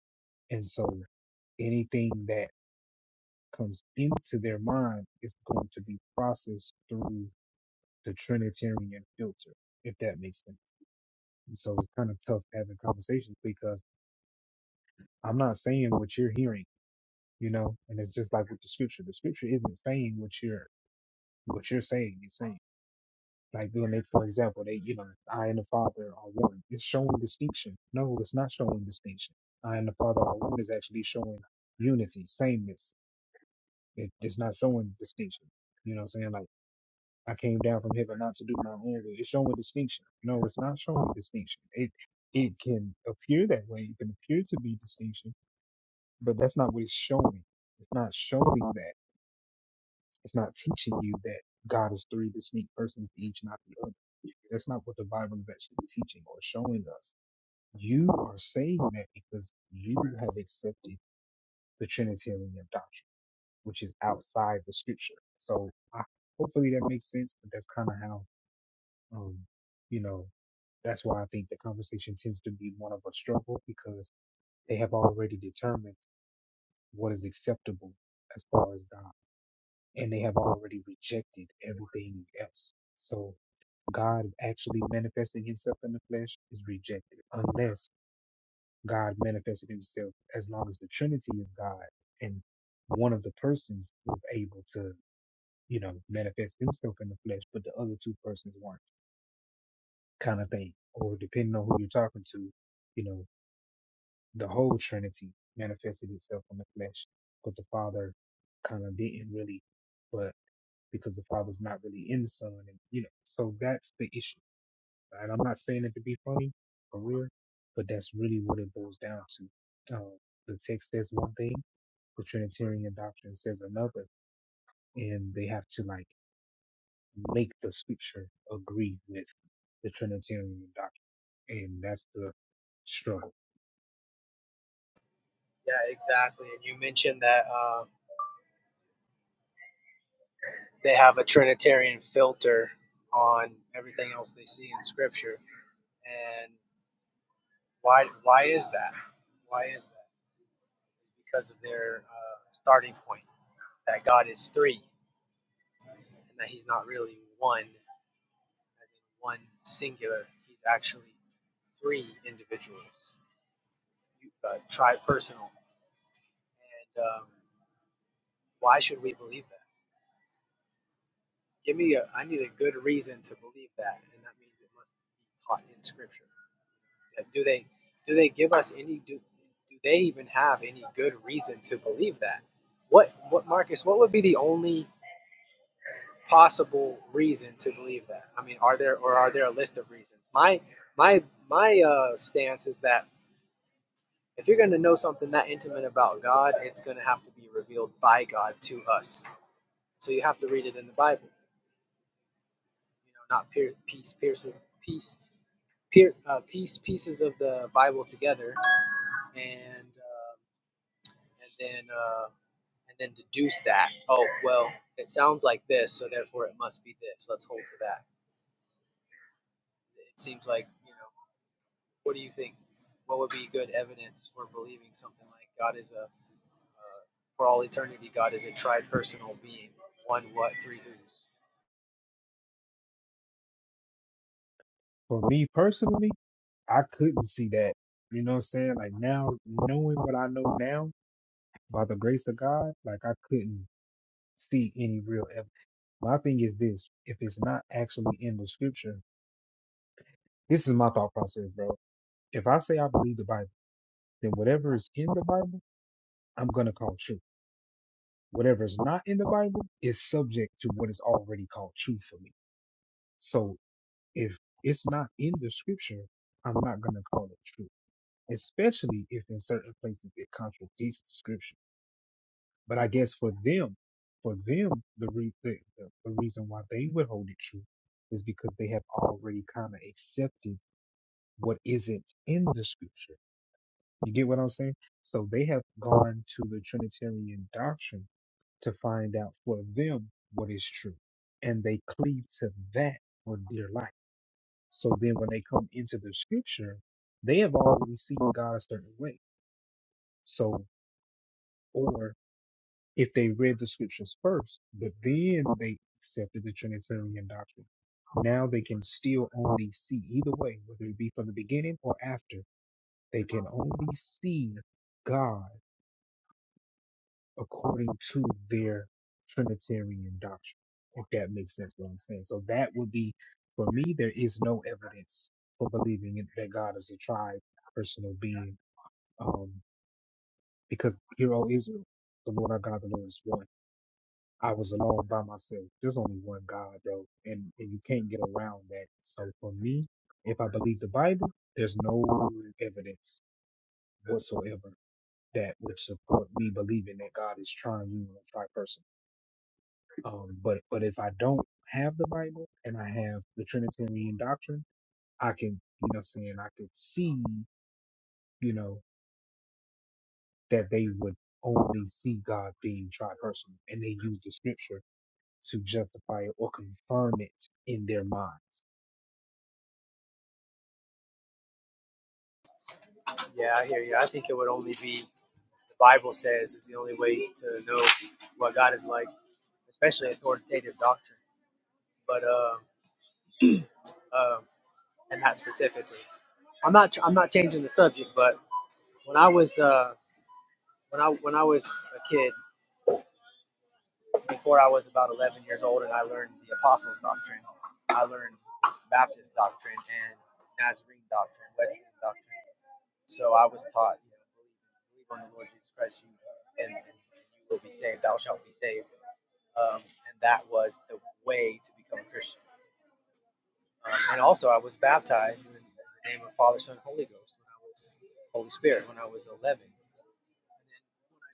[SPEAKER 3] And so anything that comes into their mind is going to be processed through the Trinitarian filter, if that makes sense. And so it's kind of tough having conversations because I'm not saying what you're hearing, you know, and it's just like with the scripture. The scripture isn't saying what you're what you're saying, it's saying. Like when they, for example, they, you know, I and the Father are one. It's showing distinction. No, it's not showing distinction. I and the Father are one is actually showing unity, sameness. It, it's not showing distinction. You know what I'm saying? Like I came down from heaven not to do my own will. It's showing distinction. No, it's not showing distinction. It it can appear that way. It can appear to be distinction, but that's not what it's showing. It's not showing that. It's not teaching you that God is three distinct persons, each not the other. That's not what the Bible is actually teaching or showing us. You are saying that because you have accepted the Trinitarian doctrine, which is outside the Scripture. So I, hopefully that makes sense. But that's kind of how Um, you know, that's why I think the conversation tends to be one of a struggle because they have already determined what is acceptable as far as God, and they have already rejected everything else. So God actually manifesting Himself in the flesh is rejected unless God manifested Himself. As long as the Trinity is God and one of the persons was able to, you know, manifest Himself in the flesh, but the other two persons weren't. kind of thing. Or depending on who you're talking to, you know, the whole Trinity manifested itself in the flesh, but the Father kind of didn't really, but because the Father's not really in the Son, and you know, so that's the issue. And I'm not saying it to be funny or real, but that's really what it boils down to. Um, the text says one thing, the Trinitarian doctrine says another, and they have to like make the Scripture agree with the Trinitarian doctrine. And that's the struggle.
[SPEAKER 12] Yeah, exactly. And you mentioned that uh, they have a Trinitarian filter on everything else they see in Scripture, and. Why, why is that? Why is that? Because of their uh, starting point that God is three and that He's not really one, as in one singular. He's actually three individuals, uh, tri personal. And um, why should we believe that? Give me a, I need a good reason to believe that, and that means it must be taught in Scripture. do they do they give us any do, do they even have any good reason to believe that what what marcus what would be the only possible reason to believe that i mean are there or are there a list of reasons my my my uh, stance is that if you're going to know something that intimate about god it's going to have to be revealed by god to us so you have to read it in the bible you know not pier- piece pierces piece pier, uh, piece pieces of the bible together and uh, and then uh, and then deduce that. Oh well, it sounds like this, so therefore it must be this. Let's hold to that. It seems like you know. What do you think? What would be good evidence for believing something like God is a for all eternity? God is a tri-personal being, one what, three who's.
[SPEAKER 3] For me personally, I couldn't see that. You know what I'm saying? Like now, knowing what I know now, by the grace of God, like I couldn't see any real evidence. My thing is this if it's not actually in the scripture, this is my thought process, bro. If I say I believe the Bible, then whatever is in the Bible, I'm going to call true. Whatever is not in the Bible is subject to what is already called true for me. So if it's not in the scripture, I'm not going to call it true. especially if in certain places it contradicts the scripture. But I guess for them, for them, the, re- the, the, the reason why they would hold it true is because they have already kind of accepted what isn't in the scripture. You get what I'm saying? So they have gone to the Trinitarian doctrine to find out for them what is true. And they cleave to that for dear life. So then when they come into the scripture, they have already seen God a certain way. So. or if they read the scriptures first, but then they accepted the Trinitarian doctrine. Now they can still only see, either way, whether it be from the beginning or after, they can only see God according to their Trinitarian doctrine, if that makes sense what I'm saying. So that would be, for me, there is no evidence for believing it, that God is a tripersonal being, um, because hero Israel, the Lord our God, the Lord is one I was alone by myself. There's only one God, though, and, and you can't get around that. So for me, if I believe the Bible, there's no evidence whatsoever that would support me believing that God is trying you in a person. Um, but but if I don't have the Bible and I have the Trinitarian doctrine, I can you know saying I could see you know that they would only see God being tripersonal, and they use the Scripture to justify it or confirm it in their minds.
[SPEAKER 12] Yeah, I hear you. I think it would only be the Bible says is the only way to know what God is like, especially authoritative doctrine. But uh, uh, and that specifically. I'm not. I'm not changing the subject, but When I was uh, when I when I was a kid, before I was about 11 years old, and I learned the Apostles' doctrine, I learned Baptist doctrine and Nazarene doctrine, Wesleyan doctrine. So I was taught, you know, believe on the Lord Jesus Christ, you and, and you will be saved. Thou shalt be saved, um, and that was the way to become a Christian. Um, and also, I was baptized in the name of Father, Son, Holy Ghost when I was Holy Spirit when I was 11.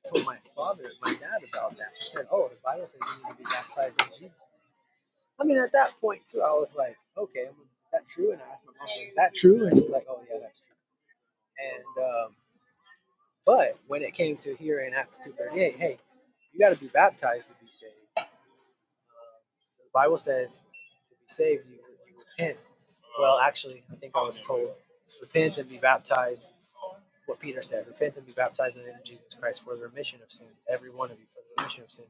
[SPEAKER 12] I told my father, my dad about that. He said, "Oh, the Bible says you need to be baptized in Jesus." name. I mean, at that point too, I was like, "Okay, is that true?" And I asked my mom, like, "Is that true?" And she's like, "Oh yeah, that's true." And um, but when it came to here in Acts two thirty eight, hey, you got to be baptized to be saved. Um, so the Bible says to be saved, you, you repent. Well, actually, I think I was told repent and be baptized. What Peter said: repent and be baptized in the name of Jesus Christ for the remission of sins, every one of you, for the remission of sins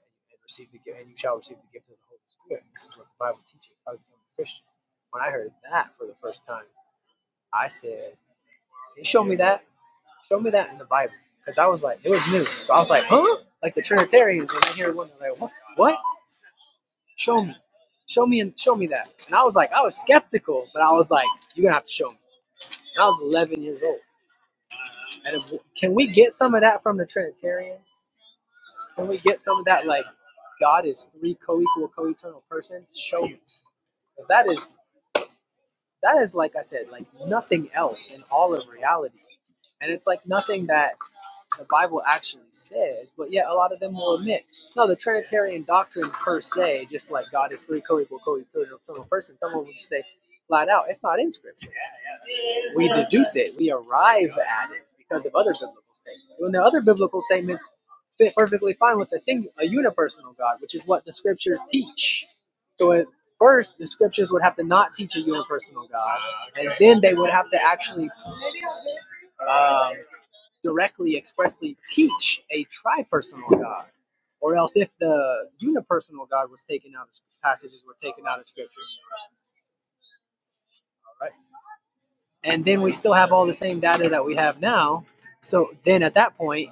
[SPEAKER 12] and receive the gift, and you shall receive the gift of the Holy Spirit. This is what the Bible teaches how to become a Christian. When I heard that for the first time, I said, "Can you show me that? Show me that in the Bible." Because I was like, it was new, so I was like, "Huh?" Like the Trinitarians when they hear one, they're like, "What? What? Show me, show me, and show me that." And I was like, I was skeptical, but I was like, "You're gonna have to show me." And I was 11 years old. And if, can we get some of that from the Trinitarians? Can we get some of that like God is three co-equal, co-eternal persons? Show me. Because that is that is like I said, like nothing else in all of reality. And it's like nothing that the Bible actually says, but yet a lot of them will admit, no, the Trinitarian doctrine per se, just like God is three co-equal, co-eternal eternal person, someone will just say flat out, it's not in Scripture we deduce it, we arrive at it because of other biblical statements. When the other biblical statements fit perfectly fine with a single, a unipersonal God, which is what the scriptures teach. So at first, the scriptures would have to not teach a unipersonal God, and then they would have to actually um, directly, expressly teach a tripersonal God. Or else, if the unipersonal God was taken out, passages were taken out of scripture, all right. and then we still have all the same data that we have now. So then at that point,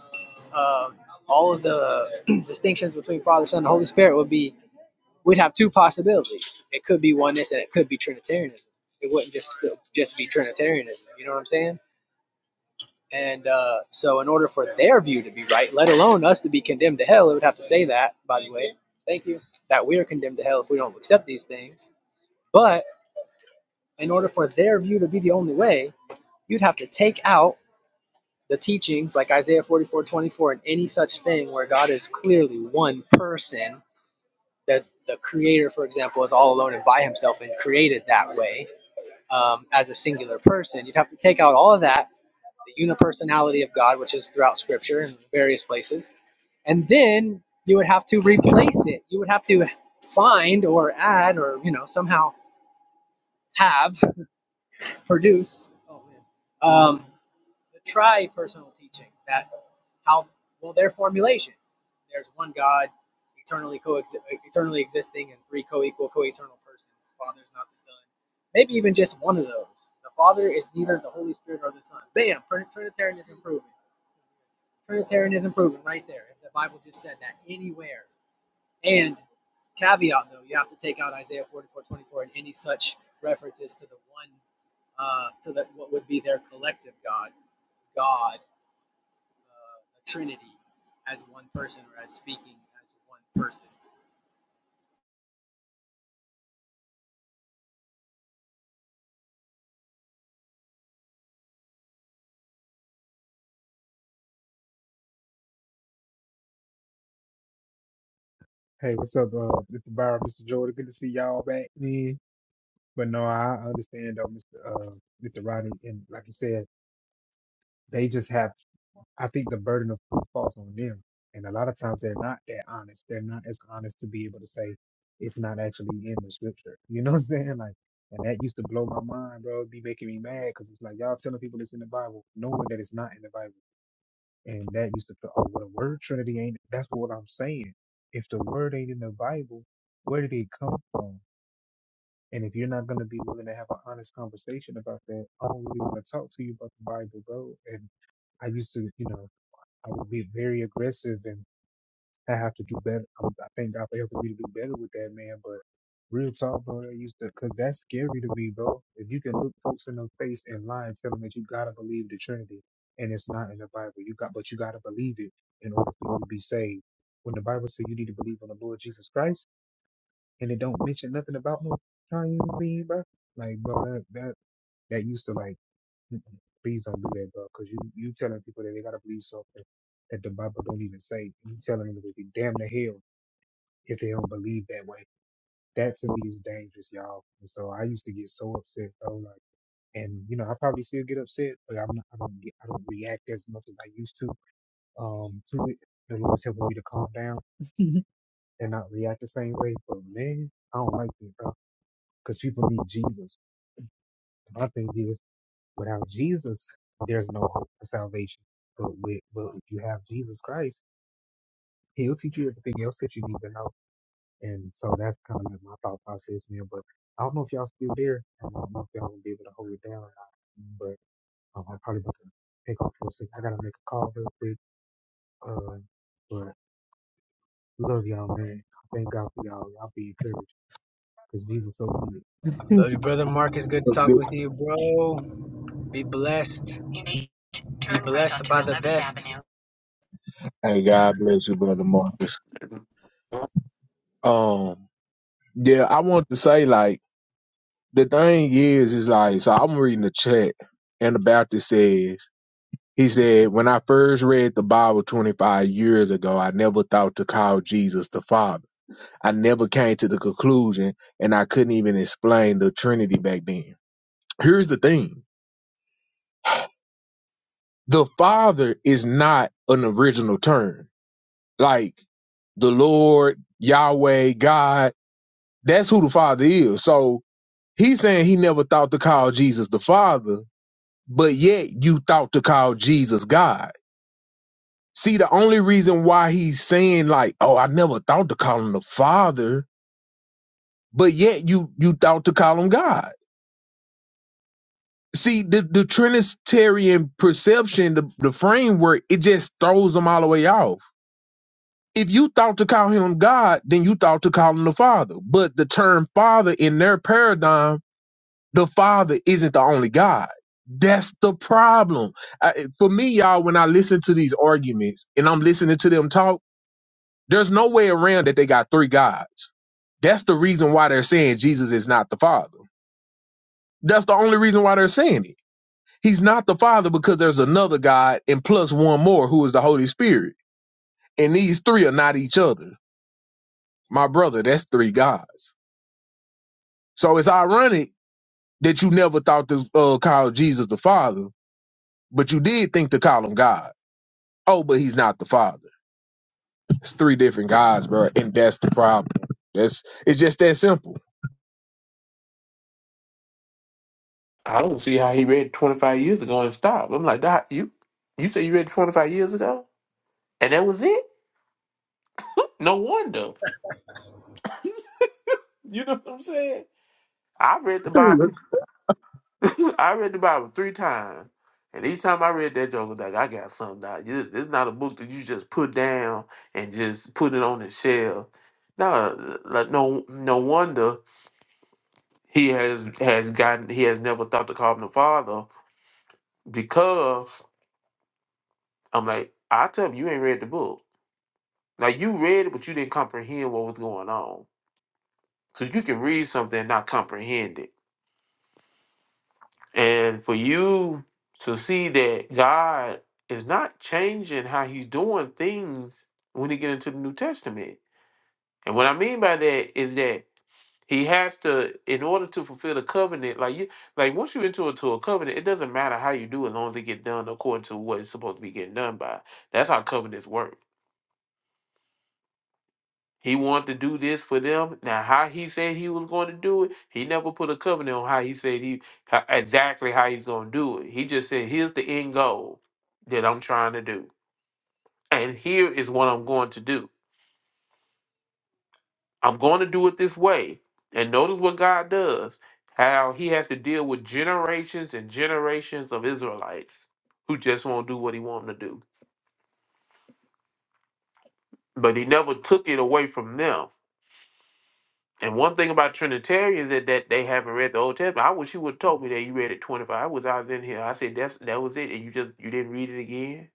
[SPEAKER 12] um, all of the distinctions between Father, Son, and Holy Spirit would be we'd have two possibilities. It could be oneness and it could be Trinitarianism. It wouldn't just just be Trinitarianism. You know what I'm saying? And uh, so, in order for their view to be right, let alone us to be condemned to hell, it would have to say that. By the way, thank you. That we are condemned to hell if we don't accept these things. But in order for their view to be the only way, you'd have to take out the teachings like Isaiah 44 24, and any such thing where God is clearly one person, that the creator, for example, is all alone and by himself and created that way um, as a singular person, you'd have to take out all of that, the unipersonality of God, which is throughout scripture in various places, and then you would have to replace it. You would have to find or add or, you know, somehow have, produce. Oh, To try personal teaching that how well their formulation there's one god eternally coexi- eternally existing and three co-equal co-eternal persons father's not the son maybe even just one of those the father is neither the holy spirit or the son bam trinitarianism proven trinitarianism proven right there if the bible just said that anywhere and caveat though you have to take out isaiah 44:24 and any such references to the one uh, to the what would be their collective god god a trinity as one person or as speaking as one person.
[SPEAKER 3] Hey, what's up, uh, Mr. Byron, Mr. Jordan? Good to see y'all back, man. But no, I understand though, Mr. Uh, Mr. Rodney, and like you said, they just have. I think the burden of proof falls on them, and a lot of times they're not that honest. They're not as honest to be able to say it's not actually in the scripture. You know what I'm saying? Like, and that used to blow my mind, bro. It'd be making me mad because it's like y'all telling people it's in the Bible, knowing that it's not in the Bible. And that used to, oh, well, the word Trinity ain't, that's what I'm saying. If the word ain't in the Bible, where did it come from? And if you're not going to be willing to have an honest conversation about that, I don't really want to talk to you about the Bible, bro. And I used to, you know, I would be very aggressive and I have to do better. I I thank God for helping me to do better with that, man. But real talk, bro, that used to, cause that's scary to me, bro. If you can look folks in the face and lie and tell them that you gotta believe the Trinity, and it's not in the Bible, you got, but you gotta believe it in order for you to be saved. When the Bible says you need to believe on the Lord Jesus Christ, and it don't mention nothing about no trying to bro. Like, bro, that that, that used to like, mm-mm, please don't do that, bro, cause you you telling people that they gotta believe something that the Bible don't even say. You telling them that they damn the hell if they don't believe that way. That to me is dangerous, y'all. And so I used to get so upset though, like, and you know, I probably still get upset, but I'm not, I don't get, I don't react as much as I used to. Um, to it, the Lord's helping me to calm down and not react the same way. But man, I don't like that, bro, because people need Jesus. My thing is, without Jesus, there's no hope for salvation. But with, but if you have Jesus Christ, He'll teach you everything else that you need to know And so that's kind of my thought process, man. But I don't know if y'all still there. and I don't know if y'all gonna be able to hold it down or not. But um, I'm probably about to take off for a second. I gotta make a call real quick. Uh, but love y'all, man. Thank God for y'all. Y'all be encouraged because Jesus so good.
[SPEAKER 12] Love
[SPEAKER 7] Look, this-
[SPEAKER 12] Be blessed. Be right blessed by the best.
[SPEAKER 7] Hey, God bless you, brother Marcus. Um, yeah, I want to say like the thing is is like so I'm reading the chat and the Baptist says He said, When I first read the Bible 25 years ago, I never thought to call Jesus the Father. I never came to the conclusion, and I couldn't even explain the Trinity back then. Here's the thing the Father is not an original term. Like the Lord, Yahweh, God, that's who the Father is. So he's saying he never thought to call Jesus the Father, but yet you thought to call Jesus God See, the only reason why he's saying like, "Oh, I never thought to call him the Father," but yet you you thought to call him God. See, the the Trinitarian perception, the the framework, it just throws them all the way off. If you thought to call him God, then you thought to call him the Father. But the term Father in their paradigm, the Father isn't the only God. That's the problem. I, for me, y'all, when I listen to these arguments and I'm listening to them talk There's no way around that they got three gods. That's the reason why they're saying Jesus is not the Father. That's the only reason why they're saying it. He's not the Father because there's another God and plus one more who is the Holy Spirit. And these three are not each other. My brother, that's three gods. So it's ironic that you never thought to uh, call Jesus the Father, but you did think to call him God. Oh, but he's not the Father. It's three different guys, bro, and that's the problem. That's it's just that simple.
[SPEAKER 1] i don't see how he read 25 years ago and stopped i'm like doc, you you say you read 25 years ago and that was it No wonder. You know what I'm saying? I read the
[SPEAKER 7] The
[SPEAKER 1] Bible. I read the Bible three times. And each time I read that joke, I was like, I got something out. This it's not a book that you just put down and just put it on the shelf. No, like no, no wonder he has has gotten he has never thought to call him the father because I'm like I tell him you ain't read the book. Like you read it, but you didn't comprehend what was going on. Cause you can read something and not comprehend it. And for you to see that God is not changing how he's doing things when you get into the New Testament. And what I mean by that is that he has to, in order to fulfill the covenant, like you, like once you enter into a covenant, it doesn't matter how you do, it, as long as it get done according to what it's supposed to be getting done by. That's how covenants work He wanted to do this for them. Now, how he said he was going to do it, he never put a covenant on how he said he how- exactly how he's going to do it. He just said, "Here's the end goal that I'm trying to do, and here is what I'm going to do. I'm going to do it this way." And notice what God does, how He has to deal with generations and generations of Israelites who just won't do what He wanted to do, but He never took it away from them. And one thing about Trinitarians that, that they haven't read the Old Testament. I wish you would have told me that you read it 25. I was I was in here. I said that's that was it, and you just you didn't read it again.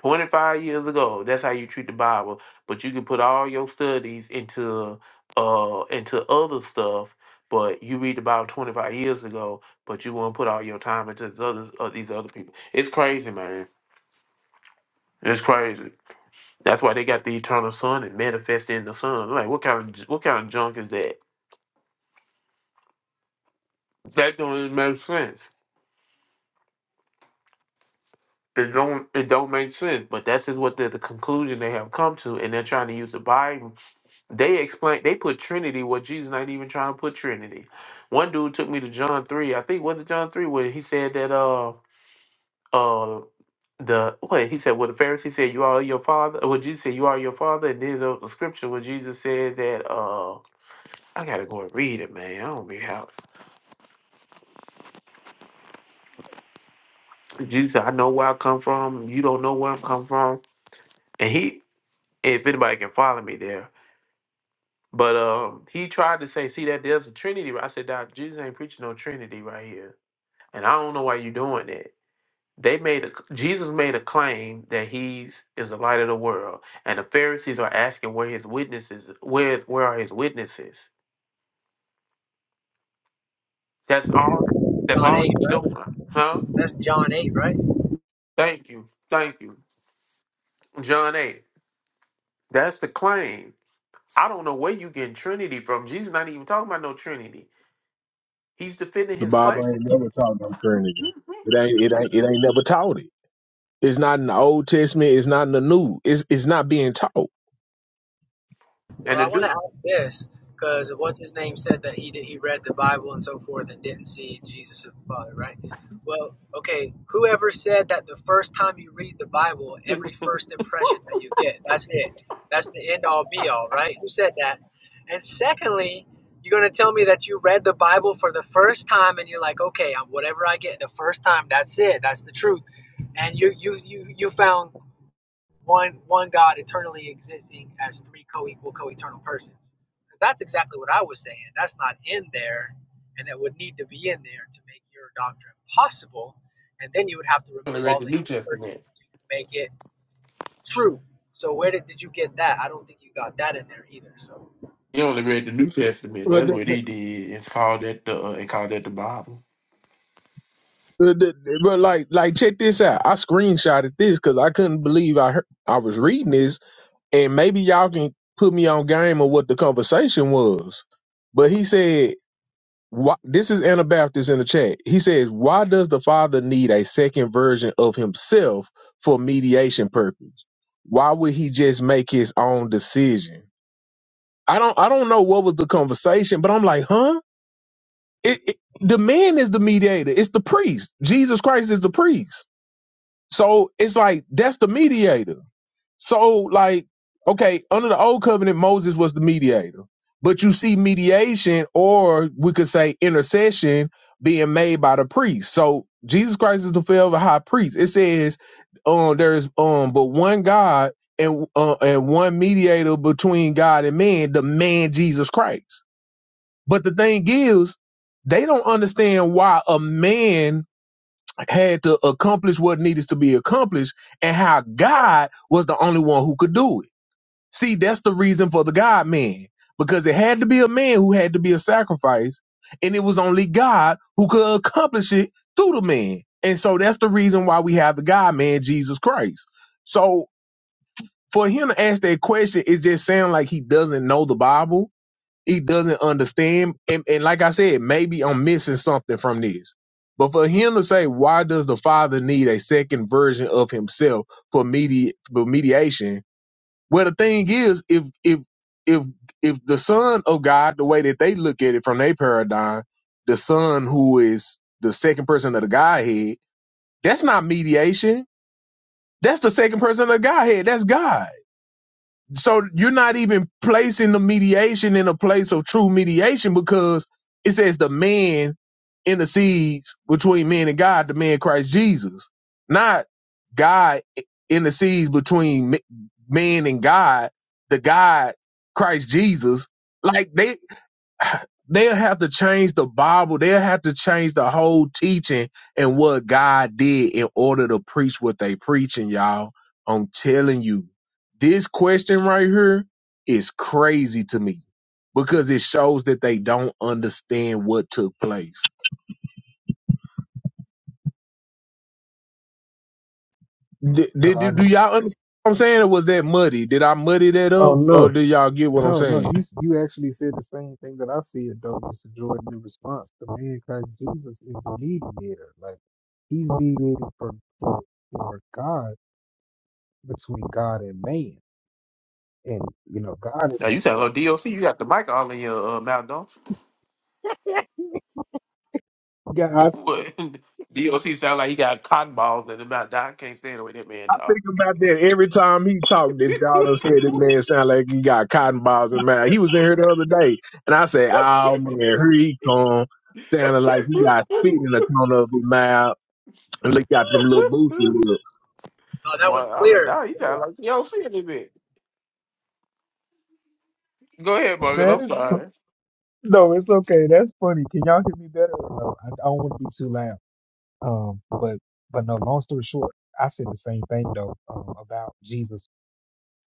[SPEAKER 1] 25 years ago. That's how you treat the Bible. But you can put all your studies into uh into other stuff. But you read the Bible 25 years ago, but you want to put all your time into these other uh, these other people. It's crazy, man. It's crazy. That's why they got the eternal sun and manifested in the sun. Like what kind of what kind of junk is that? That don't even make sense. It don't it don't make sense, but that's just what the, the conclusion they have come to, and they're trying to use the Bible. They explain they put Trinity where Jesus not even trying to put Trinity. One dude took me to John three, I think was it John three, where he said that uh uh the what he said what the Pharisee said you are your father, well Jesus said you are your father, and there's a the scripture where Jesus said that uh I gotta go and read it, man. I don't be how Jesus said, I know where I come from, you don't know where I'm come from, and he if anybody can follow me there. But um, he tried to say, see that there's a Trinity. I said, Doc, Jesus ain't preaching no Trinity right here, and I don't know why you're doing that. They made a, Jesus made a claim that he's is the light of the world, and the Pharisees are asking where his witnesses, where where are his witnesses? That's all. That's
[SPEAKER 12] John
[SPEAKER 1] all
[SPEAKER 12] 8,
[SPEAKER 1] he's doing,
[SPEAKER 12] right?
[SPEAKER 1] huh?
[SPEAKER 12] That's John 8, right?
[SPEAKER 1] Thank you, thank you, John eight. That's the claim. I don't know where you getting Trinity from. Jesus not even talking about no Trinity. He's defending his claim,
[SPEAKER 7] Bible ain't never taught no Trinity. It ain't it ain't it ain't never taught it. It's not in the Old Testament. It's not in the New. It's it's not being taught.
[SPEAKER 12] Well,
[SPEAKER 1] and the
[SPEAKER 12] I want to
[SPEAKER 1] dude.
[SPEAKER 12] ask this because what's his name said that he did, he read the Bible and so forth and didn't see Jesus as the Father, right? Well, okay, whoever said that the first time you read the Bible, every first impression that you get, that's it. That's the end all be all, right? Who said that? And secondly, you're going to tell me that you read the Bible for the first time and you're like, okay, I'm- whatever I get the first time, that's it. That's the truth. And you you you you found one one God eternally existing as three co-equal, co-eternal persons. Because that's exactly what I was saying. That's not in there, and that would need to be in there to make your doctrine possible. And then you would have to
[SPEAKER 1] I
[SPEAKER 12] remove
[SPEAKER 1] read
[SPEAKER 12] all
[SPEAKER 1] the
[SPEAKER 12] the
[SPEAKER 1] New
[SPEAKER 12] universe to
[SPEAKER 1] Testament.
[SPEAKER 12] make it true. So where did, did you get that? I don't think you got that in there either. So
[SPEAKER 1] He only read the New Testament.
[SPEAKER 7] But,
[SPEAKER 1] That's
[SPEAKER 7] the-
[SPEAKER 1] what he did, and called that the uh, and called that the Bible.
[SPEAKER 7] but, the- but like like check this out. I screenshotted this because I couldn't believe I heard, I was reading this and maybe y'all can put me on game of what the conversation was. But he said, why, this is Anabaptist in the chat. He says, why does the father need a second version of himself for mediation purpose? Why would he just make his own decision? I don't, I don't know what was the conversation, but I'm like, huh? It, it, the man is the mediator. It's the priest. Jesus Christ is the priest. So it's like that's the mediator. So like, okay, under the old covenant, Moses was the mediator. But you see mediation, or we could say intercession, being made by the priest. So Jesus Christ is the forever high priest. It says, um, there's um, but one God and uh, and one mediator between God and man, the man Jesus Christ. But the thing is, they don't understand why a man had to accomplish what needed to be accomplished and how God was the only one who could do it. See, that's the reason for the God man, because it had to be a man who had to be a sacrifice, and it was only God who could accomplish it through the man. And so that's the reason why we have the God man, Jesus Christ. So for him to ask that question, it just sounds like he doesn't know the Bible he doesn't understand. And, and like I said, maybe I'm missing something from this. But for him to say, why does the father need a second version of himself for medi- for mediation? Well, the thing is, if if if if the son of God, the way that they look at it from their paradigm, the son who is the second person of the Godhead, that's not mediation. That's the second person of the Godhead. That's God so you're not even placing the mediation in a place of true mediation because it says the man intercedes between man and God, the man Christ Jesus, not God intercedes between m- man and God, the God Christ Jesus. Like they They'll have to change the Bible. They'll have to change the whole teaching and what God did in order to preach what they preaching, y'all. I'm telling you, this question right here is crazy to me because it shows that they don't understand what took place. Did, did,
[SPEAKER 3] God,
[SPEAKER 7] do y'all understand what I'm saying? Or was that muddy? Did I muddy that
[SPEAKER 3] oh
[SPEAKER 7] up? Or
[SPEAKER 3] no,
[SPEAKER 7] do y'all get what I'm
[SPEAKER 3] no, no.
[SPEAKER 7] saying?
[SPEAKER 3] You s- you actually said the same thing that I said though, Mr. Jordan. In response, the man Christ Jesus is the mediator. Like he's mediating for for, for God between God and man. And you know, God
[SPEAKER 1] Now
[SPEAKER 3] is
[SPEAKER 1] you sound like DOC. You got the mic all in your uh, mouth, don't you?
[SPEAKER 3] God.
[SPEAKER 1] What? DOC sound like he got cotton balls in his mouth. Nah, I can't stand the way that man talk.
[SPEAKER 7] think about that every time he talked. This y'all done said this man sound like he got cotton balls in his mouth. He was in here the other day, and I said, "Oh man, here he come, sounding like he got spit in the corner of his mouth." And look got them little boozy lips.
[SPEAKER 12] no, that
[SPEAKER 1] Boy,
[SPEAKER 12] was
[SPEAKER 1] I'm like,
[SPEAKER 12] clear.
[SPEAKER 1] dog, he sound like DOC a little bit. Go ahead, Morgan.
[SPEAKER 3] That
[SPEAKER 1] I'm
[SPEAKER 3] is
[SPEAKER 1] sorry.
[SPEAKER 3] no, it's okay. That's funny. Can y'all hear me better? no, I, I don't want to be too loud. Um, but but no. Long story short, I said the same thing though um, about Jesus.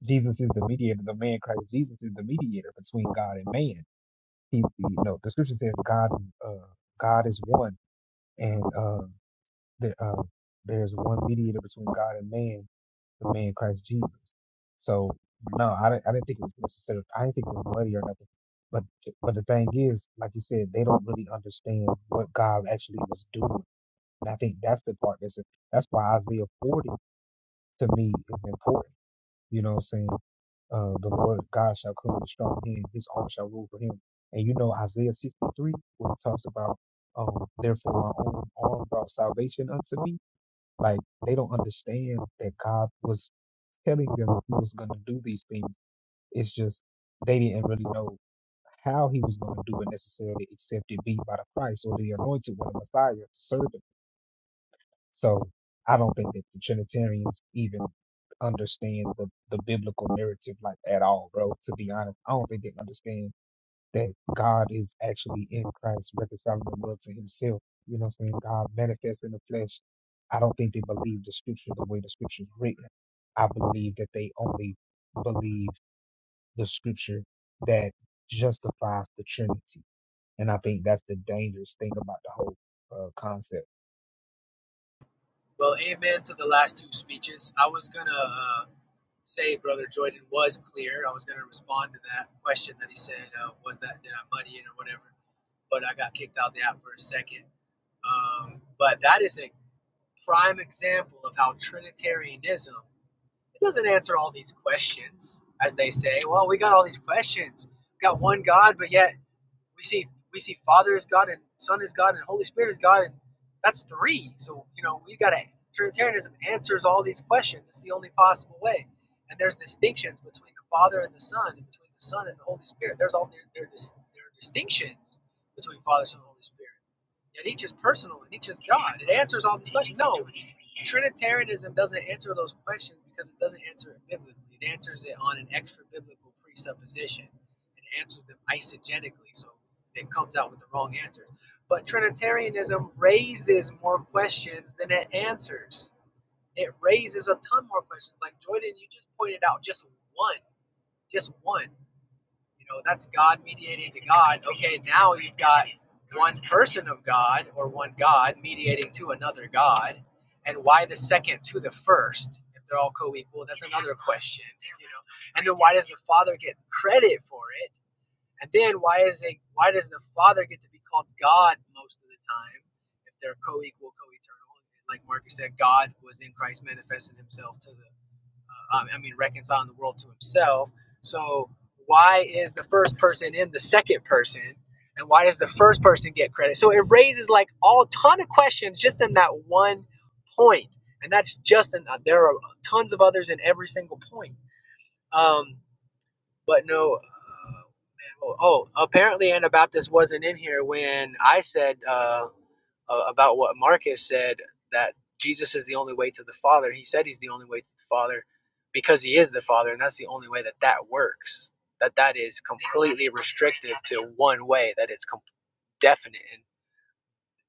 [SPEAKER 3] Jesus is the mediator. The man Christ Jesus is the mediator between God and man. He, you know, the scripture says God is uh, God is one, and uh, that uh, there's one mediator between God and man, the man Christ Jesus. So no, I didn't, I didn't think it was necessary. I didn't think it was bloody or nothing. But but the thing is, like you said, they don't really understand what God actually is doing. And I think that's the part that's that's why Isaiah 40 to me is important. You know what I'm saying? uh, the Lord God shall come with strong hand, his arm shall rule for him. And you know Isaiah 63, where it talks about, um, therefore my own arm brought salvation unto me. Like they don't understand that God was telling them he was going to do these things. It's just they didn't really know how he was going to do it necessarily, except it be by the Christ or the anointed one, the Messiah, the servant. So I don't think that the Trinitarians even understand the, the biblical narrative like at all, bro. To be honest, I don't think they understand that God is actually in Christ reconciling the world to himself. You know what I'm saying? God manifests in the flesh. I don't think they believe the scripture the way the scripture is written. I believe that they only believe the scripture that justifies the Trinity. And I think that's the dangerous thing about the whole uh, concept.
[SPEAKER 12] Well, amen to the last two speeches. I was gonna uh, say Brother Jordan was clear. I was gonna respond to that question that he said. Uh, was that did I muddy it or whatever? but I got kicked out the app for a second. Um, but that is a prime example of how Trinitarianism it doesn't answer all these questions, as they say. Well, we got all these questions. We got one God, but yet we see we see Father is God and Son is God and Holy Spirit is God, and that's three. So you know we got to Trinitarianism answers all these questions. It's the only possible way. And there's distinctions between the Father and the Son, and between the Son and the Holy Spirit. There's all there there, there are distinctions between Father, Son, and Holy Spirit and each is personal and each is God. It answers all these questions. No, Trinitarianism doesn't answer those questions because it doesn't answer it biblically. It answers it on an extra biblical presupposition. It answers them eisegetically, so it comes out with the wrong answers. But Trinitarianism raises more questions than it answers. It raises a ton more questions. Like Jordan, you just pointed out just one, just one. You know, that's God mediating to God. Okay, now you've got one person of God or one God mediating to another God. And why the second to the first? If they're all co equal, that's another question. You know? And then why does the Father get credit for it? And then why is it why does the Father get to be called God most of the time if they're co equal, co eternal? Like Marcus said, God was in Christ manifesting himself to the um, I mean, reconciling the world to himself. So why is the first person in the second person? And why does the first person get credit? So it raises like all ton of questions just in that one point. And that's just in, there are tons of others in every single point. Um, but no, uh, Oh, oh, apparently Anabaptist wasn't in here when I said uh, uh, about what Marcus said that Jesus is the only way to the Father. He said he's the only way to the Father because he is the Father, and that's the only way that that works. That that is completely restrictive to one way. That it's com- definite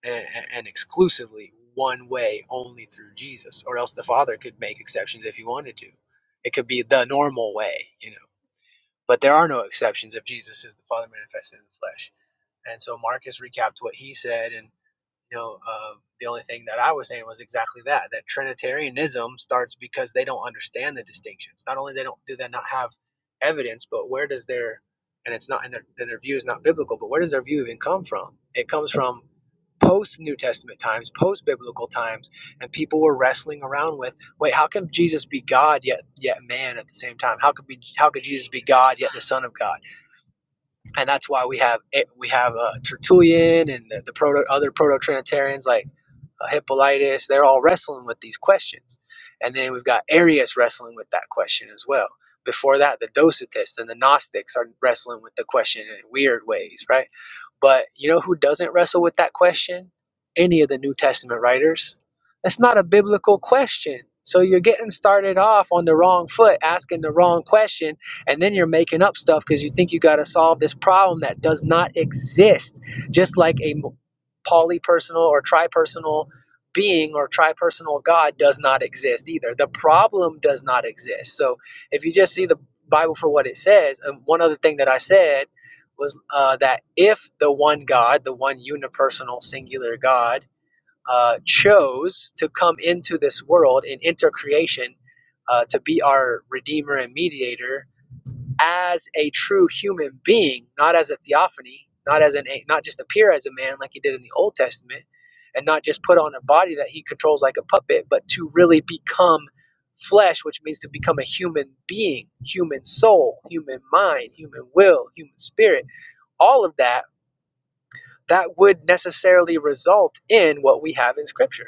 [SPEAKER 12] and, and and exclusively one way, only through Jesus, or else the Father could make exceptions if he wanted to. It could be the normal way, you know. But there are no exceptions if Jesus is the Father manifested in the flesh. And so Marcus recapped what he said, and you know, uh, the only thing that I was saying was exactly that: that Trinitarianism starts because they don't understand the distinctions. Not only they don't do they not have evidence, but where does their and it's not in their their view is not biblical, but where does their view even come from? It comes from post New Testament times, post biblical times, and people were wrestling around with, wait, how can Jesus be God yet yet man at the same time? How could be how could Jesus be God yet the Son of God? and that's why we have eh, we have uh, Tertullian and the, the proto other proto Trinitarians like uh, Hippolytus. They're all wrestling with these questions, and then we've got Arius wrestling with that question as well. Before that, the Docetists and the Gnostics are wrestling with the question in weird ways, right? But you know who doesn't wrestle with that question? Any of the New Testament writers. That's not a biblical question. So you're getting started off on the wrong foot, asking the wrong question, and then you're making up stuff because you think you got to solve this problem that does not exist. Just like a polypersonal or tripersonal being or tripersonal God does not exist either. The problem does not exist. So if you just see the Bible for what it says, and one other thing that I said was uh, that if the one God, the one unipersonal singular God, uh, chose to come into this world in intercreation uh, to be our redeemer and mediator, as a true human being, not as a theophany, not as an not just appear as a man like he did in the Old Testament, and not just put on a body that he controls like a puppet, but to really become flesh, which means to become a human being, human soul, human mind, human will, human spirit, all of that that would necessarily result in what we have in scripture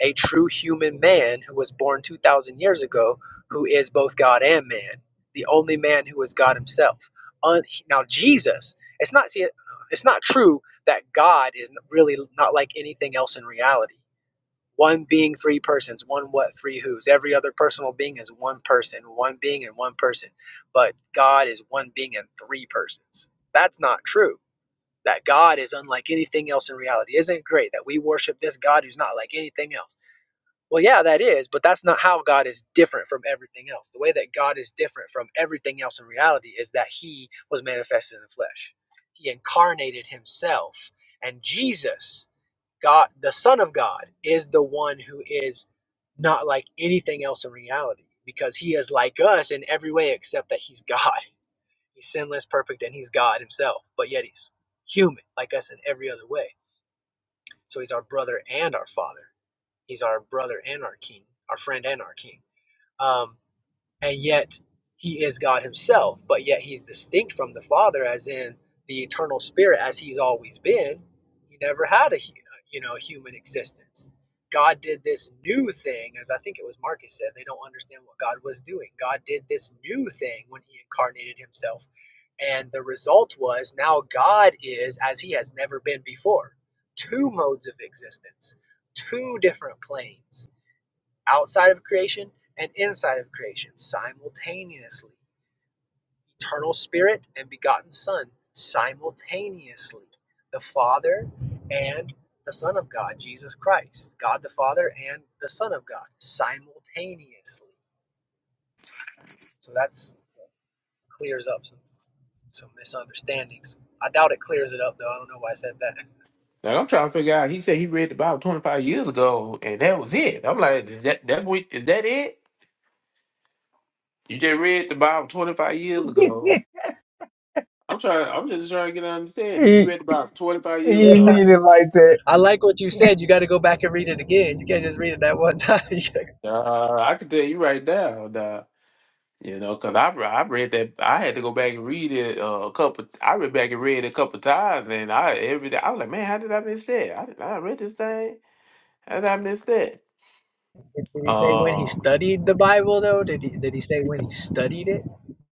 [SPEAKER 12] a true human man who was born 2,000 years ago, who is both God and man, the only man who is God himself. Un- now, Jesus, it's not, see, it's not true that God is really not like anything else in reality. One being, three persons, one what, three who's. Every other personal being is one person, one being and one person. But God is one being and three persons. That's not true. That God is unlike anything else in reality. Isn't it great that we worship this God who's not like anything else? Well, yeah, that is, but that's not how God is different from everything else. The way that God is different from everything else in reality is that he was manifested in the flesh. He incarnated himself. And Jesus, God, the Son of God, is the one who is not like anything else in reality because he is like us in every way except that he's God. He's sinless, perfect, and he's God himself, but yet he's human like us in every other way. So he's our brother and our father He's our brother and our king, our friend and our king. Um, and yet he is God himself, but yet he's distinct from the Father, as in the eternal Spirit, as he's always been. He never had a you know human existence. God did this new thing, as I think it was Marcus said. They don't understand what God was doing. God did this new thing when he incarnated himself, and the result was now God is as he has never been before. Two modes of existence, two different planes outside of creation and inside of creation simultaneously. Eternal Spirit and begotten Son simultaneously. The Father and the Son of God, Jesus Christ. God the Father and the Son of God simultaneously. So that clears up some, some misunderstandings. I doubt it clears it up though. I don't know why I said that.
[SPEAKER 1] Like I'm trying to figure out. He said he read the Bible 25 years ago, and that was it. I'm like, is that that's what is that it? You just read the Bible 25 years ago. I'm trying. I'm just trying to get an understanding. You
[SPEAKER 3] he,
[SPEAKER 1] read the Bible 25 years
[SPEAKER 3] he
[SPEAKER 12] Yeah.
[SPEAKER 1] ago.
[SPEAKER 3] mean it like that.
[SPEAKER 12] I like what you said. You got to go back and read it again. You can't just read it that one time.
[SPEAKER 1] Uh, I can tell you right now. Nah, you know, because I, re- I read that. I had to go back and read it uh, a couple. I read back and read it a couple times, and I every day I was like, man, how did I miss that? I, I read this thing. How did I miss that?
[SPEAKER 12] Did did he say when he
[SPEAKER 1] Um,
[SPEAKER 12] studied the Bible though? Did he did he say when he studied it?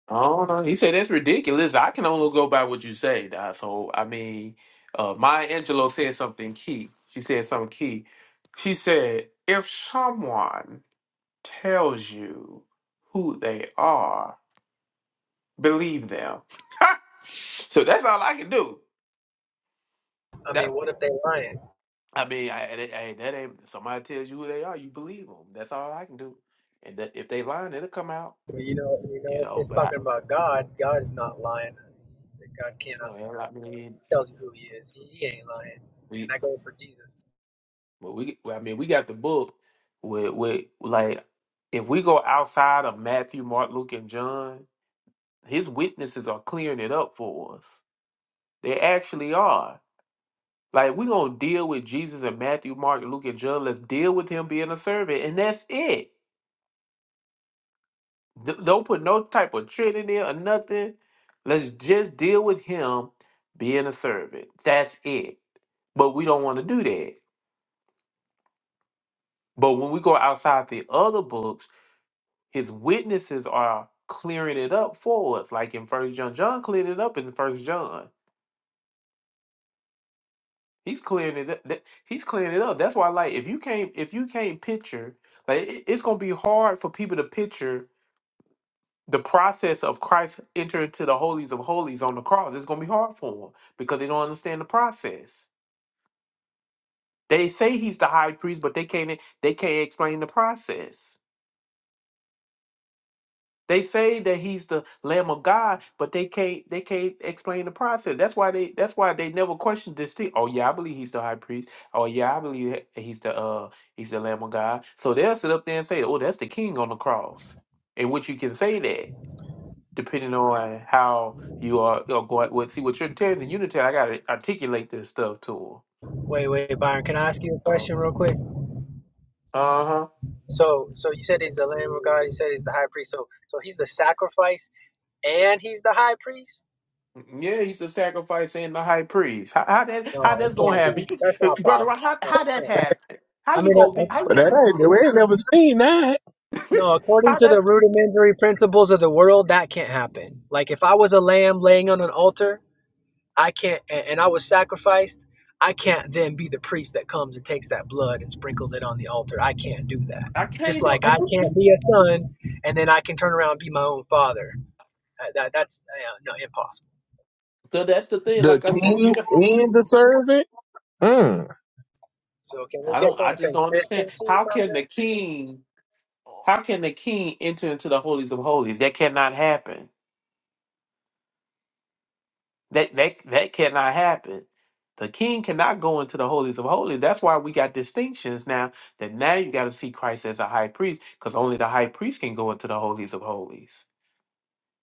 [SPEAKER 1] I don't know. He said that's ridiculous. I can only go by what you say. Doc." So I mean, uh, Maya Angelou said something key. She said something key. She said, "If someone tells you who they are, believe them." so that's all I can do.
[SPEAKER 12] I mean,
[SPEAKER 1] That
[SPEAKER 12] what if they lying?
[SPEAKER 1] I mean, I, I, I- that ain't somebody tells you who they are, you believe them. That's all I can do. And that if they lying, it'll come out.
[SPEAKER 12] I mean, you know, you
[SPEAKER 1] You
[SPEAKER 12] know, if
[SPEAKER 1] know,
[SPEAKER 12] it's
[SPEAKER 1] but I,
[SPEAKER 12] talking about God, God is not lying. God cannot
[SPEAKER 1] well,
[SPEAKER 12] lie.
[SPEAKER 1] I
[SPEAKER 12] So if
[SPEAKER 1] mean,
[SPEAKER 12] he tells you who he is. He, he ain't lying. And I go for Jesus.
[SPEAKER 1] But we, well, I mean, we got the book with with like if we go outside of Matthew, Mark, Luke, and John, his witnesses are clearing it up for us. They actually are. Like we gonna deal with Jesus and Matthew, Mark, Luke, and John. Let's deal with him being a servant, and that's it. D- don't put no type of trick in there or nothing. Let's just deal with him being a servant. That's it. But we don't want to do that. But when we go outside the other books his witnesses are clearing it up for us like in first john john cleared it up in first john he's clearing it up that- he's clearing it up that's why like if you can't if you can't picture like it- it's gonna be hard for people to picture the process of christ entering into the holies of holies on the cross it's gonna be hard for them because they don't understand the process they say he's the high priest but they can't they can't explain the process They say that he's the Lamb of God, but they can't they can't explain the process. That's why they that's why they never question this thing. Oh yeah, I believe he's the high priest. Oh yeah, I believe he- he's the uh he's the Lamb of God. So they'll sit up there and say, Oh, that's the king on the cross. In which you can say that, depending on how you are, you are going with see what you're telling the unitary, I gotta articulate this stuff to
[SPEAKER 12] Wait, wait, Byron, can I ask you a question real quick?
[SPEAKER 1] them.
[SPEAKER 12] So, so you said he's the Lamb of God. You said he's the High Priest. So, so he's the sacrifice and he's the High Priest.
[SPEAKER 1] Yeah, he's a sacrifice and the high priest. How, how that
[SPEAKER 12] No,
[SPEAKER 1] how
[SPEAKER 12] it
[SPEAKER 1] that's gonna
[SPEAKER 12] can't be.
[SPEAKER 1] happen,
[SPEAKER 12] That's not
[SPEAKER 1] brother?
[SPEAKER 12] possible.
[SPEAKER 1] How
[SPEAKER 12] No,
[SPEAKER 1] how
[SPEAKER 12] it
[SPEAKER 1] that
[SPEAKER 12] can't. be.
[SPEAKER 1] happen?
[SPEAKER 12] I
[SPEAKER 1] How you
[SPEAKER 12] mean,
[SPEAKER 1] gonna
[SPEAKER 12] uh,
[SPEAKER 1] be? How, you
[SPEAKER 7] But that
[SPEAKER 1] gonna-
[SPEAKER 7] ain't we ain't never seen that.
[SPEAKER 12] No, according
[SPEAKER 1] how
[SPEAKER 12] to the
[SPEAKER 1] that?
[SPEAKER 12] rudimentary principles of the world, that can't happen. Like if I was a lamb laying on an altar, I can't, a- and I was sacrificed, I can't then be the priest that comes and takes that blood and sprinkles it on the altar. I can't do that.
[SPEAKER 1] I
[SPEAKER 12] Just
[SPEAKER 1] can't do.
[SPEAKER 12] like I
[SPEAKER 1] I, you,
[SPEAKER 12] can't be a son, and then I can turn around and be my own father. Uh, that that's uh, no impossible.
[SPEAKER 1] so that's the thing.
[SPEAKER 7] The
[SPEAKER 1] Like I said, you
[SPEAKER 7] king
[SPEAKER 1] know,
[SPEAKER 7] and the servant. Mm.
[SPEAKER 12] So can we
[SPEAKER 1] I
[SPEAKER 12] get
[SPEAKER 1] don't. I
[SPEAKER 12] some
[SPEAKER 1] just don't understand.
[SPEAKER 12] consistency
[SPEAKER 1] How can the
[SPEAKER 12] from
[SPEAKER 1] king? How can the king enter into the holies of holies? That cannot happen. That that that cannot happen. The king cannot go into the holies of holies. That's why we got distinctions now. That now you got to see Christ as a high priest, because only the high priest can go into the holies of holies.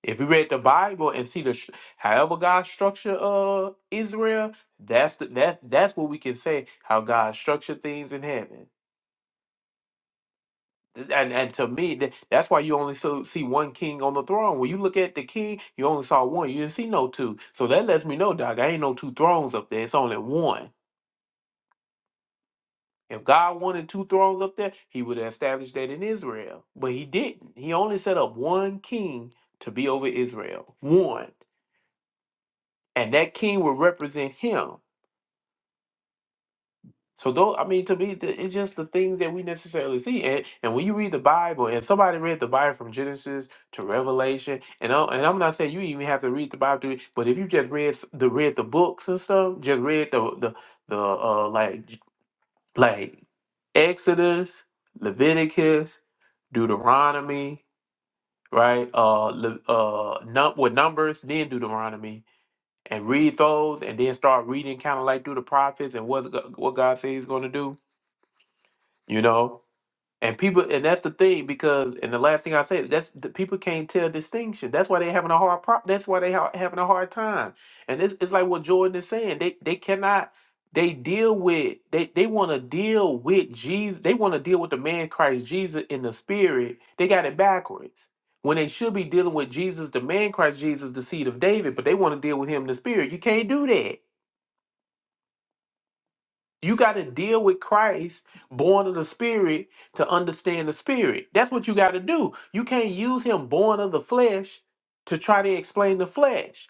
[SPEAKER 1] If you read the Bible and see the stru- however God structured uh Israel, that's the, that that's what we can say how God structured things in heaven. Th- And and to me, tha- that's why you only so, see one king on the throne. When you look at the king, you only saw one. You didn't see no two. So that lets me know, dog, I ain't no two thrones up there. It's only one. If God wanted two thrones up there, He would have established that in Israel. But He didn't. He only set up one king to be over Israel. One, and that king would represent Him. So though I mean to me, th- it's just the things that we necessarily see, and and when you read the Bible, and somebody read the Bible from Genesis to Revelation, and I'm, and I'm not saying you even have to read the Bible, to, but if you just read s- the read the books and stuff, just read the the the uh like j- like Exodus, Leviticus, Deuteronomy, right? Uh, Le, uh, num- with numbers, then Deuteronomy, and read those, and then start reading kind of like through the prophets and what what God says He's going to do, you know And people, and that's the thing because, and the last thing I said, that's the people can't tell distinction. That's why they're having a hard pro. That's why they ha- having a hard time. And it's, it's like what Jordan is saying. They they cannot. They deal with they they want to deal with Jesus. They want to deal with the man Christ Jesus in the spirit. They got it backwards. When they should be dealing with Jesus, the man Christ Jesus, the seed of David, but they want to deal with him in the spirit. You can't do that. You got to deal with Christ, born of the Spirit, to understand the Spirit. That's what you got to do. You can't use him born of the flesh to try to explain the flesh.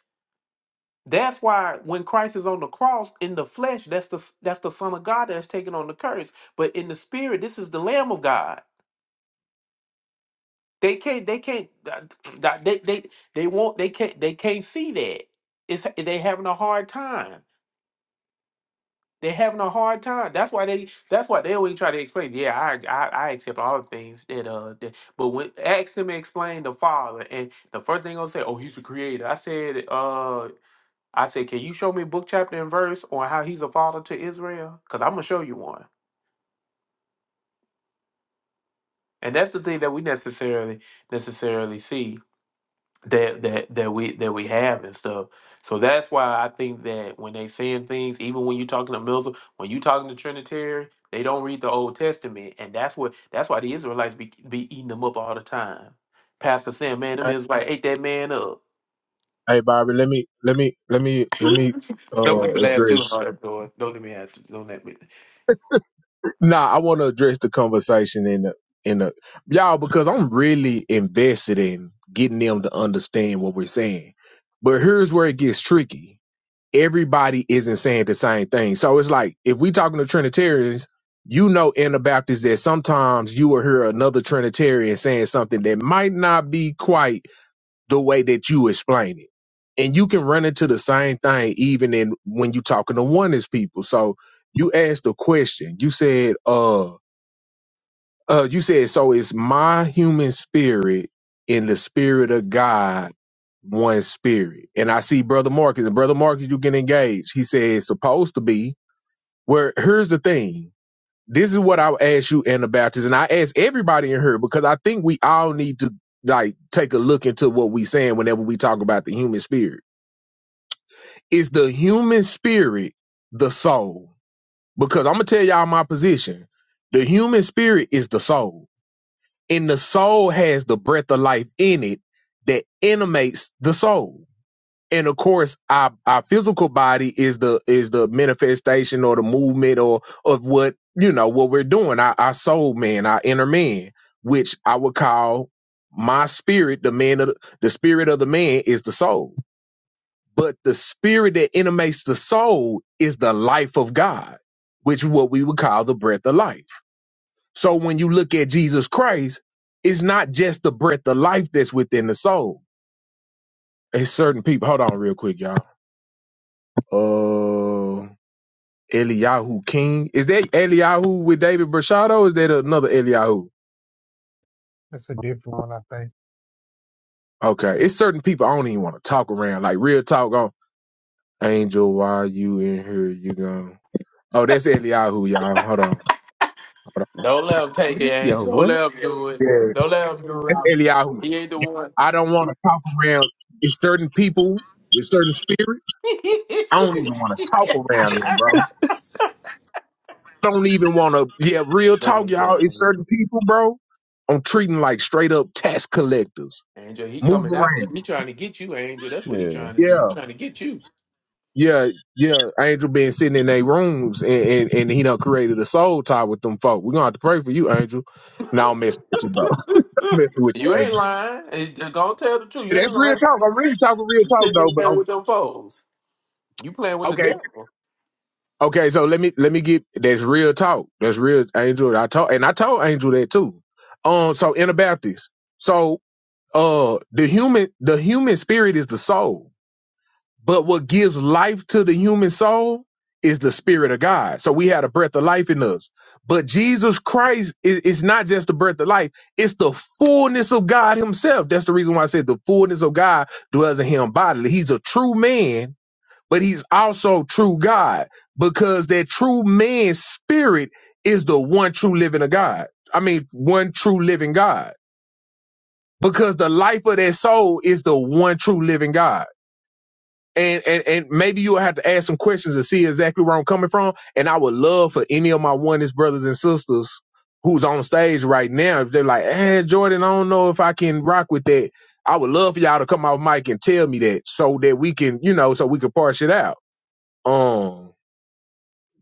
[SPEAKER 1] That's why when Christ is on the cross in the flesh, that's the that's the Son of God that's taken on the curse. But in the Spirit, this is the Lamb of God. They can't they can't uh, they they they won't they can't they can't see that. It's they having a hard time. They're having a hard time. That's why they. That's why they always try to explain. Yeah, I, I, I accept all the things that uh. That, but when ask them to explain the Father, and the first thing they'll say, "Oh, he's the Creator." I said, uh, I said, "Can you show me book, chapter, and verse on how he's a father to Israel? Because I'm gonna show you one." And that's the thing that we necessarily necessarily see that that that we that we have and stuff. So that's why I think that when they saying things, even when you're talking to Muslim, when you talking to Trinitarian, they don't read the Old Testament, and that's what that's why the Israelites be, be eating them up all the time. Pastor saying, "Man, them
[SPEAKER 7] Hey,
[SPEAKER 1] Israelites ate that man up."
[SPEAKER 7] hey, Bobby, let me let me let me let me
[SPEAKER 1] Don't
[SPEAKER 7] uh
[SPEAKER 1] let me laugh too
[SPEAKER 7] address
[SPEAKER 1] hard, Lord. Don't let me have to. Don't let me.
[SPEAKER 7] Nah, I want to address the conversation in the in the y'all because I'm really invested in getting them to understand what we're saying. But here's where it gets tricky. Everybody isn't saying the same thing. So it's like if we talking to Trinitarians, you know Anabaptists that sometimes you will hear another Trinitarian saying something that might not be quite the way that you explain it. And you can run into the same thing even in when you are talking to oneness people. So you asked a question. You said, uh, uh, you said, so is my human spirit in the spirit of God one spirit? And I see Brother Marcus, and Brother Marcus, you get engaged. He said, it's supposed to be. Where here's the thing. This is what I would ask you, Anabaptist, and I ask everybody in here because I think we all need to like take a look into what we saying whenever we talk about the human spirit. Is the human spirit the soul? Because I'm gonna tell y'all my position. The human spirit is the soul, and the soul has the breath of life in it that animates the soul and of course our, our physical body is the is the manifestation or the movement or of what you know what we're doing our, our soul man our inner man which i would call my spirit the man of the, the spirit of the man is the soul but the spirit that animates the soul is the life of god which is what we would call the breath of life so when you look at jesus christ it's not just the breath of life that's within the soul it's certain people hold on real quick y'all Uh. Eliyahu King. Is that Eliyahu with David Brashado? Or is that another Eliyahu?
[SPEAKER 3] That's a different one, I think.
[SPEAKER 7] Okay. It's certain people I don't even want to talk around. Like real talk on Angel, why you in here? You gone. Oh, that's Eliyahu, y'all. Hold on.
[SPEAKER 1] Don't let him take it. Ain't.
[SPEAKER 10] yo,
[SPEAKER 1] Don't
[SPEAKER 10] what?
[SPEAKER 1] let him do it.
[SPEAKER 7] Yeah.
[SPEAKER 1] Don't let him do it.
[SPEAKER 7] That's Eliyahu.
[SPEAKER 1] He ain't the one.
[SPEAKER 7] I don't want to talk around it's certain people it's certain spirits. I don't even want to talk around them, bro. don't even want to yeah, real
[SPEAKER 1] Look
[SPEAKER 7] talk,
[SPEAKER 1] at
[SPEAKER 7] y'all. It's
[SPEAKER 1] that.
[SPEAKER 7] certain people, bro. I'm treating like straight up tax collectors.
[SPEAKER 1] Angel, he
[SPEAKER 7] Move
[SPEAKER 1] coming after you.
[SPEAKER 7] around.
[SPEAKER 1] He trying to get you, Angel. That's what he
[SPEAKER 10] Yeah,
[SPEAKER 1] trying to do.
[SPEAKER 7] Yeah.
[SPEAKER 1] He trying to get you.
[SPEAKER 7] Yeah, yeah, Angel been sitting in their rooms and, and, and he done created a soul tie with them folk. We're gonna have to pray for you, Angel. Now I'm messing with you, bro. I'm messing with you,
[SPEAKER 1] you ain't
[SPEAKER 7] Angel.
[SPEAKER 1] lying. Eh, eh, Don't tell the truth. You
[SPEAKER 7] That's
[SPEAKER 1] ain't
[SPEAKER 7] real
[SPEAKER 1] lying.
[SPEAKER 7] talk. I'm really talking real
[SPEAKER 1] You
[SPEAKER 7] talk
[SPEAKER 1] sitting
[SPEAKER 7] though,
[SPEAKER 1] in
[SPEAKER 7] but
[SPEAKER 1] there with
[SPEAKER 7] I'm
[SPEAKER 1] them foes. You playing with the
[SPEAKER 7] okay.
[SPEAKER 1] devil.
[SPEAKER 7] Okay, so let me let me get that's real talk. That's real Angel. I told and I told Angel that too. Um so Anabaptist. So uh the human the human spirit is the soul. But what gives life to the human soul is the spirit of God. So we had a breath of life in us. But Jesus Christ is it's not just the breath of life, it's the fullness of God himself. That's the reason why I said the fullness of God dwells in him bodily. He's a true man, but he's also true God because that true man's spirit is the one true living of God. I mean, one true living God because the life of that soul is the one true living God and, and and maybe you'll have to ask some questions to see exactly where I'm coming from. And I would love for any of my oneness brothers and sisters who's on stage right now, if they're like, "Hey, Jordan, I don't know if I can rock with that," I would love for y'all to come off mic and tell me that so that we can, you know, so we can parse it out. Um,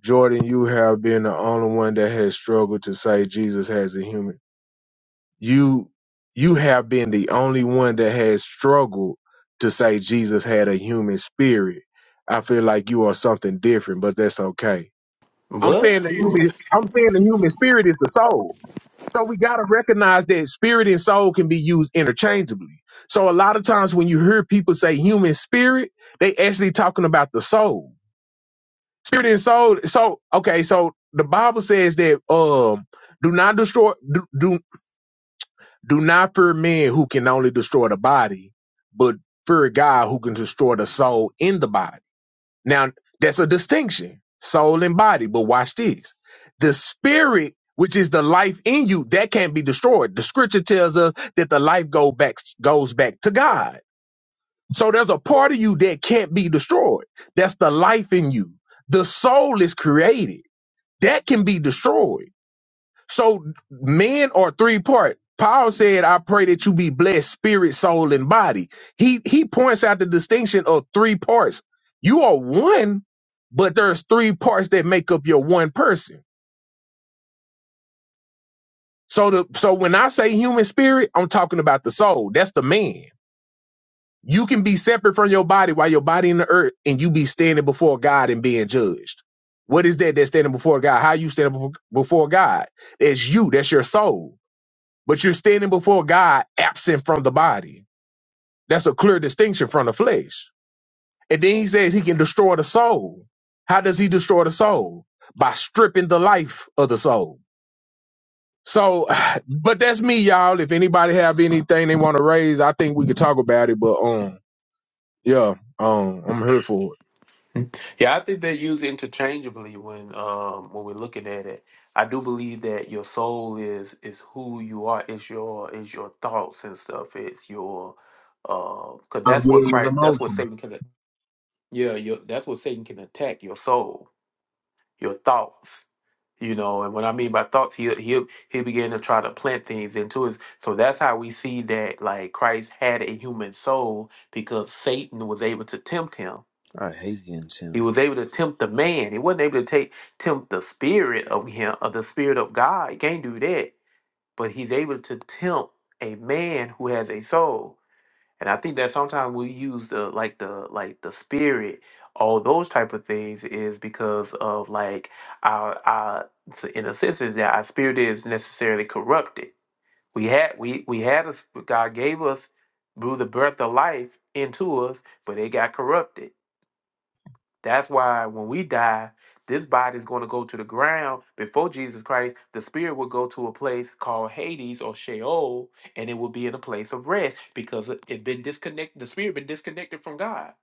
[SPEAKER 7] Jordan, you have been the only one that has struggled to say Jesus has a human. You you have been the only one that has struggled to say Jesus had a human spirit. I feel like you are something different, but that's okay. I'm
[SPEAKER 1] What?
[SPEAKER 7] saying the human I'm saying the human spirit is the soul. So we gotta recognize that spirit and soul can be used interchangeably. So a lot of times when you hear people say human spirit, they actually talking about the soul. Spirit and soul. So okay, so the Bible says that um do not destroy. Do, do do not fear men who can only destroy the body, but fear God who can destroy the soul in the body. Now, that's a distinction soul and body. But watch this the spirit, which is the life in you, that can't be destroyed. The scripture tells us that the life go back, goes back to God. So there's a part of you that can't be destroyed. That's the life in you. The soul is created, that can be destroyed so men are three part. Paul said, I pray that you be blessed, spirit, soul, and body. He he points out the distinction of three parts. You are one, but there's three parts that make up your one person. So the so when I say human spirit, I'm talking about the soul. That's the man. You can be separate from your body while your body in the earth and you be standing before God and being judged. What is that that's standing before God? How you standing before before God? That's you, that's your soul. but you're standing before God absent from the body. That's a clear distinction from the flesh. And then he says he can destroy the soul. How does he destroy the soul? By stripping the life of the soul. So, but that's me, y'all. If anybody have anything they want to raise, I think we could talk about it. But um, yeah, um, I'm here for it.
[SPEAKER 1] Yeah, I think they're used interchangeably when um when we're looking at it. I do believe that your soul is is who you are. It's your is your thoughts and stuff. It's your uh, cause
[SPEAKER 7] I'm
[SPEAKER 1] that's what
[SPEAKER 7] willing and
[SPEAKER 1] Christ.
[SPEAKER 7] I'm open.
[SPEAKER 1] That's what Satan can. Yeah, your, that's what Satan can attack your soul your thoughts. You know, and what I mean by thoughts, he'll he'll he began to try to plant things into us. So that's how we see that like Christ had a human soul because Satan was able to tempt him.
[SPEAKER 10] I hate getting
[SPEAKER 1] He
[SPEAKER 10] chimped.
[SPEAKER 1] was able to tempt the man. He wasn't able to take tempt the spirit of him of the spirit of God. He can't do that. But he's able to tempt a man who has a soul. And I think that sometimes we use the like the like the spirit, all those type of things is because of like our our so in a sense is that our spirit is necessarily corrupted. We had we we had a sp- God gave us blew the breath of life into us, but it got corrupted that's why when we die, this body is going to go to the ground before Jesus Christ. The spirit will go to a place called Hades or Sheol, and it will be in a place of rest because it it been disconnected. The spirit been disconnected from God.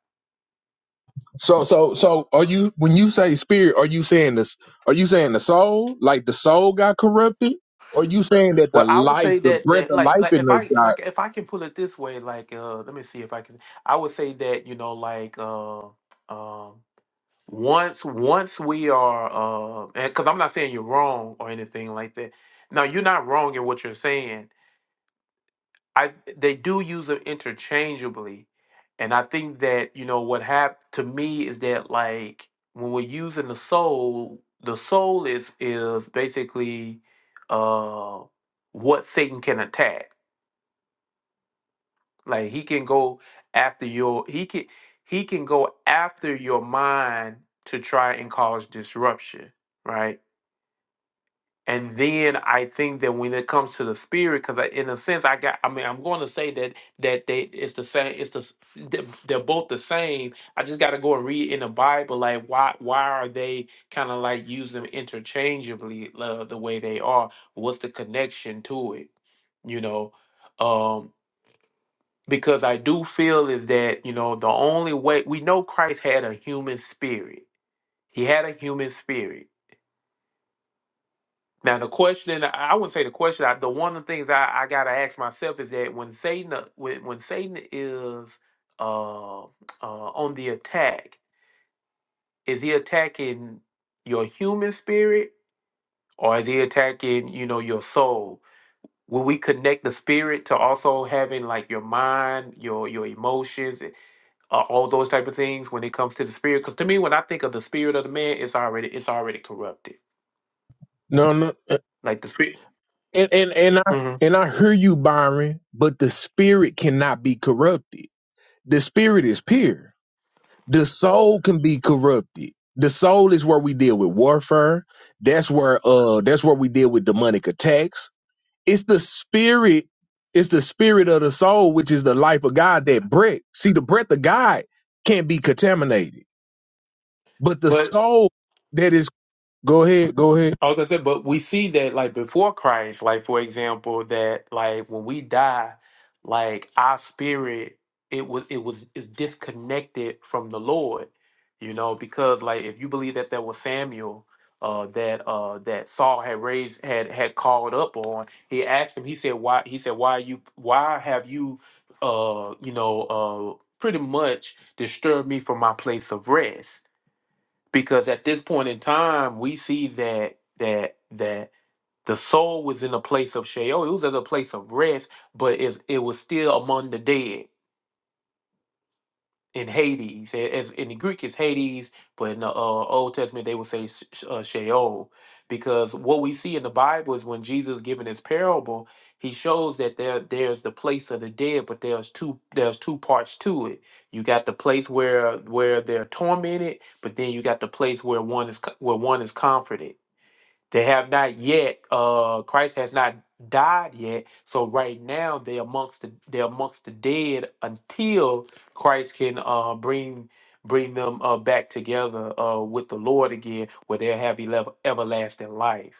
[SPEAKER 7] So so so are you when you say spirit, are you saying this are you saying the soul? Like the soul got corrupted? Or are you saying that the
[SPEAKER 1] Well, I would
[SPEAKER 7] life,
[SPEAKER 1] say
[SPEAKER 7] the
[SPEAKER 1] that
[SPEAKER 7] breath
[SPEAKER 1] that
[SPEAKER 7] of
[SPEAKER 1] like
[SPEAKER 7] life
[SPEAKER 1] like
[SPEAKER 7] in
[SPEAKER 1] if
[SPEAKER 7] us
[SPEAKER 1] I
[SPEAKER 7] got
[SPEAKER 1] like if I can pull it this way, like uh, let me see if I can. I would say that you know like uh, um once once we are uh, because I'm not saying you're wrong or anything like that. Now you're not wrong in what you're saying I they do use them interchangeably, and I think that you know what happened to me is that like when we're using the soul, the soul is is basically uh what Satan can attack. Like he can go after your he can he can go after your mind to try and cause disruption, right? And then I think that when it comes to the spirit, because in a sense, I got, I mean, I'm going to say that that they it's the same, it's the s- they're they're both the same. I just got to go and read in the Bible, like why why are they kind of like use them interchangeably uh, the way they are? What's the connection to it? You know, um, because I do feel is that you know the only way we know Christ had a human spirit. He had a human spirit Now the question, I wouldn't say the question. I, the one of the things I, I gotta ask myself is that when Satan, uh, when when Satan is uh, uh, on the attack, is he attacking your human spirit or is he attacking you know your soul? Will we connect the spirit to also having like your mind, your your emotions, uh, all those type of things when it comes to the spirit? Because to me, when I think of the spirit of the man, it's already it's already corrupted.
[SPEAKER 7] no no
[SPEAKER 1] Like the spirit,
[SPEAKER 7] and, and and I
[SPEAKER 1] Mhm.
[SPEAKER 7] and I hear you, Byron, but the spirit cannot be corrupted. The spirit is pure. The soul can be corrupted. The soul is where we deal with warfare. That's where uh that's where we deal with demonic attacks it's the spirit it's the spirit of the soul which is the life of god that breath see the breath of god can't be contaminated but the
[SPEAKER 1] but
[SPEAKER 7] soul that is go ahead go ahead
[SPEAKER 1] I was gonna say, but we see that like before Christ, like for example, that like when we die, like our spirit, it was it was is disconnected from the Lord, you know, because like if you believe that there was Samuel, uh, that uh that Saul had raised had had called up on, he asked him, he said, why he said, why you why have you uh you know uh pretty much disturbed me from my place of rest because at this point in time we see that that that the soul was in a place of Sheol. It was at a place of rest, but it's it was still among the dead in Hades. a- As in the Greek, it's Hades, but in the uh, Old Testament, they would say Sh- Sh- uh, Sheol, because what we see in the Bible is when Jesus giving his parable, he shows that there there's the place of the dead, but there's two there's two parts to it. You got the place where where they're tormented, but then you got the place where one is co- where one is comforted. They have not yet, uh, Christ has not died yet. So right now they're amongst the they're amongst the dead until Christ can uh bring bring them uh back together uh with the Lord again, where they'll have elev- everlasting life.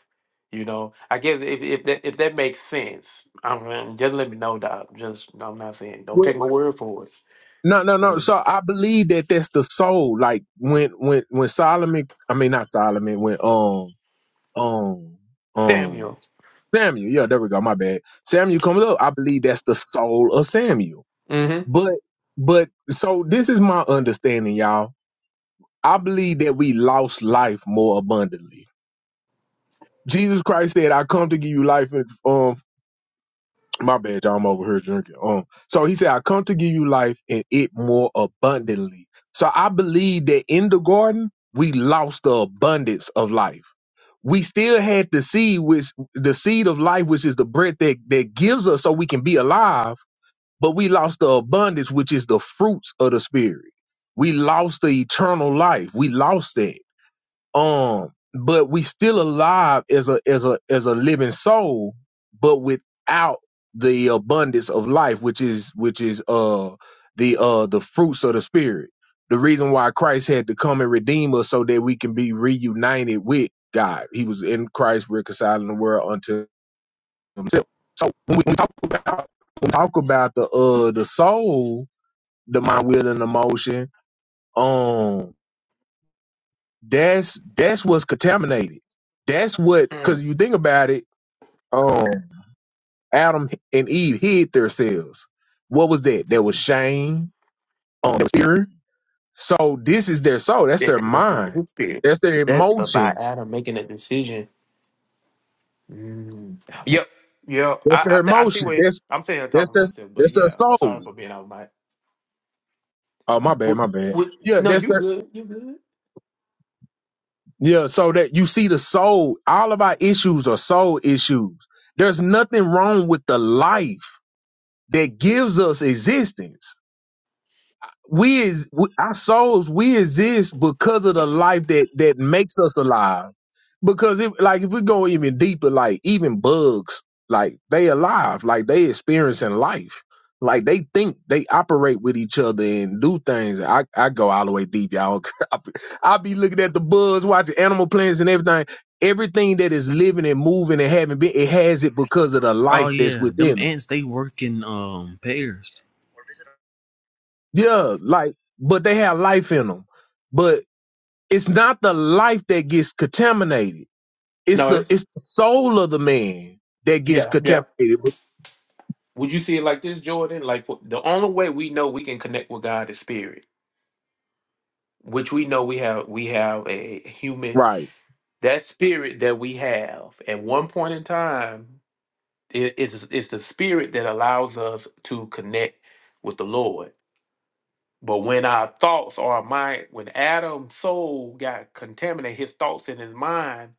[SPEAKER 1] You know, I guess if if that if that makes sense, I'm just let me know, Doc. Just no, I'm not saying don't
[SPEAKER 7] well,
[SPEAKER 1] take my word for it.
[SPEAKER 7] no no no
[SPEAKER 1] Yeah.
[SPEAKER 7] so i believe that that's the soul like when when when solomon i mean not solomon when um um um
[SPEAKER 1] Samuel.
[SPEAKER 7] samuel yeah there we go my bad samuel comes up i believe that's the soul of samuel
[SPEAKER 1] Mm-hmm.
[SPEAKER 7] but but so this is my understanding y'all I believe that we lost life more abundantly. Jesus Christ said, I come to give you life. And, um, my bad, y'all, I'm over here drinking. Um, so he said, I come to give you life and it more abundantly. So I believe that in the garden, we lost the abundance of life. We still had the seed, which the seed of life, which is the bread that, that gives us so we can be alive, but we lost the abundance, which is the fruits of the spirit. We lost the eternal life. We lost that. Um, but we still alive as a as a as a living soul, but without the abundance of life, which is which is uh the uh the fruits of the spirit. The reason why Christ had to come and redeem us so that we can be reunited with God. He was in Christ reconciling the world unto himself. So when we, when we talk about when we talk about the uh the soul, the mind, will, and emotion. Um, that's that's what's contaminated. That's what
[SPEAKER 1] Mm.
[SPEAKER 7] because you think about it. Um, Adam and Eve hid themselves. What was that? There was shame. Um, there was fear. So this is their soul. That's
[SPEAKER 1] Yeah,
[SPEAKER 7] their
[SPEAKER 1] connected with
[SPEAKER 7] mind.
[SPEAKER 1] his spirit.
[SPEAKER 7] That's their
[SPEAKER 1] That but by
[SPEAKER 7] emotions.
[SPEAKER 1] Adam making a decision Mm. Yep. Yep.
[SPEAKER 7] That's
[SPEAKER 1] I I,
[SPEAKER 7] their
[SPEAKER 1] th- I see
[SPEAKER 7] emotions.
[SPEAKER 1] what
[SPEAKER 7] That's
[SPEAKER 1] I'm saying. I'm
[SPEAKER 7] that's
[SPEAKER 1] talking to
[SPEAKER 7] their
[SPEAKER 1] myself, but
[SPEAKER 7] that's their
[SPEAKER 1] yeah, I'm sorry
[SPEAKER 7] soul.
[SPEAKER 1] for being out of my.
[SPEAKER 7] Oh my bad,
[SPEAKER 1] Would,
[SPEAKER 7] my bad.
[SPEAKER 1] would,
[SPEAKER 7] Yeah,
[SPEAKER 1] no,
[SPEAKER 7] that's
[SPEAKER 1] you
[SPEAKER 7] their
[SPEAKER 1] good. You good.
[SPEAKER 7] yeah. So that you see the soul. All of our issues are soul issues. There's nothing wrong with the life that gives us existence we is we, our souls we exist because of the life that that makes us alive because if like if we go even deeper like even bugs like they alive like they experiencing life like they think they operate with each other and do things i, I go all the way deep y'all i be looking at the bugs watching animal plants and everything everything that is living and moving and having been it has it because of the
[SPEAKER 10] Oh
[SPEAKER 7] life that's
[SPEAKER 10] yeah, them
[SPEAKER 7] within them
[SPEAKER 10] ants they work in um pairs.
[SPEAKER 7] yeah like but they have life in them but. it's not the life that gets contaminated. It's
[SPEAKER 1] No,
[SPEAKER 7] the
[SPEAKER 1] it's
[SPEAKER 7] it's the soul of the man that gets
[SPEAKER 1] yeah, yeah.
[SPEAKER 7] contaminated.
[SPEAKER 1] Would you see it like this, Jordan? Like the only way we know we can connect with God is spirit, which we know we have. We have a human
[SPEAKER 7] Right.
[SPEAKER 1] that spirit that we have at one point in time. It, it's it's the spirit that allows us to connect with the Lord But when our thoughts or mind, when Adam's soul got contaminated, his thoughts in his mind,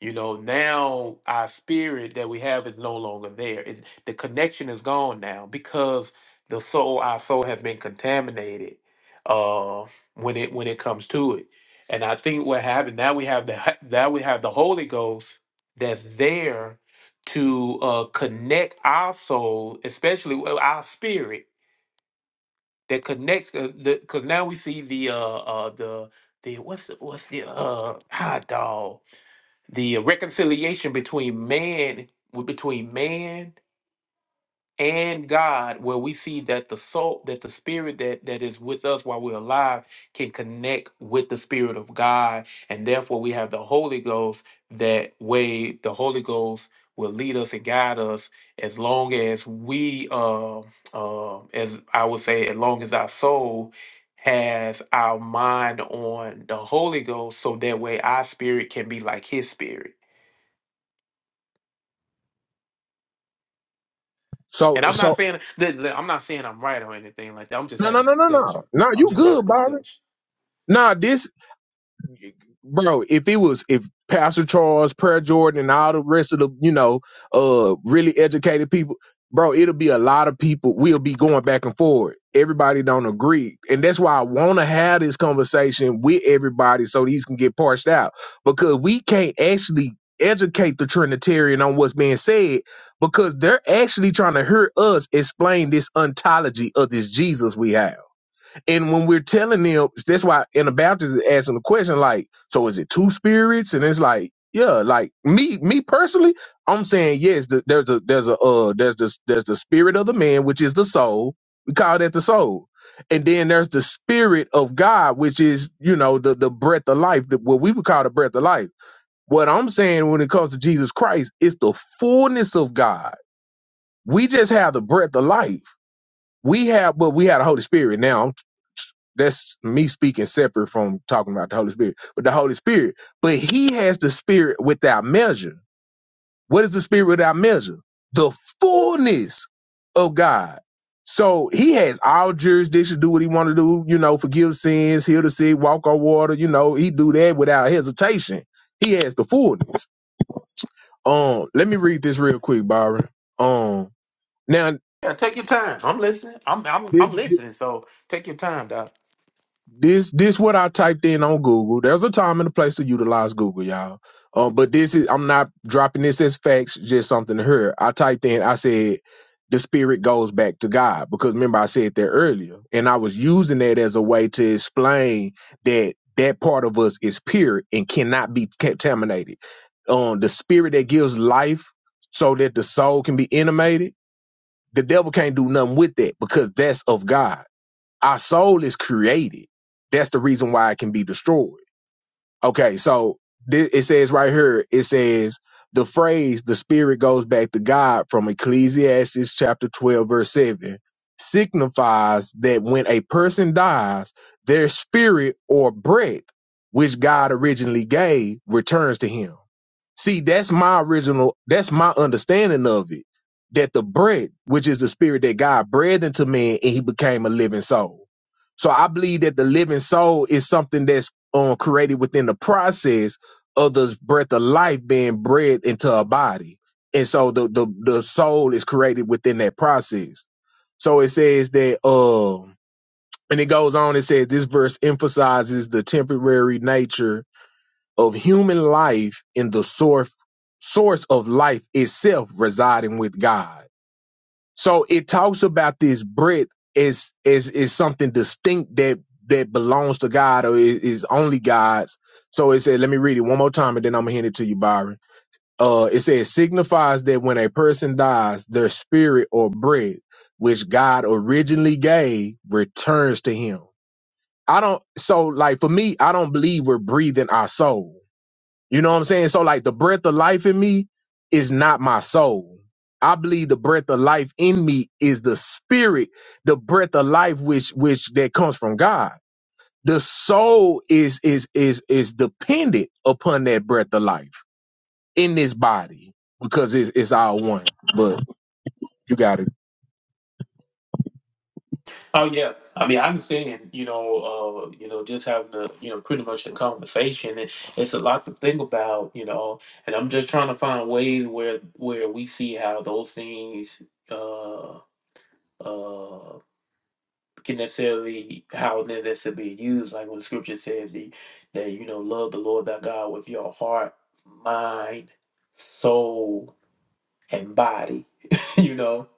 [SPEAKER 1] you know, now our spirit that we have is no longer there. It, the connection is gone now because the soul, our soul, has been contaminated uh, when it when it comes to it. And I think what happened now we have the h- now we have the Holy Ghost that's there to uh, connect our soul, especially with our spirit that connects because now we see the uh uh the the what's the, what's the uh hot dog the reconciliation between man w- between man and God, where we see that the soul, that the spirit that that is with us while we're alive can connect with the spirit of God, and therefore we have the Holy Ghost. That way, the Holy Ghost will lead us and guide us as long as we, uh, uh, as I would say, as long as our soul has our mind on the Holy Ghost, so that way our spirit can be like His spirit
[SPEAKER 7] So
[SPEAKER 1] And I'm not
[SPEAKER 7] so
[SPEAKER 1] saying that that- I'm not saying I'm right or anything like that. I'm just
[SPEAKER 7] no no
[SPEAKER 1] having
[SPEAKER 7] no no
[SPEAKER 1] discussion.
[SPEAKER 7] no no
[SPEAKER 1] I'm
[SPEAKER 7] you
[SPEAKER 1] just having
[SPEAKER 7] good Byron.
[SPEAKER 1] discussion.
[SPEAKER 7] Nah, bro, if it was if Pastor Charles, Prayer Jordan, and all the rest of the you know uh really educated people, bro, it'll be a lot of people. We'll be going back and forth. Everybody don't agree, and that's why I want to have this conversation with everybody so these can get parsed out because we can't actually educate the Trinitarian on what's being said because they're actually trying to hear us explain this ontology of this Jesus we have and when we're telling them, that's why Anabaptists is asking the question, like, so is it two spirits? And it's like, yeah, like me, me personally, I'm saying yes. The, there's a, there's a, uh, there's the, there's the spirit of the man, which is the soul. We call that the soul, and then there's the spirit of God, which is you know the the breath of life, the, what we would call the breath of life. What I'm saying when it comes to Jesus Christ, it's the fullness of God. We just have the breath of life. We have, but we have the Holy Spirit now. That's me speaking separate from talking about the Holy Spirit, but the Holy Spirit. But he has the Spirit without measure. What is the Spirit without measure? The fullness of God. So he has all jurisdiction, do what he want to do, you know, forgive sins, heal the sick, walk on water, you know, he do that without hesitation. He has the fullness. Um, let me read this real quick, Byron. Um, now
[SPEAKER 1] Yeah, take your time. I'm listening. I'm I'm I'm listening. So take your time, Doc.
[SPEAKER 7] This this what I typed in on Google. There's a time and a place to utilize Google, y'all. Uh, but this is I'm not dropping this as facts, just something to hear. I typed in, I said the spirit goes back to God because remember I said that earlier, and I was using that as a way to explain that that part of us is pure and cannot be contaminated. Um, the spirit that gives life so that the soul can be animated, the devil can't do nothing with that because that's of God our soul is created. That's the reason why it can be destroyed. Okay, so thi- it says right here, it says the phrase the spirit goes back to God from Ecclesiastes chapter 12, verse 7 signifies that when a person dies, their spirit or breath, which God originally gave, returns to him. See, that's my original, that's my understanding of it. That the bread, which is the spirit that God breathed into man, and he became a living soul. So I believe that the living soul is something that's um, created within the process of the breath of life being breathed into a body. And so the, the, the soul is created within that process. So it says that, uh, and it goes on, it says this verse emphasizes the temporary nature of human life in the source source of life itself residing with God. So it talks about this breath as as is something distinct that that belongs to God or i- is only God's. So it said, let me read it one more time and then I'm gonna hand it to you, Byron. Uh it says signifies that when a person dies, their spirit or breath, which God originally gave, returns to him. I don't so like for me, I don't believe we're breathing our soul. You know what I'm saying? So like the breath of life in me is not my soul. I believe the breath of life in me is the spirit, the breath of life which which that comes from God. The soul is is is is dependent upon that breath of life in this body because it's it's all one. But you got it.
[SPEAKER 1] Oh yeah. I mean, I'm saying you know, uh, you know, just having the you know pretty much the conversation. It, it's a lot to think about, you know. And I'm just trying to find ways where where we see how those things uh uh can necessarily how then this is being used, like when the scripture says he, that you know, love the Lord thy God with your heart, mind, soul, and body. you know,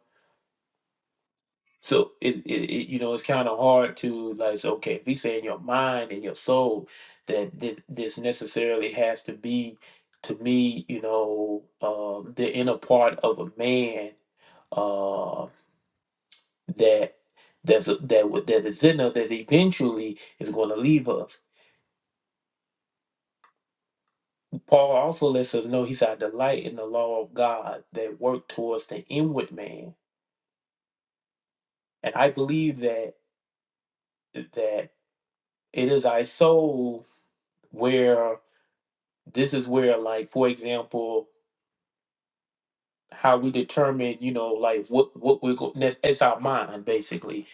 [SPEAKER 1] so it, it, it you know it's kind of hard to like so okay if he's saying your mind and your soul that thi- this necessarily has to be to me you know um, the inner part of a man um, that that's that would- that is in us that eventually is going to leave us. Paul also lets us know he said, "I delight in the law of God that work towards the inward man." And I believe that that it is our soul where this is where, like for example, how we determine, you know, like what what we're going. It's our mind basically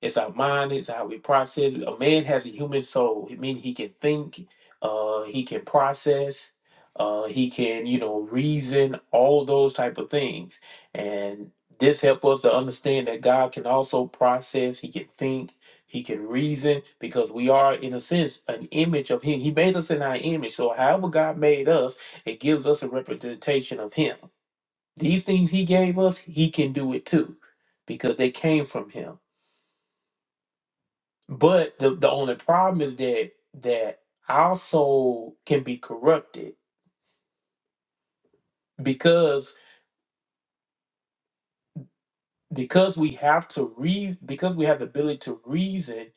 [SPEAKER 1] It's our mind. It's how we process. A man has a human soul. It means he can think. Uh, he can process. Uh, he can, you know, reason. All those type of things. And this helps us to understand that God can also process. He can think. He can reason because we are, in a sense, an image of Him. He made us in our image. So, however God made us, it gives us a representation of Him. These things He gave us, He can do it too because they came from Him. But the, the only problem is that that our soul can be corrupted because because we have to re because we have the ability to reason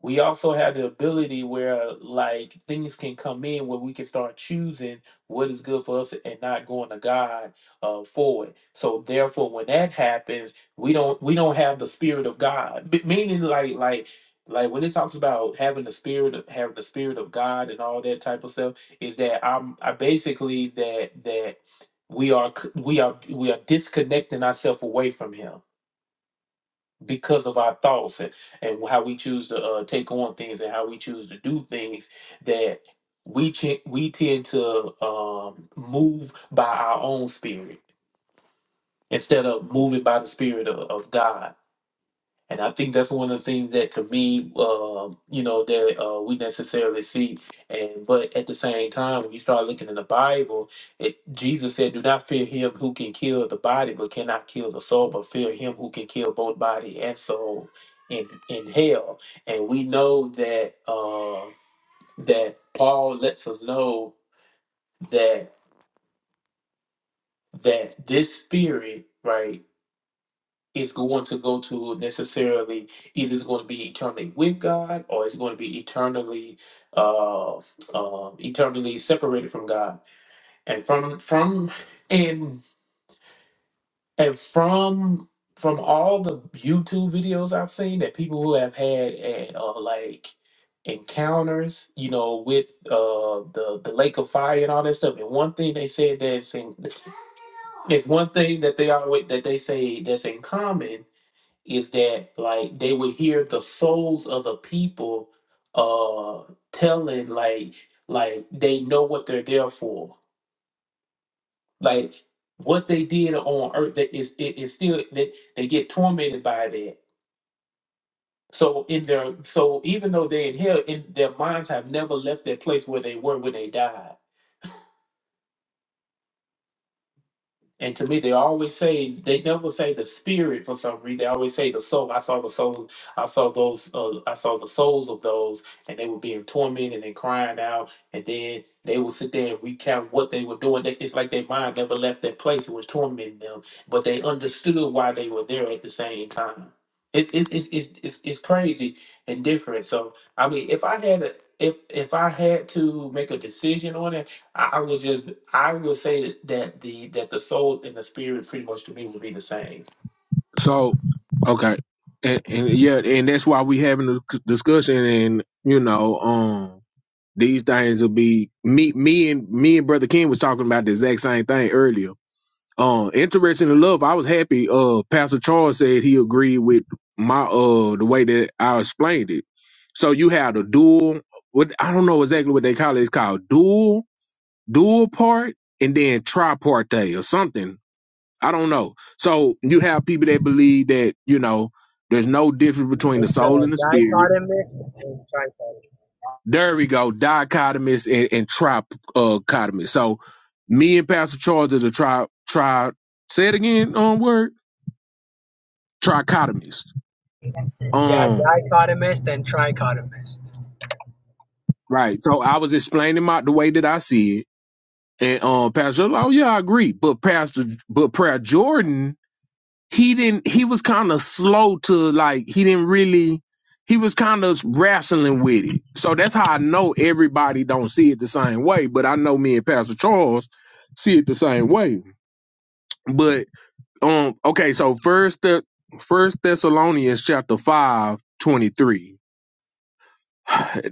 [SPEAKER 1] we also have the ability where like things can come in where we can start choosing what is good for us and not going to God uh, for it. So therefore, when that happens, we don't we don't have the spirit of God. B- meaning, like like like when it talks about having the spirit of having the spirit of God and all that type of stuff, is that I'm I basically that that we are c- we are we are disconnecting ourselves away from Him because of our thoughts and, and how we choose to uh, take on things and how we choose to do things that we ch- we tend to um, move by our own spirit instead of moving by the spirit of, of God and I think that's one of the things that to me, um, you know, that uh, we necessarily see. And but at the same time, when you start looking in the Bible, it, Jesus said, "Do not fear him who can kill the body, but cannot kill the soul, but fear him who can kill both body and soul in in hell." And we know that uh, that Paul lets us know that that this spirit, right? is going to go to necessarily either it's going to be eternally with God or it's going to be eternally uh, um eternally separated from God and from from and and from from all the YouTube videos I've seen that people who have had at, uh, like encounters you know with uh the the lake of fire and all that stuff and one thing they said that's in, it's one thing that they always that they say that's in common is that like they would hear the souls of the people uh telling like like they know what they're there for like what they did on earth that is it is still that they, they get tormented by that so in their so even though they in hell in their minds have never left that place where they were when they died And to me, they always say they never say the spirit for some reason. They always say the soul. I saw the souls. I saw those. Uh, I saw the souls of those, and they were being tormented and crying out. And then they would sit there and recount what they were doing. They- It's like their mind never left that place. It was tormenting them, but they understood why they were there at the same time. It, it, it's it's, it's it's crazy and different. So I mean, if I had a if if I had to make a decision on it. I, I will just I will say that, that the that the soul and the spirit pretty much to me will be the same.
[SPEAKER 7] So, okay, and, and yeah, and that's why we having a c- discussion, and you know, um, these things will be me, me and me and brother Ken was talking about the exact same thing earlier. Um, interesting enough, I was happy. Uh, Pastor Charles said he agreed with my uh the way that I explained it. So you have the dual, what I don't know exactly what they call it. It's called dual, dual part, and then tripartite or something I don't know. So you have people that believe that, you know, there's no difference
[SPEAKER 12] this?
[SPEAKER 7] between the
[SPEAKER 12] It's
[SPEAKER 7] soul
[SPEAKER 12] uh,
[SPEAKER 7] and the spirit.
[SPEAKER 12] dichotomist and
[SPEAKER 7] There we go, dichotomous and, and trichotomous. So me and Pastor Charles is a tri tri say it again on word, trichotomist.
[SPEAKER 12] trichotomist. Yeah,
[SPEAKER 7] Um
[SPEAKER 12] dichotomist and trichotomist.
[SPEAKER 7] right. So I was explaining my the way that I see it. And um Pastor, Charles, oh yeah, I agree. But Pastor but Prayer Jordan he didn't he was kind of slow to like he didn't really he was kind of wrestling with it so that's how i know everybody don't see it the same way but i know me and pastor charles see it the same way but um okay so first the first thessalonians chapter 5 23.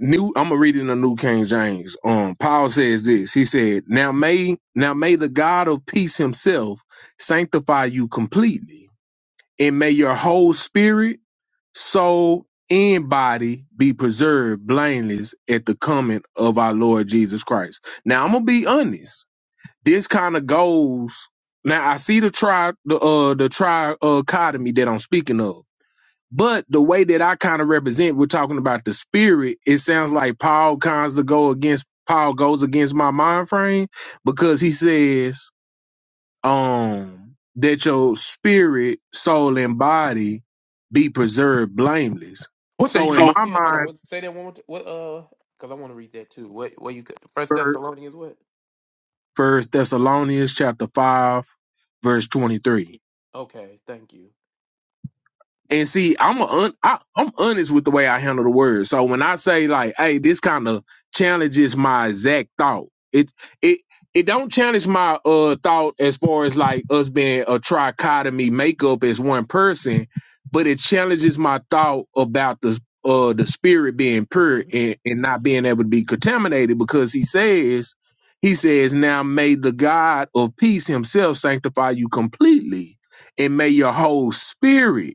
[SPEAKER 7] new i'm gonna read it in the new king james um paul says this he said now may now may the god of peace himself sanctify you completely and may your whole spirit so in body be preserved blameless at the coming of our Lord Jesus Christ. Now I'm gonna be honest. This kind of goes. Now I see the tri the uh the trichotomy that I'm speaking of. But the way that I kind of represent, we're talking about the spirit. It sounds like Paul kinds to go against Paul goes against my mind frame because he says um that your spirit, soul, and body be preserved blameless.
[SPEAKER 1] What's that you
[SPEAKER 7] So
[SPEAKER 1] read
[SPEAKER 7] in my
[SPEAKER 1] So again? Hold on.
[SPEAKER 7] mind,
[SPEAKER 1] What, say that one more time. What, uh, because I want to read that too. What, what you, could- First Thessalonians, what?
[SPEAKER 7] First Thessalonians chapter five, verse twenty-three.
[SPEAKER 1] Okay, thank you.
[SPEAKER 7] And see, I'm a un, I, I'm honest with the way I handle the words. So when I say like, "Hey, this kind of challenges my exact thought," it it it don't challenge my uh thought as far as like us being a trichotomy makeup as one person, but it challenges my thought about the uh the spirit being pure
[SPEAKER 1] Mm-hmm.
[SPEAKER 7] and, and not being able to be contaminated because he says he says now may the God of peace himself sanctify you completely and may your whole spirit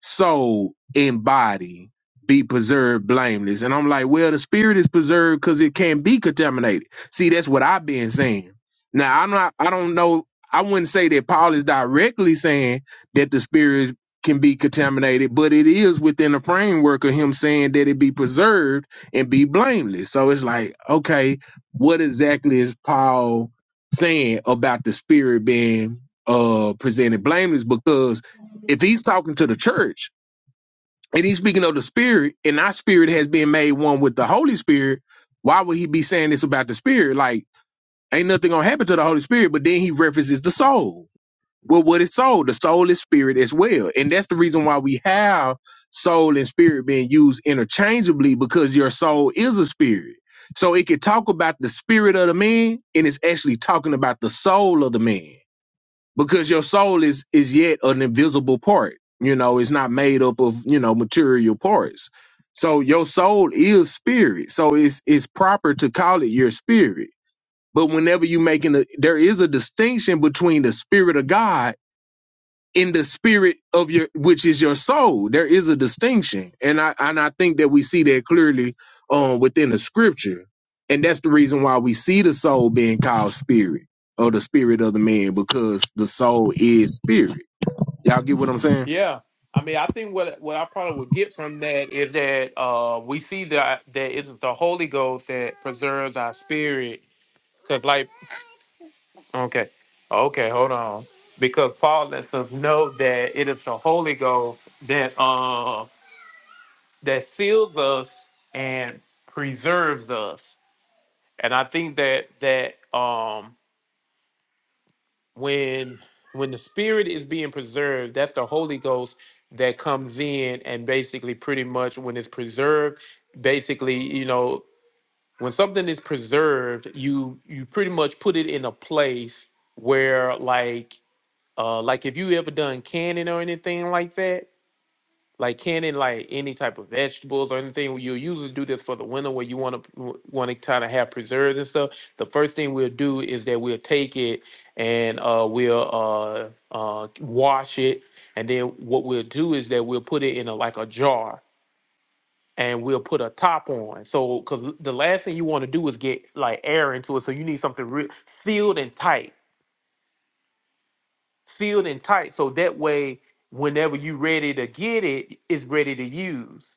[SPEAKER 7] soul and body be preserved blameless. And I'm like, well, the spirit is preserved because it can't be contaminated. See, that's what I've been saying. Now I'm not I don't know I wouldn't say that Paul is directly saying that the spirit is- can be contaminated, but it is within the framework of him saying that it be preserved and be blameless. So it's like, okay, what exactly is Paul saying about the spirit being uh presented blameless? Because if he's talking to the church, and he's speaking of the spirit, and our spirit has been made one with the Holy Spirit. Why would he be saying this about the spirit? Like, ain't nothing gonna happen to the Holy Spirit, but then he references the soul. Well, what is soul? The soul is spirit as well. And that's the reason why we have soul and spirit being used interchangeably because your soul is a spirit. So it could talk about the spirit of the man, and it's actually talking about the soul of the man because your soul is is yet an invisible part you know it's not made up of you know material parts so your soul is spirit so it's it's proper to call it your spirit but whenever you making a there is a distinction between the spirit of god in the spirit of your which is your soul there is a distinction and i and i think that we see that clearly um within the scripture and that's the reason why we see the soul being called spirit or the spirit of the man because the soul is spirit y'all get what i'm saying
[SPEAKER 1] Yeah, I mean, I think what what I probably would get from that is that uh, we see that that it's the Holy Ghost that preserves our spirit. Cause like, okay, okay, hold on, because Paul lets us know that it is the Holy Ghost that uh, that seals us and preserves us, and I think that that um when when the spirit is being preserved that's the holy ghost that comes in and basically pretty much when it's preserved basically you know when something is preserved you you pretty much put it in a place where like uh like if you ever done canning or anything like that like canning like any type of vegetables or anything Well, you'll usually do this for the winter where you want to want to kind of have preserves and stuff the first thing we'll do is that we'll take it and uh, we'll uh, uh, wash it and then what we'll do is that we'll put it in a like a jar and we'll put a top on so because the last thing you want to do is get like air into it so you need something real sealed and tight sealed and tight so that way whenever you're ready to get it it's ready to use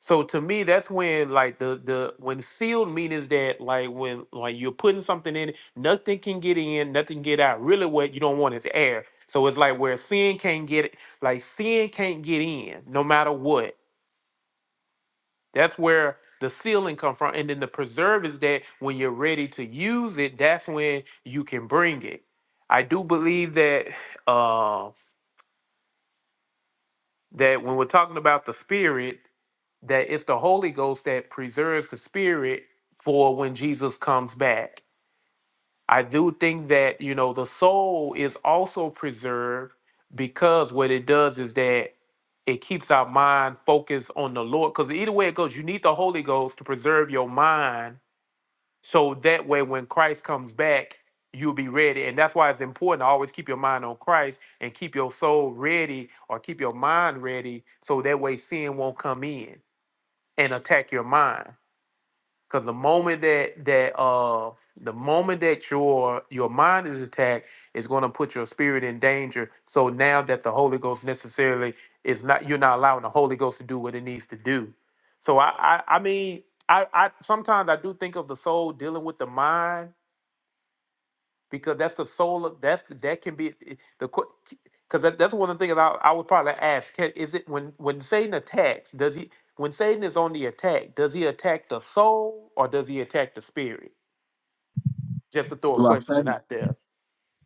[SPEAKER 1] So to me, that's when like the the when sealed means that like when like you're putting something in, nothing can get in, nothing get out. Really, what you don't want is air. So it's like where sin can't get like sin can't get in, no matter what. That's where the sealing come from, and then the preserve is that when you're ready to use it, that's when you can bring it. I do believe that uh, that when we're talking about the spirit. that it's the Holy Ghost that preserves the spirit for when Jesus comes back. I do think that, you know, the soul is also preserved because what it does is that it keeps our mind focused on the Lord. Because either way it goes, you need the Holy Ghost to preserve your mind so that way when Christ comes back, you'll be ready. And that's why it's important to always keep your mind on Christ and keep your soul ready or keep your mind ready so that way sin won't come in and attack your mind. Cause the moment that that uh the moment that your your mind is attacked is gonna put your spirit in danger. So now that the Holy Ghost necessarily is not you're not allowing the Holy Ghost to do what it needs to do. So I I, I mean I, I sometimes I do think of the soul dealing with the mind because that's the soul of that's the- that can be eh, eh, the because that, that's one of the things I, I would probably ask can, is it when when Satan attacks does he when Satan is on the attack does he attack the soul or does he attack the spirit just to throw a
[SPEAKER 7] Well, I
[SPEAKER 1] question
[SPEAKER 7] say-
[SPEAKER 1] out there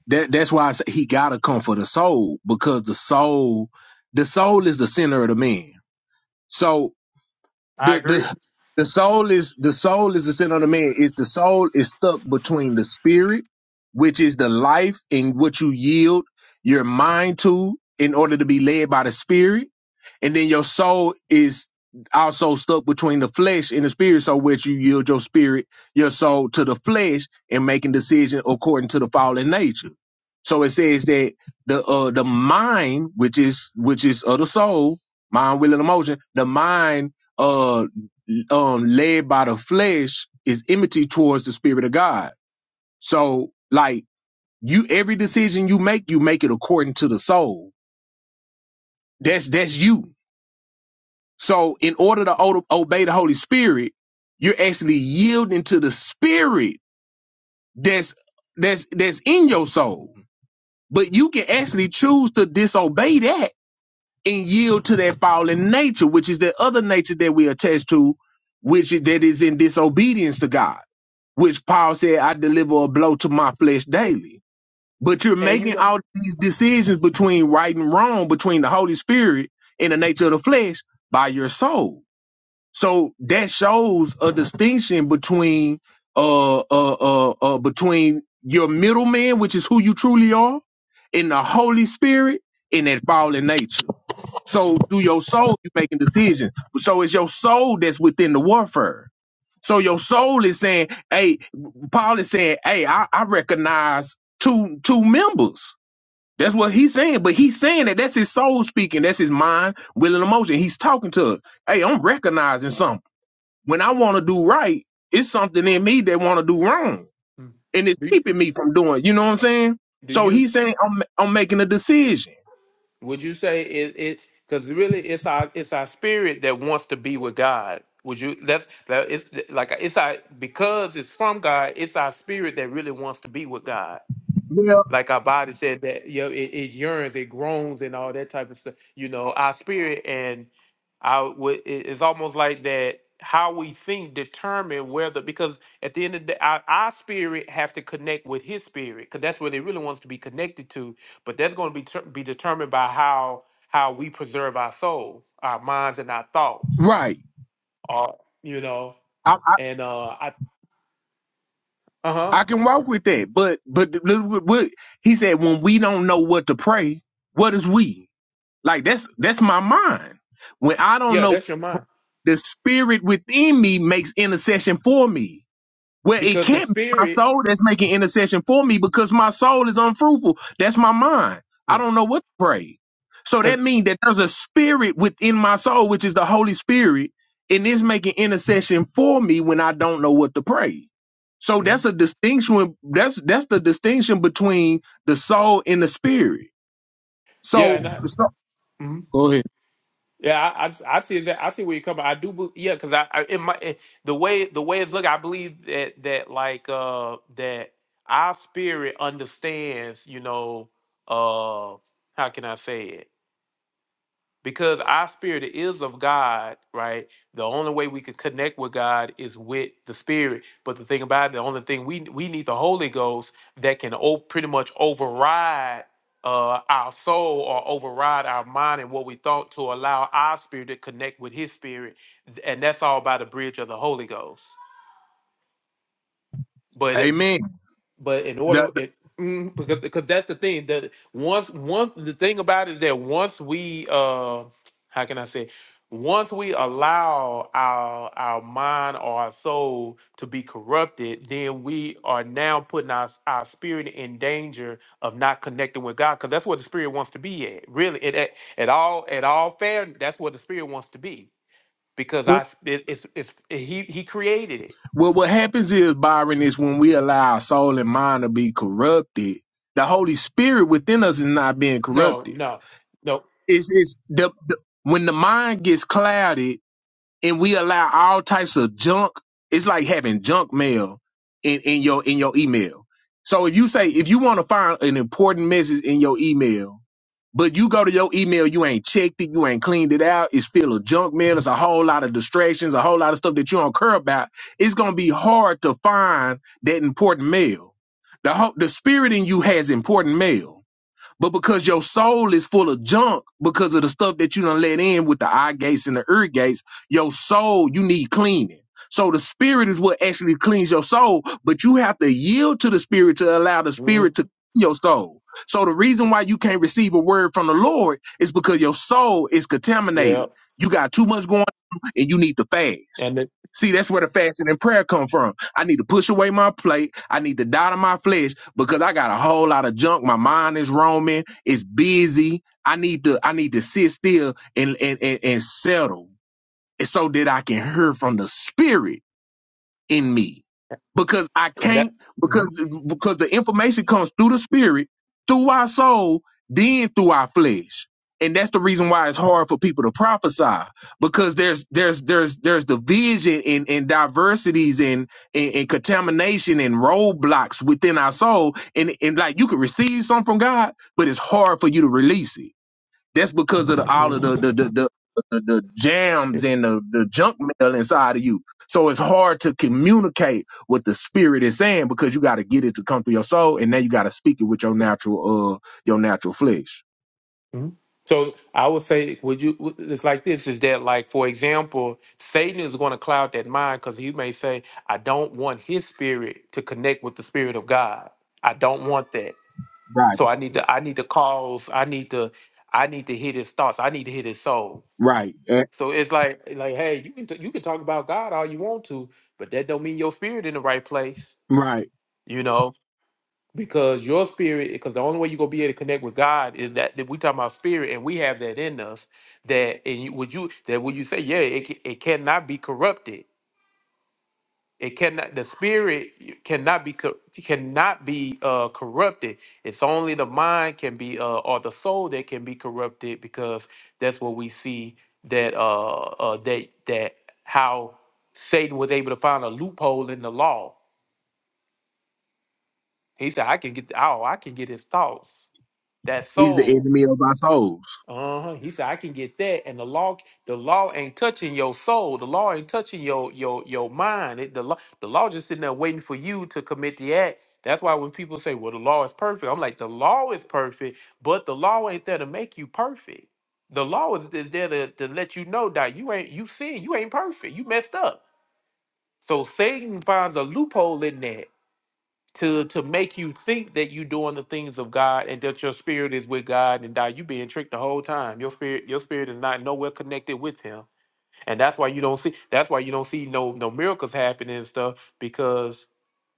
[SPEAKER 7] that that's why I say he gotta come for the soul because the soul the soul is the center of the man so
[SPEAKER 1] I
[SPEAKER 7] the
[SPEAKER 1] agree
[SPEAKER 7] the the soul is the soul is the sin of the man is the soul is stuck between the spirit which is the life and what you yield your mind to in order to be led by the spirit and then your soul is also stuck between the flesh and the spirit so which you yield your spirit your soul to the flesh and making decision according to the fallen nature so it says that the uh the mind which is which is of the soul mind will and emotion the mind uh um led by the flesh is enmity towards the spirit of God. So like you every decision you make, you make it according to the soul. That's that's you. So in order to o- obey the Holy Spirit, you're actually yielding to the spirit that's that's that's in your soul. But you can actually choose to disobey that and yield to that fallen nature, which is the other nature that we attach to, which is, that is in disobedience to God, which Paul said, I deliver a blow to my flesh daily. But you're
[SPEAKER 1] and you
[SPEAKER 7] making
[SPEAKER 1] know
[SPEAKER 7] all these decisions between right and wrong, between the Holy Spirit and the nature of the flesh by your soul. So that shows a distinction between uh uh uh, uh between your middleman, which is who you truly are, and the Holy Spirit and that fallen nature. So
[SPEAKER 1] Mhm.
[SPEAKER 7] through your soul, you're making decisions. So it's your soul that's within the warfare. So your soul is saying, "Hey," Paul is saying, "Hey, I, I recognize two two members." That's what he's saying, but he's saying that that's his soul speaking. That's his mind, will, and emotion. He's talking to us. Hey, I'm recognizing something. When I want to do right, it's something in me that want to do wrong,
[SPEAKER 1] Mhm.
[SPEAKER 7] and it's
[SPEAKER 1] do you-
[SPEAKER 7] keeping me from doing. You know what I'm saying?
[SPEAKER 1] do
[SPEAKER 7] So
[SPEAKER 1] you
[SPEAKER 7] he's saying, "I'm I'm making a decision."
[SPEAKER 1] would you say it it because really it's our it's our spirit that wants to be with God would you that's that it's like it's our because it's from God it's our spirit that really wants to be with God
[SPEAKER 7] Well,
[SPEAKER 1] like our body said that you know, it, it yearns, it groans, and all that type of stuff. You know, our spirit and our wh- it- it's almost like that. How we think determine whether because at the end of the day, our, our spirit has to connect with His spirit because that's what it really wants to be connected to. But that's going to be ter- be determined by how how we preserve our soul, our minds, and our thoughts.
[SPEAKER 7] right.
[SPEAKER 1] Are you know? And uh, I uh huh
[SPEAKER 7] I can walk with that, but but the- the- what he said when we don't know what to pray, what is we? Like that's that's my mind. When I don't
[SPEAKER 1] yeah,
[SPEAKER 7] know,
[SPEAKER 1] that's your mind
[SPEAKER 7] the spirit within me makes intercession for me. Well, it
[SPEAKER 1] because the
[SPEAKER 7] can't be my
[SPEAKER 1] spirit
[SPEAKER 7] soul that's making intercession for me because my soul is unfruitful. That's my mind. I
[SPEAKER 1] yeah
[SPEAKER 7] don't know what to pray. So
[SPEAKER 1] 'cause-
[SPEAKER 7] that means that there's a spirit within my soul, which is the Holy Spirit, and it's making intercession for me when I don't know what to pray. So
[SPEAKER 1] mhm.
[SPEAKER 7] that's a distinction. That's that's the distinction between the soul and the spirit.
[SPEAKER 1] Yeah, and
[SPEAKER 7] So,
[SPEAKER 1] I,
[SPEAKER 7] so-
[SPEAKER 1] hmm
[SPEAKER 7] go ahead.
[SPEAKER 1] Yeah, I, I, I see that. I see where you come. I do. bel- Yeah, because I, I in my in, the way the way it's look, I believe that that like uh that our spirit understands. You know, uh, how can I say it? because our spirit is of God, right? The only way we could connect with God is with the spirit. But the thing about it, the only thing we we need the Holy Ghost that can o- pretty much override uh, our soul or override our mind and what we thought to allow our spirit to connect with His spirit, and that's all by the bridge of the Holy Ghost. But.
[SPEAKER 7] Amen.
[SPEAKER 1] But in order,
[SPEAKER 7] The- the-
[SPEAKER 1] it mm, because because that's the thing that once once the thing about it is that once we uh how can I say once we allow our our mind or our soul to be corrupted, then we are now putting our our spirit in danger of not connecting with God because that's what the spirit wants to be at. Really, it at, at all at all fair. That's what the spirit wants to be because I s- it, it's it's he he created it.
[SPEAKER 7] Well, what happens is, Byron, is when we allow our soul and mind to be corrupted, the Holy Spirit within us is not being
[SPEAKER 1] No,
[SPEAKER 7] corrupted.
[SPEAKER 1] no, no.
[SPEAKER 7] It's, it's the, the when the mind gets clouded, and we allow all types of junk. It's like having junk mail in, in your in your email. So if you say if you want to find an important message in your email, but you go to your email, you ain't checked it, you ain't cleaned it out, it's filled with junk mail, it's a whole lot of distractions, a whole lot of stuff that you don't care about, it's gonna be hard to find that important mail. The ho- the spirit in you has important mail but because your soul is full of junk because of the stuff that you done let in with the eye gates and the ear gates, your soul, you need cleaning. So the spirit is what actually cleans your soul, but you have to yield to the spirit to allow the spirit to clean
[SPEAKER 1] Mhm.
[SPEAKER 7] your soul. So the reason why you can't receive a word from the Lord is because your soul is contaminated. You got too much going on and you need to fast.
[SPEAKER 1] and it,
[SPEAKER 7] See, that's where the fasting and prayer come from. I need to push away my plate. I need to die to my flesh because I got a whole lot of junk. My mind is roaming. It's busy. I need to I need to sit still and and and, and settle. so that I can hear from the spirit in me because I
[SPEAKER 1] and that.
[SPEAKER 7] can't
[SPEAKER 1] mhm,
[SPEAKER 7] because because the information comes through the spirit, through our soul, then through our flesh. And that's the reason why it's hard for people to prophesy because there's there's there's there's division and, and diversities and, and and contamination and roadblocks within our soul and and like you can receive something from God, but it's hard for you to release it that's because of the, all of
[SPEAKER 1] mhm,
[SPEAKER 7] the the, the the the the
[SPEAKER 1] yeah,
[SPEAKER 7] jams and the the junk mail inside of you. So it's hard to communicate what the spirit is saying because you got to get it to come through your soul, and now you got to speak it with your natural uh your natural flesh.
[SPEAKER 1] mhm. So I would say, would you? w- It's like this: is that like, for example, Satan is going to cloud that mind because he may say, "I don't want his spirit to connect with the spirit of God. I don't want that.
[SPEAKER 7] Right,
[SPEAKER 1] So I need to, I need to cause, I need to, I need to hit his thoughts. I need to hit his soul."
[SPEAKER 7] right, eh,
[SPEAKER 1] So it's like, like, hey, you can t- you can talk about God all you want to, but that don't mean your spirit in the right place,
[SPEAKER 7] right.
[SPEAKER 1] you know. because your spirit because the only way you're going to be able to connect with god is that, that we talk about spirit and we have that in us that and you, would you that would you say yeah it, ca- it cannot be corrupted it cannot the spirit cannot be co- cannot be uh corrupted it's only the mind can be uh or the soul that can be corrupted because that's what we see that uh, uh that that how satan was able to find a loophole in the law he said i can get oh i can get his thoughts that
[SPEAKER 7] He's the
[SPEAKER 1] soul.
[SPEAKER 7] enemy of our souls.
[SPEAKER 1] Uh-huh. He said, I can get that. And the law, the law ain't touching your soul. The law ain't touching your your your mind. It, the law, the law just sitting there waiting for you to commit the act. That's why when people say, Well, the law is perfect, I'm like, the law is perfect, but the law ain't there to make you perfect. The law is, is there to, to let you know that you ain't you sin, you ain't perfect. You messed up. So Satan finds a loophole in that to to make you think that you're doing the things of God and that your spirit is with God and that you being tricked the whole time. Your spirit, your spirit is not nowhere connected with Him, and that's why you don't see. That's why you don't see no no miracles happening and stuff because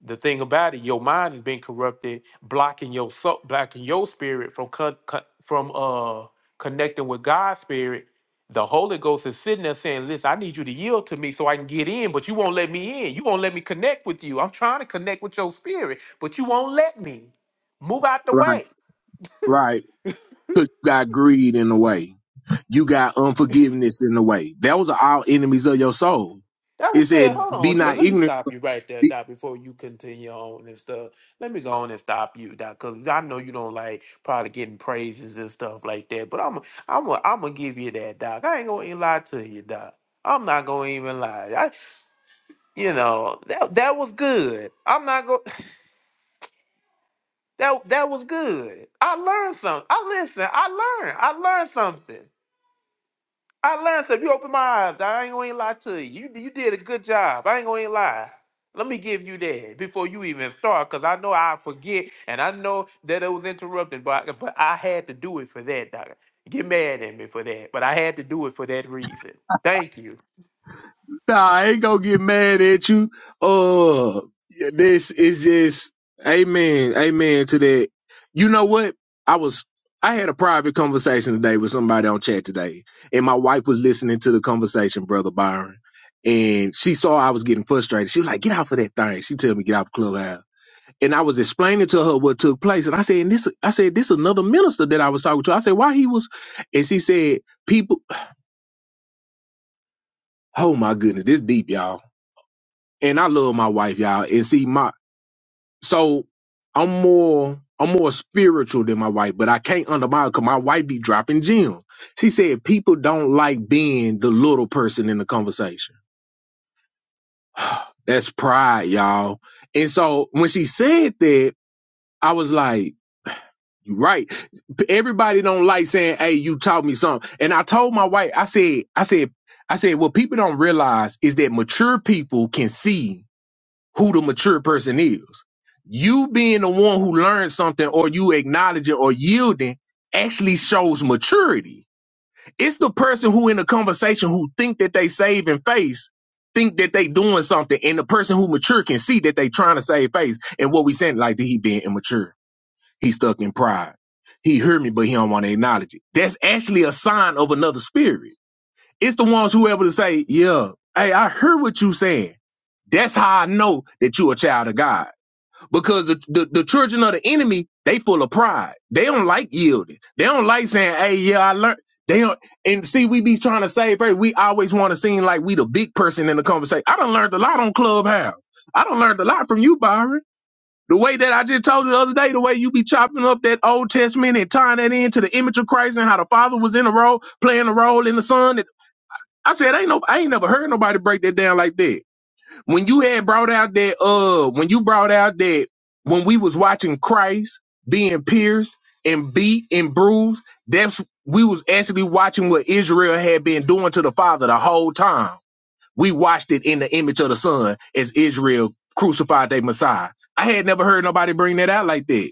[SPEAKER 1] the thing about it, your mind is being corrupted, blocking your soul, blocking your spirit from con- con- from uh connecting with God's spirit. The Holy Ghost is sitting there saying, "Listen, I need you to yield to me so I can get in, but you won't let me in. You won't let me connect with you. I'm trying to connect with your spirit, but you won't let me. Move out the
[SPEAKER 7] Right,
[SPEAKER 1] way."
[SPEAKER 7] right. Because you got greed in the way you got unforgiveness in the way. Those are all enemies of your soul.
[SPEAKER 1] That
[SPEAKER 7] It
[SPEAKER 1] was good.
[SPEAKER 7] said,
[SPEAKER 1] Hold
[SPEAKER 7] be
[SPEAKER 1] on, Joy.
[SPEAKER 7] not
[SPEAKER 1] Let me
[SPEAKER 7] ignorant.
[SPEAKER 1] stop you right there, Doc, before you continue on and stuff. Let me go on and stop you, Doc, because I know you don't like probably getting praises and stuff like that. But I'm I'm i I'm gonna give you that, Doc. I ain't gonna even lie to you, Doc. I'm not gonna even lie. I, you know that that was good. I'm not gonna that that was good. I learned something. I listen. I learned. I learned something. I learned stuff. You opened my eyes. dawg. I ain't gonna even lie to you. You you did a good job. I ain't gonna even lie. Let me give you that before you even start, cause I know I forget and I know that it was interrupted, but I, but I had to do it for that, dog. Get mad at me for that, but I had to do it for that reason. Thank you.
[SPEAKER 7] Nah, I ain't gonna get mad at you. Uh, yeah, this is just amen, amen to that. You know what? I was, I had a private conversation today with somebody on chat today, and my wife was listening to the conversation, brother Byron, and she saw I was getting frustrated. She was like, "Get off of that thing." She told me, "Get off clubhouse." And I was explaining to her what took place, and I said, and "This," I said, "This another minister that I was talking to." I said, "Why he was?" And she said, "People." Oh my goodness, this deep, y'all and I love my wife, y'all. And see my so I'm more I'm more spiritual than my wife, but I can't undermine because my wife be dropping gems. She said people don't like being the little person in the conversation. That's pride, y'all. And so when she said that, I was like, you right. Everybody don't like saying, "Hey, you taught me something." And I told my wife, I said, I said, I said, what people don't realize is that mature people can see who the mature person is. You being the one who learns something or you acknowledge it or yielding actually shows maturity. It's the person who in a conversation who think that they save and face, think that they doing something, and the person who mature can see that they trying to save face. And what we saying, like he being immature. He stuck in pride. He heard me, but he don't want to acknowledge it. That's actually a sign of another spirit it's the ones who able to say, yeah, hey, I heard what you saying. That's how I know that you a child of God. Because the, the, the children of the enemy, they full of pride. They don't like yielding. They don't like saying, hey, yeah, I learned. They don't, and see, we be trying to save face. We always want to seem like we the big person in the conversation. I done learned a lot on Clubhouse. I done learned a lot from you, Byron. The way that I just told you the other day, the way you be chopping up that Old Testament and tying that into the image of Christ and how the Father was in a role, playing a role in the Son. I said, ain't no, I ain't never heard nobody break that down like that. When you had brought out that, uh, when you brought out that, when we was watching Christ being pierced and beat and bruised, that's we was actually watching what Israel had been doing to the Father the whole time. We watched it in the image of the Son as Israel crucified their Messiah. I had never heard nobody bring that out like that.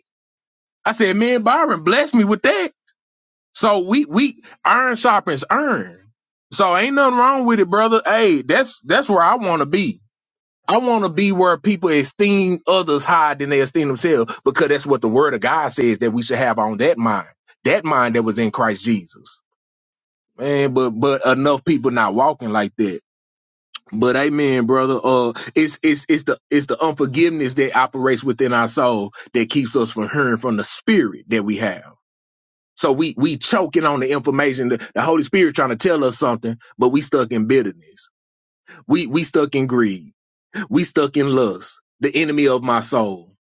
[SPEAKER 7] I said, man, Byron blessed me with that. So we we iron sharpens iron. So ain't nothing wrong with it, brother. Hey, that's that's where I want to be. I want to be where people esteem others higher than they esteem themselves because that's what the word of God says that we should have on that mind. That mind that was in Christ Jesus. Man, but but enough people not walking like that. But amen, brother. Uh it's it's it's the it's the unforgiveness that operates within our soul that keeps us from hearing from the spirit that we have. So we we choking on the information. The, the Holy Spirit trying to tell us something, but we stuck in bitterness. We we stuck in greed. We stuck in lust. The enemy of my soul.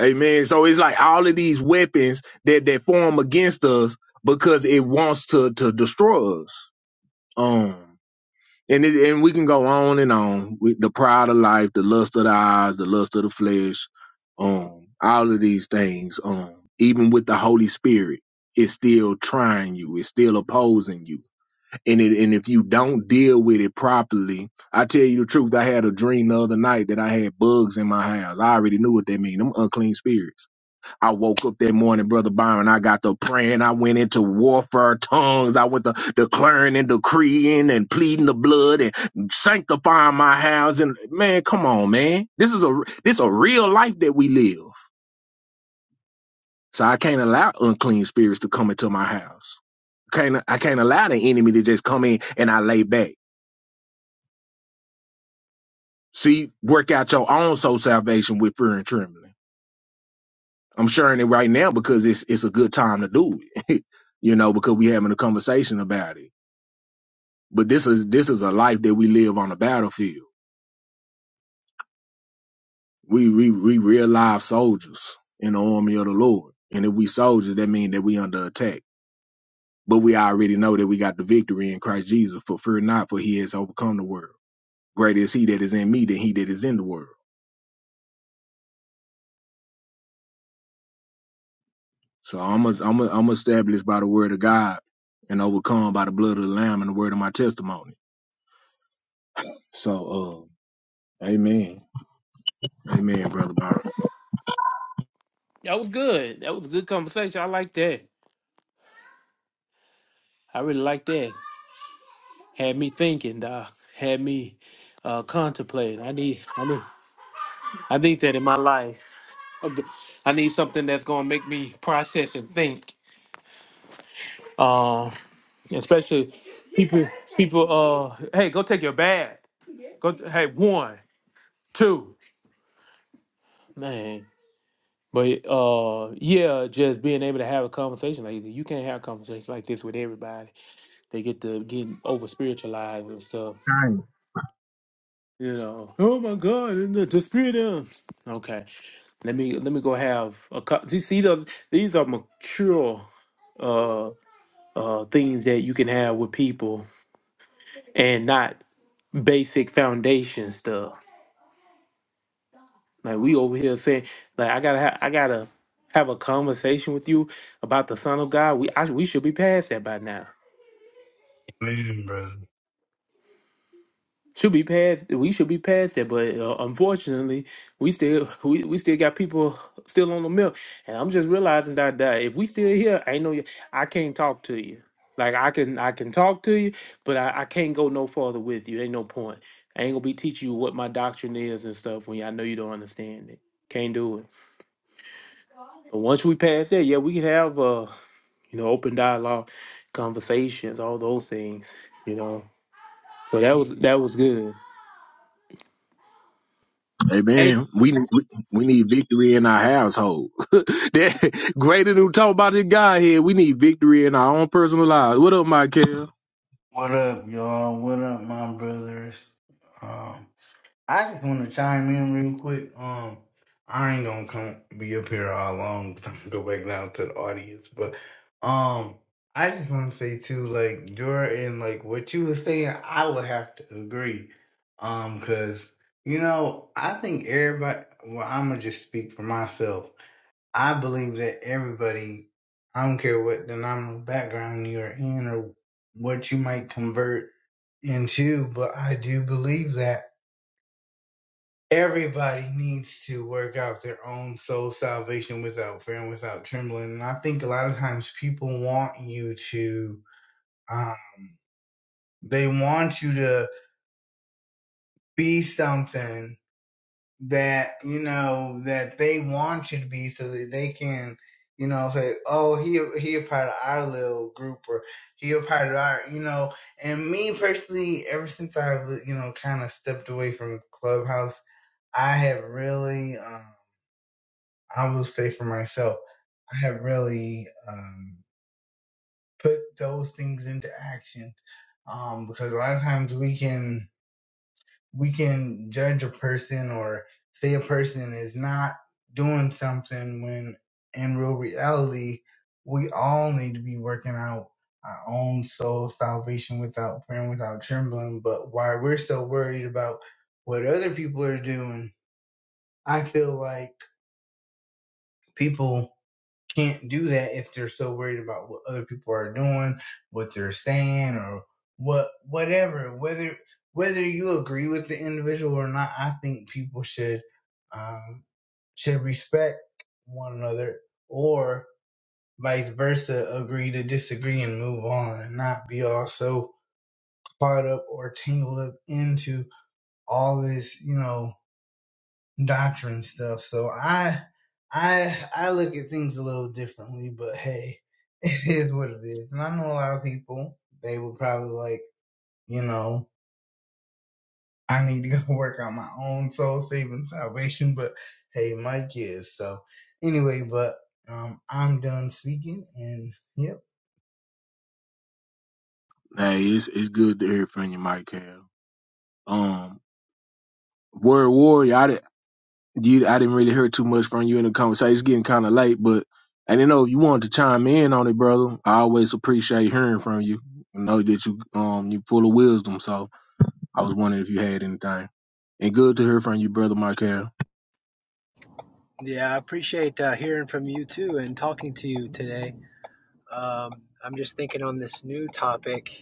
[SPEAKER 7] Amen. So it's like all of these weapons that that form against us because it wants to to destroy us. Um and it, and we can go on and on with the pride of life, the lust of the eyes, the lust of the flesh, um, all of these things. Um, even with the Holy Spirit, it's still trying you, it's still opposing you, and it, and if you don't deal with it properly, I tell you the truth. I had a dream the other night that I had bugs in my house. I already knew what that mean. Them unclean spirits. I woke up that morning, Brother Byron. I got to praying. I went into warfare tongues. I went to declaring and decreeing and pleading the blood and sanctifying my house. And man, come on, man. This is a this a real life that we live. So I can't allow unclean spirits to come into my house. Can't I can't allow the enemy to just come in and I lay back. See, work out your own soul salvation with fear and trembling. I'm sharing it right now because it's it's a good time to do it. you know, because we are having a conversation about it But this is this is a life that we live on the battlefield. We we we real live soldiers in the army of the Lord. And if we soldiers, that means that we under attack. But we already know that we got the victory in Christ Jesus. For fear not, for He has overcome the world. Greater is He that is in me than He that is in the world. So I'm a, I'm a, I'm established by the word of God and overcome by the blood of the Lamb and the word of my testimony. So uh, Amen, Amen, brother Byron.
[SPEAKER 1] That was good. That was a good conversation. I like that. I really like that. Had me thinking, dog. Had me uh contemplating. I need I need I need that in my life. I need something that's gonna make me process and think. Um, especially people, people. Uh, hey, go take your bath. Go. t- hey, one, two, man. But uh, yeah, just being able to have a conversation like this. you can't have conversations like this with everybody. They get to getting over spiritualized and stuff. You know. Oh my God! And the, the spirit. of-" Okay, let me let me go have a. co- See, see those, these are mature. uh, uh, things that you can have with people and not basic foundation stuff. Like we over here saying, like I gotta, ha- I gotta have a conversation with you about the Son of God. We, I, we should be past that by now.
[SPEAKER 14] Greetings, brother.
[SPEAKER 1] should be past. We should be past that, but uh, unfortunately, we still we, we still got people still on the milk, and I'm just realizing that that if we still here, I know you. I can't talk to you. Like I can I can talk to you, but I, I can't go no further with you. Ain't no point. I ain't gonna be teaching you what my doctrine is and stuff when I know you don't understand it. Can't do it. But once we pass that, yeah, we can have uh you know open dialogue, conversations, all those things. You know, so that was that was good.
[SPEAKER 7] Amen. We we we need victory in our household. that greater than we talk about this guy here. We need victory in our own personal lives. What up, Michael?
[SPEAKER 14] What up, y'all? What up, my brothers? Um, I just want to chime in real quick. Um, I ain't gonna come be up here all long. i am gonna go back down to the audience, but um, I just want to say too, like Jordan, like what you were saying, I would have to agree. Um, cause you know, I think everybody. Well, I'm gonna just speak for myself. I believe that everybody, I don't care what denominational background you're in or what you might convert into, but I do believe that everybody needs to work out their own soul salvation without fear and without trembling. And I think a lot of times people want you to, uh, they want you to be something that you know that they want you to be so that they can you know say oh he he a part of our little group or he a part of our you know and me personally ever since i've you know kind of stepped away from clubhouse i have really um i will say for myself i have really um put those things into action um because a lot of times we can we can judge a person or say a person is not doing something when in real reality we all need to be working out our own soul salvation without fear and without trembling but why we're so worried about what other people are doing i feel like people can't do that if they're so worried about what other people are doing, what they're saying, or what whatever. Whether whether you agree with the individual or not, I think people should um, should respect one another, or vice versa, agree to disagree and move on, and not be all so caught up or tangled up into all this, you know doctrine stuff. So I I I look at things a little differently, but hey, it is what it is. And I know a lot of people they would probably like, you know, I need to go work on my own soul saving salvation, but hey, my kids. So anyway, but um I'm done speaking and yeah.
[SPEAKER 7] Hey, it's it's good to hear from you, Michael. Um, word warrior. I didn't you, I didn't really hear too much from you in the conversation. It's getting kind of late, but I didn't know if you wanted to chime in on it, brother. I always appreciate hearing from you. I know that you um you full of wisdom, so I was wondering if you had anything. And good to hear from you, brother Michael.
[SPEAKER 12] Yeah, I appreciate uh, hearing from you too and talking to you today. Um, I'm just thinking on this new topic.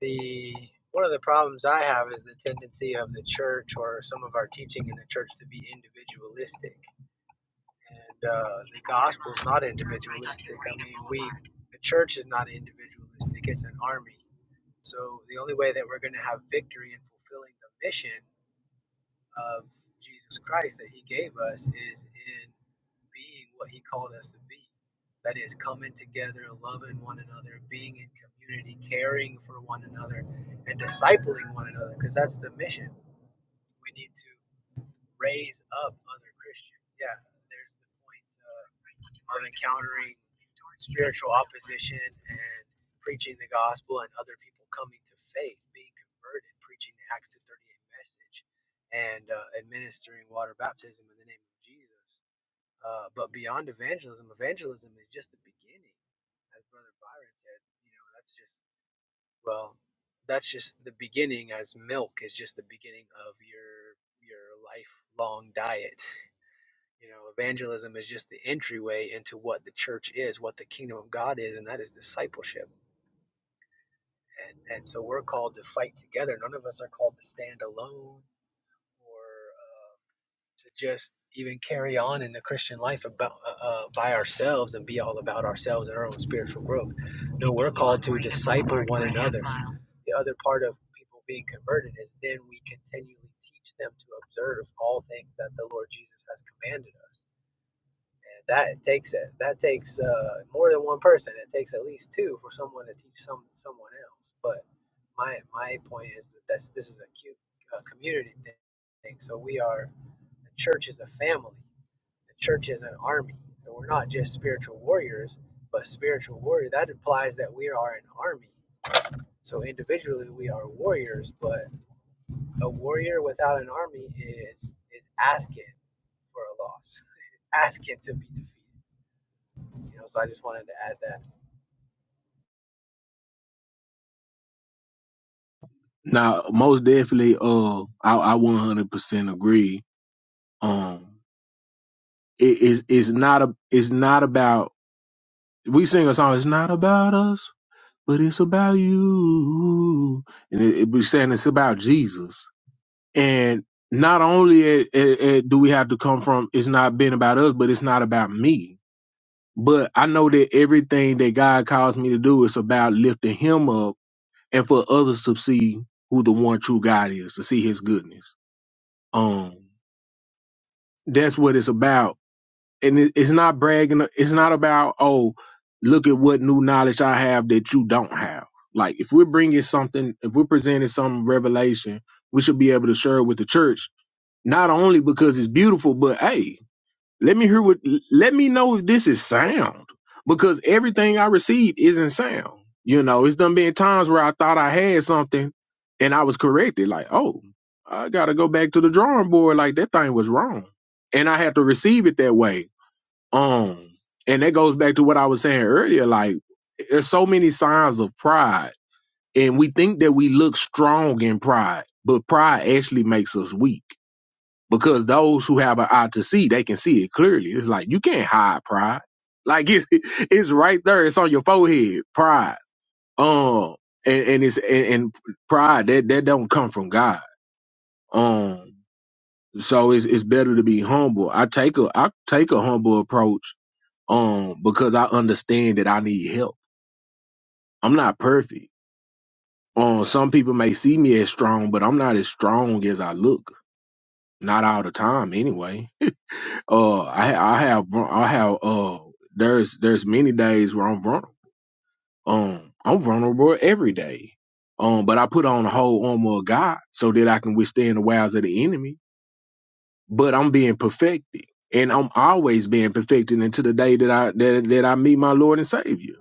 [SPEAKER 12] The one of the problems I have is the tendency of the church or some of our teaching in the church to be individualistic, and uh, the gospel is not individualistic. I mean, we the church is not individualistic; it's an army. So the only way that we're going to have victory in fulfilling the mission of Jesus Christ that he gave us is in being what he called us to be. That is coming together, loving one another, being in community, caring for one another, and discipling one another, because that's the mission. We need to raise up other Christians. Yeah, there's the point of encountering spiritual opposition and preaching the gospel and other people coming to faith, being converted, preaching the Acts 238 message, and uh, administering water baptism in the name of Jesus. Uh, but beyond evangelism, evangelism is just the beginning, as Brother Byron said. You know, that's just well, that's just the beginning. As milk is just the beginning of your your lifelong diet. You know, evangelism is just the entryway into what the church is, what the kingdom of God is, and that is discipleship. And, and so we're called to fight together. None of us are called to stand alone or um, to just even carry on in the Christian life about uh, uh, by ourselves and be all about ourselves and our own spiritual growth. No, we're called to disciple one another. The other part of people being converted is then we continually teach them to observe all things that the Lord Jesus has commanded us that takes it. That takes uh, more than one person. It takes at least two for someone to teach some someone else. But my my point is that that's, this is a cute uh, community thing. So we are the church is a family. The church is an army. So we're not just spiritual warriors, but spiritual warrior. That implies that we are an army. So individually we are warriors, but a warrior without an army is is asking for a loss. It's asking to be defeated. You know, so I just wanted to add that.
[SPEAKER 7] Now, most definitely, uh, I, I 100% agree. Um, it is it's not a it's not about we sing a song. It's not about us, but it's about you. And it, it, we're saying it's about Jesus. And not only it, it, it do we have to come from it's not been about us, but it's not about me. But I know that everything that God calls me to do is about lifting Him up and for others to see who the one true God is, to see His goodness. Um That's what it's about. And it, it's not bragging. It's not about, oh, look at what new knowledge I have that you don't have. Like, if we're bringing something, if we're presenting some revelation, we should be able to share it with the church, not only because it's beautiful, but hey, let me hear what. Let me know if this is sound because everything I received isn't sound. You know, it's done been times where I thought I had something and I was corrected. Like, oh, I gotta go back to the drawing board. Like that thing was wrong, and I had to receive it that way. Um, and that goes back to what I was saying earlier. Like, there's so many signs of pride, and we think that we look strong in pride, but pride actually makes us weak because those who have an eye to see, they can see it clearly. It's like you can't hide pride. Like it's it's right there. It's on your forehead. Pride. Um, and, and it's and, and pride that that don't come from God. Um, so it's it's better to be humble. I take a I take a humble approach. Um, because I understand that I need help. I'm not perfect. Um, some people may see me as strong, but I'm not as strong as I look. Not all the time, anyway Uh, I ha- I have vul- I have uh there's there's many days where I'm vulnerable. Um, I'm vulnerable every day. Um, but I put on the whole armor of God so that I can withstand the wiles of the enemy. But I'm being perfected, and I'm always being perfected until the day that I that that I meet my Lord and Savior.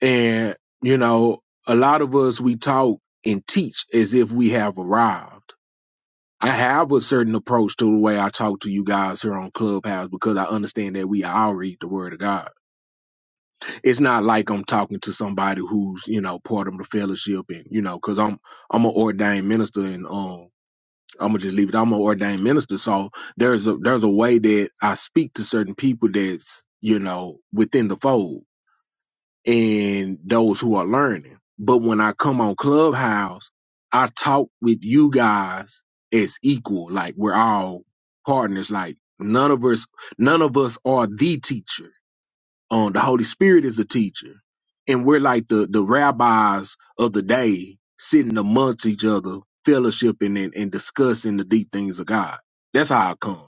[SPEAKER 7] And you know, a lot of us we talk and teach as if we have arrived I have a certain approach to the way I talk to you guys here on Clubhouse because I understand that we all read the Word of God. It's not like I'm talking to somebody who's you know part of the fellowship and you know because I'm I'm an ordained minister and um I'm gonna just leave it. I'm an ordained minister, so there's a there's a way that I speak to certain people that's you know within the fold and those who are learning. But when I come on Clubhouse, I talk with you guys as equal. Like we're all partners. Like none of us, none of us are the teacher. Um, the Holy Spirit is the teacher, and we're like the the rabbis of the day, sitting amongst each other, fellowshipping and, and discussing the deep things of God. That's how I come.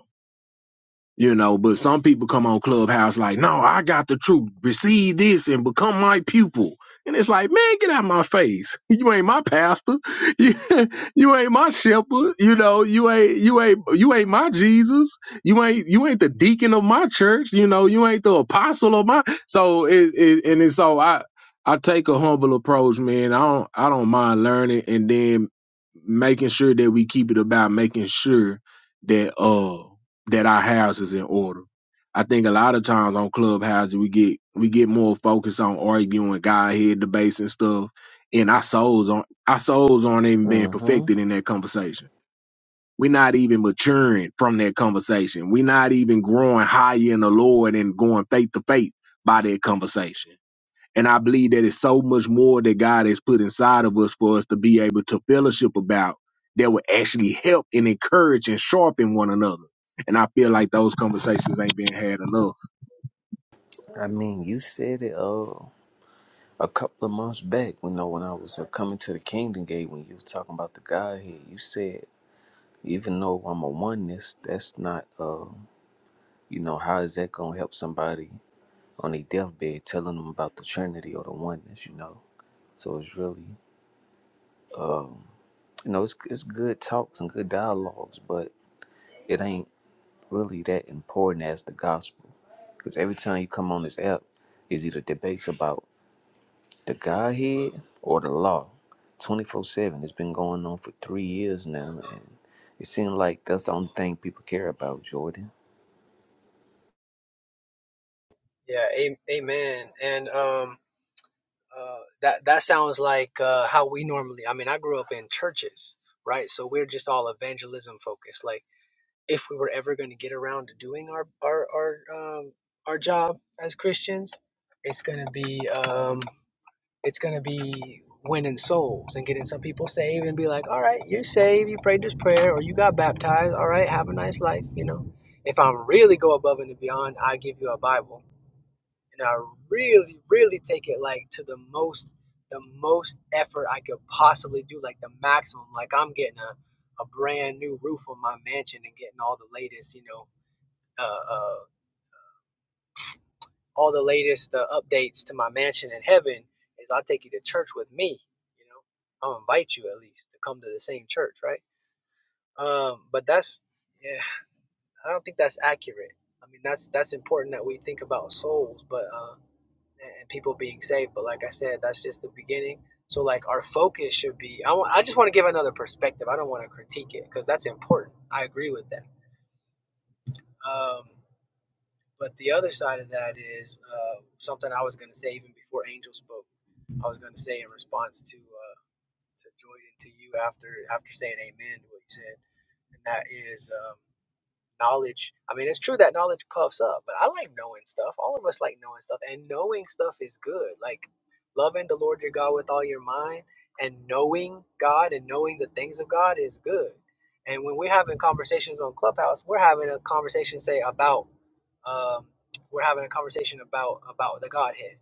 [SPEAKER 7] You know, but some people come on Clubhouse like, no, I got the truth. Receive this and become my pupil. And it's like, man, get out of my face. You ain't my pastor. You, you ain't my shepherd. You know, you ain't you ain't you ain't my Jesus. You ain't you ain't the deacon of my church. You know, you ain't the apostle of my so it, it and it's so I I take a humble approach, man. I don't I don't mind learning and then making sure that we keep it about making sure that uh that our house is in order. I think a lot of times on clubhouses we get we get more focused on arguing Godhead debates and stuff, and our souls aren't our souls aren't even being
[SPEAKER 10] Mm-hmm.
[SPEAKER 7] perfected in that conversation. We're not even maturing from that conversation. We're not even growing higher in the Lord and going faith to faith by that conversation and I believe that it's so much more that God has put inside of us for us to be able to fellowship about that will actually help and encourage and sharpen one another. And I feel like those conversations ain't being had enough.
[SPEAKER 10] I mean, you said it uh, a couple of months back, you know, when I was uh, coming to the Kingdom Gate, when you was talking about the guy here, you said Even though I'm a oneness, that's not, uh, you know, how is that going to help somebody on their deathbed telling them about the Trinity or the oneness, you know? So it's really, you know, it's, it's good talks and good dialogues, but it ain't really that important as the gospel. Because every time you come on this app, it's either debates about the Godhead or the law. 24 7. It's been going on for three years now, and it seems like that's the only thing people care about, Jordan.
[SPEAKER 12] Yeah, a- amen. And um, uh, that that sounds like uh, how we normally. I mean, I grew up in churches, right? So we're just all evangelism focused. Like, if we were ever going to get around to doing our our our um, our job as Christians, it's gonna be um, it's gonna be winning souls and getting some people saved and be like, all right, you're saved, you prayed this prayer, or you got baptized. All right, have a nice life, you know. If I'm really go above and beyond, I give you a Bible and I really, really take it like to the most, the most effort I could possibly do, like the maximum. Like I'm getting a, a brand new roof on my mansion and getting all the latest, you know, uh, uh, all the latest uh, updates to my mansion in heaven. Is I'll take you to church with me, you know. I'll invite you at least to come to the same church, right? Um, but that's, yeah, I don't think that's accurate. I mean, that's that's important that we think about souls, but. Uh, and people being saved. But like I said, that's just the beginning. So like our focus should be. I want, I just want to give another perspective. I don't want to critique it because that's important. I agree with that. Um, but the other side of that is uh, something I was going to say even before Angel spoke. I was going to say in response to uh, to Jordan to you after after saying Amen to what you said, and that is. Um, knowledge. I mean, it's true that knowledge puffs up, but I like knowing stuff. All of us like knowing stuff, and knowing stuff is good. Like loving the Lord your God with all your mind and knowing God and knowing the things of God is good. And when we're having conversations on Clubhouse, we're having a conversation, say, about um, we're having a conversation about about the Godhead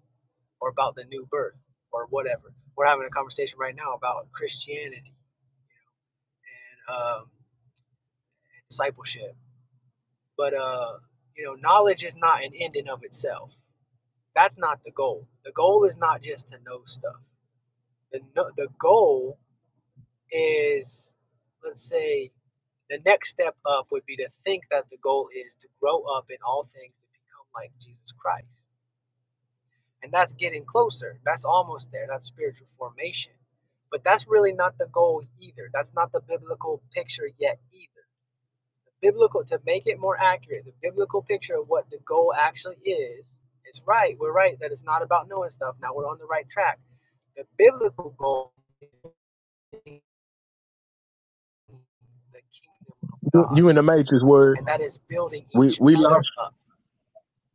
[SPEAKER 12] or about the new birth or whatever. We're having a conversation right now about Christianity and um, discipleship But uh, you know, knowledge is not an end in of itself. That's not the goal. The goal is not just to know stuff. The no, the goal is, let's say, the next step up would be to think that the goal is to grow up in all things to become like Jesus Christ. And that's getting closer. That's almost there. That's spiritual formation. But that's really not the goal either. That's not the biblical picture yet either biblical to make it more accurate, the biblical picture of what the goal actually is. It's right. We're right that it's not about knowing stuff. Now we're on the right track. The biblical goal is building the kingdom of
[SPEAKER 7] You,
[SPEAKER 12] God,
[SPEAKER 7] you in the matrix word.
[SPEAKER 12] and that is building
[SPEAKER 7] We
[SPEAKER 12] each
[SPEAKER 7] we
[SPEAKER 12] other
[SPEAKER 7] lost.
[SPEAKER 12] up.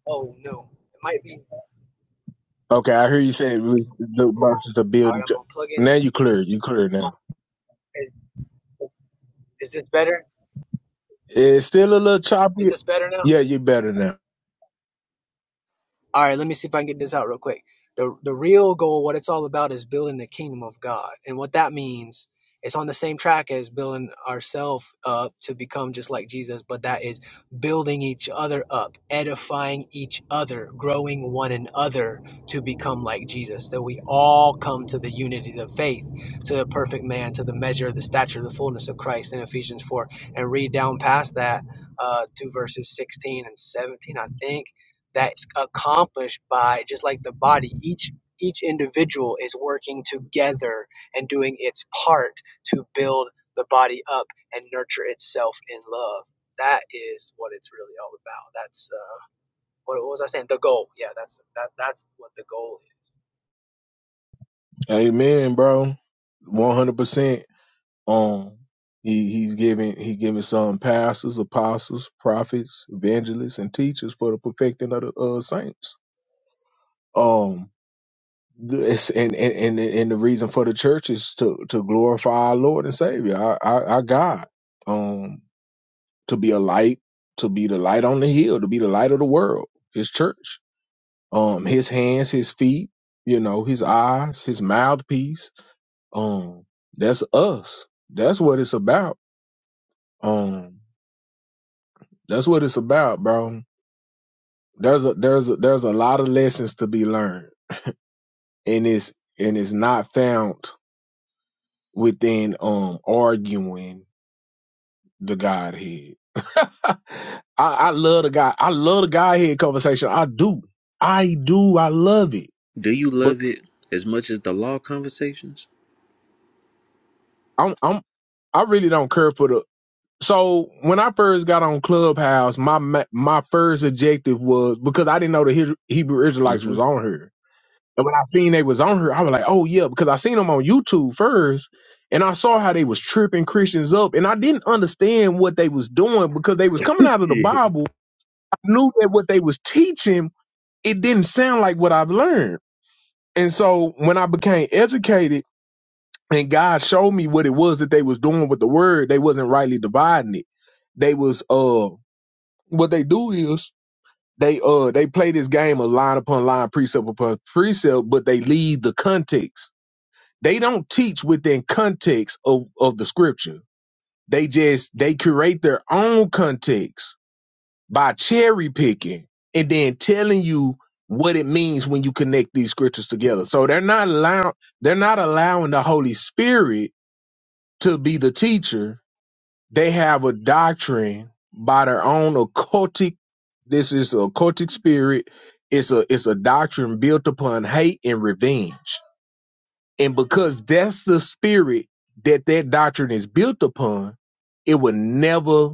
[SPEAKER 12] Oh no, it might be.
[SPEAKER 7] Okay, we
[SPEAKER 12] All
[SPEAKER 7] did.
[SPEAKER 12] right, I'm gonna plug in this. Is, is this better?
[SPEAKER 7] It's still a little
[SPEAKER 12] Is
[SPEAKER 7] choppy.
[SPEAKER 12] this better now?
[SPEAKER 7] Yeah, you better now.
[SPEAKER 12] All right, let me see if I can get this out real quick. The the real goal, what it's all about, is building the kingdom of God, and what that means, it's on the same track as building ourselves up to become just like Jesus, but that is building each other up, edifying each other, growing one another to become like Jesus. That we all come to the unity of faith, to the perfect man, to the measure, the stature, the fullness of Christ in Ephesians four, and read down past that uh, to verses sixteen and seventeen, I think that's accomplished by just like the body each each individual is working together and doing its part to build the body up and nurture itself in love that is what it's really all about that's uh, what, what was i saying the goal yeah that's that, that's what the goal is
[SPEAKER 7] Amen, bro. One hundred percent. Um, he he's giving he giving some pastors, apostles, prophets, evangelists, and teachers for the perfecting of the uh, saints. Um, this and, and and and the reason for the church is to to glorify our Lord and Savior, our our, our God. Um, to be a light, to be the light on the hill, to be the light of the world. His church. um his hands his feet you know his eyes his mouthpiece um that's us that's what it's about um that's what it's about bro there's a there's a there's a lot of lessons to be learned and it's and it's not found within um arguing the godhead I, I love the guy i love the godhead conversation i do i do i love it
[SPEAKER 10] Do you
[SPEAKER 7] but
[SPEAKER 10] love it as much as the law conversations?
[SPEAKER 7] i'm i'm I really don't care for the So when I first got on Clubhouse, my ma- my first objective was because I didn't know the His- Hebrew Israelites
[SPEAKER 10] Mm-hmm.
[SPEAKER 7] was on here, and when I seen they was on here, I was like, oh yeah, because I seen them on YouTube first, and I saw how they was tripping Christians up, and I didn't understand what they was doing because they was coming out of the
[SPEAKER 10] Yeah.
[SPEAKER 7] Bible. I knew that what they was teaching it didn't sound like what I've learned, and so when I became educated and God showed me what it was that they was doing with the word, they wasn't rightly dividing it. They was uh what they do is they uh they play this game of line upon line, precept upon precept, but they leave the context. They don't teach within context of, of the scripture. They just they curate their own context by cherry picking and then telling you what it means when you connect these scriptures together. So they're not allow they're not allowing the Holy Spirit to be the teacher they have a doctrine by their own occultic. This is occultic spirit. It's a it's a doctrine built upon hate and revenge. And because that's the spirit that that doctrine is built upon, it would never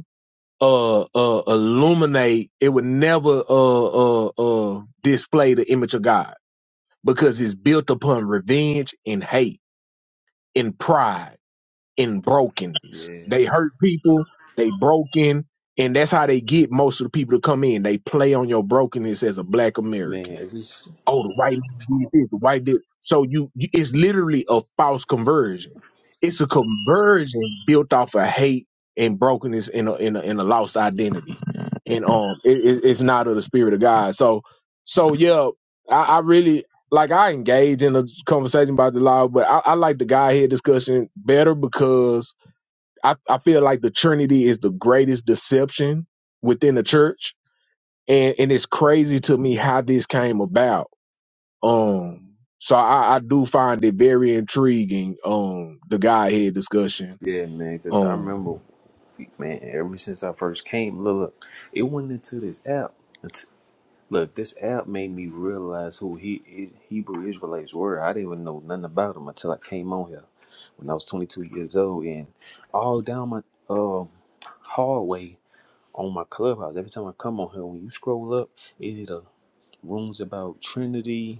[SPEAKER 7] uh, uh, illuminate. It would never uh, uh, uh, display the image of God because it's built upon revenge and hate and pride in brokenness.
[SPEAKER 10] Yeah,
[SPEAKER 7] They hurt people, they broken, and that's how they get most of the people to come in. They play on your brokenness as a black American
[SPEAKER 10] man. Every
[SPEAKER 7] oh, the white man did this, the white did. So you, you, it's literally a false conversion. It's a conversion built off of hate and brokenness in a in a, in a lost identity, and um, it, it, it's not of the spirit of God. So, so yeah, I, I really like I engage in a conversation about the law, but I, I like the guy here discussion better because I, I feel like the Trinity is the greatest deception within the church, and and it's crazy to me how this came about um, so I, I do find it very intriguing. Um, the Godhead discussion.
[SPEAKER 10] yeah, man. Cause I
[SPEAKER 7] Um,
[SPEAKER 10] remember, man. Ever since I first came, look, look it went into this app. It's- Look, this app made me realize who he is, Hebrew Israelites were. I didn't even know nothing about them until I came on here when I was 22 years old, and all down my um hallway on my clubhouse. Every time I come on here, when you scroll up, is it a rooms about Trinity?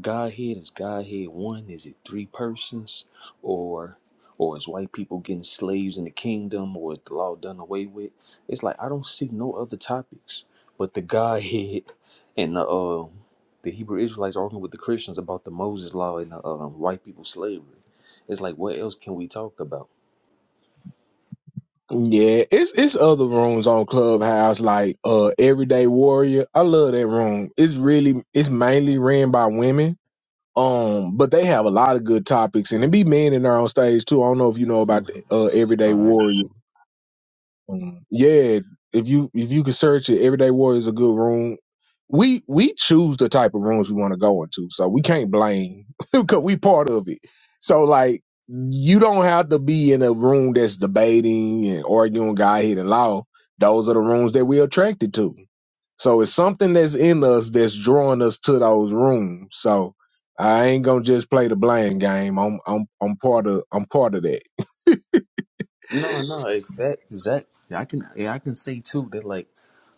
[SPEAKER 10] Godhead is Godhead one? Is it three persons, or or is white people getting slaves in the kingdom, or is the law done away with? It's like I don't see no other topics but the Godhead and the um the Hebrew Israelites arguing with the Christians about the Moses law and the um, white people slavery. It's like what else can we talk about?
[SPEAKER 7] yeah, it's it's other rooms on Clubhouse like uh Everyday Warrior. I love that room. It's really it's mainly ran by women. Um, but they have a lot of good topics, and it be men in there on stage too. I don't know if you know about the,
[SPEAKER 10] Mhm.
[SPEAKER 7] uh Everyday
[SPEAKER 10] All right.
[SPEAKER 7] Warrior. Mm. Yeah, if you if you could search it, Everyday Warrior is a good room. We we choose the type of rooms we want to go into, so we can't blame because we part of it. So like, you don't have to be in a room that's debating and arguing God hidden law. Those are the rooms that we're attracted to. So it's something that's in us that's drawing us to those rooms. So I ain't gonna just play the blame game. I'm I'm I'm part of I'm part of that.
[SPEAKER 10] No, no, exact, exact. Yeah, I can, yeah, I can say too that like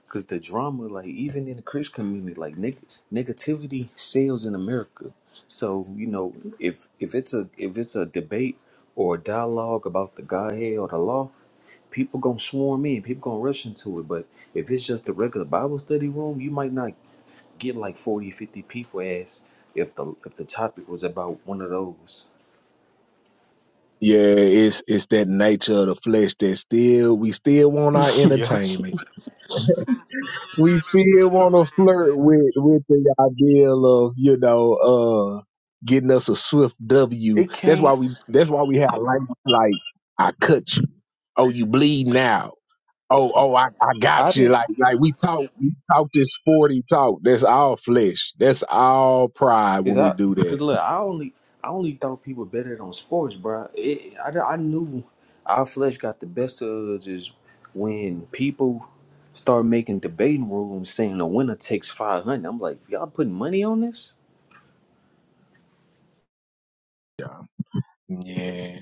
[SPEAKER 10] Cause the drama, like even in the Christian community, like neg- negativity sells in America. So you know, if if it's a if it's a debate or a dialogue about the Godhead or the law, people gonna swarm in, people gonna rush into it. But if it's just a regular Bible study room, you might not get like 40, 50 people as if the if the topic was about one of those.
[SPEAKER 7] Yeah, it's it's that nature of the flesh that still we still want our
[SPEAKER 10] yeah.
[SPEAKER 7] entertainment. We still want to flirt with with the ideal of you know uh getting us a swift W.
[SPEAKER 10] It
[SPEAKER 7] That's why
[SPEAKER 10] can't.
[SPEAKER 7] we that's why we have language like I cut you. Oh, you bleed now. Oh, oh, I, I
[SPEAKER 10] I
[SPEAKER 7] got you.
[SPEAKER 10] didn't.
[SPEAKER 7] Like, like we talk, we talk this sporty talk. That's all flesh. That's all pride
[SPEAKER 10] Is
[SPEAKER 7] when we
[SPEAKER 10] I?
[SPEAKER 7] do
[SPEAKER 10] Cause
[SPEAKER 7] that.
[SPEAKER 10] look, I only I only thought people betted on sports, bro. It, I I knew our flesh got the best of us is when people start making debating rooms saying the winner takes five hundred. I'm like, y'all putting money on this?
[SPEAKER 7] Yeah. Yeah.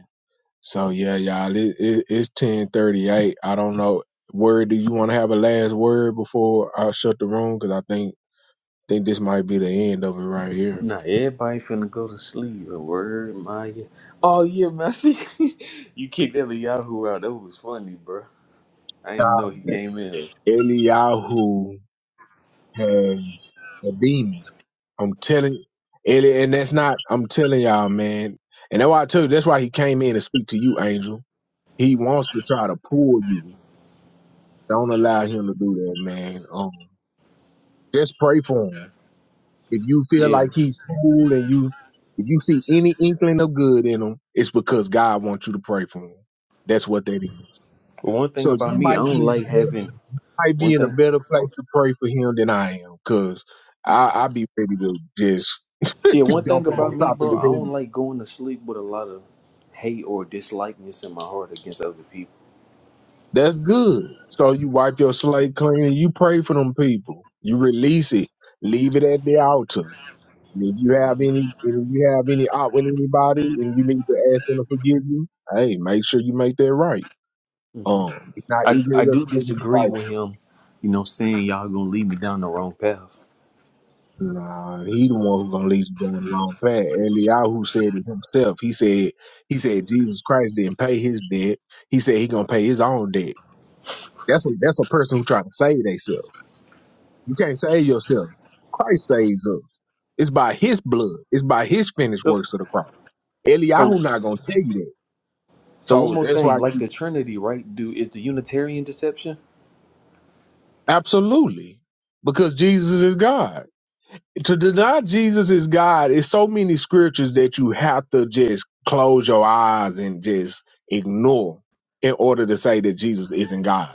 [SPEAKER 7] So yeah, y'all, it, it, it's ten thirty eight. I don't know. Word, do you want to have a last word before I shut the room? Because I think think this might be the end of it right here.
[SPEAKER 10] Nah, everybody finna go to sleep. A word, my oh yeah, Messi. you kicked Eliyahu out. That was funny, bro. I didn't know he came in.
[SPEAKER 7] Eliyahu has a demon. I'm telling Eli, and that's not. I'm telling y'all, man. And that's why I tell you. That's why he came in to speak to you, Angel. He wants to try to pull you. Don't allow him to do that, man. Um, just pray for him. If you feel
[SPEAKER 10] Yeah.
[SPEAKER 7] like he's cool and you if you see any inkling of good in him, it's because God wants you to pray for him. That's what that is.
[SPEAKER 10] But one thing
[SPEAKER 7] So
[SPEAKER 10] about
[SPEAKER 7] you
[SPEAKER 10] me, I
[SPEAKER 7] might
[SPEAKER 10] don't
[SPEAKER 7] be in
[SPEAKER 10] like
[SPEAKER 7] a better,
[SPEAKER 10] having
[SPEAKER 7] might be
[SPEAKER 10] one
[SPEAKER 7] in a
[SPEAKER 10] thing.
[SPEAKER 7] better place to pray for him than I am, cause I I be ready to just
[SPEAKER 10] Yeah, one thing
[SPEAKER 7] dump him
[SPEAKER 10] about
[SPEAKER 7] on
[SPEAKER 10] me,
[SPEAKER 7] top of
[SPEAKER 10] bro,
[SPEAKER 7] his
[SPEAKER 10] I don't
[SPEAKER 7] head.
[SPEAKER 10] like going to sleep with a lot of hate or dislikeness in my heart against other people.
[SPEAKER 7] That's good. So you wipe your slate clean and you pray for them people. You release it. Leave it at the altar. And if you have any, and if you have any out with anybody, and you need to ask them to forgive you, hey, make sure you make that right.
[SPEAKER 10] hmm
[SPEAKER 7] Um, it's not
[SPEAKER 10] I
[SPEAKER 7] eager
[SPEAKER 10] I
[SPEAKER 7] at us
[SPEAKER 10] do
[SPEAKER 7] to take his
[SPEAKER 10] disagree with
[SPEAKER 7] devices.
[SPEAKER 10] him, you know, saying y'all gonna lead me down the wrong path.
[SPEAKER 7] Nah, he the one who's gonna lead you down the wrong path. Eliyahu said it himself. He said, he said Jesus Christ didn't pay his debt. He said he gonna pay his own debt. That's a, that's a person who trying to save themselves. You can't save yourself. Christ saves us. It's by His blood. It's by His finished
[SPEAKER 10] So
[SPEAKER 7] works of the cross.
[SPEAKER 10] so,
[SPEAKER 7] Eliyahu not gonna tell you that.
[SPEAKER 10] so one
[SPEAKER 7] So
[SPEAKER 10] more
[SPEAKER 7] that's
[SPEAKER 10] thing,
[SPEAKER 7] why.
[SPEAKER 10] like the Trinity, right? Do is the Unitarian deception?
[SPEAKER 7] Absolutely. Because Jesus is God. To deny Jesus is God is so many scriptures that you have to just close your eyes and just ignore in order to say that Jesus isn't God.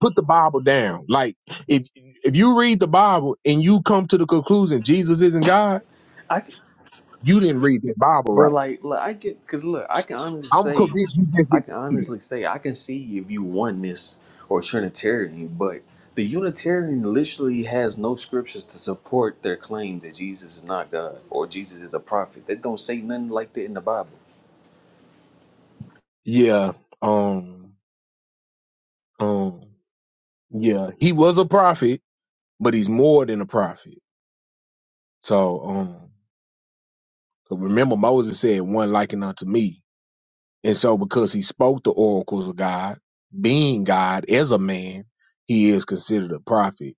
[SPEAKER 7] Put the Bible down. Like if if you read the Bible and you come to the conclusion Jesus isn't God,
[SPEAKER 10] I
[SPEAKER 7] you didn't read the Bible
[SPEAKER 10] Bro,
[SPEAKER 7] right.
[SPEAKER 10] like, look, I get, cause look, I can
[SPEAKER 7] I'm
[SPEAKER 10] honestly say,
[SPEAKER 7] convinced you just
[SPEAKER 10] I
[SPEAKER 7] didn't
[SPEAKER 10] can
[SPEAKER 7] read it.
[SPEAKER 10] honestly say, I can see if you oneness or Trinitarian, but the Unitarian literally has no scriptures to support their claim that Jesus is not God or Jesus is a prophet. They don't say nothing like that in the Bible.
[SPEAKER 7] Yeah. Um um yeah. He was a prophet, but he's more than a prophet. So um Because remember, Moses said, One likened unto me. And so, because he spoke the oracles of God, being God as a man, he is considered a prophet.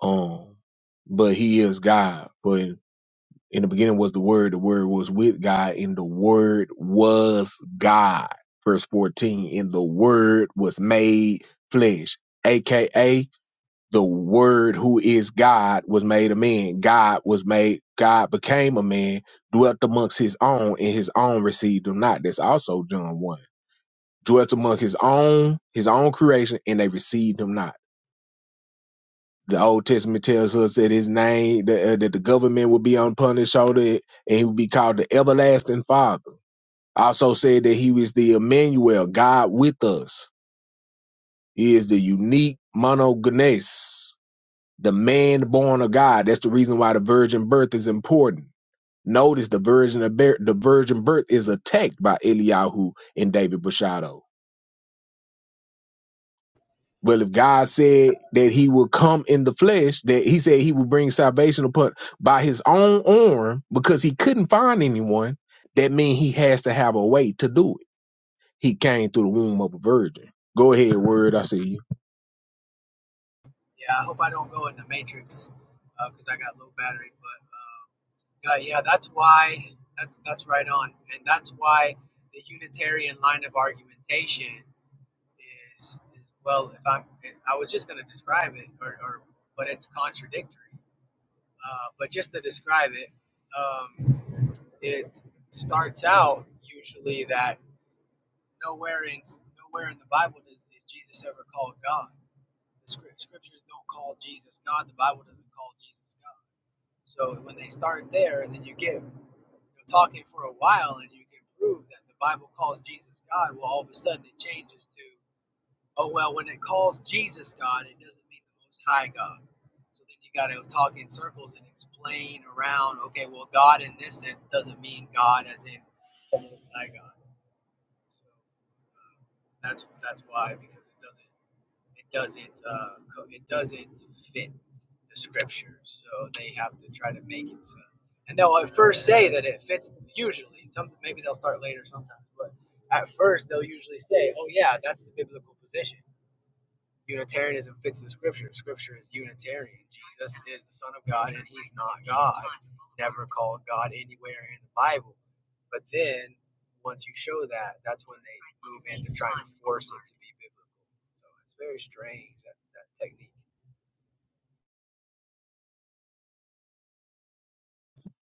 [SPEAKER 7] Um, but he is God. For in, in the beginning was the Word, the Word was with God, and the Word was God. Verse 14, and the Word was made flesh, aka the word who is God was made a man. God was made, God became a man, dwelt amongst his own, and his own received him not. That's also John 1. Dwelt among his own, his own creation, and they received him not. The Old Testament tells us that his name, that, uh, that the government would be upon his shoulder, and he would be called the everlasting father. Also said that he was the Emmanuel, God with us. He is the unique monogenes. the man born of God. That's the reason why the virgin birth is important. Notice the virgin of bear, the virgin birth is attacked by Eliyahu and David Bushado. Well, if God said that He would come in the flesh, that He said He would bring salvation upon by His own arm, because He couldn't find anyone, that means He has to have a way to do it. He came through the womb of a virgin. Go ahead, word. I see you.
[SPEAKER 12] yeah i hope i don't go in the matrix because i got low battery but uh, yeah yeah, that's why that's that's right on and that's why the unitarian line of argumentation is is well if i'm i was just going to describe it or, or but it's contradictory uh, but just to describe it um, it starts out usually that nowhere in nowhere in the bible does is jesus ever called god the scrip- scriptures don't call jesus god the bible doesn't call jesus god so when they start there and then you get talking for a while and you can prove that the bible calls jesus god well all of a sudden it changes to. Oh well, when it calls Jesus God, it doesn't mean the Most High God. So then you got to talk in circles and explain around. Okay, well, God in this sense doesn't mean God as in the Most High God. So uh, that's that's why because it doesn't it doesn't uh, co- it doesn't fit the scriptures. So they have to try to make it fit. And they'll at first say that it fits usually. Some maybe they'll start later sometimes, but at first they'll usually say, "Oh yeah, that's the biblical position." Unitarianism fits the scripture. Scripture is Unitarian. Jesus is the Son of God and he's not God. Never called God anywhere in the Bible. But then once you show that, that's when they move in to trying to force it to be biblical. So it's very strange that, that technique.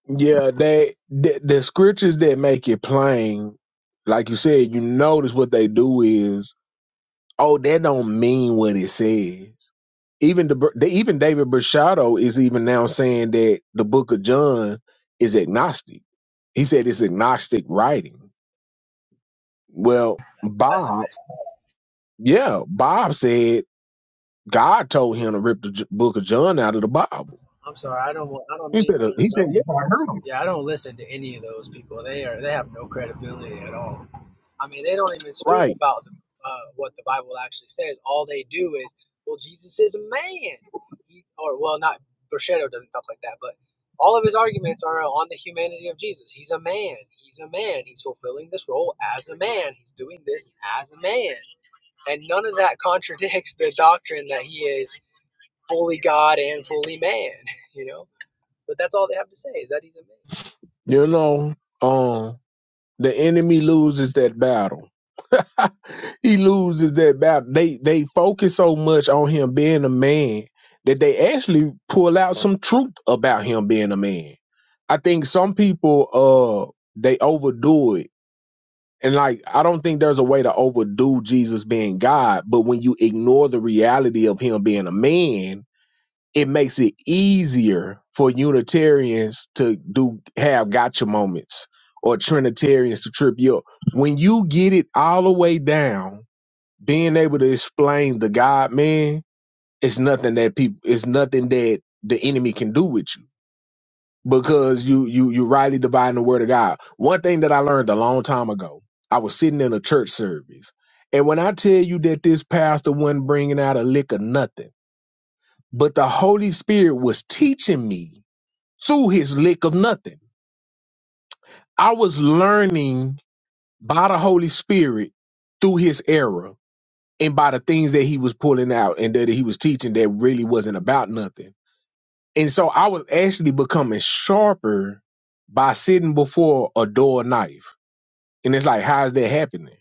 [SPEAKER 7] Yeah, they the, the scriptures that make it plain, like you said, you notice what they do is, oh, that don't mean what it says. Even the, the even David Brashado is even now saying that the Book of John is agnostic. He said it's agnostic writing. Well,
[SPEAKER 12] That's a
[SPEAKER 7] Bob,
[SPEAKER 12] mess.
[SPEAKER 7] yeah, Bob said God told him to rip the J- Book of John out of the Bible.
[SPEAKER 12] I'm sorry, I don't want, I don't
[SPEAKER 7] He
[SPEAKER 12] mean to
[SPEAKER 7] said uh,
[SPEAKER 12] interrupt
[SPEAKER 7] he said yeah,
[SPEAKER 12] you,
[SPEAKER 7] I heard him
[SPEAKER 12] yeah, I don't listen to any of those people. They are they have no credibility at all. I mean, they don't even speak
[SPEAKER 7] right.
[SPEAKER 12] about the, uh, what the Bible actually says. All they do is, well, Jesus is a man. He, or, well, not, Bruschetto doesn't talk like that, but all of his arguments are on the humanity of Jesus. He's a man. He's a man. He's fulfilling this role as a man. He's doing this as a man. And none of that contradicts the doctrine that he is fully God and fully man, you know? But that's all they have to say is that he's a man.
[SPEAKER 7] You know, um, The enemy loses that battle. he loses that battle. They they focus so much on him being a man that they actually pull out some truth about him being a man. I think some people uh they overdo it. And like I don't think there's a way to overdo Jesus being God, but when you ignore the reality of him being a man, it makes it easier for Unitarians to do have gotcha moments or Trinitarians to trip you up. When you get it all the way down, being able to explain the God man is nothing that people it's nothing that the enemy can do with you because you you you rightly dividing the word of God. One thing that I learned a long time ago, I was sitting in a church service, and when I tell you that this pastor wasn't bringing out a lick of nothing, but the Holy Spirit was teaching me through his lick of nothing. I was learning by the Holy Spirit through his error and by the things that he was pulling out and that he was teaching that really wasn't about nothing. And so I was actually becoming sharper by sitting before a door knife. And it's like, how is that happening?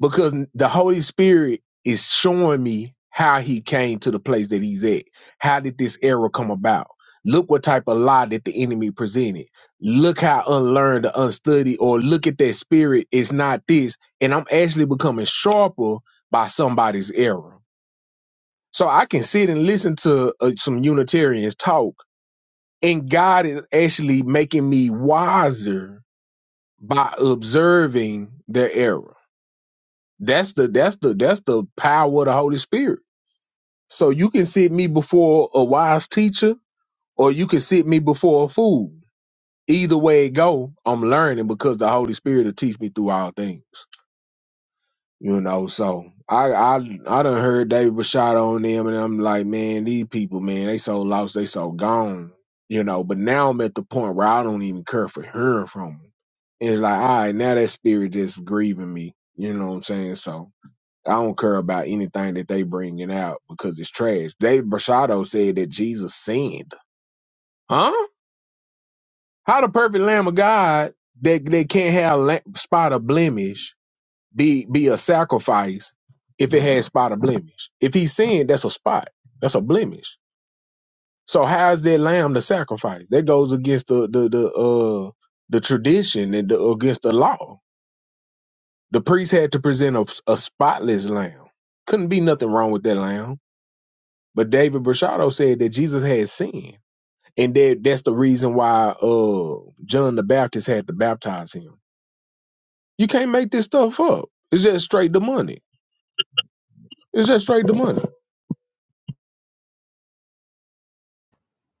[SPEAKER 7] because the Holy Spirit is showing me how he came to the place that he's at. How did this error come about? Look what type of lie that the enemy presented. Look how unlearned or unstudied, or look at that spirit. It's not this. And I'm actually becoming sharper by somebody's error. So I can sit and listen to uh, some Unitarians talk, and God is actually making me wiser by observing their error. That's the that's the that's the power of the Holy Spirit. So you can sit me before a wise teacher, or you can sit me before a fool. Either way it go, I'm learning because the Holy Spirit will teach me through all things. You know, so I I I done heard David Bashad on them, and I'm like, man, these people, man, they so lost, they so gone. You know, but now I'm at the point where I don't even care for hearing from them. And it's like, all right, now that spirit just grieving me. You know what I'm saying? So I don't care about anything that they bringing out because it's trash. Dave Brashado said that Jesus sinned. Huh? How the perfect Lamb of God that that can't have a la- spot of blemish be be a sacrifice if it has spot of blemish? If he sinned, that's a spot. That's a blemish. So how is that lamb the sacrifice? That goes against the the the uh the tradition and the, against the law. The priest had to present a, a spotless lamb. Couldn't be nothing wrong with that lamb But David Brashado said that Jesus had sinned, and that that's the reason why uh John the Baptist had to baptize him. You can't make this stuff up. It's just straight the money. It's just straight the money.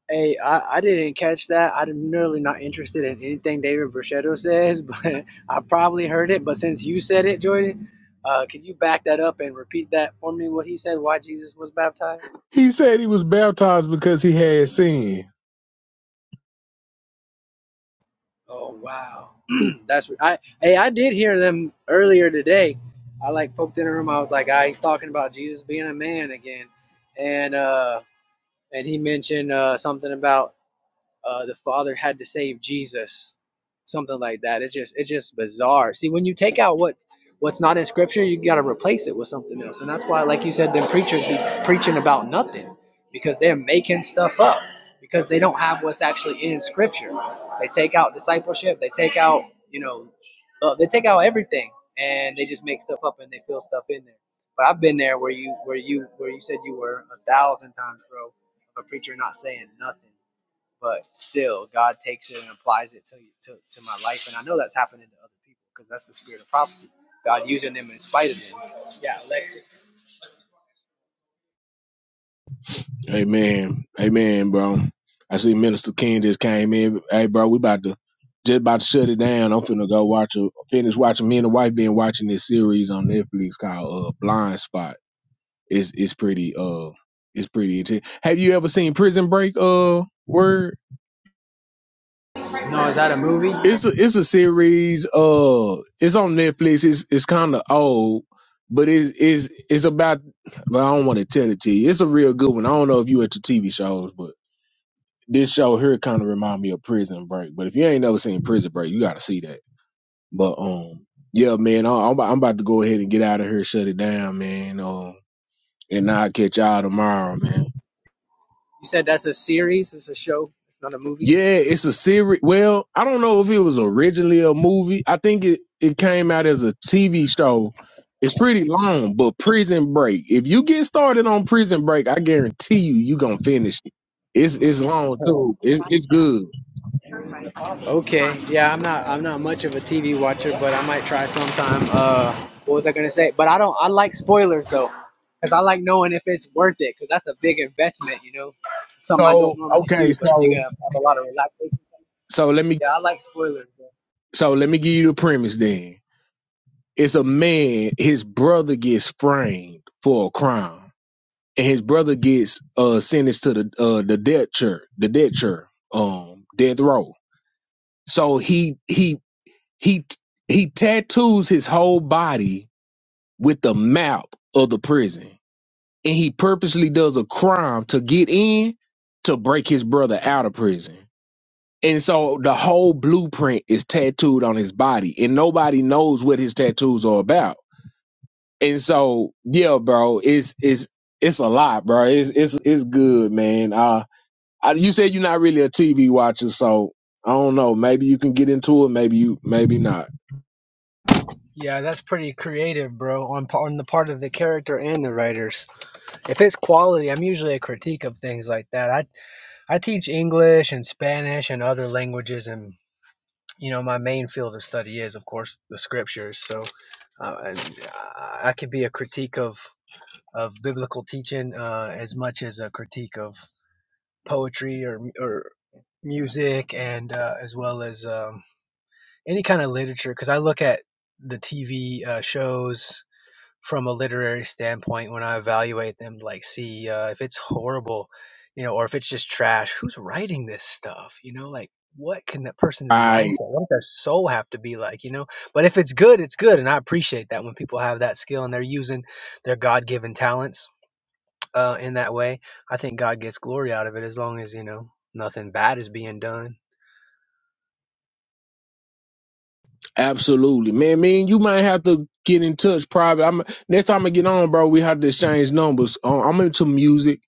[SPEAKER 12] Hey, I, I didn't catch that. I'm really not interested in anything David Brichetto says, but I probably heard it. But since you said it, Jordan, uh, could you back that up and repeat that for me? What he said, why Jesus was baptized?
[SPEAKER 7] He said he was baptized because he had sinned.
[SPEAKER 12] Oh wow, that's what I. Hey, I did hear them earlier today. I like poked in a room. I was like, ah, he's talking about Jesus being a man again, and uh, and he mentioned uh, something about uh, the father had to save Jesus, something like that. It's just it's just bizarre. See, when you take out what what's not in scripture, you got to replace it with something else, and that's why, like you said, them preachers be preaching about nothing because they're making stuff up because they don't have what's actually in scripture. They take out discipleship, they take out you know, uh, they take out everything, and they just make stuff up and they fill stuff in there. But I've been there where you where you where you said you were a thousand times, bro, of a preacher not saying nothing but still god takes it and applies it to to, to my life and i know that's happening to other people because that's the spirit of prophecy god using them in spite of them yeah alexis
[SPEAKER 7] Amen. Amen, bro. I see Minister King just came in. Hey, bro, we about to just about to shut it down. I'm finna go watch a finish watching me and the wife been watching this series on Netflix called uh, Blind Spot It's it's pretty uh it's pretty intense. Have you ever seen Prison Break? Uh, word.
[SPEAKER 12] no is that a movie you
[SPEAKER 7] It's a it's a series. Uh, it's on Netflix. It's it's kind of old, but it is it's it's about. But I don't want to tell it to you. It's a real good one. I don't know if you into TV shows, but this show here kind of remind me of Prison Break. But if you ain't never seen Prison Break, you got to see that. But um, yeah, man, I, I'm about- I'm about to go ahead and get out of here, shut it down, man. Um, and I'll catch y'all tomorrow, man.
[SPEAKER 12] said that's a series it's a show it's not a movie
[SPEAKER 7] Yeah, it's a series. Well, I don't know if it was originally a movie. I think it, it came out as a TV show. It's pretty long, but Prison Break. If you get started on Prison Break, I guarantee you, you gonna finish it. It's it's long too. It's it's good.
[SPEAKER 12] okay yeah i'm not i'm not much of a tv watcher but i might try sometime uh what was i gonna say but i don't i like spoilers though because i like knowing if it's worth it because that's a big investment you know something i
[SPEAKER 7] So
[SPEAKER 12] don't normally
[SPEAKER 7] okay,
[SPEAKER 12] do but if you're
[SPEAKER 7] so
[SPEAKER 12] gonna have a lot of relaxation
[SPEAKER 7] so let me
[SPEAKER 12] Yeah, I like spoilers. Bro.
[SPEAKER 7] so let me give you the premise then. It's a man. His brother gets framed for a crime, and his brother gets uh sentenced to the uh the death chair, the death chair, um death row So he he he he tattoos his whole body with the map of the prison, and he purposely does a crime to get in to break his brother out of prison. And so the whole blueprint is tattooed on his body, and nobody knows what his tattoos are about. And so, yeah, bro, it's it's it's a lot, bro. It's it's it's good, man. Uh, I, you said you're not really a TV watcher, so I don't know. Maybe you can get into it. Maybe you, maybe not.
[SPEAKER 12] Yeah, that's pretty creative, bro, on pa- on the part of the character and the writers. If it's quality, I'm usually a critique of things like that. I I teach English and Spanish and other languages, and you know my main field of study is, of course, the scriptures. So, uh, and I I could be a critique of of biblical teaching uh, as much as a critique of poetry or m- or music, and uh, as well as um, any kind of literature because I look at the TV uh, shows from a literary standpoint when I evaluate them, like see uh, if it's horrible, you know, or if it's just trash. Who's writing this stuff? You know, like what can that person's mindset,
[SPEAKER 7] I
[SPEAKER 12] what does their soul have to be like? You know, but if it's good, it's good, and I appreciate that when people have that skill and they're using their God-given talents uh, in that way. I think God gets glory out of it as long as you know nothing bad is being done.
[SPEAKER 7] absolutely, man. Man, you might have to get in touch private. I'm next time I get on, bro. We have to exchange numbers. Uh, I'm into music.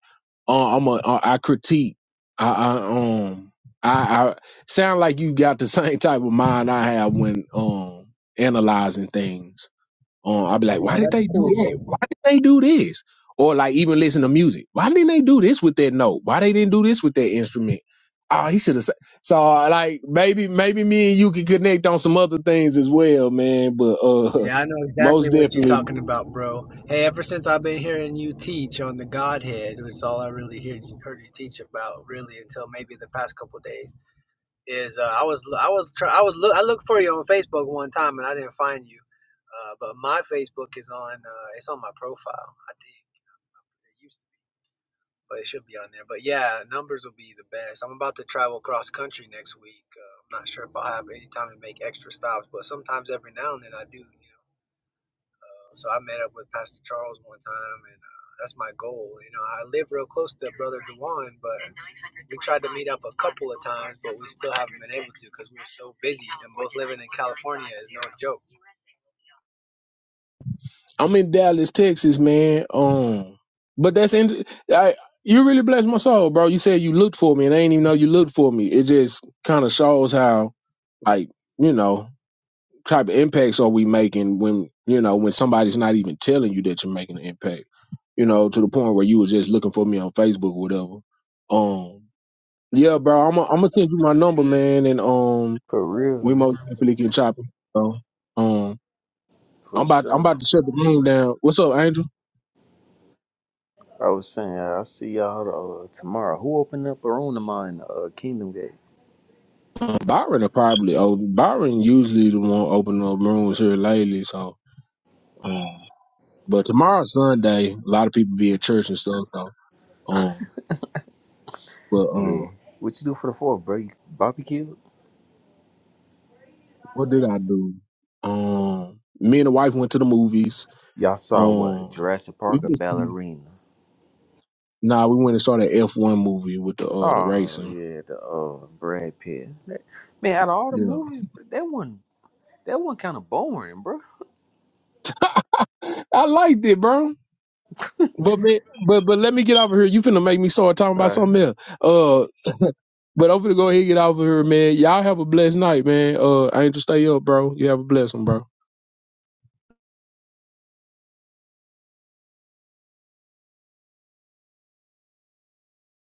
[SPEAKER 7] Uh, I'm a uh, I critique. I, I um I, I sound like you got the same type of mind I have when um analyzing things. Um, I'll be like, why
[SPEAKER 12] Yeah,
[SPEAKER 7] did
[SPEAKER 12] that's
[SPEAKER 7] they do
[SPEAKER 12] cool, bro.
[SPEAKER 7] that? Why did they do this? Or like even listen to music. Why didn't they do this with that note? Why they didn't do this with that instrument? Oh, he should have said. So like maybe maybe me and you can connect on some other things as well, man. But uh,
[SPEAKER 12] Yeah, I know exactly
[SPEAKER 7] most
[SPEAKER 12] what you're
[SPEAKER 7] definitely,
[SPEAKER 12] talking about, bro. Hey, ever since I've been hearing you teach on the Godhead, which is all I really heard you, heard you teach about, really, until maybe the past couple of days, is uh, I was I was try, I was look, I looked for you on Facebook one time and I didn't find you, uh, but my Facebook is on uh, it's on my profile. I think it used to be, but it should be on there. But yeah, numbers will be the best. I'm about to travel cross country next week. Uh, I'm not sure if I'll have any time to make extra stops, but sometimes every now and then I do. You know. Uh, So I met up with Pastor Charles one time, and uh, that's my goal. You know, I live real close to Brother Dewan, but we tried to meet up a couple of times, but we still haven't been able to because we were so busy, and both living in California is no joke.
[SPEAKER 7] I'm in Dallas, Texas, man. Um, but that's in. I, you really blessed my soul, bro. You said you looked for me, and I didn't even know you looked for me. It just kind of shows how like you know. type of impacts are we making when you know when somebody's not even telling you that you're making an impact you know to the point where you was just looking for me on facebook or whatever um yeah bro i'm gonna I'm send you my number man and um
[SPEAKER 10] For
[SPEAKER 7] we
[SPEAKER 10] real,
[SPEAKER 7] most definitely can chop it bro. um
[SPEAKER 10] for
[SPEAKER 7] i'm about i'm
[SPEAKER 10] sure.
[SPEAKER 7] about to shut the room down what's up angel
[SPEAKER 10] I was saying, I'll see y'all uh, tomorrow. Who opened up a room of mine, uh, Kingdom Gate?
[SPEAKER 7] um, byron are probably oh byron usually the one opening up rooms here lately so um but tomorrow's sunday a lot of people be at church and stuff so um but
[SPEAKER 10] Yeah.
[SPEAKER 7] um
[SPEAKER 10] What you do for the fourth, bro? You barbecue?
[SPEAKER 7] What did I do? Um, me and the wife went to the movies.
[SPEAKER 10] Y'all saw what?
[SPEAKER 7] Um,
[SPEAKER 10] Jurassic
[SPEAKER 7] we
[SPEAKER 10] Park or
[SPEAKER 7] just,
[SPEAKER 10] Ballerina?
[SPEAKER 7] nah, we went and saw the F one movie with the uh the
[SPEAKER 10] Oh
[SPEAKER 7] racing.
[SPEAKER 10] yeah, the uh Brad Pitt. That- man, out of all the
[SPEAKER 7] Yeah,
[SPEAKER 10] movies, that one that one kind of boring, bro.
[SPEAKER 7] I liked it, bro. But man, but but let me get over here. You finna make me start talking about something else. Uh, but I'm finna go ahead and get over here, man. Y'all have a blessed night, man. Uh, I ain't to stay up, bro. You have a blessing, bro.